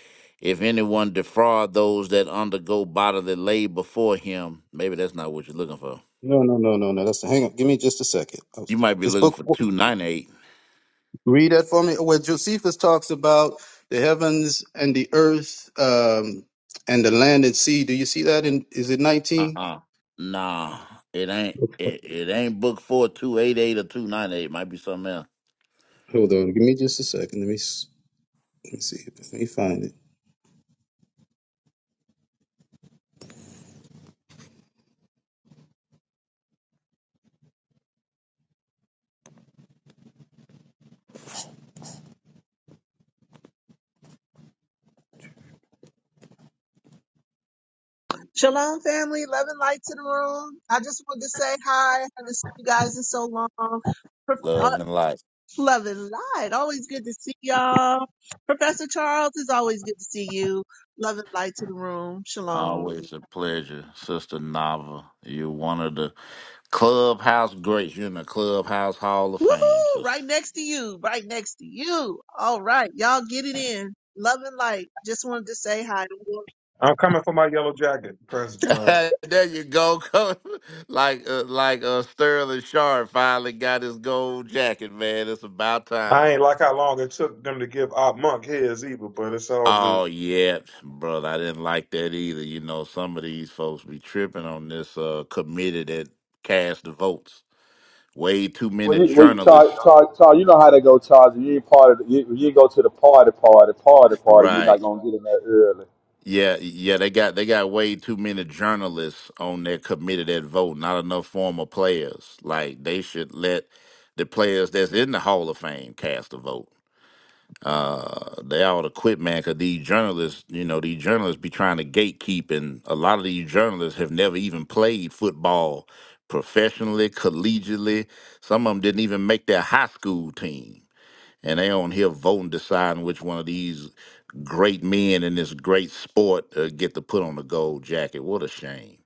Speaker 34: If anyone defraud those that undergo bodily labor before him, maybe that's not what you're looking for.
Speaker 32: No, no, no, no, no. That's hang on. Give me just a second. I was-
Speaker 34: You might be
Speaker 32: It's
Speaker 34: looking
Speaker 32: book.
Speaker 34: for 298.
Speaker 32: Read that for me. Where Josephus talks about the heavens and the earth, um, and the land and sea. Do you see that? In is it
Speaker 34: Uh
Speaker 32: nineteen?
Speaker 34: uh Nah, it ain't. It, it ain't book 4 288 or 298. Might be something else.
Speaker 32: Hold on. Give me just a second. Let me s- let me see. Let me find it.
Speaker 36: Shalom, family. Love and light to the room. I just wanted to say hi. I haven't seen you guys in so long. Prof- uh,
Speaker 34: Love and light.
Speaker 36: love and light. Always good to see y'all. Professor Charles, it's always good to see you. Love and light to the room. Shalom.
Speaker 34: Always a pleasure, Sister Nava. You're one of the Clubhouse greats. You're in the Clubhouse Hall of Fame,
Speaker 36: Woohoo!
Speaker 34: sister.
Speaker 36: Right next to you. Right next to you. All right. Y'all get it in. Love and light. Just wanted to say hi.
Speaker 29: I'm coming for my yellow jacket, President John.
Speaker 34: there you go, coach. like uh, like uh, Sterling Sharp finally got his gold jacket, man. It's about
Speaker 29: I
Speaker 34: time.
Speaker 29: ain't like how long it took them to give our monk his either, but it's all good.
Speaker 34: Oh yeah, brother. I didn't like that either. You know, some of these folks be tripping on this uh, committee that cast the votes. Way too
Speaker 35: Well,
Speaker 34: many
Speaker 35: you, well, Charles,
Speaker 34: journalists,
Speaker 35: Charles, Todd, you know how they go, Todd. You ain't part of the, you, you go to the party, party, party, party. You're
Speaker 34: right?
Speaker 35: not gonna get in there early.
Speaker 34: Yeah, yeah, they got they got way too many journalists on their committee that vote, not enough former players. Like they should let the players that's in the Hall of Fame cast a vote. Uh, they ought to quit, man, because these journalists, you know, these journalists be trying to gatekeep, and a lot of these journalists have never even played football professionally, collegiately. Some of them didn't even make their high school team and they on here voting, deciding which one of these great men in this great sport uh, get to put on a gold jacket. What a shame.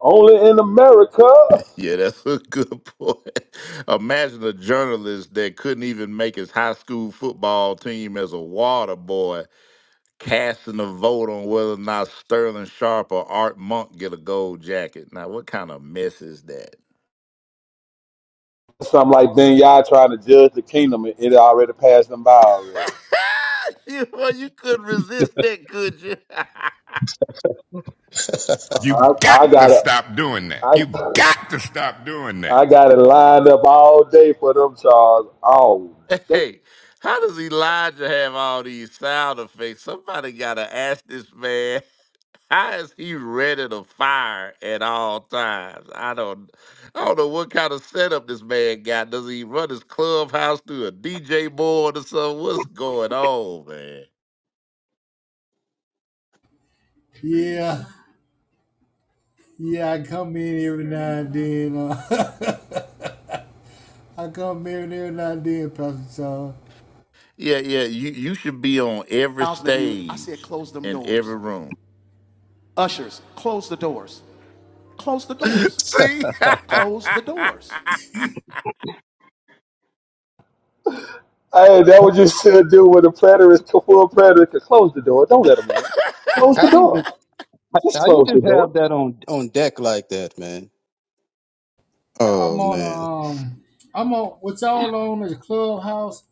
Speaker 35: Only in America.
Speaker 34: Yeah, that's a good point. Imagine a journalist that couldn't even make his high school football team as a water boy casting a vote on whether or not Sterling Sharp or Art Monk get a gold jacket. Now, what kind of mess is that?
Speaker 35: Something like Ben Yah trying to judge the kingdom. It, it already passed them by already.
Speaker 34: you, well, you couldn't resist that, could you?
Speaker 35: I, I got it. I, I got it lined up all day for them, Charles. All day.
Speaker 34: Hey, how does Elijah have all these sound effects? Somebody gotta ask this man. How is he ready to fire at all times? I don't, I don't know what kind of setup this man got. Does he run his clubhouse through a DJ board or something? What's going on, man?
Speaker 17: Yeah, yeah, I come in every now and then. Uh, I come in every now and then, Pastor Charles.
Speaker 34: Yeah, yeah. You you should be on every stage in every room. See,
Speaker 35: Hey, that what you should do when the preterist, full preterist, close the door. Don't let them in. Close the
Speaker 32: How do you
Speaker 35: door.
Speaker 32: just
Speaker 35: Just
Speaker 32: how you
Speaker 35: close the
Speaker 32: just
Speaker 35: door.
Speaker 32: have that on on deck like that, man?
Speaker 17: I'm
Speaker 32: Oh man.
Speaker 17: on um, I'm on. What y'all on is Clubhouse,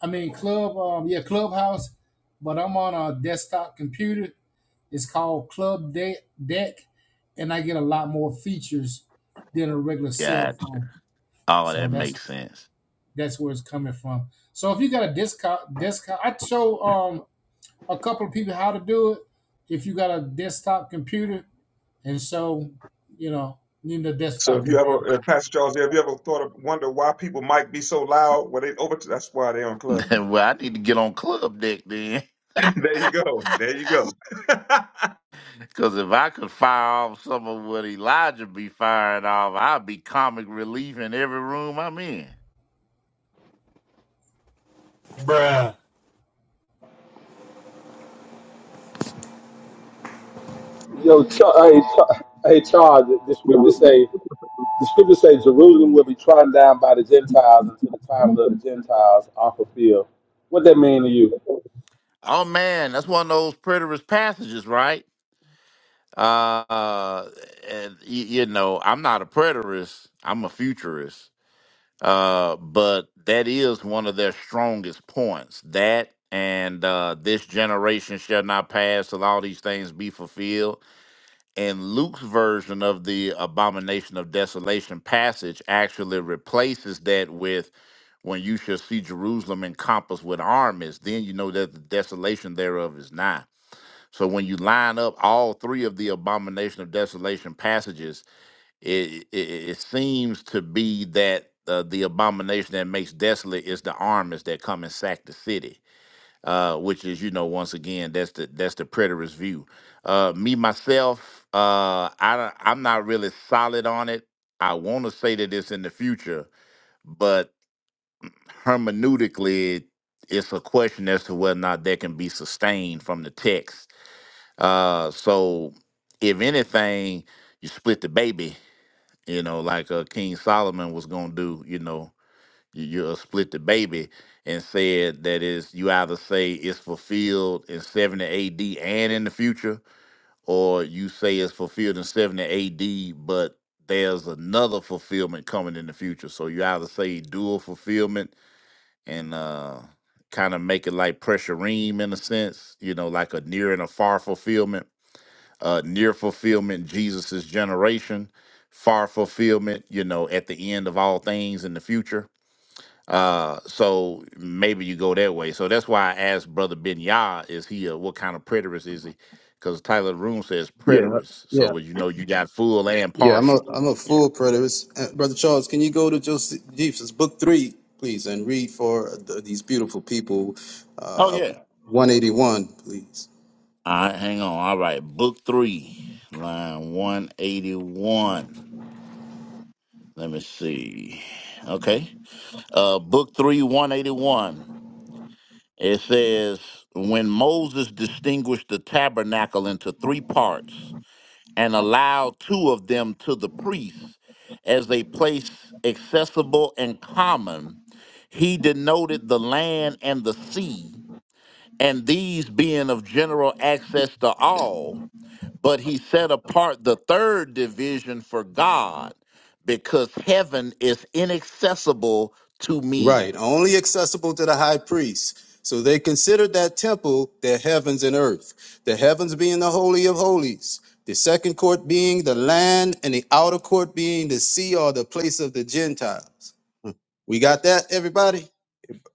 Speaker 17: I mean Club, um, yeah, Clubhouse, but I'm on a desktop computer. It's called Club De- Deck, and I get a lot more features than a regular cell
Speaker 34: gotcha.
Speaker 17: phone.
Speaker 34: Oh,
Speaker 17: So
Speaker 34: that
Speaker 17: that's
Speaker 34: makes sense.
Speaker 17: that's where it's coming from. So if you got a desktop, desktop, I show um a couple of people how to do it. If you got a desktop computer, and so you know, you need a
Speaker 29: So
Speaker 17: desktop
Speaker 29: if you
Speaker 17: computer.
Speaker 29: ever, uh, Pastor Charles, have you ever thought of wonder why people might be so loud? Well, they over. That's why they on club day.
Speaker 34: well, I need to get on club deck then,
Speaker 29: there you go. There you go.
Speaker 34: because if I could fire off some of what Elijah be firing off, I'd be comic relief in every room I'm in.
Speaker 35: Yo, Char- hey, Char- hey, Charles. The the scriptures say the scriptures say Jerusalem will be trodden down by the Gentiles until the time of the Gentiles are fulfilled. What that mean to you?
Speaker 34: Oh man, that's one of those preterist passages, right? Uh, uh, and y- you know, I'm not a preterist; I'm a futurist. Uh, but that is one of their strongest points. That and uh, this generation shall not pass till all these things be fulfilled and Luke's version of the abomination of desolation passage actually replaces that with when you shall see Jerusalem encompassed with armies, then you know that the desolation thereof is nigh. So when you line up all three of the abomination of desolation passages, it it, it seems to be that uh, the abomination that makes desolate is the armies that come and sack the city uh, which is you know once again that's the that's the preterist view. Uh, me myself, uh, I don't- I'm not really solid on it. I want to say that it's in the future, but hermeneutically, it's a question as to whether or not that can be sustained from the text. Uh, so if anything, you split the baby. You know, like uh, King Solomon was gonna do. You know, you you uh, split the baby and said that is you either say it's fulfilled in 70 AD and in the future, or you say it's fulfilled in 70 AD, but there's another fulfillment coming in the future. So you either say dual fulfillment and uh kind of make it like pressure ream in a sense, you know, like a near and a far fulfillment. Uh near fulfillment, Jesus's generation, far fulfillment, you know, at the end of all things in the future uh, so maybe you go that way. So that's why I asked Brother Ben Yah, is he a what kind of preterist is he? Because Tyler Room says
Speaker 32: Yeah,
Speaker 34: preterist. So as you know, you got full and
Speaker 32: Yeah, I'm a
Speaker 34: partial.
Speaker 32: I'm a
Speaker 34: Yeah.
Speaker 32: full preterist, Uh, brother Charles. Can you go to Joseph Jeeves' book three, please, and read for th these beautiful people,
Speaker 34: Oh
Speaker 32: uh,
Speaker 34: yeah.
Speaker 32: 181, please.
Speaker 34: All right, hang on. All right, book three, line one eighty one. Let me see. Okay, uh, book three, one eighty one. It says when Moses distinguished the tabernacle into three parts. and allow two of them to the priests as a place accessible and common. He denoted the land and the sea, and these being of general access to all, but he set apart the third division for God because heaven is inaccessible to men.
Speaker 32: Right, only accessible to the high priest. So they considered that temple their heavens and earth. The heavens being the holy of holies, the second court being the land, and the outer court being the sea or the place of the Gentiles. Hmm. We got that, everybody.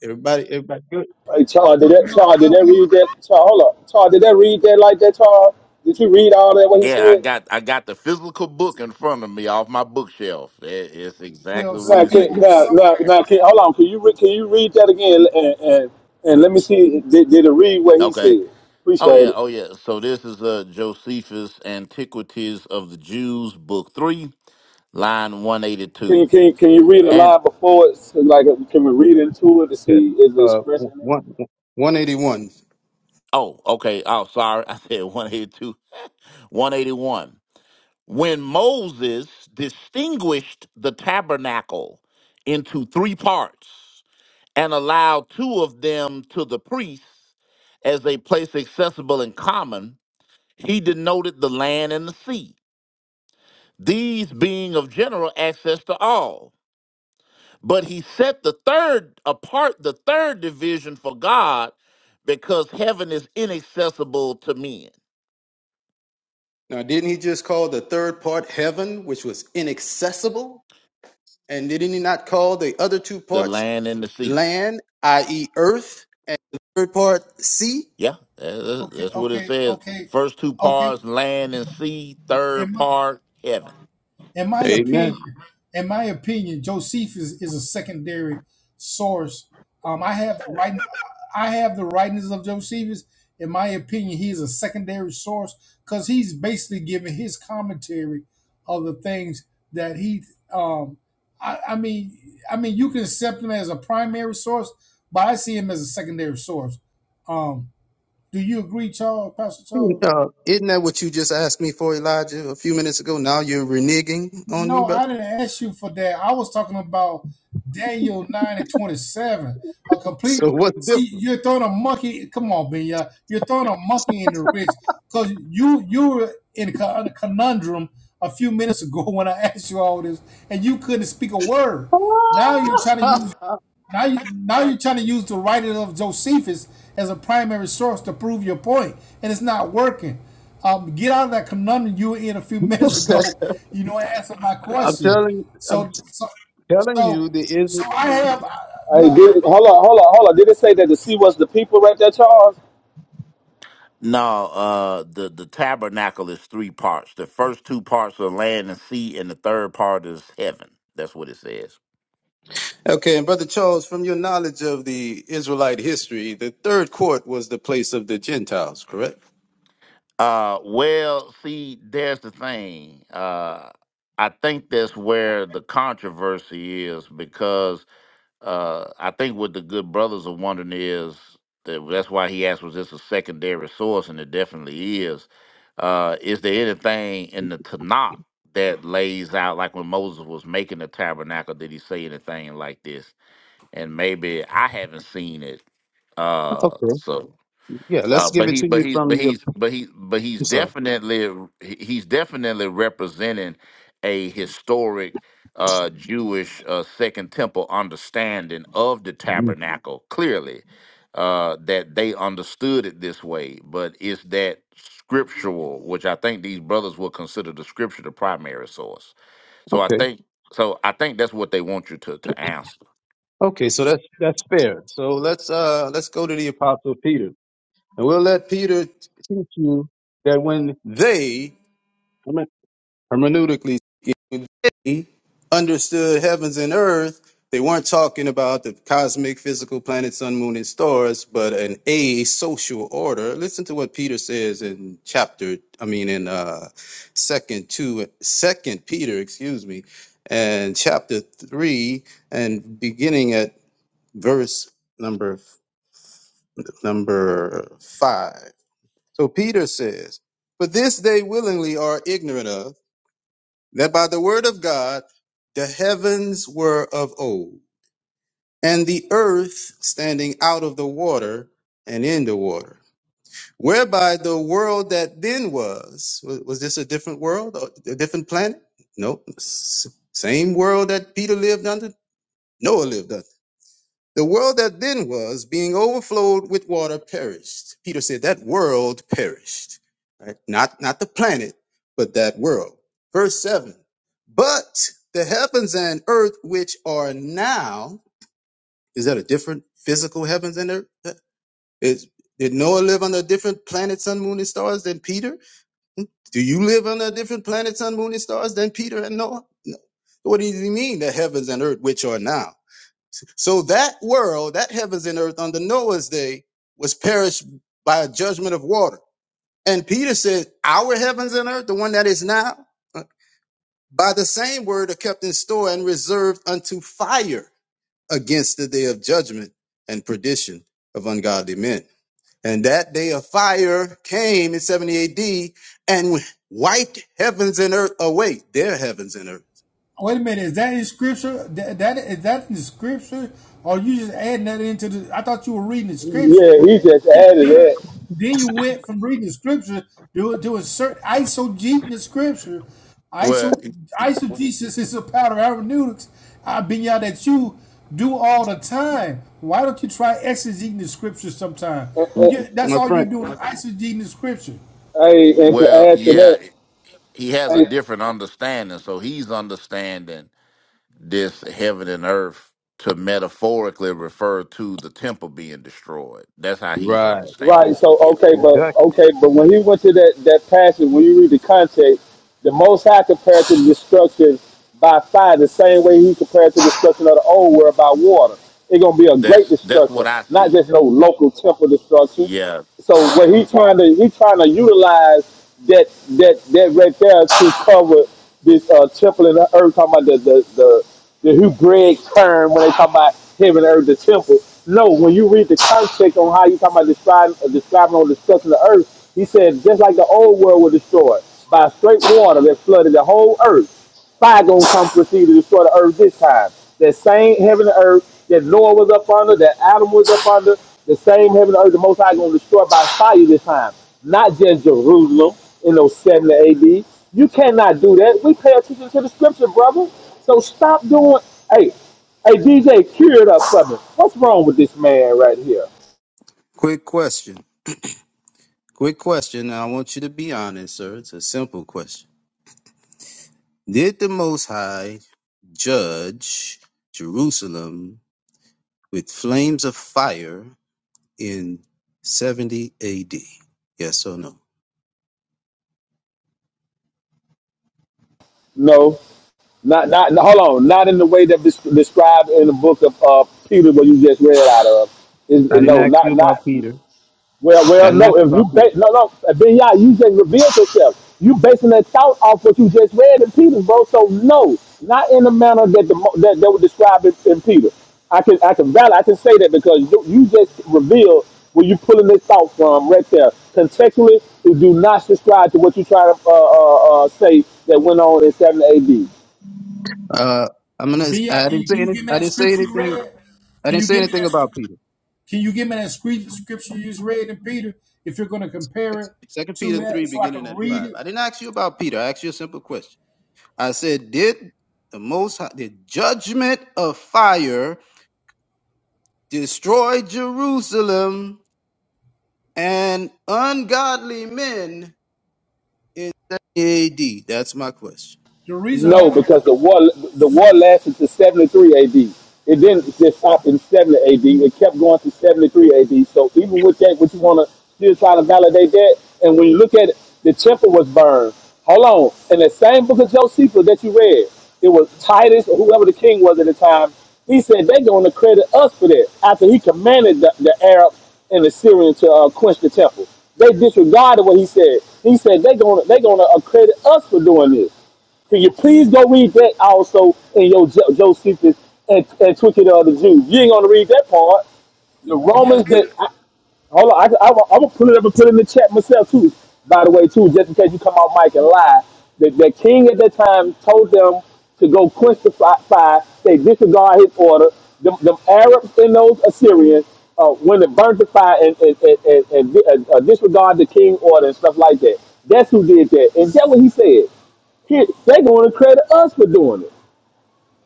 Speaker 32: Everybody, everybody. good.
Speaker 35: Hey, Charles. Did that? Charles. Did
Speaker 17: Well,
Speaker 35: that
Speaker 17: well,
Speaker 35: read that? Charles. Hold up. Charles. Did that read that like that? Charles. Did you read all that? What he
Speaker 34: Yeah, I
Speaker 35: said?
Speaker 34: got I got the physical book in front of me off my bookshelf. It- It's
Speaker 17: well,
Speaker 34: exactly what
Speaker 35: Now,
Speaker 17: some
Speaker 34: he
Speaker 35: can,
Speaker 17: people,
Speaker 34: said.
Speaker 35: now,
Speaker 17: some
Speaker 35: now, now can, hold on. Can you re- can you read that again and and, and let me see? Did, did it read what he
Speaker 34: Okay.
Speaker 35: said?
Speaker 34: Oh
Speaker 35: Appreciate
Speaker 34: yeah,
Speaker 35: it.
Speaker 34: oh yeah. So this is uh Josephus Antiquities of the Jews, book three, line one eighty
Speaker 35: Can
Speaker 34: two.
Speaker 35: you can you, can you read a
Speaker 34: And
Speaker 35: line before it? So, Like, can we read into it to
Speaker 32: Yeah.
Speaker 35: see is it
Speaker 32: Uh,
Speaker 35: expressing
Speaker 32: one, 181.
Speaker 34: oh, okay. Oh, sorry, I said one eighty two, one eighty one. When Moses distinguished the tabernacle into three parts and allowed two of them to the priests as a place accessible and common, he denoted the land and the sea, these being of general access to all But he set the third apart, the third division for God, because heaven is inaccessible to men,
Speaker 32: Now, didn't he just call the third part heaven, which was inaccessible? And didn't he not call the other two
Speaker 34: the
Speaker 32: parts
Speaker 34: land and the sea.
Speaker 32: land, i.e., earth, third part sea?
Speaker 34: Yeah, that-
Speaker 17: okay,
Speaker 34: that's what it
Speaker 17: okay,
Speaker 34: says.
Speaker 17: okay,
Speaker 34: First two
Speaker 17: okay.
Speaker 34: parts, land and sea. Third
Speaker 17: In my
Speaker 34: part, heaven.
Speaker 17: in my
Speaker 32: Amen.
Speaker 17: opinion, in my opinion, Josephus is is a secondary source. Um, I have the writing, I have the writings of Josephus. In my opinion, he is a secondary source because he's basically giving his commentary of the things that he. Um, I, I mean, I mean, you can accept him as a primary source, but I see him as a secondary source. Um, do you agree, Charles, Pastor Charles?
Speaker 32: Uh, isn't that what you just asked me for, Elijah, a few minutes ago? Now you're reneging on me,
Speaker 17: No, I
Speaker 32: brother.
Speaker 17: didn't ask you for that. I was talking about Daniel 9 and 27. A complete
Speaker 32: So what's
Speaker 17: see,
Speaker 32: different?
Speaker 17: you're throwing a monkey. Come on, Benya. You're throwing a monkey in the ridge. Because you you were in a con- a conundrum a few minutes ago when I asked you all this, and you couldn't speak a word. Now you're trying to use now you now you're trying to use the writing of Josephus as a primary source to prove your point, and it's not working. Um, get out of that conundrum you were in a few minutes ago. You know, answer my
Speaker 32: I'm
Speaker 17: question.
Speaker 32: telling, I'm
Speaker 17: So so
Speaker 32: telling
Speaker 17: so
Speaker 32: you, the is.
Speaker 17: so I have
Speaker 35: Hey,
Speaker 17: no.
Speaker 35: did, hold on, hold on, hold on. Did it say that the sea was the people right there, Charles?
Speaker 34: No, uh, the the tabernacle is three parts. The first two parts are land and sea, and the third part is heaven. That's what it says.
Speaker 32: Okay, and Brother Charles, from your knowledge of the Israelite history, the third court was the place of the Gentiles, correct?
Speaker 34: Uh, well, see, there's the thing. Uh, I think that's where the controversy is because uh, I think what the good brothers are wondering is that well, that's why he asked, was this a secondary source? And it definitely is. Uh, is there anything in the Tanakh that lays out, like when Moses was making the tabernacle, did he say anything like this? And maybe I haven't seen it. Uh,
Speaker 32: Okay.
Speaker 34: so.
Speaker 32: Yeah,
Speaker 34: Uh,
Speaker 32: let's give
Speaker 34: but
Speaker 32: it
Speaker 34: he,
Speaker 32: to
Speaker 34: but
Speaker 32: you
Speaker 34: he,
Speaker 32: from
Speaker 34: but
Speaker 32: the.
Speaker 34: he's, but he, but he's
Speaker 32: I'm sorry.
Speaker 34: definitely, he- he's definitely representing a historic uh, Jewish uh, Second Temple understanding of the
Speaker 32: Mhm.
Speaker 34: tabernacle. Clearly, uh, that they understood it this way, but it's that scriptural, which I think these brothers will consider the scripture the primary source. So I
Speaker 32: Okay.
Speaker 34: think, so I think that's what they want you to to answer.
Speaker 32: Okay, so that's that's fair. So let's uh let's go to the Apostle Peter, and we'll let Peter teach you that when they hermeneutically when they understood heavens and earth, they weren't talking about the cosmic, physical planets, sun, moon, and stars, but an a social order. Listen to what Peter says in chapter, I mean, in uh, second two, second Peter, excuse me, and chapter three, and beginning at verse number number five. So Peter says, "For this they willingly are ignorant of." that by the word of God the heavens were of old, and the earth standing out of the water and in the water, whereby the world that then was wa- was this a different world, a a different planet? No, S- same world that Peter lived under. Noah lived under. The world that then was, being overflowed with water, perished. Peter said that world perished. right? Not, not the planet, but that world. Verse 7 But the heavens and earth, which are now, is that a different physical heavens and earth? Is, did Noah live on a different planet, sun, moon, and stars than Peter? Do you live on a different planet, sun, moon, and stars than Peter and Noah? No. What does he mean, the heavens and earth, which are now? So that world, that heavens and earth under Noah's day, was perished by a judgment of water. And Peter said, Our heavens and earth, the one that is now, uh, by the same word are kept in store and reserved unto fire against the day of judgment and perdition of ungodly men. And that day of fire came in 70 AD and wiped heavens and earth away, their heavens and earth.
Speaker 17: Wait a minute. Is that in scripture? That, that is that in the scripture, or are you just adding that into the? I thought you were reading the scripture.
Speaker 35: Yeah, he just added that.
Speaker 17: Then you went from reading the scripture to to insert isogeting the scripture.
Speaker 34: Well,
Speaker 17: Iso isogesis is a pattern of hermeneutics. I've been y'all that you do all the time. Why don't you try exegeting the scripture sometime?
Speaker 34: w-
Speaker 35: Uh,
Speaker 17: Yeah,
Speaker 34: w-
Speaker 17: that's all you're doing. Isogeting the scripture.
Speaker 35: Hey, and to
Speaker 34: well,
Speaker 35: add to
Speaker 34: yeah,
Speaker 35: that,
Speaker 34: he has a
Speaker 35: hey,
Speaker 34: different understanding. So he's understanding this heaven and earth to metaphorically refer to the temple being destroyed. That's how he's
Speaker 35: right?
Speaker 34: understanding it.
Speaker 35: So
Speaker 34: Yeah.
Speaker 35: okay, but okay, but when he went to that that passage, when you read the context, the Most High compared to the destruction by fire, the same way he compared to the destruction of the old world by water. It's gonna be a great
Speaker 34: That's that's
Speaker 35: destruction,
Speaker 34: what I
Speaker 35: not
Speaker 34: see.
Speaker 35: just no local temple destruction.
Speaker 34: Yeah.
Speaker 35: So what he trying to he trying to utilize that that that right there to cover this uh temple and the earth talking about the the the, the Hebraic term when they talk about heaven and earth the temple. No, when you read the context on how you talking about describing uh, describing or discussing the earth, he said just like the old world was destroyed by straight water that flooded the whole earth. Fire gonna come proceed to destroy the earth this time. That same heaven and earth that Noah was up under, that Adam was up under, the same heaven and earth the Most High gonna destroy by fire this time. Not just Jerusalem in those 70 AD. You cannot do that. We pay attention to the scripture, brother. So stop doing. Hey, hey, DJ, cure it up for me. What's wrong with this man right here?
Speaker 32: Quick question. Quick question. Now, I want you to be honest, sir. It's a simple question Did the Most High judge Jerusalem with flames of fire in 70 AD? Yes or no?
Speaker 35: No, not not. no, Hold on, not in the way that des- described in the book of uh, Peter, what you just read out of. Is-
Speaker 32: I didn't
Speaker 35: no,
Speaker 32: ask you
Speaker 35: not
Speaker 32: about
Speaker 35: not.
Speaker 32: Peter.
Speaker 35: Well,
Speaker 32: I
Speaker 35: well,
Speaker 32: didn't
Speaker 35: no.
Speaker 32: ask you
Speaker 35: If you
Speaker 32: about Peter.
Speaker 35: ba- no, no, Ben Yah, you just revealed yourself. You basing that thought off what you just read in Peter, bro. So no, not in the manner that the mo- that they were describing in Peter. I can I can valid I can say that because you, you just revealed where you pulling this thought from right there. Contextually, you do not subscribe to what you try to uh, uh, uh, say that went on in seven A.D.
Speaker 32: Uh, I'm gonna.
Speaker 17: Benya,
Speaker 32: I
Speaker 17: can
Speaker 32: didn't
Speaker 17: you
Speaker 32: say
Speaker 17: can you
Speaker 32: any.
Speaker 17: give me
Speaker 32: I
Speaker 17: that
Speaker 32: didn't say
Speaker 17: scripture you
Speaker 32: anything.
Speaker 17: read?
Speaker 32: I
Speaker 17: Can
Speaker 32: didn't
Speaker 17: you
Speaker 32: say
Speaker 17: give me
Speaker 32: anything
Speaker 17: that?
Speaker 32: about Peter.
Speaker 17: Can you give me that scripture you just read in Peter? If you're going to compare it
Speaker 32: Second
Speaker 17: to
Speaker 32: Peter three,
Speaker 17: that, so I can
Speaker 32: beginning at
Speaker 17: read
Speaker 32: five.
Speaker 17: it.
Speaker 32: I didn't ask you about Peter. I asked you a simple question. I said, did the Most High, did judgment of fire destroy Jerusalem and ungodly men in 70 AD? That's my question.
Speaker 17: The reason
Speaker 35: No,
Speaker 17: why,
Speaker 35: because the war the war lasted to 73 AD. It didn't just stop in 70 AD. It kept going to 73 AD. So even with that, what you want to still try to validate that? And when you look at it, the temple was burned. Hold on. In the same book of Josephus that you read, it was Titus or whoever the king was at the time. He said they're going to credit us for that after he commanded the, the Arabs and the Syrians to uh, quench the temple. They disregarded what he said. He said they're going to they're going to credit us for doing this. Can you please go read that also in your Jo- Josephus and, and Twitchet of the Jews? You ain't gonna read that part. The
Speaker 17: yeah,
Speaker 35: Romans that I, hold on, I, I, I'm gonna put it up and put it in the chat myself too. By the way, too, just in case you come out, Mike, and lie, the, the king at that time told them to go crucify. They disregard his order. The, the Arabs and those Assyrians uh, when to burnt the fire and, and, and, and, and di- uh, uh, disregard the king order and stuff like that. That's who did that, and that's what he said. He- They're going to credit us for doing it.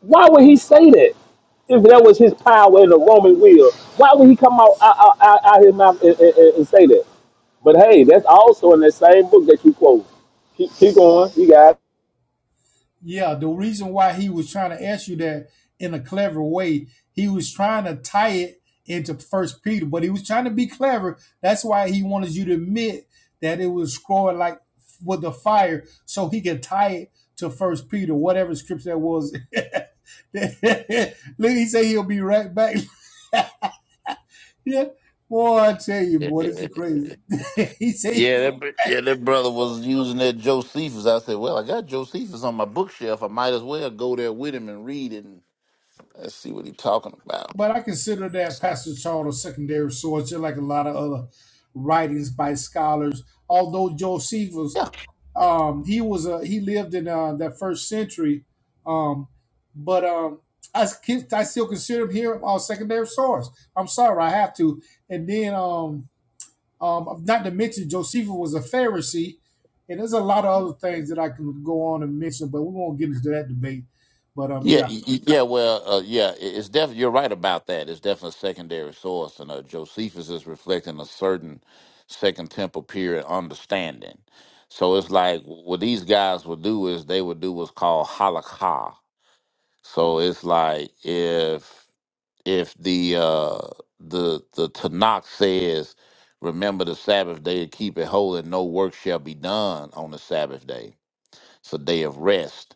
Speaker 35: Why would he say that? If that was his power and the Roman will, why would he come out out, out, out out his mouth and, and, and say that? But hey, that's also in that same book that you quote. Keep, keep going. You got it.
Speaker 17: Yeah, the reason why he was trying to ask you that in a clever way, he was trying to tie it into First Peter, but he was trying to be clever. That's why he wanted you to admit that it was scrolling like with the fire, so he could tie it to First Peter, whatever scripture that was. Look, he say he'll be right back. yeah, boy, I tell you,
Speaker 34: yeah,
Speaker 17: boy, this is crazy. he say he'll
Speaker 34: that, br- yeah, that brother was using that Josephus. I said, Well, I got Josephus on my bookshelf. I might as well go there with him and read it and let's see what he's talking about.
Speaker 17: But I consider that Pastor Charles a secondary source, just like a lot of other writings by scholars. Although Josephus,
Speaker 34: Yeah.
Speaker 17: um, he was a he lived in uh, that first century, um, but um, I s- I still consider him here our secondary source. I'm sorry, I have to. And then um, um, not to mention Josephus was a Pharisee, and there's a lot of other things that I can go on and mention, but we won't get into that debate. But um,
Speaker 34: Yeah,
Speaker 17: yeah,
Speaker 34: y- y- yeah, well, uh, yeah, i- it's definitely you're right about that. It's definitely a secondary source, and uh, Josephus is reflecting a certain Second Temple period understanding. So it's like what these guys would do is they would do what's called halakha. So it's like if if the uh, the the Tanakh says, "Remember the Sabbath day to keep it holy; no work shall be done on the Sabbath day. It's a day of rest."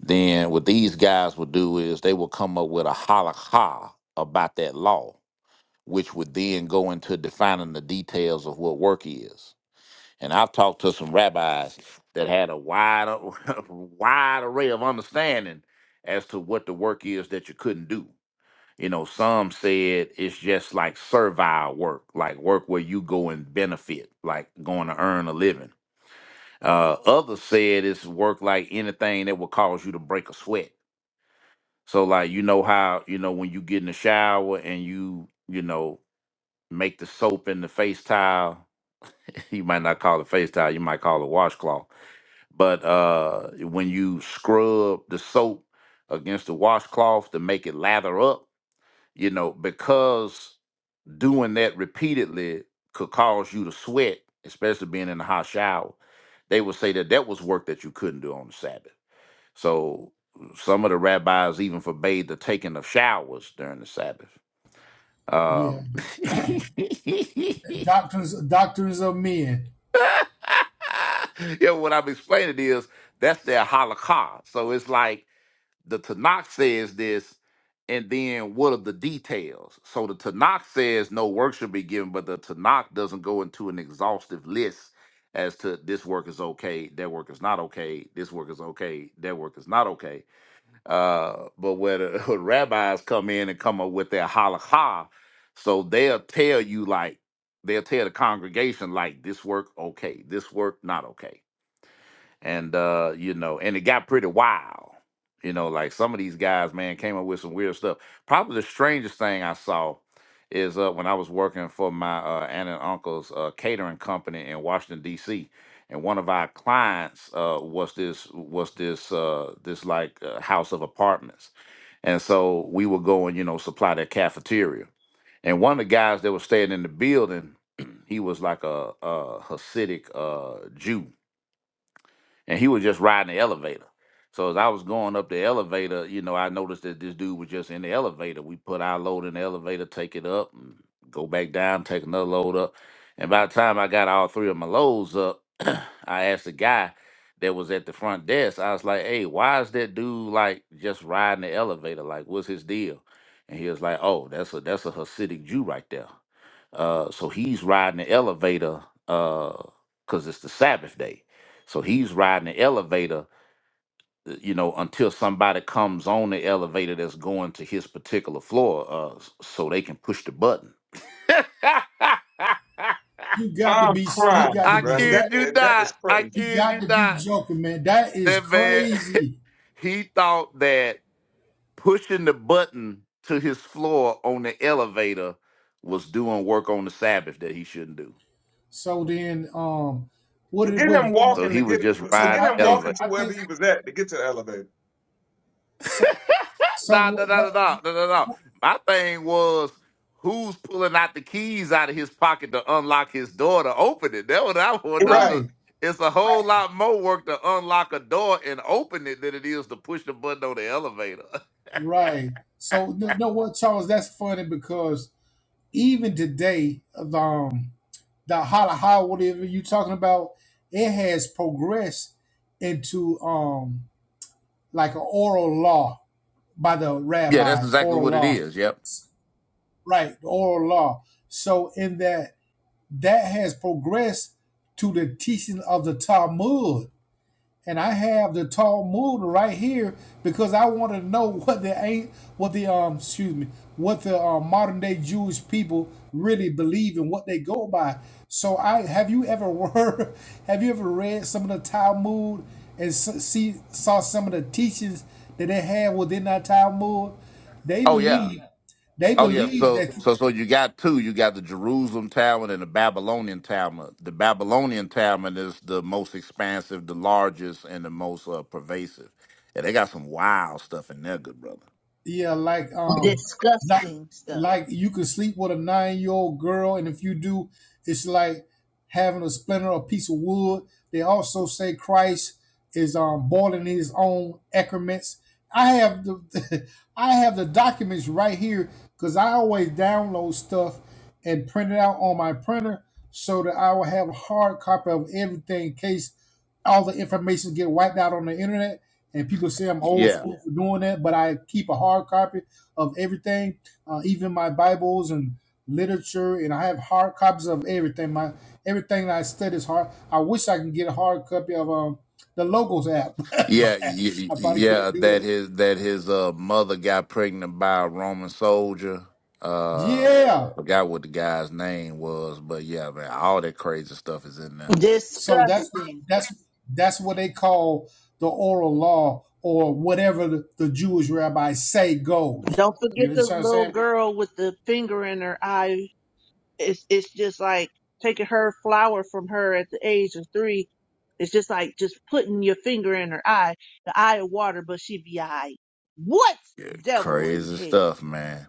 Speaker 34: then what these guys would do is they would come up with a halakha about that law, which would then go into defining the details of what work is. And I've talked to some rabbis that had a wide, wide array of understanding as to what the work is that you couldn't do. You know, some said it's just like servile work, like work where you go and benefit, like going to earn a living. Uh, others said it's work like anything that would cause you to break a sweat so like you know how you know when you get in the shower and you you know make the soap in the face towel. You might not call it face towel. You might call it washcloth. But uh, when you scrub the soap against the washcloth to make it lather up, you know because doing that repeatedly could cause you to sweat, especially being in a hot shower. They would say that that was work that you couldn't do on the Sabbath so some of the rabbis even forbade the taking of showers during the Sabbath.
Speaker 17: yeah,
Speaker 34: Um,
Speaker 17: doctrines doctrines of men.
Speaker 34: yeah, what I'm explaining is that's their halakha. So it's like the Tanakh says this, and then what are the details? So the Tanakh says no work should be given, but the Tanakh doesn't go into an exhaustive list as to this work is okay, that work is not okay, this work is okay, that work is not okay Uh, but where the rabbis come in and come up with their halakha, so they'll tell you like they'll tell the congregation like this work okay, this work not okay and uh you know and it got pretty wild you know like some of these guys man came up with some weird stuff probably the strangest thing i saw is uh when i was working for my uh aunt and uncle's uh catering company in washington dc and one of our clients uh was this was this uh this like uh, house of apartments and so we would go and you know supply their cafeteria and one of the guys that was staying in the building he was like a, a hasidic uh jew and he was just riding the elevator. So as I was going up the elevator, you know, I noticed that this dude was just in the elevator. We put our load in the elevator, take it up, and go back down, take another load up. And by the time I got all three of my loads up, I asked the guy that was at the front desk, I was like, hey, why is that dude like just riding the elevator? Like, what's his deal? And he was like, oh, that's a that's a Hasidic Jew right there. Uh, so he's riding the elevator because it's the Sabbath day so he's riding the elevator, uh, you know, until somebody comes on the elevator that's going to his particular floor, uh, s- so they can push the button. I
Speaker 17: You got to
Speaker 29: I'm
Speaker 17: be. You
Speaker 29: crying,
Speaker 17: got to be.
Speaker 29: bro.
Speaker 17: joking.
Speaker 29: That
Speaker 34: kid you
Speaker 29: is that is
Speaker 34: not. I
Speaker 29: crazy.
Speaker 17: You
Speaker 34: kid you
Speaker 17: got to be
Speaker 34: not.
Speaker 17: joking, man. That is
Speaker 34: That man,
Speaker 17: crazy.
Speaker 34: he thought that pushing the button to his floor on the elevator was doing work on the Sabbath that he shouldn't do.
Speaker 17: So then, um, what it
Speaker 29: Forget him
Speaker 17: was. What,
Speaker 34: So
Speaker 29: walking to
Speaker 34: he was
Speaker 29: get.
Speaker 34: just
Speaker 17: so
Speaker 29: Forget
Speaker 34: riding
Speaker 17: I
Speaker 29: him
Speaker 34: the elevator.
Speaker 17: think.
Speaker 29: walking to
Speaker 17: I
Speaker 29: wherever
Speaker 17: think.
Speaker 29: he was at to get to the elevator.
Speaker 17: So. So
Speaker 34: nah, nah,
Speaker 17: what?
Speaker 34: nah,
Speaker 17: what
Speaker 34: nah, nah, nah, nah, nah. My thing was who's pulling out the keys out of his pocket to unlock his door to open it. That was what I wonder.
Speaker 29: Right.
Speaker 34: Cause
Speaker 17: right.
Speaker 34: it's a whole lot more work to unlock a door and open it than it is to push the button on the elevator.
Speaker 17: Right. So no, no. What Charles? That's funny because even today, um, the holla holla whatever you talking about, it has progressed into um like an oral law by the
Speaker 34: Yeah, that's
Speaker 17: rabbi,
Speaker 34: exactly
Speaker 17: oral
Speaker 34: what it
Speaker 17: law.
Speaker 34: is. Yep.
Speaker 17: right the oral law so in that that has progressed to the teaching of the talmud and i have the talmud right here because i want to know what the ain't what the um excuse me what the uh, modern day jewish people really believe and what they go by so i have you ever were have you ever read some of the talmud and s- see saw some of the teachings that they have within that talmud they
Speaker 34: Oh yeah.
Speaker 17: believe they
Speaker 34: Oh yeah,
Speaker 17: believe
Speaker 34: so
Speaker 17: that.
Speaker 34: so so you got two. You got the Jerusalem Talmud and the Babylonian Talmud. The Babylonian Talmud is the most expansive, the largest, and the most uh, pervasive. And they got some wild stuff in there, good brother.
Speaker 17: Yeah, like um, not
Speaker 36: Disgusting stuff.
Speaker 17: like you could sleep with a nine-year-old girl, and if you do, it's like having a splinter, or piece of wood. They also say Christ is um boiling his own excrements. I have the I have the documents right here because I always download stuff and print it out on my printer so that I will have a hard copy of everything in case all the information get wiped out on the internet and people say i'm old
Speaker 34: Yeah,
Speaker 17: school for doing that but i keep a hard copy of everything uh, even my bibles and literature and i have hard copies of everything my everything that i study is hard i wish i can get a hard copy of um, the logos app but
Speaker 34: yeah, y- y-
Speaker 17: i probably
Speaker 34: yeah.
Speaker 17: can't do
Speaker 34: That
Speaker 17: that
Speaker 34: his that his uh, mother got pregnant by a Roman soldier. Uh,
Speaker 17: yeah
Speaker 34: forgot what the guy's name was, but yeah, man, all that crazy stuff is in there.
Speaker 17: so that's
Speaker 36: Disgusting.
Speaker 17: that's that's what they call the oral law or whatever the, the jewish rabbis say goes
Speaker 36: Don't
Speaker 17: you
Speaker 36: forget the
Speaker 17: understand what i'm
Speaker 36: little
Speaker 17: saying
Speaker 36: girl with the finger in her eye it's it's just like taking her flower from her at the age of three. It's just like just putting your finger in her eye, the eye of water, but she be eye. What devil in
Speaker 34: Crazy
Speaker 36: hell?
Speaker 34: stuff, man.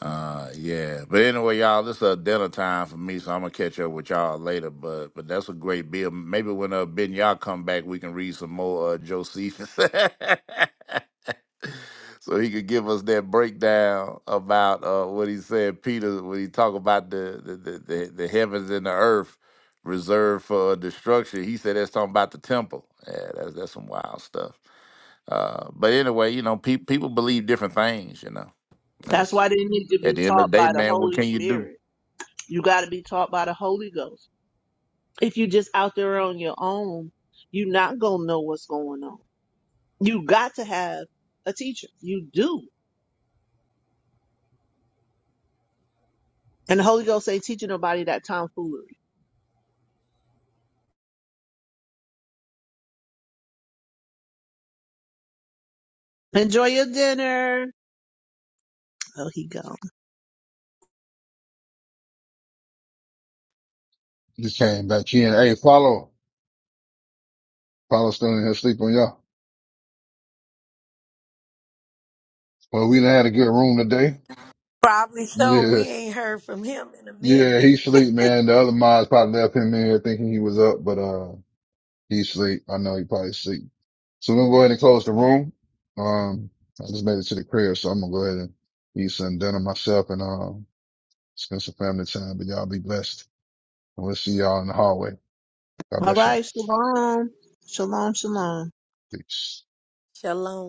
Speaker 34: Uh, yeah. But anyway, y'all, this is a dinner time for me, so I'm gonna catch up with y'all later. But but that's a great bill. Maybe when uh, Ben y'all come back, we can read some more uh, Josephus, so he could give us that breakdown about uh, what he said, Peter, when he talk about the the, the the the heavens and the earth reserved for uh, destruction. He said that's talking about the temple. Yeah, that's that's some wild stuff. Uh, but anyway, you know, pe- people believe different things. You know,
Speaker 36: That's
Speaker 34: that's
Speaker 36: why they need to
Speaker 34: at
Speaker 36: be
Speaker 34: the end of
Speaker 36: taught
Speaker 34: the day,
Speaker 36: by the
Speaker 34: man, what
Speaker 36: Holy
Speaker 34: can you do?
Speaker 36: Spirit. You got to be taught by the Holy Ghost. If you just out there on your own, you not gonna know what's going on. You got to have a teacher. You do, and the Holy Ghost ain't teaching nobody that tomfoolery. Enjoy your dinner. Oh, he gone.
Speaker 2: You came back in. Hey, follow. Palestinian has sleep on y'all. Well, we done had a good room today.
Speaker 5: Probably so.
Speaker 2: Yeah.
Speaker 5: We ain't heard from him in a minute.
Speaker 2: Yeah, he sleep, man. The other mods probably left him in here thinking he was up, but, uh, he sleep. I know he probably sleep. So we're going to go ahead and close the room. Um, I just made it to the crib, so I'm going to go ahead and eat some dinner myself and, um, spend some family time, but y'all be blessed. And we'll see y'all in the hallway. God
Speaker 36: All
Speaker 2: bless y'all.
Speaker 36: right. Shalom. Shalom. Shalom.
Speaker 2: Peace.
Speaker 5: Shalom.